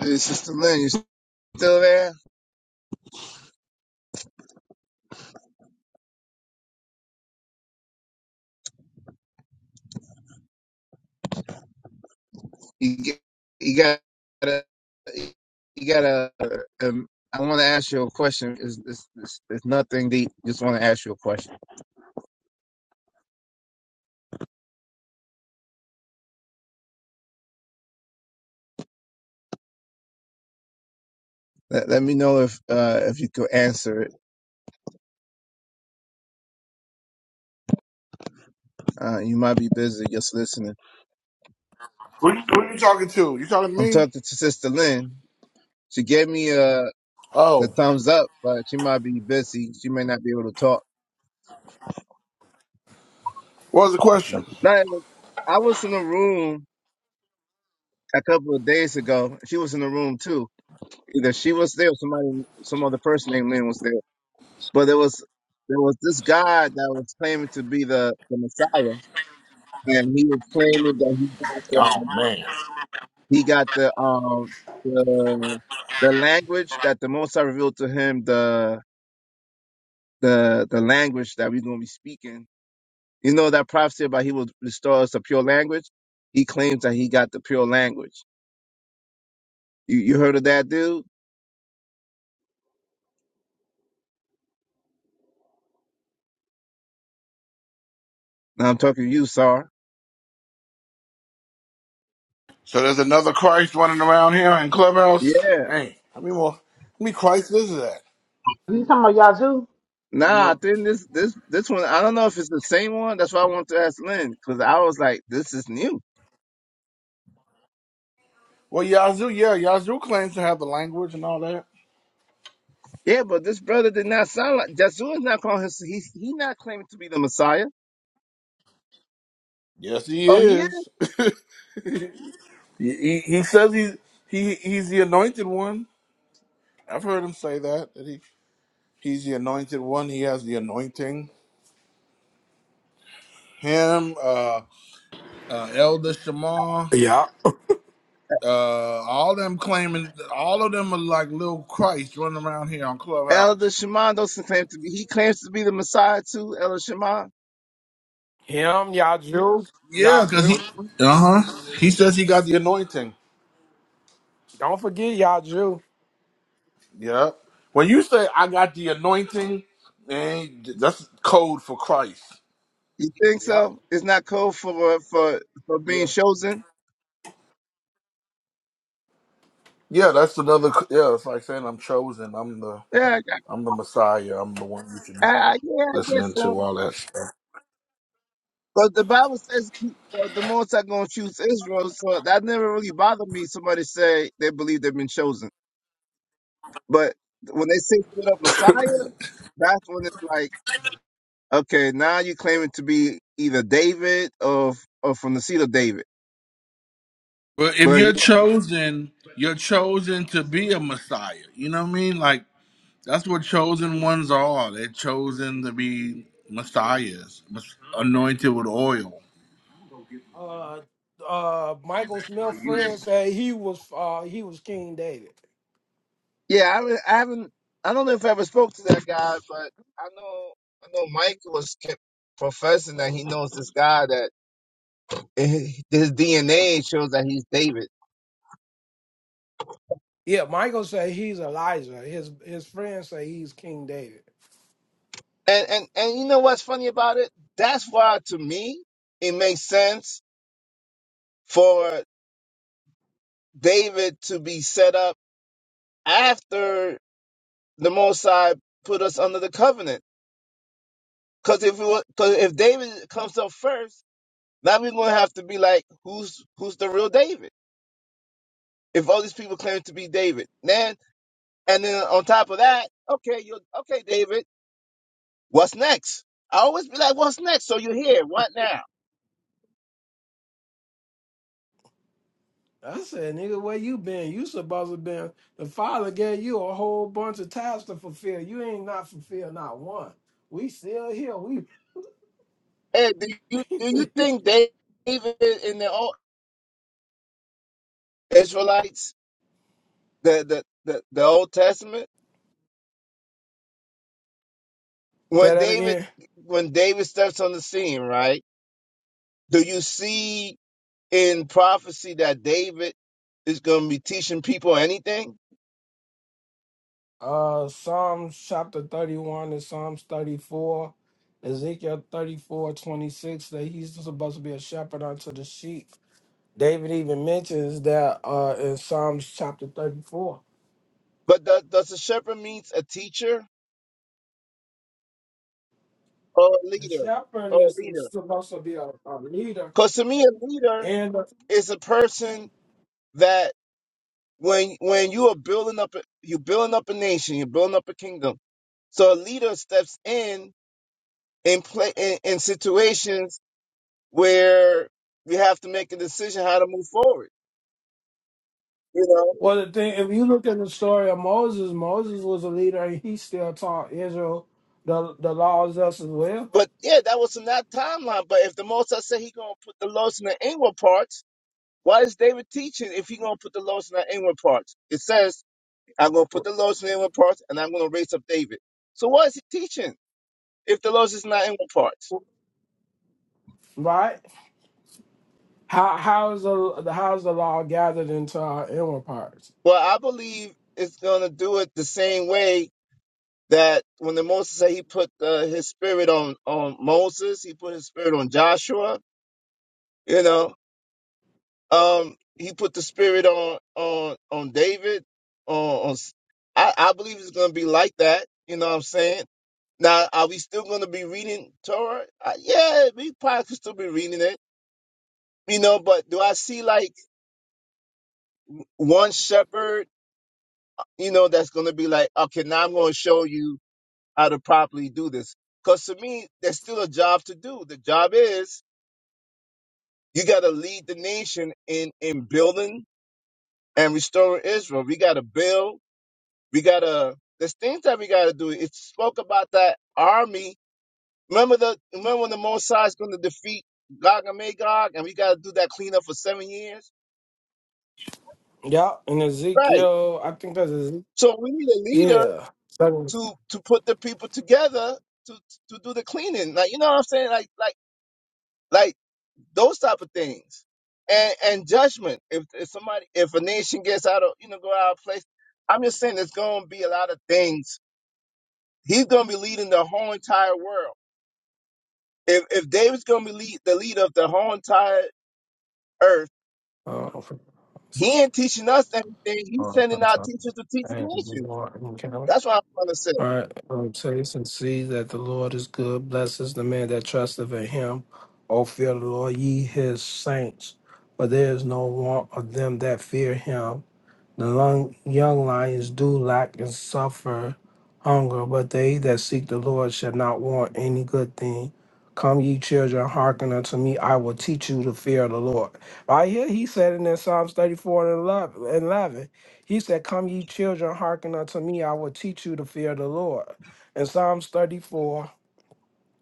Hey, Sister Lynn, you still there? You get, you got to, you got to. Um, I want to ask you a question. It's, it's, it's, it's nothing deep. Just want to ask you a question. Let, let me know if uh, if you could answer it. Uh, you might be busy just listening.
Who, who you talking to? You talking to
I'm
me?
talking to Sister Lynn. She gave me a. the
Oh.
thumbs up, but she might be busy. She may not be able to talk.
What was the question?
No, I was in a room a couple of days ago. She was in the room too. Either she was there, or somebody, some other person named Lynn was there. But there was there was this guy that was claiming to be the, the Messiah, and he was claiming that he got the
Man.
he got the um the the language that the Most High revealed to him the the the language that we're gonna be speaking You know that prophecy about he will restore us to pure language? He claims that he got the pure language. You, you heard of that dude? Now I'm talking to you, Sar.
So there's another Christ running around here in Clubhouse?
Yeah.
Hey, I mean, well, how many Christ is that?
You talking about Yazoo?
Nah, I think this this this one I don't know if it's the same one. That's why I wanted to ask Lynn, because I was like, this is new.
Well, Yazoo, yeah, Yazoo claims to have the language and all that.
Yeah, but this brother did not sound like Jazua is not calling him he he not claiming to be the Messiah.
Yes, he
Oh he is?
is. he, he, he says he's, he, he's the anointed one. I've heard him say that, that he, he's the anointed one. He has the anointing. Him, uh, uh, Elder Shema,
Yeah.
uh, all them claiming, all of them are like little Christ running around here on Clubhouse.
Elder Shimon doesn't claim to be he claims to be the Messiah too, Elder Shimon.
Him, Yaju,
Yeah, because he,
Yaju.
uh huh. He says he got the anointing.
Don't forget Yaju.
Yeah. When you say I got the anointing, man, that's code for Christ.
You think
Yep.
so? It's not code for for for being
Yeah.
chosen?
Yeah, that's another. Yeah, it's like saying I'm chosen. I'm the.
Yeah,
I'm the Messiah. I'm the one you should
Uh, yeah, I guess
listening
so.
to. All that stuff.
But the Bible says uh, the Most High gonna choose Israel, so that never really bothered me. Somebody say they believe they've been chosen, but when they say straight up Messiah, that's when it's like, okay, now you're claiming to be either David or or from the seed of David.
But if
But
you're
you,
chosen, you're chosen to be a Messiah. You know what I mean? Like that's what chosen ones are. They're chosen to be messiahs, mes- anointed with oil.
Uh uh Michael Smith friend said he was uh he was King David.
yeah, I, re- I haven't. I don't know if I ever spoke to that guy, but I know I know Mike was kept professing that he knows this guy that eh, his DNA shows that he's David.
Yeah, Michael said he's Elijah. His his friend say he's King David.
And and and you know what's funny about it? That's why to me it makes sense for David to be set up after the Mosai put us under the covenant. Because if we, because if David comes up first, now we're gonna have to be like, who's who's the real David? If all these people claim to be David, then and then on top of that, okay, you are okay, David. What's next? I always be like, what's next? So you're here. What now?
I said, nigga, where you been? You supposed to been the father gave you a whole bunch of tasks to fulfill. You ain't not fulfilled not one. We still here. We
Hey, do you do you
say
think David? David in the own? Israelites, the, the the the Old Testament, when
that
David
again.
when David steps on the scene, right? Do you see in prophecy that David is going to be teaching people anything?
Uh Psalms chapter 31 and Psalms 34, Ezekiel 34 26. that he's supposed to be a shepherd unto the sheep. David even mentions that uh in Psalms chapter 34.
But does does a shepherd means a teacher or a
The
leader
shepherd
or a
is is
leader?
supposed to be a, a leader
Because to me, a leader
and.
is a person that when when you are building up a- you're building up a nation, you're building up a kingdom. So a leader steps in in play in, in situations where you have to make a decision how to move forward, you know.
Well, the thing, if you look at the story of Moses, Moses was a leader and he still taught Israel the the laws us as well,
But yeah, that was in that timeline. But if the Most I said he gonna put the loaves in the inward parts, why is David teaching if he gonna put the loaves in the inward parts? It says I'm gonna put the loaves in the inward parts, and I'm gonna raise up David. So why is he teaching if the loaves is not inward parts?
right? How how is the how is the law gathered into our inward parts?
Well, I believe it's gonna do it the same way that when the Moses said he put uh, his spirit on on Moses, he put his spirit on Joshua. You know, um he put the spirit on on on David on, on I, I believe it's going to be like that you know what I'm saying now are we still going to be reading Torah uh, yeah we probably could still be reading it you know but do I see like one shepherd you know that's going to be like okay now I'm going to show you how to properly do this because to me there's still a job to do the job is you got to lead the nation in in building and restoring Israel we got to build We gotta there's things that we gotta do. It spoke about that army. Remember the remember when the Mosai's gonna defeat Gog and Magog and we gotta do that cleanup for seven years?
Yeah, in
Right.
Ezekiel, I think that's Ezekiel.
So we need a leader
Yeah, seven.
to to put the people together to to do the cleaning. Like you know what I'm saying? Like like like those type of things. And and judgment. If, if somebody if a nation gets out of you know, go out of place, I'm just saying there's gonna be a lot of things. He's gonna be leading the whole entire world if if David's gonna be lead, the leader of the whole entire earth,
Uh, so.
he ain't teaching us anything. He's
uh,
sending
I'm
out
sorry.
teachers to teach the nations. That's what I'm trying to
All
say.
right, um, taste and see that the Lord is good. Blesses the man that trusteth in him. O fear the Lord, ye his saints, for there is no want of them that fear him. The long, young lions do lack and suffer hunger, but they that seek the Lord shall not want any good thing. Come, ye children, hearken unto me. I will teach you the fear of the Lord. Right here, he said in that Psalms 34 and 11, and 11, he said, Come, ye children, hearken unto me. I will teach you the fear of the Lord. In Psalms 34,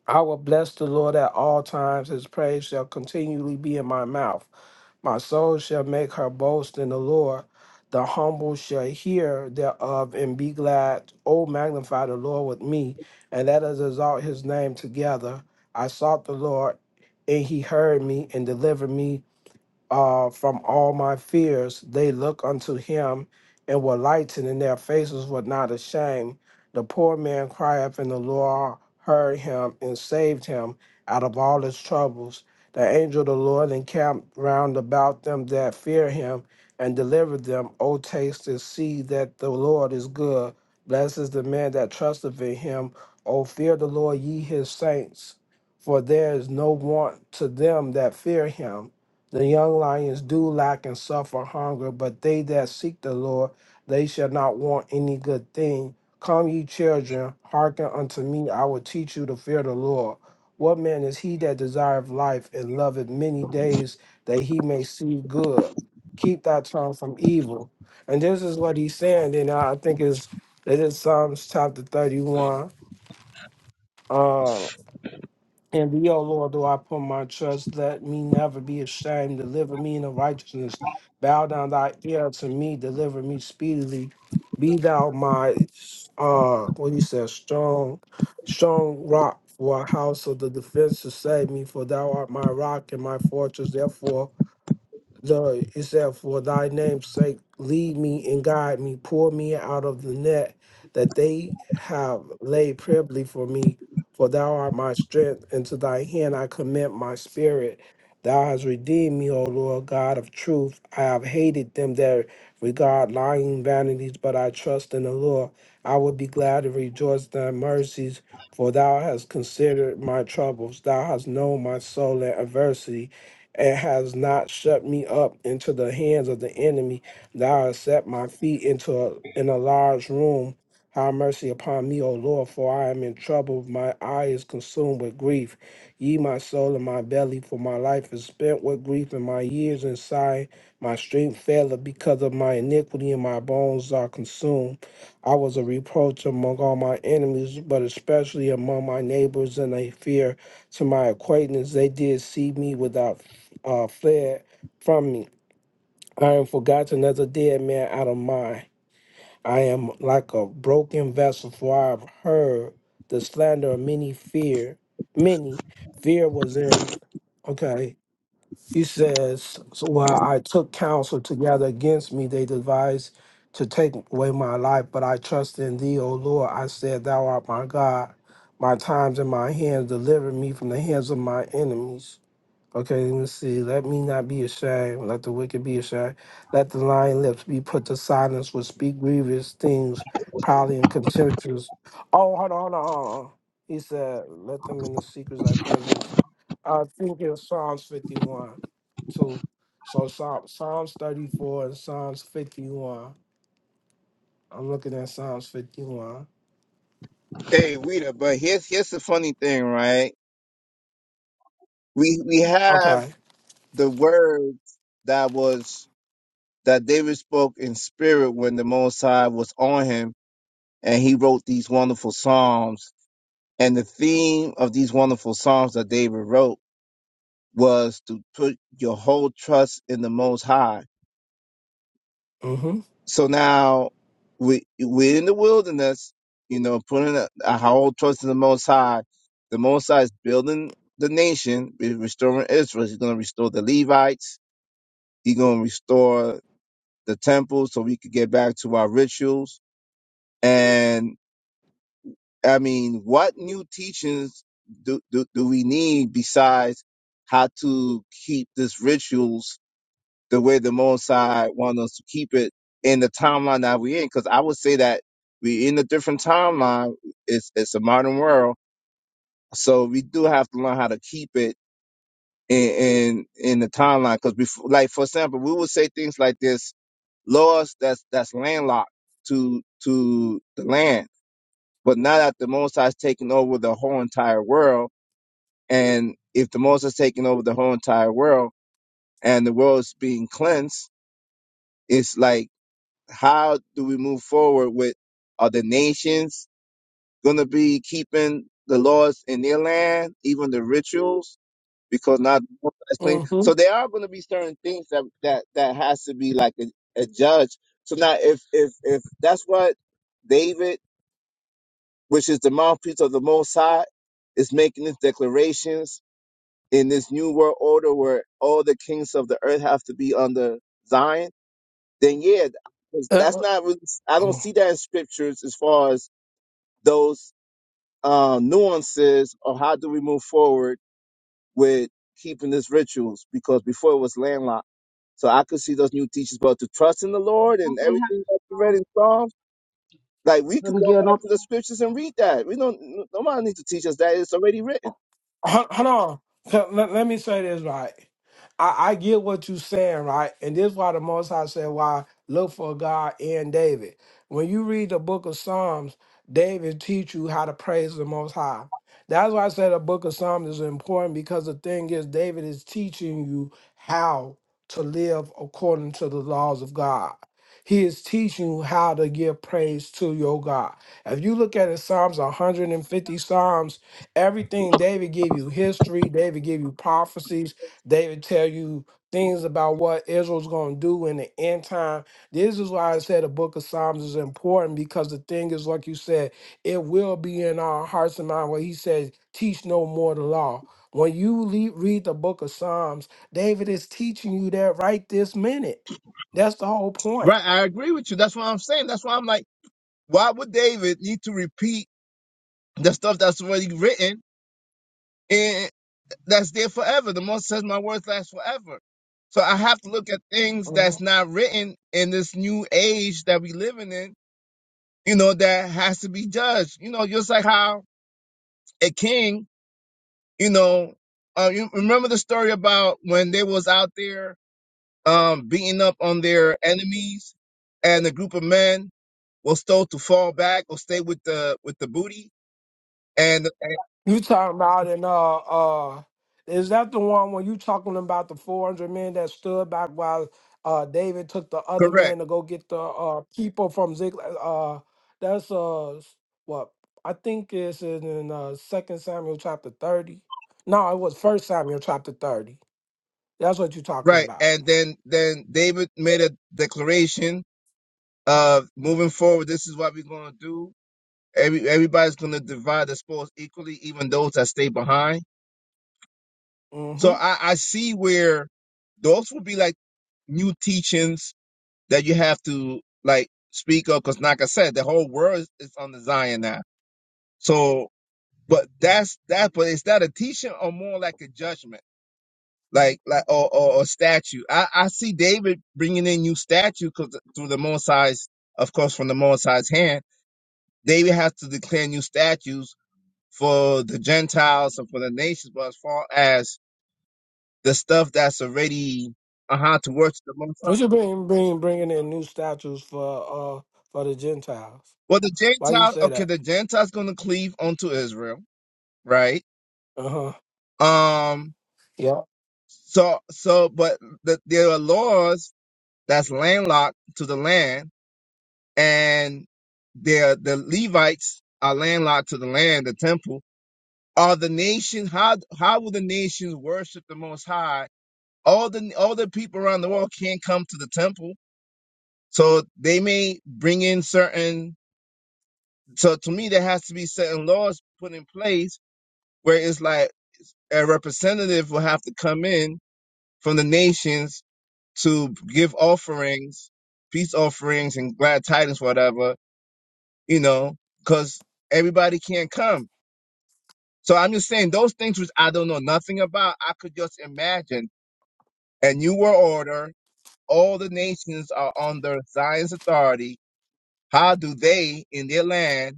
I will bless the Lord at all times. His praise shall continually be in my mouth. My soul shall make her boast in the Lord. The humble shall hear thereof and be glad. O magnify the Lord with me, and let us exalt his name together. I sought the Lord, and he heard me and delivered me uh, from all my fears. They look unto him and were lightened, and their faces were not ashamed. The poor man cried up, and the Lord heard him and saved him out of all his troubles. The angel of the Lord encamped round about them that fear him and delivered them. O taste and see that the Lord is good. Blessed is the man that trusteth in him. O fear the Lord, ye his saints, for there is no want to them that fear him the young lions do lack and suffer hunger, but they that seek the Lord, they shall not want any good thing. Come, ye children, hearken unto me. I will teach you to fear the Lord. What man is he that desireth life and loveth many days that he may see good? Keep thy tongue from evil. And this is what he's saying, and I think is it is Psalms chapter 31. Uh, and thee, O Lord, do I put my trust. Let me never be ashamed. Deliver me in the righteousness. Bow down thy ear to me. Deliver me speedily. Be thou my, uh, what he says, strong, strong rock for a house of the defense to save me. For thou art my rock and my fortress. Therefore, the it said, For thy name's sake, lead me and guide me, pour me out of the net that they have laid privily for me. For thou art my strength, and to thy hand I commit my spirit. Thou hast redeemed me, O Lord God of truth. I have hated them that regard lying vanities, but I trust in the Lord. I will be glad and rejoice in thy mercies, for thou hast considered my troubles. Thou hast known my soul in adversity and has not shut me up into the hands of the enemy. Thou hast set my feet into a, in a large room. Have mercy upon me, O Lord, for I am in trouble. My eye is consumed with grief. Ye, my soul, and my belly, for my life is spent with grief, and my years in sighing. My strength faileth because of my iniquity, and my bones are consumed. I was a reproach among all my enemies, but especially among my neighbors, and a fear to my acquaintance. They did see me without uh, fled from me. I am forgotten as a dead man out of mind. I am like a broken vessel, for I have heard the slander of many fear. Many fear was in. Okay. He says, so while I took counsel together against me, they devised to take away my life, but I trust in thee, O Lord. I said, Thou art my God. My times in my hands deliver me from the hands of my enemies. Okay, let me see. Let me not be ashamed. Let the wicked be ashamed. Let the lying lips be put to silence, which speak grievous things, proudly and contemptuous. Oh, hold on, hold on, hold on. He said, Let them in the secrets of thy presence. I think in Psalms 51, too. So Psalm, Psalms 34 and Psalms 51. I'm looking at Psalms 51.
Hey, Rita, but here's here's the funny thing, right? We we have
Okay.
the words that was that David spoke in spirit when the Most High was on him, and he wrote these wonderful psalms. And the theme of these wonderful psalms that David wrote was to put your whole trust in the Most High
Mm hmm.
So now we we're in the wilderness, you know, putting a, a whole trust in the Most High. The Most High is building the nation, re- restoring Israel. He's going to restore the Levites. He's going to restore the temple, so we could get back to our rituals. And I mean, what new teachings do do, do we need besides how to keep this rituals the way the Moon side want us to keep it in the timeline that we're in. Because I would say that we in a different timeline. It's it's a modern world, so we do have to learn how to keep it in in, in the timeline. Because before, like for example, we would say things like this: laws that's that's landlocked to to the land. But now that the Most High taking over the whole entire world, and if the Most High is taking over the whole entire world, and the world is being cleansed, it's like how do we move forward with are the nations going to be keeping the laws in their land, even the rituals, because not all that's clean.
Mm
So there are going to be certain things that that that has to be like a, a judge. So now, if if if that's what David, which is the mouthpiece of the Most High, is making these declarations in this new world order where all the kings of the earth have to be under Zion then yeah, 'cause that's
hmm.
not really, I don't see that in scriptures as far as those uh, nuances of how do we move forward with keeping these rituals because before it was landlocked. So I could see those new teachings, but to trust in the Lord
Don't
and
they have
everything that you read
um,
in Psalms, like we
let
could
me
go
get
back
don't
to
they
the
have-
scriptures and read that. We don't, nobody needs to teach us that. It's already written.
Hol- hold on. So, Let, let me say this right. I, I get what you're saying, right? And this is why the Most High said, "Why look for God in David." When you read the Book of Psalms, David teach you how to praise the Most High. That's why I said the Book of Psalms is important because the thing is, David is teaching you how to live according to the laws of God. He is teaching you how to give praise to your God. If you look at it, Psalms 150 Psalms Everything David give you history, David give you prophecies, David tell you things about what Israel's going to do in the end time. This is why I said the book of Psalms is important because the thing is like you said, it will be in our hearts and mind where he says, "Teach no more the law." When you le- read the book of Psalms, David is teaching you that right this minute. That's the whole point.
Right, I agree with you. That's what I'm saying. That's why I'm like, why would David need to repeat the stuff that's already written? that's there forever. The most says my words last forever. So I have to look at things that's not written in this new age that we living in, you know, that has to be judged. You know, just like how a king, you know, uh, you remember the story about when they was out there um, beating up on their enemies and a group of men was told to fall back or stay with the with the booty and and-
You talking about in uh uh is that the one when you talking about the four hundred men that stood back while uh David took the other
correct
men to go get the uh people from Ziklag uh that's uh s- what I think is in, in uh Second Samuel chapter thirty. No, it was First Samuel chapter thirty. That's what you're talking
right
about.
and then then David made a declaration Uh, moving forward, this is what we're gonna do. Every everybody's gonna divide the spoils equally, even those that stay behind. So
Mm-hmm.
I, I see where those would be like new teachings that you have to like speak of, because like I said, the whole world is on the Zion now. So, but that's that. But is that a teaching or more like a judgment, like like or or, or statue? I I see David bringing in new statue 'cause- through the Mosai's, of course, from the Mosai's hand They will have to declare new statutes for the Gentiles and for the nations, but as far as the stuff that's already uh how to worship the Most High.
We should bring bring bringing in new statues for uh for the Gentiles.
Well, the
Why you
Gentiles,
say
okay,
that?
the Gentiles going to cleave unto Israel, right?
Uh huh.
Um,
Yeah.
so, so, but the, there are laws that's landlocked to the land, and there the Levites are landlocked to the land, the temple. Are the nation how how will the nations worship the Most High? all the all the people around the world can't come to the temple, so they may bring in certain. So to me, there has to be certain laws put in place where it's like a representative will have to come in from the nations to give offerings, peace offerings, and glad tidings, whatever you know, because everybody can't come. So I'm just saying those things which I don't know nothing about. I could just imagine And you were order. All the nations are under Zion's authority How do they in their land,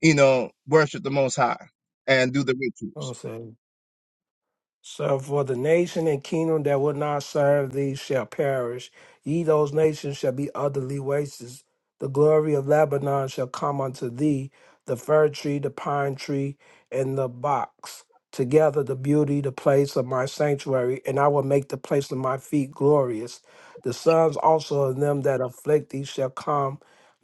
you know, worship the Most High and do the rituals?
I'm So for the nation and kingdom that will not serve thee shall perish. Ye those nations shall be utterly wasted. The glory of Lebanon shall come unto thee, the fir tree, the pine tree, and the box. Together the beauty, the place of my sanctuary, and I will make the place of my feet glorious. The sons also of them that afflict thee shall come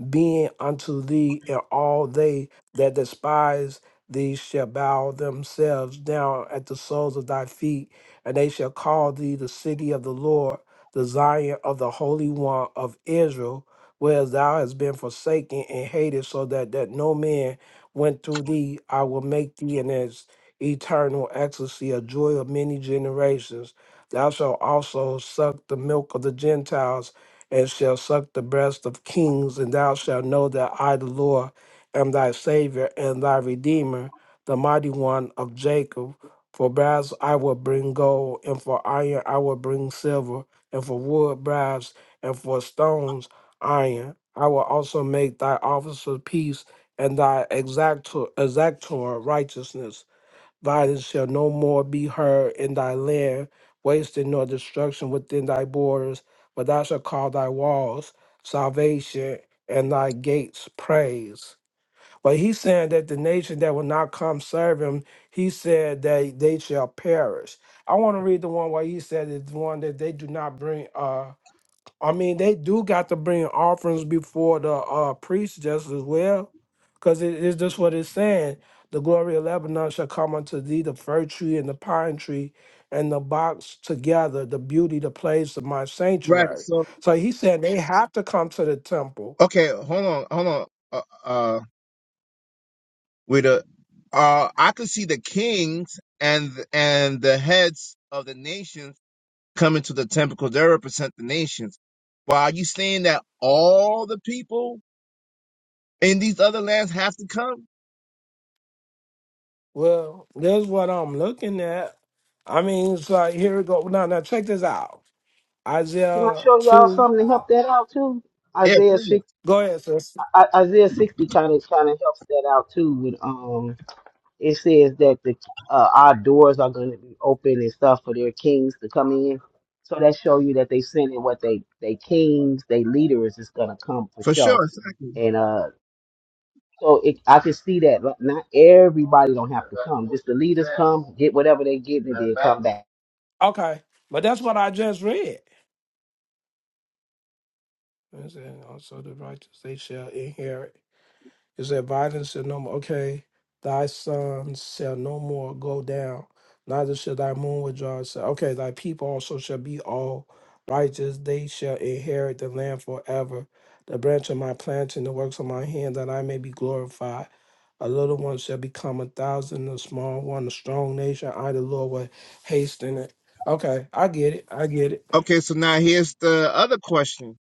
being unto thee, and all they that despise thee shall bow themselves down at the soles of thy feet, and they shall call thee the city of the Lord, the Zion of the Holy One of Israel, whereas thou hast been forsaken and hated, so that, that no man went through thee. I will make thee an ex- eternal ecstasy, a joy of many generations. Thou shalt also suck the milk of the Gentiles and shall suck the breast of kings, and thou shalt know that I, the Lord, am thy Savior and thy Redeemer, the mighty one of Jacob. For brass I will bring gold, and for iron I will bring silver, and for wood brass, and for stones iron. I will also make thy officer peace, and thy exactor, exactor righteousness. Violence shall no more be heard in thy land, wasting nor destruction within thy borders, but thou shalt call thy walls salvation and thy gates praise. But he's saying that the nation that will not come serve him, he said that they shall perish. I want to read the one where he said it's the one that they do not bring. Uh, I mean, they do got to bring offerings before the uh, priest just as well, because it is just what it's saying. The glory of Lebanon shall come unto thee, the fir tree and the pine tree and the box together, the beauty, the place of my
Right.
sanctuary.
So
So he said they have to come to the temple.
okay, hold on, hold on. Uh, uh with the uh, I could see the kings and and the heads of the nations coming to the temple because they represent the nations. But are you saying that all the people in these other lands have to come?
Well, there's what I'm looking at. I mean, it's like, here we go. Now, now check this out.
Can I
Isaiah
show y'all
2.
something to help that out too?
Yeah,
Isaiah
please.
six
Go ahead, sis.
I, Isaiah sixty kind of kind of helps that out too with um it says that the uh, our doors are going to be open and stuff for their kings to come in. So that show you that they sending what they they kings, they leaders is going to come for
For sure,
show.
exactly.
And uh, so it, I can see that but not everybody don't have to come. Just the leaders come, get whatever they get, and then come back.
Okay. But that's what I just read. And said, also the righteous, they shall inherit. It said, violence shall no more, okay, thy sons shall no more go down, neither shall thy moon withdraw itself. Okay, thy people also shall be all righteous, they shall inherit the land forever. The branch of my planting, the works of my hand, that I may be glorified. A little one shall become a thousand, a small one, a strong nation. I, the Lord, will hasten it. Okay, I get it. I get it.
Okay, so now here's the other question.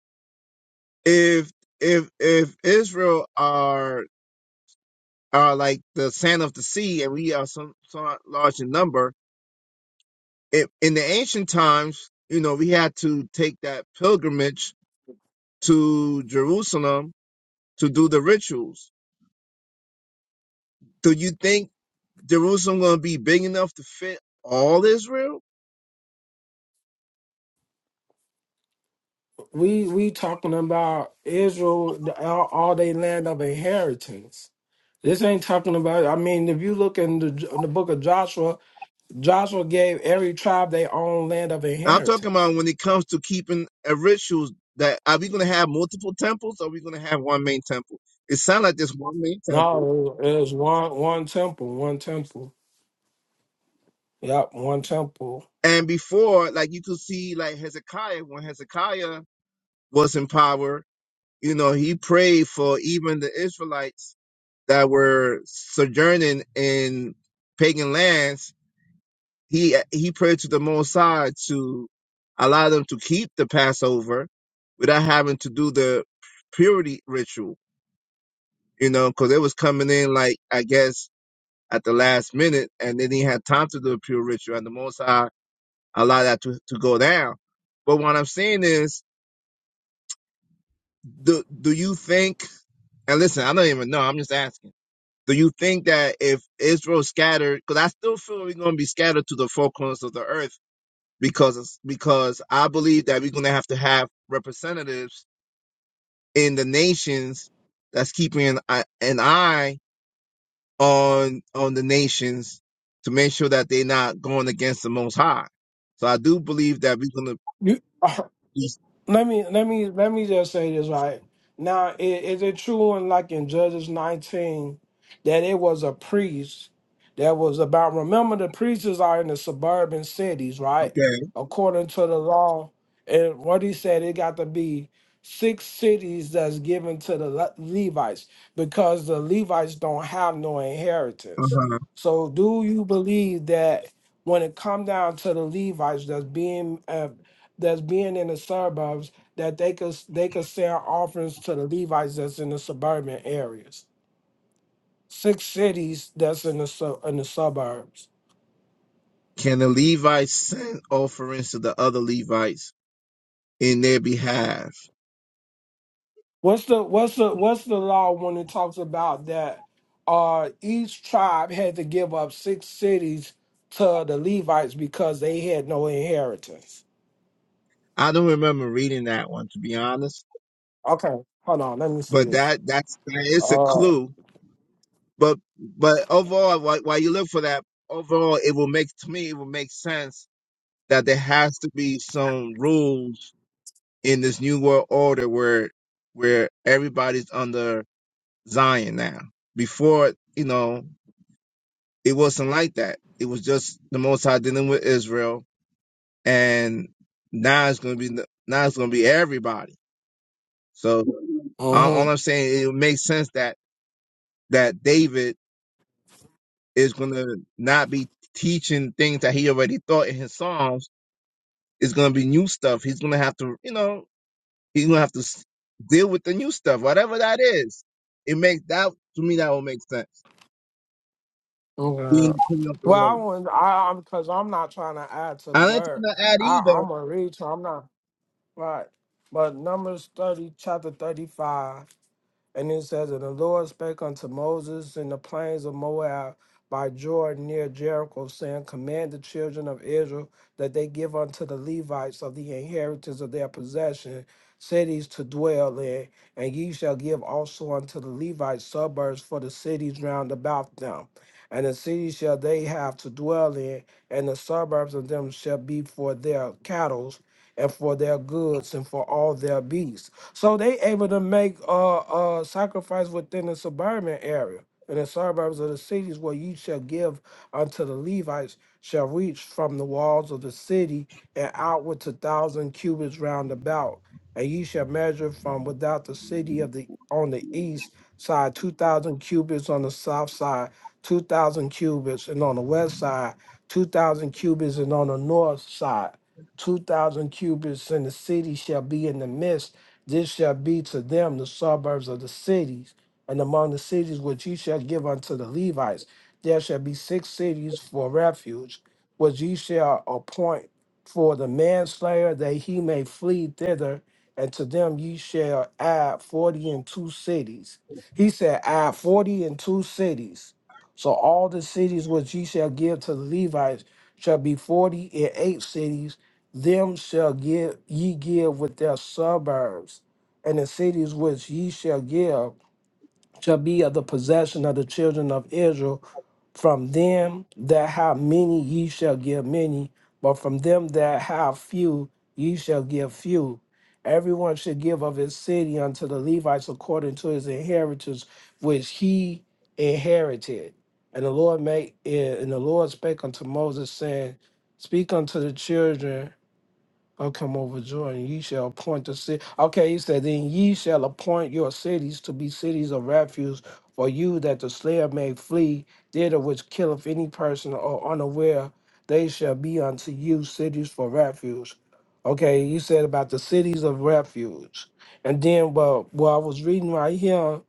If if if Israel are uh, like the sand of the sea, and we are some, some large in number. It, in the ancient times, you know, we had to take that pilgrimage to Jerusalem to do the rituals. Do you think Jerusalem going to be big enough to fit all Israel?
We we talking about Israel, the- all, all they land of inheritance. This ain't talking about. I mean, if you look in the in the book of Joshua, Joshua gave every tribe their own land of
I'm talking
inheritance.
about when it comes to keeping a rituals. That are we going to have multiple temples? Or are we going to have one main temple? It sounds like there's one main temple.
No, it was one one temple, one temple. Yep, one temple.
And before, like you could see, like Hezekiah when Hezekiah was in power, you know, he prayed for even the Israelites that were sojourning in pagan lands. He he prayed to the Most High to allow them to keep the Passover without having to do the purity ritual, you know, because it was coming in like I guess at the last minute, and then he had time to do a pure ritual, and the Most High allowed that to, to go down. But what I'm saying is, do do you think? And listen, I don't even know. I'm just asking Do you think that if Israel scattered, because I still feel we're going to be scattered to the four corners of the earth, because because I believe that we're going to have to have representatives in the nations that's keeping an, eye- an eye on on the nations to make sure that they're not going against the Most High. So I do believe that we're going to
You
be
Let me let me let me just say this right now. i- Is it true in like in Judges nineteen that it was a priest that was about? Remember, the priests are in the suburban cities, right?
okay.
According to the law, and what he said, it got to be six cities that's given to the Le- Levites because the Levites don't have no inheritance.
Uh-huh.
So, do you believe that when it come down to the Levites that's being uh, that's being in the suburbs that they could they could sell offerings to the Levites that's in the suburban areas. Six cities that's in the su- in the suburbs.
Can the Levites send offerings to the other Levites in their behalf?
What's the what's the what's the law when it talks about that? Uh, each tribe had to give up six cities to the Levites because they had no inheritance.
I don't remember reading that one to be honest.
Okay, hold on. Let me see
but
this.
that that's that is a
Uh,
clue. But but overall, while, while you look for that, overall, it will make to me it will make sense that there has to be some rules in this new world order where where everybody's under Zion now. Before you know, it wasn't like that. It was just the Most High dealing with Israel, and now it's going to be now it's going to be everybody. So all all I'm saying, it makes sense that that David is going to not be teaching things that he already thought in his Psalms. It's going to be new stuff. He's going to have to, you know, he's going to have to s- deal with the new stuff, whatever that is. It makes that to me that will make sense. Being the
Okay.
king of the
Well, I
world.
want I I'm because I'm not trying to add to the
I ain't
word.
trying to add
I
either.
I'm a read, so I'm not right. But Numbers thirty, chapter thirty-five. And it says, And the Lord spake unto Moses in the plains of Moab by Jordan near Jericho, saying, Command the children of Israel that they give unto the Levites of the inheritance of their possession cities to dwell in, and ye shall give also unto the Levites suburbs for the cities round about them. And the cities shall they have to dwell in, and the suburbs of them shall be for their cattle, and for their goods, and for all their beasts so they able to make uh uh sacrifice within the suburban area and the suburbs of the cities where you shall give unto the Levites shall reach from the walls of the city and outward to thousand cubits round about, and ye shall measure from without the city of the on the east side two thousand cubits on the south side, two thousand cubits, and on the west side, two thousand cubits, and on the north side, two thousand cubits, and the city shall be in the midst this shall be to them the suburbs of the cities, and among the cities which ye shall give unto the Levites, there shall be six cities for refuge, which ye shall appoint for the manslayer, that he may flee thither, and to them ye shall add forty and two cities. He said, Add forty and two cities. So all the cities which ye shall give to the Levites shall be forty and eight cities them shall give ye give with their suburbs, and the cities which ye shall give shall be of the possession of the children of Israel. From them that have many ye shall give many, but from them that have few ye shall give few. Everyone should give of his city unto the Levites according to his inheritance which he inherited. And the Lord made and the Lord spake unto Moses, saying, Speak unto the children Oh, come over, Jordan. Ye shall appoint the city. Okay, he said, then ye shall appoint your cities to be cities of refuge for you, that the slayer may flee thither, which killeth any person or unaware. They shall be unto you cities for refuge. Okay, you said about the cities of refuge, and then well, well, I was reading right here,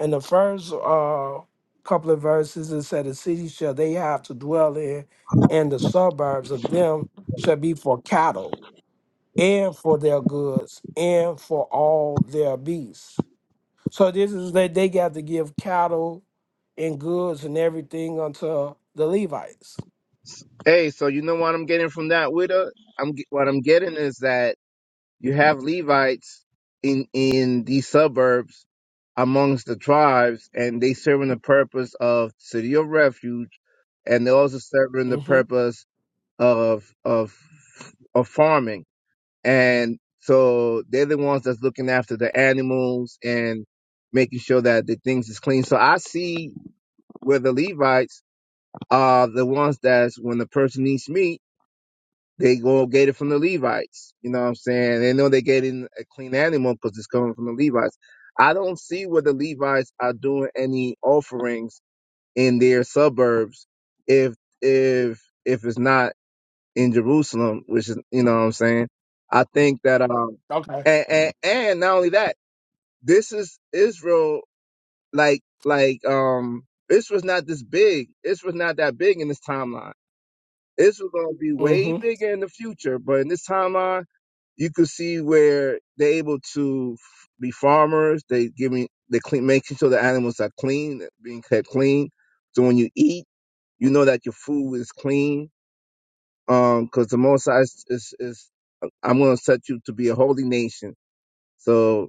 in the first uh couple of verses, it said, the cities shall they have to dwell in, and the suburbs of them shall be for cattle and for their goods and for all their beasts. So this is that they got to give cattle and goods and everything unto the Levites.
Hey, so you know what I'm getting from that, Widow? I'm ge- what I'm getting is that. You have Levites in in these suburbs amongst the tribes, and they serving the purpose of city of refuge, and they also serving the
hmm
purpose of of of farming. And so they're the ones that's looking after the animals and making sure that the things is clean. So I see where the Levites are the ones that's when the person needs meat they go get it from the Levites. You know what I'm saying? They know they're getting a clean animal because it's coming from the Levites. I don't see where the Levites are doing any offerings in their suburbs if if if it's not in Jerusalem, which is you know what I'm saying. I think that um
Okay.
and and, and not only that, this is Israel like like um Israel's not this big. Israel's not that big in this timeline. Israel's gonna be way
hmm
bigger in the future, but in this timeline you could see where they're able to f- be farmers. They giving they clean, making sure the animals are clean, being kept clean. So when you eat, you know that your food is clean. Um, because the Most High is, is, is I'm going to set you to be a holy nation. So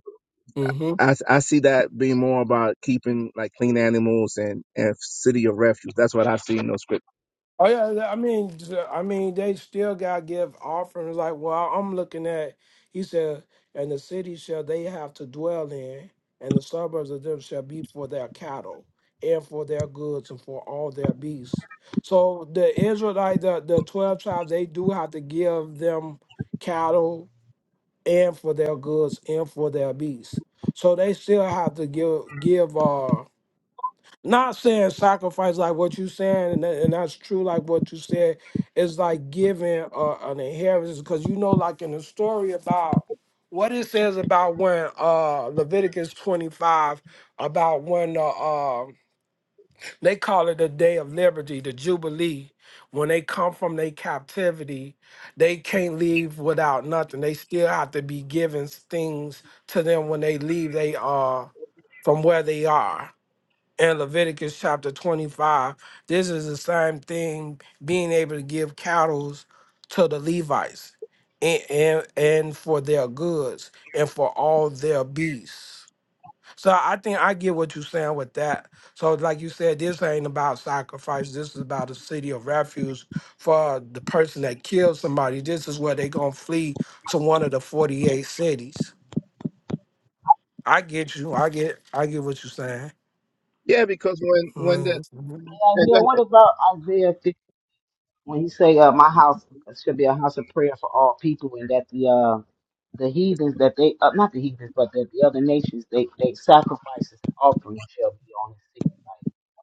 hmm
I I see that being more about keeping like clean animals and and city of refuge. That's what I see in those scriptures.
Oh yeah, th- I mean, j- I mean, they still got to give offerings. Like, well, I'm looking at. He said, "And the city shall they have to dwell in, and the suburbs of them shall be for their cattle, and for their goods, and for all their beasts." So the Israelite, the the twelve tribes, they do have to give them cattle, and for their goods, and for their beasts. So they still have to give give. uh, not saying sacrifice like what you saying, and, that, and that's true, like what you said, is like giving uh, an inheritance because you know, like in the story about what it says about when uh Leviticus 25 about when the uh, um, they call it the day of liberty, the jubilee. When they come from their captivity, they can't leave without nothing. They still have to be given things to them when they leave. They uh from where they are in Leviticus chapter 25. This is the same thing being able to give cattle to the Levites and, and, and for their goods and for all their beasts. So I think I get what you're saying with that. So like you said, this ain't about sacrifice. This is about a city of refuge for the person that killed somebody. This is where they are gonna flee to one of the 48 cities. I get you. I get I get what you're saying.
Yeah, because when when the
Mm-hmm.
And
yeah, go
Isaiah, what
ahead.
about Isaiah when you say uh, my house should be a house of prayer for all people, and that the uh, the heathens that they uh, not the heathens, but that the other nations they they sacrifices and offerings shall be on his feet,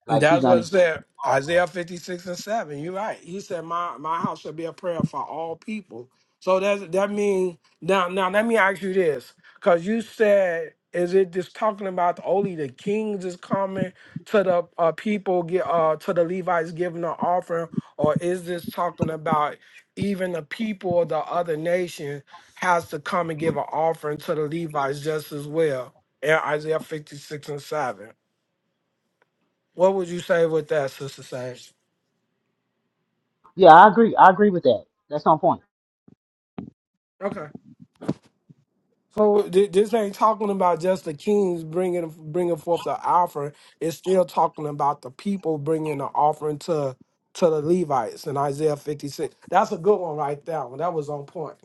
like like he
That's what it
gonna.
said. Isaiah 56 and 7. You're right. He said, My my house shall be a prayer for all people. So that's that means now now let me ask you this. Cause you said, is it just talking about only the kings is coming to the uh, people get uh to the Levites giving the offering, or is this talking about even the people of the other nation has to come and give an offering to the Levites just as well in Isaiah 56 and 7? What would you say with that, Sister Sage?
Yeah, I agree. I agree with that. That's on point.
Okay. So th- this ain't talking about just the kings bringing bringing forth the offering. It's still talking about the people bringing the offering to to the Levites in Isaiah 56. That's a good one right there. One that was on point.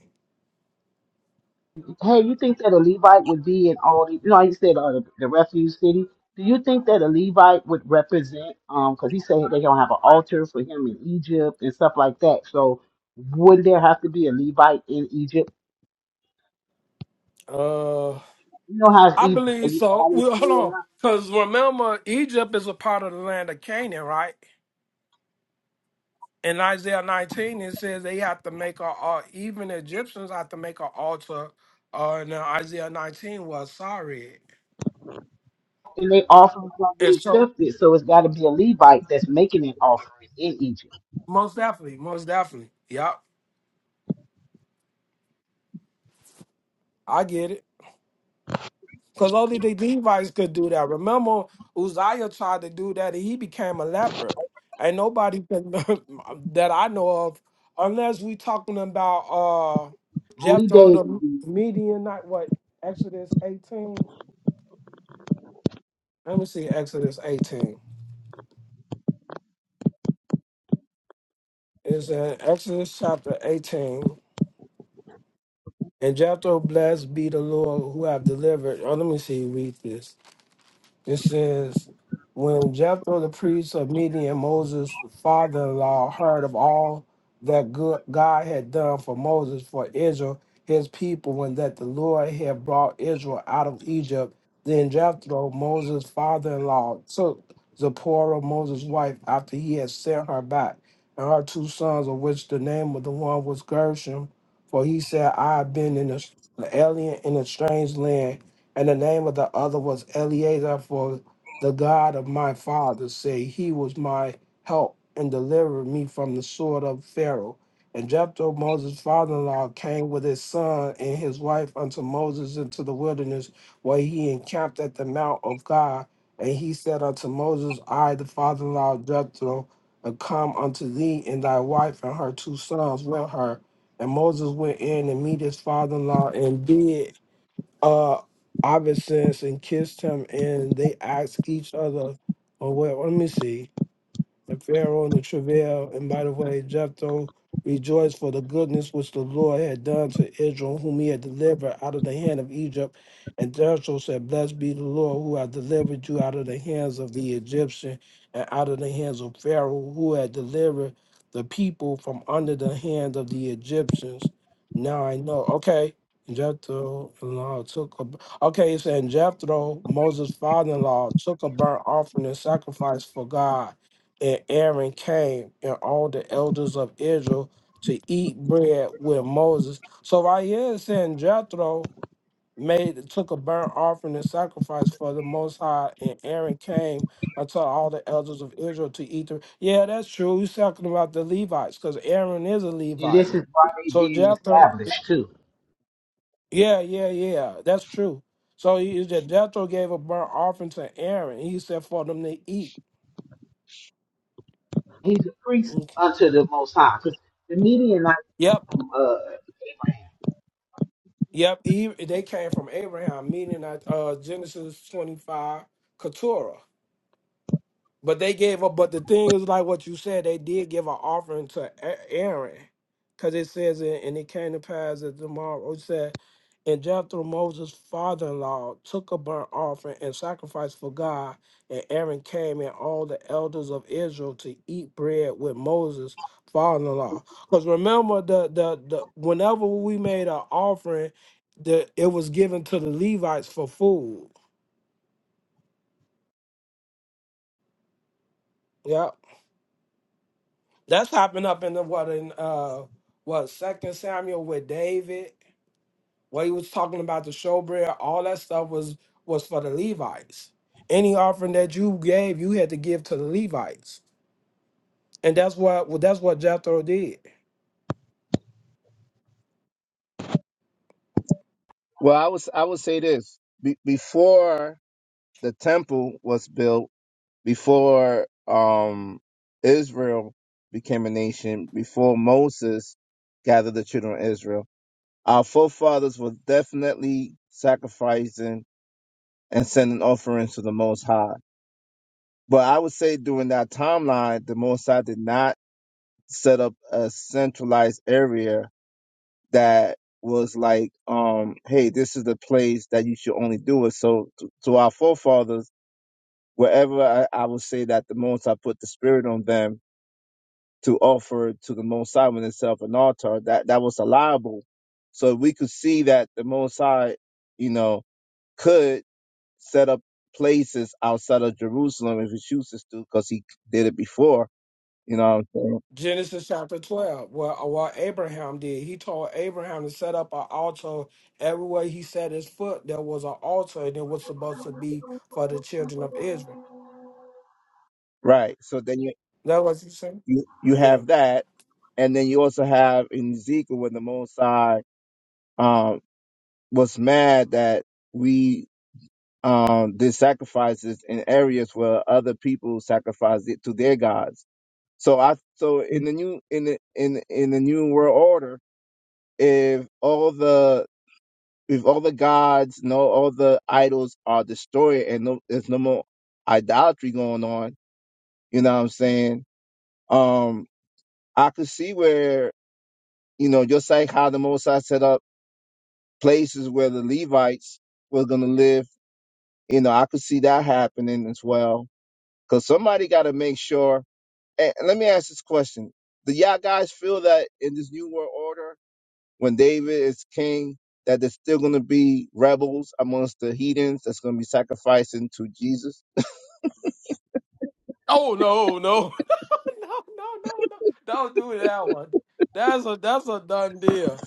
Hey, you think that a Levite would be in all the? You know, you said uh, the, the refuge city. Do you think that a Levite would represent? Um, because he said they don't have an altar for him in Egypt and stuff like that. So, would there have to be a Levite in Egypt?
Uh,
You know how it's
I
easy,
believe so.
how they
Well, hold
threw it
on,
out,
because remember Egypt is a part of the land of Canaan, right? in Isaiah 19, it says they have to make a, uh, even the Egyptians have to make an altar. Uh, in Isaiah 19 was sorry.
and they offering gonna be
And so,
accepted. So it's got to be a Levite that's making an offering in Egypt.
most definitely, most definitely. Yep, I get it. Because only the Levites could do that. Remember, Uzziah tried to do that and he became a leper. Ain't nobody can, that I know of, unless we talking about uh,
Only
Jethro,
David,
the
do,
Medianite, what, Exodus 18? Let me see, Exodus 18. is in Exodus chapter 18. And Jethro, blessed be the Lord who have delivered. Oh, let me see, read this. It says, When Jethro the priest of Midian, Moses' father in law, heard of all that good God had done for Moses, for Israel, his people, and that the Lord had brought Israel out of Egypt, then Jethro, Moses' father in law, took Zipporah, Moses' wife, after he had sent her back, and her two sons, of which the name of the one was Gershom, for he said, I have been in a, an alien in a strange land and the name of the other was Eleazar, for the God of my father say, He was my help and delivered me from the sword of Pharaoh. And Jephthah, Moses' father in law, came with his son and his wife unto Moses into the wilderness, where he encamped at the mount of God. And he said unto Moses, I, the father in law of Jephthah, am come unto thee and thy wife and her two sons with her. And Moses went in and meet his father in law and did uh Iverson and kissed him and they asked each other or well, let me see. And Pharaoh and the travail, and by the way, Jephthah rejoiced for the goodness which the Lord had done to Israel, whom he had delivered out of the hand of Egypt. And Jethro said, Blessed be the Lord who hath delivered you out of the hands of the Egyptian and out of the hands of Pharaoh, who had delivered the people from under the hand of the Egyptians. Now I know. Okay. Jethro in law took a okay, it's in Jethro, Moses' father in law, took a burnt offering and sacrifice for God and Aaron came and all the elders of Israel to eat bread with Moses. So right here it's saying Jethro made took a burnt offering and sacrifice for the most high, and Aaron came unto all the elders of Israel to eat the Yeah, that's true. He's talking about the Levites, because Aaron is a
and this
Levite.
is why they
So
being
Jethro
established too.
Yeah, yeah, yeah. That's true. So he, he- Jethro gave a burnt offering to Aaron. He said for them to eat.
He's a priest
Mm.
unto the Most High, because the Midianite
Yep.
from uh, Abraham.
Yep, he, they came from Abraham, meaning at uh, Genesis 25, Keturah. But they gave up. But the thing is, like what you said, they did give an offering to A- Aaron, because it says, in, and it came to pass that tomorrow it said, and Jethro Moses' father-in-law took a burnt offering and sacrificed for God, and Aaron came and all the elders of Israel to eat bread with Moses' father-in-law. Because remember, the, the the whenever we made an offering, the it was given to the Levites for food. Yeah. That's happened up in the what in uh what Second Samuel with David, where he was talking about the showbread. All that stuff was was for the Levites. Any offering that you gave, you had to give to the Levites, and that's what well, that's what Jethro did.
well, I was I would say this be, before the temple was built before um, Israel became a nation, before Moses gathered the children of Israel, our forefathers were definitely sacrificing and sending offerings to the Most High. But I would say during that timeline, the Most High did not set up a centralized area that was like, um, hey, this is the place that you should only do it. So to, to our forefathers, wherever I, I would say that the Most High put the Spirit on them, to offer to the Most High when itself an altar that that was allowable. So we could see that the Most High, you know, could set up places outside of Jerusalem if he chooses to, because he did it before. You know what I'm saying?
Genesis chapter twelve, what what Abraham did, he told Abraham to set up an altar everywhere he set his foot. There was an altar, and it was supposed to be for the children of Israel.
Right. So then you
That what you saying?
you, you
Yeah.
have that, and then you also have in Ezekiel when the Most High um, was mad that we um, did sacrifices in areas where other people sacrificed it to their gods So I so in the new in the in the- in the new world order, if all the if all the gods, no all the idols are destroyed and no there's no more idolatry going on, you know what I'm saying? Um I could see where, you know, just like how the Mosai set up places where the Levites were gonna live, you know, I could see that happening as well. Cause somebody gotta make sure and and let me ask this question. Do y'all guys feel that in this new world order when David is king, that there's still going to be rebels amongst the heathens that's going to be sacrificing to Jesus.
Oh no, no. no, no, no, no. Don't do that one. That's a that's a done deal.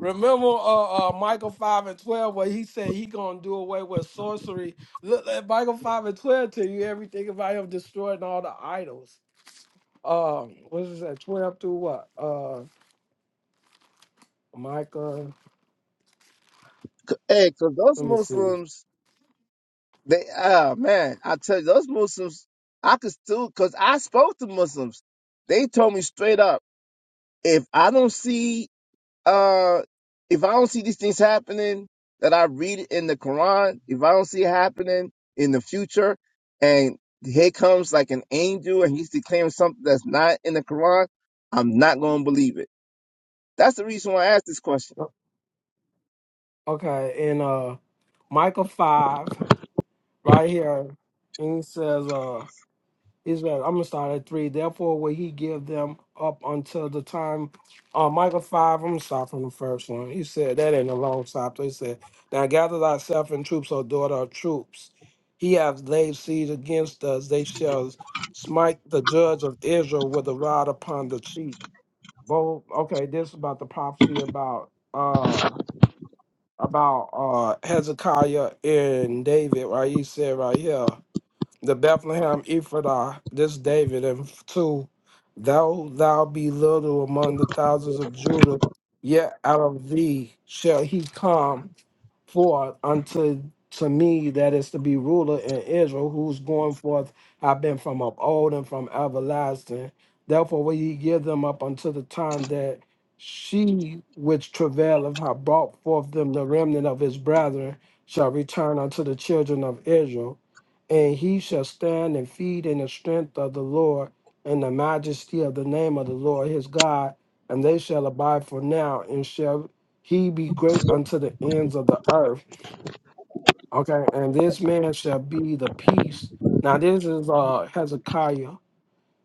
Remember uh, uh Michael 5 and 12 where he said he gonna do away with sorcery. Look at Michael 5 and 12 tell you everything about him destroying all the idols. Um what is that? 12 through what? Uh Micah,
C- Hey, because those
let me see.
Muslims, they, ah, man, I tell you, those Muslims, I could still, because I spoke to Muslims. They told me straight up, if I don't see uh if I don't see these things happening that I read in the Quran, if I don't see it happening in the future, and here comes like an angel and he's declaring something that's not in the Quran, I'm not gonna believe it. That's the reason why I asked this question.
Okay, in uh Michael 5, right here, and he says uh Israel. I'm gonna start at three. Therefore, will he give them up until the time? Uh, Michael five. I'm gonna start from the first one. He said that ain't a long stop. He said, "Now gather thyself in troops, O daughter of troops. He hath laid siege against us. They shall smite the judge of Israel with a rod upon the cheek." Both. Okay, this is about the prophecy about uh about uh Hezekiah and David. Right, he said right here the Bethlehem Ephrathah, this David, and two, though thou be little among the thousands of Judah, yet out of thee shall he come forth unto to me that is to be ruler in Israel, whose going forth have been from of old and from everlasting. Therefore will ye give them up unto the time that she which travaileth have brought forth them the remnant of his brethren shall return unto the children of Israel, and he shall stand and feed in the strength of the Lord and the majesty of the name of the Lord his God, and they shall abide for now and shall he be great unto the ends of the earth. Okay, and this man shall be the peace. Now this is uh Hezekiah.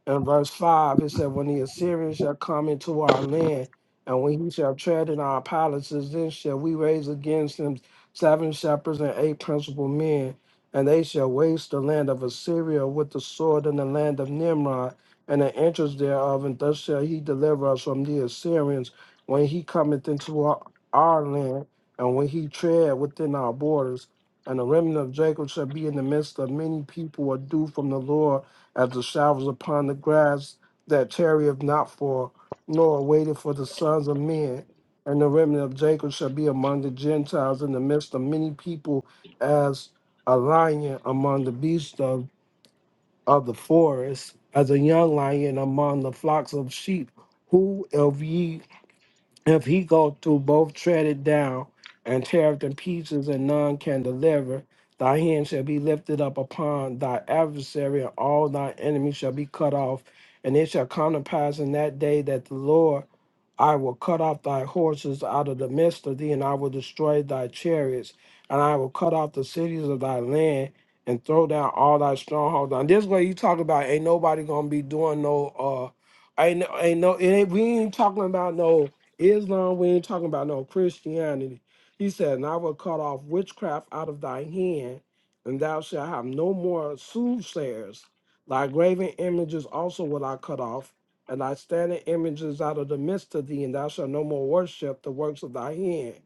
In verse 5, it said, When the Assyrians shall come into our land, and when he shall tread in our palaces, then shall we raise against him seven shepherds and eight principal men, and they shall waste the land of Assyria with the sword and the land of Nimrod, and the entrance thereof, and thus shall he deliver us from the Assyrians when he cometh into our, our land, and when he tread within our borders. And the remnant of Jacob shall be in the midst of many people, a dew from the Lord as the showers upon the grass that tarrieth not for, nor waiteth for the sons of men. And the remnant of Jacob shall be among the Gentiles in the midst of many people, as a lion among the beasts of, of the forest, as a young lion among the flocks of sheep. Who of ye if he go through both tread it down and tear it in pieces, and none can deliver, thy hand shall be lifted up upon thy adversary, and all thy enemies shall be cut off. And it shall come to pass in that day that the Lord I will cut off thy horses out of the midst of thee, and I will destroy thy chariots, and I will cut off the cities of thy land, and throw down all thy strongholds. And this way you talk about ain't nobody gonna be doing no uh ain't ain't no it ain't, we ain't talking about no Islam, we ain't talking about no Christianity. He said, And I will cut off witchcraft out of thy hand, and thou shalt have no more soothsayers. Thy graven images also will I cut off, and thy standing images out of the midst of thee, and thou shalt no more worship the works of thy hand.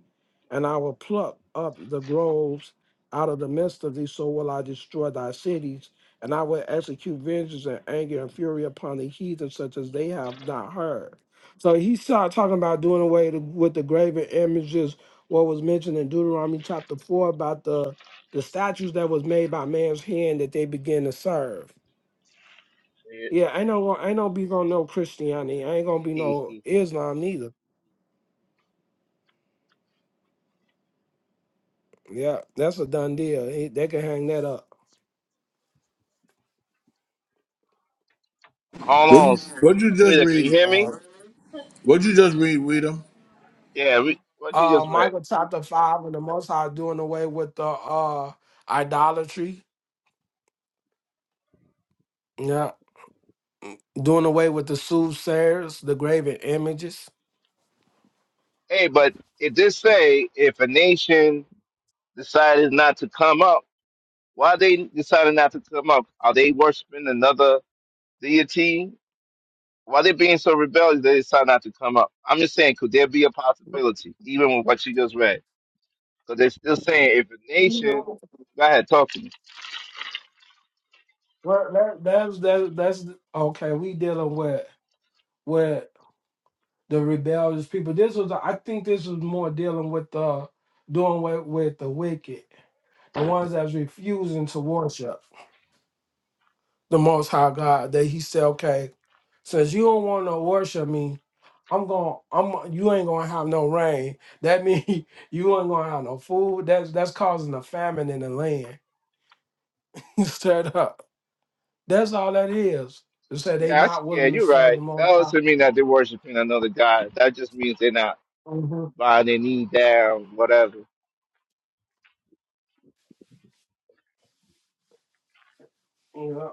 And I will pluck up the groves out of the midst of thee, so will I destroy thy cities. And I will execute vengeance and anger and fury upon the heathen, such as they have not heard. So he started talking about doing away to, with the graven images, what was mentioned in Deuteronomy chapter four about the the statues that was made by man's hand that they begin to serve. Yeah, ain't no gon- ain't no be gonna no Christianity. Ain't gonna be no Islam neither. Yeah, that's a done deal. They they can hang that up.
Hold
What
on.
what you just
Wait, can
read?
you hear me?
Uh, what you just read, Rita?
Yeah, we, what you
Uh,
just read.
Michael chapter five and the Most High doing away with the uh idolatry. Yeah, doing away with the soothsayers, the graven images.
Hey, but it did say if a nation decided not to come up, why they decided not to come up? Are they worshiping another deity Why they being so rebellious they decide not to come up? I'm just saying, could there be a possibility, even with what you just read? Because they're still saying if a nation, go ahead, talk to me.
Well, that, that's that, that's okay. We dealing with with the rebellious people. This was, I think, this was more dealing with the doing with with the wicked, the ones that's refusing to worship the Most High God. That He said, okay, since you don't want to worship me, I'm going. I'm you ain't gonna have no rain. That means you ain't gonna have no food. That's that's causing a famine in the land. Straight up. That's all that is. They said they
Yeah, I, see-
not
yeah,
willing to
you're
serve
right.
the
That
Most High.
doesn't mean that they're worshiping another god. That just means they're not
hmm
bowing their knee down, whatever.
Yeah.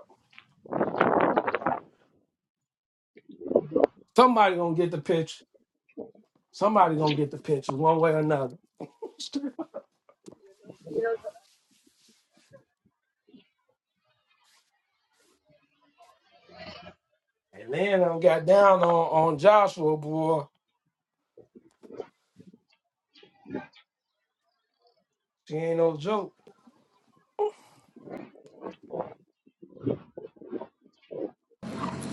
Somebody gonna get the pitch. Somebody gonna get the pitch one way or another. And then I got down on, on Joshua, boy. She ain't no joke.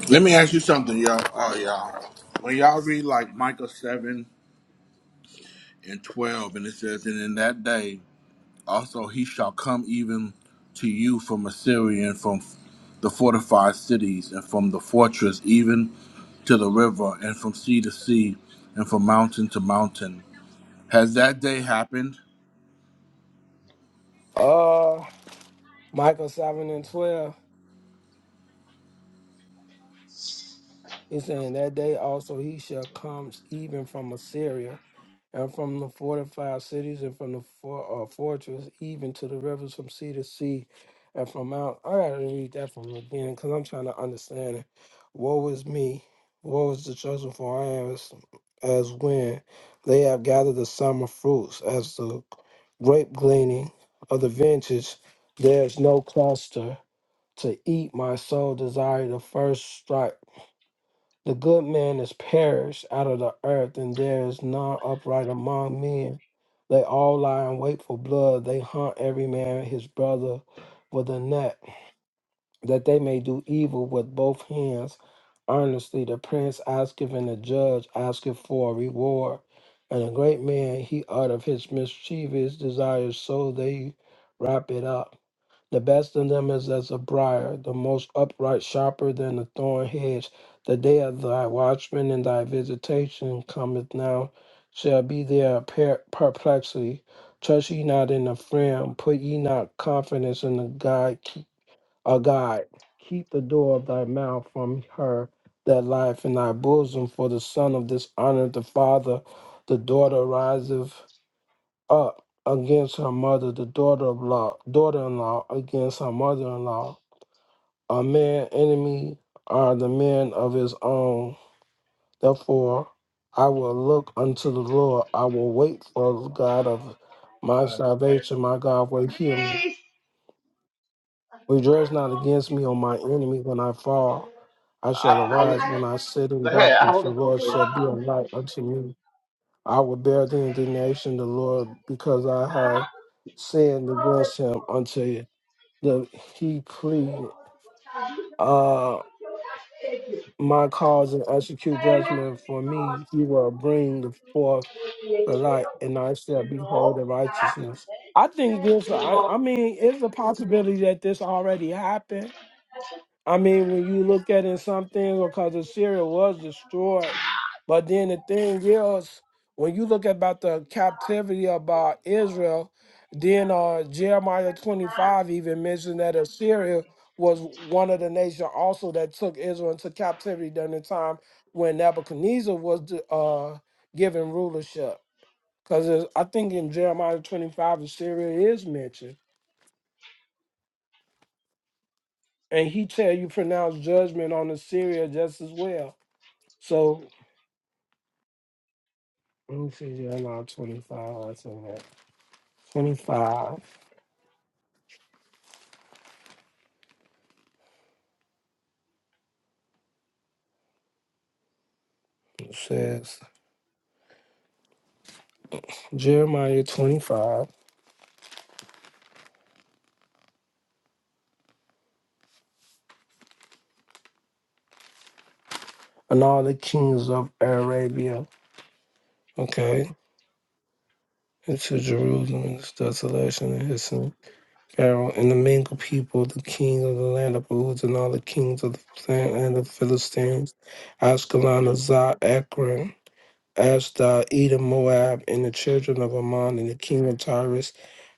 Let me ask you something, y'all. Uh, y'all. When y'all read like Micah seven and twelve, and it says, "And in that day also he shall come even to you from Assyria and from the fortified cities and from the fortress even to the river and from sea to sea and from mountain to mountain." Has that day happened?
Uh Michael seven and twelve. He's saying that day also he shall comes even from Assyria. and from the fortified cities, and from the for, uh, fortress, even to the rivers from sea to sea, and from mount. I gotta read that from the beginning because I'm trying to understand it. Woe is me, woe is the chosen, for I am as, as when they have gathered the summer fruits, as the grape gleaning of the vintage. There is no cluster to eat. My soul desire the first strike. The good man is perished out of the earth, and there is none upright among men. They all lie in wait for blood. They hunt every man his brother with a net, that they may do evil with both hands. Earnestly, the prince asketh, and the judge asketh for a reward. And a great man, he out of his mischievous desires, so they wrap it up. The best in them is as a briar, the most upright, sharper than the thorn hedge. The day of thy watchman and thy visitation cometh now, shall be their per- perplexity. Trust ye not in a friend, put ye not confidence in a guide, keep, a guide. Keep the door of thy mouth from her that lieth in thy bosom, for the son of dishonor the father, the daughter riseth up against her mother, the daughter of law, daughter-in-law against her mother-in-law. A man enemy are the men of his own. Therefore, I will look unto the Lord. I will wait for the God of my
Right, thank you.
salvation. My God will hear me. Rejoice not against me, O my enemy, when I fall. I shall
I, I, the,
arise
I,
when I sit
go
in
ahead, I
darkness.
hold
The
it though
Lord
for you.
shall be a light unto me. I will bear the indignation of the Lord because I have sinned against him until the, he pleaded uh, my cause and execute judgment for me. He will bring forth the light, and I shall behold the righteousness. I think this, I, I mean, it's a possibility that this already happened I mean, when you look at in some things, because Assyria was destroyed, but then the thing is, when you look about the captivity about Israel, then uh, Jeremiah twenty five even mentioned that Assyria was one of the nation also that took Israel into captivity during the time when Nebuchadnezzar was the, uh, given rulership. Because I think in Jeremiah twenty five, Assyria is mentioned, and he tell you pronounce judgment on Assyria just as well. So let me see Jeremiah 25. I said that. 25 it says Jeremiah 25 and all the kings of Arabia. Okay. Into Jerusalem, and its desolation, and his son Pharaoh, and the mingled people, the king of the land of Uz, and all the kings of the land of the Philistines, Ashkelon, Azar, Ekron, As thou Edom, Moab, and the children of Ammon, and the king of Tyrus,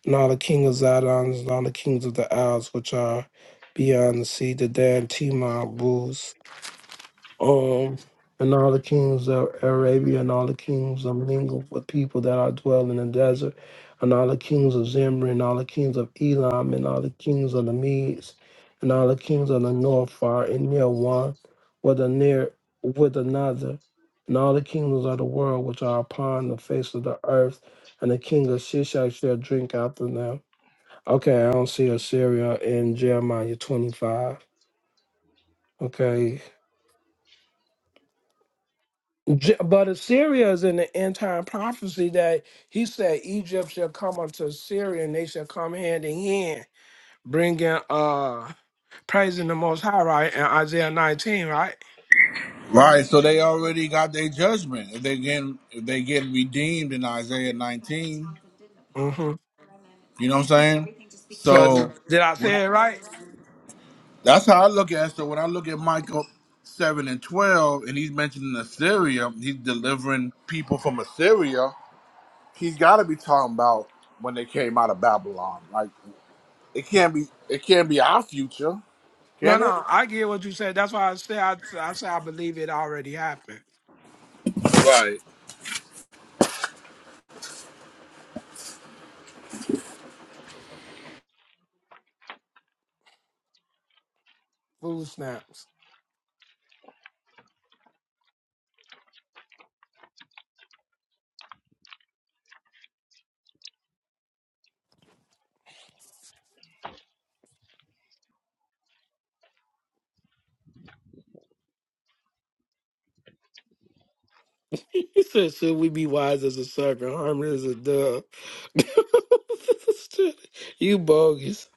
and all the king of Zidon, and all the kings of the isles which are beyond the sea, the Dan, Timon, Booz, um, and all the kings of Arabia and all the kings of mingle with people that are dwell in the desert, and all the kings of Zimri and all the kings of Elam and all the kings of the Medes and all the kings of the north are in near one with a near with another, and all the kingdoms of the world which are upon the face of the earth, and the king of Shishak shall drink after them. Okay, I don't see Assyria in Jeremiah twenty five. Okay, J- But Assyria is in the end time prophecy that he said Egypt shall come unto Assyria and they shall come hand in hand, bringing uh praising the Most High, right? In Isaiah 19, right?
Right, so they already got their judgment. If they get if they get redeemed in Isaiah nineteen.
hmm
You know what I'm saying?
So
So
did did I
when I,
say it right?
that's how I look at it. So when I look at Michael seven and twelve, and he's mentioning Assyria, he's delivering people from Assyria. He's got to be talking about when they came out of Babylon. Like it can't be, it can't be our future,
No,
can it?
no, I get what you said. That's why I say I, I say I believe it already happened.
Right.
Food snaps. He said, "Should we be wise as a serpent, harmless as a dove?" you bogus.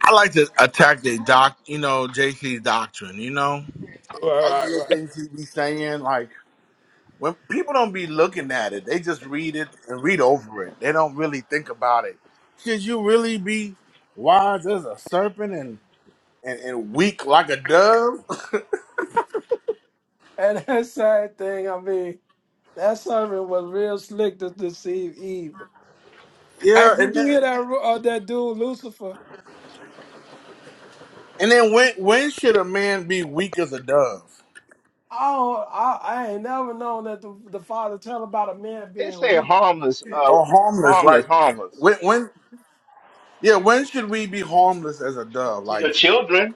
I like to attack the doc, you know, JC's doctrine. You know,
All
other
right,
little
right.
things he be saying. like. when people don't be looking at it, they just read it and read over it. They don't really think about it. Should you really be wise as a serpent and, and, and weak like a dove?
And that side thing, I mean, that servant was real slick to deceive Eve. Hey,
yeah,
did
and
you
then
hear that ru- uh, that dude Lucifer?
and then when when should a man be weak as a dove
I, don't, I I ain't never known that the, the father tell about a man
They
being
say
weak,
harmless, uh,
or harmless?
harmless,
Like
harmless
when when yeah when should we be harmless as a dove?
to
Like
your children,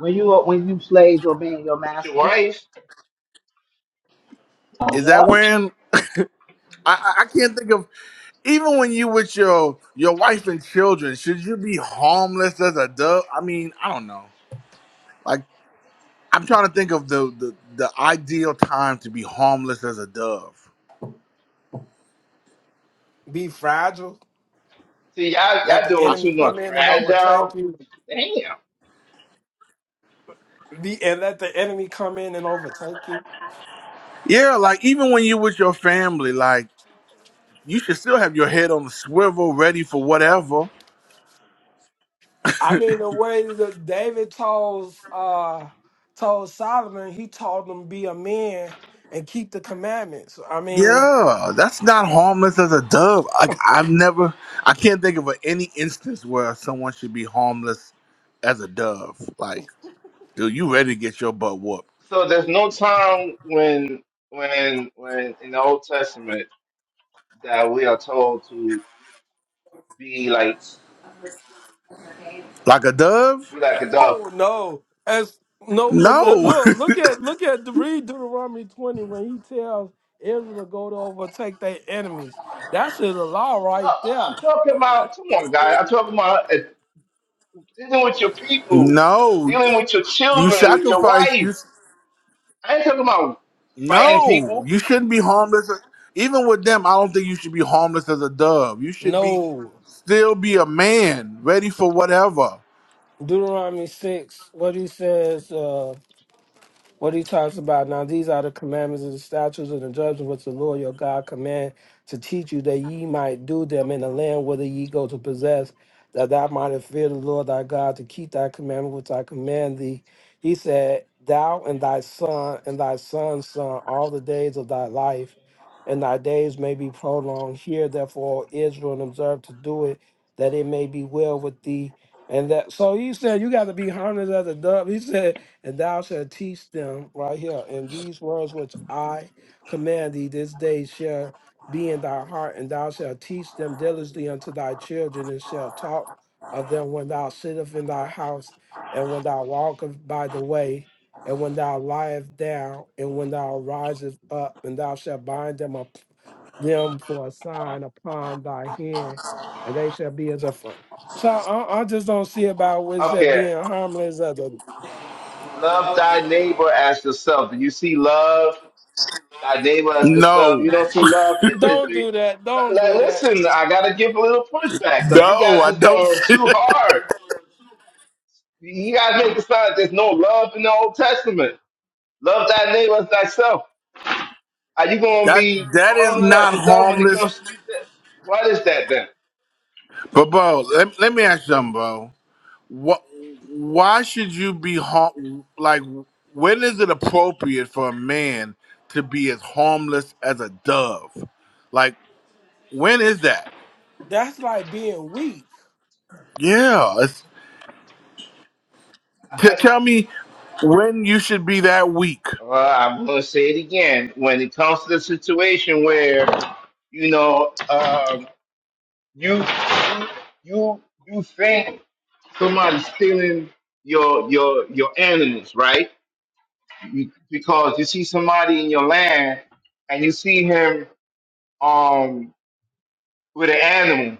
When you are, when you slaves obeying your
with your
masters,
wife.
yeah.
is that when I, I I can't think of even when you with your your wife and children should you be harmless as a dove? I mean I don't know. Like, I'm trying to think of the, the the ideal time to be harmless as a dove.
be fragile,
See, y'all,
let
y'all
the
doing
I,
enemy
too much.
come in and overtake
Fragile.
you,
Damn.
be and let the enemy come in and overtake you.
yeah, like even when you're with your family, like you should still have your head on the swivel, ready for whatever.
I mean, the way that David told uh told Solomon, he told him be a man and keep the commandments. I mean.
Yeah, that's not harmless as a dove. Like I've never, I can't think of any instance where someone should be harmless as a dove. Like, dude, you ready to get your butt whooped
So there's no time when, when, when in the Old Testament that we are told to be like,
like a dove?
be like a dove.
Oh no! As no, uh,
No,
look, look at look at the read Deuteronomy twenty when he tells Israel to go to overtake their enemies. That's the law right there.
I'm talking about, come on, guy. I'm talking about uh, dealing with your people,
no.
dealing with your
You
children, with your
sacrifice. You.
wife. I ain't talking about fighting
No,
people.
you shouldn't be harmless. Even with them, I don't think you should be harmless as a dove. You should be
No,
still be a man, ready for whatever.
Deuteronomy six, what he says. uh, what he talks about now these are the commandments and the statutes and the judgments which the lord your god command to teach you that ye might do them in the land whither ye go to possess that thou mightest fear the lord thy god to keep thy commandment which i command thee he said thou and thy son and thy son's son all the days of thy life and thy days may be prolonged Hear therefore O israel and observe to do it that it may be well with thee and that so he said you got to be harmless as a dove he said and thou shalt teach them right here. And these words which I command thee this day shall be in thy heart, and thou shalt teach them diligently unto thy children, and shalt talk of them when thou sittest in thy house, and when thou walkest by the way, and when thou liest down, and when thou risest up, and thou shalt bind them up them for a sign upon thy hand, and they shall be as a front. So I, I just don't see about what it said
Okay.
being harmless as a
Love thy neighbor as yourself. Do you see love? I gave us the stuff.
No,
You don't see love. It, it,
Don't do
it,
that. Don't
like,
do that.
listen, I gotta give a little pushback because you
no,
guys
I
is
don't.
going too hard. You guys make the sign there's no love in the Old Testament. Love thy neighbor as thyself. Are you gonna
that
be
that is
harmless as
not
yourself when it
harmless.
comes to you? What is that then?
But bro, let, let me ask you something, bro. What? Why should you be harm? Like, when is it appropriate for a man to be as harmless as a dove? Like, when is that?
That's like being weak.
Yeah,
I,
T-
I-
tell me when you should be that weak.
well, I'm gonna say it again. When it comes to the situation where you know um, you you you you think somebody stealing your your your animals, right? You, because you see somebody in your land and you see him um with an animal.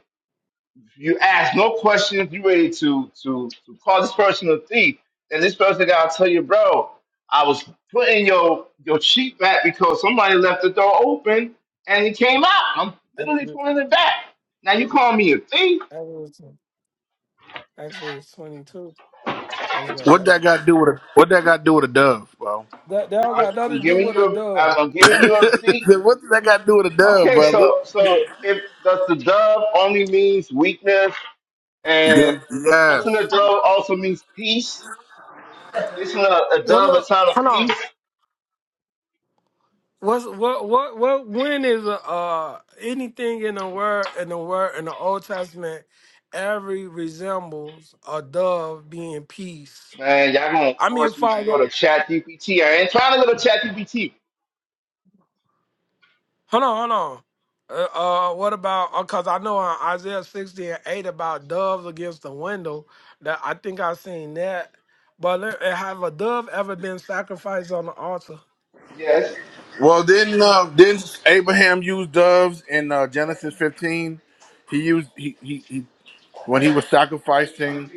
You ask no questions. You ready to to to call this person a thief? And this person gotta tell you, bro, I was putting your your sheep back because somebody left the door open and he came out. I'm literally
Exodus,
pulling it back. Now you call me a thief?
Exodus Exodus 22. Let's go.
What that got to
Exodus.
do with a what that got to do with a dove, bro?
That, that do
I-
got nothing to
I'm
do
giving
with a
you a
dove.
I'm I'm giving you a receipt
what does that got to do with a dove,
Okay,
brother?
so so if does the dove only means weakness,
Yeah,
and doesn't
yes.
the dove also means peace? Isn't a, a
Now
dove a
look,
sign of
hold
peace?
on. What's what what what when is uh anything in the word in the word in the Old Testament every resembles a dove being peace.
Man, y'all gonna
I mean
force me to
fire.
go to Chat GPT. I ain't trying to go to Chat GPT.
Hold on, hold on. Uh, uh what about? Because I know in Isaiah sixty and eight about doves against the window. That I think I seen that. But let- uh, have a dove ever been sacrificed on the altar?
Yes.
Well, didn't uh, didn't Abraham use doves in uh, Genesis fifteen? He used he, he he when he was sacrificing,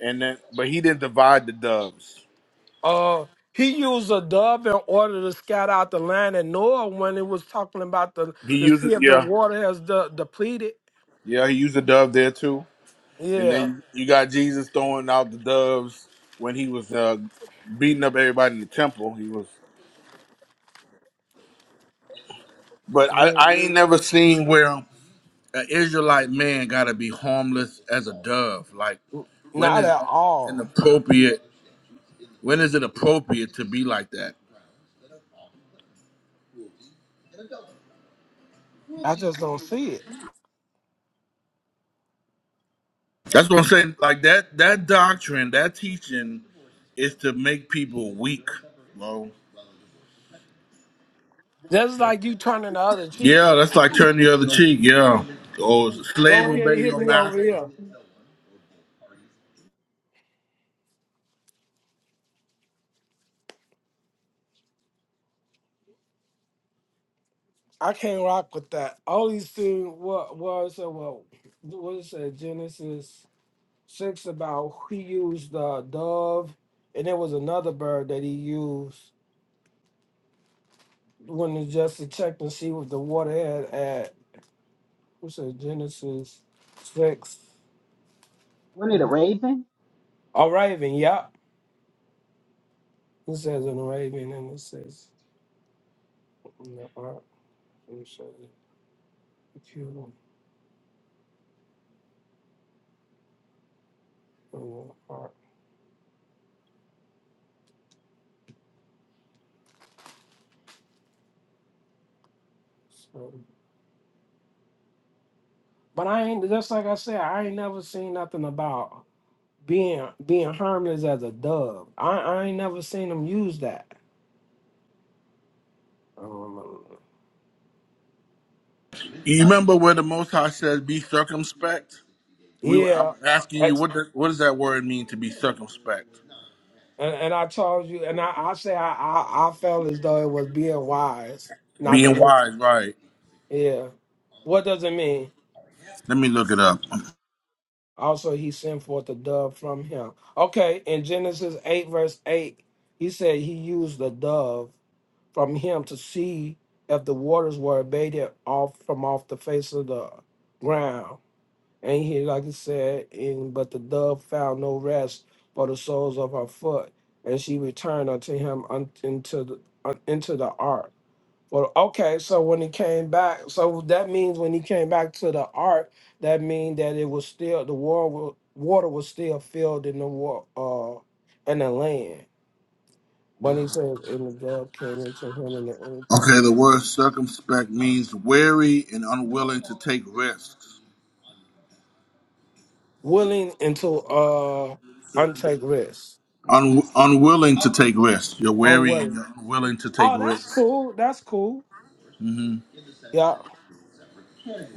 and then but he didn't divide the doves.
Uh, he used a dove in order to scout out the land and Noah when it was talking about the
He
to see
used
if the
yeah
water has de- depleted.
yeah he used a dove there too. And
Yeah,
then you got Jesus throwing out the doves when he was uh, beating up everybody in the temple. He was, but I,
yeah.
I ain't never seen where an Israelite man got to be harmless as a dove. Like, when
not
is
at
that
all.
inappropriate? When is it appropriate to be like that?
I just don't see it.
That's what I'm saying. Like that, that doctrine, that teaching, is to make people weak, bro.
That's like you turning the other cheek.
Yeah, that's like turn the other cheek. Yeah, or
Go
slave obey
ahead, hit
your
me over
master.
here. I can't rock with that. All these things what was uh, well what is it Genesis six about he used the dove and there was another bird that he used when he just to check and see what the water had at what's it Genesis six
When it a raven,
a raven, yep. It says an raven and it says in the ark, it says the cube in the ark. So, but I ain't just like I said, I ain't never seen nothing about being being harmless as a dove. I, I ain't never seen them use that. Um,
You remember where the Most High says, "Be circumspect." We,
yeah,
I'm asking you,
that's,
what does what does that word mean to be circumspect?
and, and I told you, and I, I say I, I I felt as though it was being wise, not to
Being
mention.
wise, right?
Yeah, what does it mean?
Let me look it up.
Also, he sent forth a dove from him. Okay, in Genesis eight verse eight, he said he used the dove from him to see if the waters were abated off from off the face of the ground And he, like he said, and but the dove found no rest for the soles of her foot, and she returned unto him un, into the un, into the ark. Well, okay, so when he came back, so that means when he came back to the ark, that means that it was still the war wa- water was still filled in the war uh in the land. When he said, and the dove came into him, and the enemy
Okay, the word circumspect means wary and unwilling to take risks.
willing into uh untake rest
Un, unwilling to take risks. You're wary and
unwilling.
you're unwilling to take
Oh, that's
risks.
cool. That's cool. Yeah,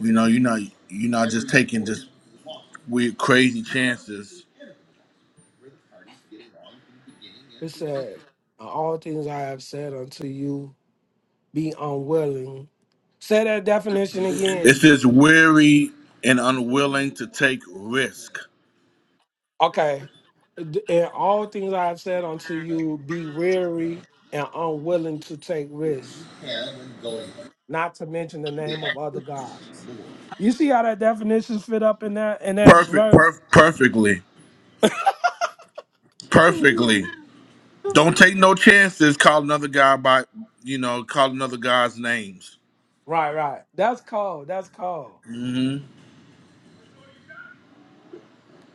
You know, you're not you're not just taking just weird crazy chances.
it said, "In All things I have said unto you, be unwilling. Say that definition
It
again.
says wary and unwilling to take risk.
Okay. in all things I have said unto you, be weary and unwilling to take risks, not to mention the name of other gods. You see how that definition fit up in that in that
Perfect,
verse?
perf- perfectly. perfectly. Don't take no chances. Call another guy by you know call another guy's names.
Right, right. That's called. That's called.
hmm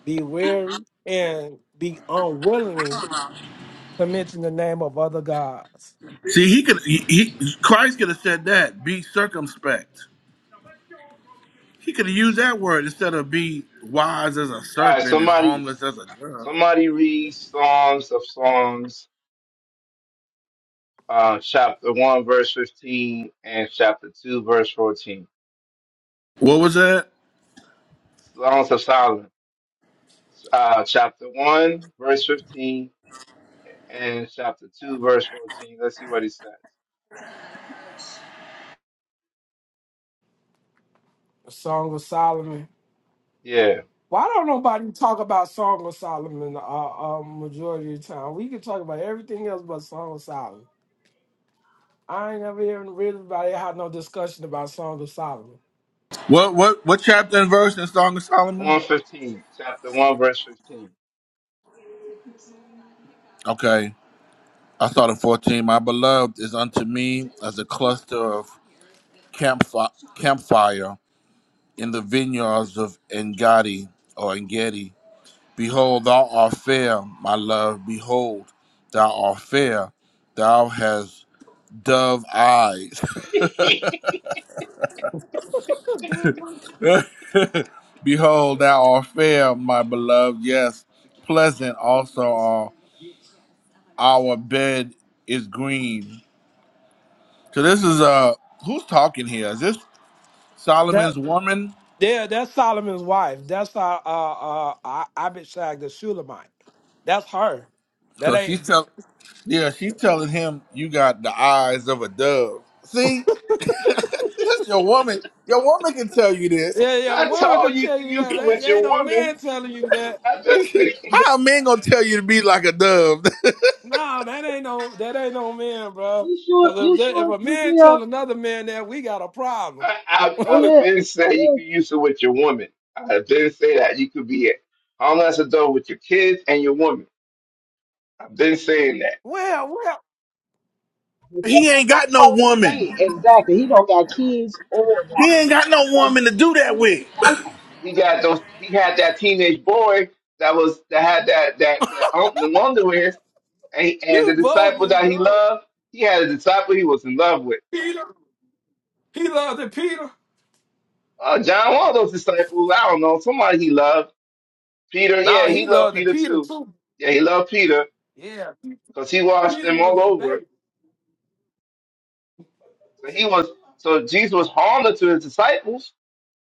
Be weary and be unwilling to mention the name of other gods.
See, he could he, he Christ could have said that. Be circumspect. He could have used that word instead of be wise as a
All right.
serpent and
Somebody,
harmless as a dove.
somebody read Songs of Songs, uh, chapter one, verse fifteen, and chapter two, verse fourteen.
What was that?
Songs of Solomon, uh, chapter one, verse fifteen, and chapter 2, verse 14. Let's see what he says.
The Song of Solomon.
Yeah,
Why don't nobody talk about Song of Solomon the uh, uh, majority of the time? We can talk about everything else but Song of Solomon. I ain't never even really about had no discussion about Song of Solomon.
What what what chapter and verse in Song of Solomon?
115, chapter 1, verse 15.
Okay, I thought in fourteen. My beloved is unto me as a cluster of campfi- campfire in the vineyards of Engadi or Engedi Behold, thou art fair, my love. Behold, thou art fair. Thou hast dove eyes.
That's a dumb one.
Behold, thou art fair, my beloved. Yes, pleasant also are our bed is green. So this is uh, who's talking here? Is this
That
Solomon's woman?
yeah, that's Solomon's wife. That's uh uh uh Abishag the Shulamite. That's her. That
So she's
ain't
tell, yeah, she's telling him you got the eyes of a dove. See, that's your woman. Your woman can tell you this.
yeah yeah.
I
Woman
told
could
you you
tell
can
you
use
that.
it
That
with your
ain't no
woman.
man telling you
I've been saying
How a man gonna tell you to be like a dove?
No, that ain't no that ain't no man, bro.
you sure
Because if
you
that, if
sure
a
with
man
me? uh,
tell another man that we got a problem,
I, I,
Oh
I've
yeah,
been saying you
yeah.
can use it with your woman. I've been saying that you could be a homeless adult with your kids and your woman. I've been saying that.
well, well,
But that
He ain't
ain't
got
what
no
Christ was saying.
woman.
Exactly. He don't got kids or woman.
He ain't got no woman to do that with.
He, he got those. He had that teenage boy that was that had that that, that um, the underwear and, and
you
the disciple
bogus,
that he
dude.
loved. He had a disciple he was in love with.
Peter, he loved the Peter.
Uh, John, one of those disciples, I don't know, somebody he loved. Peter, yeah,
Nah,
he
he
loved
loved the
Peter
Peter
too.
too.
Yeah, he loved Peter
Yeah,
because he washed
Peter
them
was
all
his
over.
baby.
So he was, so Jesus was harmless to his disciples.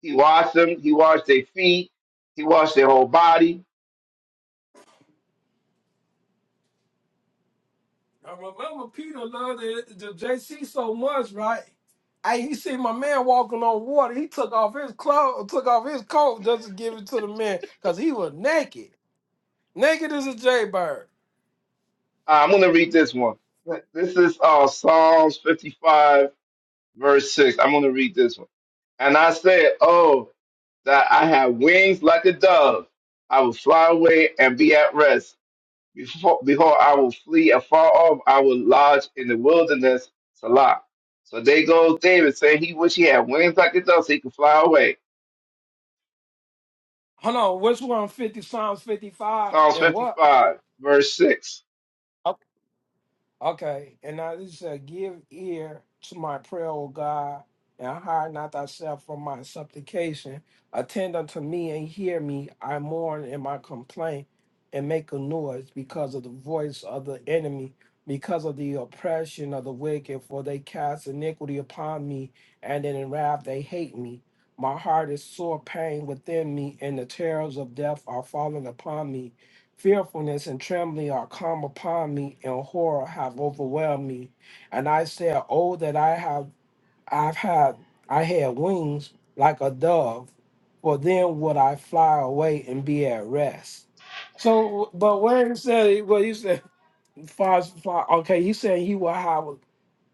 He washed them. He washed their feet. He washed their whole body.
I remember Peter loved the, the JC so much, right? Hey, he see my man walking on water. He took off his clothes, took off his coat just to give it to the man, cause he was naked. Naked as a jaybird.
Uh, I'm going to read this one. Th- This is uh, Psalms 55, verse 6. I'm going to read this one. And I said, Oh, that I have wings like a dove. I will fly away and be at rest. Before, behold, I will flee afar off. I will lodge in the wilderness. Salah. So there goes David saying he wish he had wings like the dove so he could fly away.
Hold on, which one? Fifty Psalms fifty-five
Psalms
and what?
55, verse 6.
Okay, and now this said, "Give ear to my prayer, O God, and hide not thyself from my supplication. Attend unto me and hear me. I mourn in my complaint, and make a noise because of the voice of the enemy, because of the oppression of the wicked. For they cast iniquity upon me, and in wrath they hate me." My heart is sore pain within me, and the terrors of death are falling upon me. Fearfulness and trembling are come upon me, and horror have overwhelmed me. And I said, Oh, that I have I've had I had wings like a dove, for then would I fly away and be at rest. So but when he said well he said far, far okay, he said he will have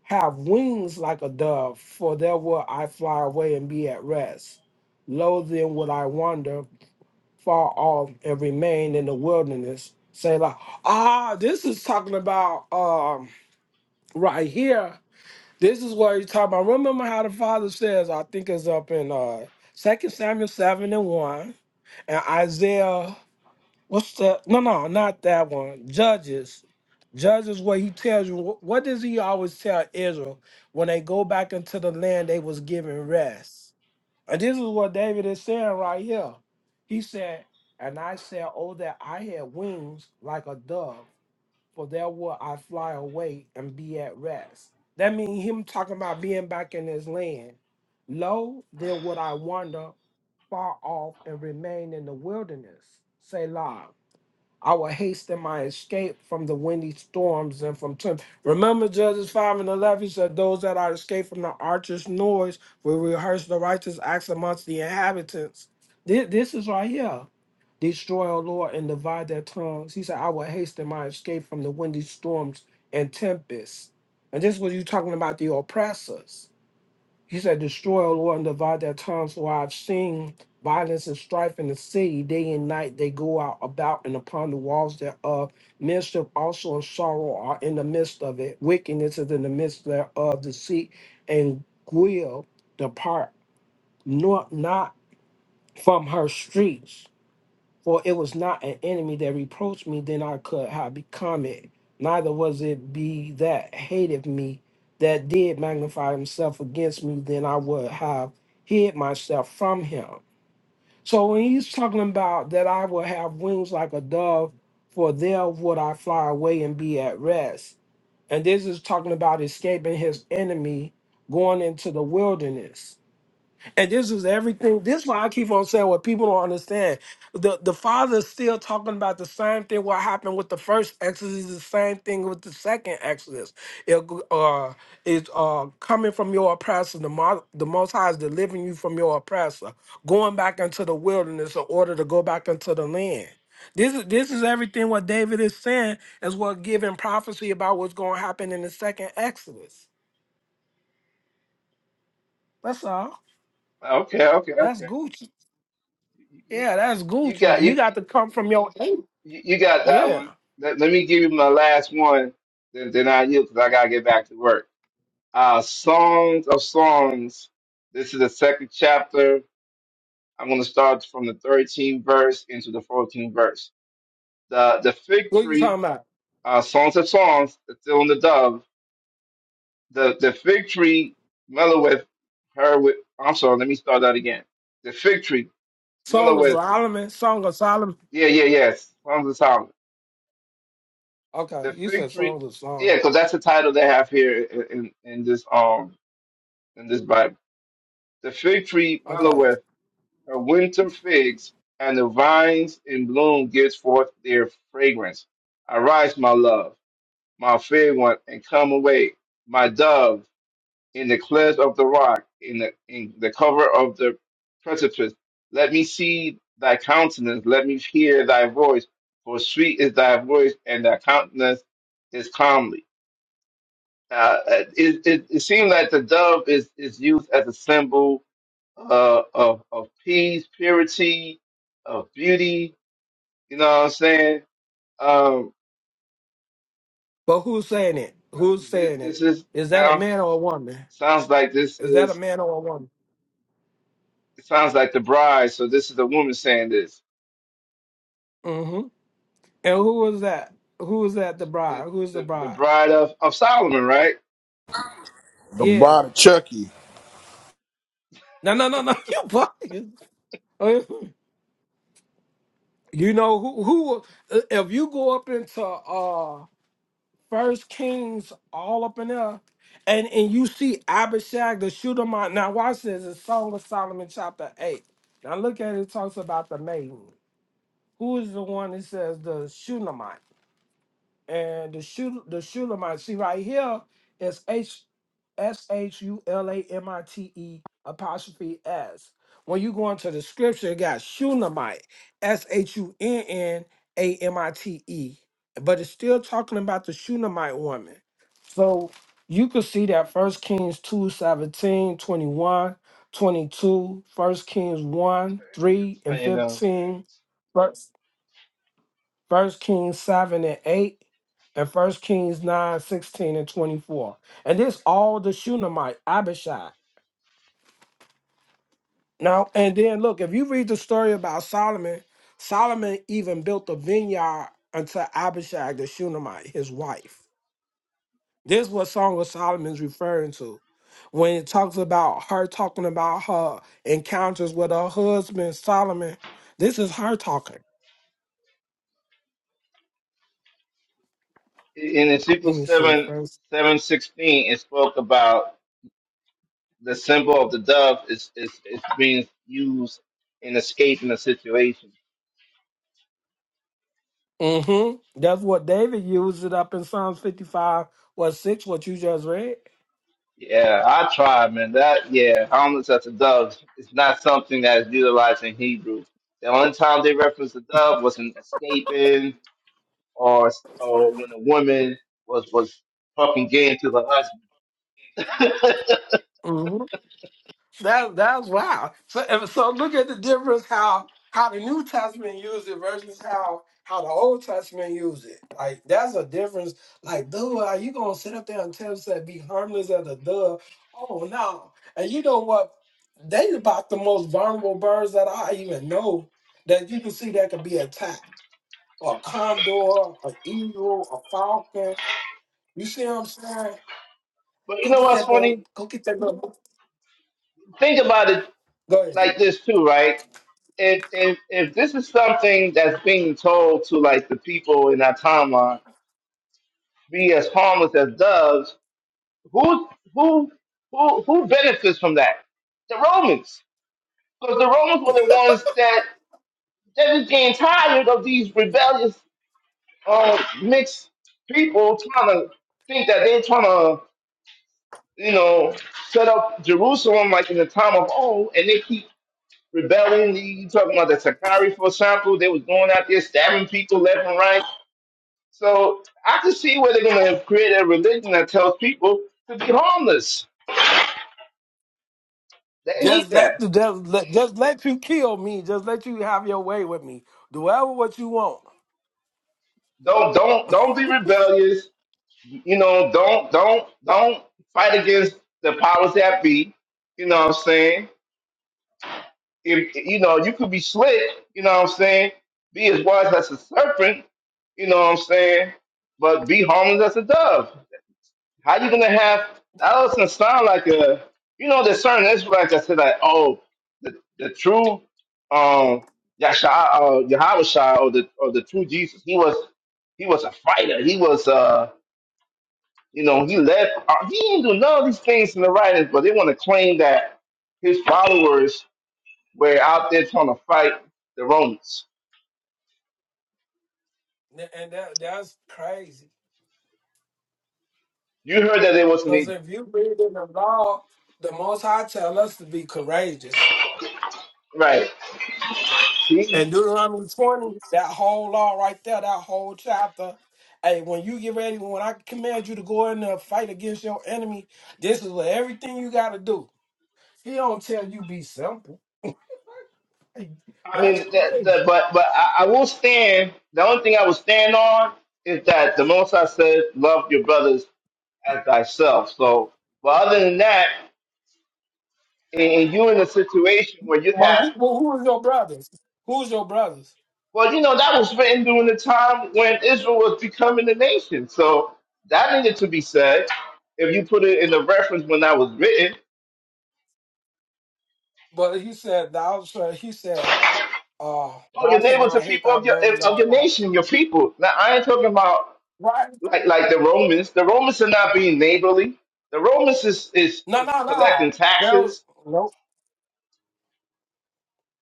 have wings like a dove, for there will I fly away and be at rest. Lo then would I wander far off and remain in the wilderness. Say like, ah, this is talking about um right here. This is what he's talking about. Remember how the father says, I think it's up in uh Second Samuel seven and one and Isaiah, what's the no no, not that one. Judges. Judges where he tells you wh- what does he always tell Israel when they go back into the land they was given rest? And this is what David is saying right here. He said, And I said, Oh, that I had wings like a dove, for there would I fly away and be at rest. That means him talking about being back in his land. Lo, then would I wander far off and remain in the wilderness. Say, Selah." I will hasten my escape from the windy storms and from temp. Remember Judges 5 and 11, he said, Those that are escaped from the archer's noise will rehearse the righteous acts amongst the inhabitants. This, this is right here. Destroy, O Lord, and divide their tongues. He said, I will hasten my escape from the windy storms and tempests. And this was you talking about the oppressors. He said, Destroy, O Lord, and divide their tongues, for I've seen violence and strife in the city. Day and night they go out about and upon the walls thereof. Mischief also and sorrow are in the midst of it. Wickedness is in the midst thereof. Deceit and guile depart not, not from her streets. For it was not an enemy that reproached me, then I could have become it. Neither was it be that hated me that did magnify himself against me, then I would have hid myself from him. So when he's talking about that I will have wings like a dove, for there would I fly away and be at rest. And this is talking about escaping his enemy, going into the wilderness. And this is everything. This is why I keep on saying what people don't understand. The the father is still talking about the same thing what happened with the first exodus, the same thing with the second exodus. It uh is uh coming from your oppressor, the mo- the most high is delivering you from your oppressor, going back into the wilderness in order to go back into the land. This is this is everything what David is saying is what giving prophecy about what's gonna happen in the second exodus. That's all.
Okay, okay,
That's
okay.
Gucci.
You,
Yeah, that's
you
Gucci.
got
You
you
got to come from your eight.
you you got that
Yeah.
one. Let, let me give you my last one, then, then I yield because I got to get back to work. Uh, Songs of Songs. This is the second chapter. I'm going to start from the 13th verse into the 14th verse. the the fig
What you
tree,
talking about?
uh, Songs of Songs, It's still in the Dove, the, the fig tree melloweth her with, I'm sorry, let me start that again. The fig tree
Song of
melloweth,
Solomon? Song of Solomon?
yeah, yeah, yes, Songs of Solomon.
Okay,
The
you
fig
said
tree,
Song of
yeah,
Song.
because that's the title they have here in, in, in this um in this Bible. The fig tree
Okay.
melloweth her winter figs, and the vines in bloom gives forth their fragrance. Arise, my love, my fair one, and come away, my dove in the cleft of the rock, in the in the cover of the precipice. Let me see thy countenance, let me hear thy voice, for sweet is thy voice, and thy countenance is calmly. Uh, it, it, it seems that the dove is, is used as a symbol uh, of, of peace, purity, of beauty. You know what I'm saying? Um,
But who's saying it? Who's
this,
saying it?
this is
Is that a
sounds
man or a woman?
sounds like this
Is that a
is
man or a woman?
it sounds like the bride. So this is the woman saying this
Mm-hmm. And who was that? Who was that the
the,
bride? Who's the
the, the
bride?
bride of, of Solomon, right?
the
Yeah.
body Chucky.
No, no, no, no. You bugging. You know who who if you go up into uh First Kings all up in there. And and you see Abishag the Shunammite. Now watch this. It's Song of Solomon chapter 8. Now look at it, it talks about the maiden. Who is the one that says the Shunammite? And the Shul the Shulamite, see right here is H S H U L A M I T E apostrophe S. When you go into the scripture, it got Shulamite, S H U N N A M I T E. But it's still talking about the Shulamite woman. So you could see that First Kings 2 17 21 22 first Kings 1, 3, and
And uh,
15. First Kings 7 and 8, and First Kings 9 16 and 24. And this all the Shunammite, Abishai. Now, and then look, if you read the story about Solomon, Solomon even built a vineyard unto Abishag the Shunammite, his wife. This is what Song of Solomon's referring to. When it talks about her talking about her encounters with her husband Solomon, this is her talking.
in
Let
Ezekiel
me see.
seven seven sixteen, it spoke about the symbol of the dove is is, is being used in escaping a situation.
hmm That's what David used it up in Psalms 55 or 6, what you just read.
Yeah, I tried, man. That yeah, homeless as a dove is not something that is utilized in Hebrew. The only time they reference the dove was in escaping or or when a woman was was fucking gay to the husband.
hmm That that's wow. So and so look at the difference how how the New Testament used it versus how how the Old Testament used it. Like that's a difference. Like, dude, are you gonna sit up there and tell us that be harmless as a dove? Oh no. And you know what? They about the most vulnerable birds that I even know that you can see that could be attacked. A condor, an eagle, a falcon You see what I'm saying?
but you
Go
know
get
what's
that little.
funny?
Go get that little.
think about it
Go ahead.
like this too, right? If if if this is something that's being told to like the people in that timeline, be as harmless as doves, who who who who benefits from that? The Romans, because the Romans were the ones that that just getting tired of these rebellious uh, mixed people trying to think that they're trying to you know set up Jerusalem like in the time of old, and they keep rebelling. You talking about the Sakari, for example? They was going out there stabbing people left and right. So I can see where they're going to create a religion that tells people to be harmless. They need
Just let
that.
the just let, just let you kill me. Just let you have your way with me. Do whatever what you want.
Don't don't don't be rebellious. You know, don't don't don't fight against the powers that be. You know what I'm saying? If you know, you could be slick. You know what I'm saying? Be as wise as a serpent. You know what I'm saying? But be harmless as a dove. How you gonna have that doesn't sound like a you know there's certain Israelites that say like oh the the true um Yasha uh Yahweh Shai or the or the true Jesus he was he was a fighter he was uh you know he led uh, he didn't do none of these things in the writings but they want to claim that his followers were out there trying to fight the Romans.
Th- And that that's crazy.
You heard that they
Because
wasn't
if you read in the law, the Most High tell us to be courageous.
right.
And Deuteronomy 20, that whole law right there, that whole chapter. Hey, when you get ready, when I command you to go in there and fight against your enemy, this is what everything you got to do. He don't tell you be simple.
I mean,
That's
the,
crazy.
the, but but I, I will stand. The only thing I will stand on is that the Most I said, "Love your brothers as thyself." So, but other than that, and, and you in a situation where you
But
have,
who but who is your brothers? Who's your brothers?
well, you know, that was written during the time when Israel was becoming a nation. So that needed to be said. If you put it in the reference when that was written,
But he said thou shall he said, uh,
oh,
thou
your
shall
neighbors
not
are
hate
people
thy
of your
brother
of
thou
your
father.
nation, your people. Now, I ain't talking about.
Right?
like like the Romans. The Romans are not being neighborly. The Romans is is,
No,
is
no,
collecting
no. There was
taxes,
nope.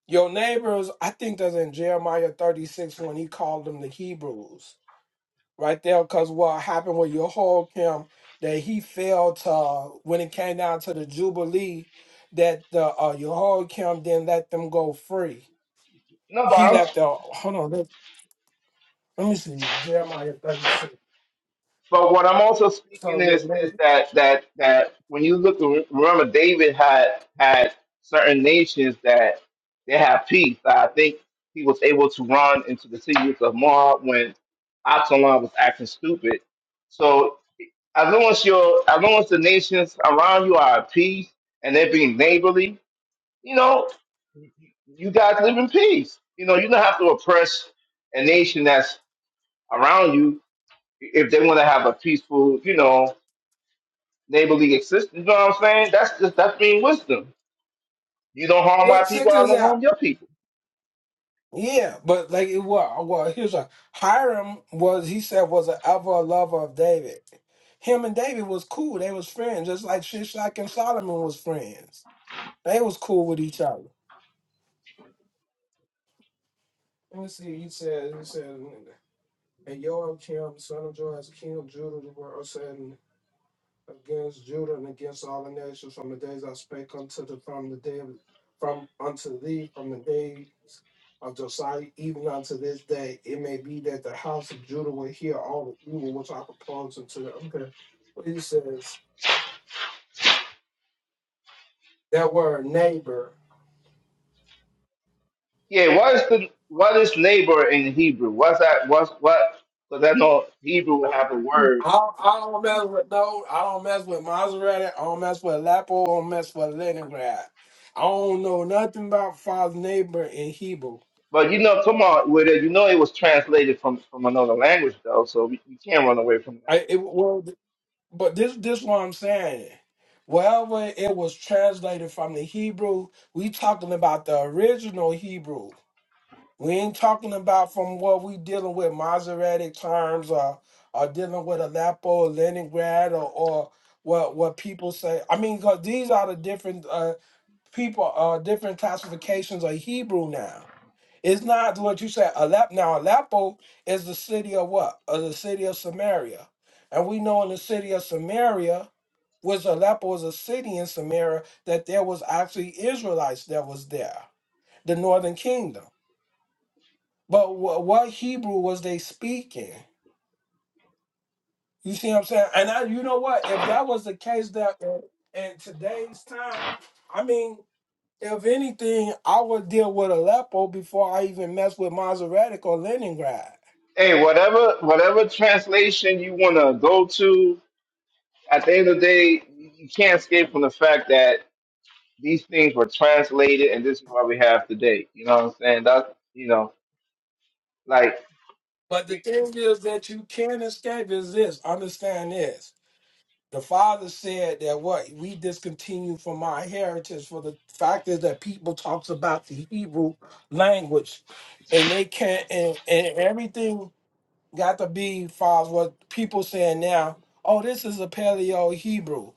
Your neighbors, I think that's in Jeremiah 36 when he called them the Hebrews. Right there, because what happened with Jehoiakim that he failed to when it came down to the Jubilee, that the uh Jehoiakim didn't let them go free.
no
He
bombs.
let the hold on. Let me see. Jeremiah 36.
But what I'm also
So
speaking
wait,
is is
wait.
that that that when you look, remember David had had certain nations that they have peace. I think he was able to run into the cities of Moab when Absalom was acting stupid. So as long as your as long as the nations around you are at peace and they're being neighborly, you know, you guys live in peace. You know, you don't have to oppress a nation that's around you if they want to have a peaceful, you know, neighborly existence. You know what I'm saying? That's just that's being wisdom. You don't harm my
Look, check
people, I
this
don't harm
out.
your people.
Yeah, but like it was well, here's a Hiram was he said was an ever lover of David. Him and David was cool. They was friends, just like Shishak and Solomon was friends. They was cool with each other. Let me see. He said, he said, and Joab, Kim, son of Joab, king of Judah, the world said. against Judah and against all the nations from the days I spake unto the from the day from unto thee from the days of Josiah even unto this day. It may be that the house of Judah will hear all the evil which I propose unto them. Okay. But he says that word neighbor.
Yeah, what is the what is neighbor in Hebrew? What's that? What's what? Because I know Hebrew would
I,
have a word,
I, I I don't mess with no. I don't mess with Maserati. I don't mess with Lapo. I don't mess with Leningrad. I don't know nothing about father neighbor in Hebrew.
but you know, come on with it. You know, it was translated from from another language though, so we, you can't run away from that.
I, it, well, But this this what I'm saying. Wherever it was translated from the Hebrew, we talking about the original Hebrew. We ain't talking about from what we dealing with Masoretic terms or or dealing with Aleppo, Leningrad, or, or what what people say. I mean, because these are the different. uh, people are different classifications of Hebrew now. It's not what you said. Alep now Aleppo is the city of what? Of the city of Samaria, and we know in the city of Samaria, was Aleppo was a city in Samaria that there was actually Israelites that was there, the Northern Kingdom. But wh- what Hebrew was they speaking? You see what I'm saying? And I, you know what? If that was the case, that in in today's time, I mean. If anything, I would deal with Aleppo before I even mess with Maserati or Leningrad.
Hey, whatever whatever translation you want to go to, at the end of the day, you you can't escape from the fact that these things were translated, and this is what we have today. You know what I'm saying? That you know, like,
But the
we,
thing is that you can't escape is this. Understand this. The father said that what we discontinue from our heritage for the fact is that people talks about the Hebrew language and they can't and, and everything got to be far as what people saying now, oh, this is a paleo Hebrew.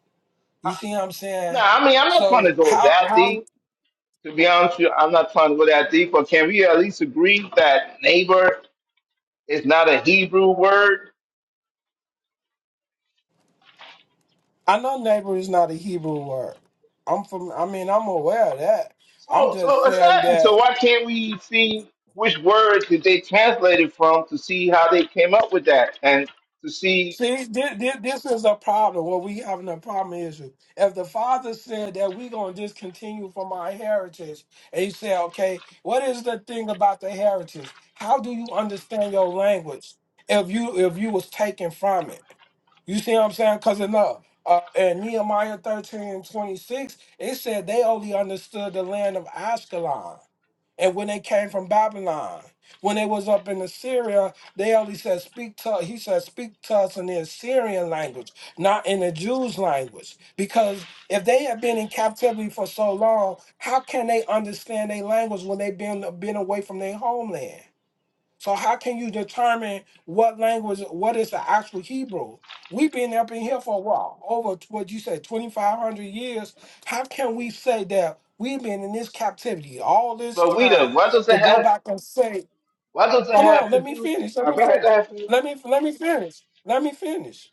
You see what I'm
nah.
saying?
I mean, I'm not trying to
So
go
how
that
how
deep. To be honest with you, I'm not trying to go that deep. But can we at least agree that neighbor is not a Hebrew word?
I know neighbor is not a Hebrew word. I'm from. I mean, I'm aware of that. I'm
So,
just
so
saying
exactly. So
that
why can't we see which word did they translate it from to see how they came up with that and to see
See, this, this is a problem. What we having a problem is with- if the father said that we're gonna discontinue from our heritage, and he said, okay, what is the thing about the heritage? How do you understand your language if you if you was taken from it? You see what I'm saying? Because enough. Uh, uh, in Nehemiah 13 and 26, it said they only understood the land of Ashkelon. And when they came from Babylon, when they was up in Assyria, they only said speak to he said speak to us in the Assyrian language, not in the Jews' language. Because if they have been in captivity for so long, how can they understand their language when they've been been away from their homeland? So how can you determine what language what is the actual Hebrew? We've been up in here for a while, over what you said, twenty five hundred years. How can we say that we've been in this captivity all this
But we Weeda,
time
why does
to
it
go
have
back and say
why does it
Hold on,
have to
let me
do
finish. Let
uh,
me
why does
finish.
it have to-
Let me let me finish. Let me finish.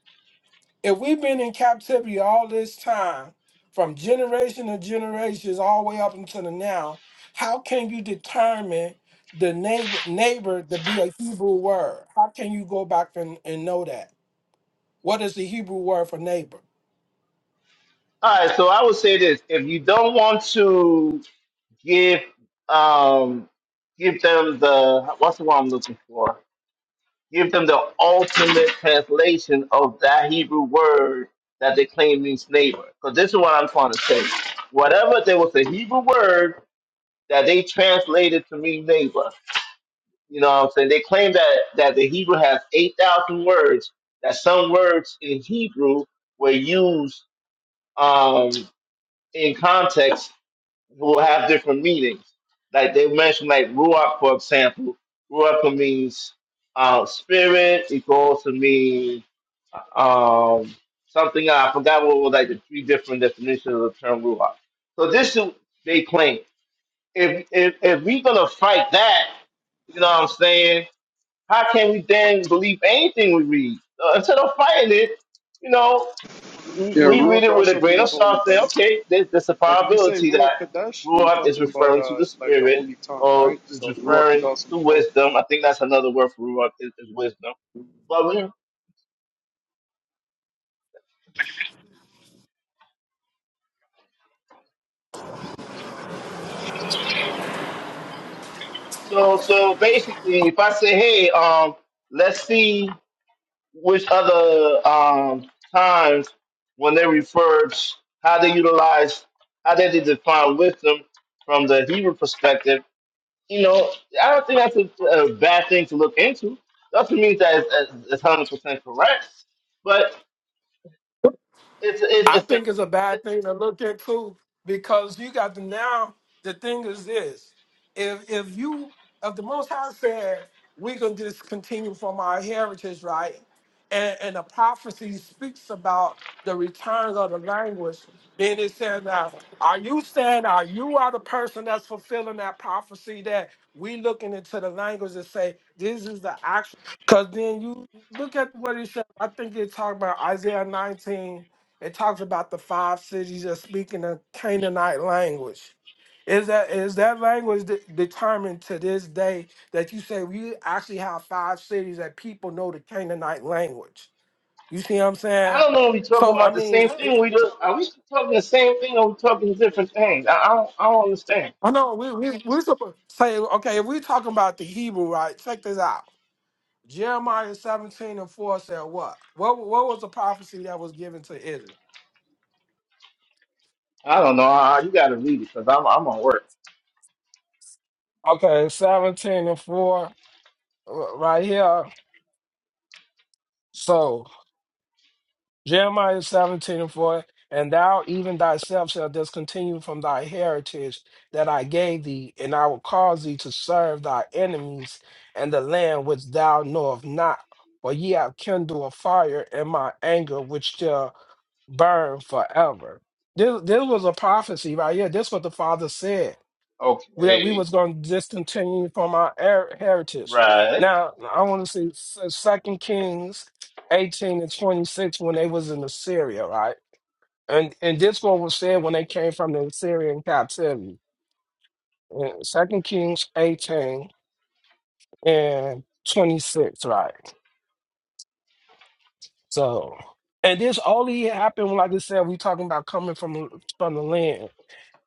If we've been in captivity all this time, from generation to generations, all the way up until the now, how can you determine the neighbor neighbor to be a Hebrew word? How can you go back and, and know that? What is the Hebrew word for neighbor?
all right, so I would say this. If you don't want to give um give them the what's the one I'm looking for? Give them the ultimate translation of that Hebrew word that they claim means neighbor. Because this is what I'm trying to say. Whatever there was a Hebrew word that they translated to mean neighbor. You know what I'm saying? They claim that, that the Hebrew has 8,000 words, that some words in Hebrew were used um, in context will have different meanings. Like they mentioned, like Ruach, for example. Ruach can means uh, spirit, it could also mean um, something, I forgot what were like the three different definitions of the term Ruach. So this is, they claim. If, if, if we're going to fight that, you know what I'm saying? how can we then believe anything we read? Uh, instead of fighting it, you know, we,
Yeah,
we read
Ruach
it with a
also
grain of
means
salt,
holy,
saying,
brother.
okay, there, there's a
Like if you say
probability that
Ruach Kadesh, you're
Ruach is
talking about
referring to the
uh like the
spirit
holy tongue,
or
right?
is
So Ruach is
referring
also
to
mean holy.
wisdom. I think that's another word for Ruach is, is wisdom. But we, so, so basically, if I say, hey, um, let's see which other um, times when they referred how they utilize how they define wisdom from the Hebrew perspective, you know, I don't think that's a, a bad thing to look into. Doesn't mean that it's it's hundred percent correct, but it's it's,
I
it's, a,
think it's a bad
it's
thing to look at too, because you got to now. The thing is this: if if you if the Most High said we can just continue from our heritage, right, and and the prophecy speaks about the return of the language, then it says now, are you saying are you are the person that's fulfilling that prophecy that we looking into the language and say this is the actual? Because then you look at what he said. I think it talked about Isaiah nineteen it talks about the five cities of speaking a Canaanite language. Is that is that language de- determined to this day that you say we actually have five cities that people know the Canaanite language? You see what I'm
I
saying?
don't know. Are we talking
So I
about the
mean,
same
I it-
thing? We just, are we talking the same thing, or we talking different things? I, I don't I don't understand.
I know we we we supposed say okay if we're talking about the Hebrew, right? Check this out. Jeremiah 17 and 4 said what? What what was the prophecy that was given to Israel?
I don't know. I, you got to read it because I'm I'm on work.
Okay, 17 and 4 r- right here. So Jeremiah 17 and 4, and thou even thyself shalt discontinue from thy heritage that I gave thee, and I will cause thee to serve thy enemies and the land which thou knowest not. For ye have kindled a fire in my anger, which shall burn forever. This, this was a prophecy right here. This is what the Father said that we
Okay,
was going to discontinue from our her- heritage.
right.
Now, I want to see S- Second Kings 18 and 26 when they was in Assyria, right? And and this one was said when they came from the Assyrian captivity. in Second Kings 18 and 26, right? So, and this only happened, like I said, we talking about coming from from the land.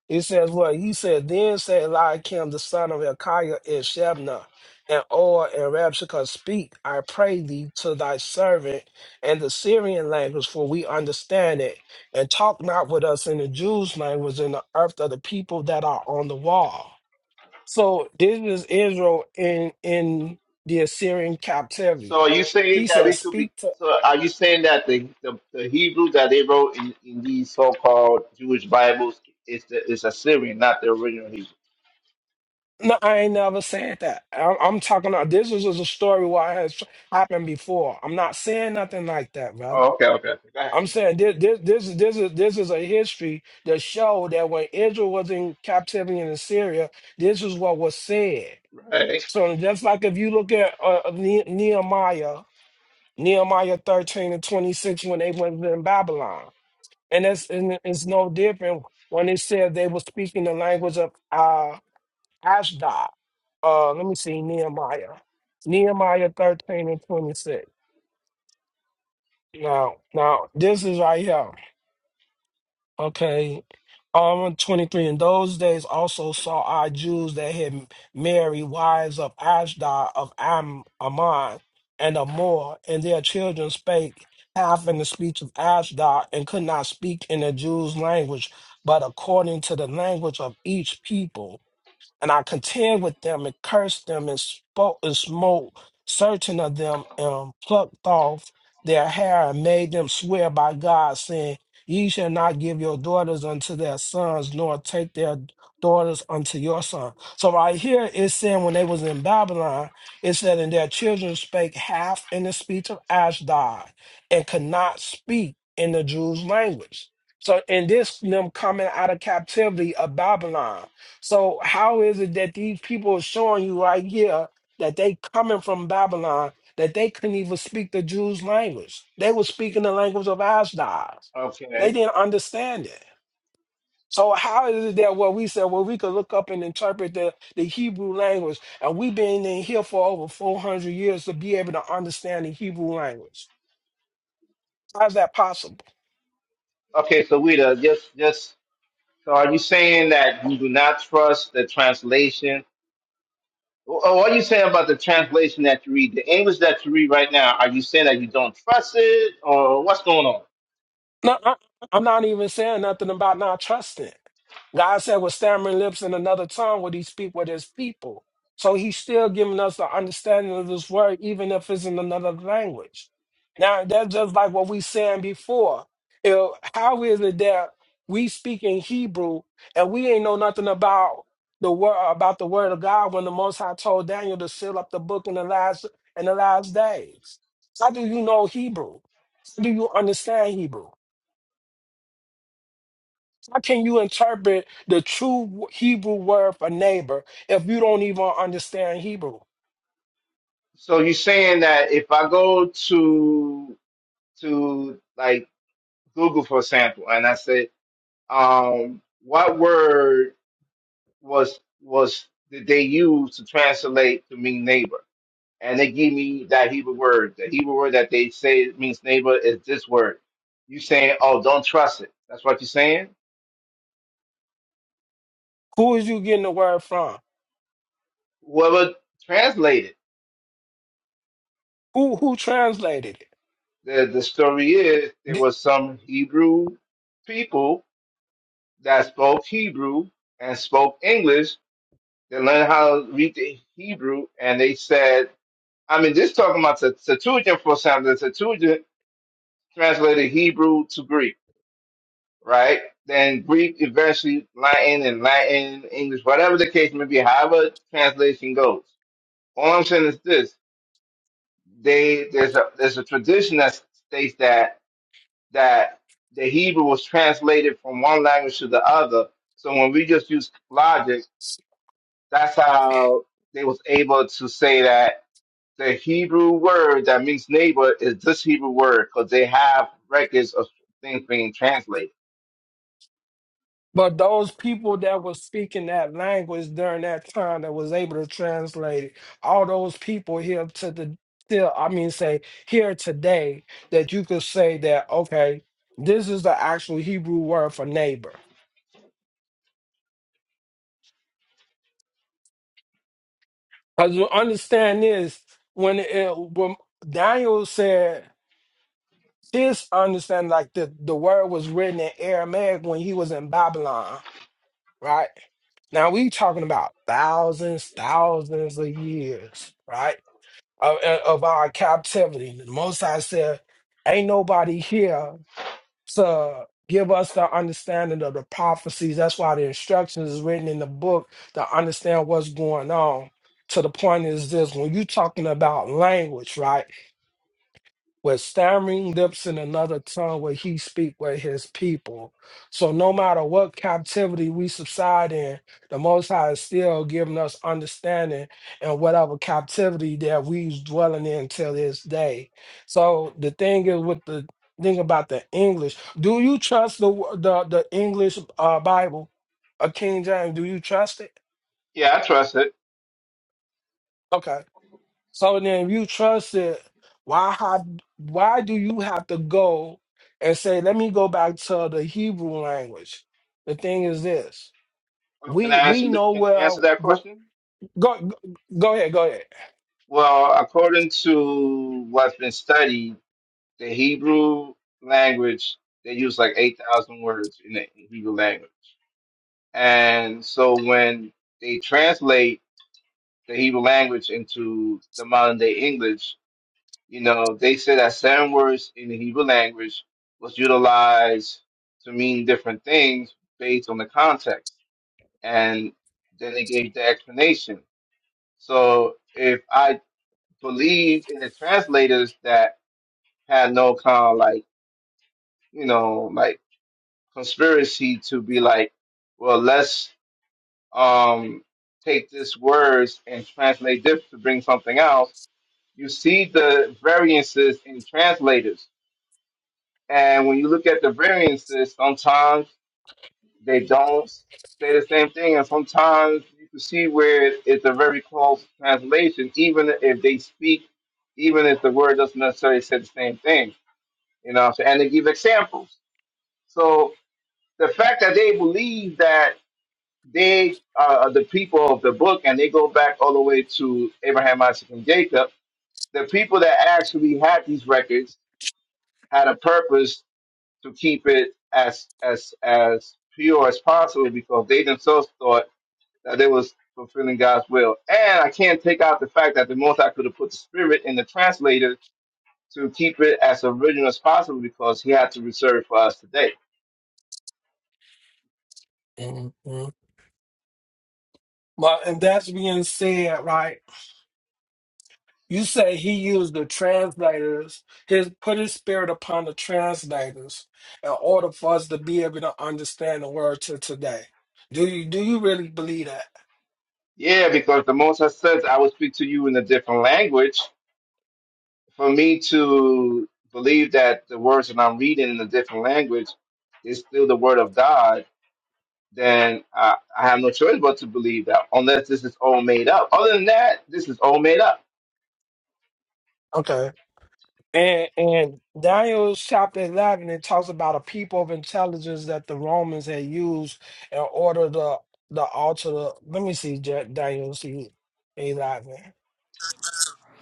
It says what he said. Then said Eliakim the son of Hilkiah and Shebna, and Or and Rabshakeh, speak, I pray thee, to thy servant, and the Syrian language, for we understand it, and talk not with us in the Jews' language, in the earth of the people that are on the wall. So this is Israel in in the Assyrian captivity.
So are you saying
He
that
says,
we could be?
speak to
So are you saying that the the, the Hebrew that they wrote in, in these so-called Jewish Bibles is the is Assyrian, not the original Hebrew?
No, I ain't never said that. I'm, I'm talking about this is just a story where it has happened before. I'm not saying nothing like that, brother.
Oh, okay, okay. okay. Go ahead.
I'm
continue.
saying this this this is this is this is a history that showed that when Israel was in captivity in Assyria, this is what was said.
Right.
So just like if you look at uh, Ne- Nehemiah, Nehemiah 13 and 26 when they went in Babylon, and that's and it's no different when it said they were speaking the language of uh, Ashdod. Uh, let me see Nehemiah. Nehemiah 13 and 26. Now, now this is right here. Okay. Um, 23. In those days also saw I Jews that had married wives of Ashdod, of Am, Ammon, and of Moab, and their children spake half in the speech of Ashdod, and could not speak in the Jews' language, but according to the language of each people. And I contend with them and cursed them and spoke and smote certain of them and plucked off their hair and made them swear by God, saying, Ye shall not give your daughters unto their sons, nor take their daughters unto your son. So right here it's saying when they was in Babylon, it said, And their children spake half in the speech of Ashdod, and could not speak in the Jews' language. So in this them coming out of captivity of Babylon. So how is it that these people are showing you right here that they coming from Babylon, that they couldn't even speak the Jews' language? They were speaking the language of Ashdod. They
Okay.
didn't understand it. So how is it that what we said, well, we could look up and interpret the, the Hebrew language, and we've been in here for over 400 years to be able to understand the Hebrew language. How's that possible?
Okay. So Wida, just just so are you saying that you do not trust the translation? Or or what are you saying about the translation that you read, the English that you read right now? Are you saying that you don't trust it, or what's going on?
No, I, I'm not even saying nothing about not trusting. God said, with stammering lips and another tongue would he speak with his people. So he's still giving us the understanding of this word, even if it's in another language. Now, that's just like what we saying before. You know, how is it that we speak in Hebrew and we ain't know nothing about the word about the word of God when the Most High told Daniel to seal up the book in the last in the last days? How do you know Hebrew? How do you understand Hebrew? How can you interpret the true Hebrew word for neighbor if you don't even understand Hebrew?
So you're saying that if I go to to like Google for example, and I said, um, what word was was did they use to translate to mean neighbor? And they give me that Hebrew word. The Hebrew word that they say means neighbor is this word. You saying, oh, don't trust it. That's what you're saying.
Who is you getting the word from?
Whoever translated
Who who translated it?
the the story is there
Th-
was some Hebrew people that spoke Hebrew and spoke English. They learned how to read the Hebrew, and they said I mean, just talking about the Septuagint for something, the Septuagint translated Hebrew to Greek, right? Then Greek eventually Latin and Latin, English, whatever the case may be, however translation goes. All I'm saying is this: they there's a there's a tradition that states that that the Hebrew was translated from one language to the other. So when we just use logic, that's how they was able to say that the Hebrew word that means neighbor is this Hebrew word because they have records of things being translated.
But those people that was speaking that language during that time that was able to translate it, all those people here to the still, I mean, say here today that you could say that okay, this is the actual Hebrew word for neighbor. Because understand this, when, it, when Daniel said his understanding, like the, the word was written in Aramaic when he was in Babylon, right? Now we talking about thousands, thousands of years, right? Of, of our captivity. The Most I said, ain't nobody here to give us the understanding of the prophecies. That's why the instructions is written in the book to understand what's going on. To the point is this when you talking about language, right? with stammering lips in another tongue where he speak with his people. So no matter what captivity we subside in, the Most High is still giving us understanding in whatever captivity that we's dwelling in till this day. So the thing is with the thing about the English, do you trust the wo- the, the English uh, Bible, a King James? Do you trust it?
Yeah, I trust it.
Okay. So then if you trust it, why have why do you have to go and say, let me go back to the Hebrew language? The thing is this.
Well, can
We
I
we
answer? th-
know
Can you answer
well
that
w-
question?
go go go ahead, go ahead.
Well, according to what's been studied, the Hebrew language they use like eight thousand words in the Hebrew language, and so when they translate the Hebrew language into the modern day English, You know, they said that certain words in the Hebrew language was utilized to mean different things based on the context. And then they gave the explanation. So if I believe in the translators that had no kind of like, you know, like conspiracy to be like, well, let's um take this words and translate this to bring something else, you see the variances in translators And when you look at the variances, sometimes they don't say the same thing, and sometimes you can see where it's a very close translation, even if they speak, even if the word doesn't necessarily say the same thing. You know, so, and they give examples. So the fact that they believe that they uh, are the people of the book, and they go back all the way to Abraham, Isaac, and Jacob, the people that actually had these records had a purpose to keep it as as as pure as possible because they themselves thought that they was fulfilling God's will. And I can't take out the fact that the most High could have put the spirit in the translator to keep it as original as possible because he had to reserve for us today.
Mhm. Well, and that's being said, right? You say he used the translators, his put his spirit upon the translators in order for us to be able to understand the word to today. Do you do you really believe that?
Yeah, because the most High says I will speak to you in a different language. For me to believe that the words that I'm reading in a different language is still the word of God then uh, I have no choice but to believe that, unless this is all made up. Other than that, this is all made up.
Okay. And and Daniel chapter eleven it talks about a people of intelligence that the Romans had used in order to the alter the let me see Ja- Daniel see eleven.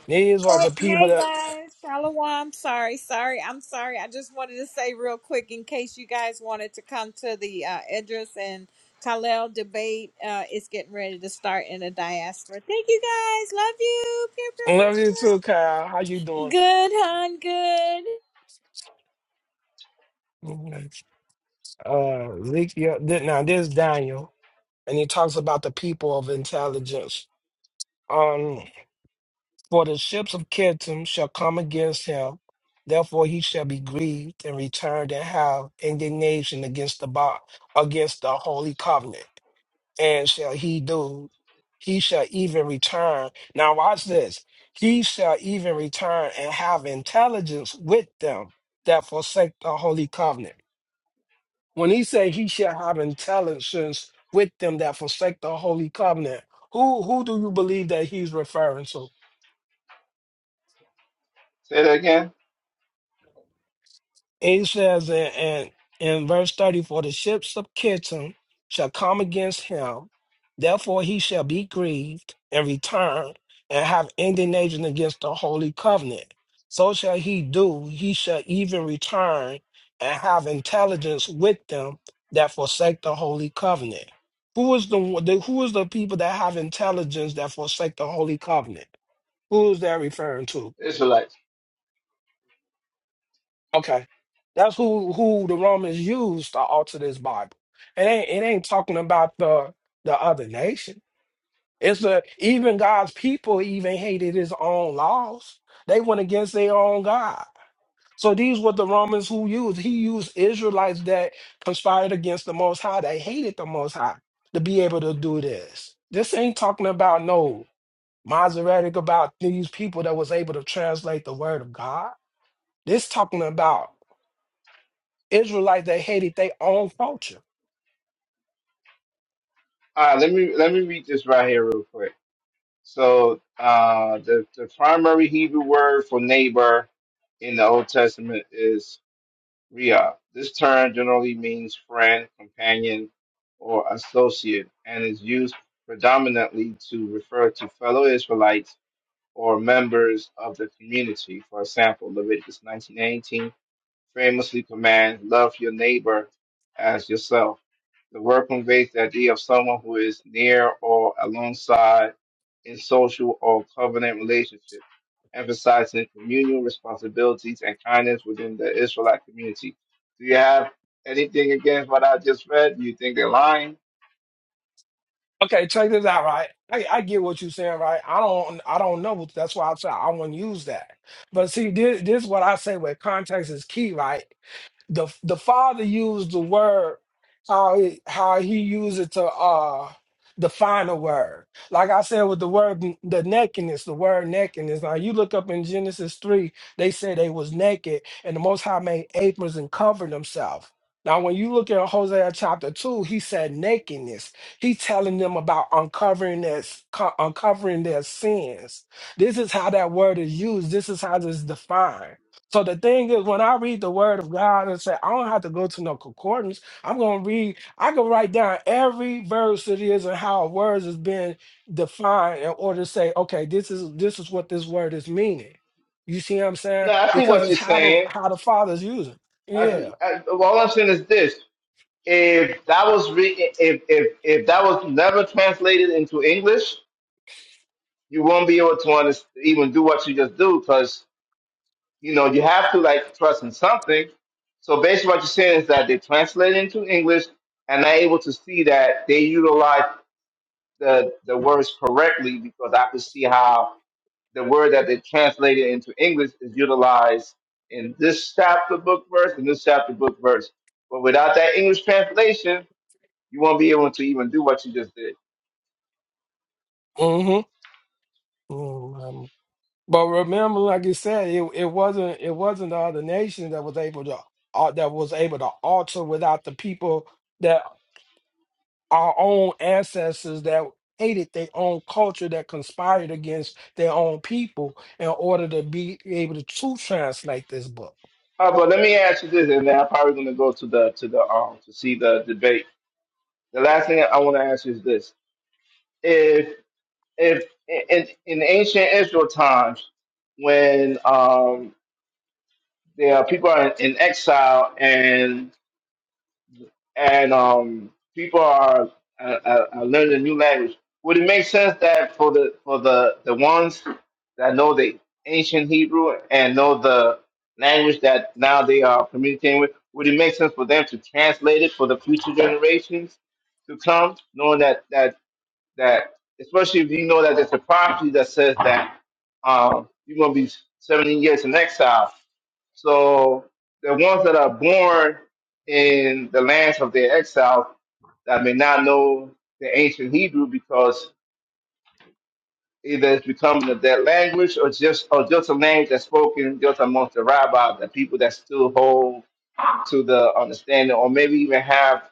These was
Hey
the people
hey,
that
guys, Shalom. I'm sorry, sorry, I'm sorry. I just wanted to say real quick in case you guys wanted to come to the uh, Idris and Khalil debate. Uh, it's getting ready to start in the diaspora. Thank you guys. Love you. Pew, pew,
love
pew,
you too, Kyle. How you
pew.
doing?
Good, hon. Good.
Uh Ezekiel- th- now this is Daniel and he talks about the people of intelligence. Um, For the ships of Kittim shall come against him, therefore he shall be grieved and returned and have indignation against the bo- against the holy covenant. And shall he do? He shall even return. Now watch this. He shall even return and have intelligence with them that forsake the holy covenant. When he say he shall have intelligence with them that forsake the holy covenant, who who do you believe that he's referring to?
Say that again,
He says in, in, in verse 30, For the ships of Kittim shall come against him, therefore he shall be grieved and return and have indignation against the holy covenant. So shall he do, he shall even return and have intelligence with them that forsake the holy covenant. Who is the, one- the who is the people that have intelligence that forsake the holy covenant? Who is that referring to?
Israelites.
Okay. That's who who the Romans used to alter this Bible. It ain't it ain't talking about the the other nation. It's the even God's people even hated his own laws. They went against their own God. So these were the Romans who used. He used Israelites that conspired against the Most High. They hated the Most High to be able to do this. This ain't talking about no Masoretic about these people that was able to translate the word of God. This talking about Israelites that hated their own culture.
All right, let me let me read this right here real quick. So uh, the the primary Hebrew word for neighbor in the Old Testament is Riyah. This term generally means friend, companion, or associate, and is used predominantly to refer to fellow Israelites or members of the community. For example, Leviticus 19:18 famously commands, "Love your neighbor as yourself." The word conveys the idea of someone who is near or alongside in social or covenant relationship, emphasizing communal responsibilities and kindness within the Israelite community. Do you have anything against what I just read? Do you think they're lying?
Okay, check this out, right? I, I get what you're saying, right? I don't I don't know. That's why I say I wouldn't use that. But see, this, this is what I say where context is key, right? the the father used the word how he, how he used it to uh define a word. Like I said with the word n- the nakedness, the word nakedness. Now you look up in Genesis three, they say they was naked, and the Most High made aprons and covered themselves. Now when you look at Hosea chapter two, he said nakedness. He telling them about uncovering their s- co- uncovering their sins. This is how that word is used. This is how it's defined. So the thing is, when I read the word of God and say, I don't have to go to no concordance. I'm gonna read, I can write down every verse it is and how words is being defined in order to say, okay, this is this is what this word is meaning. You see what I'm saying?
No, I see
Because
what
it's
you're
how the
saying.
how the father's using.
I
Yeah.
see, I, all I'm saying is this. if that was re- if if if that was never translated into English, you won't be able to underst- even do what you just do because you know you have to like trust in something. So basically, what you're saying is that they translate it into English and I'm able to see that they utilize the the words correctly because I could see how the word that they translated into English is utilized in this chapter book verse and this chapter book verse. But without that English translation, You won't be able to even do what you just did.
Mm-hmm. Mm-hmm. but remember, like you said, it, it wasn't it wasn't the other nation that was able to uh, that was able to alter without the people our own ancestors that hated their own culture that conspired against their own people in order to be able to, to translate this book
Uh, but let me ask you this, and then I'm probably going to go to the to the um to see the debate. The last thing I want to ask you is this: if if in in ancient Israel times, when um there are people are in, in exile and and um, people are, are, are learning a new language. Would it make sense that for the for the, the ones that know the ancient Hebrew and know the language that now they are communicating with, would it make sense for them to translate it for the future generations to come, knowing that that that, especially if you know that there's a prophecy that says that um, you're going to be 70 years in exile. So the ones that are born in the lands of their exile that may not know the ancient Hebrew because either it's becoming a dead language or just or just a language that's spoken just amongst the rabbi, the people that still hold to the understanding, or maybe even have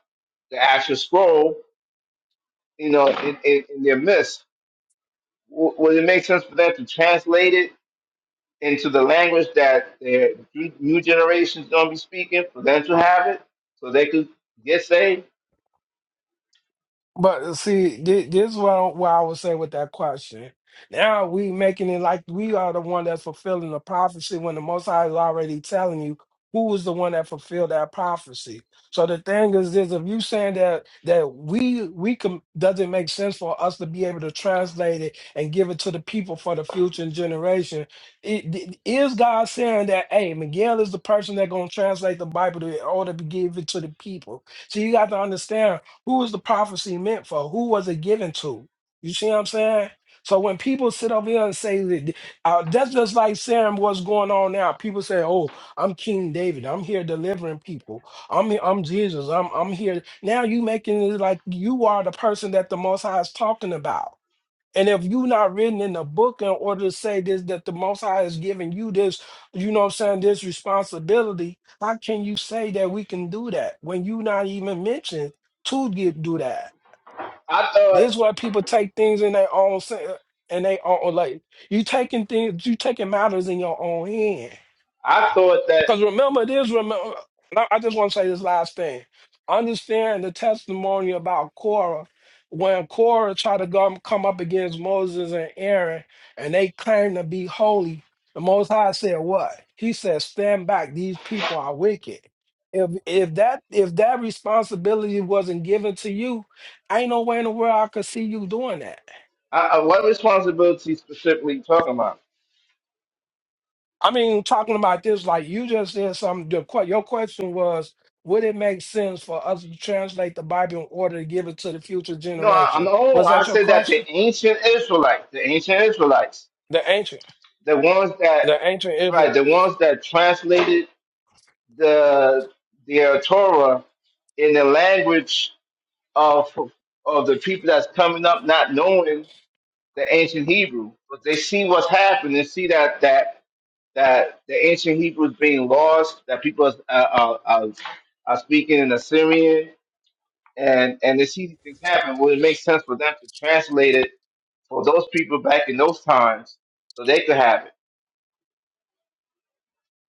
the actual scroll, you know, in, in, in their midst W- would it make sense for that to translate it into the language that the new generation's gonna be speaking for them to have it, so they could get saved?
But uh, see, thi- this is what what I was saying with that question. Now we making it like we are the one that's fulfilling the prophecy when the Most High is already telling you who is the one that fulfilled that prophecy. So the thing is, is if you saying that that we we can doesn't make sense for us to be able to translate it and give it to the people for the future generation, it, it- is God saying that hey Miguel is the person that's gonna translate the Bible to, in order to give it to the people? So you got to understand who was the prophecy meant for? Who was it given to? You see what I'm saying? So when people sit over here and say that, uh, that's just like saying what's going on now. People say, "Oh, I'm King David. I'm here delivering people. I'm I'm Jesus. I'm I'm here." Now you making it like you are the person that the Most High is talking about. And if you not written in the book in order to say this, that the Most High has given you this, you know what I'm saying, this responsibility, how can you say that we can do that when you not even mentioned to get, do that?
I thought,
This is why people take things in their own, sen- in their own, like, you taking things, you taking matters in your own hand.
I thought that
Because remember, it is remember. I I just want to say this last thing. Understand the testimony about Korah. When Korah tried to go, come up against Moses and Aaron, and they claimed to be holy, the Most High said, "What?" He said, "Stand back. These people are wicked." If if that if that responsibility wasn't given to you, ain't no way in the world I could see you doing that.
I, I- what responsibility specifically you talking about?
I mean, talking about this, like you just said something. Your, que- your question was, would it make sense for us to translate the Bible in order to give it to the future
No, I,
generation?
no,
Was
I
that your
said that the
question?
ancient Israelites, the ancient Israelites,
The ancient,
the ones
the
that,
ancient
right,
Israel.
the ones that translated the their Torah in the language of of the people that's coming up not knowing the ancient Hebrew, but they see what's happening and see that that that the ancient Hebrew is being lost, that people are, are, are, are speaking in Assyrian, and and they see these things happen. Well, it makes sense for them to translate it for those people back in those times, so they could have it.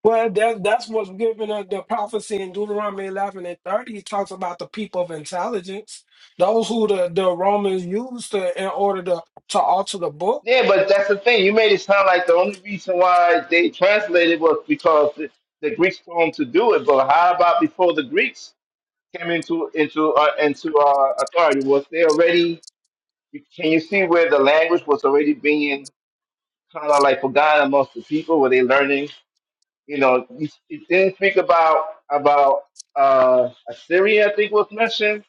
Well, that, that's what's given us the prophecy in Deuteronomy 11 and 30. It talks about the people of intelligence, those who the, the Romans used to, in order to, to alter the book.
Yeah, but that's the thing. You made it sound like the only reason why they translated was because the, the Greeks told them to do it. But how about before the Greeks came into into uh, into uh, authority? Was they already You, can you see where the language was already being kind of like forgotten amongst the people? Were they learning? You know, you, you didn't speak about about uh, Assyria. I think was mentioned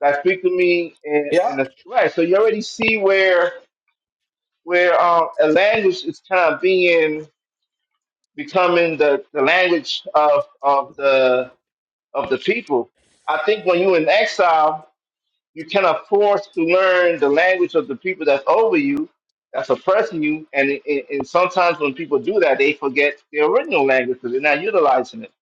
that speak to me in,
Yeah,
in the right. So you already see where where um, a language is kind of being becoming the, the language of of the of the people. I think when you in exile. You cannot force to learn the language of the people that's over you, that's oppressing you. And, and, and sometimes when people do that, they forget the original language because they're not utilizing it,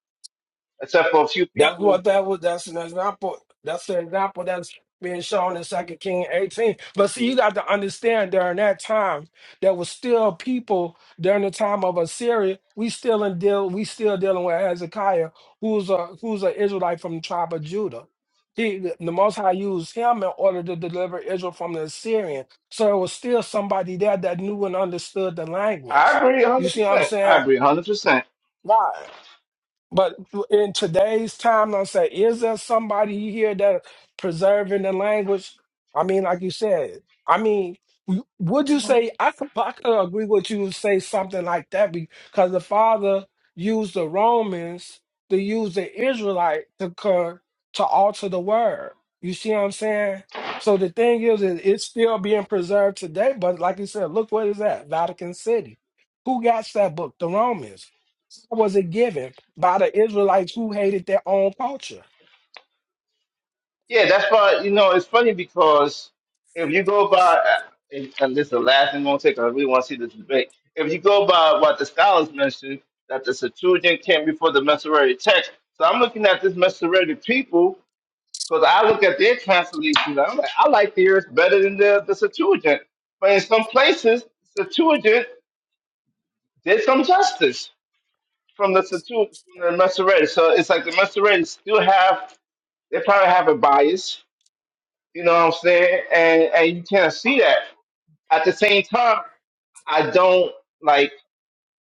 except for a few
That's
people.
what that was. That's an example. That's an example that's being shown in Second King 18. But see, you got to understand during that time, there was still people during the time of Assyria. We still in deal. We still dealing with Hezekiah, who's a who's an Israelite from the tribe of Judah. He, the the Most High used him in order to deliver Israel from the Assyrian. So it was still somebody there that knew and understood the
I
language.
agree
You see what I'm
100%. I
saying?
agree 100%.
Why? But in today's time, I'm saying, is there somebody here that preserving the language? I mean, like you said, I mean, w- would you say I could, I could agree with you and say something like that because the father used the Romans to use the Israelite to co- to alter the word. You see what I'm saying? So the thing is, is it's still being preserved today. But like you said, look what is that Vatican City? Who got that book? The Romans was it given by the Israelites who hated their own culture?
Yeah, that's why, you know, it's funny because if you go by, and, and this is the last thing I'm going to take, I really want to see this debate. If you go by what the scholars mentioned, that the Septuagint came before the Masoretic text. So I'm looking at this Masoretic people Because I look at their translations, I'm like, I like theirs better than the, the Septuagint. But in some places, Septuagint did some justice from the Septuagint, from the Masoretic. So it's like the Masoretic still have, they probably have a bias, you know what I'm saying? And and you can't see that. At the same time, I don't like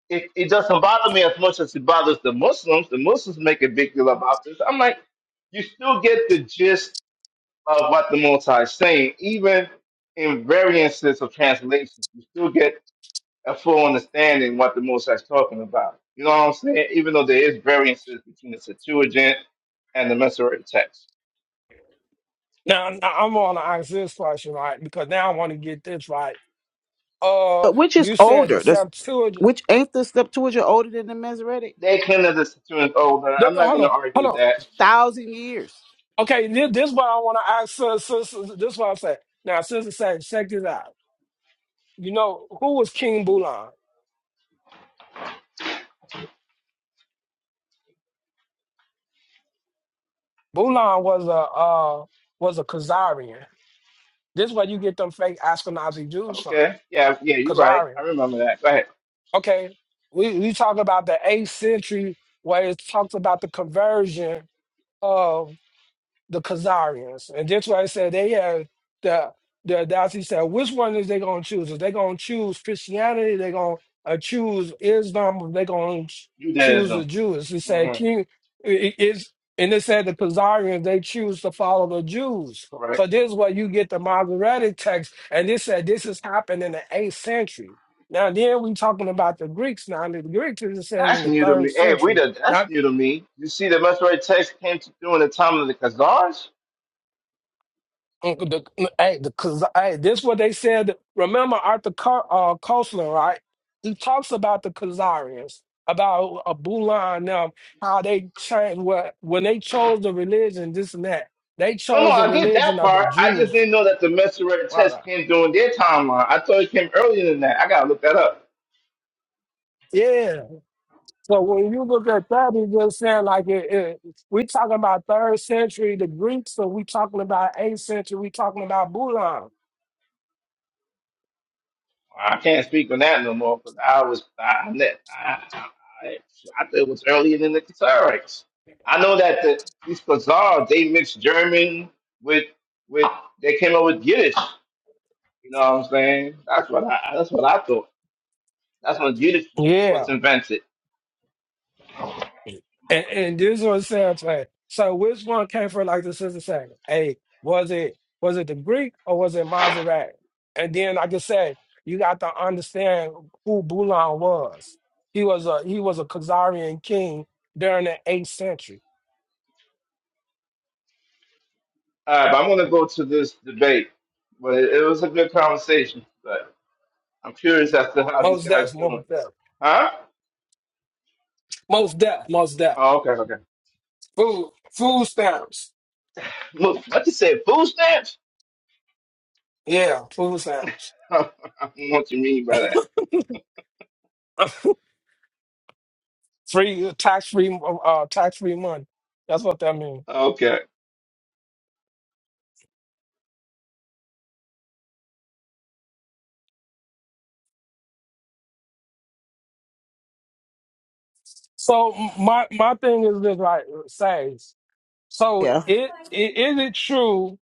it, it doesn't bother me as much as it bothers the Muslims. The Muslims make a big deal about this. I'm like, you still get the gist of what the Most High is saying, even in variances of translation, you still get a full understanding what the Most High is talking about. You know what I'm saying? Even though there is variances between the Septuagint and the Masoretic text,
Now, now I'm going to ask this question, right? Because now I want to get this right. Uh,
But which is
you said the
older? That's
Septuagint.
which ain't the step towards are older than the Masoretic?
they claim that the Septuagint is older.
the-
I'm
oh,
not
hold
going to
on,
argue
hold
with that.
Thousand years.
on. Okay, this, this is what I want to ask. Uh, sis- sis- this is what I'm saying. Now, sister, say, check this out. You know who was King Bulan? Bulan was a uh, was a Khazarian. This is where you get them fake Ashkenazi Jews from.
Okay, yeah, yeah, you're right.
Khazarian.
I remember that. Go ahead.
okay, we, we talk about the eighth century where it talks about the conversion of the Khazarians. And that's why I said they had the the Nazi said, which one is they gonna choose? Is they gonna choose Christianity? They gonna uh, choose Islam? Or they gonna ch- choose the
Judaism.
Jews? He said,
Mm-hmm.
King i- i- is and they said the Khazarians they choose to follow the Jews.
Correct.
So this is where you get the Masoretic text, and this said this has happened in the eighth century. Now then we talking about the Greeks. Now and the Greeks is saying in
That's
the
new to
third
me. Hey, we
century.
the that's new to me. You see, the Masoretic text came to during the time of the Khazars.
Uncle the hey, the, cause hey, this what they said. Remember Arthur Car- uh, Koestler, right? He talks about the Khazarians, about uh, Bulan and them, how they changed what when they chose the religion, this and that. They
No, no,
chose the
I get
religion
that
of the
part. I
Jews.
just didn't know that the Messerette test
Right.
came during their timeline. I thought it came earlier than that. I gotta look that up.
Yeah. So when you look at that, it's just saying like it, it, we talking about third century the Greeks, or we talking about eighth century, we talking about Bulan.
I can't speak on that no more because I was I, I, I, I I thought it was earlier than the Cataracts. I know that the, these Khazars they mixed German with with they came up with Yiddish. You know what I'm saying? That's what I that's what I thought. That's when Yiddish
Yeah.
was invented.
And, and this was sounds like so which one came first, like the sister saying? Hey, was it was it the Greek or was it Maserati? And then like I said, you got to understand who Bulan was. He was a he was a Khazarian king during the eighth century.
All right, but I'm gonna go to this debate, but it, it was a good conversation. I'm curious as to how this
Most
guy's
deaths, most
doing.
death,
Huh?
most death, most death.
Oh, okay, okay.
Food food stamps.
What, what you say? Food stamps?
Yeah, food stamps.
I don't know what you mean by that.
free tax free uh tax free money. That's what that means.
Okay.
So my my thing is this, right, Saints. So
Yeah.
it, it is it true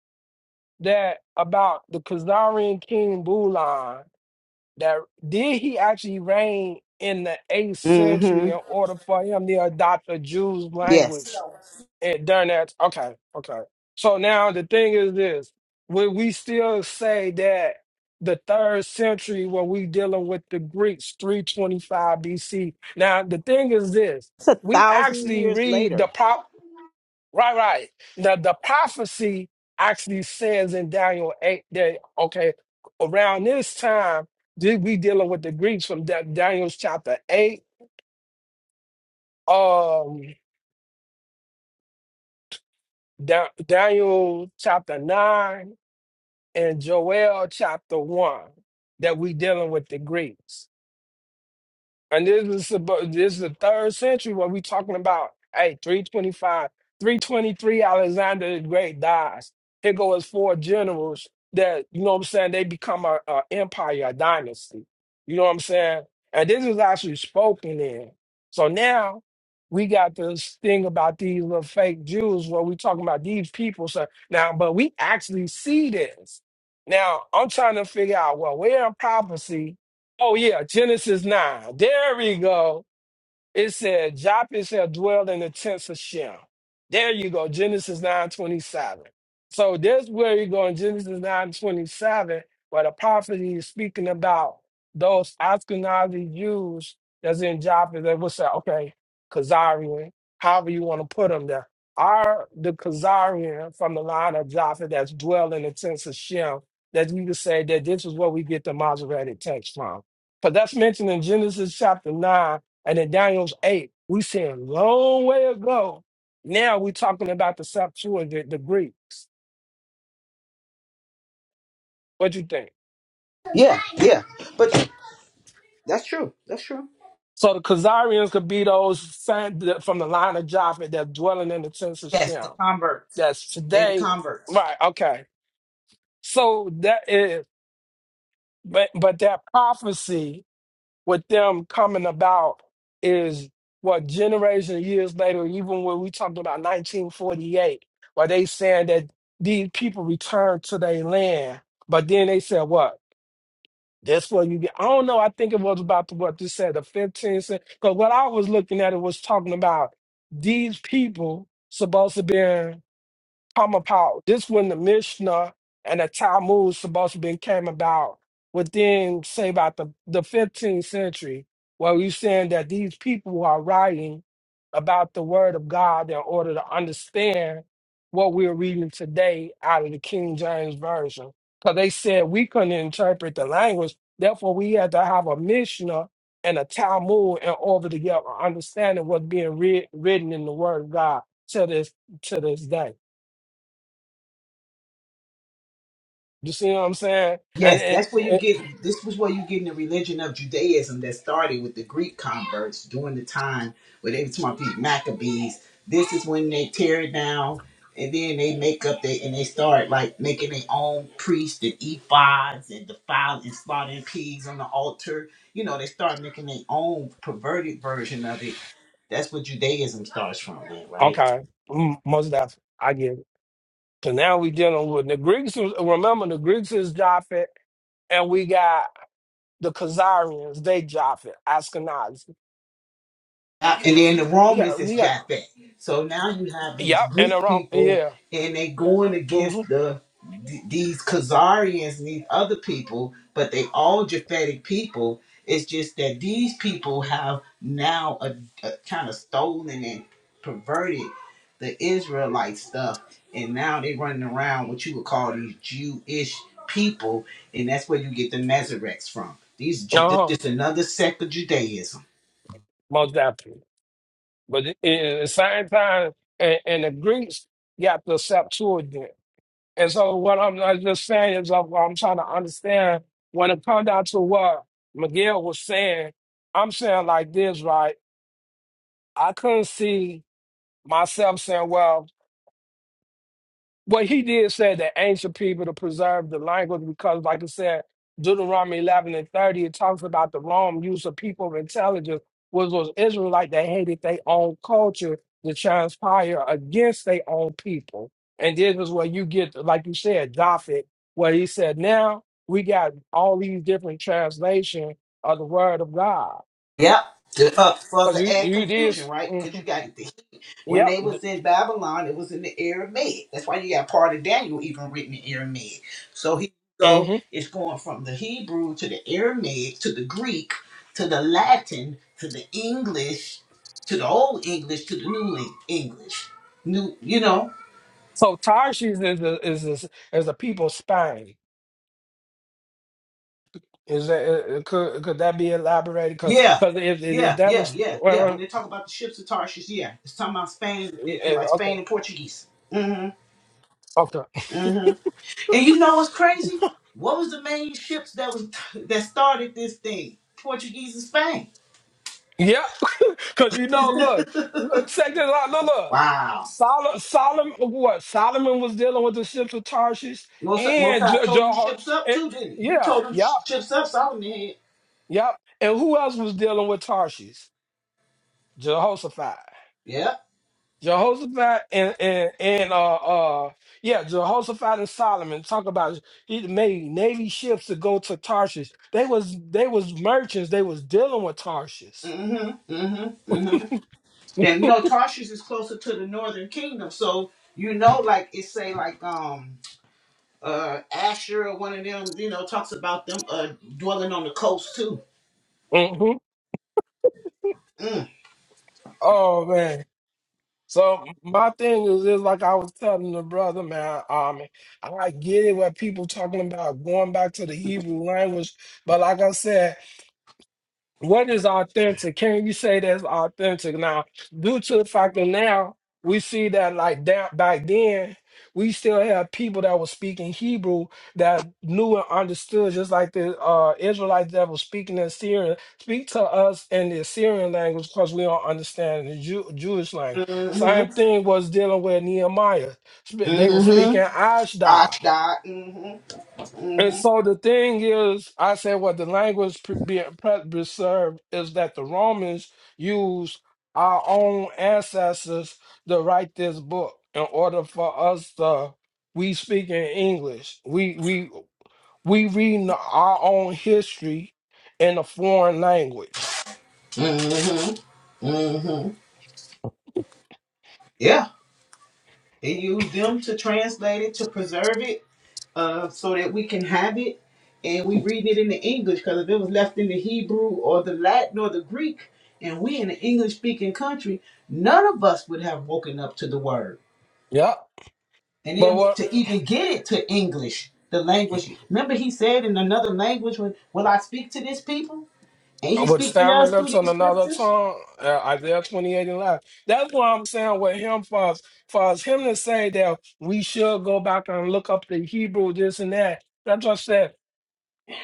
that about the Khazarian king Bulan that did he actually reign in the eighth century
Mm-hmm.
in order for him to adopt a Jew's
Yes.
language and during that, okay, okay. So now the thing is this: would we still say that the third century, when we dealing with the Greeks, three twenty five BC? Now the thing is this: we actually read the prop, right, right. The the prophecy actually says in Daniel eight that okay, around this time did we dealing with the Greeks from Da- Daniel's chapter eight, um, Da- Daniel chapter nine. in Joel chapter 1 that we dealing with the Greeks. And this is about this is the third century what we talking about. Hey, 325, 323 Alexander the Great dies. Here go his four generals that, you know what I'm saying, they become a, a empire, a dynasty. You know what I'm saying? And this is actually spoken in. So now we got this thing about these little fake Jews where we talking about these people. So now, but we actually see this. Now I'm trying to figure out, well, where in prophecy Oh yeah, Genesis nine. There we go. It said, Japheth shall dwell in the tents of Shem. There you go, Genesis 9.27. So this where you go in Genesis 9.27, where the prophet is speaking about those Ashkenazi Jews that's in Japheth. They will say, okay, Khazarian, however you want to put them there. Are the Khazarian from the line of Japheth that's dwell in the tents of Shem, that we could say that this is where we get the Masoretic text from. But that's mentioned in Genesis chapter 9, and in Daniel's 8, we see a long way ago. Now we're talking about the Septuagint, the Greeks. What you think?
Yeah, yeah. But that's true. That's true.
So the Khazarians could be those sent from the line of Japheth that's dwelling in the tents of
Yes, the
Shem.
converts.
That's
They the
today.
converts.
Right, okay. So that is, but but that prophecy with them coming about is what generation of years later, even when we talking about 1948, where they saying that these people returned to their land, but then they said what? That's what you get. I don't know. I think it was about the, what you said, the 15th century. Because what I was looking at, it was talking about these people supposed to be. Kamapau. This when the Mishnah and the Talmud supposed to be came about within, say, about the, the 15th century, where we saying that these people are writing about the word of God in order to understand what we're reading today out of the King James Version. Because they said we couldn't interpret the language, therefore we had to have a Mishnah and a Talmud in order to get an understanding what's being read, written in the word of God to this to this day. You see what I'm saying? And
Yes,
it,
that's where you
it,
get. This was where you getting the religion of Judaism that started with the Greek converts during the time where they were talking about these Maccabees. This is when they tear it down, and then they make up they and they start like making their own priests and ephods and defiling and slaughtering pigs on the altar. You know, they start making their own perverted version of it. That's where Judaism starts from, man, right?
okay, mm, most definitely, I get it. So now we dealing with the Greeks. was- Remember, the Greeks is Japheth, and we got the Khazarians. They Japheth, Ashkenazi.
Uh, And then the
We
Romans
got,
is
we got,
Japhet. So now you have these
yep, and
Greek
the wrong,
people,
yeah,
and they going against
hmm
the th- these Khazarians and these other people, but they all Japhetic people. It's just that these people have now a, kind of stolen and perverted the Israelite stuff, and now they running around what you would call these Jewish people, and that's where you get the Masoretes from. These Ju- this
uh-huh,
is another sect of Judaism.
most definitely. But it, it, at the same time, and, and the Greeks got the Septuagint. And so what I'm, I'm just saying is I'm, I'm trying to understand when it comes down to what Miguel was saying, I'm saying like this, right? I couldn't see myself saying, well, well, he did say that ancient people to preserve the language because, like I said, Deuteronomy 11 and 30, it talks about the wrong use of people intelligence, was was Israelite that hated their own culture to transpire against their own people. And this is where you get, like you said, Dafit, where he said, now we got all these different translations of the word of God.
Yep. Did- For, for
Because
the
you,
add
you did,
confusion, right? Because
mhm,
you got the, when
yep.
they was in Babylon, it was in the Aramaic. That's why you got part of Daniel even written in Aramaic. So he go,
hmm
it's going from the Hebrew to the Aramaic to the Greek to the Latin to the English to the Old English to the New Eng- English. New, you know,
So Tarshish is, a, is, a, is a people Spain Is that uh, uh, could could that be elaborated? Because
yeah.
if if if
Yeah,
that
yeah,
was
yeah,
well,
yeah. When
well,
they talk about the ships of Tarshish, yeah, it's talking about Spain
yeah,
and, and
eh,
like
okay,
Spain and Portuguese. Mm-hmm.
okay,
Mm-hmm. And you know what's crazy? What was the main ships that was that started this thing? Portuguese and Spain.
yeah, because you know, look, look, check this out, look, look.
Wow.
Solomon, Solomon, what Solomon was dealing with the ships of Tarshish
Most
and
Mosai
Je-
told them
Jeho-
ships up
eh,
too, didn't he? He
yeah,
told them
yeah,
sh- ships up. Solomon had.
yeah, and who else was dealing with Tarshish? Jehoshaphat.
Yeah.
Jehoshaphat and and, and uh uh yeah, Jehoshaphat and Solomon talk about it. he made navy ships to go to Tarshish. They was they was merchants. They was dealing with Tarshish.
Mm-hmm. Mm-hmm. Mm-hmm. And you know, Tarshish is closer to the Northern Kingdom, so you know, like it say, like um, uh, Asher or one of them, you know, talks about them uh dwelling on the coast too.
hmm
Mm.
Oh man. So my thing is, is like I was telling the brother, man. Um, I get it where people talking about going back to the Hebrew language, but like I said. What is authentic? Can you say that's authentic now? Due to the fact that now we see that like that back then, we still had people that were speaking Hebrew that knew and understood, just like the uh, Israelites that were speaking in Syria speak to us in the Assyrian language because we don't understand the Jew- Jewish language. Same
Mm-hmm.
thing was dealing with Nehemiah. Sp- They were
Mm-hmm.
speaking Ashdod.
Ashdod. Mm-hmm.
And
Mm-hmm.
so the thing is, I said what the language pre- being pre- preserved is that the Romans used our own ancestors to write this book in order for us to we speak in English. We we we reading our own history in a foreign language.
Mm-hmm. hmm Yeah, he used them to translate it, to preserve it, uh, so that we can have it, and we read it in the English. Because if it was left in the Hebrew or the Latin or the Greek, and we in an English-speaking country, none of us would have woken up to the word.
Yep.
And
But
then
what?
to even get it to English, the language. Remember, he said in another language, "When will I speak to this people?" And he's
with
speaking to
stammering
us through
lips on
these
another
scriptures.
tongue, uh, Isaiah 28 and 11. That's why I'm saying with him for us, for us, him to say that we should go back and look up the Hebrew, this and that. That's what I said.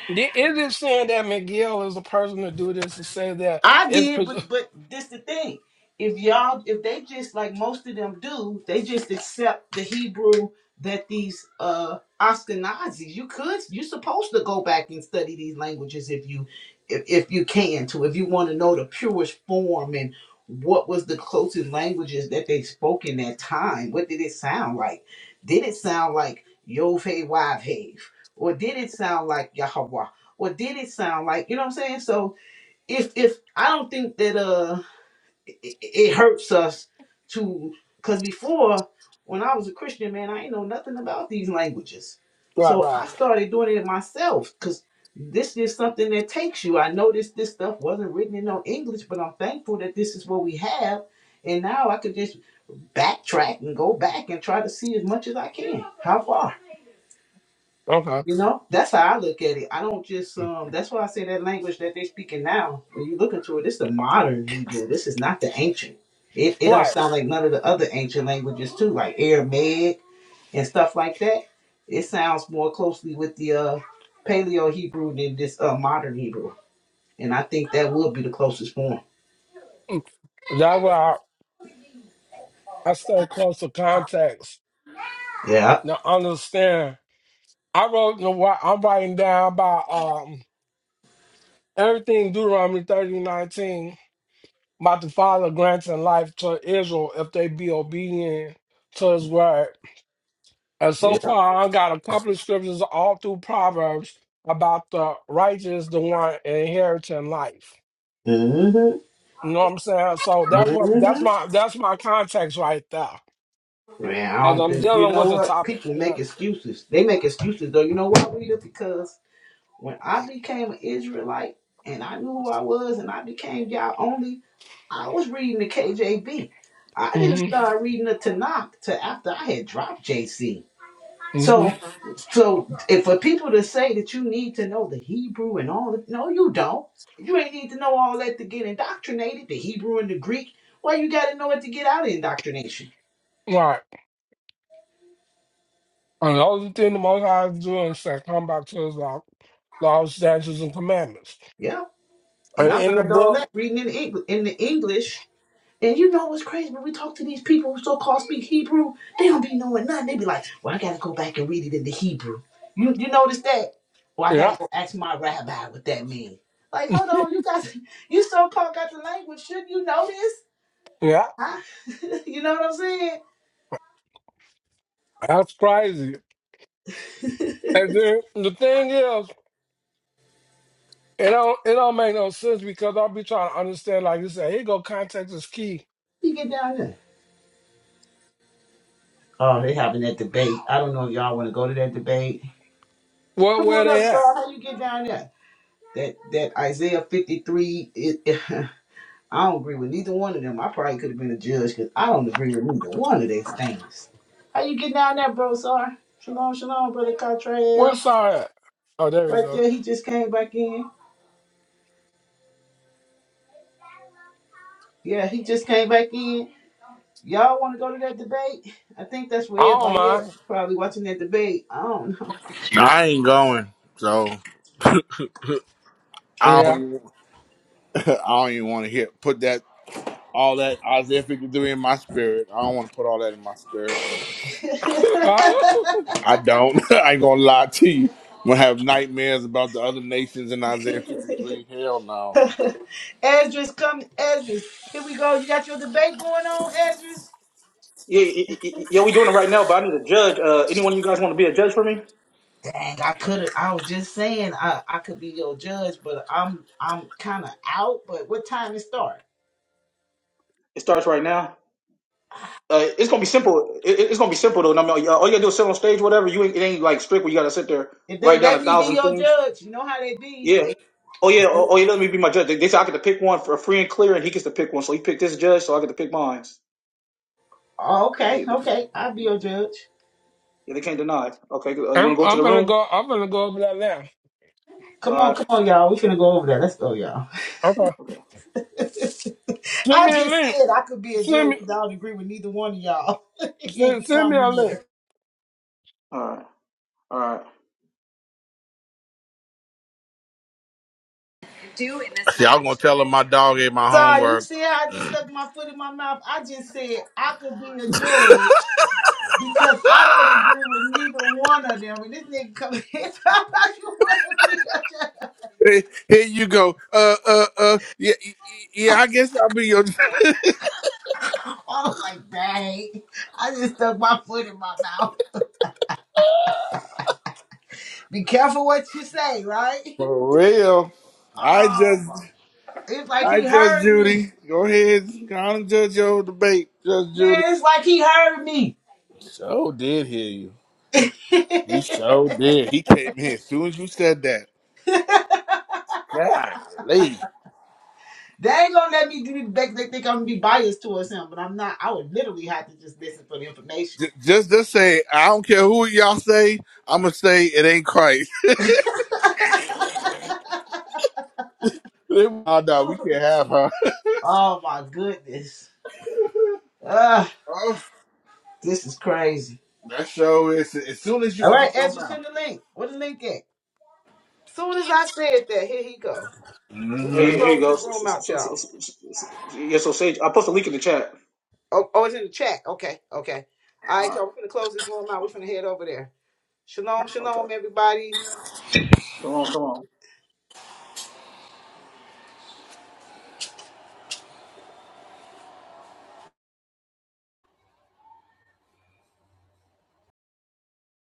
The- It is saying that McGill is the person to do this to say that
I
it's
did,
pres-
but but this the thing. If y'all, if they just like most of them do, they just accept the Hebrew that these uh Ashkenazis. You could, you're supposed to go back and study these languages if you, if, if you can to, if you want to know the purest form and what was the closest languages that they spoke in that time. What did it sound like? Did it sound like Yovhe Wavhev, or did it sound like Yahweh, or did it sound like you know what I'm saying? So if if I don't think that uh it, it hurts us to because before when I was a Christian man I ain't know nothing about these languages,
right,
so I
right,
started doing it myself because this is something that takes you. I noticed this stuff wasn't written in no English, but I'm thankful that this is what we have, and now I could just backtrack and go back and try to see as much as I can. How far?
okay,
You know, that's how I look at it. I don't just um. That's why I say that language that they're speaking now. When you look into it, this is the modern Hebrew. This is not the ancient. It it don't
right.
sound like none of the other ancient languages too, like Aramaic and stuff like that. It sounds more closely with the uh Paleo Hebrew than this uh modern Hebrew, and I think that would be the closest form.
Mm. That's why I, I stay close to context
Yeah.
to understand. I wrote, you know, what- I'm writing down about um everything Deuteronomy thirty nineteen. about the Father granting life to Israel if they be obedient to his word. And so
Yeah.
far, I got a couple of scriptures all through Proverbs about the righteous, the one inheriting life.
Mm-hmm.
You know what I'm saying? So that's what that's
Mm-hmm.
my that's my context right there.
Man, I
Cause
don't
I'm
think you
dealing with
know
the
what
topic.
people
Right.
make excuses. They make excuses though. You know why, Rita? Because When I became an Israelite and I knew who I was and I became y'all only, I was reading the KJV. I didn't
Mm-hmm.
start reading the Tanakh till after I had dropped JC. So,
Mm-hmm.
so if for people to say that you need to know the Hebrew and all that, no, you don't. You ain't need to know all that to get indoctrinated, the Hebrew and the Greek. Well, you got to know it to get out of indoctrination.
Right. And the only thing the most high is doing is saying, come back to his law, laws, statutes, and commandments.
Yeah, and
And
I
in the
learned all
book,
that reading in the English, in the English And you know what's crazy? When we talk to these people who so-called speak Hebrew, they don't be knowing nothing. They be like, "Well, I gotta go back and read it in the Hebrew." You you notice that? Well, I
yeah,
gotta go ask my rabbi what that means. Like, hold on, you guys, you so-called got the language. Shouldn't you know this?
yeah.
Huh? you know what I'm saying?
That's crazy. And then the thing is, it don't it don't make no sense because I'll be trying to understand. Like you said, here go context is key.
You get down there. Oh, they having that debate. I don't know if y'all want to go to that debate.
What
Come
where
on up,
they at?
sir. How you get down there? That that Isaiah 53. It, I don't agree with neither one of them. I probably could have been a judge because I don't agree with neither one of these things. How you getting down there, bro, sir? Shalom, shalom, brother
Where
Cottrell.
Sorry at? Oh, there we
Right
go.
there, he just came back in. Yeah, he just came back in. Y'all want to go to that debate? I think that's
I
where
don't
everybody at.
mind.
Probably watching that debate. I don't know.
I ain't going. So I don't
Yeah,
even, I don't even want to hear put that all that Isaiah 53 in my spirit. I don't want to put all that in my spirit.
I'm
I don't. I ain't gonna lie to you. I'm gonna have nightmares about the other nations in Isaiah 53. Hell no.
Ezra's coming. Ezra, here we go. You got your debate going on, Ezra?
Yeah, yeah, yeah, yeah, we doing it right now, but I need a judge. Uh, anyone of you guys want to be a judge for me?
Dang, I could have. I was just saying I, I could be your judge, but I'm I'm kind of out. But what time it start?
It starts right now. Uh, it's gonna be simple. It, it- it's gonna be simple though. And I mean, uh, all you gotta do is sit on stage, whatever. You ain't, it ain't like strict where you gotta sit there
If they
write down
let
a
me be
thousand
your
things.
judge, you know how they be.
Yeah.
They
Oh yeah. Oh, oh yeah. Let me be my judge. They, they said I get to pick one for free and clear, and he gets to pick one. So he picked this judge, so I get to pick mine.
oh,
They,
okay,
they,
okay. I'll be your judge.
yeah, they can't deny. Okay. Uh, you wanna go to
I'm
the
gonna
room?
go. I'm gonna go over that now.
All
Come on,
right.
come on, y'all. We finna go over there. Let's go, y'all.
Okay,
Okay.
send
I
me a
just
link.
said I could be a
Send
judge
me
because I don't agree with neither one of y'all. Here
send,
he
send me
coming
a link.
here.
All right. All right.
see, I'm gonna tell him my dog ate my
Sorry, you
homework.
see how I just stuck my foot in my mouth? I just said I could be a judge Because I don't agree with neither one of them. And this nigga come in here talking about you want to be a judge.
Hey, here you go. Uh, uh, uh. Yeah, y- y- yeah. I guess I'll be your.
I'm like, dang. I just stuck my foot in my mouth. Be careful what you say, right?
For real, I
Oh, my-
just,
it's like
I
he
just
heard me.
Judy. Go ahead, go on and judge your debate, Judge Judy.
Man, it's like he heard me.
So did hear you. He so did. He came here as soon as you said that. Golly.
They ain't gonna let me do they, they think I'm gonna be biased towards him, but I'm not. I would literally have to just listen for the information.
J- Just, just say, I don't care who y'all say. I'm gonna say it ain't Christ. oh, no, we can't have her.
Oh my goodness. Ah,
Oh,
this is crazy.
that show is as soon as you
All
open
right,
your
Ezra, send the link. Where the link at? Soon as I said that, here he go. We're
mouth.
Hey,
gonna
here here you
close
go.
this
So, so,
room out,
so, so,
y'all.
so, so, so- yeah, so Sage, I post a link in the chat.
Oh, oh, it's in the chat. Okay, okay. All
All
right,
right.
y'all. We're gonna close this room out. We're gonna head over there. Shalom,
Okay.
shalom, everybody.
Come on. Come on.